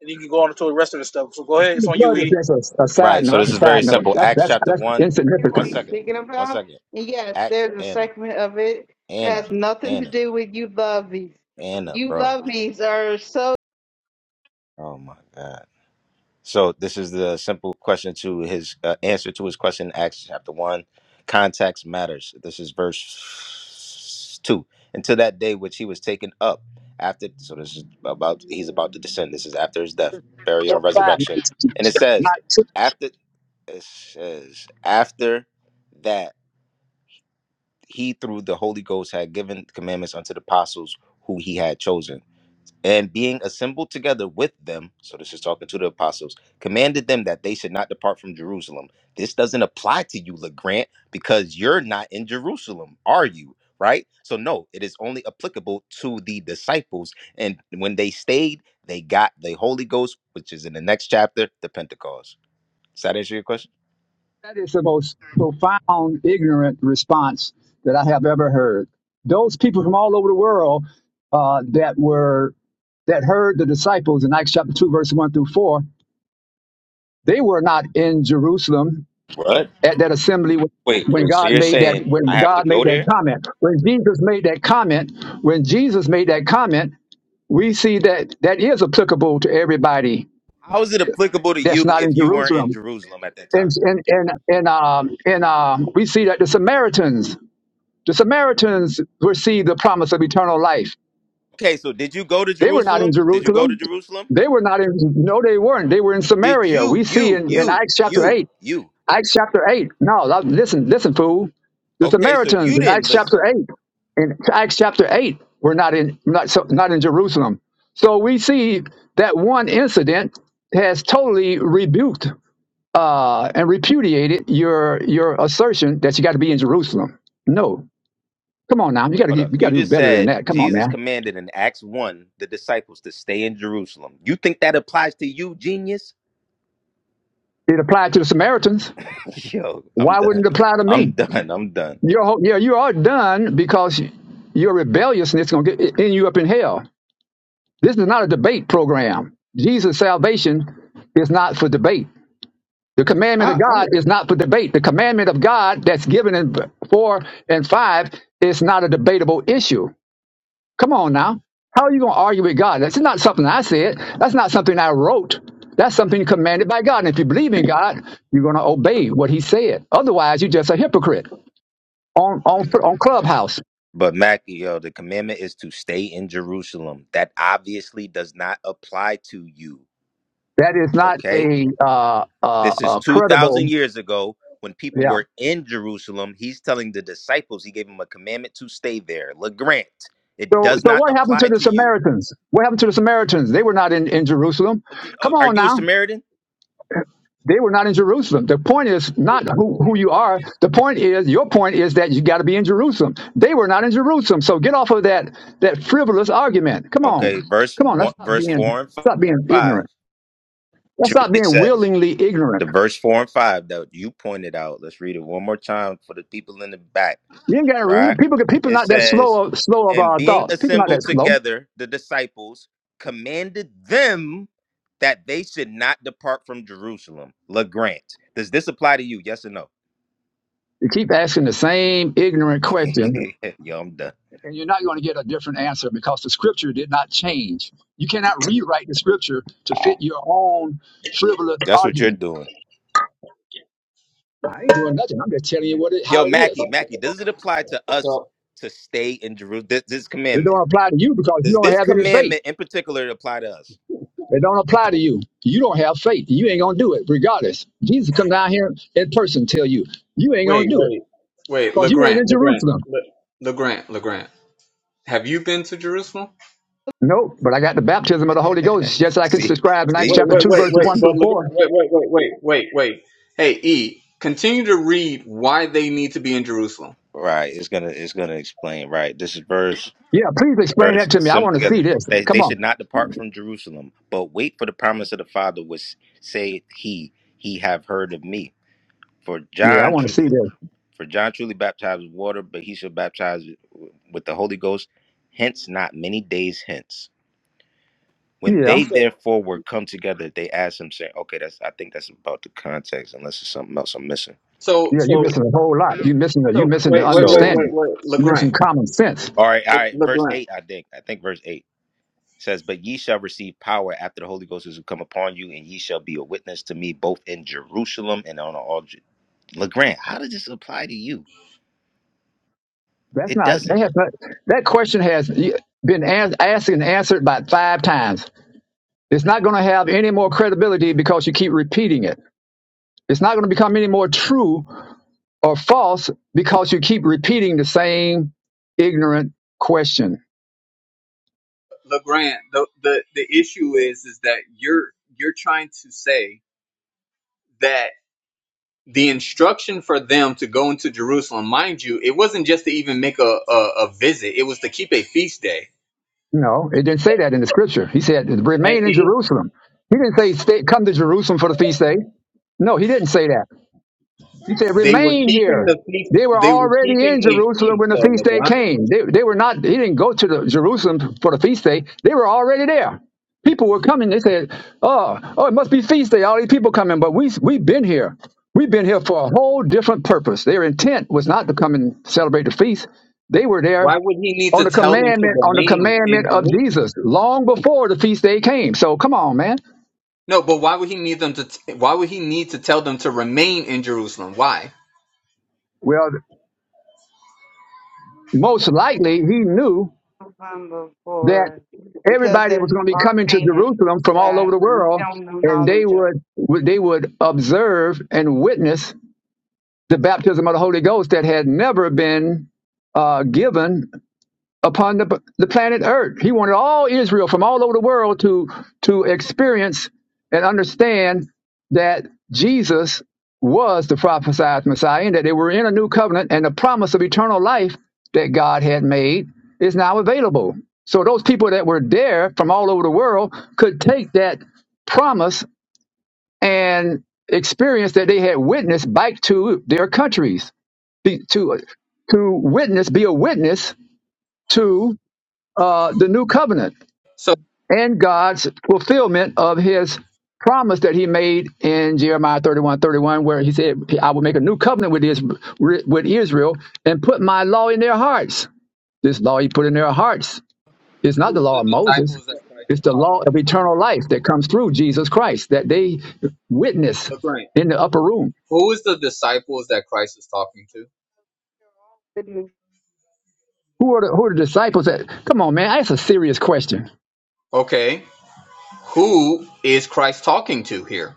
Speaker 22: And you can go on to the rest of the stuff. So go ahead. It's
Speaker 31: The
Speaker 22: on you,
Speaker 31: blood is
Speaker 22: E.
Speaker 31: just a, a side
Speaker 20: Right. So
Speaker 31: note. That's
Speaker 20: this
Speaker 31: a
Speaker 20: is very
Speaker 31: side note.
Speaker 20: simple.
Speaker 31: That's
Speaker 20: Acts
Speaker 31: that's
Speaker 20: chapter
Speaker 31: that's
Speaker 20: one.
Speaker 30: I hear what
Speaker 20: One
Speaker 31: insignificant.
Speaker 30: he's
Speaker 20: second.
Speaker 30: speaking
Speaker 20: One
Speaker 30: about.
Speaker 20: second.
Speaker 30: And yes,
Speaker 20: Acts
Speaker 30: there's a
Speaker 20: Anna.
Speaker 30: segment of it that
Speaker 20: Anna.
Speaker 30: has nothing to
Speaker 20: Anna.
Speaker 30: do with you loveys.
Speaker 20: Anna,
Speaker 30: You
Speaker 20: bro.
Speaker 30: loveys are so
Speaker 20: Oh my God. So this is the simple question to his uh, answer to his question. in Acts chapter one. Context matters. This is verse two. Until that day which he was taken up after. So this is about he's about to descend. This is after his death, burial,
Speaker 31: Four
Speaker 20: and
Speaker 31: and five.
Speaker 20: resurrection. And it says
Speaker 31: not
Speaker 20: after. It says after that. he through the Holy Ghost had given commandments unto the apostles who he had chosen. And being assembled together with them, so this is talking to the apostles, commanded them that they should not depart from Jerusalem. This doesn't apply to you, LeGrant, because you're not in Jerusalem, are you? Right? So, no, it is only applicable to the disciples. And when they stayed, they got the Holy Ghost, which is in the next chapter, the Pentecost. Does that answer your question?
Speaker 31: That is the most profound, ignorant response that I have ever heard. Those people from all over the world uh, that were that heard the disciples in Acts chapter two, verse one through four, they were not in Jerusalem
Speaker 20: What?
Speaker 31: at that assembly when
Speaker 20: Wait,
Speaker 31: when
Speaker 20: wait. So
Speaker 31: God
Speaker 20: you're
Speaker 31: made that
Speaker 20: saying
Speaker 31: when
Speaker 20: I have to
Speaker 31: God made
Speaker 20: go
Speaker 31: that
Speaker 20: there?
Speaker 31: comment. When Jesus made that comment, when Jesus made that comment, we see that that is applicable to everybody
Speaker 20: How is it applicable to you
Speaker 31: that's not
Speaker 20: if
Speaker 31: in
Speaker 20: you weren't in
Speaker 31: Jerusalem.
Speaker 20: Jerusalem at that
Speaker 31: And
Speaker 20: time?
Speaker 31: and and and um and um we see that the Samaritans The Samaritans received the promise of eternal life.
Speaker 20: Okay, so did you go to
Speaker 31: They were not in
Speaker 20: Jerusalem? Did you go to
Speaker 31: Jerusalem.
Speaker 20: Jerusalem?
Speaker 31: They were not in, no, they weren't. They were in
Speaker 20: Did
Speaker 31: Samaria.
Speaker 20: you,
Speaker 31: We see
Speaker 20: you,
Speaker 31: in, in
Speaker 20: you,
Speaker 31: Acts chapter
Speaker 20: you,
Speaker 31: 8.
Speaker 20: you?
Speaker 31: Acts chapter 8. No, that- listen, listen, fool. The
Speaker 20: Okay, so you
Speaker 31: Samaritans in
Speaker 20: didn't
Speaker 31: Acts chapter
Speaker 20: listen.
Speaker 31: 8. In Acts chapter 8, were not in, not, so, not in Jerusalem. So we see that one incident has totally rebuked uh, and repudiated your, your assertion that you got to be in Jerusalem. No, Come on now, you
Speaker 20: Wait,
Speaker 31: gotta
Speaker 20: hold
Speaker 31: get,
Speaker 20: up.
Speaker 31: you
Speaker 20: You
Speaker 31: gotta do
Speaker 20: just
Speaker 31: better than
Speaker 20: said
Speaker 31: that. Come on
Speaker 20: Jesus
Speaker 31: now.
Speaker 20: commanded in Acts 1 the disciples to stay in Jerusalem. You think that applies to you, genius?
Speaker 31: It applied to the Samaritans.
Speaker 20: [laughs] Yo, I'm
Speaker 31: Why wouldn't
Speaker 20: done.
Speaker 31: it apply to
Speaker 20: I'm
Speaker 31: me?
Speaker 20: done. I'm done.
Speaker 31: You're, yeah, you are done because your rebelliousness gonna get end you up in hell. This is not a debate program. Jesus' salvation is not for debate. The
Speaker 26: I,
Speaker 31: commandment
Speaker 26: I,
Speaker 31: of
Speaker 26: I
Speaker 31: God is not for debate. The commandment of God that's given in four and five is not a debatable issue. Come on now. How are you going to argue with God? That's not something I said. That's not something I wrote. That's something commanded by God. And if you believe in God, you're going to obey what He said. Otherwise, you're just a hypocrite on on on Clubhouse.
Speaker 20: But Mac, yo, the commandment is to stay in Jerusalem. That obviously does not apply to you.
Speaker 31: That is not
Speaker 20: Okay?
Speaker 31: a uh, uh,
Speaker 20: This is
Speaker 31: uh,
Speaker 20: 2,000
Speaker 31: credible.
Speaker 20: years ago when people
Speaker 31: Yeah.
Speaker 20: were in Jerusalem. He's telling the disciples, he gave them a commandment to stay there. LeGrant, it
Speaker 31: So
Speaker 20: does
Speaker 31: so
Speaker 20: not
Speaker 31: what happened to
Speaker 20: apply
Speaker 31: the
Speaker 20: to you.
Speaker 31: Samaritans? What happened to the Samaritans? They were not in in Jerusalem.
Speaker 20: Uh, d- uh,
Speaker 31: Come
Speaker 20: Are
Speaker 31: on
Speaker 20: you a
Speaker 31: now.
Speaker 20: Samaritan?
Speaker 31: They were not in Jerusalem. The point is not who,
Speaker 20: Oh my
Speaker 31: who you
Speaker 20: goodness.
Speaker 31: are. The point is, your point is that you got to be in Jerusalem. They were not in Jerusalem. So get off of that, that frivolous argument. Come
Speaker 20: Okay,
Speaker 31: on.
Speaker 20: verse
Speaker 31: Come on.
Speaker 20: one,
Speaker 31: Let's stop
Speaker 20: verse
Speaker 31: being,
Speaker 20: four and f-
Speaker 31: stop being
Speaker 20: five.
Speaker 31: ignorant. Let's stop
Speaker 20: Truly
Speaker 31: being
Speaker 20: says
Speaker 31: willingly
Speaker 20: the
Speaker 31: ignorant.
Speaker 20: verse four and five that you pointed out. Let's read it one more time for the people in the back.
Speaker 31: You ain't got to read
Speaker 20: right?
Speaker 31: it. People, people
Speaker 20: It
Speaker 31: not that
Speaker 20: says,
Speaker 31: slow, of- slow of
Speaker 20: and
Speaker 31: uh,
Speaker 20: being
Speaker 31: thought. People not that
Speaker 20: assembled
Speaker 31: slow.
Speaker 20: together, the disciples commanded them that they should not depart from Jerusalem. LeGrant, does this apply to you? Yes or no?
Speaker 31: You keep asking the same ignorant
Speaker 20: [laughs]
Speaker 31: question
Speaker 20: Yo, I'm done.
Speaker 31: and you're not going to get a different answer because the scripture did not change. You cannot rewrite the scripture to fit your own frivolous
Speaker 20: That's what you're
Speaker 31: argument.
Speaker 20: doing.
Speaker 31: I ain't doing nothing. I'm just telling you what it,
Speaker 20: Yo,
Speaker 31: how it
Speaker 20: Mackie,
Speaker 31: is.
Speaker 20: Mackie, does it apply to us to stay in Jerusalem? This, this
Speaker 31: It
Speaker 20: commandment.
Speaker 31: don't apply to you because you
Speaker 20: Does
Speaker 31: don't
Speaker 20: this
Speaker 31: have any faith.
Speaker 20: commandment in particular apply to us?
Speaker 31: It don't apply to you. You don't have faith. You ain't gonna do it regardless. Jesus come down here in person tell you you ain't gonna
Speaker 26: wait
Speaker 31: do
Speaker 26: wait
Speaker 31: it
Speaker 26: wait
Speaker 31: because you ain't
Speaker 26: LeGrant
Speaker 31: in
Speaker 26: LeGrant
Speaker 31: Jerusalem.
Speaker 26: LeGrant LeGrant. Have you been to Jerusalem?
Speaker 31: Nope. But I got the baptism of the Holy Ghost, just
Speaker 20: [laughs]
Speaker 31: like it's
Speaker 20: See,
Speaker 31: described in Acts
Speaker 20: see,
Speaker 26: Wait
Speaker 31: chapter
Speaker 26: wait
Speaker 31: two,
Speaker 26: wait
Speaker 31: verses
Speaker 26: wait.
Speaker 31: one
Speaker 26: But
Speaker 31: through four.
Speaker 26: LeGrant wait wait wait wait wait wait. Hey E, continue to read why they need to be in Jerusalem.
Speaker 20: right? It's gonna, it's gonna explain, right? This is verse.
Speaker 31: Yeah, please explain
Speaker 20: verse
Speaker 31: that to me. I
Speaker 20: assemble
Speaker 31: want to
Speaker 20: together
Speaker 31: see this.
Speaker 20: that
Speaker 31: Come
Speaker 20: they
Speaker 31: on.
Speaker 20: should not depart from jerusalem but wait for the promise of the father which saith he he have heard of me for
Speaker 31: Yeah, I
Speaker 20: john
Speaker 31: want to see
Speaker 20: truly
Speaker 31: this.
Speaker 20: for john truly baptized with water but he shall baptize with the holy ghost hence not many days hence when
Speaker 31: Yeah,
Speaker 20: they
Speaker 26: So
Speaker 20: therefore were come together they asked him saying okay that's i think that's about the context unless it's something else i'm missing
Speaker 26: so
Speaker 31: yeah. You're
Speaker 26: so
Speaker 31: missing a whole lot. You missing the, you
Speaker 26: so
Speaker 31: missing
Speaker 26: wait
Speaker 31: the
Speaker 26: wait wait
Speaker 20: so
Speaker 26: wait
Speaker 31: understanding.
Speaker 26: wait
Speaker 31: You're
Speaker 26: LeGrant
Speaker 31: missing common sense.
Speaker 20: all right all
Speaker 26: Le,
Speaker 20: right verse
Speaker 26: LeGrant.
Speaker 20: 8 i think i think verse 8 says, But ye shall receive power after the Holy Ghost is come upon you, and ye shall be a witness to me both in Jerusalem and on all. Ju- LeGrand, how does this apply to you?
Speaker 31: That's
Speaker 20: It
Speaker 31: not
Speaker 20: doesn't.
Speaker 31: that has not, that question has been as- asked and answered about five times. It's not going to have any more credibility because you keep repeating it. It's not going to become any more true or false because you keep repeating the same ignorant question.
Speaker 26: Legrand, the, the the issue is is that you're you're trying to say that the instruction for them to go into Jerusalem, mind you, it wasn't just to even make a, a, a visit; it was to keep a feast day.
Speaker 31: No, it didn't say that in the scripture. He said, "Remain in Jerusalem." He didn't say, Stay, "Come to Jerusalem for the feast day." No, he didn't say that. He said,
Speaker 26: They were
Speaker 31: remain
Speaker 26: keeping
Speaker 31: here.
Speaker 26: the feast.
Speaker 31: They were
Speaker 26: They were
Speaker 31: already
Speaker 26: keeping
Speaker 31: in
Speaker 26: a
Speaker 31: Jerusalem
Speaker 26: feast,
Speaker 31: when the
Speaker 26: though,
Speaker 31: feast day
Speaker 26: Legrand.
Speaker 31: came. They, they were not, he didn't go to the Jerusalem for the feast day. They were already there. People were coming. They said, oh, oh, it must be feast day. All these people coming, but we, we've been here. We've been here for a whole different purpose. Their intent was not to come and celebrate the feast. They were
Speaker 26: Why
Speaker 31: there
Speaker 26: would he need to
Speaker 31: on the
Speaker 26: tell them to
Speaker 31: commandment, on the
Speaker 26: remain in
Speaker 31: commandment of Jesus
Speaker 26: Jerusalem?
Speaker 31: long before the feast day came. So come on, man.
Speaker 26: No, but why would he need them to? T- why would he need to tell them to remain in Jerusalem? Why?
Speaker 31: Well, most likely he knew
Speaker 30: number
Speaker 31: that
Speaker 30: for because
Speaker 31: everybody was
Speaker 30: there's
Speaker 31: going to be
Speaker 30: are
Speaker 31: coming to
Speaker 30: Canaan
Speaker 31: Jerusalem from all
Speaker 30: that
Speaker 31: over the
Speaker 30: we
Speaker 31: world,
Speaker 30: don't know
Speaker 31: and they
Speaker 30: knowledge of.
Speaker 31: would they would observe and witness the baptism of the Holy Ghost that had never been uh, given upon the, the planet Earth. He wanted all Israel from all over the world to to experience and understand that Jesus was the prophesied Messiah and that they were in a new covenant and the promise of eternal life that God had made is now available. So those people that were there from all over the world could take that promise and experience that they had witnessed back to their countries be, to to witness be a witness to uh, the new covenant
Speaker 26: So
Speaker 31: and God's fulfillment of his promise that he made in Jeremiah 31 31, where he said, I will make a new covenant with, his, with Israel and put my law in their hearts. This law he put in their hearts is not
Speaker 26: who's
Speaker 31: the
Speaker 26: the
Speaker 31: law of Moses,
Speaker 26: disciples that Christ
Speaker 31: it's
Speaker 26: was
Speaker 31: the
Speaker 26: talking?
Speaker 31: law of eternal life that comes through Jesus Christ that they witness
Speaker 26: to?
Speaker 31: in the upper room.
Speaker 26: Who is the disciples that Christ is talking to?
Speaker 30: Goodness,
Speaker 31: Who are the, who are the disciples that? Come on, man, that's a serious question
Speaker 26: Okay, who is Christ talking to here?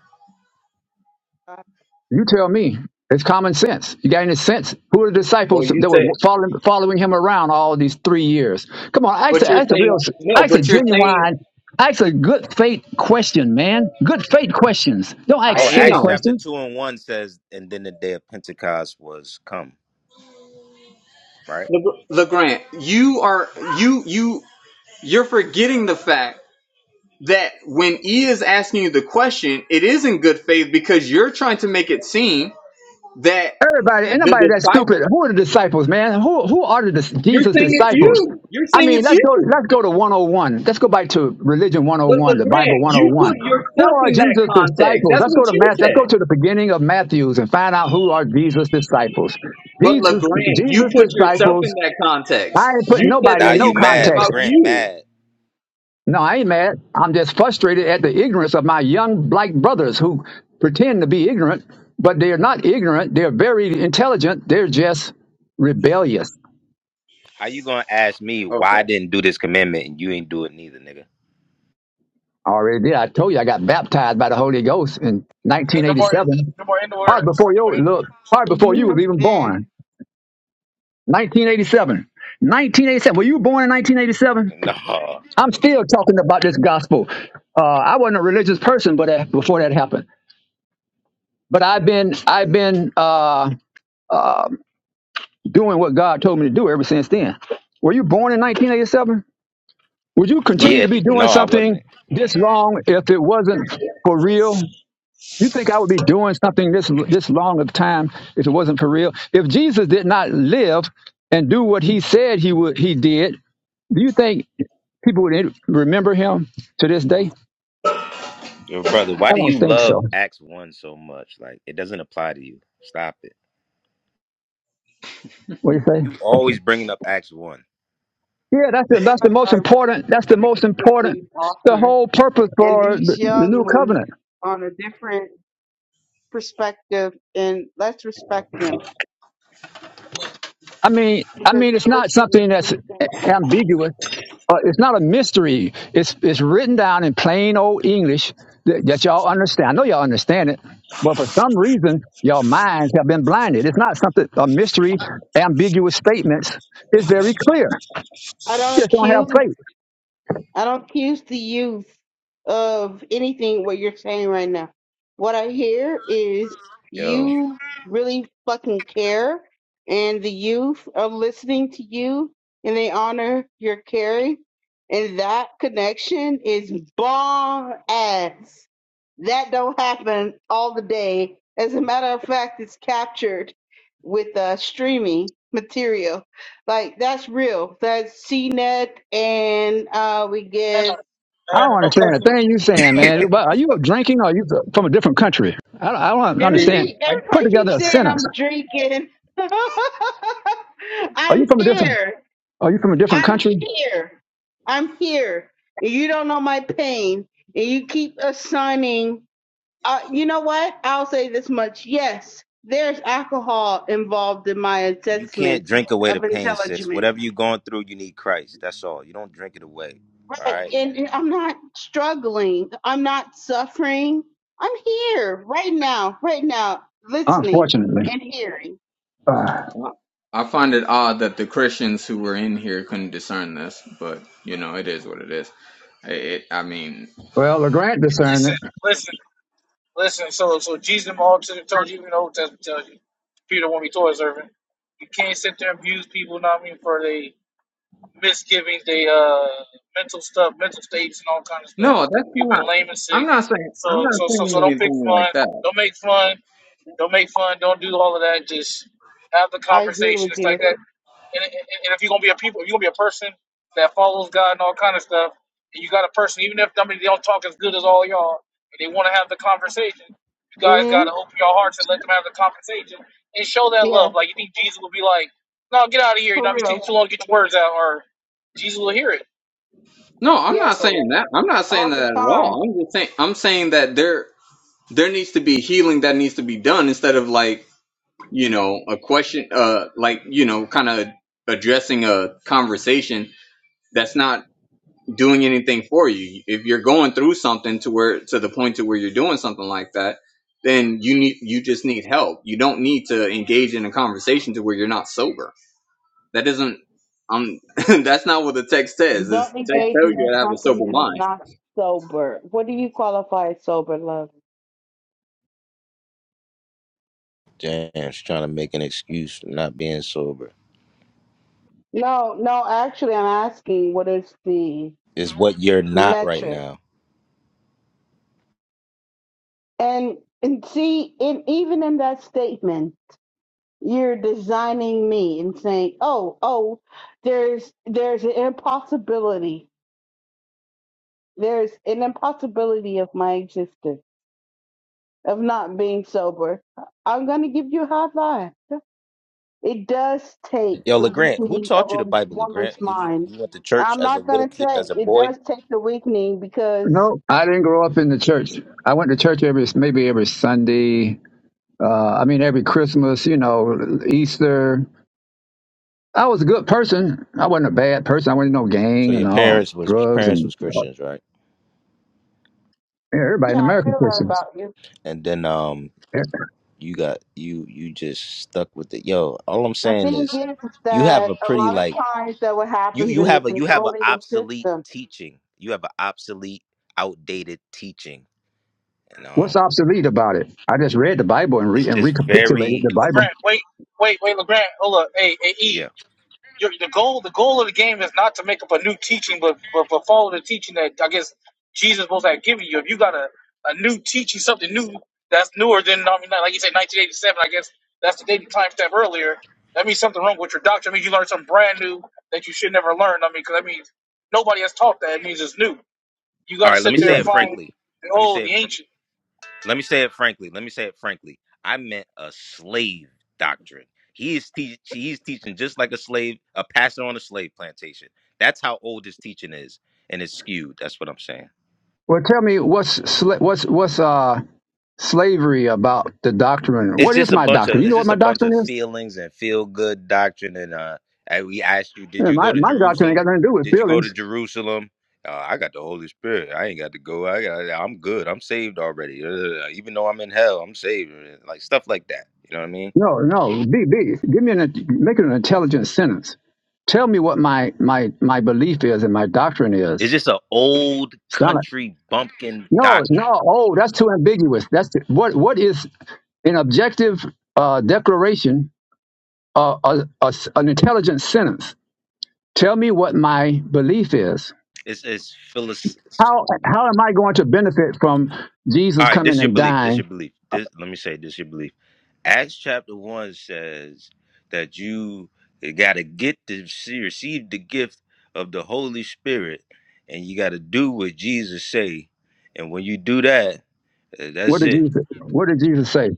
Speaker 30: God,
Speaker 31: You tell me. It's common sense. You got any sense? Who are the
Speaker 26: Well,
Speaker 31: disciples that were
Speaker 26: But
Speaker 31: following, following him around all these three years? Come on, ask
Speaker 26: but
Speaker 31: a, ask a
Speaker 26: you
Speaker 31: real,
Speaker 26: no,
Speaker 31: ask a
Speaker 26: but you're
Speaker 31: genuine, ask a good faith question, man. Good faith questions. Don't ask
Speaker 26: I
Speaker 20: Oh,
Speaker 31: silly
Speaker 20: Acts
Speaker 26: down.
Speaker 20: chapter
Speaker 31: questions.
Speaker 20: 2 and 1 says, And then the day of Pentecost was come, right?
Speaker 26: you are you you you're forgetting the fact that when E is asking you the question, it is in good faith because you're trying to make it seem that
Speaker 31: Everybody,
Speaker 26: the
Speaker 31: anybody that's stupid,
Speaker 26: disciple
Speaker 31: who are the disciples, man? Who who are the dis-
Speaker 26: you're
Speaker 31: Jesus
Speaker 26: saying it's
Speaker 31: disciples?
Speaker 26: you. You're
Speaker 31: I
Speaker 26: saying
Speaker 31: mean,
Speaker 26: it's
Speaker 31: let's go
Speaker 26: you.
Speaker 31: let's go to 101. Let's go back to religion
Speaker 26: But
Speaker 31: 101, the Bible
Speaker 26: LeGrand, you put
Speaker 31: 101. Who
Speaker 26: yourself
Speaker 31: are
Speaker 26: in that
Speaker 31: Jesus
Speaker 26: context.
Speaker 31: disciples?
Speaker 26: That's
Speaker 31: Let's
Speaker 26: what
Speaker 31: go to
Speaker 26: you
Speaker 31: Matthew. Let's
Speaker 26: said.
Speaker 31: go to the beginning of Matthew's and find out who are Jesus disciples.
Speaker 26: But
Speaker 31: Jesus
Speaker 26: LeGrand, you
Speaker 31: Jesus
Speaker 26: put yourself in
Speaker 31: disciples.
Speaker 26: that
Speaker 31: I
Speaker 26: context.
Speaker 31: ain't put
Speaker 26: You said
Speaker 31: nobody
Speaker 20: Now
Speaker 26: that
Speaker 31: in
Speaker 26: he's
Speaker 31: no
Speaker 20: you
Speaker 26: talking
Speaker 20: mad.
Speaker 31: context.
Speaker 26: about
Speaker 20: LeGrand,
Speaker 26: you.
Speaker 20: mad.
Speaker 31: No, I ain't mad. I'm just frustrated at the ignorance of my young black brothers who pretend to be ignorant, but they're not ignorant. They're very intelligent. They're just rebellious.
Speaker 20: How you gonna ask me why I
Speaker 26: Okay.
Speaker 20: didn't do this commandment and you ain't do it neither, nigga?
Speaker 31: I already did. I told you I got baptized by the Holy Ghost in
Speaker 22: Hey, no more,
Speaker 31: 1987.
Speaker 22: no more end
Speaker 31: Hard
Speaker 22: words.
Speaker 31: before
Speaker 22: No more
Speaker 31: you
Speaker 22: end
Speaker 31: look,
Speaker 22: words.
Speaker 31: hard before
Speaker 30: you
Speaker 31: you
Speaker 30: have
Speaker 31: was even
Speaker 30: been
Speaker 31: born. 1987. 1987. Were you born in 1987?
Speaker 20: [laughs] No.
Speaker 31: I'm still talking about this gospel. Uh, I wasn't a religious person, but uh, before that happened, but I've been, I've been. uh, doing what God told me to do ever since then. Were you born in 1987? Would you
Speaker 26: Look,
Speaker 31: continue
Speaker 20: Yeah,
Speaker 31: to be doing
Speaker 20: no, I wasn't.
Speaker 31: something this long if it wasn't for real? You think I would be doing something this this long of time if it wasn't for real? If Jesus did not live and do what he said he would he did, do you think people would remember him to this day?
Speaker 20: Your brother, why
Speaker 31: I
Speaker 20: do
Speaker 31: don't
Speaker 20: you
Speaker 31: think
Speaker 20: love
Speaker 31: so.
Speaker 20: Acts 1 so much? Like, it doesn't apply to you. Stop it.
Speaker 31: What do you say?
Speaker 20: You always bringing up Acts one.
Speaker 31: Yeah, that's the that's the
Speaker 30: what
Speaker 31: most
Speaker 30: I
Speaker 31: important. That's the most important.
Speaker 30: previously
Speaker 31: The
Speaker 30: offered,
Speaker 31: whole purpose
Speaker 30: and
Speaker 31: for
Speaker 30: these
Speaker 31: the, the
Speaker 30: young
Speaker 31: new
Speaker 30: ones
Speaker 31: covenant
Speaker 30: on a different perspective, and let's respect them
Speaker 31: I mean, I
Speaker 30: because
Speaker 31: mean, it's
Speaker 30: they are
Speaker 31: not
Speaker 30: seeing
Speaker 31: something that's
Speaker 30: something.
Speaker 31: ambiguous. Uh, it's not a mystery. It's it's written down in plain old English that, that y'all understand. I know y'all understand it, but for some reason, your minds have been blinded. It's not something a mystery, ambiguous statements. It's very clear.
Speaker 30: I don't
Speaker 31: You just don't have
Speaker 30: accuse
Speaker 31: faith.
Speaker 30: I don't accuse the youth of anything what you're saying right now. What I hear is
Speaker 20: Yo,
Speaker 30: you really fucking care, and the youth are listening to you, and they honor your caring, and that connection is bomb ass. That don't happen all the day. As a matter of fact, it's captured with uh, streaming material like that's real. That's CNET, and uh, we
Speaker 22: Anna,
Speaker 30: get
Speaker 31: I don't
Speaker 22: Anna, no
Speaker 31: understand a
Speaker 22: cussing.
Speaker 31: thing you
Speaker 22: No cussing,
Speaker 31: saying,
Speaker 20: [laughs]
Speaker 22: no
Speaker 31: man.
Speaker 22: stuttering.
Speaker 31: But Are you drinking? Or are you from a different country? I don't, I don't
Speaker 26: See,
Speaker 31: understand.
Speaker 30: everybody.
Speaker 26: I,
Speaker 31: Put
Speaker 30: Everybody
Speaker 31: together
Speaker 30: keeps
Speaker 31: a
Speaker 30: saying
Speaker 31: sentence.
Speaker 30: I'm drinking. [laughs]
Speaker 31: Are
Speaker 30: I'm
Speaker 31: you from a different?
Speaker 30: here.
Speaker 31: Are you from a different
Speaker 30: I'm
Speaker 31: country?
Speaker 30: here. I'm here. And you don't know my pain, and you keep assigning. Uh, you know what? I'll say this much. Yes, there's alcohol involved in my
Speaker 20: you can't
Speaker 30: assessment
Speaker 20: drink away the
Speaker 30: of
Speaker 20: pain, sis.
Speaker 30: intelligence.
Speaker 20: Whatever you're going through, you need Christ. That's all. You don't drink it away. All
Speaker 30: Right.
Speaker 20: right.
Speaker 30: And, and I'm not struggling. I'm not suffering. I'm here right now, right now, listening
Speaker 31: Unfortunately.
Speaker 30: and hearing.
Speaker 31: Uh,
Speaker 26: I find it odd that the Christians who were in here couldn't discern this, but you know, it is what it is. I- It, I mean,
Speaker 31: Well, LeGrant discerned
Speaker 22: Listen,
Speaker 31: it.
Speaker 22: listen. Listen, so so Jesus and the multitude told you, even the Old Testament tells you, Peter won't be Torah servant. You can't sit there and abuse people, know what I mean, for they misgivings, they uh mental stuff, mental states and all kind of stuff.
Speaker 26: no, that's
Speaker 22: People
Speaker 26: not.
Speaker 22: been lame and
Speaker 26: I'm
Speaker 22: sick.
Speaker 26: not saying. I'm
Speaker 22: So
Speaker 26: not
Speaker 22: so so so
Speaker 26: saying
Speaker 22: don't pick
Speaker 26: anything
Speaker 22: fun.
Speaker 26: like that.
Speaker 22: Don't make fun. Don't make fun. Don't do all of that. Just have the
Speaker 30: I agree
Speaker 22: conversation.
Speaker 30: with
Speaker 22: It's
Speaker 30: you.
Speaker 22: like that. And, and, and if you're gonna be a people, if you're gonna be a person that follows God and all kind of stuff, and you got a person, even if I mean, they don't talk as good as all y'all, and they want to have the conversation, you guys
Speaker 30: Mm-hmm.
Speaker 22: gotta open your hearts and let them have the conversation and show that love.
Speaker 30: Yes,
Speaker 22: Like you think Jesus will be like, "No, get out of here. You know,
Speaker 30: for
Speaker 22: I mean, take too
Speaker 30: real.
Speaker 22: long to get your words out," or Jesus will hear it.
Speaker 26: No, I'm not
Speaker 30: Yes,
Speaker 22: So,
Speaker 26: saying that. I'm not saying
Speaker 30: all the
Speaker 26: that at
Speaker 30: time.
Speaker 26: all. I'm just saying. I'm saying that there there needs to be healing that needs to be done instead of like you know a question uh like you know kind of addressing a conversation that's not doing anything for you if you're going through something to where to the point to where you're doing something like that then you need you just need help you don't need to engage in a conversation to where you're not sober that isn't um [laughs] that's not what the text says this
Speaker 30: Don't
Speaker 26: text
Speaker 30: engage
Speaker 26: tells you
Speaker 30: in
Speaker 26: to have a
Speaker 30: something
Speaker 26: sober
Speaker 30: that is
Speaker 26: mind
Speaker 30: not sober. What do you qualify as sober, love?
Speaker 20: James trying to make an excuse for not being sober
Speaker 30: No, no, actually, I'm asking what is the
Speaker 20: is what you're not right
Speaker 30: metric?
Speaker 20: now.
Speaker 30: And and see, in even in that statement, you're designing me and saying, "Oh, oh, there's there's an impossibility. There's an impossibility of my existence of not being sober." I'm gonna give you a high five. It does take
Speaker 20: Yo,
Speaker 30: the
Speaker 20: Legrand, who
Speaker 30: weakening of
Speaker 20: taught you the
Speaker 30: a
Speaker 20: Bible, Legrand?
Speaker 30: woman's
Speaker 20: You
Speaker 30: mind.
Speaker 20: you went to church
Speaker 30: I'm
Speaker 20: as a
Speaker 30: not
Speaker 20: little
Speaker 30: gonna
Speaker 20: kid,
Speaker 30: say
Speaker 20: as a
Speaker 30: it
Speaker 20: boy.
Speaker 30: does take the weakening because
Speaker 31: No, I didn't grow up in the church. I went to church every maybe every Sunday. Uh, I mean, every Christmas, you know, Easter. I was a good person. I wasn't a bad person. I wasn't no
Speaker 20: So
Speaker 31: gang
Speaker 20: your
Speaker 31: and all
Speaker 20: parents was
Speaker 31: drugs
Speaker 20: parents
Speaker 31: and
Speaker 20: was
Speaker 31: yeah,
Speaker 20: Christians, right?
Speaker 31: everybody
Speaker 30: yeah,
Speaker 31: in
Speaker 30: I
Speaker 31: America
Speaker 30: feel that
Speaker 31: Christians.
Speaker 30: about you.
Speaker 20: And then um,
Speaker 31: Yeah.
Speaker 20: you got you you just stuck with it. Yo, all I'm
Speaker 30: The
Speaker 20: saying
Speaker 30: thing
Speaker 20: is,
Speaker 30: is, is
Speaker 20: you have
Speaker 30: that
Speaker 20: a
Speaker 30: a
Speaker 20: pretty
Speaker 30: lot of
Speaker 20: like
Speaker 30: times that what
Speaker 20: you
Speaker 30: happens
Speaker 20: you
Speaker 30: in the
Speaker 20: have a you have an
Speaker 30: controlling of
Speaker 20: obsolete
Speaker 30: systems
Speaker 20: teaching you have an obsolete outdated teaching and
Speaker 31: What's
Speaker 20: um
Speaker 31: obsolete about it? I just read the Bible and,
Speaker 20: it's
Speaker 31: re- and
Speaker 20: just
Speaker 31: recapitulated
Speaker 20: very
Speaker 31: the Bible.
Speaker 22: LeGrant, wait, wait, wait, LeGrant, hold up, hey, hey, E,
Speaker 20: yeah
Speaker 22: your, the goal the goal of the game is not to make up a new teaching, but but, but follow the teaching that I guess Jesus was like giving you. If you got a, a new teaching, something new that's newer than I mean, like you said, 1987. I guess that's the dating time step earlier. That means something wrong with your doctrine. It means you learned something brand new that you should never learn. I mean, because that means nobody has taught that. It means it's new. You
Speaker 20: all
Speaker 22: got to
Speaker 20: right let me
Speaker 22: sit there
Speaker 20: say
Speaker 22: and
Speaker 31: Yeah.
Speaker 20: it
Speaker 22: find
Speaker 20: frankly
Speaker 22: the
Speaker 20: let me
Speaker 22: old,
Speaker 20: say
Speaker 22: the
Speaker 20: it fr-
Speaker 22: ancient.
Speaker 20: let me say it frankly let me say it frankly i meant a slave doctrine he is te- he's teaching just like a slave a pastor on a slave plantation that's how old his teaching is and it's skewed that's what i'm saying
Speaker 31: Well, tell me what's sla- what's what's uh slavery about the doctrine?
Speaker 20: It's
Speaker 31: What is
Speaker 20: just a
Speaker 31: my
Speaker 20: bunch
Speaker 31: doctrine?
Speaker 20: of
Speaker 31: You
Speaker 20: it's
Speaker 31: know what
Speaker 20: just a
Speaker 31: my
Speaker 20: bunch
Speaker 31: doctrine
Speaker 20: of
Speaker 31: is?
Speaker 20: feelings and feel good doctrine. And uh, and we asked you, did
Speaker 31: Yeah,
Speaker 20: you go
Speaker 31: my
Speaker 20: to
Speaker 31: my doctrine ain't
Speaker 20: Jerusalem?
Speaker 31: got nothing to do with
Speaker 20: Did you go to
Speaker 31: feelings.
Speaker 20: Jerusalem? Uh, I got the Holy Spirit. I ain't got to go. I got. I'm good. I'm saved already. Uh, even though I'm in hell, I'm saved. Like stuff like that. You know what I mean?
Speaker 31: No, no. Be, be, give me an, make it an intelligent sentence. Tell me what my, my, my belief is and my doctrine
Speaker 20: It's
Speaker 31: is.
Speaker 20: just an old
Speaker 31: It's not like,
Speaker 20: country bumpkin
Speaker 31: no,
Speaker 20: doctrine.
Speaker 31: no. Oh, that's too ambiguous. That's too, what, what is an objective uh, declaration, uh, a, a s- an intelligent sentence? Tell me what my belief is.
Speaker 20: It's it's philosoph-
Speaker 31: How, how am I going to benefit from
Speaker 20: All
Speaker 31: Jesus
Speaker 20: right, this
Speaker 31: coming
Speaker 20: is your
Speaker 31: and
Speaker 20: belief. This is
Speaker 31: dying?
Speaker 20: your belief. This let me say this is your belief. Acts chapter 1 says that you got to get to see, receive the gift of the Holy Spirit and you got to do what Jesus say. And when you do that, eh,
Speaker 31: What
Speaker 20: that's
Speaker 31: did
Speaker 20: it.
Speaker 31: Jesus, what did Jesus say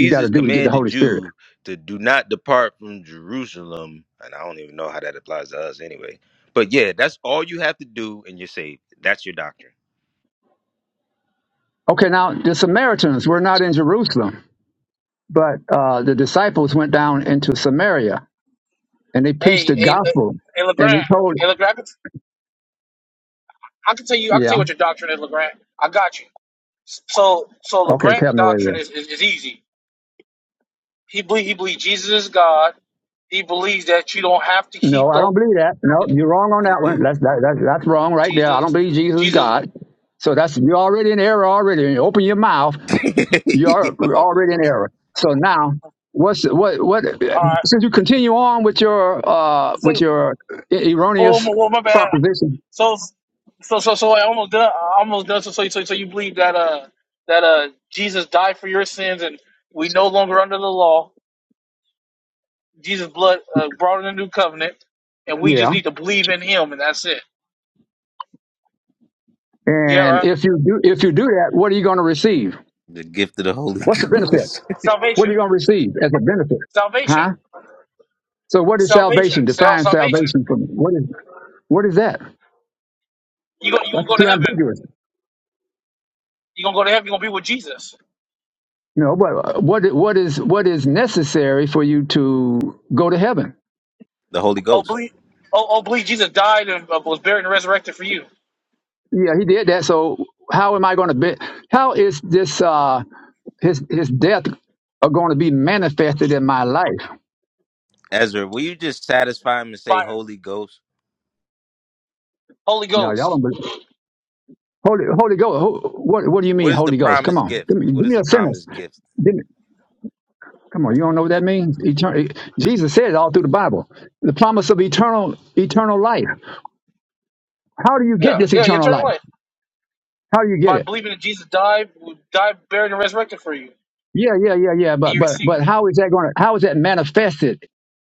Speaker 31: you got to do to get the Holy
Speaker 20: commanded
Speaker 31: Spirit?
Speaker 20: you to do not depart from Jerusalem. And I don't even know how that applies to us anyway. But yeah, that's all you have to do and you're saved. That's your doctrine.
Speaker 31: Okay, now the Samaritans were not in Jerusalem But uh, the disciples went down into Samaria and they preached
Speaker 22: Hey,
Speaker 31: the
Speaker 22: hey, Le-
Speaker 31: gospel.
Speaker 22: hey, Legrand,
Speaker 31: And he told,
Speaker 22: hey, Legrand. I can, I can tell you, I can tell
Speaker 31: yeah,
Speaker 22: you what your doctrine is, Legrand. I got you. So, so
Speaker 31: okay, tell
Speaker 22: LeGrand
Speaker 31: me what it
Speaker 22: doctrine
Speaker 31: is.
Speaker 22: is, is, is easy. He believe he believes Jesus is God. He believes that you don't have to keep
Speaker 31: No, I
Speaker 22: the
Speaker 31: don't believe that. No, you're wrong on
Speaker 20: He
Speaker 31: that one.
Speaker 20: do?
Speaker 31: That's that, that's that's wrong right there. I don't
Speaker 22: Jesus.
Speaker 31: believe Jesus is
Speaker 22: Jesus.
Speaker 31: God. So that's you're already in error already. When you open your mouth,
Speaker 20: [laughs]
Speaker 31: you're
Speaker 20: Yo.
Speaker 31: already in error. So now, what's what what?
Speaker 22: All right.
Speaker 31: Since you continue on with your uh with
Speaker 22: So,
Speaker 31: your e-,
Speaker 22: oh,
Speaker 31: erroneous
Speaker 22: my, oh, my bad.
Speaker 31: proposition,
Speaker 22: So, so, so, so I almost done. I almost done. So, so, so, so you believe that uh that uh Jesus died for your sins and we no longer under the law. Jesus' blood uh, brought in a new covenant, and we just
Speaker 31: yeah.
Speaker 22: need to believe in Him, and that's it. Yeah,
Speaker 31: And
Speaker 22: right.
Speaker 31: if you do if you do that, what are you going to receive?
Speaker 20: The gift of the Holy
Speaker 31: What's the benefit?
Speaker 20: Ghost. [laughs]
Speaker 31: What
Speaker 22: Salvation.
Speaker 31: are you going to receive as a benefit?
Speaker 22: Salvation.
Speaker 31: Huh? So what is
Speaker 22: Salvation.
Speaker 31: salvation?
Speaker 22: Sal-
Speaker 31: Define
Speaker 22: Salvation.
Speaker 31: salvation for me. What is what is that?
Speaker 22: You gonna you gonna
Speaker 31: That's
Speaker 22: go to
Speaker 31: too
Speaker 22: heaven.
Speaker 31: ambiguous.
Speaker 22: You gonna go to heaven. You gonna be with Jesus.
Speaker 31: You know, but what what is what is necessary for you to go to heaven?
Speaker 20: The Holy
Speaker 22: Oh,
Speaker 20: Ghost.
Speaker 22: believe, oh, oh, believe Jesus died and uh, was buried and resurrected for you
Speaker 31: Yeah, he did that. So how am I going to be? How is this uh, his his death are going to be manifested in my life?
Speaker 20: Ezra, will you just satisfy him and say
Speaker 22: by
Speaker 20: Holy Ghost?
Speaker 22: Holy
Speaker 31: No, y'all
Speaker 22: Ghost.
Speaker 31: don't believe. Holy Holy Ghost. who- What what do you
Speaker 20: What
Speaker 31: mean
Speaker 20: is the
Speaker 31: Holy Ghost? Come
Speaker 20: promised
Speaker 31: on,
Speaker 20: gift?
Speaker 31: give me,
Speaker 20: What
Speaker 31: give
Speaker 20: is
Speaker 31: me
Speaker 20: the
Speaker 31: a sentence.
Speaker 20: promised gift?
Speaker 31: Come on, you don't know what that means? Eternal. Jesus said it all through the Bible. The promise of eternal, eternal life. How do you
Speaker 22: Yeah,
Speaker 31: get this
Speaker 22: yeah, yeah,
Speaker 31: eternal
Speaker 22: eternal
Speaker 31: life?
Speaker 22: life
Speaker 31: How do you get
Speaker 22: by
Speaker 31: it?
Speaker 22: believing that Jesus died, died, buried, and resurrected for you.
Speaker 31: Yeah, yeah, yeah, yeah.
Speaker 22: And
Speaker 31: But
Speaker 22: you
Speaker 31: but
Speaker 22: receive
Speaker 31: but how is that going to? How is that manifested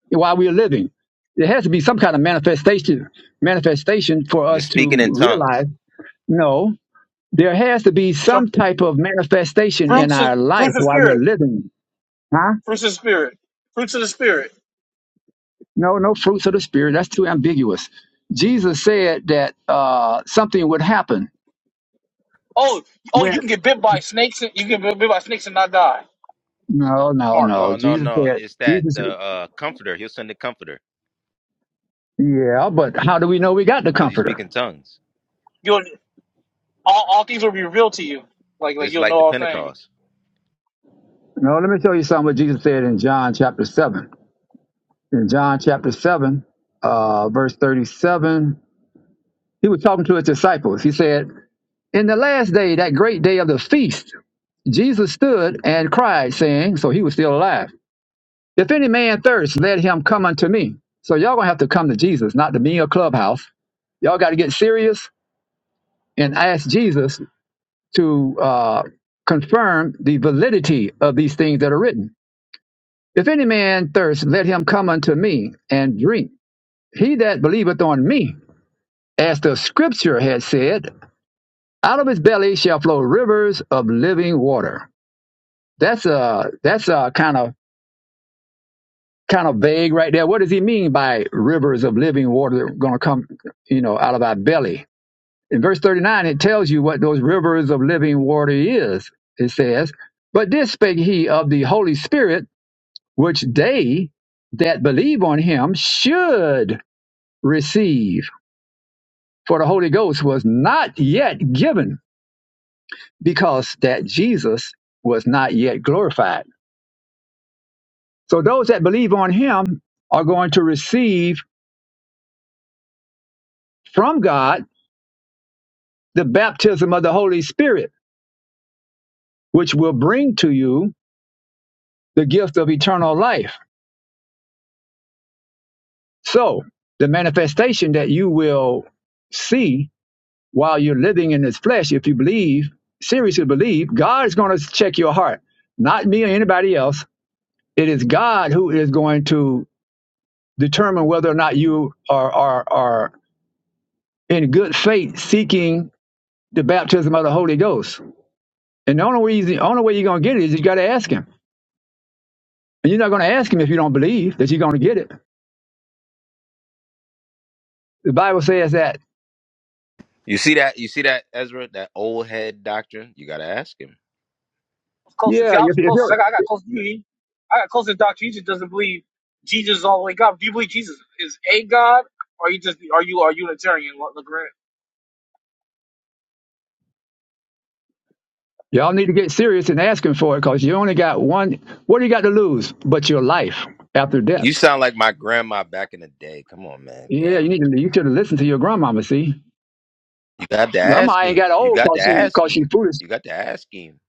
Speaker 31: while we're living? There has to be some kind of manifestation, manifestation for
Speaker 20: The
Speaker 31: us to
Speaker 20: speaking in tongues.
Speaker 31: realize. No, there has to be
Speaker 22: so
Speaker 31: some type of manifestation in
Speaker 22: fruits of
Speaker 31: our life
Speaker 22: fruits of
Speaker 31: while we're
Speaker 22: spirit,
Speaker 31: living. Huh?
Speaker 22: fruits of the spirit, fruits of the spirit.
Speaker 31: No, no fruits of the spirit. That's too ambiguous. Jesus said that uh, something would happen
Speaker 22: Oh, oh,
Speaker 31: When
Speaker 22: you can get bit by snakes. And, you can get bit by snakes and not die.
Speaker 31: no, no,
Speaker 22: Mark,
Speaker 20: No,
Speaker 31: no.
Speaker 20: no,
Speaker 31: Jesus
Speaker 20: no.
Speaker 31: said,
Speaker 20: It's that
Speaker 31: Jesus.
Speaker 20: the
Speaker 31: said,
Speaker 20: uh, comforter. He'll send the comforter
Speaker 31: Yeah, but how do we know we got the
Speaker 20: because you speak
Speaker 31: Comforter?
Speaker 20: in tongues.
Speaker 22: you'll all, all things will be revealed to you. Like like
Speaker 20: It's
Speaker 22: you'll know
Speaker 20: like the
Speaker 22: all things.
Speaker 20: Pentecost.
Speaker 31: No, let me tell you something. What Jesus said in John chapter seven. In John chapter seven, uh, verse thirty-seven, he was talking to his disciples. He said, "In the last day, that great day of the feast, Jesus stood and cried, saying, so he was still alive. If any man thirst, let him come unto me. So y'all gonna have to come to Jesus, not to me or clubhouse. Y'all got to get serious and ask Jesus to uh, confirm the validity of these things that are written. If any man thirst, let him come unto me and drink. He that believeth on me, as the scripture has said, out of his belly shall flow rivers of living water. That's uh that's uh kind of kind of vague right there. What does he mean by rivers of living water that are gonna come, you know, out of our belly? In verse 39, it tells you what those rivers of living water is. It says, But this spake he of the Holy Spirit which they that believe on him should receive. For the Holy Ghost was not yet given because that Jesus was not yet glorified. So those that believe on him are going to receive from God the baptism of the Holy Spirit, which will bring to you the gift of eternal life. So the manifestation that you will see while you're living in this flesh, if you believe, seriously believe, God is going to check your heart, not me or anybody else. It is God who is going to determine whether or not you are, are, are in good faith seeking the baptism of the Holy Ghost. And the only way, the only way you're going to get it is you got to ask Him. And you're not going to ask Him if you don't believe that you're going to get it. The Bible says that,
Speaker 20: You see that? You see that, Ezra? That old head doctrine? You gotta ask him.
Speaker 22: I was closer
Speaker 31: yeah,
Speaker 22: to. I
Speaker 31: if,
Speaker 22: was
Speaker 31: if
Speaker 22: closest.
Speaker 31: you're,
Speaker 22: I got, I got close to you. E. I got close to Doctor You just doesn't believe Jesus is all the way God. Do you believe Jesus is a God, or you just are you are you a Unitarian, like Lagrange?
Speaker 31: y'all need to get serious and ask Him for it because you only got one. What do you got to lose but your life after death?
Speaker 20: You sound like my grandma back in the day. Come on, man.
Speaker 31: Yeah,
Speaker 20: Damn.
Speaker 31: you need to. You should have listened to your grandmama. See,
Speaker 20: You got to ask
Speaker 31: grandma ain't
Speaker 20: him.
Speaker 31: got
Speaker 20: You
Speaker 31: old
Speaker 20: got to
Speaker 31: cause she
Speaker 20: ask
Speaker 31: cause she
Speaker 20: him.
Speaker 31: foolish.
Speaker 20: You got to ask him.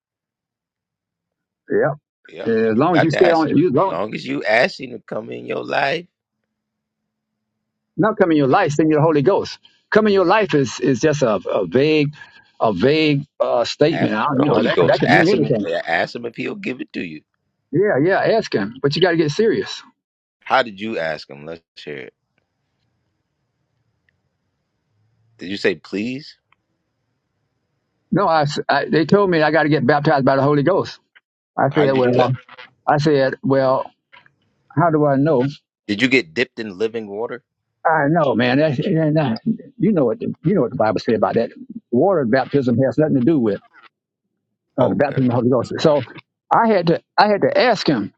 Speaker 31: Yeah.
Speaker 20: Yep.
Speaker 31: Yeah, As
Speaker 20: You
Speaker 31: long as
Speaker 20: got
Speaker 31: you
Speaker 20: to
Speaker 31: stay
Speaker 20: ask him.
Speaker 31: on, you don't
Speaker 20: Long as you ask him to come in your life.
Speaker 31: not come in your life. Send you the Holy Ghost. Come in your life is is just a, a vague, a vague uh, statement.
Speaker 20: Ask
Speaker 31: I
Speaker 20: him for
Speaker 31: don't,
Speaker 20: the
Speaker 31: you know
Speaker 20: Holy
Speaker 31: that could- that
Speaker 20: Ghost.
Speaker 31: could mean
Speaker 20: Ask him.
Speaker 31: anything.
Speaker 20: Ask him if he'll give it to you.
Speaker 31: Yeah, yeah. Ask him, but you got to get serious.
Speaker 20: How did you ask him? Let's hear it. Did you say please?
Speaker 31: No, I, s- I- They told me I got to get baptized by the Holy Ghost. I
Speaker 20: How
Speaker 31: said,
Speaker 20: did you do that?
Speaker 31: well, I said, well, how do I know?
Speaker 20: Did you get dipped in living water?
Speaker 31: I know, man. That, and, uh, you know what the, you know what the Bible said about that. Water baptism has nothing to do with uh, the
Speaker 20: Oh, okay.
Speaker 31: baptism of the Holy Ghost. So I had to I had to ask him.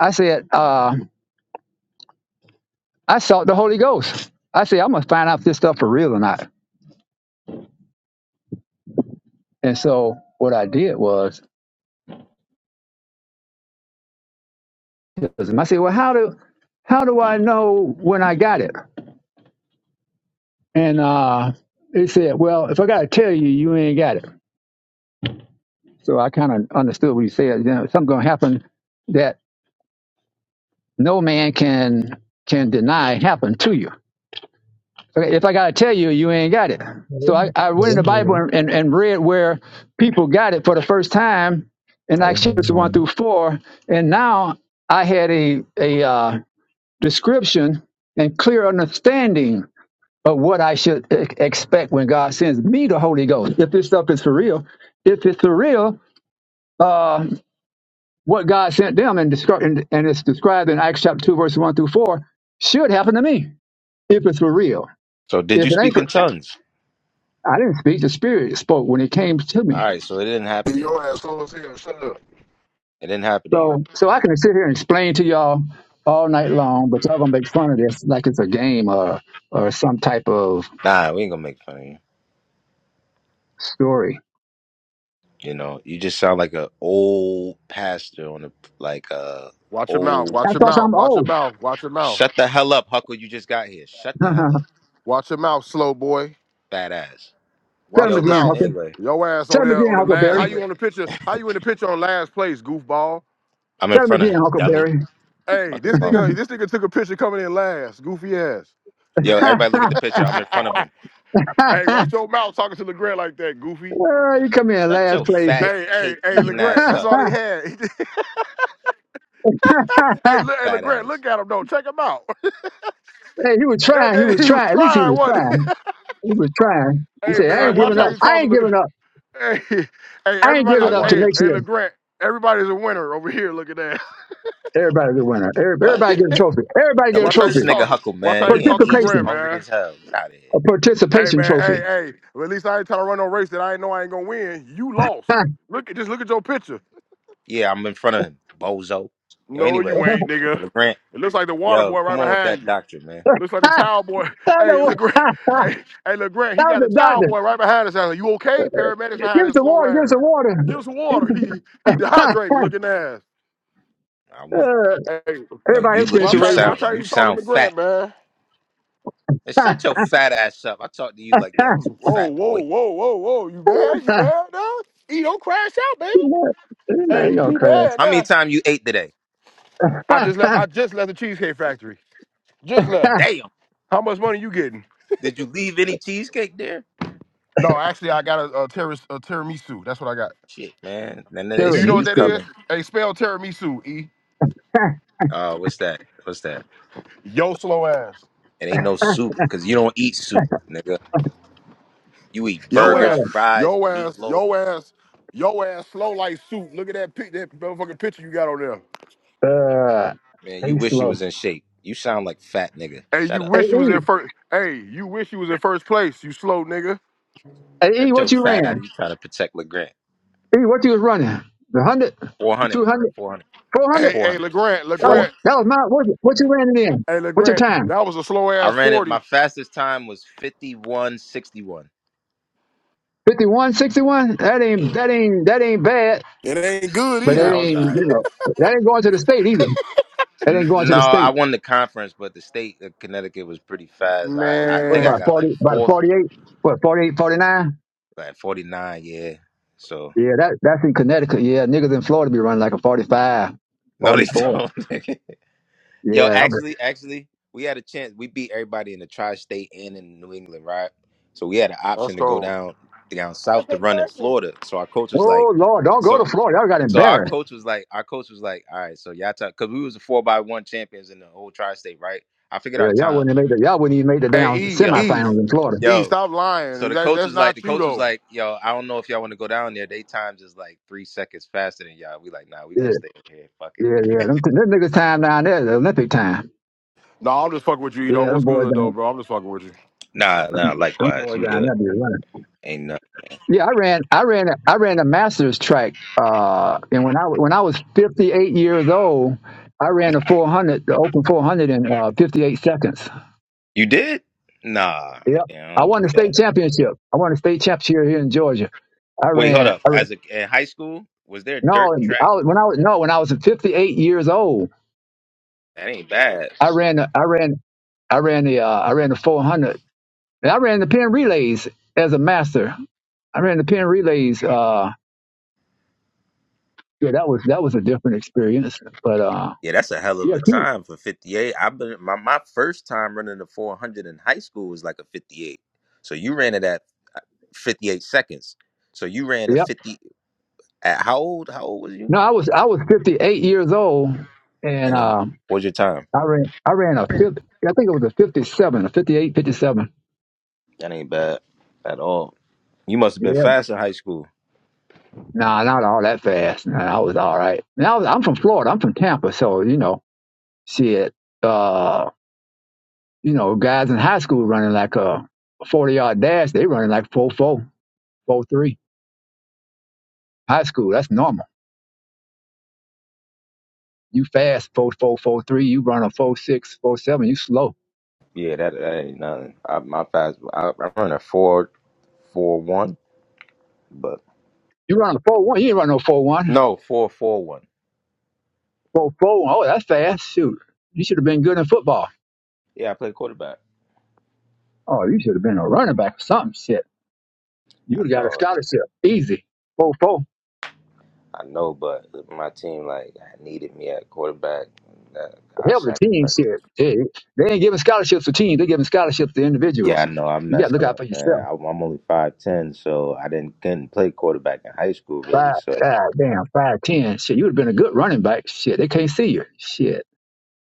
Speaker 31: I said uh, I sought the Holy Ghost. I said I'm gonna find out if this stuff for real or not. And so what I did was I said, well, how do how do I know when I got it? And uh, he said, well, if I gotta tell you, you ain't got it. So I kind of understood what he said. You know, something gonna happen that. no man can can deny happened to you. Okay, If I gotta tell you, you ain't got it.
Speaker 29: bottom of
Speaker 31: So I, I went in the
Speaker 29: the
Speaker 31: Bible
Speaker 29: line.
Speaker 31: and, and, and read where people got it for the first time in
Speaker 29: Karibu
Speaker 31: Acts
Speaker 29: karibu
Speaker 31: chapters one
Speaker 29: karibu
Speaker 31: through four, and now I had a a uh, description and clear understanding of what I should e- expect when God sends me the Holy Ghost. If this stuff is for real, if it's for real, uh, what God sent them and, descri- and and it's described in Acts chapter two, verse one through four, should happen to me if it's for real.
Speaker 20: So did
Speaker 31: If
Speaker 20: you
Speaker 31: it ain't
Speaker 20: speak in
Speaker 31: for,
Speaker 20: tongues?
Speaker 31: I didn't speak. The Spirit spoke when it came to
Speaker 20: All
Speaker 31: me.
Speaker 20: right. So it didn't happen to you.
Speaker 32: Your asshole as hell. Shut up.
Speaker 20: It didn't happen to you.
Speaker 31: So, so I can sit here and explain to y'all all night long, but y'all gonna make fun of this like it's a game or or some type of
Speaker 20: Nah, we ain't gonna make fun of you.
Speaker 31: story.
Speaker 20: You know, you just sound like a old pastor on a like a
Speaker 32: Watch your mouth.
Speaker 20: old.
Speaker 31: I
Speaker 32: Watch your
Speaker 31: thought
Speaker 32: mouth.
Speaker 31: I'm
Speaker 32: Watch your
Speaker 31: old.
Speaker 32: mouth. Watch your mouth.
Speaker 20: Shut the hell up, Huckle. You just got here. Shut
Speaker 31: [laughs]
Speaker 20: the hell up,
Speaker 31: Tell
Speaker 32: Watch your mouth, slow boy.
Speaker 20: fat ass.
Speaker 32: Watch
Speaker 31: him
Speaker 20: Yo,
Speaker 32: your
Speaker 31: again,
Speaker 20: listen.
Speaker 32: mouth.
Speaker 31: Huckleberry.
Speaker 20: Anyway,
Speaker 32: Your ass on
Speaker 31: Tell him
Speaker 32: there
Speaker 31: again,
Speaker 32: on the last. How
Speaker 31: Huckleberry.
Speaker 20: anyway,
Speaker 32: you on the picture? How you in the picture on last place, goofball?
Speaker 20: I'm in
Speaker 31: Tell him
Speaker 20: front of
Speaker 31: again,
Speaker 20: him, dummy.
Speaker 31: Huckleberry.
Speaker 32: Hey,
Speaker 20: Fucking
Speaker 32: this
Speaker 20: phone.
Speaker 32: nigga, this nigga took a picture coming in last, goofy ass.
Speaker 20: Yo, everybody look at the
Speaker 31: [laughs]
Speaker 20: picture. I'm in front of
Speaker 32: [laughs]
Speaker 20: him.
Speaker 32: hey, watch your mouth talking to Legrand like that, goofy.
Speaker 31: oh, you come in
Speaker 20: Shut
Speaker 31: last
Speaker 20: your
Speaker 31: place.
Speaker 20: fat
Speaker 32: Hey, hey,
Speaker 20: cake
Speaker 32: hey,
Speaker 20: eating
Speaker 31: [laughs]
Speaker 32: Legrand,
Speaker 20: ass
Speaker 32: that's
Speaker 20: up,
Speaker 32: all he
Speaker 31: hey,
Speaker 32: had. [laughs] hey, look, hey,
Speaker 20: fat
Speaker 32: Legrand,
Speaker 20: ass.
Speaker 32: look at him though. Check him out. [laughs]
Speaker 31: he was
Speaker 32: that,
Speaker 31: trying. He
Speaker 32: that-
Speaker 31: was
Speaker 32: he was
Speaker 31: trying. At least he
Speaker 32: trying
Speaker 31: was
Speaker 32: one.
Speaker 31: trying. He was trying.
Speaker 32: [laughs]
Speaker 31: He
Speaker 32: hey,
Speaker 20: No,
Speaker 31: said, "I
Speaker 32: man,
Speaker 31: ain't
Speaker 20: trying. I
Speaker 32: watch
Speaker 31: giving
Speaker 32: how
Speaker 31: up.
Speaker 20: won.
Speaker 32: you
Speaker 31: I
Speaker 32: talk to
Speaker 31: ain't
Speaker 32: Legrand.
Speaker 31: giving up."
Speaker 32: Hey, [laughs] hey,
Speaker 31: I ain't
Speaker 32: everybody's
Speaker 20: I
Speaker 31: giving up to
Speaker 20: won.
Speaker 32: hey,
Speaker 31: next
Speaker 32: hey,
Speaker 31: year.
Speaker 32: LeGrant. Everybody's a winner over here. Look at that.
Speaker 31: Everybody's a winner. Every-
Speaker 20: What?
Speaker 31: Everybody get a trophy. Everybody
Speaker 32: [laughs]
Speaker 20: Now
Speaker 31: get a
Speaker 20: look
Speaker 32: Watch
Speaker 20: at
Speaker 32: how you
Speaker 20: this
Speaker 31: trophy.
Speaker 20: nigga
Speaker 32: talk to.
Speaker 20: Huckle,
Speaker 32: Watch
Speaker 20: man.
Speaker 32: how you
Speaker 20: He in
Speaker 32: talk to
Speaker 20: Egypt,
Speaker 32: LeGrant,
Speaker 31: Participation.
Speaker 20: hungry
Speaker 32: man.
Speaker 20: as hell. Get out of here.
Speaker 31: A
Speaker 32: Hey,
Speaker 31: participation
Speaker 32: man. Hey,
Speaker 31: trophy.
Speaker 32: hey. Well, at least I ain't trying to run no race that I ain't know I ain't gonna win. You lost.
Speaker 31: Huh.
Speaker 32: Look at just look at your picture.
Speaker 20: Yeah, I'm in front of him, bozo. Yo,
Speaker 32: No,
Speaker 20: anyway,
Speaker 31: [laughs]
Speaker 32: you ain't, nigga.
Speaker 20: LeGrant,
Speaker 32: It looks like the water
Speaker 20: yo,
Speaker 32: boy
Speaker 20: come
Speaker 32: right
Speaker 20: on with
Speaker 32: behind
Speaker 20: that
Speaker 32: you.
Speaker 20: doctrine, man.
Speaker 32: Looks like the
Speaker 31: that
Speaker 32: towel boy. [laughs] Hey,
Speaker 31: was a [laughs]
Speaker 32: LeGrant.
Speaker 31: that
Speaker 32: Hey, hey, LeGrant. He got the
Speaker 31: was a
Speaker 32: towel
Speaker 31: doctor.
Speaker 32: boy right behind us. I was like, you okay? Paramedics
Speaker 31: Give
Speaker 32: behind
Speaker 31: us
Speaker 32: his
Speaker 31: some
Speaker 32: slow
Speaker 31: water. Give us
Speaker 32: ass.
Speaker 31: some water.
Speaker 32: Give us
Speaker 31: [laughs] Give
Speaker 32: water. [laughs] He he
Speaker 31: us
Speaker 32: dehydrated.
Speaker 31: some- [laughs]
Speaker 32: Looking ass.
Speaker 20: I won.
Speaker 31: Uh,
Speaker 32: Hey.
Speaker 20: No,
Speaker 31: Everybody
Speaker 20: you
Speaker 31: else
Speaker 20: look,
Speaker 31: finished the
Speaker 32: Watch
Speaker 20: you
Speaker 32: how
Speaker 31: race.
Speaker 20: sound,
Speaker 32: watch how
Speaker 20: you
Speaker 32: you talking
Speaker 20: sound
Speaker 32: to
Speaker 20: fat.
Speaker 32: Grant, man.
Speaker 20: And
Speaker 31: [laughs]
Speaker 20: shut your fat ass up. I talk to you like that, too,
Speaker 32: Whoa,
Speaker 20: fat
Speaker 32: whoa,
Speaker 20: boy.
Speaker 32: whoa, whoa, whoa. You mad? You mad now? E don't crash out, baby.
Speaker 31: Man, ain't
Speaker 32: Hey,
Speaker 31: no
Speaker 32: be
Speaker 31: crash.
Speaker 32: mad
Speaker 20: How many
Speaker 32: now.
Speaker 20: times you ate today?
Speaker 32: I just left. I just left the Cheesecake Factory. Just left.
Speaker 20: Damn.
Speaker 32: How much money you getting?
Speaker 20: Did you leave any cheesecake there?
Speaker 32: No, actually I got a, a, terrace, a tiramisu. That's what I got.
Speaker 20: Shit, man. And then
Speaker 31: [laughs]
Speaker 20: they
Speaker 32: Do you
Speaker 20: see
Speaker 31: Karen,
Speaker 32: know what
Speaker 20: you
Speaker 31: these
Speaker 32: that
Speaker 31: two.
Speaker 20: coming.
Speaker 32: is? Hey, spell tiramisu, E.
Speaker 31: [laughs]
Speaker 20: Uh, what's that? What's that?
Speaker 32: Yo slow ass.
Speaker 20: It ain't no soup because you don't eat soup, nigga. You eat
Speaker 32: Yo
Speaker 20: burgers,
Speaker 32: ass.
Speaker 31: uh,
Speaker 20: fries,
Speaker 32: Yo ass.
Speaker 20: meatloaf.
Speaker 32: Yo ass. Yo ass slow like soup. Look at that pic that motherfucking picture you got on there.
Speaker 31: uh,
Speaker 20: Man, you
Speaker 31: he's
Speaker 20: wish you
Speaker 31: slow.
Speaker 20: was in shape. You sound like fat nigga.
Speaker 32: Hey,
Speaker 20: Shut
Speaker 32: you
Speaker 20: up.
Speaker 31: Hey,
Speaker 32: wish you was
Speaker 31: E,
Speaker 32: in first. Hey, you wish you was in first place. You slow nigga.
Speaker 31: hey, e,
Speaker 20: Shut your
Speaker 31: what you
Speaker 20: fat
Speaker 31: ran?
Speaker 20: out. You trying to protect LeGrand.
Speaker 31: Hey, what you was running? The hundred, the
Speaker 20: 400,
Speaker 31: two hundred,
Speaker 20: 400,
Speaker 31: four
Speaker 20: 400,
Speaker 31: hundred.
Speaker 32: Hey,
Speaker 20: 4.
Speaker 32: hey,
Speaker 20: hundred.
Speaker 32: Legrand,
Speaker 31: Oh,
Speaker 20: Four.
Speaker 32: Legrand.
Speaker 31: that was my what? What you ran it in?
Speaker 32: Hey,
Speaker 31: What's your
Speaker 32: Legrand.
Speaker 31: time?
Speaker 32: That was a slow ass
Speaker 20: I ran it. My
Speaker 32: forty.
Speaker 20: fastest time was 51.61.
Speaker 31: 51, 61? That
Speaker 20: Yeah.
Speaker 31: ain't that ain't that ain't bad,
Speaker 32: It ain't good
Speaker 31: but
Speaker 20: Yeah,
Speaker 31: that
Speaker 20: I
Speaker 32: either.
Speaker 20: was
Speaker 31: ain't
Speaker 20: all
Speaker 31: you
Speaker 20: right.
Speaker 31: know that ain't going to the state either. That
Speaker 20: N-
Speaker 31: ain't going to
Speaker 20: No,
Speaker 31: the
Speaker 20: I
Speaker 31: state.
Speaker 20: won the conference, but the state of Connecticut was pretty fast. I, I
Speaker 31: What
Speaker 20: think I
Speaker 32: Man,
Speaker 31: about
Speaker 20: got like
Speaker 31: forty? About a
Speaker 20: fourth,
Speaker 31: forty-eight? What 48, 49?
Speaker 20: like 49, yeah. So,
Speaker 31: Yeah, that that's in Connecticut. Yeah, niggas in Florida be running like a 45,
Speaker 20: [laughs] no, they
Speaker 31: 44.
Speaker 20: don't. [laughs] Yo,
Speaker 31: Yeah, that was.
Speaker 20: actually, actually, we had a chance. We beat everybody in the tri-state and in New England, right? So we had an
Speaker 32: let's
Speaker 20: option to go
Speaker 32: go.
Speaker 20: down down south to run in Florida. So our coach was like,
Speaker 31: oh Lord, don't go to
Speaker 20: so
Speaker 31: Florida. Y'all got
Speaker 20: so our
Speaker 31: embarrassed.
Speaker 20: coach was like, our coach was like, all right, so y'all talk because we was the four by one champions in the whole tri-state, right? I figured
Speaker 31: Yeah,
Speaker 20: our
Speaker 31: y'all
Speaker 20: time.
Speaker 31: wouldn't have made the, y'all wouldn't even make the
Speaker 32: Hey,
Speaker 31: damn
Speaker 32: E,
Speaker 20: Yo,
Speaker 32: E,
Speaker 31: semifinals in Florida.
Speaker 32: E,
Speaker 20: yo.
Speaker 32: stop
Speaker 20: So
Speaker 32: lying.
Speaker 20: the
Speaker 32: That,
Speaker 20: coach
Speaker 32: that's
Speaker 20: was like, the
Speaker 32: not you
Speaker 20: coach was
Speaker 32: though.
Speaker 20: like, yo, I don't know if y'all want to go down there. They times is like three seconds faster than y'all. We like, nah, we
Speaker 31: Yeah.
Speaker 20: gonna stay in here. Fuck it.
Speaker 31: Yeah, yeah. Them, them niggas time down there is Olympic time.
Speaker 32: No, I'm just fucking with you, E. Though,
Speaker 31: Yeah, them
Speaker 32: what's
Speaker 31: boys
Speaker 32: good though,
Speaker 31: down
Speaker 32: bro? I'm just fucking with you.
Speaker 20: Nah, nah,
Speaker 31: them
Speaker 20: likewise.
Speaker 31: boys
Speaker 20: You
Speaker 31: down
Speaker 20: good.
Speaker 31: there be running.
Speaker 20: Ain't nothing.
Speaker 31: Yeah, I ran I ran a, I ran a master's track uh and when I when I was fifty eight years old, I ran the four hundred the open four hundred in uh fifty eight seconds.
Speaker 20: You did? Nah,
Speaker 31: Yep.
Speaker 20: yeah, I
Speaker 31: I
Speaker 20: don't
Speaker 31: won the
Speaker 20: believe that.
Speaker 31: state championship. I won the state championship here here in Georgia. I
Speaker 20: Wait, hold
Speaker 31: ran
Speaker 20: up.
Speaker 31: I ran
Speaker 20: As a in high school, was there
Speaker 31: no I
Speaker 20: dirt track?
Speaker 31: was, when I was no when I was fifty eight years old,
Speaker 20: That ain't bad.
Speaker 31: I ran the I ran I ran the uh, I ran the four hundred. And I ran the pen relays as a master. I ran the pin relays. Uh, yeah, that was that was a different experience. But uh,
Speaker 20: Yeah, that's a hell of
Speaker 31: yeah,
Speaker 20: a
Speaker 31: keep.
Speaker 20: time for 58. I've been my, my first time running the 400 in high school was like a 58. So you ran it at uh, 58 seconds. So you ran a
Speaker 31: Yep.
Speaker 20: 50 at how old? How old was you?
Speaker 31: No, I was I was 58 years old, and
Speaker 20: And um,
Speaker 31: uh,
Speaker 20: what was your time?
Speaker 31: I ran I ran a 50. I think it was a 57, a 58, 57.
Speaker 20: That ain't bad at all. You must have been
Speaker 31: Yeah.
Speaker 20: fast in high school.
Speaker 31: Nah, not all that fast. Nah, I was all right. And I was, I'm from Florida. I'm from Tampa, so you know, shit. Uh, you know, guys in high school running like a 40 yard dash. They running like four four, four three. High school, that's normal. You fast four four four three. You run a four six four seven. You slow.
Speaker 20: Yeah, that, that ain't nothing. I, my fast, I, I run a four four one, but
Speaker 31: You run a four one. You ain't run no four one.
Speaker 20: No, four four one.
Speaker 31: Four four. Oh, that's fast. Shoot, you should have been good in football.
Speaker 20: Yeah, I play quarterback.
Speaker 31: Oh, you should have been a running back or something. Shit, you
Speaker 20: I
Speaker 31: would have got a
Speaker 20: know,
Speaker 31: scholarship. Easy. Four four.
Speaker 20: I know, but my team like needed me at quarterback. That
Speaker 31: The Hell, with
Speaker 20: contract.
Speaker 31: the team shit. They, they ain't giving scholarships to teams. They giving scholarships to
Speaker 20: Yeah, I
Speaker 31: individuals.
Speaker 20: know. I am
Speaker 31: You got to
Speaker 20: messed
Speaker 31: look out
Speaker 20: up,
Speaker 31: for
Speaker 20: man.
Speaker 31: yourself.
Speaker 20: I, I'm only five ten, so I didn't couldn't play quarterback in high school, really.
Speaker 31: Five,
Speaker 20: So
Speaker 31: God damn, five ten. Shit, you would have been a good running back. Shit, they can't see you. Shit.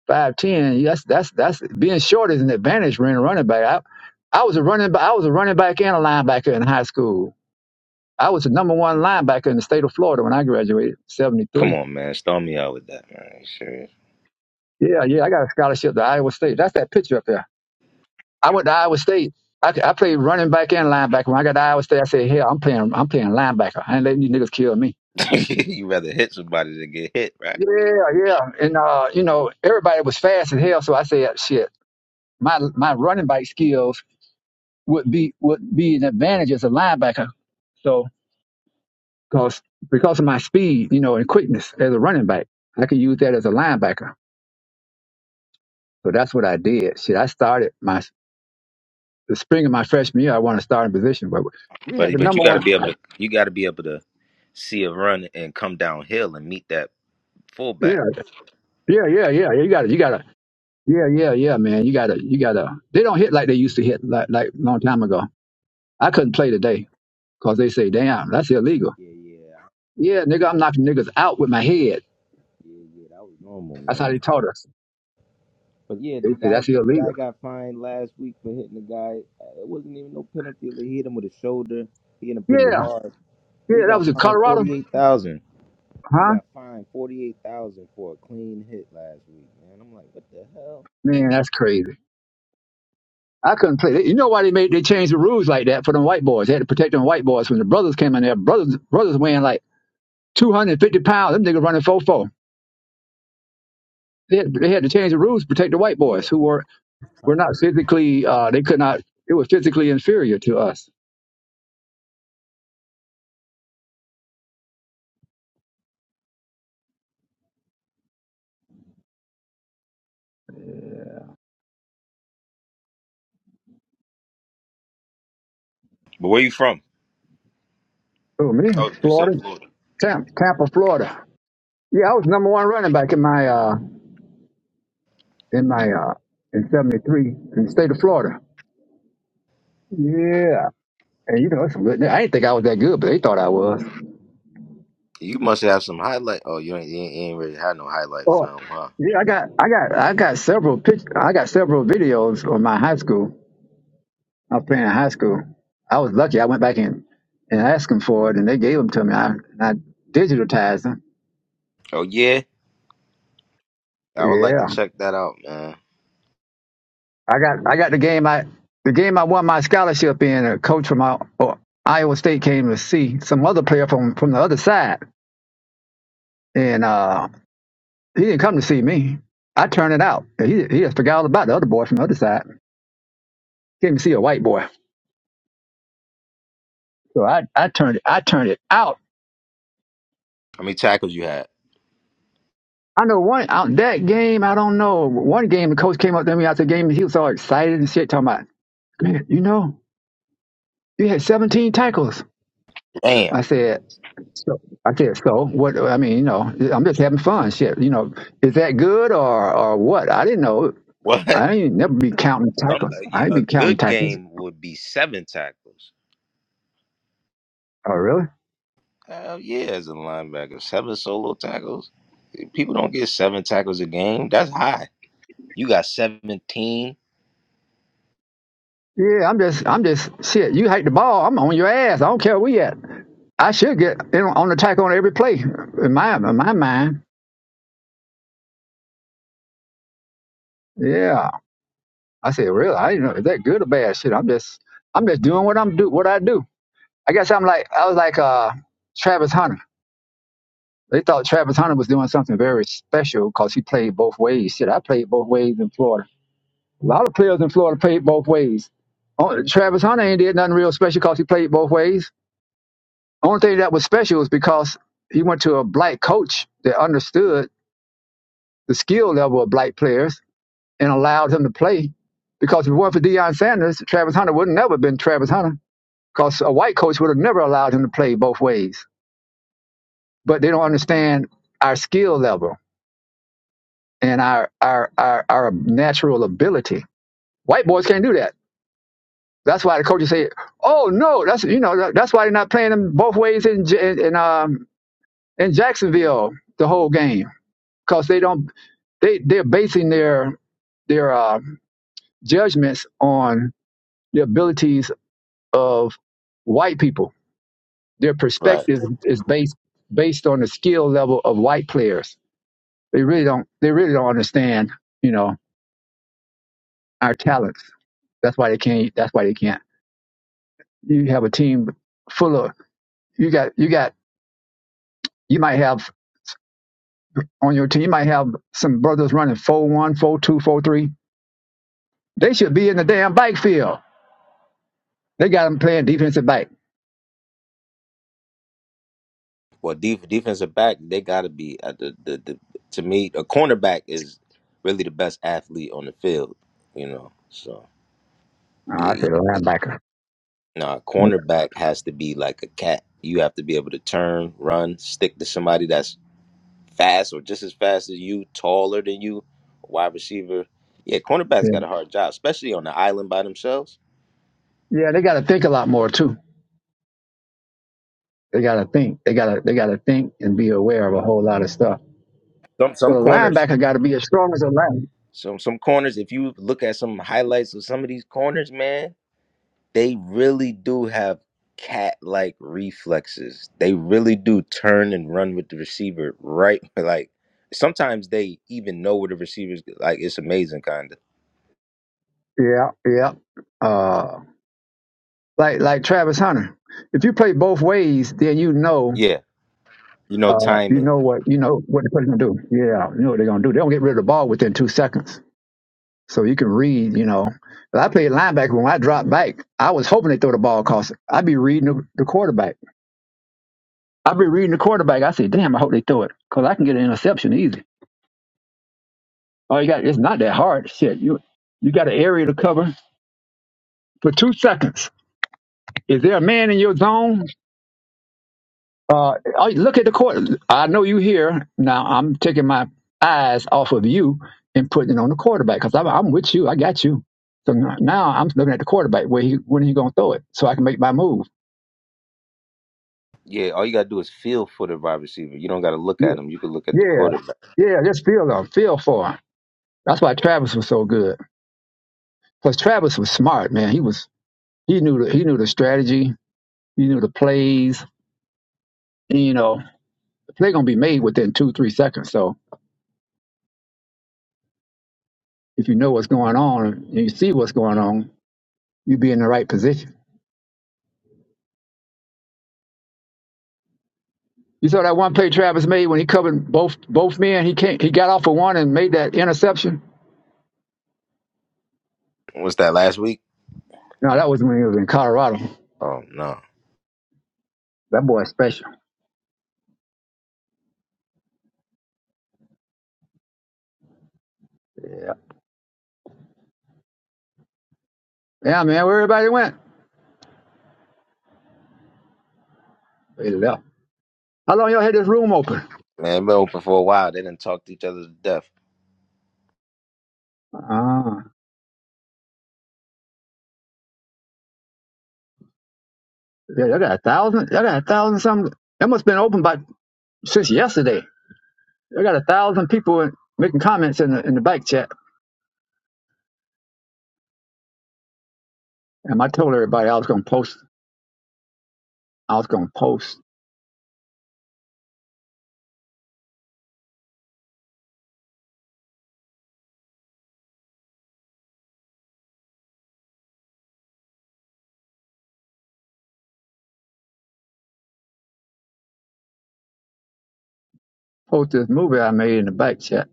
Speaker 31: five ten. That's that's that's being short is an advantage for a running back. I, I was a running back. I was a running back and a linebacker in high school. I was the number one linebacker in the state of Florida when I graduated, seventy
Speaker 20: come
Speaker 31: three.
Speaker 20: on, man, storm me out with that, man. You
Speaker 31: Yeah, yeah, I got a scholarship to Iowa State. That's that picture up there. I went to Iowa State. I, I played running back and linebacker. When I got to Iowa State, I said, "Hell, I'm playing. I'm playing linebacker. I ain't letting you niggas kill me."
Speaker 20: serious? [laughs] you rather hit somebody than get hit, right?
Speaker 31: Yeah, yeah, and uh, you know everybody was fast as hell, so I said, "Shit, my my running back skills." would be would be an advantage as a linebacker. So because because of my speed, you know, and quickness as a running back, I could use that as a linebacker. So that's what I did. Shit, I started my the spring of my freshman year. I wanted to start in position, but we had
Speaker 20: But
Speaker 31: the
Speaker 20: but you
Speaker 31: number
Speaker 20: got to
Speaker 31: one.
Speaker 20: be able to you got to be able to see a run and come downhill and meet that
Speaker 31: Yeah,
Speaker 20: fullback.
Speaker 31: yeah, yeah, yeah. You got to You got to Yeah, yeah, yeah, man. You got to You got to They don't hit like they used to hit like like long time ago. I couldn't play today because they say, "Damn, that's illegal."
Speaker 20: Yeah, yeah,
Speaker 31: Yeah, nigga, I'm knocking niggas out with my head.
Speaker 20: yeah, yeah. That was normal,
Speaker 31: That's
Speaker 20: man.
Speaker 31: how they taught us.
Speaker 20: But yeah,
Speaker 31: They
Speaker 20: the
Speaker 31: say
Speaker 20: guy
Speaker 31: that's
Speaker 20: the guy
Speaker 31: illegal.
Speaker 20: got fined last week for hitting the guy. Uh, It wasn't even no penalty. They hit him with his shoulder. He hit him pretty
Speaker 31: Yeah,
Speaker 20: hard.
Speaker 31: Yeah,
Speaker 20: He
Speaker 31: that
Speaker 20: got
Speaker 31: was in
Speaker 20: fined
Speaker 31: Colorado.
Speaker 20: forty eight thousand. He
Speaker 31: Huh?
Speaker 20: got fined forty eight thousand for a clean hit last week, man. I'm like, what the hell?
Speaker 31: Man, that's crazy. I couldn't play. You know why they made they changed the rules like that for them white boys? They had to protect them white boys when the brothers came in there. Brothers brothers weighing like two hundred and fifty pounds. Them niggas running four four. They had, they had to change the rules to protect the white
Speaker 20: Yeah.
Speaker 31: boys who were were not physically. Uh, they could not. They were physically inferior to us.
Speaker 20: But where you from?
Speaker 31: Oh
Speaker 20: Oh,
Speaker 31: man,
Speaker 20: you said
Speaker 31: Florida,
Speaker 20: Florida.
Speaker 31: Tampa, Tampa, Florida. Yeah, I was number one running back in my uh in my uh in '73 in the state of Florida. Yeah. And you know, it's, I didn't think I was that good, but they thought I was.
Speaker 20: You must have some highlight. Oh, you ain't, you ain't you ain't really had no highlight
Speaker 31: Oh,
Speaker 20: film, huh?
Speaker 31: yeah, I got, I got, I got several pic, I got several videos on my high school. I was playing in high school. I was lucky. I went back in and asked them for it, and they gave them to me. I, and I digitized them.
Speaker 20: Oh yeah. I would like to
Speaker 31: Yeah,
Speaker 20: check that out, man.
Speaker 31: I got, I got the game. I the game I won my scholarship in. A coach from my, oh, Iowa State came to see some other player from from the other side, and uh, he didn't come to see me. I turned it out. He he just forgot all about the other boy from the other side. Can't even see a white boy. So I, I turned it, I turned it out.
Speaker 20: How many tackles you had?
Speaker 31: I know one out that game, I don't know. One game the coach came up to me after the game and he was all excited and shit, talking about, Man, you know, you had seventeen tackles.
Speaker 20: Damn.
Speaker 31: I said so I said, so what I mean, you know, I'm just having fun, shit. You know, is that good or or what? I didn't know.
Speaker 20: What?
Speaker 31: I ain't never be counting
Speaker 20: Some
Speaker 31: tackles. I ain't
Speaker 20: a, a
Speaker 31: be counting
Speaker 20: good
Speaker 31: tackles.
Speaker 20: game would be seven tackles.
Speaker 31: Oh really?
Speaker 20: Hell yeah, as a linebacker, seven solo tackles. People don't get seven tackles a game. That's high. You got seventeen.
Speaker 31: Yeah, I'm just I'm just shit, you hate the ball, I'm on your ass. I don't care where we at. I should get in on attack on every play in my in my mind. Yeah, I said, really? I didn't know is that good or bad? Shit, I'm just I'm just doing what I'm do what I do. I guess I'm like I was like uh Travis Hunter. They thought Travis Hunter was doing something very special because he played both ways. Shit, I played both ways in Florida. A lot of players in Florida played both ways. Only- Travis Hunter ain't did nothing real special because he played both ways. Only thing that was special was because he went to a black coach that understood the skill level of black players and allowed him to play. Because if it weren't for Deion Sanders, Travis Hunter would never have been Travis Hunter. Because a white coach would have never allowed him to play both ways. But they don't understand our skill level and our our our, our natural ability. White boys can't do that. That's why the coaches say, "Oh no, that's you know that- that's why they're not playing them both ways in in, in um in Jacksonville the whole game because they don't they they're basing their their uh, judgments on the abilities of white people. Their
Speaker 20: Right.
Speaker 31: perspective is based based on the skill level of white players. They really don't they really don't understand, you know, our talents. That's why they can't that's why they can't. You have a team full of you got you got you might have on your team you might have some brothers running four one, four two, four three. They should be in the damn bike field. They got them playing defensive back.
Speaker 20: Well, def- defensive back, they got to be at the, the the. To me, a cornerback is really the best athlete on the field. You know, so
Speaker 31: Oh, I
Speaker 20: eh,
Speaker 31: said linebacker.
Speaker 20: nah, cornerback has to be like a cat. You have to be able to turn, run, stick to somebody that's fast or just as fast as you, taller than you, wide receiver. Yeah, cornerbacks
Speaker 31: Yeah,
Speaker 20: got a hard job, especially on the island by themselves.
Speaker 31: Yeah, they got to think a lot more too. They gotta think. They gotta they gotta think and be aware of a whole lot of stuff.
Speaker 20: Some some
Speaker 31: Well, a
Speaker 20: corners,
Speaker 31: linebacker got to be as strong as a line.
Speaker 20: some some corners. If you look at some highlights of some of these corners, man, they really do have cat-like reflexes. They really do turn and run with the receiver, right? [laughs] Like sometimes they even know where the receivers. Like it's amazing, kind of.
Speaker 31: Yeah, yeah. Uh, like like Travis Hunter. If you play both ways, then you know
Speaker 20: Yeah, you know
Speaker 31: uh, you
Speaker 20: timing.
Speaker 31: know what you know what the person's gonna do. Yeah, you know what they're gonna do. They don't get rid of the ball within two seconds. So you can read, you know. If I played linebacker when I dropped back, I was hoping they throw the ball because I'd be reading the, the quarterback. I'd be reading the quarterback. I say, damn, I hope they throw it because I can get an interception easy. All you got it's not that hard. Shit, you you got an area to cover for two seconds. Is there a man in your zone? Uh, oh, look at the court. I know you here now. I'm taking my eyes off of you and putting it on the quarterback because I'm, I'm with you. I got you. So now now I'm looking at the quarterback. Where he when he gonna throw it so I can make my move?
Speaker 20: Yeah, all you gotta do is feel for the wide receiver. You don't gotta look
Speaker 31: Yeah,
Speaker 20: at him. You can look at the
Speaker 31: yeah,
Speaker 20: quarterback.
Speaker 31: yeah. Just feel them. Feel for him. That's why Travis was so good. Plus Travis was smart, man. He was he knew the, he knew the strategy. He knew the plays. You know. they're going to be made within two, three seconds. So if you know what's going on and you see what's going on, you be in the right position. You saw that one play Travis made when he covered both both men. He can't. He got off of one and made that interception.
Speaker 20: Was that last week?
Speaker 31: No, that was when he was in Colorado.
Speaker 20: Oh no,
Speaker 31: That boy's special. Yeah, yeah, man. Where everybody went? They left. How long y'all had this room open?
Speaker 20: man, it been open for a while. They didn't talk to each other to death.
Speaker 31: Ah, yeah, y'all got a thousand. Y'all got a thousand something. That must have been open by since yesterday. Y'all got a thousand people in, making comments in the in the bike chat. And I told everybody I was going to post I was gonna post post this movie I made in the back chat.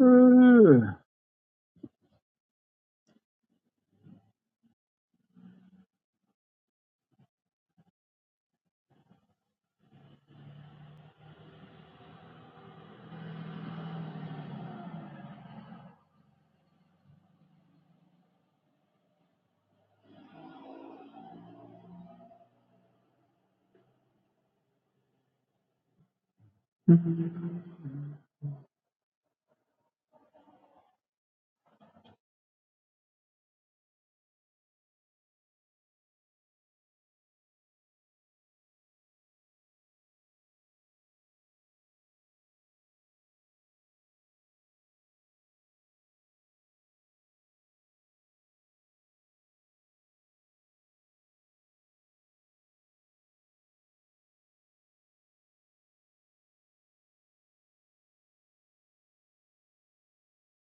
Speaker 31: Ooh.